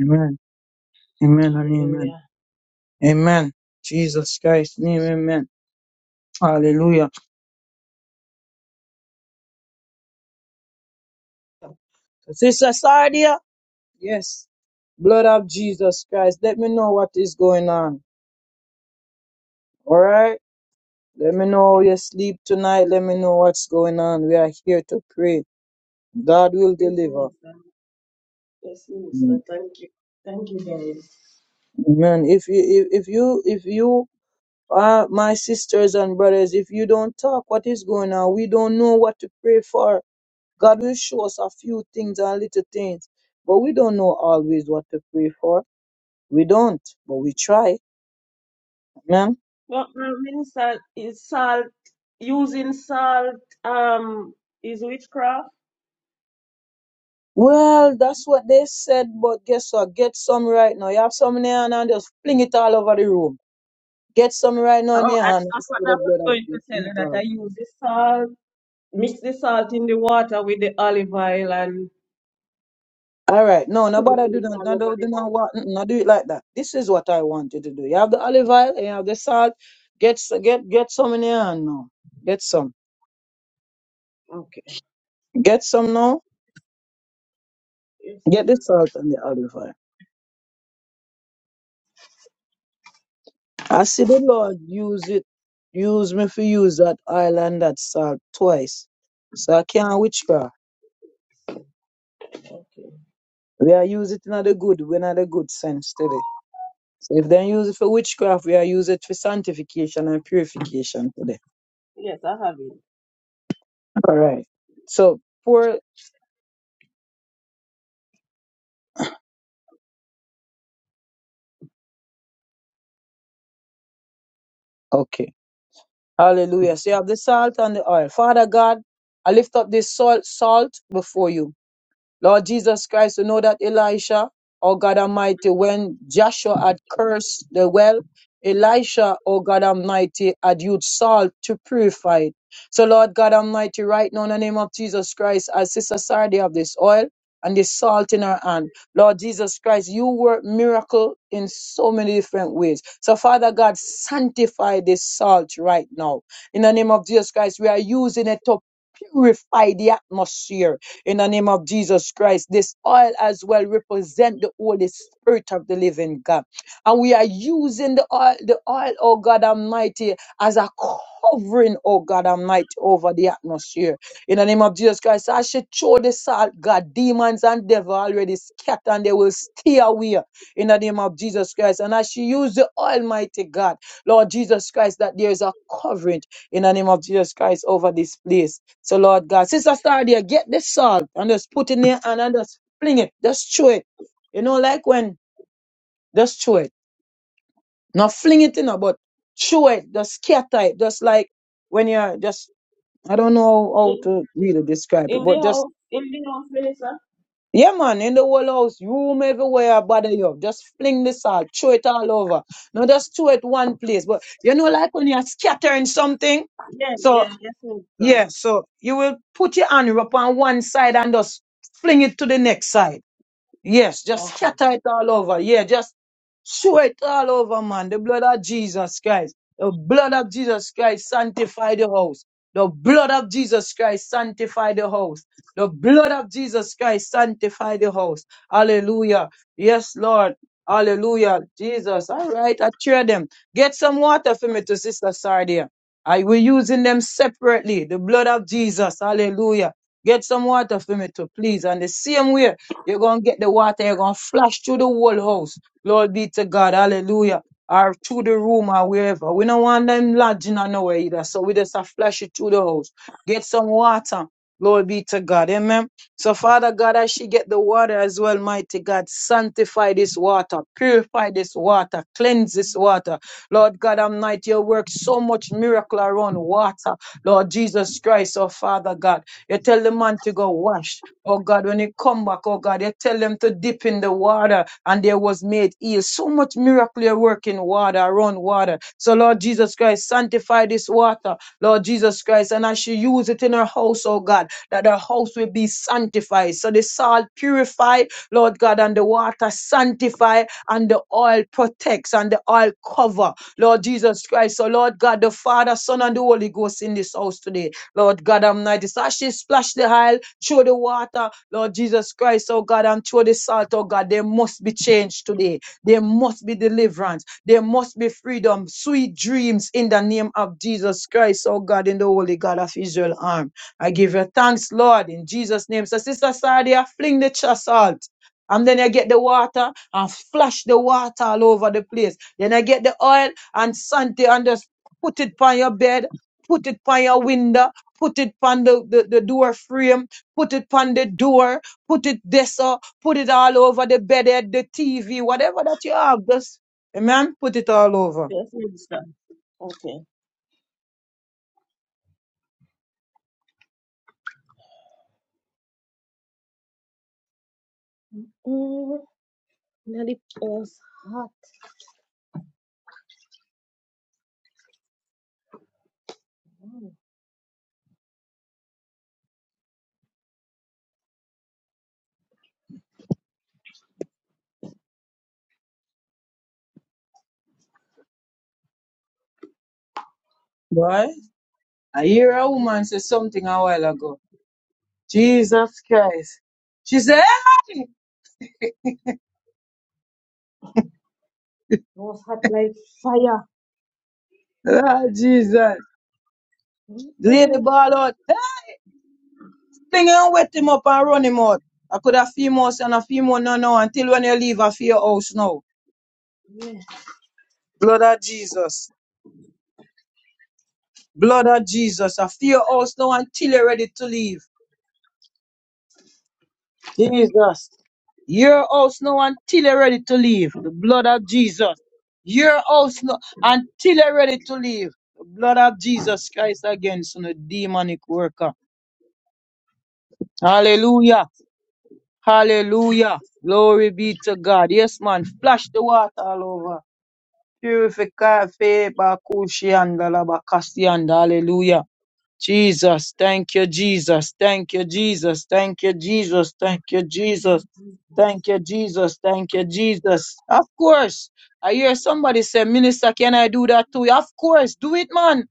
[SPEAKER 2] Amen. Amen and amen.
[SPEAKER 1] Hallelujah.
[SPEAKER 2] Amen. Jesus Christ's name, amen. Hallelujah. Sister Sardia, yes. Blood of Jesus Christ. Let me know what is going on. All right. Let me know how you sleep tonight. Let me know what's going on. We are here to pray. God will
[SPEAKER 7] Yes,
[SPEAKER 2] deliver.
[SPEAKER 7] Minister. Yes, Minister.
[SPEAKER 2] Mm.
[SPEAKER 7] Thank you. Thank you, guys.
[SPEAKER 2] Amen. If you, if, if you, if you are my sisters and brothers, if you don't talk, what is going on? We don't know what to pray for. God will show us a few things and little things, but we don't know always what to pray for. We don't, but we try. Amen.
[SPEAKER 7] Well, uh, Minister, is salt, using salt, um, is witchcraft?
[SPEAKER 2] Well, that's what they said, but guess what? Get some right now. You have some in your hand and just fling it all over the room. Get some right now in
[SPEAKER 7] Oh,
[SPEAKER 2] your
[SPEAKER 7] and
[SPEAKER 2] hand and
[SPEAKER 7] that's
[SPEAKER 2] see
[SPEAKER 7] what I
[SPEAKER 2] the
[SPEAKER 7] was
[SPEAKER 2] blood of
[SPEAKER 7] going to
[SPEAKER 2] Jesus.
[SPEAKER 7] tell
[SPEAKER 2] in
[SPEAKER 7] you,
[SPEAKER 2] it
[SPEAKER 7] that I
[SPEAKER 2] all.
[SPEAKER 7] use the salt, mix the salt in the water with the olive oil and
[SPEAKER 2] All right, no,
[SPEAKER 7] sprinkle
[SPEAKER 2] nobody do
[SPEAKER 7] it
[SPEAKER 2] that.
[SPEAKER 7] all
[SPEAKER 2] No,
[SPEAKER 7] over
[SPEAKER 2] do,
[SPEAKER 7] the
[SPEAKER 2] do not what,
[SPEAKER 7] oil.
[SPEAKER 2] no, do it like that. This is what I want you to do. You have the olive oil, and you have the salt. Get s- get get some in your hand now. Get some.
[SPEAKER 7] Okay.
[SPEAKER 2] Get some now.
[SPEAKER 7] Yes,
[SPEAKER 2] Get the salt
[SPEAKER 7] Minister.
[SPEAKER 2] and the olive oil. I see the Lord use it. Use me for use that oil and that salt twice. So I can't witchcraft.
[SPEAKER 7] Okay.
[SPEAKER 2] We are using it in the good, we not the good sense today. So if they use it for witchcraft, we are use it for sanctification and purification today.
[SPEAKER 7] Yes, I have it.
[SPEAKER 2] All right. So pour okay. Hallelujah. So you have the salt and the oil. Father God, I lift up this salt salt before you. Lord Jesus Christ, you know that Elisha, oh God Almighty, when Joshua had cursed the well, Elisha, oh God Almighty, had used salt to purify it. So, Lord God Almighty, right now in the name of Jesus Christ, as Sister Sardi have this oil and this salt in her hand, Lord Jesus Christ, you work miracle in so many different ways. So, Father God, sanctify this salt right now. In the name of Jesus Christ, we are using it to purify the atmosphere in the name of Jesus Christ. This oil as well represent the Holy Spirit of the living God. And we are using the oil, the oil, oh God Almighty, as a covering, oh God Almighty, over the atmosphere. In the name of Jesus Christ, I should show the salt, God, demons and devil already scattered and they will stay away in the name of Jesus Christ. And I should use the Almighty God, Lord Jesus Christ, that there is a covering in the name of Jesus Christ over this place. So, Lord God, Sister Stardia, get this salt and just put in there and, and just fling it. Just chew it. You know, like when, just chew it. Not fling it in, but chew it. Just scatter it. Just like when you're just, I don't know how
[SPEAKER 7] In,
[SPEAKER 2] to really describe it,
[SPEAKER 7] in the
[SPEAKER 2] but just,
[SPEAKER 7] house, in the house, Minister?
[SPEAKER 2] yeah, man, in the whole house, room everywhere, bother you. Just fling the salt, chew it all over. Not just chew it one place, but you know, like when you're scattering something.
[SPEAKER 7] Yeah,
[SPEAKER 2] so.
[SPEAKER 7] yeah, yes, Minister.
[SPEAKER 2] Yeah, so you will put your hand up on one side and just fling it to the next side. Yes, just
[SPEAKER 7] Okay.
[SPEAKER 2] scatter it all over. Yeah, just show it all over, man. The blood of Jesus Christ. The blood of Jesus Christ sanctify the house. The blood of Jesus Christ sanctify the house. The blood of Jesus Christ sanctify the house. Hallelujah. Yes, Lord. Hallelujah. Jesus. All right, I cheer them. Get some water for me to Sister Sardia. I will using them separately. The blood of Jesus. Hallelujah. Get some water for me to please. And the same way. You're going to get the water. You're going to flash through the whole house. Lord be to God. Hallelujah. Or through the room or wherever. We don't want them lodging on nowhere either. So we just have flash it through the house. Get some water. Lord be to God. Amen. So, Father God, as she get the water as well, mighty God, sanctify this water, purify this water, cleanse this water. Lord God, I'm not your work so much miracle around water. Lord Jesus Christ, oh Father God. You tell the man to go wash. Oh God, when they come back, oh God, they tell them to dip in the water and there was made heal. So much miracle you work in water, around water. So Lord Jesus Christ, sanctify this water, Lord Jesus Christ, and I should use it in her house, oh God, that her house will be sanctified. So the salt purify, Lord God, and the water sanctify and the oil protects and the oil cover. Lord Jesus Christ. So Lord God, the Father, Son, and the Holy Ghost in this house today. Lord God Almighty. So as she splash the oil through the water, Lord Jesus Christ, oh God, and through the salt, oh God, there must be change today. There must be deliverance. There must be freedom, sweet dreams in the name of Jesus Christ, oh God, in the Holy God of Israel arm. I give you thanks, Lord, in Jesus' name. So, Sister Sardia, fling the char salt. And then I get the water and flash the water all over the place. Then I get the oil and Santi and just put it on your bed, put it on your window, put it on the, the, the door frame, Put it on the door, put it this or put it all over the bed, the TV, whatever that you have. Just, amen, put it all over.
[SPEAKER 7] Yes, Minister. Okay. Mm, Nelly Paul's heart,
[SPEAKER 2] Boy, I hear a
[SPEAKER 7] please.
[SPEAKER 2] woman say something a while ago. Jesus Christ. She said,
[SPEAKER 7] Paul's heart like fire.
[SPEAKER 2] Lord Jesus, lay the
[SPEAKER 7] Mm,
[SPEAKER 2] ball out. Thing and wet him up and run him out. I could have few more and a few more no no until when you leave a fear house now.
[SPEAKER 7] yeah.
[SPEAKER 2] Blood of Jesus. Blood of Jesus. A fear house now until you're ready to leave. Jesus. Your house now until you're ready to leave. The blood of Jesus. Your house now until you're ready to leave. The blood of Jesus Christ against the demonic worker. Hallelujah. Hallelujah. Glory be to God. Yes, man. Flash the water all over. Purify faith, Bakushi and Dalabakasi and Hallelujah. Jesus, thank you, Jesus, thank you, Jesus, thank you, Jesus, thank you, Jesus. Thank you, Jesus. Thank you, Jesus. Of course. I hear somebody say, Minister, can I do that too? Of course. Do it, man.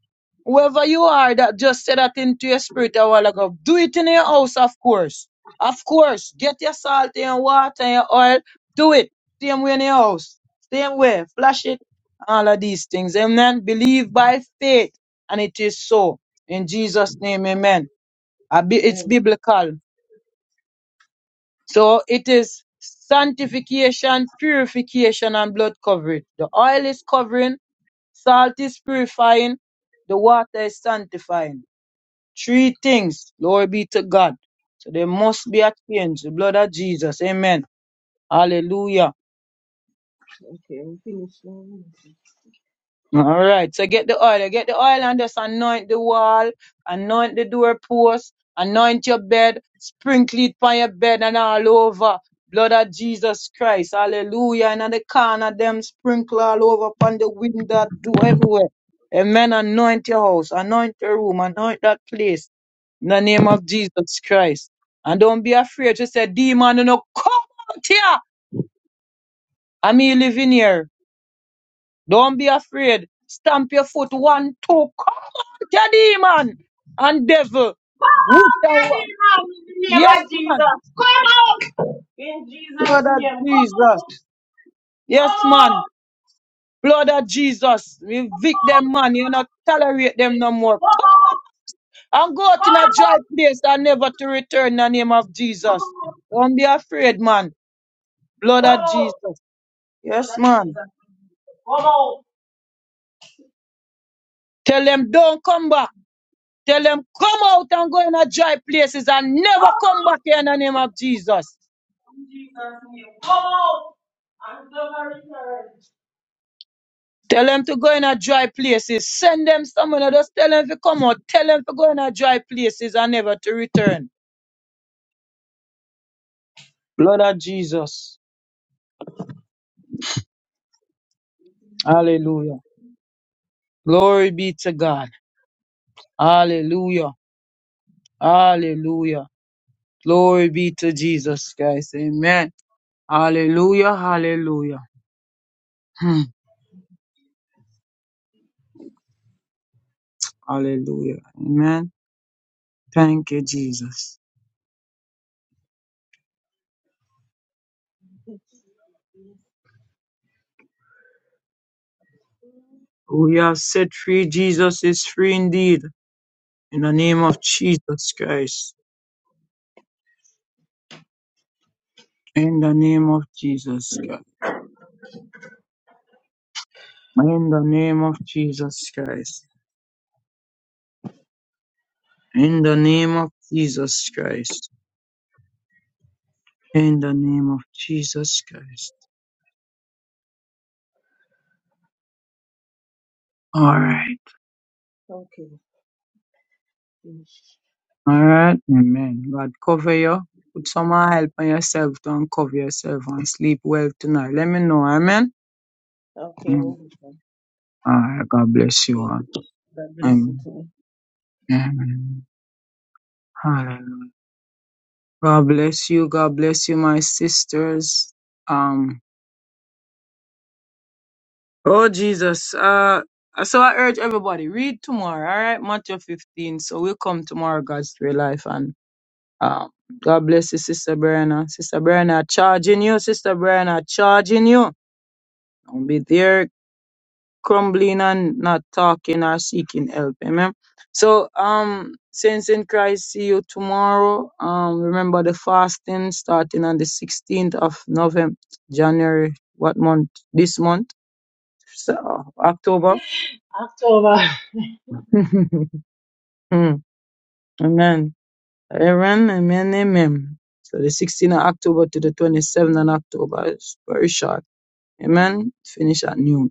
[SPEAKER 2] Whoever you are that just said that into your spirit a while ago, do it in your house, of course. Of course. Get your salt and your water and your oil. Do it. Same way in your house. Same way. Flash it. All of these things. Amen. Believe by faith. And it is so. In Jesus' name, amen. I be- It's
[SPEAKER 7] Amen.
[SPEAKER 2] biblical. So it is sanctification, purification, and blood covering. The oil is covering, salt is purifying, the water is sanctifying. Three things. Glory be to God. So there must be a change. The blood of Jesus. Amen. Hallelujah.
[SPEAKER 7] Okay, I'm finished now.
[SPEAKER 2] All right. So get the oil. Get the oil and just anoint the wall, anoint the doorpost, anoint your bed, sprinkle it on your bed and all over. Blood of Jesus Christ. Hallelujah. And on the corner, them sprinkle all over upon the window, do everywhere. Amen. Anoint your house, anoint your room, anoint that place in the name of Jesus Christ. And don't be afraid to say, demon, you know, come out here. I mean, living here. Don't be afraid. Stamp your foot one, two, come. Your demon and devil.
[SPEAKER 7] Come
[SPEAKER 2] Wicked
[SPEAKER 7] out, get
[SPEAKER 2] one.
[SPEAKER 7] it out in the name
[SPEAKER 2] Yes,
[SPEAKER 7] of
[SPEAKER 2] man.
[SPEAKER 7] Jesus. Come out in Jesus'
[SPEAKER 2] Blood of
[SPEAKER 7] name. Come out,
[SPEAKER 2] Jesus.
[SPEAKER 7] come
[SPEAKER 2] Yes, man.
[SPEAKER 7] out,
[SPEAKER 2] Blood of Jesus.
[SPEAKER 7] come
[SPEAKER 2] Evict
[SPEAKER 7] out.
[SPEAKER 2] them, man. You not tolerate them no
[SPEAKER 7] Come
[SPEAKER 2] more.
[SPEAKER 7] out,
[SPEAKER 2] And go out
[SPEAKER 7] come
[SPEAKER 2] in a dry
[SPEAKER 7] out,
[SPEAKER 2] place and never to return in the name of
[SPEAKER 7] come
[SPEAKER 2] Jesus.
[SPEAKER 7] out,
[SPEAKER 2] Don't be afraid, man. Blood
[SPEAKER 7] come
[SPEAKER 2] of
[SPEAKER 7] out,
[SPEAKER 2] Jesus. Yes,
[SPEAKER 7] Lord
[SPEAKER 2] man.
[SPEAKER 7] Jesus. Come out,
[SPEAKER 2] Tell them don't come back. Tell them come out and go in a dry places and never come back here in the name
[SPEAKER 7] come
[SPEAKER 2] of
[SPEAKER 7] out.
[SPEAKER 2] Jesus.
[SPEAKER 7] In Jesus' name. Whoa! I'm so very sorry.
[SPEAKER 2] Tell them to go in a dry places. Send them someone and just tell them to come out. Tell them to go in a dry places and never to return. Blood of Jesus.
[SPEAKER 7] Okay.
[SPEAKER 2] Hallelujah. Glory be to God. Hallelujah. Hallelujah. Glory be to Jesus Christ. Amen. Hallelujah. Hallelujah. Hmm. Hallelujah. Amen. Thank you, Jesus. We are set free. Jesus is free indeed. In the name of Jesus Christ. In the name of Jesus Christ. In the name of Jesus Christ. In the name of Jesus Christ. In the name of Jesus Christ. Alright.
[SPEAKER 7] Okay.
[SPEAKER 2] Alright. Amen. God cover you. Put some help on yourself. Don't cover yourself and sleep well tonight. Let me know. Amen.
[SPEAKER 7] Okay.
[SPEAKER 2] Mm. Alright. God bless you all.
[SPEAKER 7] okay. God bless you
[SPEAKER 2] Amen.
[SPEAKER 7] too.
[SPEAKER 2] Amen. Hallelujah. God bless you. God bless you, my sisters. Um. Oh Jesus. Uh so I urge everybody, read tomorrow, all right? Matthew 15. So we'll come tomorrow, God's real life. And um, God bless you, Sister Brianna. Sister Brianna charging you, Sister Brianna charging you. Don't be there crumbling and not talking or seeking help. Amen. So um Saints in Christ, see you tomorrow. Um remember the fasting starting on the 16th of November, January, what month? This month, so, October.
[SPEAKER 1] October. [laughs]
[SPEAKER 2] [laughs] Mm, amen. Amen, amen, amen. So the 16th of October to the 27th of October is very short. Amen. Finish at noon.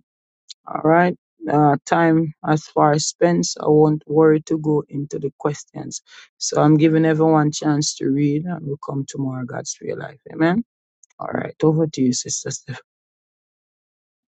[SPEAKER 2] All right. Uh, time as far as spends. I won't worry to go into the questions. So I'm giving everyone chance to read and we'll come tomorrow, God's real life. Amen. All right. Over to you, Sister Steph.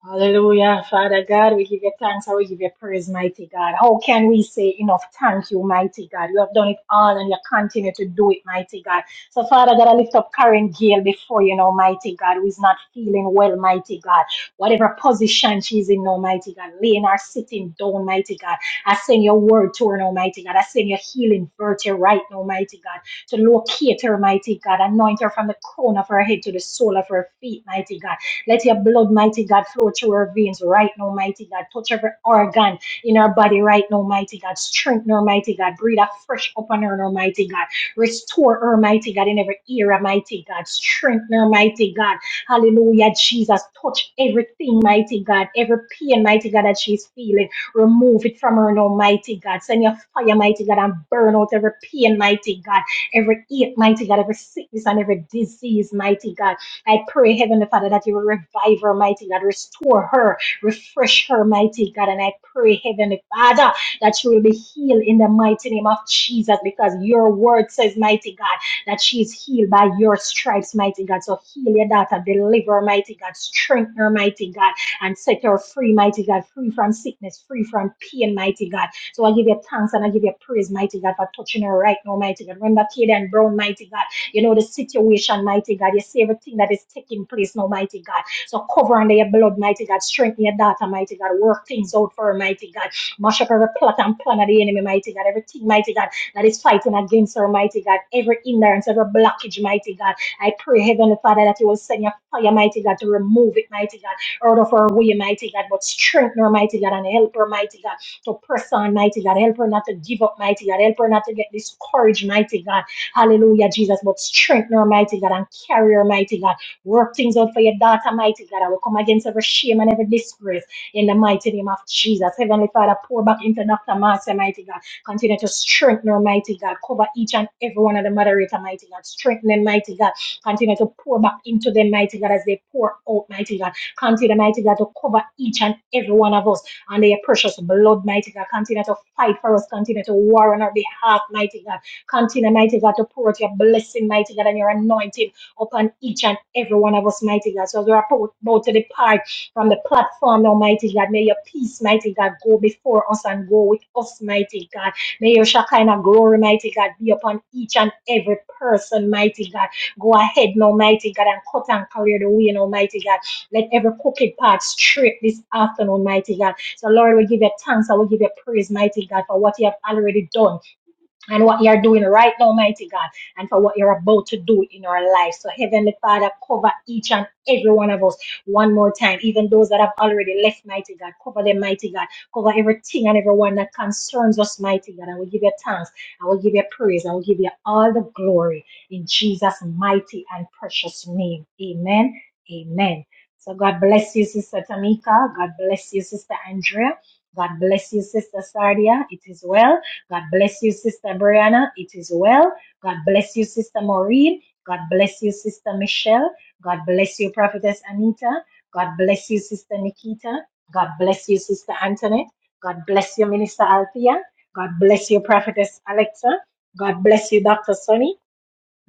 [SPEAKER 1] Hallelujah, Father God, we give you thanks and we give you praise, mighty God. How can we say enough thank you, mighty God? You have done it all and you continue to do it, mighty God. So, Father God, I lift up Karen Gale before you, know, mighty God, who is not feeling well, mighty God. Whatever position she's in, now, mighty God, laying or sitting down, mighty God. I send your word to her, now, mighty God. I send your healing virtue right now, mighty God, to locate her, mighty God. Anoint her from the crown of her head to the sole of her feet, mighty God let your blood, mighty God, flow through our veins right now, mighty God. Touch every organ in our body right now, mighty God. Strengthen her, mighty God. Breathe afresh upon her, no, mighty God. Restore her, mighty God, in every era, mighty God. Strengthen her, mighty God. Hallelujah, Jesus. Touch everything, mighty God. Every pain, mighty God, that she's feeling. Remove it from her, now, mighty God. Send your fire, mighty God, and burn out every pain, mighty God. Every ache, mighty God. Every sickness and every disease, mighty God I pray, Heavenly Father, that you will revive her, mighty God, restore her, refresh her, mighty God. And I pray, Heavenly Father, that she will be healed in the mighty name of Jesus because your word says, mighty God, that she is healed by your stripes, mighty God. So heal your daughter, deliver, her, mighty God, strengthen her, mighty God, and set her free, mighty God, free from sickness, free from pain, mighty God. So I give you thanks and I give you praise, mighty God, for touching her right now, mighty God. Remember Kaden Brown, mighty God. You know, the situation, mighty God. You see everything that is taking place now, mighty God. So cover under your blood, mighty God. Strengthen your daughter, mighty God. Work things out for her, mighty God. Mash up every plot and plan of the enemy, mighty God. Everything, mighty God, that is fighting against her, mighty God. Every hindrance, every blockage, mighty God. I pray, Heavenly Father, that you will send your fire, mighty God, to remove it, mighty God out of her way, mighty God, but strengthen her, mighty God, and help her, mighty God, to press on, mighty God. Help her not to give up, mighty God. Help her not to get discouraged, mighty God. Hallelujah, Jesus. But strengthen her, mighty God, and carry her, mighty God. Work things out for your daughter, mighty God. I will come against every shame and every disgrace in the mighty name of Jesus. Heavenly Father, pour back into Dr. Marcia, mighty God. Continue to strengthen her, mighty God. Cover each and every one of the moderator, mighty God. Strengthen them, mighty God. Continue to pour back into them, mighty God, as they pour out, mighty God. Continue, mighty God, to cover each and every one of us under your precious blood, mighty God. Continue to fight for us. Continue to war on our behalf, mighty God. Continue, mighty God, to pour out your blessing, mighty God, and your anointing upon each and every one of us, mighty God. So as we're about about to depart from the platform, Almighty God, may your peace, mighty God, go before us and go with us, mighty God. May your Shekinah glory, mighty God, be upon each and every person, mighty God. Go ahead, Almighty God, and cut and clear the way, Almighty God. Let every crooked path straight this afternoon, mighty God. So, Lord, we give you thanks. I will give you praise, mighty God, for what you have already done and what you're doing right now, mighty God, and for what you're about to do in our life. So, Heavenly Father, cover each and every one of us one more time, even those that have already left, mighty God. Cover them, mighty God. Cover everything and everyone that concerns us, mighty God. I will give you thanks. I will give you praise. I will give you all the glory in Jesus' mighty and precious name. Amen. Amen. So, God bless you, Sister Tamika. God bless you, Sister Andrea. God bless you, Sister Sardia. It is well. God bless you, Sister Brianna. It is well. God bless you, Sister Maureen. God bless you, Sister Michelle. God bless you, Prophetess Anita. God bless you, Sister Nikita. God bless you, Sister Antoinette. God bless you, Minister Althea. God bless you, Prophetess Alexa. God bless you, Dr. Sonny.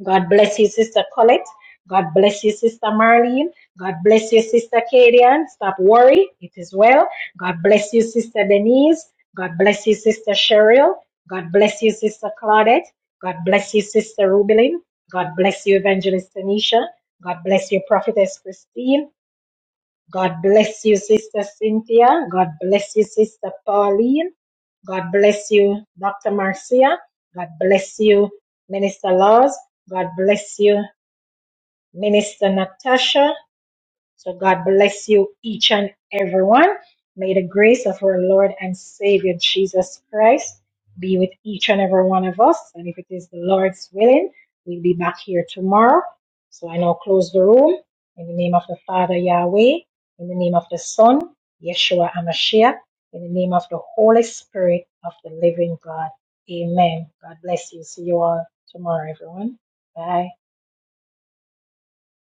[SPEAKER 1] God bless you, Sister Colette. God bless you, Sister Marlene. God bless you, Sister Kadian. Stop worry. It is well. God bless you, Sister Denise. God bless you, Sister Cheryl. God bless you, Sister Claudette. God bless you, Sister Rubelin. God bless you, Evangelist Tanisha. God bless you, Prophetess Christine. God bless you, Sister Cynthia. God bless you, Sister Pauline. God bless you, Dr. Marcia. God bless you, Minister Laws. God bless you, Minister Natasha. So God bless you, each and everyone. May the grace of our Lord and Savior Jesus Christ be with each and every one of us. And if it is the Lord's willing, we'll be back here tomorrow. So I now close the room in the name of the Father Yahweh, in the name of the Son, Yeshua Amashiach, in the name of the Holy Spirit of the living God. Amen. God bless you. See you all tomorrow, everyone. Bye.